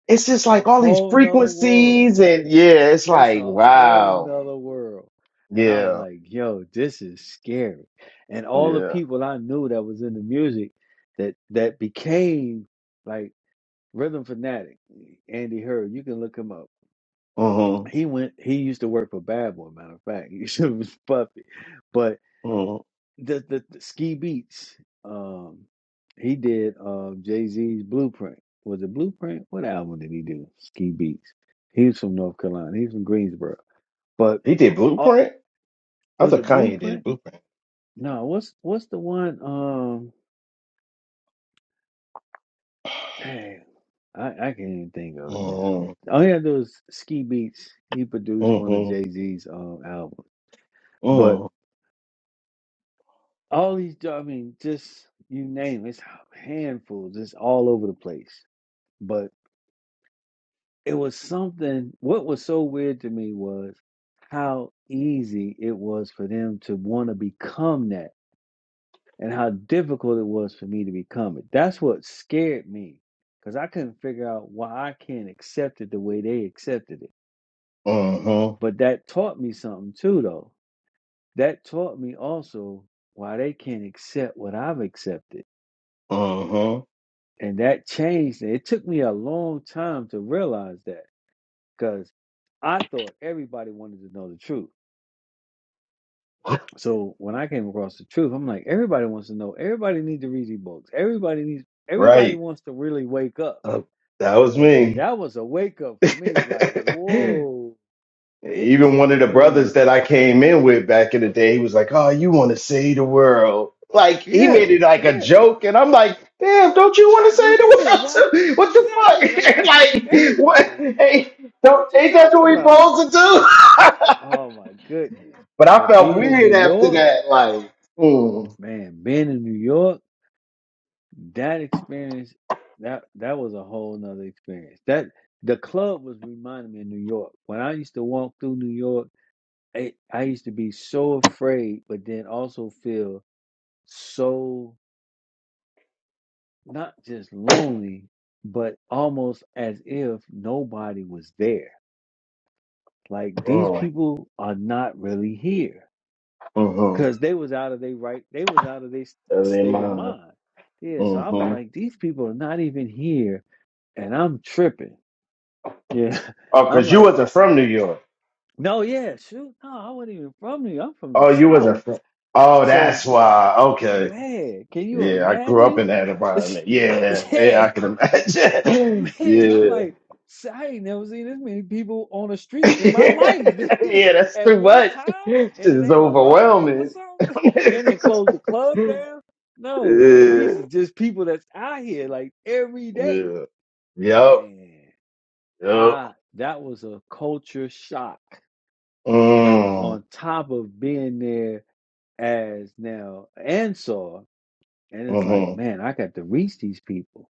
Speaker 12: it's
Speaker 10: it's
Speaker 12: just
Speaker 10: like a
Speaker 12: like all these
Speaker 10: whole nother world
Speaker 12: frequencies, and yeah, it's
Speaker 10: it's
Speaker 12: like,
Speaker 10: a whole
Speaker 12: wow.
Speaker 10: nother world and i was
Speaker 12: Yeah,
Speaker 10: like yo this is scary and all the
Speaker 12: yeah.
Speaker 10: people i knew that was in the music that that became like. Rhythm Fanatic, Andy Hurd, you can look him up.
Speaker 12: hmm
Speaker 10: He went he used to work for Bad Boy, matter of fact. He used to was Puffy. But
Speaker 12: hmm
Speaker 10: the the, the Ski Beats, um he did um Jay Z's Blueprint. Was it Blueprint? What album did he do? Ski Beats. He's from North Carolina. He's from Greensboro. But
Speaker 12: He did
Speaker 10: uh,
Speaker 12: Blueprint? I
Speaker 10: was
Speaker 12: thought
Speaker 10: it
Speaker 12: Kanye did
Speaker 10: Blueprint?
Speaker 12: Blueprint.
Speaker 10: No, what's what's the one? Um, Dang, I, I can't even think of it now.
Speaker 12: hmm
Speaker 10: All he had to do was Ski Beats. He produced one of
Speaker 12: hmm
Speaker 10: Jay Z's um albums. But
Speaker 12: hmm
Speaker 10: all these, jo- I mean, just you name it, it's handfuls, It's all over the place. But it was something. What was so weird to me was how easy it was for them to want to become that, and how difficult it was for me to become it. That's what scared me because I couldn't figure out why I can't accept it the way they accepted it
Speaker 12: hmm
Speaker 10: But that taught me something too, though. That taught me also why they can't accept what I've accepted.
Speaker 12: hmm
Speaker 10: And that changed it. It took me a long time to realize that because I thought everybody wanted to know the truth. So when I came across the truth, I'm like, everybody wants to know. Everybody needs to read these books. Everybody needs, everybody
Speaker 12: Right.
Speaker 10: wants to really wake up.
Speaker 12: Uh, that
Speaker 10: And, it
Speaker 12: was
Speaker 10: was, and
Speaker 12: me.
Speaker 10: that was a wake up for me. Like, whoa, it
Speaker 12: Even
Speaker 10: took
Speaker 12: one of the brothers
Speaker 10: me,
Speaker 12: that I came in with back in the day, he was like, Oh, you want to save the world. Like he
Speaker 10: yeah,
Speaker 12: made it like a
Speaker 10: yeah.
Speaker 12: joke, and I'm like, damn, don't you want to save
Speaker 10: Yeah, why?
Speaker 12: the world? too? what the
Speaker 10: Exactly. Like
Speaker 12: fuck? like,
Speaker 10: everybody.
Speaker 12: what? Hey,
Speaker 10: What
Speaker 12: don't,
Speaker 10: you
Speaker 12: ain't that
Speaker 10: talking
Speaker 12: what we
Speaker 10: about?
Speaker 12: supposed to do?
Speaker 10: Oh my goodness.
Speaker 12: But I
Speaker 10: But
Speaker 12: felt
Speaker 10: being in
Speaker 12: weird
Speaker 10: New
Speaker 12: after
Speaker 10: York,
Speaker 12: that, like, mm,
Speaker 10: man, being in New York, that experience, that that was a whole nother experience. That the club was reminding me of New York. When I used to walk through New York, I, I used to be so afraid, but then also feel so not just lonely, but almost as if nobody was there Like these
Speaker 12: mm,
Speaker 10: people are not really here
Speaker 12: mm-hmm.
Speaker 10: because they was out of their right, they was out of their s-
Speaker 12: That ain't
Speaker 10: state of
Speaker 12: mine.
Speaker 10: mind. Yeah, so I was
Speaker 12: Mm-hmm.
Speaker 10: like, these people are not even here, and I'm tripping. Yeah,
Speaker 12: Oh,
Speaker 10: I'm
Speaker 12: because you
Speaker 10: like,
Speaker 12: wasn't from New York.
Speaker 10: no, yeah, shoot, no, I wasn't even from here. I'm from the
Speaker 12: Oh, you
Speaker 10: South,
Speaker 12: wasn't from. Oh,
Speaker 10: so
Speaker 12: that's why. Okay.
Speaker 10: man, can you
Speaker 12: Yeah, I grew up
Speaker 10: imagine?
Speaker 12: in that environment. Yeah, yeah,
Speaker 10: yeah,
Speaker 12: I can imagine.
Speaker 10: Man, I'm
Speaker 12: yeah.
Speaker 10: like, I ain't never seen this many people on the street in my life
Speaker 12: yeah, that's
Speaker 10: at
Speaker 12: too
Speaker 10: one
Speaker 12: much.
Speaker 10: time,
Speaker 12: Shit
Speaker 10: and it
Speaker 12: is
Speaker 10: ain't a riot or
Speaker 12: overwhelming.
Speaker 10: something. They didn't close the club
Speaker 12: yeah.
Speaker 10: down. No, these are just people that's out here like every day.
Speaker 12: Yeah. Yep.
Speaker 10: Man,
Speaker 12: Yep.
Speaker 10: I that was a culture shock. But
Speaker 12: Mm.
Speaker 10: on top of being there as now Ansar, and it's like,
Speaker 12: Mm-hmm.
Speaker 10: man, I got to reach these people.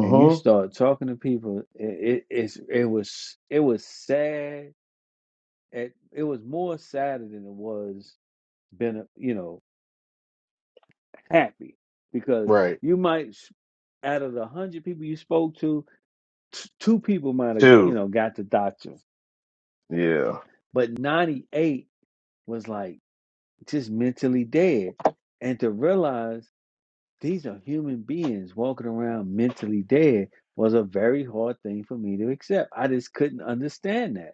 Speaker 10: and you start talking to people, it, it it's it was it was sad. It it was more sadder than it was been you know happy because
Speaker 12: Right.
Speaker 10: you might s- out of the hundred people you spoke to, t- two people might have you
Speaker 12: Two.
Speaker 10: know got the doctor,
Speaker 12: Yeah.
Speaker 10: but ninety eight was like just mentally dead, and to realize these are human beings walking around mentally dead was a very hard thing for me to accept. I just couldn't understand that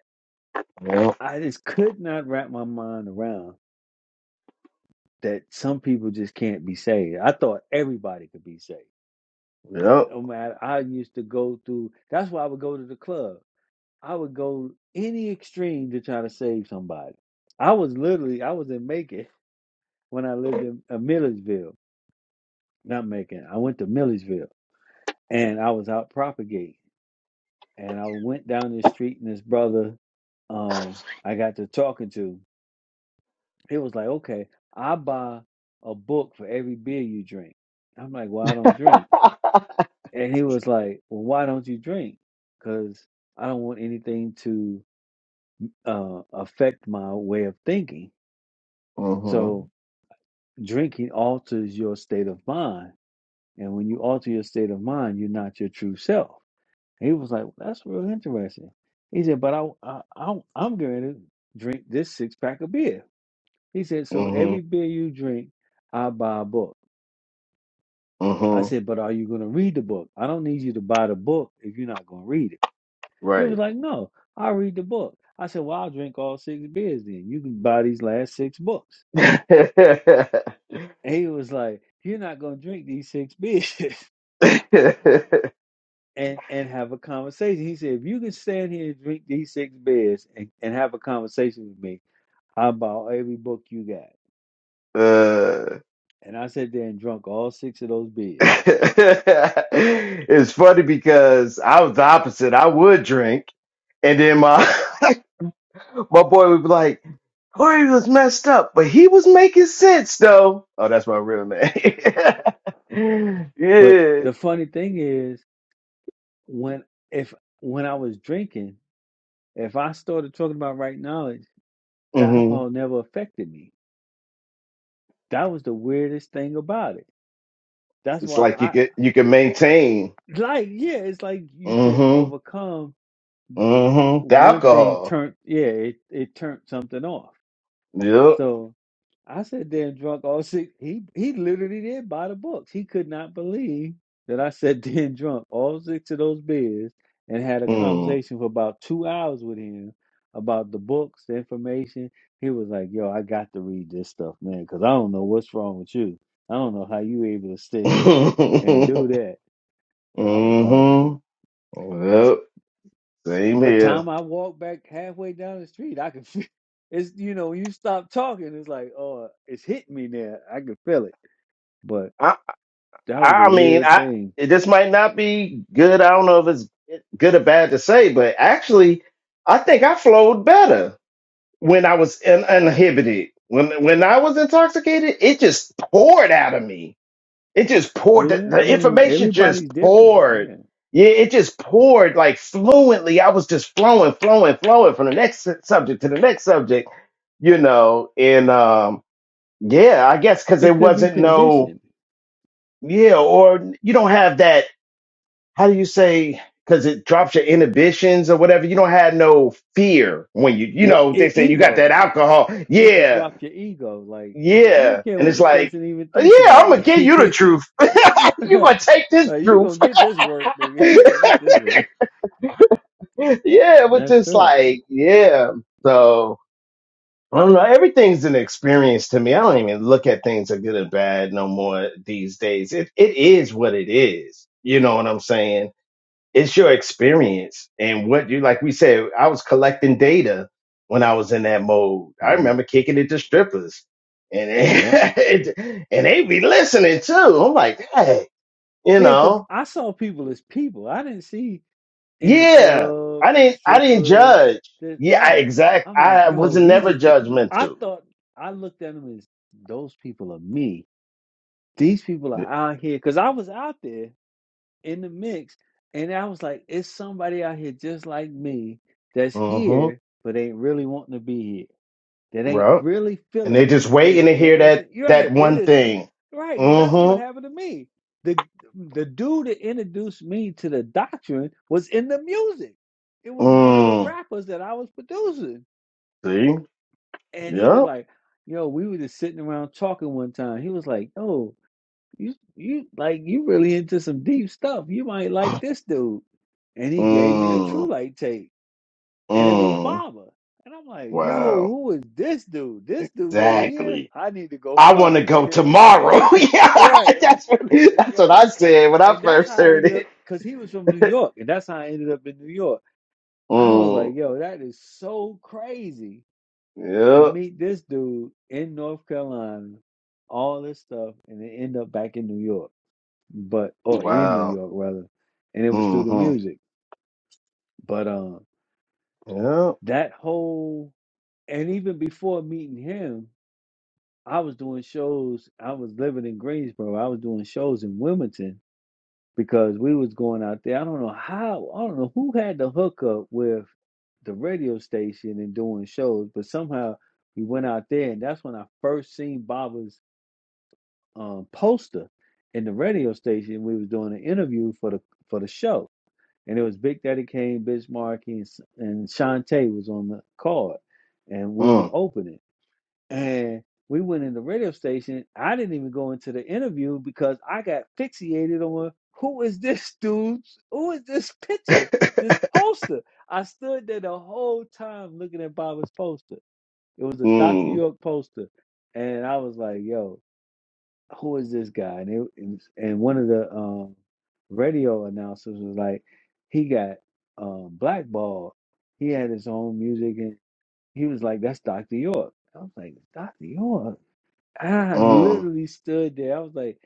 Speaker 12: Yep.
Speaker 10: I just could not wrap my mind around that some people just can't be saved. I thought everybody could be saved.
Speaker 12: Yep.
Speaker 10: No matter, I used to go through, that's why I would go to the club. I would go any extreme to try to save somebody. I was literally, I was in Macon when I lived in uh, Millersville, not Macon. I went to Millersville and I was out propagating. And I went down this street and this brother um, I got to talking to, It was like, okay, I buy a book for every beer you drink. I'm like, well, I don't drink. And he was like, well, why don't you drink? Because I don't want anything to uh, affect my way of thinking. So
Speaker 12: Mm-hmm.
Speaker 10: drinking alters your state of mind. And when you alter your state of mind, you're not your true self. And he was like, well, that's real interesting. He said, but I, I, I I'm going to drink this six pack of beer. He said, so every
Speaker 12: Mm-hmm.
Speaker 10: beer you drink, I buy a book. I
Speaker 12: Mm-hmm.
Speaker 10: said, but are you going to read the book? I don't need you to buy the book if you're not going to read it. He was
Speaker 12: Right.
Speaker 10: like, no, I'll read the book. I said, well, I'll drink all six beers then. You can buy these last six books.
Speaker 12: uh,
Speaker 10: And he was like, you're not going to drink these six beers and, and have a conversation. He said, if you can stand here and drink these six beers and, and have a conversation with me, I'll buy every book you got. And I sat there and drunk all six of those beers.
Speaker 12: it's funny because I was the opposite. I would drink. And then my my boy would be like, Corey was messed up, but he was making sense though. Oh, that's my real name.
Speaker 10: But
Speaker 12: yeah.
Speaker 10: the funny thing is, when if when I was drinking, If I started talking about right knowledge, the
Speaker 12: hmm
Speaker 10: alcohol never affected me. That was the weirdest thing about it. That's
Speaker 12: It's
Speaker 10: why
Speaker 12: like you
Speaker 10: I
Speaker 12: could you can maintain.
Speaker 10: like, yeah, it's like you could
Speaker 12: Mm-hmm.
Speaker 10: overcome
Speaker 12: Mm-hmm. The
Speaker 10: one thing
Speaker 12: alcohol.
Speaker 10: turn yeah, it, it turned something off.
Speaker 12: Yep.
Speaker 10: So I sat there and drunk all six. He he literally did buy the books. He could not believe that I sat there and drunk all six of those beers and had a
Speaker 12: Mm.
Speaker 10: conversation for about two hours with him about the books, the information. He was like, "Yo, I got to read this stuff, man, because I don't know what's wrong with you. I don't know how you able to sit here and do that." I was like.
Speaker 12: mm-hmm. Yep. Same
Speaker 10: But
Speaker 12: here.
Speaker 10: time I walked back halfway down the street, I could feel it's you know, you stop talking, it's like, oh, it's hitting me now. I could feel it. But
Speaker 12: I
Speaker 10: that was a
Speaker 12: I mean
Speaker 10: weird
Speaker 12: I
Speaker 10: thing.
Speaker 12: this might not be good. I don't know if it's good or bad to say, but actually I think I flowed better when I was in, uninhibited. When when I was intoxicated, it just poured out of me It just
Speaker 10: Well,
Speaker 12: poured. The,
Speaker 10: yeah, I
Speaker 12: the
Speaker 10: mean,
Speaker 12: information just
Speaker 10: everybody's different.
Speaker 12: poured.
Speaker 10: Yeah.
Speaker 12: Yeah, it just poured like fluently. I was just flowing, flowing, flowing from the next su- subject to the next subject, you know. And um, yeah, I guess because
Speaker 10: It
Speaker 12: there
Speaker 10: could be
Speaker 12: wasn't no
Speaker 10: conditioned.
Speaker 12: yeah, or you don't have that. How do you say? Because it drops your inhibitions or whatever. You don't have no fear when you you
Speaker 10: The
Speaker 12: know they
Speaker 10: e-
Speaker 12: say you got
Speaker 10: ego,
Speaker 12: that alcohol.
Speaker 10: it could
Speaker 12: Yeah,
Speaker 10: drop your ego. Like, I don't
Speaker 12: yeah,
Speaker 10: care
Speaker 12: and
Speaker 10: what
Speaker 12: it's
Speaker 10: this
Speaker 12: like
Speaker 10: person even
Speaker 12: yeah,
Speaker 10: thinks
Speaker 12: I'm
Speaker 10: about
Speaker 12: gonna
Speaker 10: me.
Speaker 12: give you the truth. you
Speaker 10: right.
Speaker 12: gonna take this
Speaker 10: Like, you
Speaker 12: truth
Speaker 10: gonna get this work, nigga. You gonna get
Speaker 12: yeah,
Speaker 10: this work.
Speaker 12: it was
Speaker 10: That's
Speaker 12: just
Speaker 10: true.
Speaker 12: like, yeah. So I don't know. Everything's an experience to me. I don't even look at things as good or bad no more these days. It it is what it is. You know what I'm saying? It's your experience and what you like. We said I was collecting data when I was in that mode. I
Speaker 10: Yeah.
Speaker 12: remember kicking it to strippers, and
Speaker 10: Yeah.
Speaker 12: and they be listening too. I'm like, hey, you
Speaker 10: Yeah, because
Speaker 12: know.
Speaker 10: I saw people as people. I didn't see in the
Speaker 12: Yeah,
Speaker 10: club,
Speaker 12: I didn't. I didn't
Speaker 10: strippers.
Speaker 12: judge.
Speaker 10: That,
Speaker 12: Yeah, I,
Speaker 10: right.
Speaker 12: exact.
Speaker 10: I'm like,
Speaker 12: I was
Speaker 10: yo, these
Speaker 12: never
Speaker 10: is I
Speaker 12: judgmental.
Speaker 10: thought I looked at them as those people are me. These people are out here because I was out there in the mix, and I was like, it's somebody out here just like me that's here,
Speaker 12: Mm-hmm.
Speaker 10: but ain't really wanting to be here that ain't
Speaker 12: Right.
Speaker 10: really
Speaker 12: And
Speaker 10: feeling
Speaker 12: they
Speaker 10: it.
Speaker 12: just
Speaker 10: They
Speaker 12: waiting to hear that
Speaker 10: dancing. You're
Speaker 12: that
Speaker 10: right. That
Speaker 12: one
Speaker 10: is
Speaker 12: thing.
Speaker 10: right, because that's what
Speaker 12: Mm-hmm.
Speaker 10: happened to me. The the dude that introduced me to the doctrine was in the music. It was one of the
Speaker 12: Mm.
Speaker 10: rappers that I was producing.
Speaker 12: See.
Speaker 10: And he was
Speaker 12: Yep.
Speaker 10: like, yo, we were just sitting around talking one time. He was like, Oh, you you like you really into some deep stuff. You might like this dude. And he gave me a true
Speaker 12: Mm.
Speaker 10: light tape and it was
Speaker 12: Mm.
Speaker 10: Baba. And I'm like, yo,
Speaker 12: Wow.
Speaker 10: who is this dude? This dude right here,
Speaker 12: Exactly.
Speaker 10: I need to go
Speaker 12: I want
Speaker 10: find.
Speaker 12: to go tomorrow. yeah,
Speaker 10: right, like,
Speaker 12: that's what
Speaker 10: like
Speaker 12: that's what
Speaker 10: yo,
Speaker 12: I
Speaker 10: and
Speaker 12: said when I
Speaker 10: and that's
Speaker 12: first
Speaker 10: how I
Speaker 12: heard
Speaker 10: ended up
Speaker 12: it.
Speaker 10: because he was from New York, and that's how I ended up in New York. I was like,
Speaker 12: Mm.
Speaker 10: yo, that is so crazy to
Speaker 12: Yep.
Speaker 10: meet this dude in North Carolina, all this stuff, and then end up back in New York, but or in New
Speaker 12: Wow.
Speaker 10: York rather, and it was through the
Speaker 12: Mm-hmm.
Speaker 10: music. But um,
Speaker 12: Yep.
Speaker 10: that whole and even before meeting him, I was doing shows. I was living in Greensboro. I was doing shows in Wilmington because we was going out there. I don't know how. I don't know who had the hookup with the radio station and doing shows, but somehow we went out there, and that's when I first seen Baba's um, poster in the radio station. We was doing an interview for the for the show, and it was Big Daddy Kane, Bismarck, and, S- and Shantae was on the card, and we was
Speaker 12: Mm.
Speaker 10: opening. And we went in the radio station. I didn't even go into the interview because I got fixated on who is this dude? Who is this picture? This poster. I stood there the whole time looking at Bob's poster. It was a Dr.
Speaker 12: Mm,
Speaker 10: York poster. And I was like, yo, who is this guy? And it, and and one of the um, radio announcers was like, he got um, blackballed. He had his own music and he was like, that's Dr. York. I was like, Dr. York? I
Speaker 12: mm.
Speaker 10: literally stood there. I was like,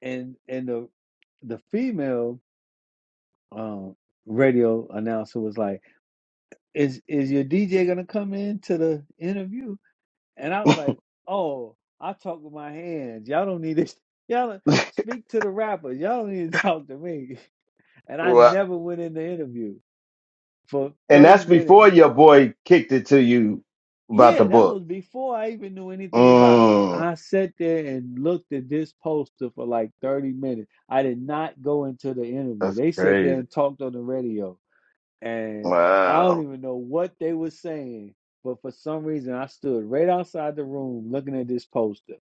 Speaker 10: and and the the female um radio announcer was like, Is is your DJ gonna come in to the interview? And I was like, Oh, I talk with my hands. Y'all don't need this. Y'all don't- speak to the rappers. Y'all don't need to talk to me. And I
Speaker 12: Well,
Speaker 10: never went in the interview for
Speaker 12: and
Speaker 10: 30
Speaker 12: that's
Speaker 10: minutes.
Speaker 12: before your boy kicked it to you about the
Speaker 10: Yeah, that
Speaker 12: book.
Speaker 10: was before I even knew anything about.
Speaker 12: Mm,
Speaker 10: I sat there and looked at this poster for like 30 minutes. I did not go into the interview.
Speaker 12: that's
Speaker 10: They sat there
Speaker 12: crazy.
Speaker 10: and talked on the radio, and I don't
Speaker 12: Wow.
Speaker 10: even know what they were saying. But for some reason, I stood right outside the room looking at this poster,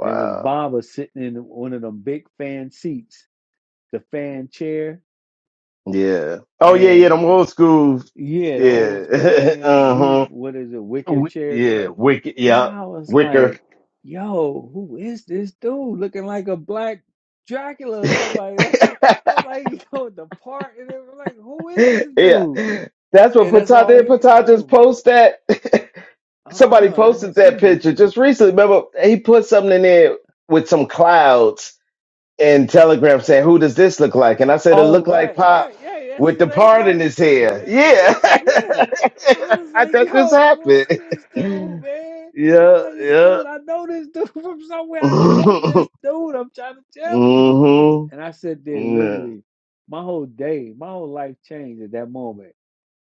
Speaker 10: and it was Baba sitting in one of them big fan seats, the fan chair,
Speaker 12: Yeah. Oh yeah, yeah,
Speaker 10: and
Speaker 12: them old school.
Speaker 10: yeah, the old school
Speaker 12: Yeah.
Speaker 10: fan, we
Speaker 12: uh-huh.
Speaker 10: what is it, wicker
Speaker 12: Wi-
Speaker 10: chairs, whatever
Speaker 12: Yeah, wicked.
Speaker 10: And
Speaker 12: Yeah.
Speaker 10: I was
Speaker 12: Wicker.
Speaker 10: like, yo, who is this dude looking like a black Dracula or
Speaker 12: yeah.
Speaker 10: somebody? Like, I'm like, yo, the part. And they were like, who is this dude?
Speaker 12: That's what
Speaker 10: And that's
Speaker 12: Patah
Speaker 10: all
Speaker 12: did.
Speaker 10: he could
Speaker 12: Patah
Speaker 10: tell
Speaker 12: just
Speaker 10: me.
Speaker 12: post that.
Speaker 10: I don't
Speaker 12: Somebody
Speaker 10: know. I had
Speaker 12: posted that
Speaker 10: seen it.
Speaker 12: picture just recently. Remember, he put something in there with some clouds in Telegram saying, "Who does this look like?" And I said, "It
Speaker 10: Oh,
Speaker 12: look like
Speaker 10: right,
Speaker 12: Pop
Speaker 10: right. Yeah, that's
Speaker 12: with
Speaker 10: his
Speaker 12: the
Speaker 10: same
Speaker 12: part in
Speaker 10: boss.
Speaker 12: his hair."
Speaker 10: Yeah, the
Speaker 12: Yeah,
Speaker 10: picture. Yeah. I was
Speaker 12: I
Speaker 10: like,
Speaker 12: that just
Speaker 10: yo, what's this dude,
Speaker 12: happened.
Speaker 10: man? I was
Speaker 12: Yeah,
Speaker 10: like, this
Speaker 12: yeah.
Speaker 10: dude, I know this dude from somewhere. I know this dude. I'm trying to tell people.
Speaker 12: mhm.
Speaker 10: And I sat there
Speaker 12: Yeah,
Speaker 10: literally, my whole day, my whole life changed at that moment.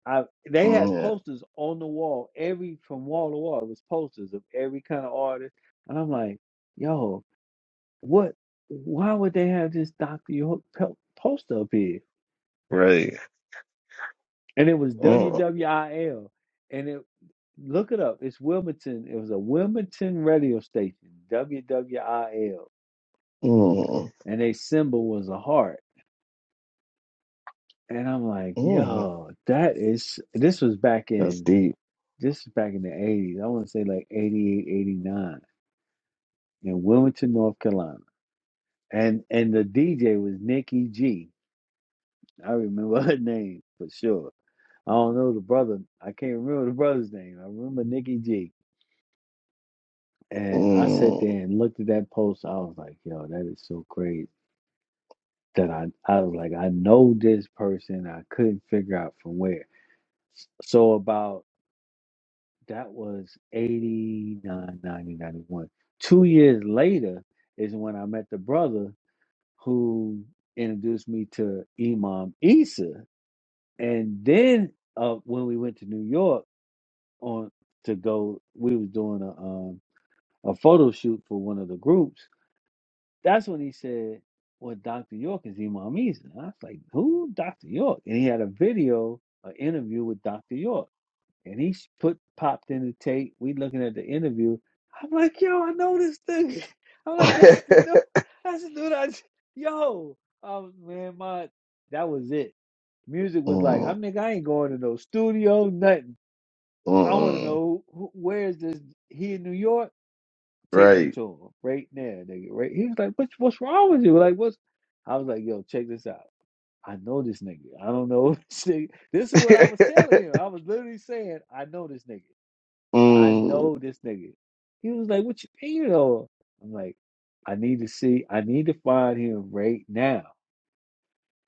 Speaker 10: I they had
Speaker 12: yeah.
Speaker 10: posters on the wall, every from wall to wall. It was posters of every kind of artist. And I'm like, yo, what why would they have this Dr. York po- poster up here?
Speaker 12: Right.
Speaker 10: and it was
Speaker 12: Mm,
Speaker 10: WWIL, and it look it up. It's Wilmington. It was a Wilmington radio station, WWIL,
Speaker 12: mm,
Speaker 10: and their symbol was a heart. And I'm like,
Speaker 12: mm.
Speaker 10: yo, that is. This was back
Speaker 12: That's
Speaker 10: in
Speaker 12: deep.
Speaker 10: this is back in the '80s. I want to say like '88, '89 in Wilmington, North Carolina, and and the DJ was Nikki G. I remember her name for sure. I don't know the brother. I can't remember the brother's name. I remember Nikki G And I sat there
Speaker 12: Mm.
Speaker 10: and looked at that post. I was like, yo, that is so crazy. That I, I was like, I know this person. I couldn't figure out from where. So about that was eighty nine, ninety, ninety-one. Two years later is when I met the brother who introduced me to Imam Isa. And then uh, when we went to New York on to go, we was doing a um, a photo shoot for one of the groups That's when he said, Well, Dr. York is Imam Isa. And I was like, Who? Dr. York. And he had a video, an interview with Dr. York. And he put popped in the tape. We looking at the interview. I'm like, yo, I know this thing. I'm like, that's the dude. That's the dude I j- yo. Oh man, my that was it. Music was like, I
Speaker 12: mm,
Speaker 10: mean, I ain't going to no studio, nothing. I want to
Speaker 12: mm.
Speaker 10: know who, who- where is this? He in New York? Take me
Speaker 12: Right.
Speaker 10: to him right now, nigga. Right? He was like, "What's what's wrong with you? Like, what's?" I was like, "Yo, check this out. I know this nigga. I don't know this nigga. This is what I was telling him. I was literally saying, I know this nigga. I
Speaker 12: mm,
Speaker 10: know this nigga." He was like, "What you mean, you I'm like, "I need to see. I need to find him right now."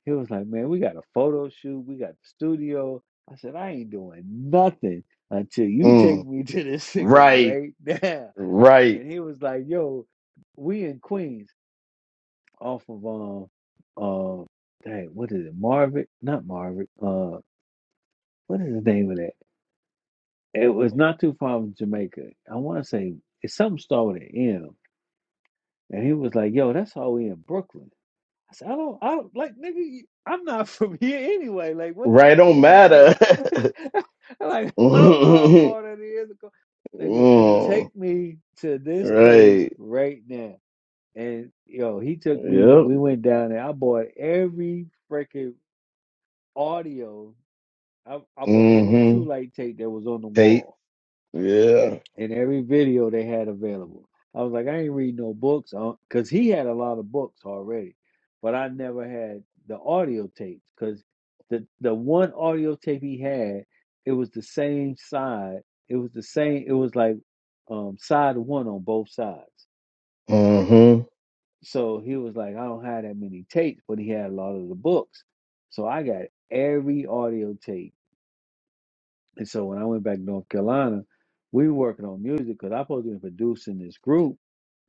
Speaker 10: He was like, man, we got a photo shoot. We got the studio. I said, I ain't doing nothing until you
Speaker 12: mm.
Speaker 10: take me to this nigga
Speaker 12: Right.
Speaker 10: right now.
Speaker 12: Right.
Speaker 10: And he was like, yo, we in Queens off of um um dang, what is it? Marvick? Not Marvick. Uh what is the name of that? It was not too far from Jamaica. I wanna say it's something started with an M. And he was like, yo, that's all we in Brooklyn. I said, I don't, I don't like, nigga, you- I'm not from here anyway. Like, what does
Speaker 12: Right.
Speaker 10: that
Speaker 12: Don't
Speaker 10: mean? I,
Speaker 12: matter.
Speaker 10: am like, I don't know how
Speaker 12: mm,
Speaker 10: far that is. Nigga, take me to this place
Speaker 12: right.
Speaker 10: right now. And yo, he took me,
Speaker 12: Yep.
Speaker 10: we went down there. I bought every freaking audio. I, I bought every true
Speaker 12: Mm-hmm.
Speaker 10: light tape that was on the
Speaker 12: Tape.
Speaker 10: wall
Speaker 12: Yeah.
Speaker 10: in every video they had available. I was like, I ain't read no books because he had a lot of books already, but I never had the audio tapes because the the one audio tape he had, it was the same side. It was the same. It was like um, side one on both sides.
Speaker 12: Mm-hmm.
Speaker 10: So he was like, I don't have that many tapes, but he had a lot of the books. So I got every audio tape And so when I went back to North Carolina, we were working on music because I supposed to be producing this group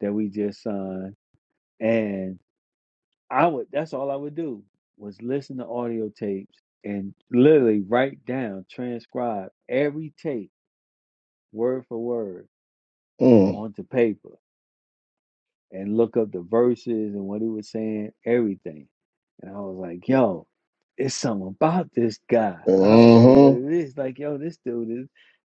Speaker 10: that we just signed. And I would that's all I would do was listen to audio tapes and literally write down, transcribe every tape word for word
Speaker 12: Mm.
Speaker 10: onto paper. and look up the verses and what he was saying, everything. And I was like, yo, it's something about this guy. I don't know what
Speaker 12: Mm-hmm.
Speaker 10: it is. Like, yo, this dude is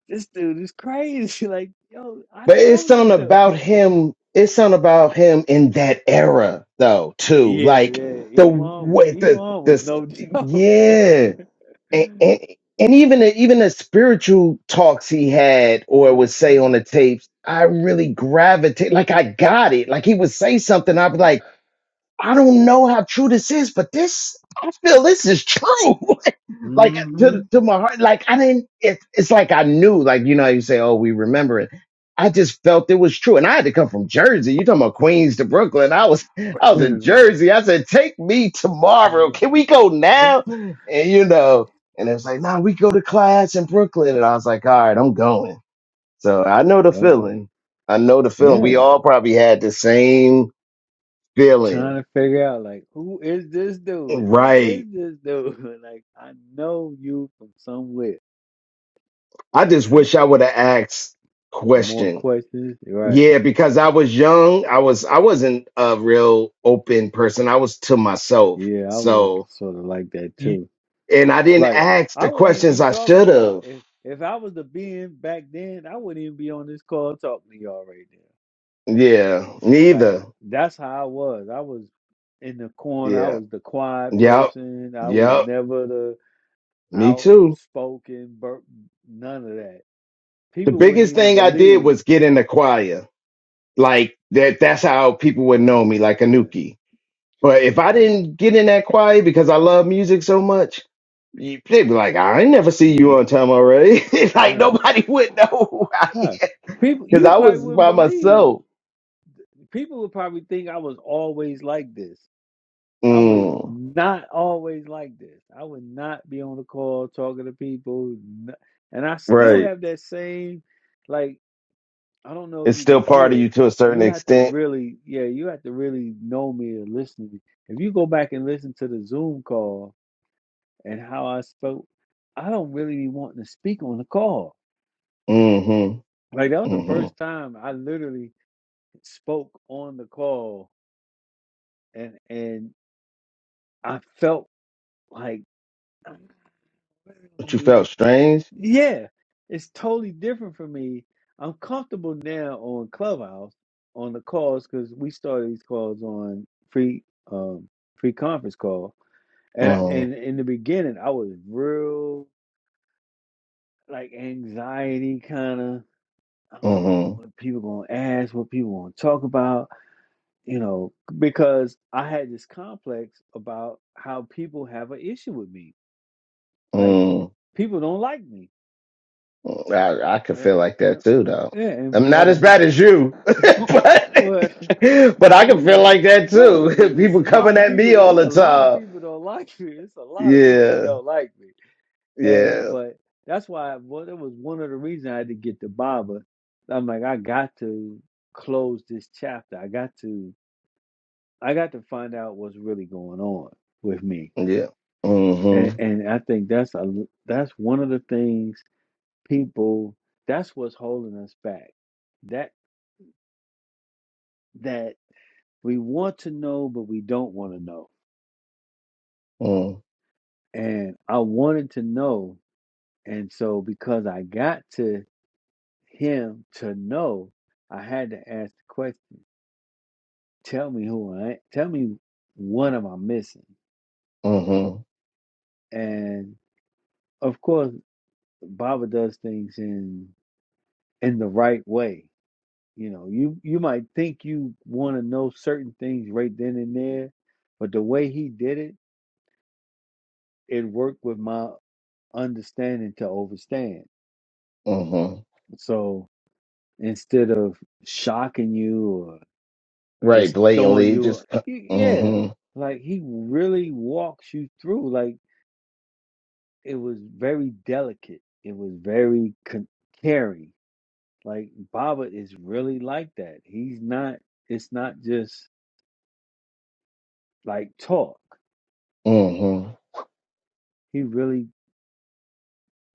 Speaker 10: this dude is crazy. Like, yo, I
Speaker 12: But it's
Speaker 10: know
Speaker 12: something
Speaker 10: this dude.
Speaker 12: about him. It's something about him in that era, though, too.
Speaker 10: yeah,
Speaker 12: Like
Speaker 10: yeah.
Speaker 12: the
Speaker 10: Imam was
Speaker 12: way the
Speaker 10: Imam was
Speaker 12: the
Speaker 10: no joke, man.
Speaker 12: yeah, and, and, and even the, even the spiritual talks he had or
Speaker 10: hmm
Speaker 12: would say on the tapes, I really gravitate. Like I got it. Like he would say something, I'd be like. I don't know how true this is, but this I feel this is true. like to to my heart, like I didn't. It, it's like I knew, like you know, how you say, oh, we remember it. I just felt it was true, and I had to come from Jersey. You talking about Queens to Brooklyn? I was I was
Speaker 10: Yeah.
Speaker 12: in Jersey. I said, take me tomorrow.
Speaker 10: Yeah.
Speaker 12: Can we go now? And you know, and it was like, nah, we go to class in Brooklyn, and I was like, all right, I'm going. So I know the
Speaker 10: yeah.
Speaker 12: feeling. I know the feeling.
Speaker 10: Yeah.
Speaker 12: We all probably had the same
Speaker 10: trying
Speaker 12: feeling.
Speaker 10: to figure out like who is this dude? Who is
Speaker 12: Right.
Speaker 10: this dude? like I know you from somewhere.
Speaker 12: I just
Speaker 10: And
Speaker 12: wish I would have asked
Speaker 10: more
Speaker 12: questions.
Speaker 10: questions, right?
Speaker 12: Yeah, because I was young. I was I wasn't a real open person. I was to myself.
Speaker 10: Yeah, I was
Speaker 12: So
Speaker 10: sort of like that
Speaker 12: You,
Speaker 10: too.
Speaker 12: and I didn't
Speaker 10: Like
Speaker 12: ask
Speaker 10: I
Speaker 12: the
Speaker 10: wouldn't even be
Speaker 12: questions I
Speaker 10: talking to
Speaker 12: should
Speaker 10: y'all
Speaker 12: have.
Speaker 10: if if I was the being back then. I wouldn't even be on this call talking to y'all right now.
Speaker 12: Yeah,
Speaker 10: Like
Speaker 12: neither.
Speaker 10: that's how I was. I was in the corner. I
Speaker 12: Yeah.
Speaker 10: was the quiet
Speaker 12: Yep.
Speaker 10: person. I was
Speaker 12: Yep.
Speaker 10: never the
Speaker 12: Me too.
Speaker 10: outspoken. Bur- none of that.
Speaker 12: The
Speaker 10: People wouldn't
Speaker 12: biggest
Speaker 10: even
Speaker 12: thing I did
Speaker 10: believe.
Speaker 12: was get in the choir. Like that that's how people would know me, like
Speaker 10: Yeah,
Speaker 12: Anuki. But if
Speaker 10: yeah.
Speaker 12: I didn't get in that choir because I love music so much, you- they'd be like, I ain't never see
Speaker 10: Well,
Speaker 12: you on time already.
Speaker 10: all
Speaker 12: like
Speaker 10: right.
Speaker 12: nobody would know who I am
Speaker 10: Huh. People,
Speaker 12: because
Speaker 10: you
Speaker 12: I
Speaker 10: probably
Speaker 12: was
Speaker 10: wouldn't
Speaker 12: by
Speaker 10: believe.
Speaker 12: myself.
Speaker 10: People would probably think I was always like this. I was
Speaker 12: Mm,
Speaker 10: not always like this. I would not be on the call talking to people, n- and I still
Speaker 12: right.
Speaker 10: have that same, like I don't know if
Speaker 12: It's
Speaker 10: you
Speaker 12: still
Speaker 10: can
Speaker 12: part
Speaker 10: hear
Speaker 12: of
Speaker 10: it.
Speaker 12: you to a certain
Speaker 10: You have to
Speaker 12: extent.
Speaker 10: really, yeah, you have to really know me or listen to me. If you go back and listen to the Zoom call and how I spoke, I don't really be wanting to speak on the call
Speaker 12: Mm-hmm.
Speaker 10: Like that was the
Speaker 12: Mm-hmm.
Speaker 10: first time I literally spoke on the call, and and I felt like,
Speaker 12: But you felt strange.
Speaker 10: yeah, it's totally different for me. I'm comfortable now on Clubhouse on the calls because we started these calls on free um free conference call, and and
Speaker 12: Mm-hmm.
Speaker 10: in the beginning I was real like anxiety kind of. I don't know
Speaker 12: Mm-hmm.
Speaker 10: what people gonna ask, what people gonna talk about. you know, because I had this complex about how people have an issue with me. Like
Speaker 12: Mm.
Speaker 10: people don't like me,
Speaker 12: I, I could
Speaker 10: right?
Speaker 12: feel like
Speaker 10: And
Speaker 12: that too, though.
Speaker 10: and,
Speaker 12: I'm not
Speaker 10: and
Speaker 12: as bad as you, but
Speaker 10: well,
Speaker 12: but
Speaker 10: well,
Speaker 12: I
Speaker 10: you
Speaker 12: can feel
Speaker 10: know,
Speaker 12: like that
Speaker 10: no, but
Speaker 12: too.
Speaker 10: there's
Speaker 12: People
Speaker 10: a
Speaker 12: coming
Speaker 10: lot of
Speaker 12: at
Speaker 10: people.
Speaker 12: me all
Speaker 10: It's a
Speaker 12: the
Speaker 10: lot of
Speaker 12: time.
Speaker 10: people don't like me. It's a lot of people that
Speaker 12: Yeah,
Speaker 10: don't like me. And
Speaker 12: yeah,
Speaker 10: but that's why. Well, that was one of the reasons I had to get to Baba. I'm like, I got to close this chapter. I got to. I got to find out what's really going on with me
Speaker 12: yeah.
Speaker 10: And,
Speaker 12: Mm-hmm.
Speaker 10: and I think that's a that's one of the things people that's what's holding us back. That that we want to know but we don't want to know.
Speaker 12: Mm,
Speaker 10: And I wanted to know, and so because I got to him to know, I had to ask the question, tell me who I am. Tell me what am I missing?
Speaker 12: mm-hmm.
Speaker 10: And of course Baba does things in in the right way You know, you you might think you want to know certain things right then and there, but the way he did it, it worked with my understanding to overstand.
Speaker 12: Mm-hmm.
Speaker 10: So instead of shocking you or
Speaker 12: Right,
Speaker 10: just throwing
Speaker 12: blatantly.
Speaker 10: you,
Speaker 12: Just
Speaker 10: y- yeah,
Speaker 12: mm-hmm.
Speaker 10: like he really walks you through. Like it was very delicate. It was very con- caring. Like Baba is really like that. He's not. It's not just like talk.
Speaker 12: Mm-hmm.
Speaker 10: He really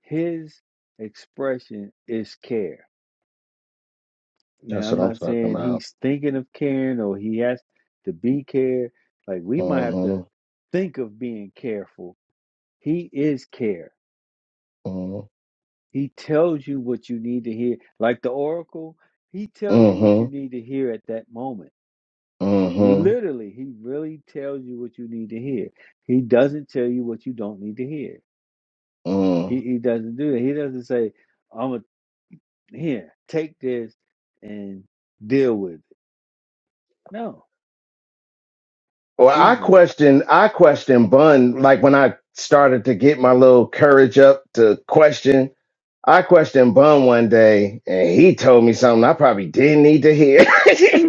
Speaker 10: his expression is care. Now,
Speaker 12: That's
Speaker 10: I'm
Speaker 12: what I'm
Speaker 10: not
Speaker 12: talking
Speaker 10: saying
Speaker 12: about.
Speaker 10: he's thinking of caring or he has to be cared. Like, we might have to
Speaker 12: Mm-hmm.
Speaker 10: think of being careful. He is care.
Speaker 12: Mm-hmm.
Speaker 10: He tells you what you need to hear. Like the oracle, he tells you what you
Speaker 12: Mm-hmm.
Speaker 10: need to hear at that moment.
Speaker 12: Mm-hmm.
Speaker 10: Literally, he really tells you what you need to hear. He doesn't tell you what you don't need to hear. He,
Speaker 12: Mm.
Speaker 10: he doesn't do that. He doesn't say, I'm going Here, take this and deal with it. No,
Speaker 12: Well,
Speaker 10: he.
Speaker 12: I
Speaker 10: re-
Speaker 12: question I question Bun like when I started to get my little courage up to question. I questioned Bun one day and he told me something I probably didn't need to hear.
Speaker 10: I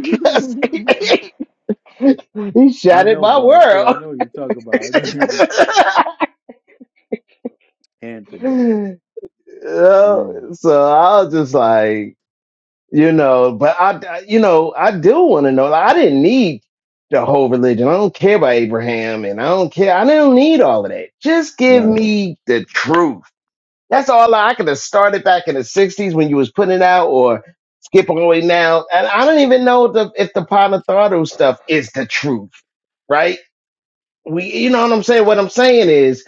Speaker 12: he shattered
Speaker 10: know
Speaker 12: my
Speaker 10: Buzz too.
Speaker 12: world.
Speaker 10: I know you talk about Anthony.
Speaker 12: You
Speaker 10: Man,
Speaker 12: know, so I was just like, you know, but I, I- you know, I do want to know. Like, I didn't need the whole religion. I don't care about Abraham, and I don't care. I don't need all of that. Just give
Speaker 10: right?
Speaker 12: me the truth. That's all. I, I could have started back in the '60s when you was putting it out, or skip all the way now. And I don't even know the, if the Ponathardo stuff is the truth, right? We, you know what I'm saying. What I'm saying is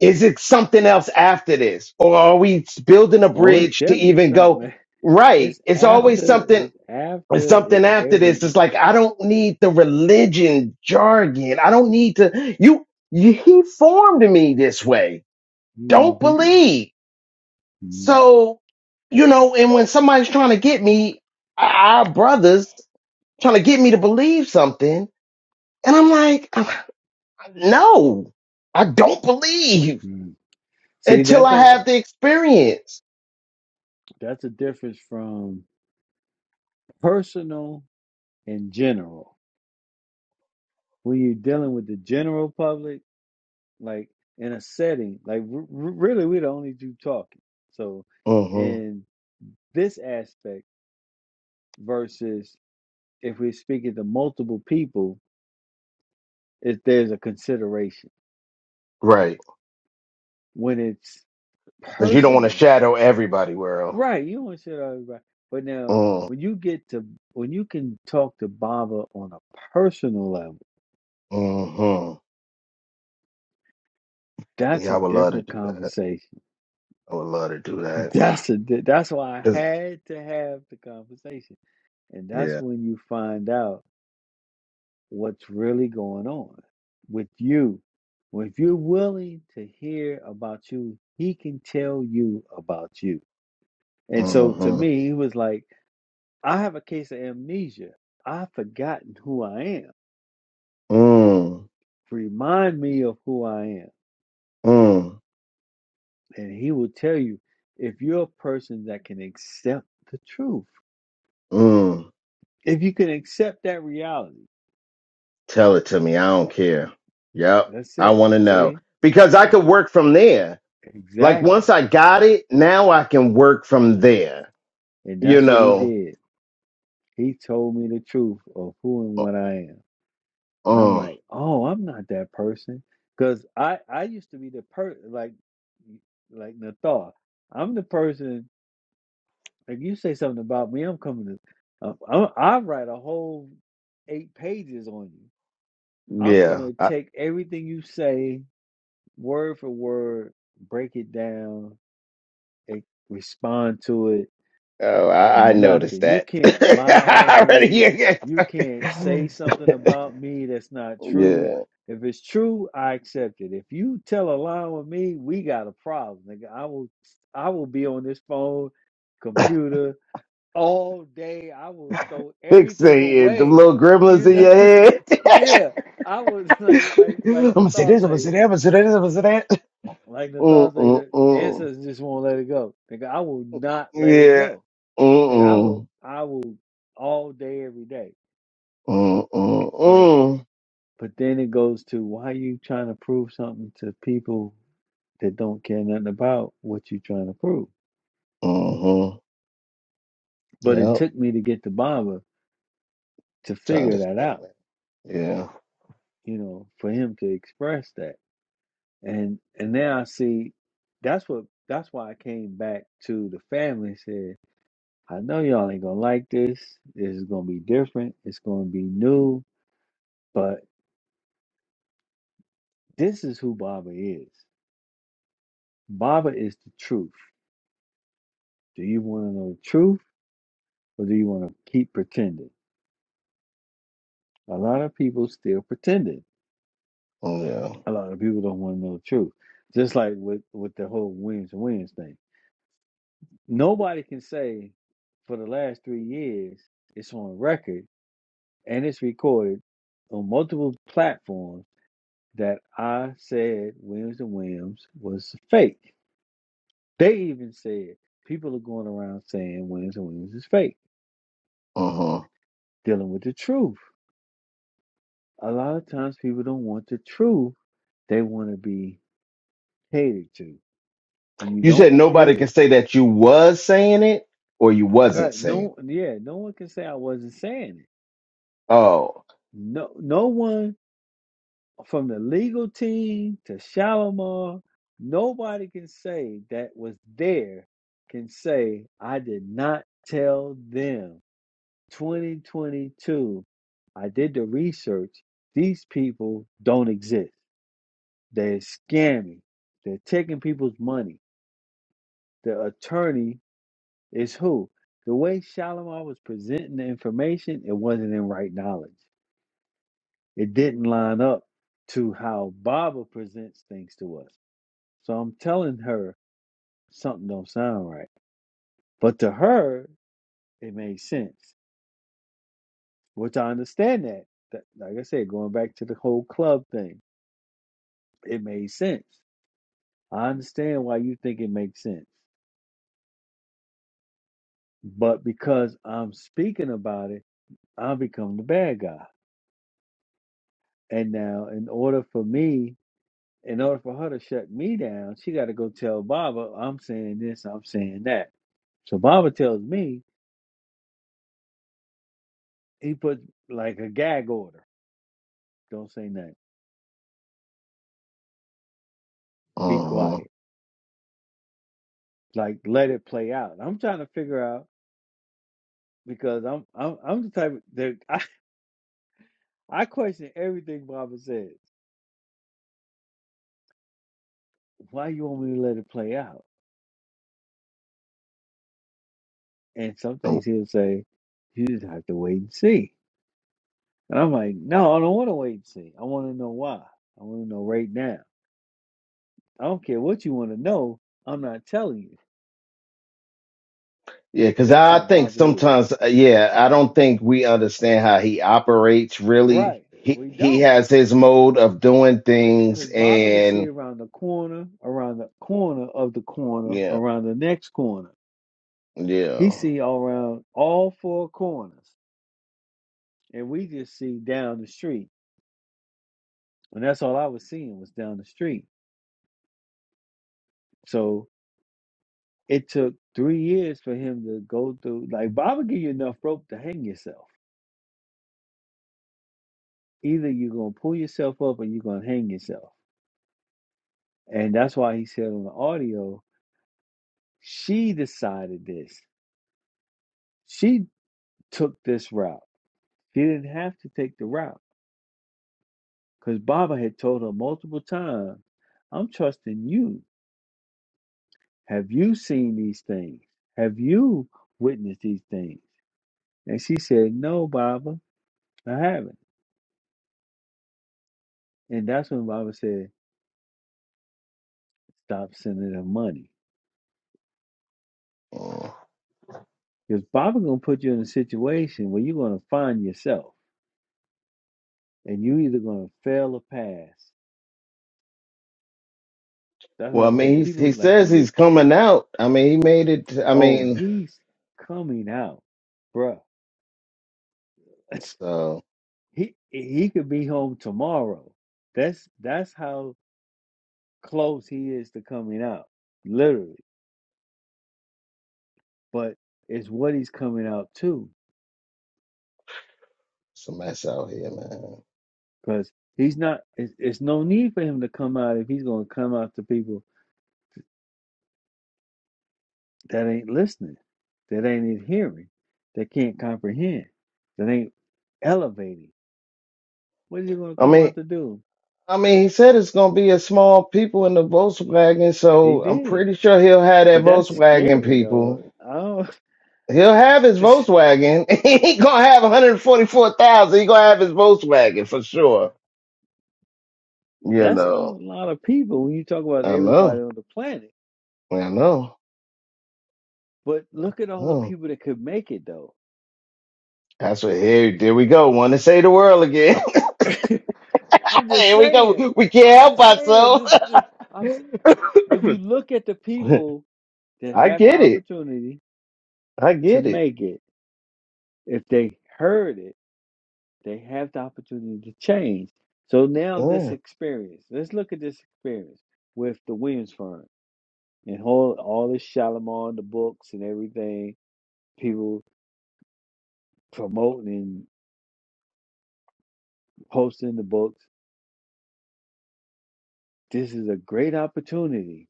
Speaker 12: Is it something else after this? Or are we building a
Speaker 10: Oh, it's
Speaker 12: bridge to
Speaker 10: definitely
Speaker 12: even
Speaker 10: something.
Speaker 12: go
Speaker 10: Man.
Speaker 12: right?
Speaker 10: It's
Speaker 12: It's always
Speaker 10: after.
Speaker 12: something
Speaker 10: It's after.
Speaker 12: something
Speaker 10: It's
Speaker 12: after this.
Speaker 10: every.
Speaker 12: It's like I don't need the religion jargon. I don't need to you, you he formed me this way. Don't
Speaker 10: hmm
Speaker 12: believe. So, you know, and when somebody's trying to get me, our brothers trying to get me to believe something, and I'm like, "Uh, no, I don't believe
Speaker 10: See,
Speaker 12: until
Speaker 10: that
Speaker 12: I
Speaker 10: goes.
Speaker 12: have the experience.
Speaker 10: That's a difference from personal and general. When you're dealing with the general public. like in a setting like r- r- really we're the only two talking so
Speaker 12: hmm
Speaker 10: in this aspect versus if we're speaking to multiple people if there's a consideration
Speaker 12: Right.
Speaker 10: when it's
Speaker 12: Because you don't want to
Speaker 10: personal
Speaker 12: shadow everybody, world.
Speaker 10: right you want to shit on everybody but now
Speaker 12: Mm.
Speaker 10: when you get to when you can talk to baba on a personal level
Speaker 12: hmm
Speaker 10: that's
Speaker 12: Yeah,
Speaker 10: a
Speaker 12: I would love to
Speaker 10: different
Speaker 12: do that.
Speaker 10: conversation
Speaker 12: I would love to do that.
Speaker 10: that's a di- that's why i
Speaker 12: 'Cause-
Speaker 10: had to have the conversation and that's
Speaker 12: yeah.
Speaker 10: when you find out what's really going on with you. Well, if you're willing to hear about you, he can tell you about you. And so to
Speaker 12: Mm-hmm.
Speaker 10: me, he was like, I have a case of amnesia. I've forgotten who I am.
Speaker 12: Mm.
Speaker 10: Remind me of who I am.
Speaker 12: Mm.
Speaker 10: And he will tell you if you're a person that can accept the truth,
Speaker 12: Mm.
Speaker 10: if you can accept that reality,
Speaker 12: Tell it to me. I don't care. Yep.
Speaker 10: that's
Speaker 12: I
Speaker 10: it.
Speaker 12: want to know.
Speaker 10: See?
Speaker 12: Because I could work from there. Like once
Speaker 10: Exactly.
Speaker 12: I got it, now I can work from there.
Speaker 10: And
Speaker 12: You
Speaker 10: that's what he
Speaker 12: know.
Speaker 10: did. He told me the truth of who and what I am. And I'm
Speaker 12: Mm.
Speaker 10: like, oh, I'm not that person. Because I, I used to be the person like like Nathar. I'm the person like you say something about me, I'm coming to uh, I'm, I write a whole eight pages on you. I'm
Speaker 12: Yeah.
Speaker 10: gonna
Speaker 12: I,
Speaker 10: take everything you say word for word, break it down, eh, respond to it,
Speaker 12: oh, I, I noticed
Speaker 10: nothing. You
Speaker 12: that.
Speaker 10: can't lie on me.
Speaker 12: I
Speaker 10: You can't say
Speaker 12: already
Speaker 10: something about me that's not true.
Speaker 12: Yeah.
Speaker 10: If it's true, I accept it. If you tell a lie on me, we got a problem. Nigga. I will I will be on this phone, computer all day. I will throw everything
Speaker 12: Fixated. The
Speaker 10: away.
Speaker 12: little gremlins
Speaker 10: You
Speaker 12: in
Speaker 10: know?
Speaker 12: your head.
Speaker 10: yeah. I was like like like the
Speaker 12: I'm s-
Speaker 10: say, like the thought
Speaker 12: mm,
Speaker 10: say
Speaker 12: mm,
Speaker 10: the
Speaker 12: mm.
Speaker 10: ancestors just won't let it go. Nigga, I will not let it
Speaker 12: Yeah.
Speaker 10: go. Like I
Speaker 12: Mm,
Speaker 10: will,
Speaker 12: mm,
Speaker 10: I will all day, every day.
Speaker 12: mm, mm,
Speaker 10: But
Speaker 12: mm.
Speaker 10: but then it goes to why are you trying to prove something to people that don't care nothing about what you trying to prove.
Speaker 12: Mm-hmm.
Speaker 10: But it
Speaker 12: Yep.
Speaker 10: took me to get to Baba to
Speaker 12: To
Speaker 10: figure that
Speaker 12: understand
Speaker 10: out.
Speaker 12: that. Yeah.
Speaker 10: You know, for him to express that, and and now I see that's what that's why I came back to the family. and Said I know y'all ain't gonna like this. This is gonna be different. It's gonna be new. But this is who Baba is. Baba is the truth. Do you want to know the truth or do you want to keep pretending? A lot of people still pretending.
Speaker 12: Mm, Yeah.
Speaker 10: A lot of people don't want to know the truth. Just like with, with the whole Williams and Williams thing. Nobody can say for the last three years it's on record and it's recorded on multiple platforms that I said Williams and Williams was fake. They even said people are going around saying Williams and Williams is fake,
Speaker 12: Mm-hmm.
Speaker 10: dealing with the truth. A lot of times people don't want the truth They want to be catered to. When you
Speaker 12: You
Speaker 10: don't
Speaker 12: said nobody
Speaker 10: cater,
Speaker 12: can say that you was saying it or you
Speaker 10: all
Speaker 12: wasn't
Speaker 10: right?
Speaker 12: saying it.
Speaker 10: No, yeah, no one can say I wasn't saying it.
Speaker 12: Oh.
Speaker 10: No, no one from the legal team to Shalimar, nobody can say that was there can say I did not tell them. 2022, I did the research. These people don't exist. They're scamming. They're taking people's money. The attorney Is who? The way Shalimar was presenting the information, it wasn't in right knowledge. It didn't line up to how Baba presents things to us. So I'm telling her something don't sound right. But to her, it made sense. Which I understand that. that like I said, going back to the whole club thing, it made sense. I understand why you think it makes sense. But because I'm speaking about it, I become the bad guy. And now in order for me in order for her to shut me down, she got to go tell Baba, I'm saying this, I'm saying that. So Baba tells me, he puts like a gag order. Don't say nothing. Be
Speaker 12: Mm-hmm.
Speaker 10: quiet. Like let it play out. I'm trying to figure out because I'm I'm I'm the type of, that I, I question everything Baba says. Why you want me to let it play out? And some things he'll say, you just have to wait and see. And I'm like, no, I don't want to wait and see. I want to know why. I want to know right now. I don't care what you want to know. I'm not telling you.
Speaker 12: Yeah, because
Speaker 10: That's
Speaker 12: I
Speaker 10: how
Speaker 12: think
Speaker 10: Baba is.
Speaker 12: sometimes, uh, yeah, I don't think we understand how he operates really.
Speaker 10: Right.
Speaker 12: He
Speaker 10: We
Speaker 12: he
Speaker 10: don't.
Speaker 12: has his mode of doing things,
Speaker 10: Because Baba can see
Speaker 12: and
Speaker 10: around the corner, around the corner of the corner,
Speaker 12: yeah,
Speaker 10: around the next corner. He
Speaker 12: yeah.
Speaker 10: see all around all four corners. And we just see down the street. And that's all I was seeing was down the street. So it took three years for him to go through. Like Baba give you enough rope to hang yourself. Either you're going to pull yourself up or you're going to hang yourself. And that's why he said on the audio, She decided this. She took this route. She didn't have to take the route because Baba had told her multiple times, I'm trusting you. Have you seen these things? Have you witnessed these things? And she said, No, Baba, I haven't. And that's when Baba said, Stop sending her money.
Speaker 12: Mm.
Speaker 10: Because Baba gonna put you in a situation where you're gonna find yourself and you either gonna fail or pass. That's why
Speaker 12: Well,
Speaker 10: I
Speaker 12: I mean,
Speaker 10: said
Speaker 12: he he
Speaker 10: people like to
Speaker 12: says
Speaker 10: get
Speaker 12: he's coming out. I mean, he made it. I
Speaker 10: Oh,
Speaker 12: mean,
Speaker 10: he's coming out, bruh.
Speaker 12: so
Speaker 10: He he could be home tomorrow. That's that's how close he is to coming out, literally. But it's what he's coming out to,
Speaker 12: it's a mess out here, man.
Speaker 10: because he's not. It's, it's no need for him to come out if he's going to come out to people that ain't listening, that ain't adhering, that can't comprehend, that ain't elevating. What is he going to
Speaker 12: I
Speaker 10: come
Speaker 12: mean,
Speaker 10: out to do?
Speaker 12: I mean, he said it's gonna be a small people in the Volkswagen,
Speaker 10: He
Speaker 12: so I'm
Speaker 10: did,
Speaker 12: pretty sure he'll have that
Speaker 10: but that's
Speaker 12: Volkswagen
Speaker 10: scary though.
Speaker 12: people.
Speaker 10: I don't.
Speaker 12: He'll have his Volkswagen. he ain't gonna have 144,000. He gonna have his Volkswagen for sure. You
Speaker 10: That's not a
Speaker 12: know.
Speaker 10: lot of people when you talk about
Speaker 12: I
Speaker 10: everybody
Speaker 12: know.
Speaker 10: on the planet.
Speaker 12: I know.
Speaker 10: But look at
Speaker 12: I
Speaker 10: all the
Speaker 12: know.
Speaker 10: people that could make it though.
Speaker 12: That's what here there we go. Wanna say the world again.
Speaker 10: I'm just
Speaker 12: here we
Speaker 10: saying.
Speaker 12: go. We can't
Speaker 10: I'm
Speaker 12: help
Speaker 10: just saying
Speaker 12: ourselves.
Speaker 10: this. this I'm, if you look at the people that
Speaker 12: I
Speaker 10: have the
Speaker 12: get it.
Speaker 10: opportunity
Speaker 12: I
Speaker 10: to
Speaker 12: get it.
Speaker 10: make it, if they heard it, they have the opportunity to change. So now this
Speaker 12: Yeah.
Speaker 10: experience. Let's look at this experience with the Williams firm and all all this Shalimar, the books and everything. People promoting and posting the books. This is a great opportunity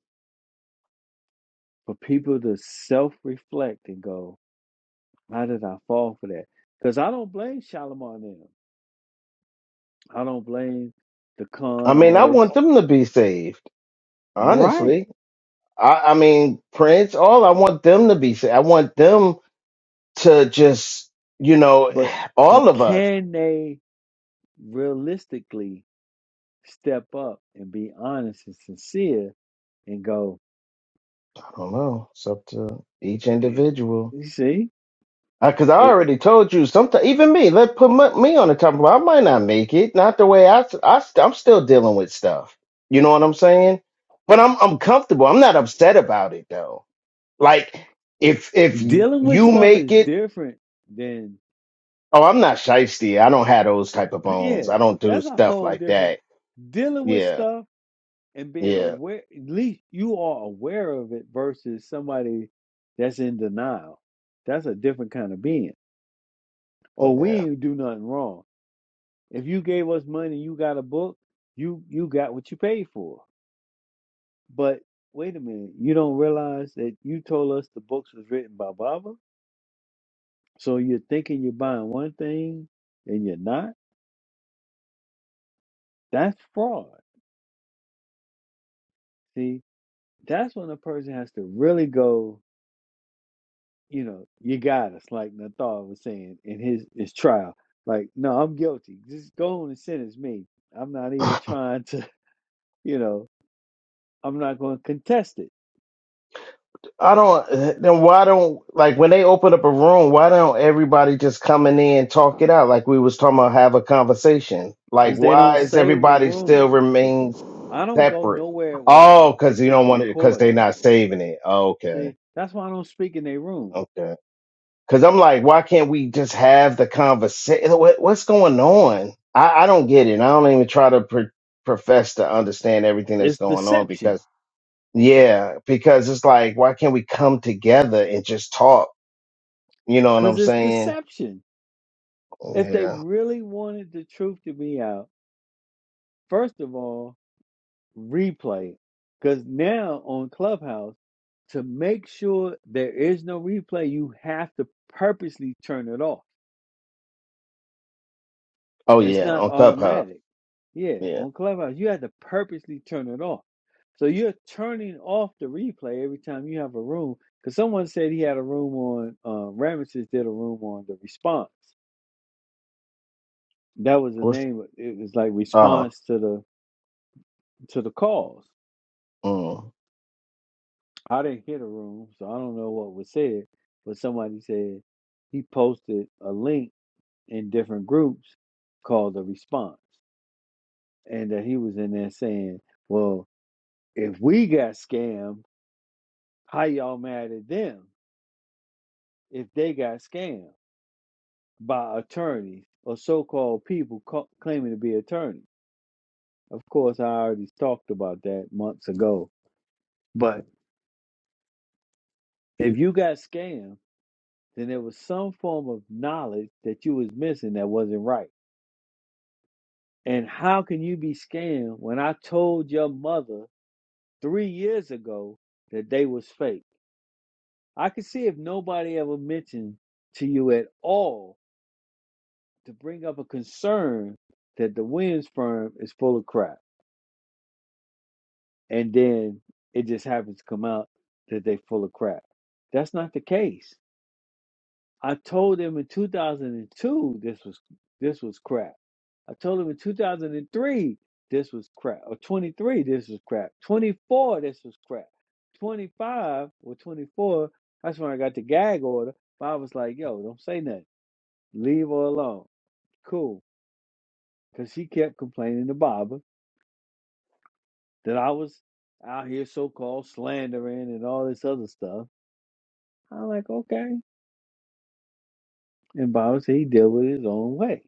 Speaker 10: for people to self reflect and go, how did I fall for that? Because I don't blame Shalimar and them. I don't blame the
Speaker 12: I
Speaker 10: con
Speaker 12: mean, I
Speaker 10: artists.
Speaker 12: want them to be saved.
Speaker 10: Right.
Speaker 12: Honestly, I, I mean, Prince, all I want them to be saved. I want them to just, you know,
Speaker 10: But but
Speaker 12: all of us.
Speaker 10: can they realistically step up and be honest and sincere and go,
Speaker 12: I don't know. It's up to each
Speaker 10: "Eh,
Speaker 12: individual.
Speaker 10: you see,
Speaker 12: Because I
Speaker 10: it,
Speaker 12: already told you, sometimes even me, let put m- me on the top. of. I might not make it. Not the way I, I. I'm still dealing with stuff. You know what I'm saying? But I'm I'm comfortable. I'm not upset about it though. Like if if
Speaker 10: dealing with
Speaker 12: you
Speaker 10: stuff
Speaker 12: make
Speaker 10: is
Speaker 12: it,
Speaker 10: different than,
Speaker 12: oh, I'm not shisty. I don't have those type of
Speaker 10: yeah,
Speaker 12: bones. I don't do
Speaker 10: that's a
Speaker 12: stuff
Speaker 10: whole
Speaker 12: like
Speaker 10: different
Speaker 12: that.
Speaker 10: dealing with
Speaker 12: Yeah,
Speaker 10: stuff and being
Speaker 12: yeah,
Speaker 10: aware at least you are aware of it versus somebody that's in denial that's a different kind of being or we
Speaker 12: yeah.
Speaker 10: ain't do nothing wrong if you gave us money you got a book you you got what you paid for but wait a minute you don't realize that you told us the books was written by baba so you're thinking you're buying one thing and you're not that's fraud see that's when a person has to really go you know, you got us, like Nathal was saying in his his trial. Like, no, I'm guilty. Just go on and sentence me. I'm not even trying to, you know, I'm not going to contest it
Speaker 12: I don't. Then why don't like when they open up a room? Why don't everybody just coming in and talk it out like we was talking about? Have a conversation. Like
Speaker 10: because they
Speaker 12: why
Speaker 10: don't
Speaker 12: is
Speaker 10: save the
Speaker 12: everybody
Speaker 10: room.
Speaker 12: still
Speaker 10: The
Speaker 12: remains
Speaker 10: I don't go
Speaker 12: separate?
Speaker 10: nowhere where
Speaker 12: Oh, because
Speaker 10: it's
Speaker 12: you don't
Speaker 10: not
Speaker 12: want it because
Speaker 10: recorded.
Speaker 12: they not saving it. Oh, okay,
Speaker 10: See, that's why I don't speak in their room.
Speaker 12: okay. Because I'm like, why can't we just have the conversation? What, what's going on? I, I don't get it. I don't even try to pr profess to understand everything that's
Speaker 10: It's
Speaker 12: going on
Speaker 10: deception
Speaker 12: because yeah, because it's like, why can't we come together and just talk? You know what
Speaker 10: because
Speaker 12: I'm
Speaker 10: it's
Speaker 12: saying?
Speaker 10: deception. If they
Speaker 12: Yeah.
Speaker 10: really wanted the truth to be out, first of all, replay. Because now on Clubhouse, to make sure there is no replay, you have to purposely turn it off.
Speaker 12: Oh
Speaker 10: It's
Speaker 12: yeah,
Speaker 10: not
Speaker 12: on Clubhouse.
Speaker 10: automatic. Yeah,
Speaker 12: Yeah.
Speaker 10: on Clubhouse, you have to purposely turn it off. So you're turning off the replay every time you have a room. Because someone said he had a room on, uh, Ramesses did a room on the response. That was the
Speaker 12: What's
Speaker 10: name. It was like
Speaker 12: oh
Speaker 10: response to the to the calls.
Speaker 12: mm,
Speaker 10: I didn't hear the room, so I don't know what was said, but somebody said he posted a link in different groups called the response, and that he was in there saying, "Well, if we got scammed, how y'all mad at them if they got scammed by attorneys or so-called people ca- claiming to be attorneys?" Of course, I already talked about that months ago, but if you got scammed, then there was some form of knowledge that you was missing that wasn't right And how can you be scammed when I told your mother three years ago that they was fake? I could see if nobody ever mentioned to you at all to bring up a concern that the Williams firm is full of crap. And then it just happens to come out that they full of crap. That's not the case. I told them in 2002 this was this was crap. I told them in 2003 this was crap. Or 23 this was crap. 24 this was crap. 25 or 24 that's when I got the gag order. But I was like, yo, don't say nothing. Leave her alone. Cool. Cause she kept complaining to Baba that I was out here so called slandering and all this other stuff. I'm like, okay. And Baba said he dealt with it his own way.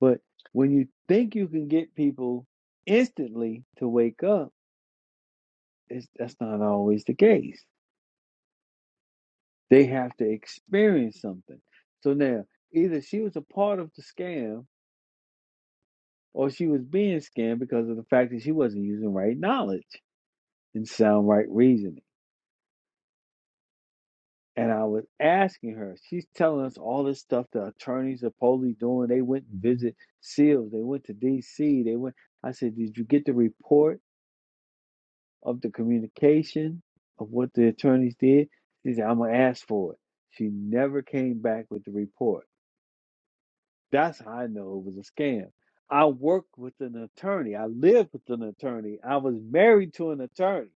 Speaker 10: But when you think you can get people instantly to wake up, it's, that's not always the case. They have to experience something. So now, either she was a part of the scam or she was being scammed because of the fact that she wasn't using right knowledge and sound right reasoning. And I was asking her, she's telling us all this stuff the attorneys are probably doing. They went and visit SEALs, they went to DC, they went. I said, Did you get the report? of the communication of what the attorneys did. She said, I'm going to ask for it. She never came back with the report. That's how I know it was a scam. I worked with an attorney. I lived with an attorney. I was married to an attorney.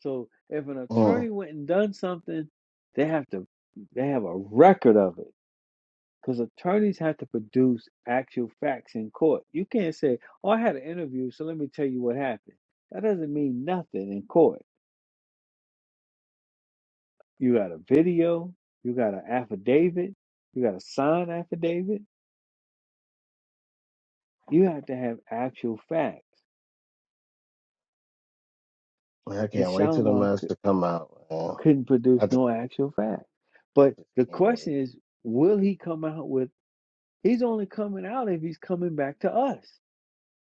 Speaker 10: So if an
Speaker 12: mm.
Speaker 10: attorney went and done something, they have to they have a record of it because attorneys have to produce actual facts in court. You can't say, "Oh, I had an interview, so let me tell you what happened." That doesn't mean nothing in court You got a video. You got an affidavit. You got a signed affidavit. You have to have actual facts.
Speaker 12: I
Speaker 10: And
Speaker 12: can't wait till the
Speaker 10: Shalimar could,
Speaker 12: master come out. Man.
Speaker 10: couldn't produce
Speaker 12: I just
Speaker 10: no actual facts.
Speaker 12: I
Speaker 10: But
Speaker 12: just
Speaker 10: the
Speaker 12: can't wait.
Speaker 10: question is, will he come out with? He's only coming out if he's coming back to us.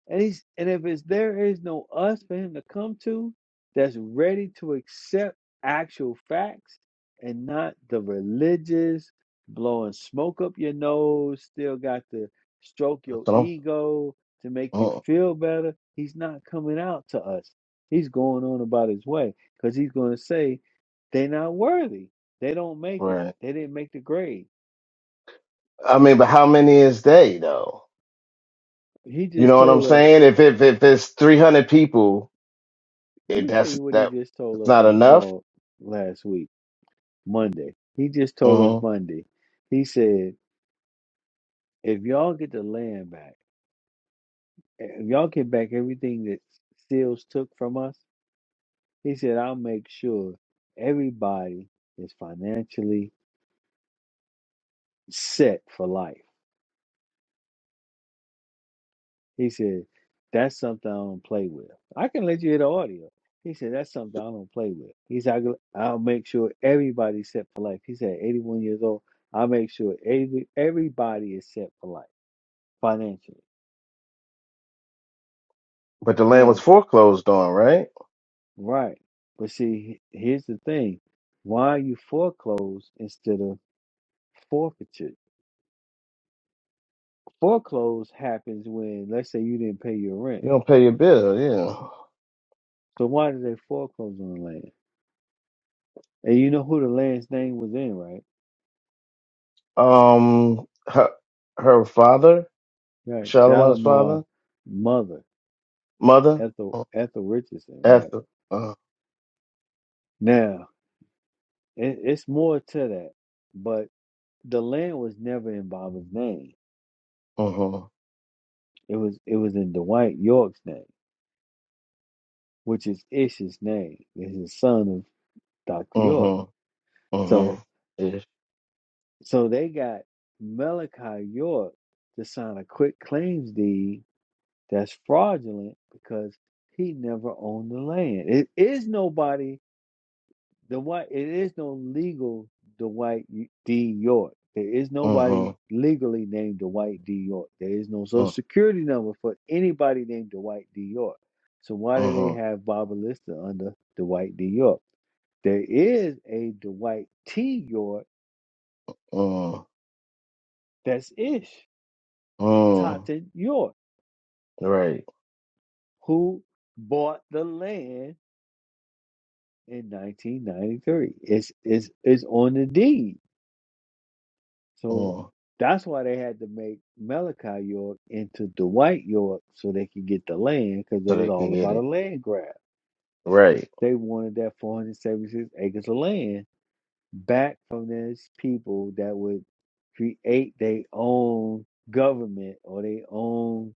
Speaker 10: And he's and if it's there is no us for him to come to that's ready to accept actual facts and not the religious blowing smoke up your nose, still got to stroke
Speaker 12: That's
Speaker 10: your
Speaker 12: what
Speaker 10: ego to make
Speaker 12: I'm
Speaker 10: you
Speaker 12: mm,
Speaker 10: feel better. He's not coming out to us. He's going on about his way because he's going to say they're not worthy. They don't make it.
Speaker 12: right.
Speaker 10: They didn't make the grade.
Speaker 12: I mean, but how many is they though?
Speaker 10: He
Speaker 12: You
Speaker 10: just
Speaker 12: know what I'm
Speaker 10: told us.
Speaker 12: saying? If if if it's three hundred people,
Speaker 10: Let
Speaker 12: it,
Speaker 10: me tell
Speaker 12: that's
Speaker 10: you what he
Speaker 12: that
Speaker 10: just
Speaker 12: it's
Speaker 10: told us
Speaker 12: not
Speaker 10: in the
Speaker 12: enough.
Speaker 10: call last week Monday. He just told us
Speaker 12: hmm
Speaker 10: Monday. He said, if y'all get the land back, eh, if y'all get back everything that Seals took from us, he said, I'll make sure everybody is financially set for life. He said, that's something I don't play with. I can let you hear the audio. He said, that's something I don't play with. He said, "I'll I'll make sure everybody's set for life. He said, 81 years old, I'll make sure every, everybody is set for life financially.
Speaker 12: But the land
Speaker 10: Now,
Speaker 12: was foreclosed on, right?
Speaker 10: Right. But see, he- here's the thing. Why you foreclosed instead of forfeited? Foreclose happens when, let's say, you didn't pay your rent.
Speaker 12: You don't pay your bill, yeah.
Speaker 10: So why did they foreclose on the land? And you know who the land's name was in, right?
Speaker 12: Um her her father,
Speaker 10: Right.
Speaker 12: Charlemagne's father.
Speaker 10: Shalimar mother,
Speaker 12: mother
Speaker 10: Ethel
Speaker 12: uh,
Speaker 10: Ethel Richardson, right.
Speaker 12: after uh
Speaker 10: Now, it, it's more to that. But the land was never in Baba's name.
Speaker 12: mhm
Speaker 10: It was it was in Dwight York's name, which is Ish's name. It's the son of Dr. York.
Speaker 12: mhm
Speaker 10: So
Speaker 12: mhm ish
Speaker 10: so they got Malachi York to sign a quick claims deed that's fraudulent because he never owned the land. It is nobody the white it is no legal Dwight D York. There is nobody
Speaker 12: mhm
Speaker 10: legally named Dwight D. York. There is no social
Speaker 12: mm,
Speaker 10: security number for anybody named Dwight D. York. So why do they
Speaker 12: mhm
Speaker 10: have Barbara Lister under Dwight D. York? There is a Dwight T. York
Speaker 12: mm,
Speaker 10: that's ish.
Speaker 12: mm,
Speaker 10: Totten York,
Speaker 12: right
Speaker 10: who bought the land in 1993. It's, it's, it's on the deed. So
Speaker 12: mm,
Speaker 10: that's why they had to make Malachi York into Dwight York so they could get the land because it
Speaker 12: so
Speaker 10: was
Speaker 12: they can
Speaker 10: all
Speaker 12: get
Speaker 10: about
Speaker 12: it
Speaker 10: a land grab.
Speaker 12: right
Speaker 10: They wanted that 476 acres of land back from those people that would create their own government or their own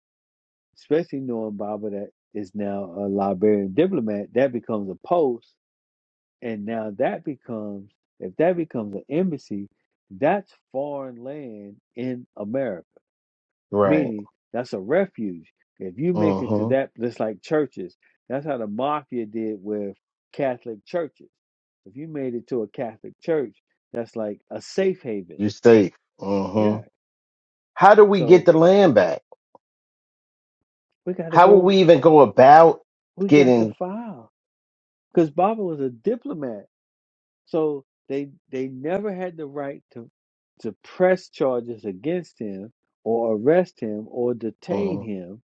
Speaker 10: especially knowing Baba that is now a Liberian diplomat, that becomes a post. And now that becomes, if that becomes an embassy, that's foreign land in America,
Speaker 12: right
Speaker 10: meaning that's a refuge. If you make it to
Speaker 12: mhm
Speaker 10: that, just like churches, that's how the mafia did with Catholic churches. If you made it to a Catholic church, that's like a safe haven.
Speaker 12: you safe
Speaker 10: Yeah.
Speaker 12: mhm how do we get
Speaker 10: So
Speaker 12: the land back
Speaker 10: we got to
Speaker 12: how will
Speaker 10: go,
Speaker 12: we
Speaker 10: f-
Speaker 12: even go about
Speaker 10: we got to
Speaker 12: getting
Speaker 10: file. Because Baba was a diplomat So they they never had the right to to press charges against him or arrest him or detain
Speaker 12: mhm
Speaker 10: him.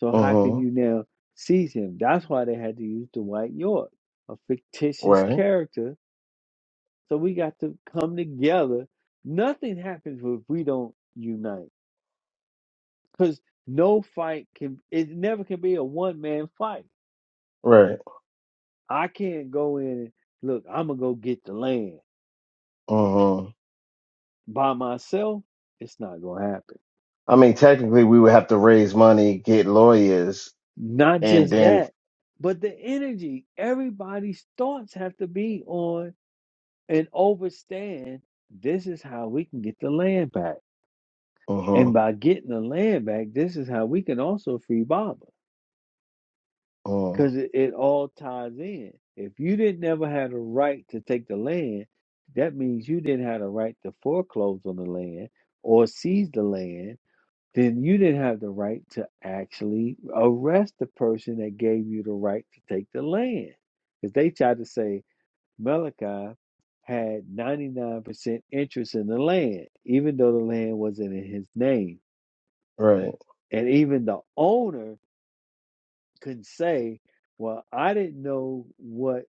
Speaker 10: So how could
Speaker 12: mhm
Speaker 10: you now seize him? That's why they had to use Dwight York, a fictitious
Speaker 12: right
Speaker 10: character. So we got to come together. Nothing happens if we don't unite. Because no fight can it never can be a one man fight.
Speaker 12: right
Speaker 10: I can't go in and look, I'm gonna go get the land
Speaker 12: mhm
Speaker 10: by myself. It's not gonna happen.
Speaker 12: I mean technically we would have to raise money get lawyers
Speaker 10: Not
Speaker 12: and
Speaker 10: just
Speaker 12: then
Speaker 10: that, but the energy. Everybody's thoughts have to be on and overstand this is how we can get the land back. And
Speaker 12: mhm
Speaker 10: by getting the land back, this is how we can also free Baba
Speaker 12: mm,
Speaker 10: because it, it all ties in. If you didn't never have a right to take the land, that means you didn't have a right to foreclose on the land or seize the land then you didn't have the right to actually arrest the person that gave you the right to take the land. Because they tried to say Malachi had 99% interest in the land, even though the land wasn't in his name.
Speaker 12: right
Speaker 10: And even the owner could say, Well, I didn't know what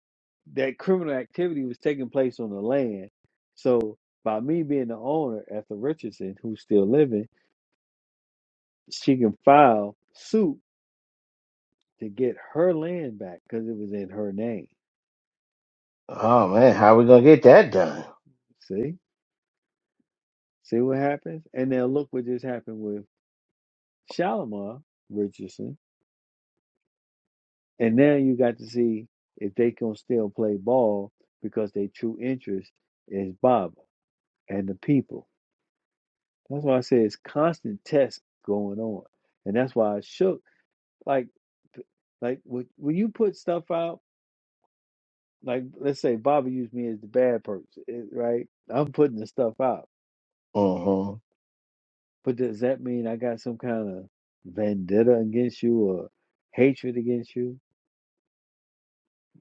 Speaker 10: that criminal activity was taking place on the land. So by me being the owner, Ethel Richardson, who's still living, she can file suit to get her land back because it was in her name.
Speaker 12: Oh man, how we gonna get that done?
Speaker 10: See? See what happens? And now look what just happened with Shalimar Richardson. And now you got to see if they can still play ball because their true interest is Baba and the people. That's why I say it's constant tests going on. And that's why I shook. Like, like when when you put stuff out, like let's say Baba used me as the bad person, eh, right? I'm putting the stuff out
Speaker 12: hmm
Speaker 10: But does that mean I got some kind of vendetta against you or hatred against you?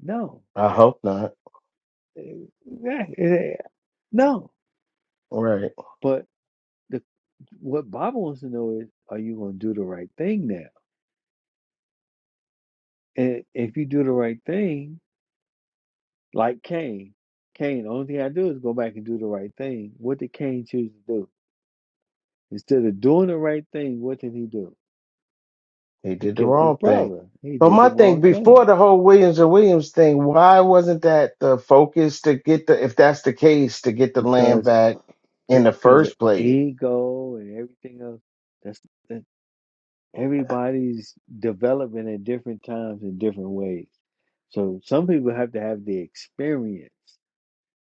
Speaker 10: No.
Speaker 12: I hope not.
Speaker 10: Eh, yeah, eh, No.
Speaker 12: Right.
Speaker 10: But the, what Baba wants to know is are you going to do the right thing now? And if you do the right thing, like Cain, Cain, the only thing I do is go back and do the right thing. What did Cain choose to do? Instead of doing the right thing, what did he do?
Speaker 12: He
Speaker 10: He
Speaker 12: did the
Speaker 10: killed his
Speaker 12: wrong thing.
Speaker 10: brother. He
Speaker 12: But
Speaker 10: did the
Speaker 12: my thing
Speaker 10: wrong thing
Speaker 12: before the whole Williams and Williams thing, why wasn't that the focus to get the if that's the case, to get the land
Speaker 10: because
Speaker 12: back in the
Speaker 10: because of
Speaker 12: first place?
Speaker 10: ego and everything else. That's that everybody's developing at different times in different ways. So some people have to have the experience.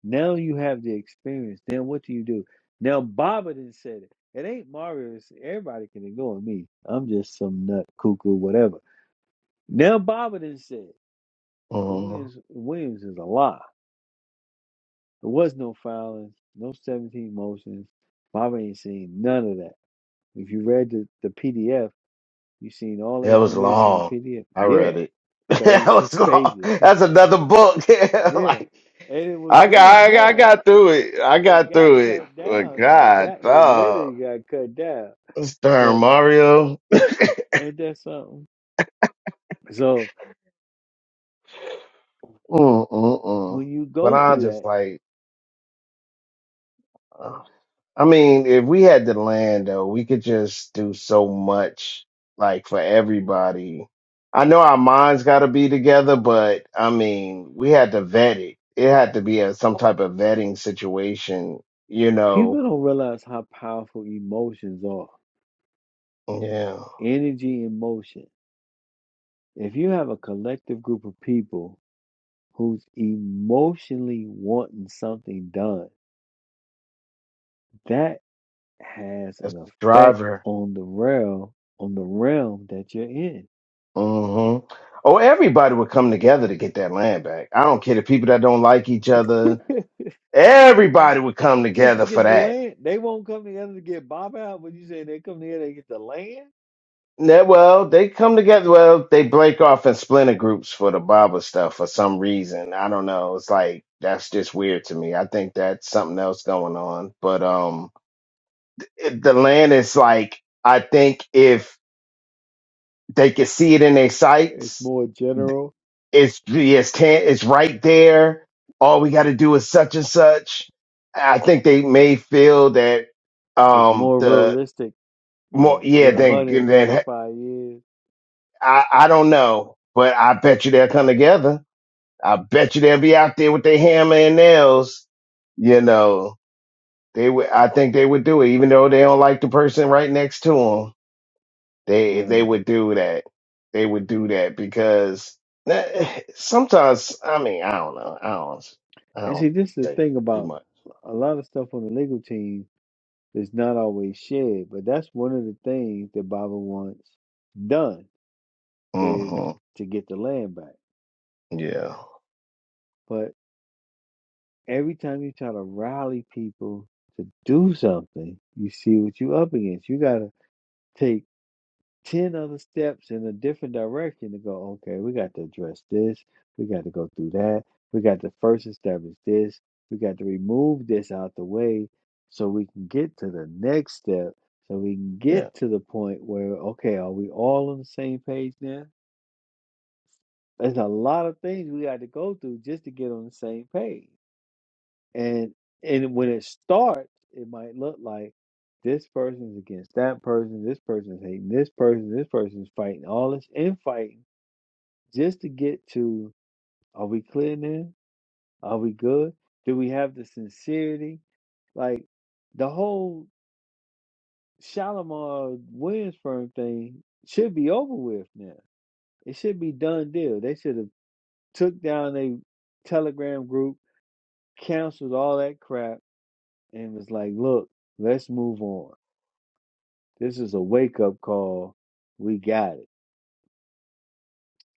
Speaker 10: Now you have the experience. Then what do you do? Now Baba done said it. It ain't Mario. It's everybody can ignore me. I'm just some nut cuckoo, whatever. Now Baba done said it. the
Speaker 12: hmm
Speaker 10: Williams Williams is a lie. There was no filings, no 17 motions. Baba ain't seen none of that. If you read the, the PDF, you have seen all the
Speaker 12: That was
Speaker 10: information in the
Speaker 12: long.
Speaker 10: PDF.
Speaker 12: I
Speaker 10: Yeah,
Speaker 12: read it. that was
Speaker 10: 36
Speaker 12: long.
Speaker 10: pages.
Speaker 12: That's another book.
Speaker 10: yeah.
Speaker 12: like
Speaker 10: And it was
Speaker 12: I
Speaker 10: really
Speaker 12: got I got I
Speaker 10: more.
Speaker 12: got through it. I
Speaker 10: It
Speaker 12: got
Speaker 10: got
Speaker 12: through it.
Speaker 10: cut
Speaker 12: But
Speaker 10: down though. It
Speaker 12: God,
Speaker 10: got it
Speaker 12: oh,
Speaker 10: literally got cut down.
Speaker 12: Stern
Speaker 10: But
Speaker 12: Mario.
Speaker 10: ain't that something? So
Speaker 12: Mm, mm, mm.
Speaker 10: when you
Speaker 12: But
Speaker 10: go
Speaker 12: I'm
Speaker 10: through
Speaker 12: just
Speaker 10: that,
Speaker 12: like, Uh, I mean, if we had the land though, we could just do so much like for everybody. I know our minds got to be together, but I mean, we had to vet it. It had to be a some type of vetting situation, you know.
Speaker 10: people don't realize how powerful emotions are.
Speaker 12: Yeah,
Speaker 10: Energy and motion. If you have a collective group of people who's emotionally wanting something done, that. has
Speaker 12: as
Speaker 10: an
Speaker 12: the
Speaker 10: effect
Speaker 12: driver.
Speaker 10: on the realm on the realm that you're in.
Speaker 12: hmm Or everybody would come together to get that land back. I don't care the people that don't like each other. Everybody would come
Speaker 10: Just to
Speaker 12: together for
Speaker 10: get the
Speaker 12: that.
Speaker 10: land, they won't come together to get Bob out. But you say they come together to get the land.
Speaker 12: Yeah, well, they come together. Well, they break off in splinter groups for the Baba stuff for some reason. I don't know. It's like that's just weird to me. I think that's something else going on. But um, it, the land is like I think if they could see it in their
Speaker 10: It's
Speaker 12: sights,
Speaker 10: more general.
Speaker 12: it's it's can it's right there. All we got to do is such and such. I think they may feel that
Speaker 10: It's
Speaker 12: um
Speaker 10: more
Speaker 12: the
Speaker 10: realistic
Speaker 12: more
Speaker 10: than
Speaker 12: yeah
Speaker 10: than
Speaker 12: then then
Speaker 10: 135 years.
Speaker 12: I I don't know, but I bet you they'll come together. I bet you they'll be out there with their hammer and nails. You know, they would. I think they would do it, even though they don't like the person right next to them. They they
Speaker 10: Well,
Speaker 12: would do that. They would do that because eh, sometimes I mean I don't know. I don't. I
Speaker 10: and
Speaker 12: don't
Speaker 10: see, this is the
Speaker 12: say
Speaker 10: thing
Speaker 12: too
Speaker 10: about
Speaker 12: much.
Speaker 10: a lot of stuff on the legal team is not always shared. But that's one of the things that Baba wants done is
Speaker 12: hmm
Speaker 10: to get the land back.
Speaker 12: Yeah.
Speaker 10: But every time you try to rally people to do something, you see what you up against. You got to take 10 other steps in a different direction to go, okay, we got to address this. We got to go through that. We got to first establish this. We got to remove this out the way so we can get to the next step. So we can
Speaker 12: Yeah.
Speaker 10: get to the point where, okay, are we all on the same page now? There's a lot of things we got to go through just to get on the same page. and and when it starts, it might look like this person's against that person, this person's hating this person, this person's fighting, all this infighting just to get to are we clear now? Are we good? Do we have the sincerity? Like the whole Shalimar Williams firm thing should be over with now. It should be done deal. They should have took down a telegram group, canceled all that crap, and was like, look, let's move on This is a wake up call. We got it.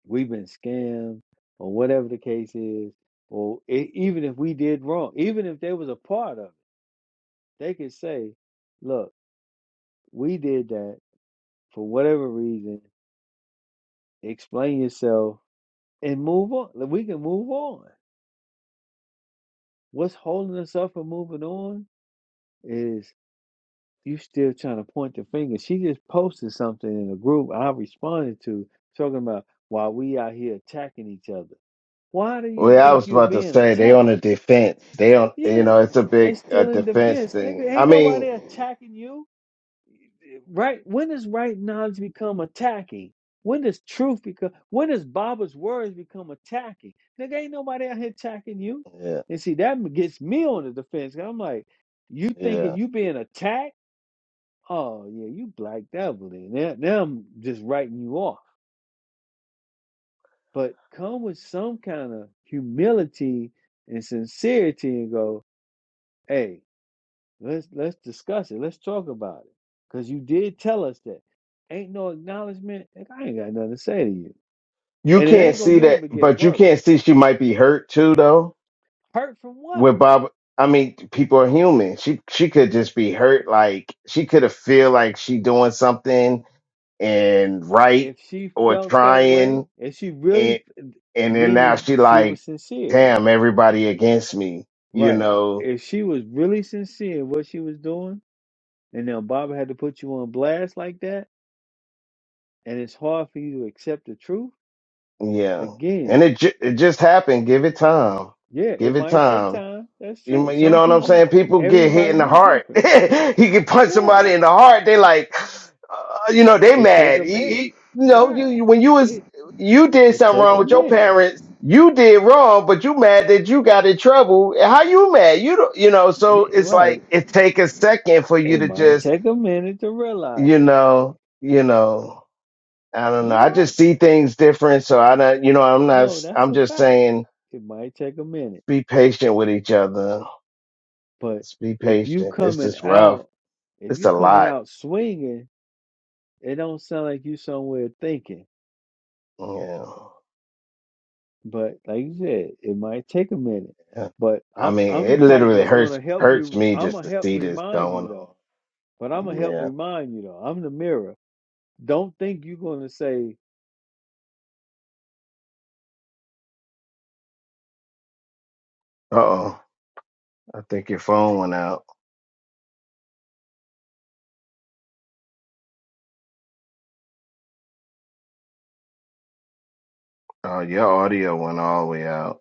Speaker 10: We've been scammed, or whatever the case is, or e- even if we did wrong, even if they was a part of it, they could say, "Look, we did that for whatever reason. Explain yourself and move on. Like, We can move on. What's holding us up from moving on is." You still trying to point the finger. She just posted something in a group I responded to talking about why we out here attacking each other. Why do you
Speaker 12: Well, I
Speaker 10: think
Speaker 12: was
Speaker 10: you're
Speaker 12: about to
Speaker 10: being
Speaker 12: say they on
Speaker 10: attacked?
Speaker 12: the defense. They on. You know,
Speaker 10: Yeah,
Speaker 12: it's a
Speaker 10: they
Speaker 12: big uh,
Speaker 10: still in
Speaker 12: defense
Speaker 10: defense.
Speaker 12: thing.
Speaker 10: Nigga,
Speaker 12: I
Speaker 10: ain't
Speaker 12: mean,
Speaker 10: nobody attacking you. Eh, Right? When does right knowledge become attacking? When does truth become when does Baba's words become attacking? Nigga, ain't nobody out here attacking you.
Speaker 12: yeah,
Speaker 10: And see, that gets me on the defense. 'cause I'm like, you
Speaker 12: yeah.
Speaker 10: thinking you being attacked? Oh yeah, you black devil. then. Now, now I'm just writing you off. But come with some kind of humility and sincerity and go, hey, Let's let's discuss it. Let's talk about it. Cause you did tell us that. Ain't no acknowledgement. nigga, I ain't got nothing to say to you.
Speaker 12: You
Speaker 10: And it
Speaker 12: can't
Speaker 10: ain't gonna
Speaker 12: see
Speaker 10: do nothing
Speaker 12: that,
Speaker 10: but get
Speaker 12: but you
Speaker 10: worse.
Speaker 12: can't see she might be hurt too, though.
Speaker 10: Hurt from what?
Speaker 12: With Bob, I mean, people are human. She she could just be hurt. Like she could have feel like she doing something and right
Speaker 10: If she
Speaker 12: or
Speaker 10: felt that way,
Speaker 12: trying,
Speaker 10: if she really
Speaker 12: and and then now
Speaker 10: meaning
Speaker 12: she
Speaker 10: she was
Speaker 12: like,
Speaker 10: sincere,
Speaker 12: damn, everybody against me. You
Speaker 10: right?
Speaker 12: know,
Speaker 10: If she was really sincere in what she was doing, and now Baba had to put you on blast like that, and it's hard for you to accept the truth
Speaker 12: yeah.
Speaker 10: again.
Speaker 12: And it ju- it just happened. Give it time.
Speaker 10: Yeah, it
Speaker 12: Give it
Speaker 10: might take
Speaker 12: time.
Speaker 10: time. That's
Speaker 12: You,
Speaker 10: true.
Speaker 12: you
Speaker 10: Some
Speaker 12: know what I'm
Speaker 10: people,
Speaker 12: saying? People get hit
Speaker 10: everybody
Speaker 12: in the
Speaker 10: move
Speaker 12: heart.
Speaker 10: different.
Speaker 12: he can punch
Speaker 10: Yeah.
Speaker 12: somebody in the heart. They like, uh, you know, they
Speaker 10: It take
Speaker 12: mad.
Speaker 10: a
Speaker 12: He-
Speaker 10: minute,
Speaker 12: he- you know,
Speaker 10: right?
Speaker 12: you, you when you was
Speaker 10: It
Speaker 12: you did
Speaker 10: it
Speaker 12: something
Speaker 10: take
Speaker 12: wrong
Speaker 10: a
Speaker 12: with your
Speaker 10: minute,
Speaker 12: parents. You did wrong, but you mad that you got in trouble. How you mad? You don't, you know. So it's
Speaker 10: right?
Speaker 12: like it take a second for you
Speaker 10: It
Speaker 12: to
Speaker 10: might
Speaker 12: just,
Speaker 10: take a minute to realize
Speaker 12: you
Speaker 10: it.
Speaker 12: know, you know. I don't know.
Speaker 10: You're
Speaker 12: I just
Speaker 10: right.
Speaker 12: see things different. So I don't, you know, I'm not.
Speaker 10: No,
Speaker 12: s-
Speaker 10: that's
Speaker 12: I'm
Speaker 10: a
Speaker 12: just
Speaker 10: fact.
Speaker 12: saying,
Speaker 10: It might take a minute,
Speaker 12: be patient with each other.
Speaker 10: but
Speaker 12: Just be
Speaker 10: if you
Speaker 12: patient. This
Speaker 10: coming
Speaker 12: is rough
Speaker 10: out, if
Speaker 12: It's
Speaker 10: you
Speaker 12: a
Speaker 10: coming
Speaker 12: lot.
Speaker 10: out swinging, it don't sound like you somewhere thinking.
Speaker 12: Yeah.
Speaker 10: But like you said, it might take a minute.
Speaker 12: yeah.
Speaker 10: But
Speaker 12: I
Speaker 10: I'm
Speaker 12: mean,
Speaker 10: I'm the
Speaker 12: it
Speaker 10: type
Speaker 12: literally
Speaker 10: that's
Speaker 12: hurts
Speaker 10: gonna help
Speaker 12: hurts
Speaker 10: you.
Speaker 12: me
Speaker 10: I'm
Speaker 12: just
Speaker 10: gonna
Speaker 12: to
Speaker 10: help
Speaker 12: see this
Speaker 10: remind you
Speaker 12: going
Speaker 10: though.
Speaker 12: on.
Speaker 10: But I'm gonna help
Speaker 12: Yeah.
Speaker 10: remind you though. I'm the mirror. Don't think you're gonna say.
Speaker 12: Uh oh. I think your phone went out. Oh, your audio went all the way out.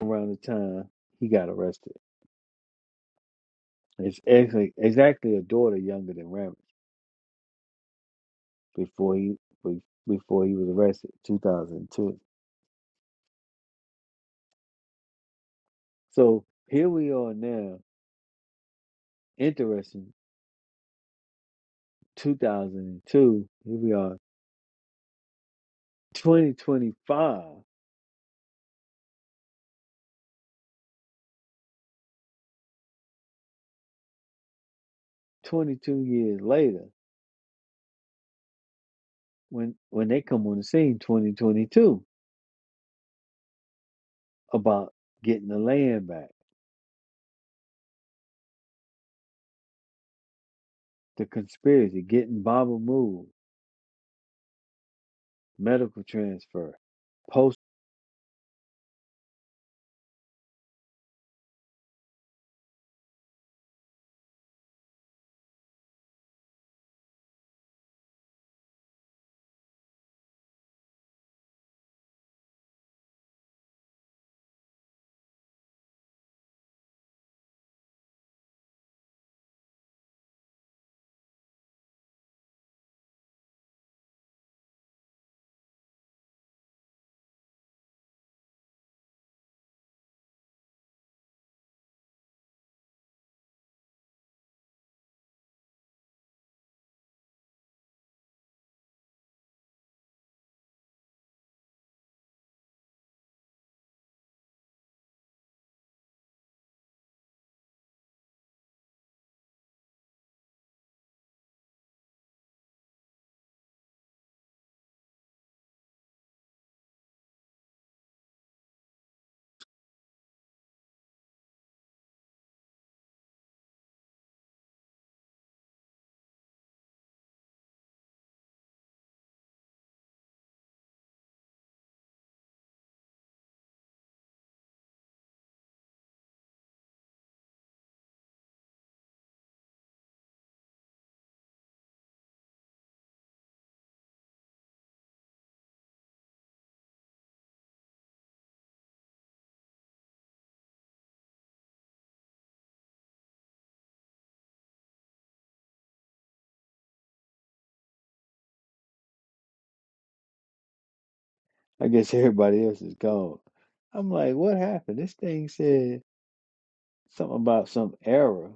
Speaker 10: around the time he got arrested. It's actually exactly a daughter younger than Ramage before he be- before he was arrested, 2002. So here we are now. Interesting, 2002. Here we are, 2025, 22 years later. When when they come on the scene, 2022, about getting the land back, the conspiracy, getting Baba moved, medical transfer, I guess everybody else is gone. I'm like, what happened? This thing said something about some error.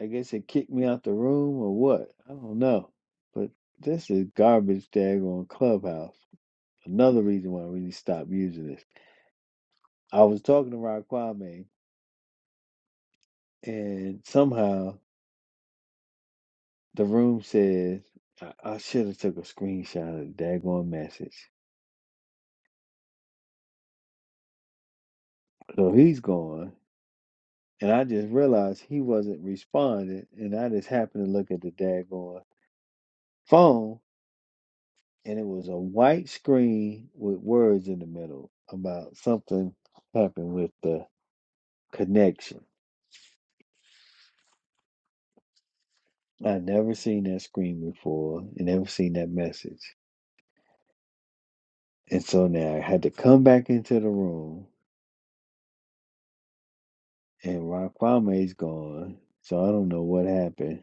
Speaker 10: I guess it kicked me out the room or what? I don't know. But this is garbage daggone clubhouse. Another reason why we need to stop using this. I was talking to Rod Kwame and somehow the room says I, I should have took a screenshot of the daggone message. So he's gone. And I just realized he wasn't responding, and I just happened to look at the daggone phone, and it was a white screen with words in the middle about something happened with the connection. I never seen that screen before and never seen that message. And so now I had to come back into the room and Rock Kwame's gone. So I don't know what happened.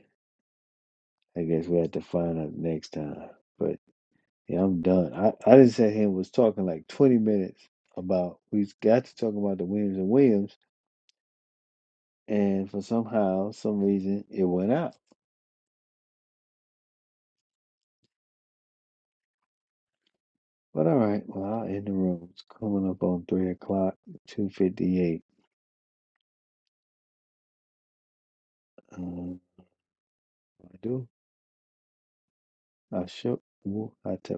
Speaker 10: I guess we have to find out next time. But yeah, I'm done. I, I didn't say he was talking like 20 minutes about we got to talk about the Williams and Williams And for somehow, some reason, it went out. But all right, well, I'll end the room. It's coming up on 3 o'clock, 2.58. Um, I do. I shook. Woo, I tell.